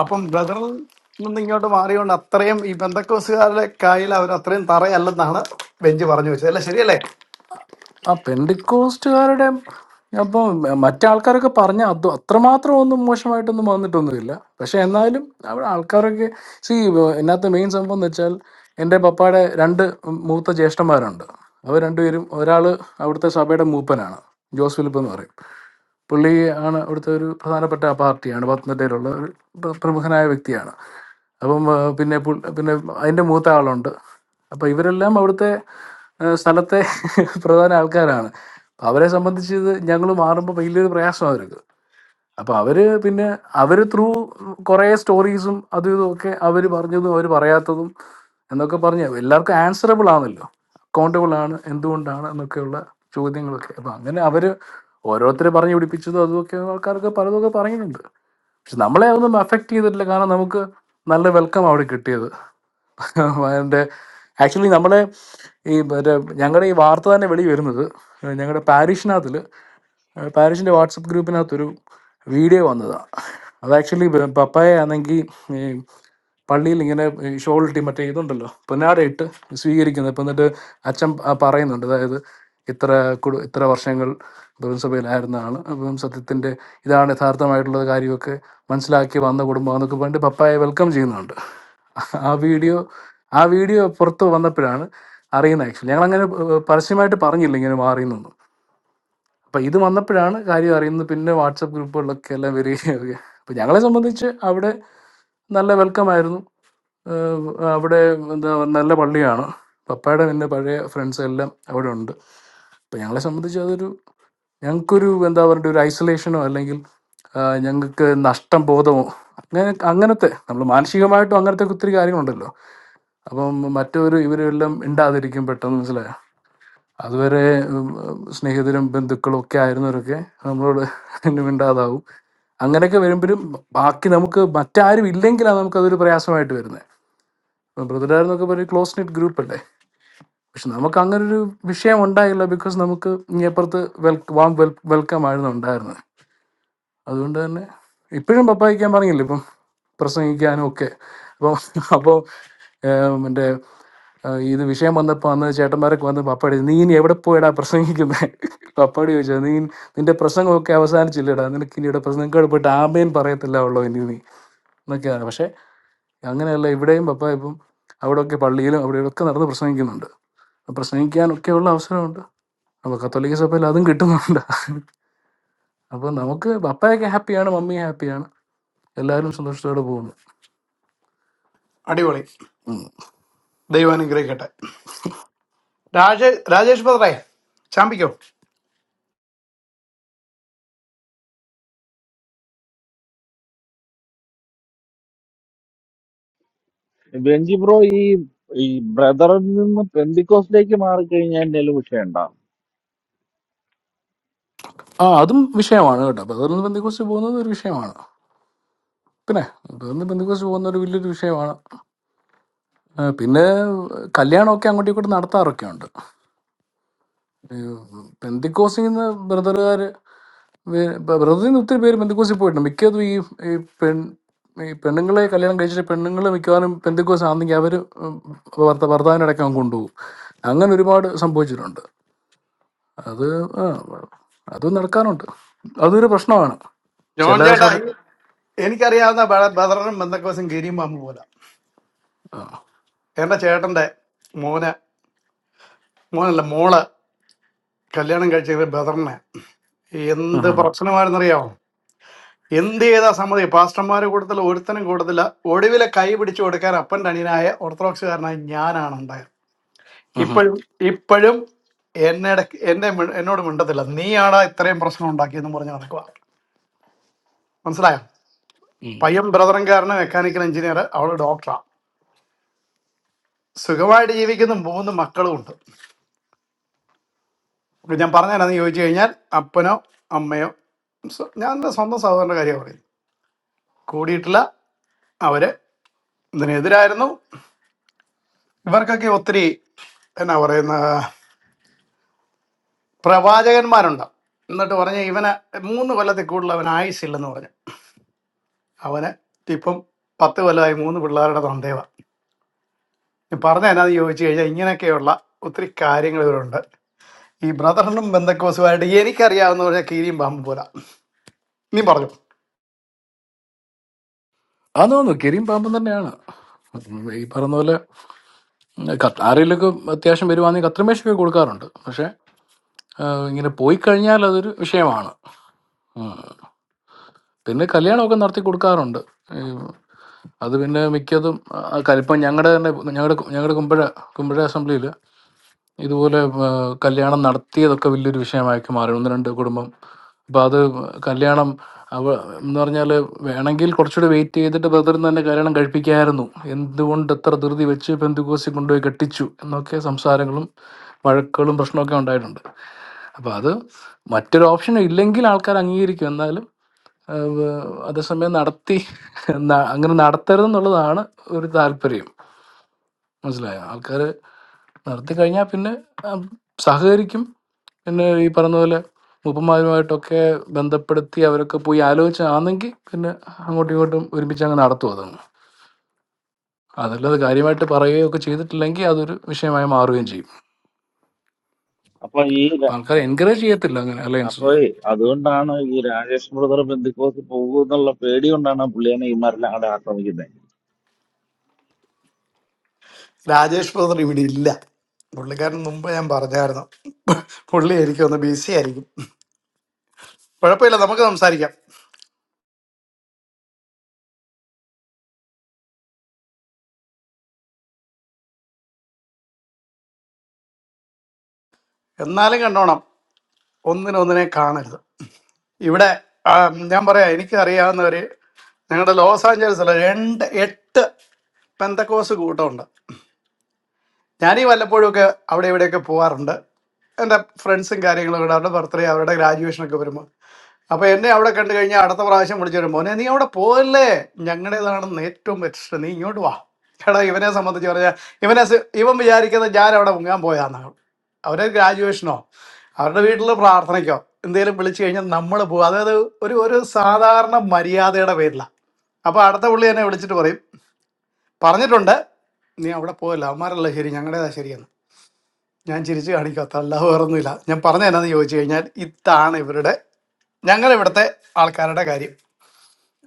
Speaker 14: അപ്പം ബ്രദറിൽ നിന്ന് ഇങ്ങോട്ട് മാറിയോണ്ട് അത്രയും ഈ ബന്ധക്കോസുകാരുടെ കയ്യിൽ അവർ അത്രയും തറയല്ലെന്നാണ് ബെഞ്ച് പറഞ്ഞു വെച്ചത് അല്ലേ ശരിയല്ലേ
Speaker 18: ആ പെന്തിക്കോസ്റ്റുകാരുടെ അപ്പോൾ മറ്റാൾക്കാരൊക്കെ പറഞ്ഞ അത് അത്രമാത്രം ഒന്നും മോശമായിട്ടൊന്നും വന്നിട്ടൊന്നുമില്ല പക്ഷെ എന്നാലും അവിടെ ആൾക്കാരൊക്കെ സി ഇതിനകത്ത് മെയിൻ സംഭവം എന്ന് വെച്ചാൽ എൻ്റെ പപ്പയുടെ രണ്ട് മൂത്ത ജ്യേഷ്ഠന്മാരുണ്ട് അവർ രണ്ടുപേരും ഒരാൾ അവിടുത്തെ സഭയുടെ മൂപ്പനാണ് ജോസ് ഫിലിപ്പ് എന്ന് പറയും പുള്ളി ആണ് അവിടുത്തെ ഒരു പ്രധാനപ്പെട്ട പാർട്ടിയാണ് പത്തനംതിട്ടയിലുള്ള ഒരു പ്ര- പ്രമുഖനായ വ്യക്തിയാണ് അപ്പം ആ, പിന്നെ പുൾ- പിന്നെ അതിൻ്റെ മൂത്ത ആളുണ്ട് അപ്പം ഇവരെല്ലാം അവിടുത്തെ ആ, സ്ഥലത്തെ പ്രധാന ആൾക്കാരാണ് അപ്പം അവരെ സംബന്ധിച്ച് ഇത് ഞങ്ങൾ മാറുമ്പോൾ വലിയൊരു പ്രയാസം അവർക്ക് അപ്പം അവർ പിന്നെ അവർ ത്രൂ കുറേ സ്റ്റോറീസും അതും ഇതും ഒക്കെ അവർ പറഞ്ഞതും അവർ പറയാത്തതും എന്നൊക്കെ പറഞ്ഞ് എല്ലാവർക്കും ആൻസറബിൾ ആണല്ലോ അക്കൗണ്ടബിൾ ആണ് എന്തുകൊണ്ടാണ് എന്നൊക്കെയുള്ള ചോദ്യങ്ങളൊക്കെ അപ്പം അങ്ങനെ അവർ ഓരോരുത്തർ പറഞ്ഞു പിടിപ്പിച്ചതും അതുമൊക്കെ ആൾക്കാർക്ക് പലതൊക്കെ പറയുന്നുണ്ട് പക്ഷെ നമ്മളെ ഒന്നും അഫക്റ്റ് ചെയ്തിട്ടില്ല കാരണം നമുക്ക് നല്ല വെൽക്കം അവിടെ കിട്ടിയത് അതിൻ്റെ ആക്ച്വലി നമ്മളെ ഈ മറ്റേ ഞങ്ങളുടെ ഈ വാർത്ത തന്നെ വെളി വരുന്നത് ഞങ്ങളുടെ പാരീഷിനകത്തിൽ പാരീഷിൻ്റെ വാട്സപ്പ് ഗ്രൂപ്പിനകത്തൊരു വീഡിയോ വന്നതാണ് അത് ആക്ച്വലി പപ്പായ ആണെങ്കിൽ ഈ പള്ളിയിൽ ഇങ്ങനെ ഷോൾ ഇട്ടി മറ്റേ ഇതുണ്ടല്ലോ പൊന്നാടയിട്ട് സ്വീകരിക്കുന്നത് ഇപ്പം എന്നിട്ട് അച്ഛൻ പ- പറയുന്നുണ്ട് അതായത് ഇത്ര കുടു ഇത്ര വർഷങ്ങൾ ബ്രഹ്മസഭയിലായിരുന്ന ആൾ അപ്പം സത്യത്തിൻ്റെ ഇതാണ് യഥാർത്ഥമായിട്ടുള്ള കാര്യമൊക്കെ മനസ്സിലാക്കി വന്ന കുടുംബം എന്നൊക്കെ പറഞ്ഞിട്ട് പപ്പായെ വെൽക്കം ചെയ്യുന്നുണ്ട് ആ വീഡിയോ ആ വീഡിയോ പുറത്ത് വന്നപ്പോഴാണ് അറിയുന്നത് ആക്ച്വലി ഞങ്ങൾ അങ്ങനെ പരസ്യമായിട്ട് പറഞ്ഞില്ല ഇങ്ങനെ മാറിയെന്നൊന്നും അപ്പം ഇത് വന്നപ്പോഴാണ് കാര്യം അറിയുന്നത് പിന്നെ വാട്സപ്പ് ഗ്രൂപ്പുകളിലൊക്കെ എല്ലാം വരികയൊക്കെ അപ്പം ഞങ്ങളെ സംബന്ധിച്ച് അവിടെ നല്ല വെൽക്കം ആയിരുന്നു ഏഹ് അവിടെ എന്താ നല്ല പള്ളിയാണ് പപ്പയുടെ പിന്നെ പഴയ ഫ്രണ്ട്സ് എല്ലാം അവിടെ ഉണ്ട് ഇപ്പം ഞങ്ങളെ സംബന്ധിച്ച് അതൊരു ഞങ്ങൾക്കൊരു എന്താ പറയുക ഒരു ഐസൊലേഷനോ അല്ലെങ്കിൽ ഞങ്ങൾക്ക് നഷ്ടം ബോധമോ അങ്ങനെ അങ്ങനത്തെ നമ്മൾ മാനസികമായിട്ടും അങ്ങനത്തെ ഒത്തിരി കാര്യങ്ങളുണ്ടല്ലോ അപ്പം മറ്റൊരു ഇവരെല്ലാം ഉണ്ടാതിരിക്കും പെട്ടെന്ന് മനസ്സിലായോ അതുവരെ ഉം, സ്നേഹിതരും ബന്ധുക്കളും ഒക്കെ ആയിരുന്നവരൊക്കെ നമ്മളോട് മിണ്ടാതാവും അങ്ങനെയൊക്കെ വരുമ്പോഴും ബാക്കി നമുക്ക് മറ്റാരും ഇല്ലെങ്കിലാണ് നമുക്കതൊരു പ്രയാസമായിട്ട് വരുന്നത് ബ്രദറായിരുന്നൊക്കെ ഒരു ക്ലോസ് നെറ്റ് ഗ്രൂപ്പ് അല്ലേ പക്ഷെ നമുക്ക് അങ്ങനെ ഒരു വിഷയം ഉണ്ടായില്ല ബിക്കോസ് നമുക്ക് ഇപ്പുറത്ത് വെൽ വാം വെൽ വെൽക്കം ആയിരുന്നു ഉണ്ടായിരുന്നത് അതുകൊണ്ട് തന്നെ ഇപ്പോഴും പപ്പായിക്കാൻ പറഞ്ഞില്ല ഇപ്പം പ്രസംഗിക്കാനും ഒക്കെ അപ്പം അപ്പോൾ എൻ്റെ ഏഹ് ഇത് വിഷയം വന്നപ്പോൾ അന്ന് ചേട്ടന്മാരൊക്കെ വന്ന് പപ്പാടി നീ ഇനി എവിടെ പോയിടാ പ്രസംഗിക്കുന്നത് പപ്പാടി ചോദിച്ചാൽ നീ നിന്റെ പ്രസംഗമൊക്കെ അവസാനിച്ചില്ലടാ നിനക്ക് ഇനി ഇവിടെ പ്രസംഗം പോയിട്ട് ആമേൻ പറയത്തില്ല ഉള്ളോ ഇനി നീ എന്നൊക്കെയാണ് പക്ഷേ അങ്ങനെയല്ല ഇവിടെയും പപ്പ ഇപ്പം അവിടെയൊക്കെ പള്ളിയിലും അവിടെയൊക്കെ നടന്ന് പ്രസംഗിക്കുന്നുണ്ട് അപ്പം പ്രസംഗിക്കാനൊക്കെയുള്ള അവസരമുണ്ട് അപ്പോൾ കത്തോലിക്ക സഭയിൽ അതും കിട്ടുന്നുണ്ട് അപ്പോൾ നമുക്ക് പപ്പയൊക്കെ ഹാപ്പിയാണ് മമ്മി ഹാപ്പിയാണ് എല്ലാവരും സന്തോഷത്തോടെ പോകുന്നു
Speaker 14: അടിപൊളി ദൈവം അനുഗ്രഹിക്കട്ടെ രാജേഷ് രാജേഷ് ബദ്രേ ചാമ്പിക്കോ
Speaker 1: ബെഞ്ചി ബ്രോ ഈ ഈ ബ്രദറിൽ നിന്ന് പെന്തിക്കോസിലേക്ക് മാറിക്കഴിഞ്ഞാൽ എന്തെങ്കിലും വിഷയമുണ്ടോ
Speaker 18: ആ അതും വിഷയമാണ് കേട്ടോ ബദറിന് ബന്ധുക്കോസ് പോകുന്നത് ഒരു വിഷയമാണ് പിന്നെ ബദറിന് ബന്ധുക്കോസ് പോകുന്ന ഒരു വലിയൊരു വിഷയമാണ് ആ, പിന്നെ കല്യാണമൊക്കെ അങ്ങോട്ടും ഇങ്ങോട്ടും നടത്താറൊക്കെ ഉണ്ട് ബന്ധുക്കോസിൽ നിന്ന് ബ്രദറുകാർ വേ- ബ- ബ്രസീലിൽ നിന്ന് ഒത്തിരി പേര് പെന്തക്കോസിൽ പോയിട്ടുണ്ട് മിക്കതും ഈ ഈ പെൺ ഈ പെണ്ണുങ്ങളെ കല്യാണം കഴിച്ചിട്ട് പെണ്ണുങ്ങൾ മിക്കവാറും പെന്തക്കോസ് ആണെങ്കിൽ അവർ ഭർത്താവിനടക്കം കൊണ്ടുപോകും അങ്ങനെ ഒരുപാട് സംഭവിച്ചിട്ടുണ്ട് അത് ആ, അത് നടക്കാറുണ്ട് അതൊരു പ്രശ്നമാണ്
Speaker 14: ജോൺ
Speaker 18: ചില
Speaker 14: ചേട്ടാ
Speaker 18: സഭ
Speaker 14: ഈ- എനിക്കറിയാവുന്ന ബ- ബദറിനും ബന്ധക്കോസും ഗിരിയും പാമ്പ് പോലെ
Speaker 18: ആ,
Speaker 14: എന്റെ ചേട്ടന്റെ മോന് മോനല്ല മോള് കല്യാണം കഴിച്ചത് ബദറിനെ
Speaker 18: ഉം,
Speaker 14: എന്ത് പ്രശ്നമായിരുന്നറിയാമോ എന്ത് ചെയ്താ സമ്മതി പാസ്റ്റർമാരെ കൂട്ടത്തിൽ ഒരുത്തനും കൂട്ടത്തില്ല ഒടുവിലെ കൈ പിടിച്ചു കൊടുക്കാൻ അപ്പൻ്റെ അനിയനായ ഓർത്തഡോക്സുകാരനായ ഞാനാണ് ഉണ്ടായത്
Speaker 18: ഉം, ഉം,
Speaker 14: ഇപ്പോഴും ഇപ്പോഴും എന്നെ എന്നെ മി- എന്നോട് മിണ്ടത്തില്ല നീയാണ് ഇത്രയും പ്രശ്നം ഉണ്ടാക്കിയെന്ന് പറഞ്ഞ് നടക്കുക മനസ്സിലായോ
Speaker 18: ഉം.
Speaker 14: പയ്യൻ ബ്രദറൻകാരന് മെക്കാനിക്കൽ എഞ്ചിനീയർ അവൾ ഡോക്ടറാണ് സുഖമായിട്ട് ജീവിക്കുന്ന മൂന്ന് മക്കളും ഉണ്ട് അപ്പൊ ഞാൻ പറഞ്ഞതെന്നു ചോദിച്ചു കഴിഞ്ഞാൽ അപ്പനോ അമ്മയോ സ്വ- ഞാൻ എൻ്റെ സ്വന്തം സഹോദരൻ്റെ കാര്യം പറയും കൂടിയിട്ടില്ല അവര് ഇതിനെതിരായിരുന്നു ഇവർക്കൊക്കെ ഒത്തിരി എന്നാ പറയുന്ന പ്രവാചകന്മാരുണ്ടാവും എന്നിട്ട് പറഞ്ഞ ഇവന് മൂന്ന് കൊല്ലത്തിൽ കൂടുതൽ അവന് ആയുസില്ലെന്ന് പറഞ്ഞു അവന് ഇപ്പം പത്ത് കൊല്ലമായി മൂന്ന് പിള്ളേരുടെ തൊണ്ടേവ പറഞ്ഞ എന്നാന്ന് ചോദിച്ചു കഴിഞ്ഞാൽ ഇങ്ങനെയൊക്കെയുള്ള ഒത്തിരി കാര്യങ്ങൾ ഇവരുണ്ട് ഈ ബ്രദറിനും ബന്ധക്കോസുമായിട്ട് എനിക്കറിയാവുന്ന പറഞ്ഞാൽ കീരിയും പാമ്പും പോലെ നീ പറഞ്ഞു
Speaker 18: അതാന്ന് കരിയും പാമ്പും തന്നെയാണ് ഉം, ഈ പറഞ്ഞ പോലെ കത്ത്- ആരെങ്കിലുമൊക്കെ അത്യാവശ്യം വരുവാണെങ്കിൽ കത്രമേശൊക്കെ കൊടുക്കാറുണ്ട് പക്ഷെ ആ, ഇങ്ങനെ പോയി കഴിഞ്ഞാൽ അതൊരു വിഷയമാണ് പിന്നെ കല്യാണമൊക്കെ നടത്തി കൊടുക്കാറുണ്ട് ഈ അത് പിന്നെ മിക്കതും ആ, കൽ- ഇപ്പം ഞങ്ങളുടെ തന്നെ ഞങ്ങളുടെ ഞങ്ങളുടെ കുമ്പഴ കുമ്പഴ അസംബ്ലിയിൽ ഇതുപോലെ ആ, കല്യാണം നടത്തിയതൊക്കെ വലിയൊരു വിഷയമാക്കി മാറി ഒന്ന് രണ്ട് കുടുംബം അപ്പം അത് കല്യാണം അവ എന്ന് പറഞ്ഞാൽ വേണമെങ്കിൽ കുറച്ചുകൂടി വെയിറ്റ് ചെയ്തിട്ട് ബ്രദറിന് തന്നെ കല്യാണം കഴിപ്പിക്കായിരുന്നു എന്തുകൊണ്ട് എത്ര ധൃതി വെച്ച് പെന്തുകോസി കൊണ്ടുപോയി കെട്ടിച്ചു എന്നൊക്കെ സംസാരങ്ങളും വഴക്കുകളും പ്രശ്നമൊക്കെ ഉണ്ടായിട്ടുണ്ട് അപ്പോൾ അത് മറ്റൊരു ഓപ്ഷൻ ഇല്ലെങ്കിൽ ആൾക്കാർ അംഗീകരിക്കും എന്നാലും അതേസമയം നടത്തി ന- അങ്ങനെ നടത്തരുതെന്നുള്ളതാണ് ഒരു താല്പര്യം മനസ്സിലായോ ആൾക്കാർ നടത്തി കഴിഞ്ഞാൽ പിന്നെ ഉം, സഹകരിക്കും പിന്നെ ഈ പറഞ്ഞ പോലെ മുപ്പന്മാരുമായിട്ടൊക്കെ ബന്ധപ്പെടുത്തി അവരൊക്കെ പോയി ആലോചിച്ചാണെങ്കിൽ പിന്നെ അങ്ങോട്ടും ഇങ്ങോട്ടും ഒരുമിച്ച് അങ്ങ് നടത്തും അതങ്ങ് അതല്ലാതെ കാര്യമായിട്ട് പറയുകയോ ഒക്കെ ചെയ്തിട്ടില്ലെങ്കിൽ അതൊരു വിഷയമായി മാറുകയും ചെയ്യും
Speaker 1: അപ്പൊ ഈ
Speaker 18: അപ്പം
Speaker 1: ര-
Speaker 18: ആൾക്കാരെ എൻകറേജ് ചെയ്യത്തില്ല അങ്ങനെ അലയൻസ്
Speaker 1: അപ്പൊ
Speaker 18: ഒന്നും
Speaker 1: ഈ- അതുകൊണ്ടാണ് ഈ രാജേഷ് ബ്രദർ പെന്തിക്കോസ് പോകുന്നുള്ള പേടി കൊണ്ടാണ് പുള്ളിയാണ് ഇമാരെല്ലാം അവിടെ ആക്രമിക്കുന്നത്
Speaker 14: രാജേഷ് ബ്രദർ ഇവിടെ ഇല്ല പുള്ളിക്കാരൻ മുമ്പ് ഞാൻ പറഞ്ഞായിരുന്നു പുള്ളി എനിക്കൊന്ന് ബിസി ആയിരിക്കും കുഴപ്പമില്ല നമുക്ക് സംസാരിക്കാം എന്നാലും കണ്ടോണം ഒന്നിനൊന്നിനെ കാണരുത് ഇവിടെ ആ, ഞാൻ പറയാം എനിക്ക് അറിയാവുന്നവര് ഞങ്ങളുടെ ലോസ് ആഞ്ചലസിൽ രണ്ട് എട്ട് പെന്തക്കോസ് കൂട്ടമുണ്ട് ഞാനീ വല്ലപ്പോഴുമൊക്കെ അവിടെ ഇവിടെയൊക്കെ പോവാറുണ്ട് എൻ്റെ ഫ്രണ്ട്സും കാര്യങ്ങളും ഇവിടെ അവരുടെ ബർത്ത്ഡേ അവരുടെ ഗ്രാജുവേഷനൊക്കെ വരുമ്പോൾ അപ്പൊ എന്നെ അവിടെ കണ്ടു കഴിഞ്ഞാൽ അടുത്ത പ്രാവശ്യം വിളിച്ചൊരു മോനെ നീ അവിടെ പോകല്ലേ ഞങ്ങളുടേതാണെന്ന് ഏറ്റവും ബെറ്റർ നീ ഇങ്ങോട്ട് വാ എടാ ഇവനെ സംബന്ധിച്ച് പറഞ്ഞാൽ ഇവനെ സ- ഇവൻ വിചാരിക്കുന്നത് ഞാൻ അവിടെ മുങ്ങാൻ പോയാന്നാണ് അവരെ ഗ്രാജുവേഷനോ അവരുടെ വീട്ടിൽ പ്രാർത്ഥനയ്ക്കോ എന്തെങ്കിലും വിളിച്ചു കഴിഞ്ഞാൽ നമ്മൾ പോകും അതായത് ഒരു ഒരു സാധാരണ മര്യാദയുടെ പേരിലാണ് അപ്പൊ അടുത്ത പുള്ളി എന്നെ വിളിച്ചിട്ട് പറയും പറഞ്ഞിട്ടുണ്ട് നീ അവിടെ പോകല്ല അവന്മാരല്ല ശരി ഞങ്ങളുടേതാ ശരിയെന്ന് ഞാൻ ചിരിച്ചു കാണിക്കാത്ത അല്ല വേറൊന്നുമില്ല ഞാൻ പറഞ്ഞ എന്നാന്ന് ചോദിച്ചു കഴിഞ്ഞാൽ ഇതാണ് ഇവരുടെ ഞങ്ങളിവിടുത്തെ ആൾക്കാരുടെ കാര്യം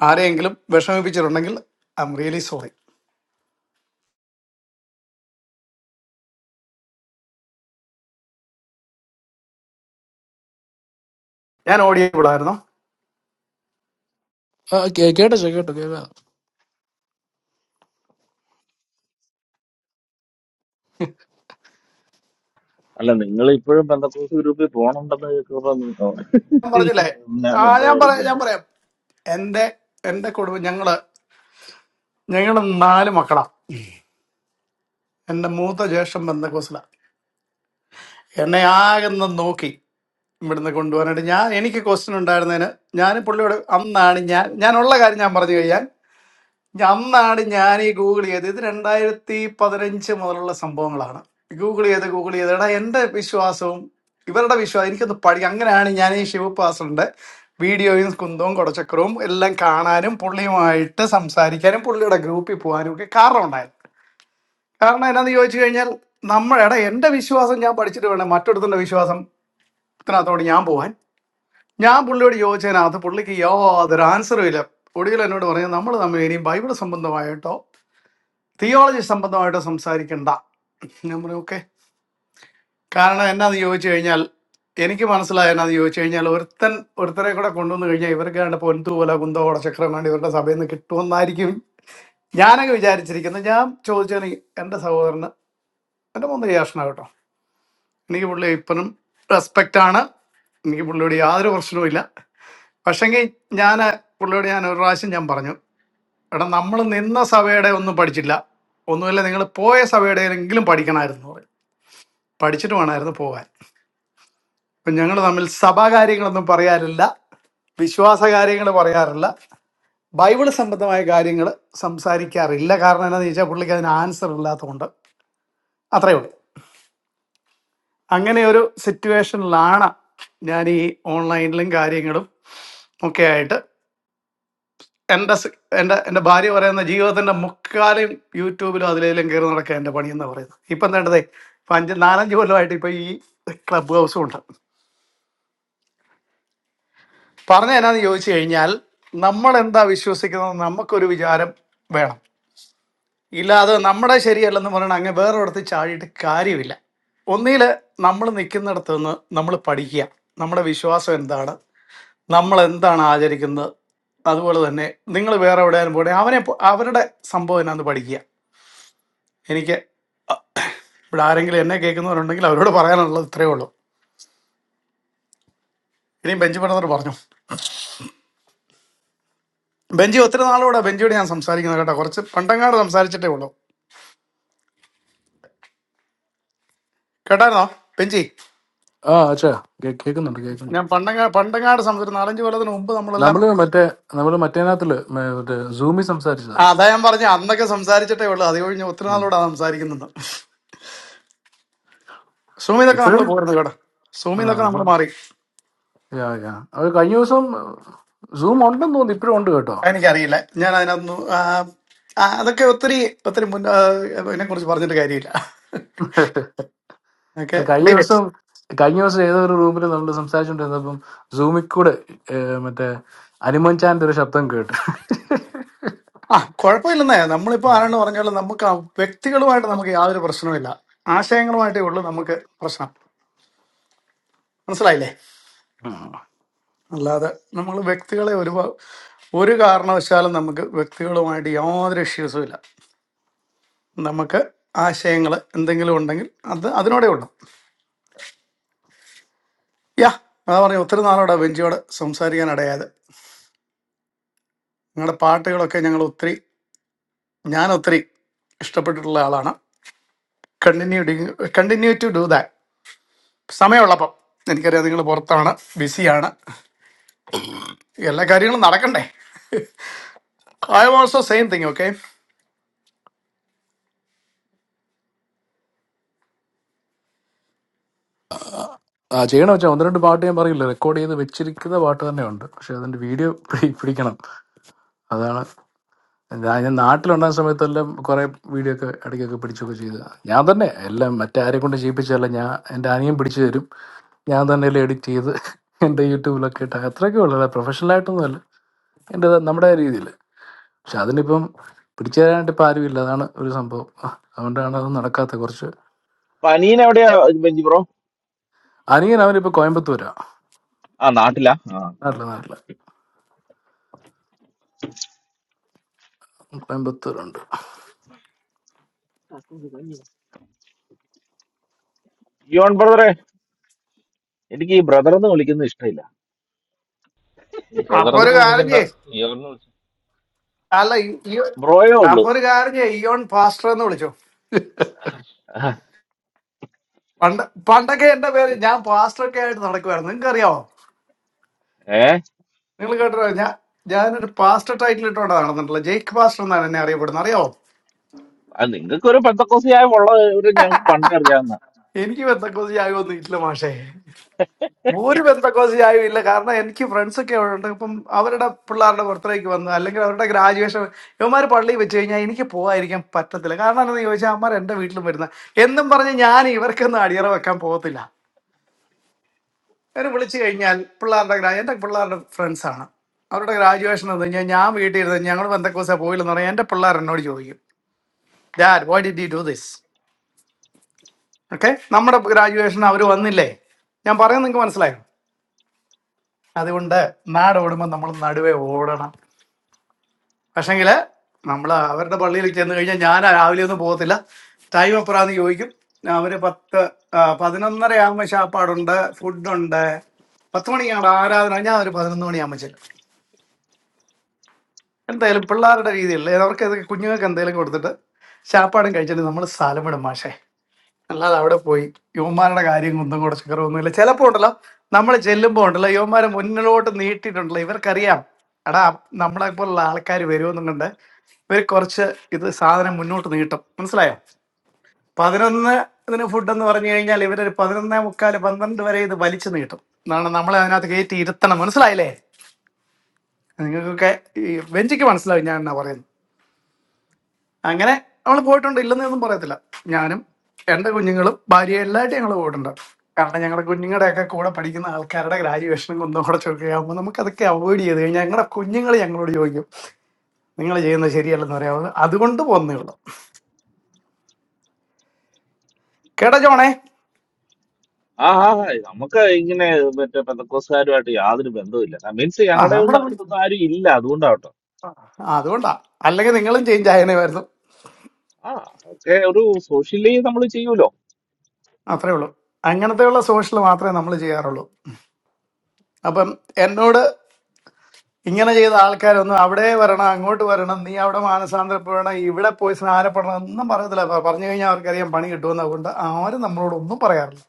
Speaker 14: ആരെയെങ്കിലും വിഷമിപ്പിച്ചിട്ടുണ്ടെങ്കിൽ ഐ എം റിയലി സോറി ഞാൻ ഓഡിയബിൾ ആയിരുന്നു
Speaker 18: ആ കേ- കേട്ടോ ചേ, കേട്ടോ കേൾക്കാം
Speaker 1: അല്ല നിങ്ങൾ ഇപ്പോഴും പെന്തക്കോസ് ഗ്രൂപ്പിൽ പോകണുണ്ടെന്ന് കേൾക്കുമ്പോ നിങ്ങൾ-
Speaker 14: ഞാൻ പറഞ്ഞില്ലേ
Speaker 1: ഞാൻ
Speaker 14: ആ ഞാൻ പറയാം ഞാൻ
Speaker 1: മിണ്ടായിരിക്കുന്നത്
Speaker 14: പറയാം എന്റെ എന്റെ കുടുംബം ഞങ്ങള് ഞങ്ങള് നാല് മക്കളാ എന്റെ മൂത്ത ജ്യേഷ്ഠൻ ബന്ധക്കോസില എന്നെ ആകെന്ന് നോക്കി ഇവിടുന്ന് കൊണ്ടുപോകാനായിട്ട് ഞാൻ എനിക്ക് ക്വസ്റ്റ്യൻ ഉണ്ടായിരുന്നതിന് ഞാൻ പുള്ളിയോട് അന്നാണ് ഞാൻ ഞാനുള്ള കാര്യം ഞാൻ പറഞ്ഞു കഴിഞ്ഞാൽ അന്നാണ് ഞാൻ ഈ ഗൂഗിൾ ചെയ്ത് ഇത് രണ്ടായിരത്തി പതിനഞ്ച് മുതലുള്ള സംഭവങ്ങളാണ് ഗൂഗിൾ ചെയ്ത് ഗൂഗിൾ ചെയ്ത് എടാ എൻ്റെ വിശ്വാസവും ഇവരുടെ വിശ്വാസം എനിക്കൊന്ന് പഠിക്കാം അങ്ങനെയാണ് ഞാൻ ഈ ശിവപാസറിന്റെ വീഡിയോയും കുന്തവും കുടച്ചക്രവും എല്ലാം കാണാനും പുള്ളിയുമായിട്ട് സംസാരിക്കാനും പുള്ളിയുടെ ഗ്രൂപ്പിൽ പോകാനും ഒക്കെ കാരണം ഉണ്ടായത് കാരണം എന്നാന്ന് ചോദിച്ചു കഴിഞ്ഞാൽ നമ്മൾ എടാ എൻ്റെ വിശ്വാസം ഞാൻ പഠിച്ചിട്ട് വേണം മറ്റൊരുത്തൻ്റെ വിശ്വാസം ഇതിനകത്തോട് ഞാൻ പോവാൻ ഞാൻ പുള്ളിയോട് ചോദിച്ചതിനകത്ത് പുള്ളിക്ക് യാതൊരു ആൻസറും ഇല്ല ഒടുവിൽ എന്നോട് പറഞ്ഞു നമ്മൾ തമ്മിൽ ഇനിയും ബൈബിൾ സംബന്ധമായിട്ടോ തിയോളജി സംബന്ധമായിട്ട് സംസാരിക്കണ്ട ഞാൻ പറഞ്ഞു ഓക്കെ കാരണം എന്നാന്ന് ചോദിച്ചു കഴിഞ്ഞാൽ എനിക്ക് മനസ്സിലായ എന്നാന്ന് ചോദിച്ചു കഴിഞ്ഞാൽ ഒരുത്തൻ ഒരുത്തരെ കൂടെ കൊണ്ടുവന്നു കഴിഞ്ഞാൽ ഇവർക്ക് കണ്ട പൊൻതൂവല കുന്തോട ചക്രം വേണ്ടി ഇവരുടെ സഭയിൽ നിന്ന് കിട്ടുമെന്നായിരിക്കും ഞാനൊക്കെ വിചാരിച്ചിരിക്കുന്നത് ഞാൻ ചോദിച്ചതിന് എൻ്റെ സഹോദരന് എൻ്റെ മൂന്ന് യാഷന കേട്ടോ എനിക്ക് പുള്ളി ഇപ്പോഴും റെസ്പെക്റ്റ് ആണ് എനിക്ക് പുള്ളിയോട് യാതൊരു പ്രശ്നവുമില്ല പക്ഷേങ്കിൽ ഞാൻ പുള്ളിയോട് ഞാൻ ഒരു പ്രാവശ്യം ഞാൻ പറഞ്ഞു എടാ നമ്മൾ നിന്ന സഭയുടെ ഒന്നും പഠിച്ചില്ല ഒന്നുമില്ല നിങ്ങൾ പോയ സഭയുടെ എങ്കിലും പഠിക്കണമായിരുന്നു പഠിച്ചിട്ട് വേണമായിരുന്നു പോകാൻ അപ്പം ഞങ്ങൾ തമ്മിൽ സഭാകാര്യങ്ങളൊന്നും പറയാറില്ല വിശ്വാസ കാര്യങ്ങൾ പറയാറില്ല ബൈബിൾ സംബന്ധമായ കാര്യങ്ങൾ സംസാരിക്കാറില്ല കാരണം എന്താണെന്ന് ചോദിച്ചാൽ പുള്ളിക്ക് അതിന് ആൻസർ ഇല്ലാത്തതുകൊണ്ട് അത്രയേ ഉള്ളൂ അങ്ങനെ ഒരു സിറ്റുവേഷനിലാണ് ഞാൻ ഈ ഓൺലൈനിലും കാര്യങ്ങളും ഒക്കെ ആയിട്ട് എൻ്റെ സ്- എൻ്റെ എൻ്റെ ഭാര്യ പറയുന്ന ജീവിതത്തിൻ്റെ മുക്കാലും യൂട്യൂബിലും അതിലേലും കയറി നടക്കുക എൻ്റെ പണിയെന്ന് പറയുന്നത് ഇപ്പം എന്താണ്ടതേ ഇപ്പം അഞ്ച് നാലഞ്ച് കൊല്ലമായിട്ട് ഇപ്പം ഈ ക്ലബ് ഹൗസും ഉണ്ട് പറഞ്ഞ എന്നാന്ന് ചോദിച്ചു കഴിഞ്ഞാൽ നമ്മൾ എന്താ വിശ്വസിക്കുന്നത് നമുക്കൊരു വിചാരം വേണം ഇല്ലാതെ നമ്മുടെ ശരിയല്ലെന്ന് പറയണ അങ്ങ് വേറൊരിടത്ത് ചാടിയിട്ട് കാര്യമില്ല ഒന്നിൽ നമ്മൾ നിൽക്കുന്നിടത്ത് നിന്ന് നമ്മൾ പഠിക്കുക നമ്മുടെ വിശ്വാസം എന്താണ് നമ്മൾ എന്താണ് ആചരിക്കുന്നത് അതുപോലെ തന്നെ നിങ്ങൾ വേറെ എവിടെയാലും പോകണേ അവനെ പോ- അവരുടെ സംഭവം എന്നാന്ന് പഠിക്കുക എനിക്ക് ഇവിടെ ആരെങ്കിലും എന്നെ കേൾക്കുന്നവരുണ്ടെങ്കിൽ അവരോട് പറയാനുള്ളത് ഇത്രയേ ഉള്ളൂ ഇനിയും ബെഞ്ച് പറഞ്ഞവർ പറഞ്ഞു ബെഞ്ചി ഒത്തിരി നാളോടെ ബെഞ്ചിയോട് ഞാൻ സംസാരിക്കുന്നത് കേട്ടോ കുറച്ച് പണ്ടങ്ങാട് സംസാരിച്ചിട്ടേ ഉള്ളൂ കേട്ടായിരുന്നോ പെഞ്ചി
Speaker 18: ആ അച്ഛാ കേ- കേൾക്കുന്നുണ്ട് കേൾക്കുന്നുണ്ട്
Speaker 14: ഞാൻ പണ്ടങ്ങ പണ്ടങ്ങാട് സംസാരിച്ചു നാലഞ്ച് കൊല്ലത്തിന് മുമ്പ് നമ്മളെല്ലാം
Speaker 18: നമ്മള് മറ്റേ നമ്മള് മറ്റേനകത്തില് മേ- മറ്റേ സൂമിൽ സംസാരിച്ചതാ
Speaker 14: ആ അതാ ഞാൻ പറഞ്ഞു അന്നൊക്കെ സംസാരിച്ചിട്ടേ ഉള്ളൂ അത് കഴിഞ്ഞ് ഒത്തിരി
Speaker 18: ഉം.
Speaker 14: നാളോടെ സംസാരിക്കുന്നുണ്ട് സൂമിതൊക്കെ നമ്മൾ
Speaker 18: ഇപ്പഴും
Speaker 14: പോരുന്നു കേട്ടോ
Speaker 18: ആ
Speaker 14: സൂമിതൊക്കെ നമ്മൾ
Speaker 18: സൂം
Speaker 14: മാറി
Speaker 18: യാ യാ അത് കഴിഞ്ഞ ദിവസം സൂം ഉണ്ടെന്ന് തോന്നുന്നു ഇപ്പഴും ഉണ്ട് കേട്ടോ
Speaker 14: എനിക്കറിയില്ല ഞാൻ അതിനകത്തൊന്നും ആ, ആ, അതൊക്കെ ഒത്തിരി ഒത്തിരി മുൻ ഇതിനെ കുറിച്ച് പറഞ്ഞിട്ട് കാര്യമില്ല ഓക്കെ
Speaker 18: കഴിഞ്ഞ
Speaker 14: ലീവ് ഇറ്റ്
Speaker 18: ദിവസം കഴിഞ്ഞ ദിവസം ഏതോ ഒരു റൂമിൽ നമ്മൾ സംസാരിച്ചുകൊണ്ടിരുന്നപ്പം സൂമിൽ കൂടെ ഏ, മറ്റേ അനുമൻ ചാന്റെ ഒരു ശബ്ദം കേട്ടു
Speaker 14: ആ കുഴപ്പമില്ലെന്നേ നമ്മളിപ്പോ ആരാണ് പറഞ്ഞാലും നമുക്ക് ആ വ്യക്തികളുമായിട്ട് നമുക്ക് യാതൊരു പ്രശ്നവുമില്ല ആശയങ്ങളുമായിട്ടേ ഉള്ളൂ നമുക്ക് പ്രശ്നം മനസ്സിലായില്ലേ
Speaker 18: ഉം.
Speaker 14: അല്ലാതെ നമ്മൾ വ്യക്തികളെ ഒരു വ- ഒരു കാരണവശാലും നമുക്ക് വ്യക്തികളുമായിട്ട് യാതൊരു ഇഷ്യൂസും ഇല്ല നമുക്ക് ആശയങ്ങൾ എന്തെങ്കിലും ഉണ്ടെങ്കിൽ അത് അതിനോടെ ഉള്ളു യാ അതാ പറഞ്ഞ ഒത്തിരി നാളോടെ ബെഞ്ചിയോട് സംസാരിക്കാൻ ഇടയായത് നിങ്ങളുടെ പാട്ടുകളൊക്കെ ഞങ്ങൾ ഒത്തിരി ഞാൻ ഒത്തിരി ഇഷ്ടപ്പെട്ടിട്ടുള്ള ആളാണ് continue continue to do that സമയമുള്ളപ്പം എനിക്കറിയാം നിങ്ങൾ പുറത്താണ് ബിസിയാണ് എല്ലാ കാര്യങ്ങളും നടക്കണ്ടേ I also same thing okay
Speaker 18: ആ ചെയ്യണം വെച്ചാൽ ഒന്ന് രണ്ട് പാട്ട് ഞാൻ പറയില്ല റെക്കോർഡ് ചെയ്ത് വെച്ചിരിക്കുന്ന പാട്ട് തന്നെ ഉണ്ട് പക്ഷെ അതിന്റെ വീഡിയോ പിടിക്കണം അതാണ് ഞാൻ ഞാൻ നാട്ടിലുണ്ടായ സമയത്തെല്ലാം കുറെ വീഡിയോ ഒക്കെ ഇടയ്ക്കൊക്കെ പിടിച്ചൊക്കെ ചെയ്ത ഞാൻ തന്നെ എല്ലാം മറ്റാരെ കൊണ്ട് ചെയ്യിപ്പിച്ചല്ല ഞാൻ എൻ്റെ അനിയൻ പിടിച്ചു തരും ഞാൻ തന്നെ എല്ലാം എഡിറ്റ് ചെയ്ത് എൻ്റെ യൂട്യൂബിലൊക്കെ ഇട്ട അത്രയൊക്കെ ഉള്ളു അല്ല professional ആയിട്ടൊന്നും അല്ല എൻ്റെ നമ്മുടെ രീതിയിൽ പക്ഷെ അതിനിപ്പം പിടിച്ചു തരാനായിട്ട് ഇപ്പം ആരുമില്ല അതാണ് ഒരു സംഭവം ആ, അതുകൊണ്ടാണ് അത് നടക്കാത്ത കുറച്ച്
Speaker 1: പനീൻ എവിടെയാ ബെഞ്ചി ബ്രോ
Speaker 18: അനിയൻ അവനിപ്പോൾ കോയമ്പത്തൂരാ
Speaker 1: ആ നാട്ടിലാ ആ
Speaker 18: നാട്ടില് നാട്ടില് കോയമ്പത്തൂരുണ്ട്
Speaker 1: യോൺ ബ്രദറെ എനിക്ക് ഈ ബ്രദർ എന്ന് വിളിക്കുന്നത് ഇഷ്ടമില്ല
Speaker 14: അപ്പൊ ഒരു
Speaker 20: ബ്രദറൊന്നും
Speaker 14: കാര്യം
Speaker 20: വിളിക്കണ്ട
Speaker 14: ചെയ്യ്
Speaker 20: ഇയർന്ന് വിളിച്ചു
Speaker 14: അല്ല ഈ ഈ-
Speaker 1: ബ്രോയേ
Speaker 14: അപ്പൊ
Speaker 1: ഉള്ളു
Speaker 14: ഒരു കാര്യം ചെയ്യ്, ഇയോൺ പാസ്റ്റർ എന്ന് വിളിച്ചു പണ്ട് പണ്ടൊക്കെ എന്റെ പേര് ഞാൻ പാസ്റ്റർ ഒക്കെ ആയിട്ട് നടക്കുമായിരുന്നു നിങ്ങൾക്ക് അറിയാവോ
Speaker 1: ഏ
Speaker 14: നിങ്ങൾ കേട്ടോ ഞാൻ ഞാനൊരു പാസ്റ്റർ ടൈറ്റിൽ ഇട്ടുകൊണ്ട് നടന്നിട്ടില്ല ജേക്ക് പാസ്റ്റർ എന്നാണ് എന്നെ അറിയപ്പെടുന്നത് അറിയാവോ
Speaker 1: നിങ്ങൾക്ക് ഒരു പെന്തക്കോസുകാരും ഉള്ളത് ഒരു ഞങ്ങൾക്ക് പണ്ടേ അറിയാവുന്ന
Speaker 14: എനിക്ക് ബന്ധക്കോസ് ചായ ഒന്നും ഇല്ല മാഷേ ഒരു ബന്ധക്കോസ് ചായ ഇല്ല കാരണം എനിക്ക് ഫ്രണ്ട്സ് ഒക്കെ അവിടെ ഉണ്ട് ഇപ്പം അവരുടെ പിള്ളേരുടെ ബർത്ത്ഡേക്ക് വന്ന് അല്ലെങ്കിൽ അവരുടെ ഗ്രാജുവേഷൻ ഇവന്മാർ പള്ളിയിൽ വെച്ച് കഴിഞ്ഞാൽ എനിക്ക് പോകാതിരിക്കാൻ പറ്റത്തില്ല കാരണം എന്താണെന്ന് ചോദിച്ചാൽ അമ്മമാർ എൻ്റെ വീട്ടിലും വരുന്ന എന്നും പറഞ്ഞ് ഞാൻ ഇവർക്കൊന്നും അടിയറ വെക്കാൻ പോകത്തില്ല എന്നെ വിളിച്ചു കഴിഞ്ഞാൽ പിള്ളേരുടെ ഗ്രാ എൻ്റെ പിള്ളേരുടെ ഫ്രണ്ട്സ് ആണ് അവരുടെ ഗ്രാജുവേഷൻ എന്ന് കഴിഞ്ഞാൽ ഞാൻ വീട്ടിൽ ഇരുന്ന് ഞങ്ങൾ ബന്ധക്കോസ പോയില്ലെന്ന് പറഞ്ഞാൽ എൻ്റെ പിള്ളേർ എന്നോട് ചോദിക്കും dad why did you do this okay നമ്മുടെ ഗ്രാജുവേഷൻ അവർ വന്നില്ലേ ഞാൻ പറയുന്നത് നിങ്ങൾക്ക് മനസ്സിലായോ അതുകൊണ്ട് നാട് ഓടുമ്പോൾ നമ്മൾ നടുവേ ഓടണം പക്ഷേങ്കിൽ നമ്മൾ അവരുടെ പള്ളിയിൽ ചെന്ന് കഴിഞ്ഞാൽ ഞാൻ രാവിലെ ഒന്നും പോകത്തില്ല ടൈം എപ്പോഴാന്ന് ചോദിക്കും അവർ പത്ത് ആ, പതിനൊന്നര ആകുമ്പോൾ ശാപ്പാടുണ്ട് ഫുഡുണ്ട് പത്ത് മണിക്കാണ് ആരാധന ഞാൻ ഒരു പതിനൊന്ന് മണിയാകുമ്പോൾ ചെല്ലും എന്തായാലും പിള്ളേരുടെ രീതിയിൽ അവർക്ക് അത് കുഞ്ഞുങ്ങൾക്ക് എന്തെങ്കിലും കൊടുത്തിട്ട് ശാപ്പാടും കഴിച്ചിട്ട് നമ്മൾ സ്ഥലം വിടും മാഷേ അല്ലാതെ അവിടെ പോയി യുവമാരുടെ കാര്യം കുന്തം കൂടെ ചക്കരമൊന്നുമില്ല ചിലപ്പോൾ ഉണ്ടല്ലോ നമ്മൾ ചെല്ലുമ്പോൾ ഉണ്ടല്ലോ യുവമാരെ മുന്നിലോട്ട് നീട്ടിയിട്ടുണ്ടല്ലോ ഇവർക്കറിയാം എടാ നമ്മളെ പോലുള്ള ആൾക്കാർ വരുമെന്നുകൊണ്ട് ഇവർ കുറച്ച് ഇത് സാധനം മുന്നോട്ട് നീട്ടും മനസ്സിലായോ പതിനൊന്ന് ഇതിന് ഫുഡ് എന്ന് പറഞ്ഞു കഴിഞ്ഞാൽ ഇവരൊരു പതിനൊന്നേ മുക്കാൽ പന്ത്രണ്ട് വരെ ഇത് വലിച്ചു നീട്ടും എന്നാണ് നമ്മളെ അതിനകത്ത് കയറ്റി ഇരുത്തണം മനസ്സിലായില്ലേ നിങ്ങൾക്കൊക്കെ ഈ ബെഞ്ചിക്ക് മനസ്സിലാവും ഞാൻ എന്നാ പറയുന്നത് അങ്ങനെ നമ്മൾ പോയിട്ടുണ്ട് ഇല്ലെന്ന് ഒന്നും പറയത്തില്ല ഞാനും എൻ്റെ കുഞ്ഞുങ്ങളും ഭാര്യ എല്ലായിട്ട് ഞങ്ങൾ പോയിട്ടുണ്ട് കാരണം ഞങ്ങളുടെ കുഞ്ഞുങ്ങളുടെ ഒക്കെ കൂടെ പഠിക്കുന്ന ആൾക്കാരുടെ ഗ്രാജുവേഷനും കുന്നും കൂടെ ചുരുക്കുകയാകുമ്പോൾ നമുക്ക് അതൊക്കെ അവോയ്ഡ് ചെയ്ത് കഴിഞ്ഞാൽ ഞങ്ങളുടെ കുഞ്ഞുങ്ങൾ ഞങ്ങളോട് ചോദിക്കും നിങ്ങൾ ചെയ്യുന്നത് ശരിയല്ലെന്ന് പറയാവുന്നത് അതുകൊണ്ട് പോകുന്നേ ഉള്ളൂ കേട്ടോ ജോണേ
Speaker 1: ആ ആ ആ, നമുക്ക് ഇങ്ങനെ മറ്റേ പെന്തക്കോസുകാരുമായിട്ട് യാതൊരു ബന്ധവുമില്ല മീൻസ്
Speaker 14: ആ
Speaker 1: ഞങ്ങളുടെ ഒന്നും
Speaker 14: നമ്മുടെ കുടി-
Speaker 1: അടുത്തൊന്നും ആരും ഇല്ല അതുകൊണ്ടാവട്ടോ
Speaker 14: ആ, അതുകൊണ്ടാ അല്ലെങ്കിൽ നിങ്ങളും ചേഞ്ച് ആയനേമായിരുന്നു
Speaker 1: ആ ഒക്കെ ഒരു സോഷ്യലി നമ്മൾ ചെയ്യൂലോ
Speaker 14: അത്രേ ഉള്ളൂ അങ്ങനത്തെയുള്ള സോഷ്യൽ മാത്രമേ നമ്മൾ ചെയ്യാറുള്ളൂ അപ്പം എന്നോട് ഇങ്ങനെ ചെയ്ത ആൾക്കാരൊന്നും അവിടെ വരണം അങ്ങോട്ട് വരണം നീ അവിടെ മാനസാന്തരപ്പെടണം ഇവിടെ പോയി സ്നാനപ്പെടണം ഒന്നും പറയത്തില്ല പ- പറഞ്ഞു കഴിഞ്ഞാൽ അവർക്കറിയാം പണി കിട്ടുമെന്ന് അതുകൊണ്ട് ആരും നമ്മളോട് ഒന്നും പറയാറില്ല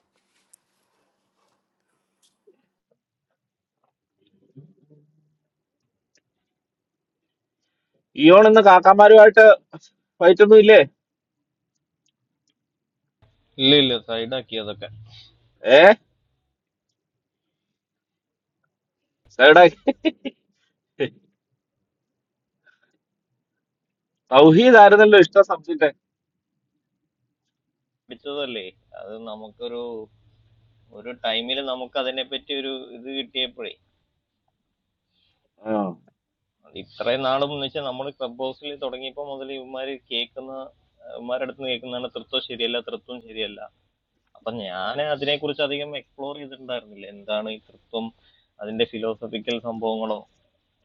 Speaker 1: ഇയോൺ ഇന്ന് കാക്കാമാരുമായിട്ട് ഫൈറ്റ് ഒന്നും ഇല്ലേ
Speaker 20: ഇല്ല ഇല്ല സൈഡാക്കി അതൊക്കെ
Speaker 1: ഏ സൈഡാ തൗഹീദ് ആയിരുന്നല്ലോ ഇഷ്ട സബ്ജക്റ്റ്
Speaker 20: പഠിച്ചതല്ലേ അത് നമുക്കൊരു ഒരു ടൈമിൽ നമുക്ക് അതിനെ പറ്റി ഒരു ഇത് കിട്ടിയപ്പോഴേ അത് ഇത്രയും നാളും എന്ന് വെച്ചാൽ നമ്മൾ ക്ലബ് ഹൗസിൽ തുടങ്ങിയപ്പോൾ മുതൽ ഇവന്മാര് കേൾക്കുന്ന ഇവന്മാരുടെ അടുത്ത് നിന്ന് കേൾക്കുന്നതാണ് തൃത്വം ശരിയല്ല തൃത്വം ശരിയല്ല അപ്പൊ ഞാൻ അതിനെക്കുറിച്ച് അധികം എക്സ്പ്ലോർ ചെയ്തിട്ടുണ്ടായിരുന്നില്ല എന്താണ് ഈ തൃത്വം അതിന്റെ ഫിലോസഫിക്കൽ സംഭവങ്ങളോ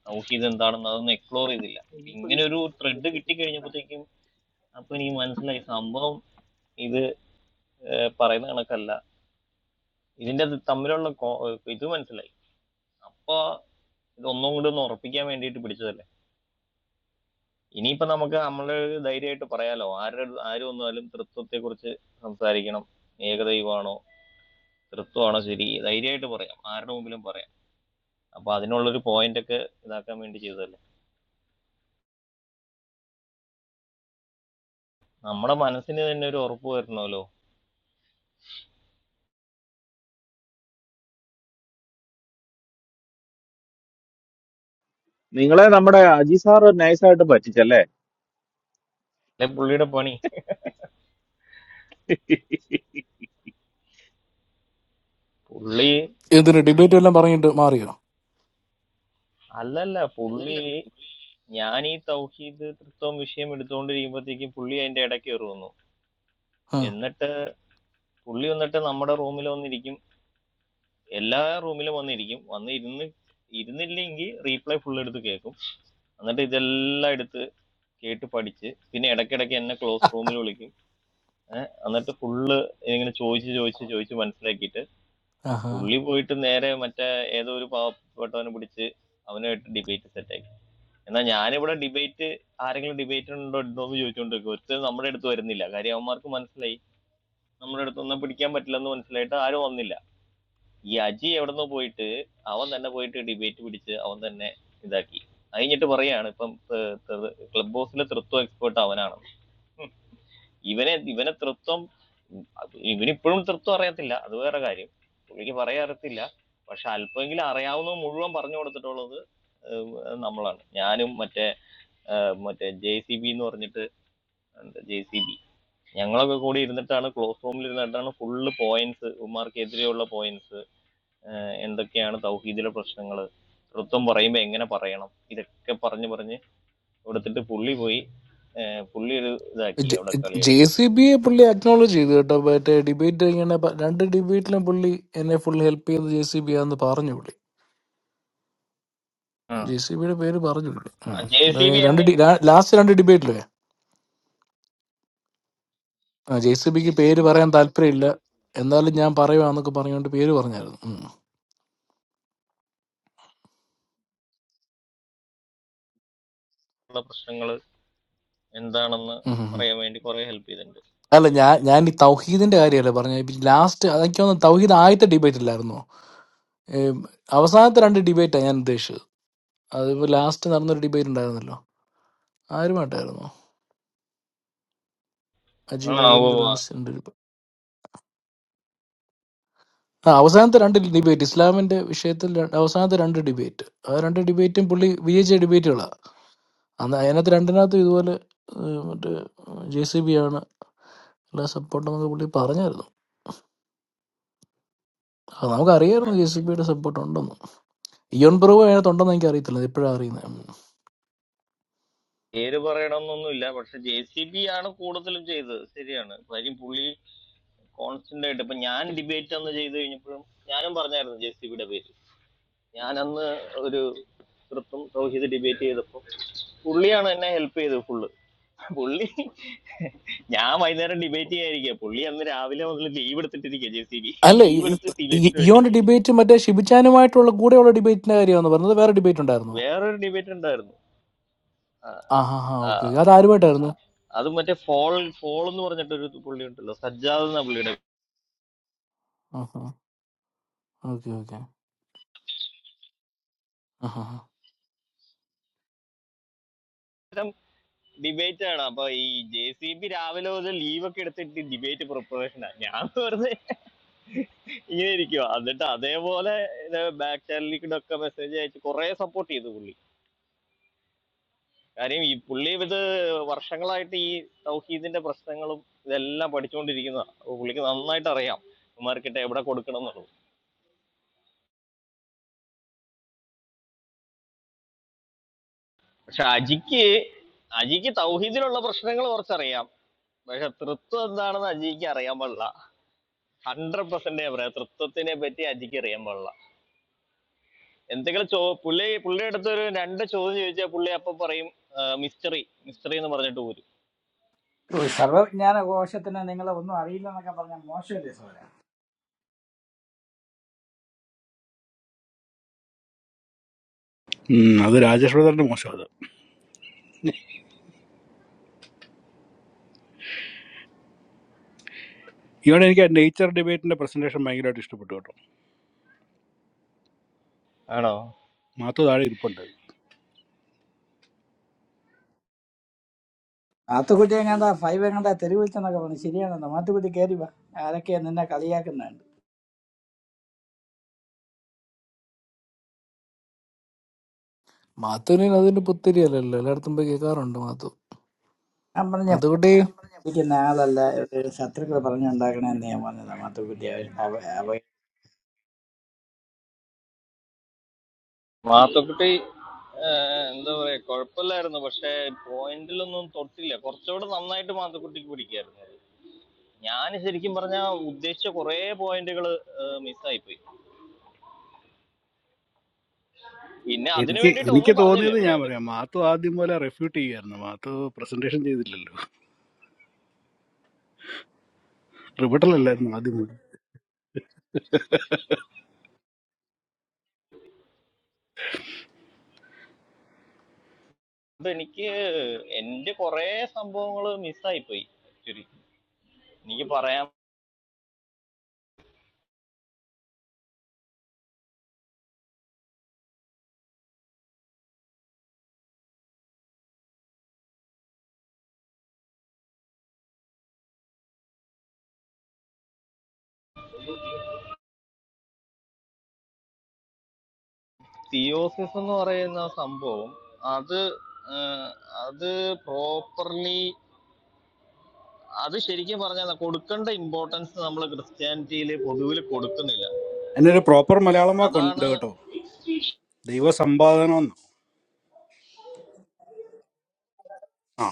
Speaker 20: സൗഹീദ് എന്താണെന്ന് അതൊന്നും എക്സ്പ്ലോർ ചെയ്തില്ല അപ്പൊ ഇങ്ങനെ ഒരു ത്രെഡ് കിട്ടിക്കഴിഞ്ഞപ്പോഴത്തേക്കും അപ്പൊ എനിക്ക് മനസ്സിലായി സംഭവം ഇത് ഏഹ്, പറയുന്ന കണക്കല്ല ഇതിന്റെ അത് തമ്മിലുള്ള കോ- ഇത് മനസ്സിലായി അപ്പൊ ഇത് ഒന്നും കൂടി ഒന്ന് ഉറപ്പിക്കാൻ വേണ്ടിയിട്ട് പിടിച്ചതല്ല ഇനിയിപ്പോ നമുക്ക് നമ്മള് ധൈര്യമായിട്ട് പറയാലോ ആരുടെ ആര് വന്നാലും തൃത്വത്തെ കുറിച്ച് സംസാരിക്കണം ഏകദൈവമാണോ തൃത്വമാണോ ശരി ധൈര്യമായിട്ട് പറയാം ആരുടെ മുമ്പിലും പറയാം അപ്പൊ അതിനുള്ളൊരു പോയിന്റ് ഒക്കെ ഇതാക്കാൻ വേണ്ടി ചെയ്തതല്ലേ നമ്മുടെ മനസ്സിന് തന്നെ ഒരു ഉറപ്പ് വരണമല്ലോ
Speaker 1: നിങ്ങളെ നമ്മുടെ അജി സാറ് നൈസായിട്ട് പറ്റിച്ചല്ലേ
Speaker 20: അല്ലെ പുള്ളിയുടെ പണി പുള്ളി
Speaker 18: എന്തിനു ഡിബേറ്റ് എല്ലാം പറഞ്ഞിട്ട് മാറിയോ
Speaker 20: അല്ലല്ല പുള്ളി ഞാൻ ഈ തൗഹീദ് തൃത്വം വിഷയം എടുത്തുകൊണ്ടിരിക്കുമ്പോഴത്തേക്കും പുള്ളി അതിന്റെ ഇടയ്ക്ക് കയറി വന്നു
Speaker 18: ആ
Speaker 20: എന്നിട്ട് പുള്ളി വന്നിട്ട് നമ്മുടെ റൂമിൽ വന്നിരിക്കും എല്ലാ റൂമിലും വന്നിരിക്കും വന്ന് ഇരുന്ന് ഇരുന്നില്ലെങ്കിൽ റീപ്ലൈ ഫുൾ എടുത്ത് കേൾക്കും എന്നിട്ട് ഇതെല്ലാം എടുത്ത് കേട്ട് പഠിച്ച് പിന്നെ ഇടയ്ക്കിടയ്ക്ക് എന്നെ ക്ലോസ് റൂമിൽ വിളിക്കും ഏഹ് എന്നിട്ട് ഫുള്ള് ഇങ്ങനെ ചോദിച്ച് ചോദിച്ച് ചോദിച്ച് മനസ്സിലാക്കിയിട്ട്
Speaker 18: ആഹാ.
Speaker 20: പുള്ളി പോയിട്ട് നേരെ മറ്റേ ഏതോ ഒരു പാവപ്പെട്ടവനെ പിടിച്ച് അവനുമായിട്ട് ഡിബേറ്റ് സെറ്റാക്കി എന്നാൽ ഞാനിവിടെ ഡിബേറ്റ് ആരെങ്കിലും ഡിബേറ്റ് ഉണ്ടോ ഉണ്ടോ എന്ന് ചോദിച്ചുകൊണ്ടിരിക്കും ഒറ്റ നമ്മുടെ അടുത്ത് വരുന്നില്ല കാര്യം അവന്മാർക്ക് മനസ്സിലായി നമ്മുടെ അടുത്തൊന്നും പിടിക്കാൻ പറ്റില്ലെന്ന് മനസ്സിലായിട്ട് ആരും വന്നില്ല ഈ അജി എവിടുന്ന് പോയിട്ട് അവൻ തന്നെ പോയിട്ട് ഡിബേറ്റ് പിടിച്ച് അവൻ തന്നെ ഇതാക്കി കഴിഞ്ഞിട്ട് പറയാണ് ഇപ്പം ക്ലബ് ഹൗസിലെ തൃത്വം എക്സ്പേർട്ട് അവനാണ് ഇവനെ ഇവനെ തൃത്വം ഇവനിപ്പോഴും തൃത്വം അറിയത്തില്ല അത് വേറെ കാര്യം പുള്ളിക്ക് പറയാൻ അറിയത്തില്ല പക്ഷെ അല്പമെങ്കിലും അറിയാവുന്നത് മുഴുവൻ പറഞ്ഞു കൊടുത്തിട്ടുള്ളത് ഏഹ് നമ്മളാണ് ഞാനും മറ്റേ ഏഹ് മറ്റേ ജെ സി ബി എന്ന് പറഞ്ഞിട്ട് ജെ സി ബി ഞങ്ങളൊക്കെ കൂടി ഇരുന്നിട്ടാണ് ക്ലോസ് റൂമിൽ ഇരുന്നിട്ടാണ് ഫുള്ള് പോയിന്റ്സ് ഉമ്മാർക്കെതിരെയുള്ള പോയിന്റ്സ് എന്തൊക്കെയാണ് തൗഹീദിലെ പ്രശ്നങ്ങൾ തൃത്വം പറയുമ്പോൾ എങ്ങനെ പറയണം ഇതൊക്കെ പറഞ്ഞ് പറഞ്ഞ് കൊടുത്തിട്ട് പുള്ളി പോയി ഏഹ് പുള്ളി ഒരു ഇതാക്കി അവിടെ കളി
Speaker 18: ജെ
Speaker 20: കളിച്ച്
Speaker 18: സി ബിയെ പുള്ളി അക്നോളജ് ചെയ്തു കേട്ടോ മറ്റേ ഡിബേറ്റ് ഇങ്ങനെ പ- രണ്ട് ഡിബേറ്റിലും പുള്ളി എന്നെ ഫുള്ളി ഹെൽപ്പ് ചെയ്ത് ജെ സി ബി ആന്ന് പറഞ്ഞു പുള്ളി ജെ
Speaker 20: ആ
Speaker 18: സി ബിയുടെ പേര് പറഞ്ഞു പുള്ളി ആ.
Speaker 20: ജെ സി
Speaker 18: ഏ,
Speaker 20: ബി
Speaker 18: രണ്ട്
Speaker 20: എന്നെയും
Speaker 18: ലാസ്റ്റ് രണ്ട് ഡിബേറ്റിലേ ആ ജെ സി ബിക്ക് പേര് പറയാൻ താല്പര്യമില്ല എന്നാലും ഞാൻ പറയുവാന്നൊക്കെ പറഞ്ഞുകൊണ്ട് പേര് പറഞ്ഞായിരുന്നു ഉം.
Speaker 20: ഉള്ള പ്രശ്നങ്ങൾ എന്താണെന്ന്
Speaker 18: ഉം ഉം ഉം.
Speaker 20: പറയാൻ വേണ്ടി കുറെ ഹെൽപ്പ് ചെയ്തിട്ടുണ്ട്
Speaker 18: അല്ല ഞാൻ ഞാൻ ഈ തൗഹീദിന്റെ കാര്യമല്ലേ പറഞ്ഞ ലാസ്റ്റ് അതൊക്കെ ഒന്ന് തൗഹീദ് ആദ്യത്തെ ഡിബേറ്റ് ഇല്ലായിരുന്നോ ഏം, അവസാനത്തെ രണ്ട് ഡിബേറ്റാണ് ഞാൻ ഉദ്ദേശിച്ചത് അതിപ്പോ ലാസ്റ്റ് നടന്നൊരു ഡിബേറ്റ് ഉണ്ടായിരുന്നല്ലോ ആരുമായിട്ടായിരുന്നു അജീബ്
Speaker 20: ആ ഉവ്വ്
Speaker 18: മദറിന്റെ
Speaker 20: ഉവ്വ്.
Speaker 18: ലാസ്റ്റ് രണ്ട് ഡിബേറ്റ് ആ അവസാനത്തെ രണ്ട് ഡിബേറ്റ് ഇസ്ലാമിന്റെ വിഷയത്തിൽ ര- അവസാനത്തെ രണ്ട് ഡിബേറ്റ് ആ രണ്ട് ഡിബേറ്റും പുള്ളി വിജയിച്ച ഡിബേറ്റുകളാണ് അന്ന് അതിനകത്ത് രണ്ടിനകത്ത് ഇതുപോലെ ഏഹ്, മറ്റേ ജെ സി ബി ആണ് എല്ലാ സപ്പോർട്ടും എന്നൊക്കെ പുള്ളി പറഞ്ഞായിരുന്നു അത് നമുക്ക് അറിയായിരുന്നു ജെ സി ബിയുടെ സപ്പോർട്ട് ഉണ്ടെന്ന് ഇയോൺ പ്രൂവ് അതിനകത്ത് ഉണ്ടെന്ന് എനിക്ക് അറിയത്തില്ല ഇപ്പോഴാണ് അറിയുന്നത്
Speaker 20: പേര് പറയണമെന്നൊന്നുമില്ല പക്ഷെ ജെ സി ബി ആണ് കൂടുതലും ചെയ്തത് ശരിയാണ് കാര്യം പുള്ളി കോൺസ്റ്റന്റ് ആയിട്ട് ഇപ്പൊ ഞാൻ ഡിബേറ്റ് അന്ന് ചെയ്ത് കഴിഞ്ഞപ്പോഴും ഞാനും പറഞ്ഞായിരുന്നു ജെ സി ബിയുടെ പേര് ഞാനന്ന് ഒരു തൃത്തും തൗഹീദ് ഡിബേറ്റ് ചെയ്തപ്പോൾ പുള്ളിയാണ് എന്നെ ഹെൽപ്പ് ചെയ്തത് ഫുള്ള് പുള്ളി ഞാൻ വൈകുന്നേരം ഡിബേറ്റ് ചെയ്യാതിരിക്കുക പുള്ളി അന്ന് രാവിലെ മുതൽ ലീവ് എടുത്തിട്ടിരിക്കുക ജെ സി ബി
Speaker 18: അല്ല ഈ-
Speaker 20: ലീവ് എടുത്ത്
Speaker 18: ഈ- ഈ-
Speaker 20: ഡിബേറ്റിന് വേണ്ടി
Speaker 18: ഇയോന്റെ ഡിബേറ്റ് മറ്റേ ഷിബിച്ചാനുമായിട്ടുള്ള കൂടെയുള്ള ഡിബേറ്റിന്റെ കാര്യമാണ് പറഞ്ഞത് വേറെ ഡിബേറ്റ് ഉണ്ടായിരുന്നോ
Speaker 20: വേറൊരു ഡിബേറ്റ് ഉണ്ടായിരുന്നു ആ,
Speaker 18: ആ ഹാ ഹാ
Speaker 20: ആ,
Speaker 18: ഓക്കെ ഓക്കെ അത് ആരുമായിട്ടായിരുന്നു
Speaker 20: അത് മറ്റേ ഫോൾ ഫോൾ എന്ന് പറഞ്ഞിട്ടൊരു പുള്ളി ഉണ്ടല്ലോ സജ്ജാദ് എന്ന പുള്ളിയുടെ
Speaker 18: ആ ഹാ ഓക്കെ ഓക്കെ
Speaker 20: ഡിബേറ്റ് ആണ് അപ്പൊ ഈ ജെ സി ബി രാവിലെ മുതൽ ലീവ് ഒക്കെ എടുത്തിട്ട് ഡിബേറ്റ് പ്രിപ്പറേഷനാണ് ഞാൻ വെറുതെ ഇങ്ങനെ ഇരിക്കുക എന്നിട്ട് അതേപോലെ ബാക്ക് ചാനലിലേക്കൊക്കെ മെസ്സേജ് അയച്ച് കുറെ സപ്പോർട്ട് ചെയ്തു പുള്ളി കാര്യം ഈ പുള്ളി ഇത് വർഷങ്ങളായിട്ട് ഈ തൗഹീദിന്റെ പ്രശ്നങ്ങളും ഇതെല്ലാം പഠിച്ചുകൊണ്ടിരിക്കുന്നതാണ് അപ്പൊ പുള്ളിക്ക് നന്നായിട്ട് അറിയാം ഉമ്മാർക്കിട്ട് എവിടെ കൊടുക്കണം എന്നുള്ളത് പക്ഷെ അജിക്ക് അജിക്ക് തൗഹീദിലുള്ള പ്രശ്നങ്ങൾ കുറച്ചറിയാം പക്ഷെ തൃത്വം എന്താണെന്ന് അജിക്ക് അറിയാൻ പാടില്ല ഹൺഡ്രഡ് പെർസെന്റ് ഞാൻ പറയാം തൃത്വത്തിനെ പറ്റി അജിക്ക് അറിയാൻ പാടില്ല എന്തെങ്കിലും ചോ പുള്ളി പുള്ളിയുടെ അടുത്ത് ഒരു രണ്ട് ചോദ്യം ചോദിച്ചാൽ പുള്ളി അപ്പം പറയും മിസ്റ്ററി മിസ്റ്ററി എന്ന് പറഞ്ഞിട്ട് പോരും
Speaker 4: ഓ, സർവ്വജ്ഞാന കോശത്തിന് നിങ്ങളെ ഒന്നും അറിയില്ല എന്നൊക്കെ പറഞ്ഞ മോശമല്ലേ സോര
Speaker 2: ഉം, അത് രാജേഷ് ബ്രദറിന്റെ മോശം അത് ഇവിടെ എനിക്ക് നേച്ചർ ഡിബേറ്റിന്റെ പ്രസന്റേഷൻ ഭയങ്കരമായിട്ട് ഇഷ്ടപ്പെട്ടു കേട്ടോ
Speaker 20: ആണോ
Speaker 2: മാത്തു താഴെ ഇരിപ്പുണ്ട്
Speaker 4: മാത്തുക്കുട്ടി എങ്ങാണ്ടാ ഫൈവ് എങ്ങാണ്ടാ തെരുവിളിച്ചെന്നൊക്കെ പറഞ്ഞു ശരിയാണെന്നോ മാത്തുക്കുട്ടി കയറി വാ ആരൊക്കെയാ നിന്നെ കളിയാക്കുന്നുണ്ട്
Speaker 18: മാത്തുവിന് അതിന് പുത്തിരിയല്ലല്ലോ എല്ലായിടത്തും പോയി കേൾക്കാറുണ്ട് മാത്തു
Speaker 4: ഞാൻ പറഞ്ഞ ഫൈവ്
Speaker 18: മാത്തുക്കുട്ടി
Speaker 4: ഇരിക്കുന്ന ആളല്ല ഒരു ശത്രുക്കൾ പറഞ്ഞുണ്ടാക്കണേന്ന് ഞാൻ പറഞ്ഞതാ മാത്തുക്കുട്ടി
Speaker 20: വാത്തുക്കുട്ടി ഏഹ്, എന്താ പറയാ കുഴപ്പമില്ലായിരുന്നു പക്ഷെ പോയിന്റിലൊന്നും തൊട്ടില്ല കുറച്ചുകൂടെ നന്നായിട്ട് മാത്തുക്കുട്ടിക്ക് പിടിക്കായിരുന്നു ഞാൻ ശരിക്കും പറഞ്ഞ ഉദ്ദേശിച്ച കുറെ പോയിന്റുകൾ മിസ്സായി പോയി പിന്നെ അതിനു
Speaker 2: എനിക്ക്
Speaker 20: വേണ്ടിയിട്ട്
Speaker 2: എനിക്ക്
Speaker 20: ഒന്നും പറഞ്ഞില്ല
Speaker 2: തോന്നിയത്
Speaker 20: പിന്നെ
Speaker 2: ഞാൻ
Speaker 20: ഇവിടെ
Speaker 2: പറയാം മാത്തു ആദ്യം പോലെ റെഫ്യൂട്ട് ചെയ്യായിരുന്നു മാത്തു പ്രസന്റേഷൻ ചെയ്തില്ലല്ലോ ട്രിബിട്ടൽ അല്ലായിരുന്നു ആദ്യം മുതൽ
Speaker 20: ഇപ്പൊ എനിക്ക് എന്റെ കുറെ സംഭവങ്ങൾ മിസ്സായി പോയി ശരിക്കും എനിക്ക് പറയാം തിയോസിസ് എന്ന് പറയുന്ന സംഭവം അത് ഏഹ്, അത് പ്രോപ്പർലി അത് ശരിക്കും പറഞ്ഞാൽ കൊടുക്കേണ്ട ഇമ്പോർട്ടൻസ് നമ്മൾ ക്രിസ്ത്യാനിറ്റിയിൽ പൊതുവിൽ കൊടുക്കുന്നില്ല
Speaker 2: അതിനൊരു പ്രോപ്പർ മലയാളം വാക്കുണ്ട്
Speaker 20: അതാണ്
Speaker 2: കേട്ടോ ദൈവസമ്പാദനം എന്ന് ആ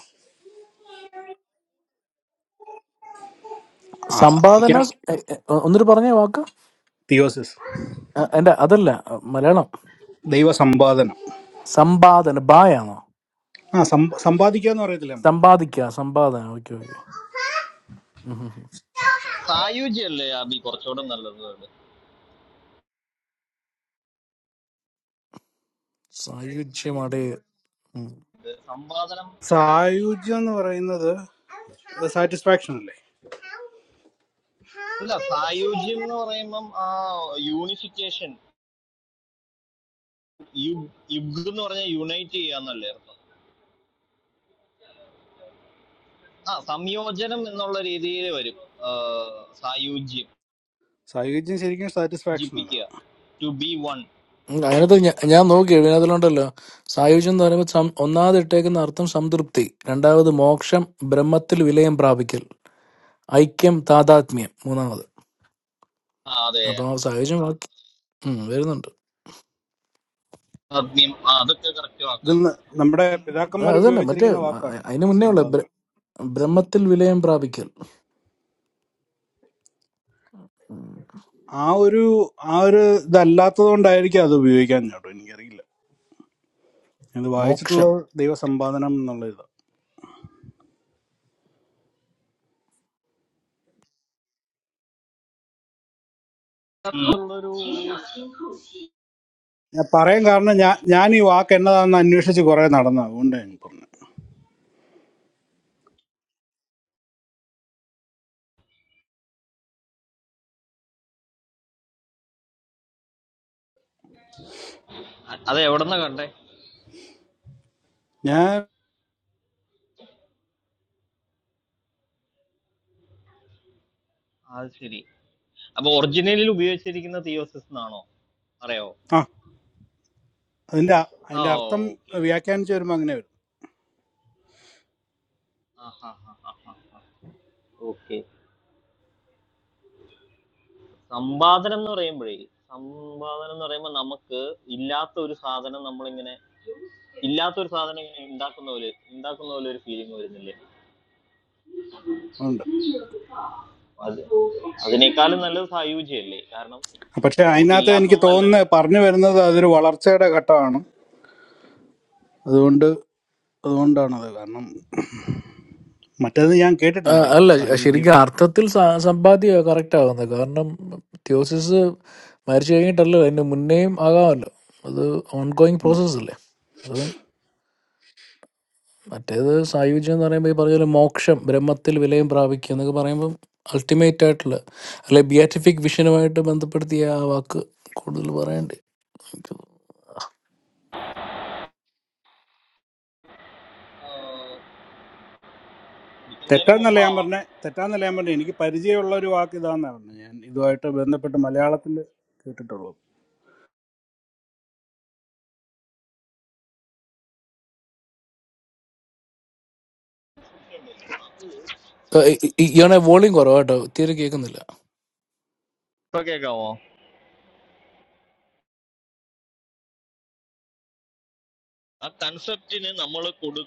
Speaker 2: ആ
Speaker 18: സമ്പാദന
Speaker 2: അതായിരിക്കാം
Speaker 18: എ- എ- ഒന്നൊരു പറഞ്ഞ വാക്ക്
Speaker 2: തിയോസിസ്
Speaker 18: അ- എന്റെ അതല്ല അ, മലയാളം
Speaker 2: ദൈവസമ്പാദനം
Speaker 18: സമ്പാദന ബായാണോ
Speaker 2: ആ സമ്പ സമ്പാദിക്കുക എന്ന് പറയത്തില്ല നമ്മള്
Speaker 18: സമ്പാദിക്കുക സമ്പാദന ഓക്കെ ഓക്കെ
Speaker 20: സായുജ്യല്ലേ അബി കുറച്ചുകൂടെ നല്ലത്
Speaker 18: സായുജ്യമടേ
Speaker 20: ഇത് സംവാദനം
Speaker 2: സായുജ്യം എന്ന് പറയുന്നത് സാറ്റിസ്ഫാക്ഷൻ അല്ലേ
Speaker 20: അല്ല സായുജ്യം എന്ന് പറയുമ്പം ആ യൂണിഫിക്കേഷൻ യു- യുഗ് എന്ന് പറഞ്ഞാൽ യുണൈറ്റ് ചെയ്യാന്നല്ലേ അർത്ഥം ആ സംയോജനം എന്നുള്ള രീതിയിൽ വരും ആ, സായുജ്യം
Speaker 2: സായുജ്യം ശരിക്കും സാറ്റിസ്ഫാക്ഷൻ അല്ല
Speaker 20: യോജിപ്പിക്കുക ടു ബി വൺ
Speaker 18: അതിനകത്ത് ഞ- ഞാൻ നോക്കി അതിലുണ്ടല്ലോ സായുജ്യം എന്ന് പറയുമ്പോൾ സം- ഒന്നാമത് ഇട്ടേക്കുന്ന അർത്ഥം സംതൃപ്തി രണ്ടാമത് മോക്ഷം ബ്രഹ്മത്തിൽ വിലയം പ്രാപിക്കൽ ഐക്യം താതാത്മ്യം മൂന്നാമത്
Speaker 20: അതെ
Speaker 18: അപ്പൊ സായുജ്യം വാക്ക് ഉം, വരുന്നുണ്ട്
Speaker 20: ആത്മ്യം ആ, അതൊക്കെ കറക്റ്റ്
Speaker 2: ഇത്
Speaker 20: ആക്കാം
Speaker 2: ന- നമ്മുടെ
Speaker 18: ആ,
Speaker 2: പിതാക്കന്മാർ
Speaker 18: അതന്നെ മറ്റേ
Speaker 2: ഉപയോഗിച്ചിരിക്കുന്ന
Speaker 18: അ-
Speaker 2: വാക്കാണ്
Speaker 18: അ- അതിന് മുന്നേ ഉള്ള ബ്ര-
Speaker 2: സമ്പാദനം
Speaker 18: ബ്രഹ്മത്തിൽ വിലയം പ്രാപിക്കൽ ഉം.
Speaker 2: ആ ഒരു ആ ഒരു ഇതല്ലാത്തത് കൊണ്ടായിരിക്കും അത് ഉപയോഗിക്കാൻ കേട്ടോ എനിക്കറിയില്ല ഇത്
Speaker 18: മോക്ഷം
Speaker 2: വായിച്ചിട്ടുള്ളത് ദൈവസമ്പാദനം എന്നുള്ള ഇത്
Speaker 20: ഉള്ളൊരു
Speaker 2: ഞാൻ പറയാൻ കാരണം ഞാൻ ഞാൻ ഈ വാക്ക് എന്നതാണെന്ന് അന്വേഷിച്ച് കുറെ നടന്നു അതുകൊണ്ട് ഞാൻ പറഞ്ഞു
Speaker 20: അത് എവിടെന്ന കണ്ടേ
Speaker 2: ഞാൻ
Speaker 20: അത് ശരി അപ്പൊ ഒറിജിനലിൽ ഉപയോഗിച്ചിരിക്കുന്ന തിയോസിസ് എന്നാണോ അറിയാവോ
Speaker 2: ആ അതിന്റെ അ- അതിന്റെ
Speaker 20: ആ
Speaker 2: അർത്ഥം
Speaker 20: ഓക്കെ
Speaker 2: വ്യാഖ്യാനിച്ച് വരുമ്പോൾ അങ്ങനെ വരും
Speaker 20: ഓക്കെ സമ്പാദനം എന്ന് പറയുമ്പോഴേ സമ്പാദനം എന്ന് പറയുമ്പോൾ നമുക്ക് ഇല്ലാത്ത ഒരു സാധനം നമ്മളിങ്ങനെ ഇല്ലാത്ത ഒരു സാധനം ഇങ്ങനെ ഉണ്ടാക്കുന്ന പോലെ ഉണ്ടാക്കുന്ന പോലെ ഒരു ഫീലിംഗ് വരുന്നില്ലേ
Speaker 2: ഉണ്ട്
Speaker 20: അത് അതിനേക്കാളും നല്ലത് സായുജ്യല്ലേ കാരണം
Speaker 2: പക്ഷെ
Speaker 20: നമുക്ക്
Speaker 2: അതിനകത്ത് എനിക്ക്
Speaker 20: ഇല്ലാത്തൊന്നല്ലല്ലോ
Speaker 2: തോന്നുന്നത് പറഞ്ഞു വരുന്നത് അതൊരു വളർച്ചയുടെ ഘട്ടമാണ് അതുകൊണ്ട് അതുകൊണ്ടാണത് കാരണം മറ്റേത് ഞാൻ
Speaker 18: ആ,
Speaker 2: കേട്ടിട്ടില്ല ആ വാക്ക്
Speaker 18: അല്ല
Speaker 2: സായുജ്യം
Speaker 18: ശരിക്കും അർത്ഥത്തിൽ സ- സമ്പാദ്യ കറക്റ്റ് ആകുന്നത് കാരണം തിയോസിസ് മരിച്ചു കഴിഞ്ഞിട്ടല്ല അതിന് മുന്നേയും ആകാമല്ലോ അത് ഓൺഗോയിങ്
Speaker 2: ഉം.
Speaker 18: പ്രോസസ് അല്ലേ അതും മറ്റേത് സായുജ്യം എന്ന് പറയുമ്പോൾ ഈ പറഞ്ഞ പോലെ മോക്ഷം ബ്രഹ്മത്തിൽ വിലയം പ്രാപിക്കുക എന്നൊക്കെ പറയുമ്പോൾ അൾട്ടിമേറ്റ് ആയിട്ടുള്ള അല്ലെ ബിയാറ്റിഫിക് വിഷനുമായിട്ട് ബന്ധപ്പെടുത്തിയ ആ വാക്ക് കൂടുതൽ പറയണ്ടേ എനിക്ക് തോന്നുന്നു.
Speaker 20: ആഹ് കിട്ടുന്നതിന്
Speaker 2: തെറ്റാന്നല്ല
Speaker 20: മുമ്പ്
Speaker 2: ഞാൻ
Speaker 20: ആവാം
Speaker 2: പറഞ്ഞ തെറ്റാന്നല്ല ഞാൻ പറഞ്ഞത് എനിക്ക് പരിചയമുള്ള ഒരു വാക്ക് ഇതാന്നാണ് പറഞ്ഞത് ഞാൻ ഇതുമായിട്ട് ബന്ധപ്പെട്ട് മലയാളത്തിൽ കേട്ടിട്ടുള്ളൂ
Speaker 18: ആ, ഇ- ഇ- ഇയാളെ വോളിയം കുറവാട്ടോ തീരെ കേൾക്കുന്നില്ല
Speaker 20: ഇപ്പൊ കേൾക്കാമോ ആ കൺസെപ്റ്റിന് നമ്മൾ കൊടു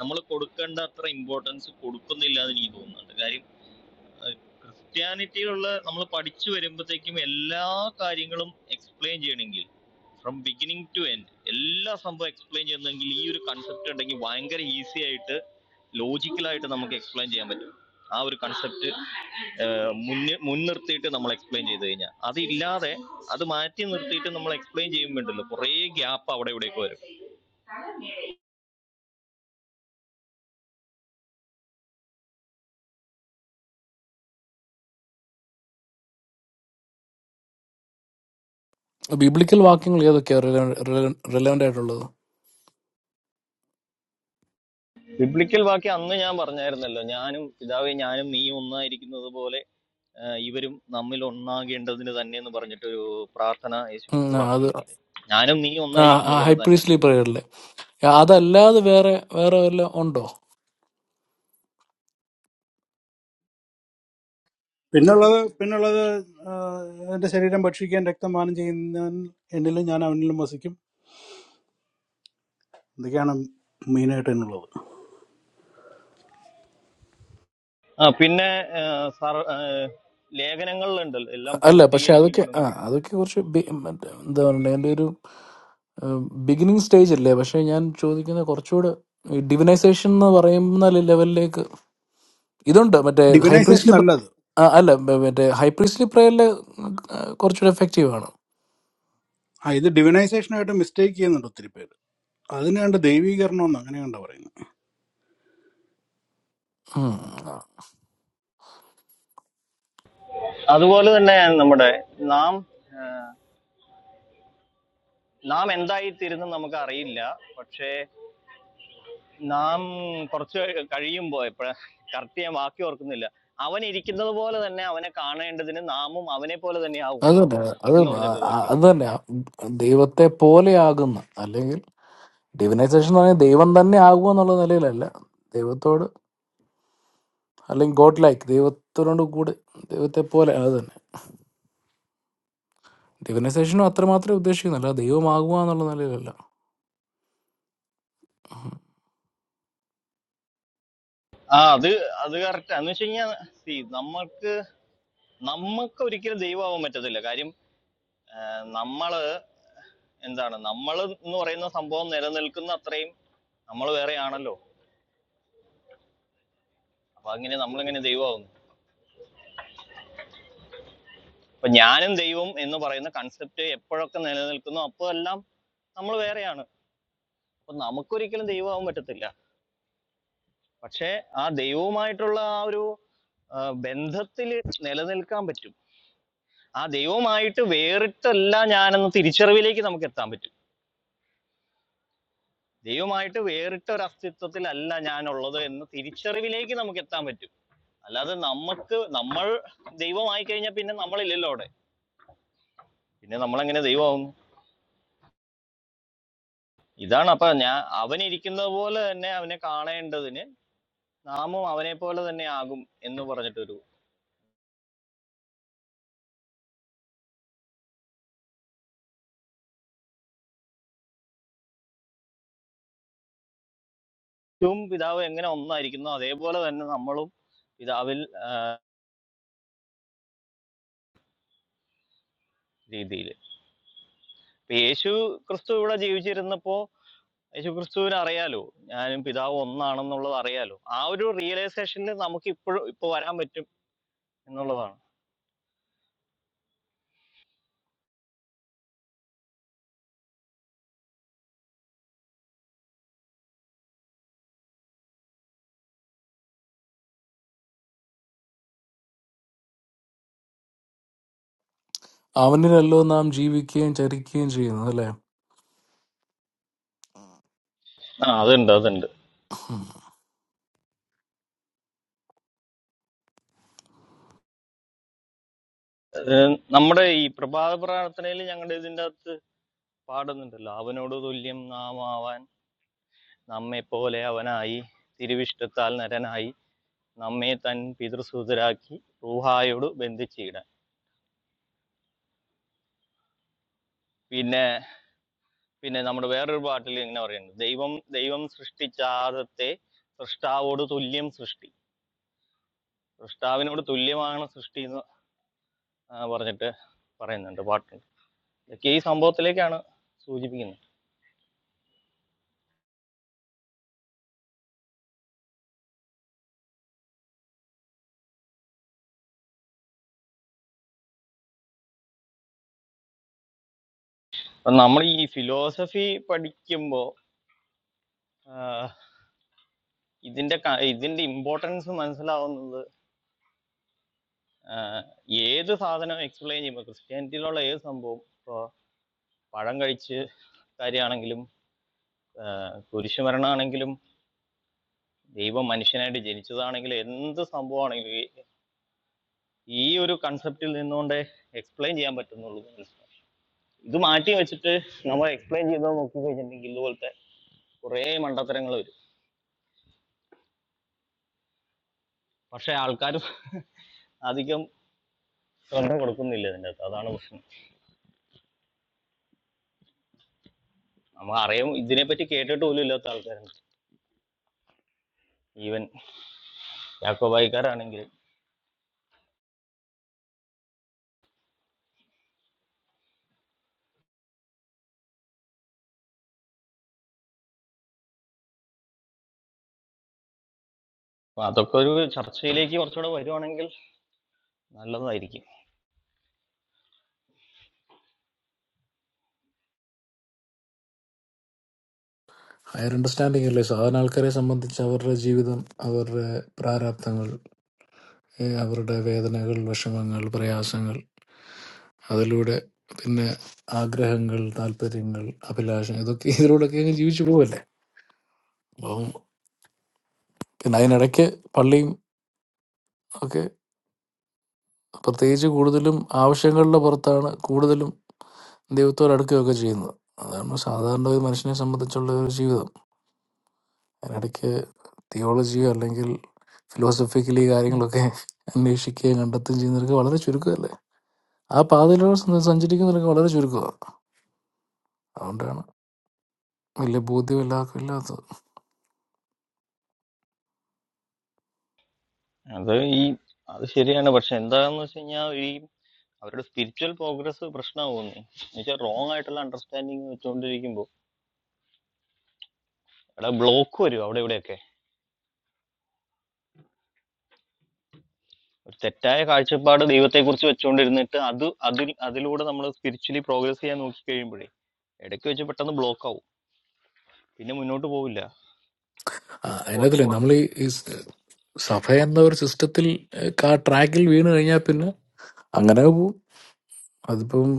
Speaker 20: നമ്മൾ കൊടുക്കേണ്ട അത്ര ഇമ്പോർട്ടൻസ് കൊടുക്കുന്നില്ല എന്ന് എനിക്ക് തോന്നുന്നുണ്ട് കാര്യം ക്രിസ്ത്യാനിറ്റിയിലുള്ള നമ്മൾ പഠിച്ചു വരുമ്പോഴത്തേക്കും എല്ലാ കാര്യങ്ങളും എക്സ്പ്ലെയിൻ ചെയ്യണമെങ്കിൽ ഫ്രം ബിഗിനിങ് ടു എൻഡ് എല്ലാ സംഭവം എക്സ്പ്ലെയിൻ ചെയ്യുന്നെങ്കിൽ ഈ ഒരു കൺസെപ്റ്റ് ഉണ്ടെങ്കിൽ ഭയങ്കര ഈസി ആയിട്ട് ലോജിക്കലായിട്ട് നമുക്ക് എക്സ്പ്ലെയിൻ ചെയ്യാൻ പറ്റും ആ ഒരു കൺസെപ്റ്റ് മുന്നിൽ മുൻനിർത്തിയിട്ട് നമ്മൾ എക്സ്പ്ലെയിൻ ചെയ്ത് കഴിഞ്ഞാൽ അതില്ലാതെ അത് മാറ്റി നിർത്തിയിട്ട് നമ്മൾ എക്സ്പ്ലെയിൻ ചെയ്യുമ്പോണ്ടല്ലോ കുറേ ഗ്യാപ്പ് അവിടെ ഇവിടെയൊക്കെ വരും
Speaker 18: ബിബ്ലിക്കൽ വാക്യങ്ങൾ ഏതൊക്കെയാ റിലവൻ്റ് ആയിട്ടുള്ളത്
Speaker 20: ബിബ്ലിക്കൽ വാക്യം അന്ന് ഞാൻ പറഞ്ഞായിരുന്നല്ലോ ഞാനും പിതാവേ ഞാനും നീ ഒന്നായിരിക്കുന്നത് പോലെ ഏഹ് ഇവരും നമ്മിൽ ഒന്നാകേണ്ടതിന് തന്നെ എന്ന് പറഞ്ഞിട്ടൊരു പ്രാർത്ഥന യേശു
Speaker 18: ഉം,
Speaker 20: ക്രിസ്തു
Speaker 18: ആ, അത്
Speaker 20: പ്രാർത്ഥിക്കുന്നില്ലേ ഞാനും നീ ഒന്നായിരിക്കുന്ന പോലെ തന്നെ
Speaker 18: ഹൈപ്രീസ്ലി പ്രേയറിലെ അതല്ലാതെ വേറെ വേറെ വല്ല ഉണ്ടോ
Speaker 2: പിന്നുള്ളത് പിന്നുള്ളത് ആ, എന്റെ ശരീരം ഭക്ഷിക്കാൻ രക്തമാനം ചെയ്യുന്നവൻ എന്നിലും ഞാൻ അവനിലും വസിക്കും ഇതൊക്കെയാണ് മെയിനായിട്ട് എന്നുള്ളത്
Speaker 20: ആ പിന്നെ ഏഹ് സർ ഏഹ് ലേഖനങ്ങളിലുണ്ടല്ലോ എല്ലാം
Speaker 18: അല്ല പക്ഷെ അതൊക്കെ
Speaker 20: പൂർത്തീകരിക്കപ്പെടും
Speaker 18: ആ അതൊക്കെ കുറച്ച് ബി- മറ്റേ എന്താ പറയണ്ടേ എൻ്റെ ഒരു ബിഗിനിങ് സ്റ്റേജ് അല്ലേ പക്ഷെ ഞാൻ ചോദിക്കുന്ന കുറച്ചുകൂടെ ഡിവിനൈസേഷൻ എന്ന് പറയുന്ന ലെ- ലെവലിലേക്ക് ഇതുണ്ട് മറ്റേ
Speaker 2: ഡിവിനൈസേഷൻ
Speaker 18: ഹൈപ്രീസ്ലി
Speaker 2: അല്ല അത്
Speaker 18: അല്ല മ- മറ്റേ ഹൈപ്രീസ്ലി പ്രേയറിലെ കുറച്ചുകൂടെ എഫക്റ്റീവ് ആണ്
Speaker 2: ആ ഇത് ഡിവിനൈസേഷനായിട്ട് മിസ്റ്റേക്ക് ചെയ്യുന്നുണ്ട് ഒത്തിരി പേര് അതിന് കണ്ട് ദൈവീകരണം എന്ന് അങ്ങനെ കണ്ട പറയുന്നത്
Speaker 18: ഉം.
Speaker 20: അതുപോലെ തന്നെ നമ്മുടെ നാം നാം എന്തായി തീരുന്നു നമുക്ക് അറിയില്ല പക്ഷേ നാം കുറച്ച് കഴിയുമ്പോൾ എപ്പോഴാ കറക്റ്റ് ഞാൻ വാക്കി ഓർക്കുന്നില്ല അവൻ ഇരിക്കുന്നത് പോലെ തന്നെ അവനെ കാണേണ്ടതിന് നാമും അവനെ പോലെ തന്നെ ആവും
Speaker 18: അതല്ല അത്
Speaker 20: എന്ന്
Speaker 18: ആ-
Speaker 20: പറഞ്ഞിട്ടൊരു
Speaker 18: ആ-
Speaker 20: വാക്യമുണ്ട്
Speaker 18: അതല്ല ദൈവത്തെ പോലെയാകുന്ന അല്ലെങ്കിൽ ഡിവിനൈസേഷൻ എന്ന് പറഞ്ഞാൽ ദൈവം തന്നെ ആകുക എന്നുള്ള നിലയിലല്ല ദൈവത്തോട് അല്ലെങ്കിൽ ഗോഡ് ലൈക്ക് ദൈവത്തോട് കൂടി ദൈവത്തെ പോലെ അത് തന്നെ ഡിവിനൈസേഷനും അത്രമാത്രമേ ഉദ്ദേശിക്കുന്നില്ല ദൈവമാകുക എന്നുള്ള നിലയിലല്ല
Speaker 20: ആ അത് അത് കറക്റ്റ് എന്ന് വെച്ച് കഴിഞ്ഞാൽ നമ്മൾക്ക് നമുക്ക് ഒരിക്കലും ദൈവമാവാൻ പറ്റത്തില്ല കാര്യം ആ, നമ്മള് എന്താണ് നമ്മൾ എന്ന് പറയുന്ന സംഭവം നിലനിൽക്കുന്ന അത്രയും നമ്മൾ വേറെ ആണല്ലോ അപ്പൊ അങ്ങനെ നമ്മളിങ്ങനെ ദൈവമാവുന്നു അപ്പൊ ഞാനും ദൈവം എന്ന് പറയുന്ന കൺസെപ്റ്റ് എപ്പോഴൊക്കെ നിലനിൽക്കുന്നു അപ്പോൾ എല്ലാം നമ്മൾ വേറെയാണ് അപ്പൊ നമുക്കൊരിക്കലും ദൈവമാവാൻ പറ്റത്തില്ല പക്ഷേ ആ ദൈവവുമായിട്ടുള്ള ആ ഒരു ബന്ധത്തിൽ നിലനിൽക്കാൻ പറ്റും ആ ദൈവമായിട്ട് വേറിട്ടല്ല ഞാനെന്ന തിരിച്ചറിവിലേക്ക് നമുക്ക് എത്താൻ പറ്റും ദൈവമായിട്ട് വേറിട്ട ഒരു അസ്തിത്വത്തിലല്ല ഞാനുള്ളത് എന്ന തിരിച്ചറിവിലേക്ക് നമുക്ക് എത്താൻ പറ്റും അല്ലാതെ നമുക്ക് നമ്മൾ ദൈവമായി കഴിഞ്ഞാൽ പിന്നെ നമ്മളില്ലല്ലോ അവിടെ പിന്നെ നമ്മൾ എങ്ങനെ ദൈവമാവുന്നു ഇതാണ് അപ്പൊ ഞാൻ അവൻ ഇരിക്കുന്നത് പോലെ തന്നെ അവനെ കാണേണ്ടതിന് നാമും അവനെ പോലെ തന്നെ ആകും എന്ന് പറഞ്ഞിട്ടൊരു ഏറ്റവും പിതാവ് എങ്ങനെ ഒന്നായിരിക്കുന്നു അതേപോലെ തന്നെ നമ്മളും പിതാവിൽ രീതിയിൽ യേശു ക്രിസ്തു ഇവിടെ ജീവിച്ചിരുന്നപ്പോ യേശുക്രിസ്തുവിനെ അറിയാലോ ഞാനും പിതാവ് ഒന്നാണെന്നുള്ളത് അറിയാലോ ആ ഒരു റിയലൈസേഷനിൽ നമുക്ക് ഇപ്പോഴും ഇപ്പൊ വരാൻ പറ്റും എന്നുള്ളതാണ്
Speaker 18: അവനിലല്ലോ നാം ജീവിക്കുകയും ചരിക്കുകയും ചെയ്യുന്നത് അല്ലേ
Speaker 20: ആ അതുണ്ട് അതുണ്ട് അത് നമ്മുടെ ഈ പ്രഭാത പ്രാർത്ഥനയിൽ ഞങ്ങളുടെ ഇതിൻ്റെ അകത്ത് പാടുന്നുണ്ടല്ലോ അവനോട് തുല്യം നാം ആവാൻ നമ്മെ പോലെ അവനായി തിരുവിഷ്ടത്താൽ നരനായി നമ്മെ തൻ പിതൃസൂതരാക്കി റൂഹായോട് ബന്ധിച്ചിടാൻ പിന്നെ പിന്നെ നമ്മുടെ വേറൊരു പാട്ടിൽ ഇങ്ങനെ പറയുന്നുണ്ട് ദൈവം ദൈവം സൃഷ്ടിച്ച ആദത്തെ സൃഷ്ടാവോട് തുല്യം സൃഷ്ടി സൃഷ്ടാവിനോട് തുല്യമാണ് സൃഷ്ടി എന്ന് ആ, പറഞ്ഞിട്ട് പറയുന്നുണ്ട് പാട്ടിൽ ഇതൊക്കെ ഈ സംഭവത്തിലേക്കാണ് സൂചിപ്പിക്കുന്നത് അപ്പം നമ്മൾ ഈ ഫിലോസഫി പഠിക്കുമ്പോൾ ഇതിന്റെ ക- ഇതിന്റെ ഇമ്പോർട്ടൻസ് മനസ്സിലാവുന്നത് ആ, ഏത് സാധനം എക്സ്പ്ലെയിൻ ചെയ്യുമ്പോൾ ക്രിസ്ത്യാനിറ്റിയിലുള്ള ഏത് സംഭവം ഇപ്പോൾ പഴം കഴിച്ച് കാര്യമാണെങ്കിലും ആ, കുരിശുമരണമാണെങ്കിലും ദൈവം മനുഷ്യനായിട്ട് ജനിച്ചതാണെങ്കിലും എന്ത് സംഭവമാണെങ്കിലും ഈ- ഈ ഒരു കൺസെപ്റ്റിൽ നിന്നുകൊണ്ടേ എക്സ്പ്ലെയിൻ ചെയ്യാൻ പറ്റുന്നുള്ളൂ ഇത് മാറ്റി വെച്ചിട്ട് നമ്മൾ എക്സ്പ്ലെയിൻ ചെയ്ത് നോക്കി കഴിഞ്ഞിട്ടുണ്ടെങ്കിൽ ഇതുപോലത്തെ കുറേ മണ്ടത്തരങ്ങൾ വരും പക്ഷെ ആൾക്കാർ അധികം ശ്രദ്ധ കൊടുക്കുന്നില്ല ഇതിൻ്റെ അകത്ത് അതാണ് പ്രശ്നം നമ്മൾ അറിയാം ഇതിനെപ്പറ്റി കേട്ടിട്ട് പോലും ഇല്ലാത്ത ആൾക്കാരുണ്ട് ഈവൻ യാക്കോബായിക്കാരാണെങ്കിലും അപ്പൊ അതൊക്കെ ഒരു ചർച്ചയിലേക്ക് കുറച്ചുകൂടെ വരുവാണെങ്കിൽ നല്ലതായിരിക്കും
Speaker 18: ഹയർ അണ്ടർസ്റ്റാൻഡിംഗ് അല്ലേ സാധാരണ ആൾക്കാരെ സംബന്ധിച്ച് അവരുടെ ജീവിതം അവരുടെ പ്രാരാബ്ദങ്ങൾ ഏ, അവരുടെ വേദനകൾ വിഷമങ്ങൾ പ്രയാസങ്ങൾ അതിലൂടെ പിന്നെ ആഗ്രഹങ്ങൾ താല്പര്യങ്ങൾ അഭിലാഷം ഇതൊക്കെ ഇതിലൂടെയൊക്കെ അങ്ങ് ജീവിച്ചു പോവല്ലേ അപ്പം പിന്നെ അതിനിടയ്ക്ക് പള്ളിയും ഒക്കെ പ്രത്യേകിച്ച് കൂടുതലും ആവശ്യങ്ങളുടെ പുറത്താണ് കൂടുതലും ദൈവത്തോട് അടുക്കുകയൊക്കെ ചെയ്യുന്നത് അതാണ് സാധാരണ ഒരു മനുഷ്യനെ സംബന്ധിച്ചുള്ള ഒരു ജീവിതം അതിനിടയ്ക്ക് തിയോളജിയോ അല്ലെങ്കിൽ ഫിലോസഫിക്കലി കാര്യങ്ങളൊക്കെ അന്വേഷിക്കുകയും കണ്ടെത്തുകയും ചെയ്യുന്നവർക്ക് വളരെ ചുരുക്കമല്ലേ ആ പാതയിലൂടെ സഞ്ചരിക്കുന്നവർക്ക് വളരെ ചുരുക്കമാണ് അതുകൊണ്ടാണ് വലിയ ബോധ്യം എല്ലാവർക്കും ഇല്ലാത്തത്
Speaker 20: അത് ഈ അത് ശരിയാണ് പക്ഷെ എന്താന്ന് വെച്ച് കഴിഞ്ഞാൽ ഈ അവരുടെ സ്പിരിച്വൽ പ്രോഗ്രസ് പ്രശ്നമാകുന്നു എന്നുവെച്ചാൽ റോങ് ആയിട്ടുള്ള അണ്ടർസ്റ്റാൻഡിങ് വെച്ചുകൊണ്ടിരിക്കുമ്പോൾ അവിടെ ബ്ലോക്ക് വരും അവിടെ ഇവിടെയൊക്കെ ഒരു തെറ്റായ കാഴ്ചപ്പാട് ദൈവത്തെക്കുറിച്ച് വെച്ചുകൊണ്ടിരുന്നിട്ട് അത് അതിൽ അതിലൂടെ നമ്മൾ സ്പിരിച്വലി പ്രോഗ്രസ് ചെയ്യാൻ നോക്കി കഴിയുമ്പോഴേ ഇടയ്ക്ക് വെച്ച് പെട്ടെന്ന് ബ്ലോക്ക് ആവും പിന്നെ മുന്നോട്ട് പോവില്ല
Speaker 18: ആ,
Speaker 20: അങ്ങനെ കുറെ-
Speaker 18: അതിനകത്തില്ലേ നമ്മൾ ഈ ഈ സ് സഭ എന്ന ഒരു സിസ്റ്റത്തിൽ ആ ട്രാക്കിൽ വീണ് കഴിഞ്ഞാൽ പിന്നെ അങ്ങനെ പോവും അതിപ്പം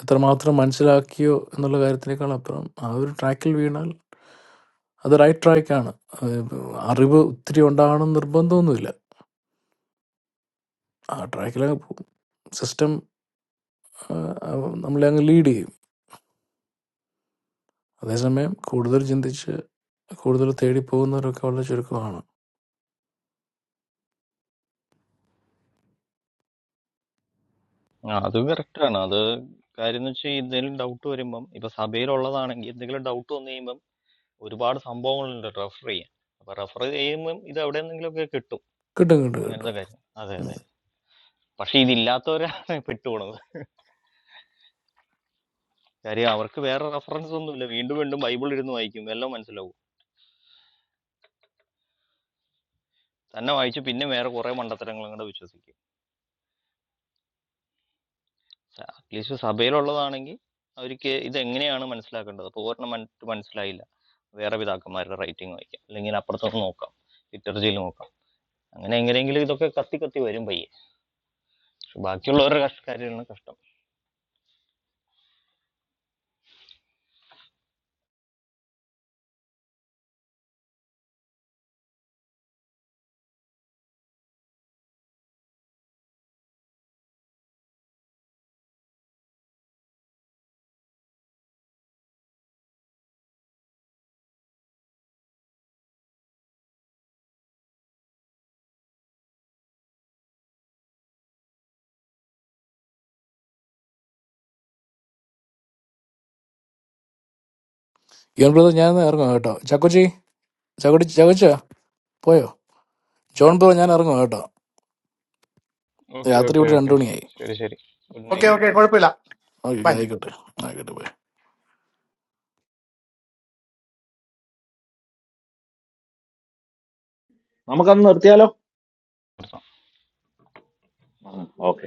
Speaker 18: എത്രമാത്രം മനസ്സിലാക്കിയോ എന്നുള്ള കാര്യത്തിനേക്കാൾ അപ്പുറം ആ ഒരു ട്രാക്കിൽ വീണാൽ അത് റൈറ്റ് ട്രാക്കാണ് അത് ഇപ്പം അറിവ് ഒത്തിരി ഉണ്ടാകണം നിർബന്ധമൊന്നുമില്ല ആ ട്രാക്കിൽ അങ്ങ് പോകും സിസ്റ്റം നമ്മളെ അങ്ങ് ലീഡ് ചെയ്യും അതേസമയം കൂടുതൽ ചിന്തിച്ച് കൂടുതൽ തേടി പോകുന്നവരൊക്കെ വളരെ ചുരുക്കമാണ്
Speaker 20: ആ, അത് correct ആണ് അത് കാര്യം എന്ന് വെച്ചാൽ എന്തെങ്കിലും ഡൗട്ട് വരുമ്പം ഇപ്പൊ സഭയിലുള്ളതാണെങ്കിൽ എന്തെങ്കിലും ഡൗട്ട് വന്നു കഴിയുമ്പം ഒരുപാട് സംഭവങ്ങളുണ്ട് റെഫർ ചെയ്യാൻ അപ്പൊ റെഫർ ചെയ്യുമ്പം ഇത് എവിടെ ഒക്കെ കിട്ടും
Speaker 18: കിട്ടും കിട്ടും
Speaker 20: ഇങ്ങനത്തെ
Speaker 18: കിട്ടും
Speaker 20: കാര്യം അതെ അതെ പക്ഷെ ഇതില്ലാത്തവരാണ് പെട്ടുപോണത് കാര്യം അവർക്ക് വേറെ റെഫറൻസ് ഒന്നുമില്ല വീണ്ടും വീണ്ടും ബൈബിൾ ഇരുന്ന് വായിക്കും എല്ലാം മനസ്സിലാവും തന്നെ വായിച്ച് പിന്നെ വേറെ കുറെ മണ്ടത്തരങ്ങളും കൂടെ വിശ്വസിക്കും അറ്റ്ലീസ്റ്റ് സഭയിലുള്ളതാണെങ്കിൽ അവർക്ക് ഇതെങ്ങനെയാണ് മനസ്സിലാക്കേണ്ടത് പൂർണ്ണമായിട്ട് മനസ്സിലായില്ല വേറെ പിതാക്കന്മാരുടെ റൈറ്റിംഗ് വായിക്കാം അല്ലെങ്കിൽ അപ്പുറത്തൊന്ന് നോക്കാം ലിറ്റർജിയിൽ നോക്കാം അങ്ങനെ എങ്ങനെയെങ്കിലും ഇതൊക്കെ കത്തി കത്തി വരും പയ്യെ പക്ഷെ ബാക്കിയുള്ളവരുടെ കഷ്- കാര്യമാണ് കഷ്ടം
Speaker 18: ജോൺ ബ്രദർ ഞാൻ ഇറങ്ങും കേട്ടോ ചക്കുച്ചി ചക്കുടി ചക്കുച്ച പോയോ ജോൺ ബ്രോ ഞാൻ ഇറങ്ങും കേട്ടോ
Speaker 20: ഓക്കെ
Speaker 18: രാത്രി
Speaker 20: ഓക്കെ
Speaker 18: ഇവിടെ
Speaker 20: ഓക്കെ
Speaker 18: രണ്ടു മണിയായി
Speaker 20: ശരി ശരി ഗുഡ് നൈറ്റ്
Speaker 14: ഓക്കെ ഓക്കെ കുഴപ്പമില്ല
Speaker 18: ഓക്കെ
Speaker 14: ബൈ
Speaker 18: ആയിക്കോട്ടെ ആയിക്കോട്ടെ bye.
Speaker 1: നമുക്കന്ന് നിർത്തിയാലോ Mm, Okay.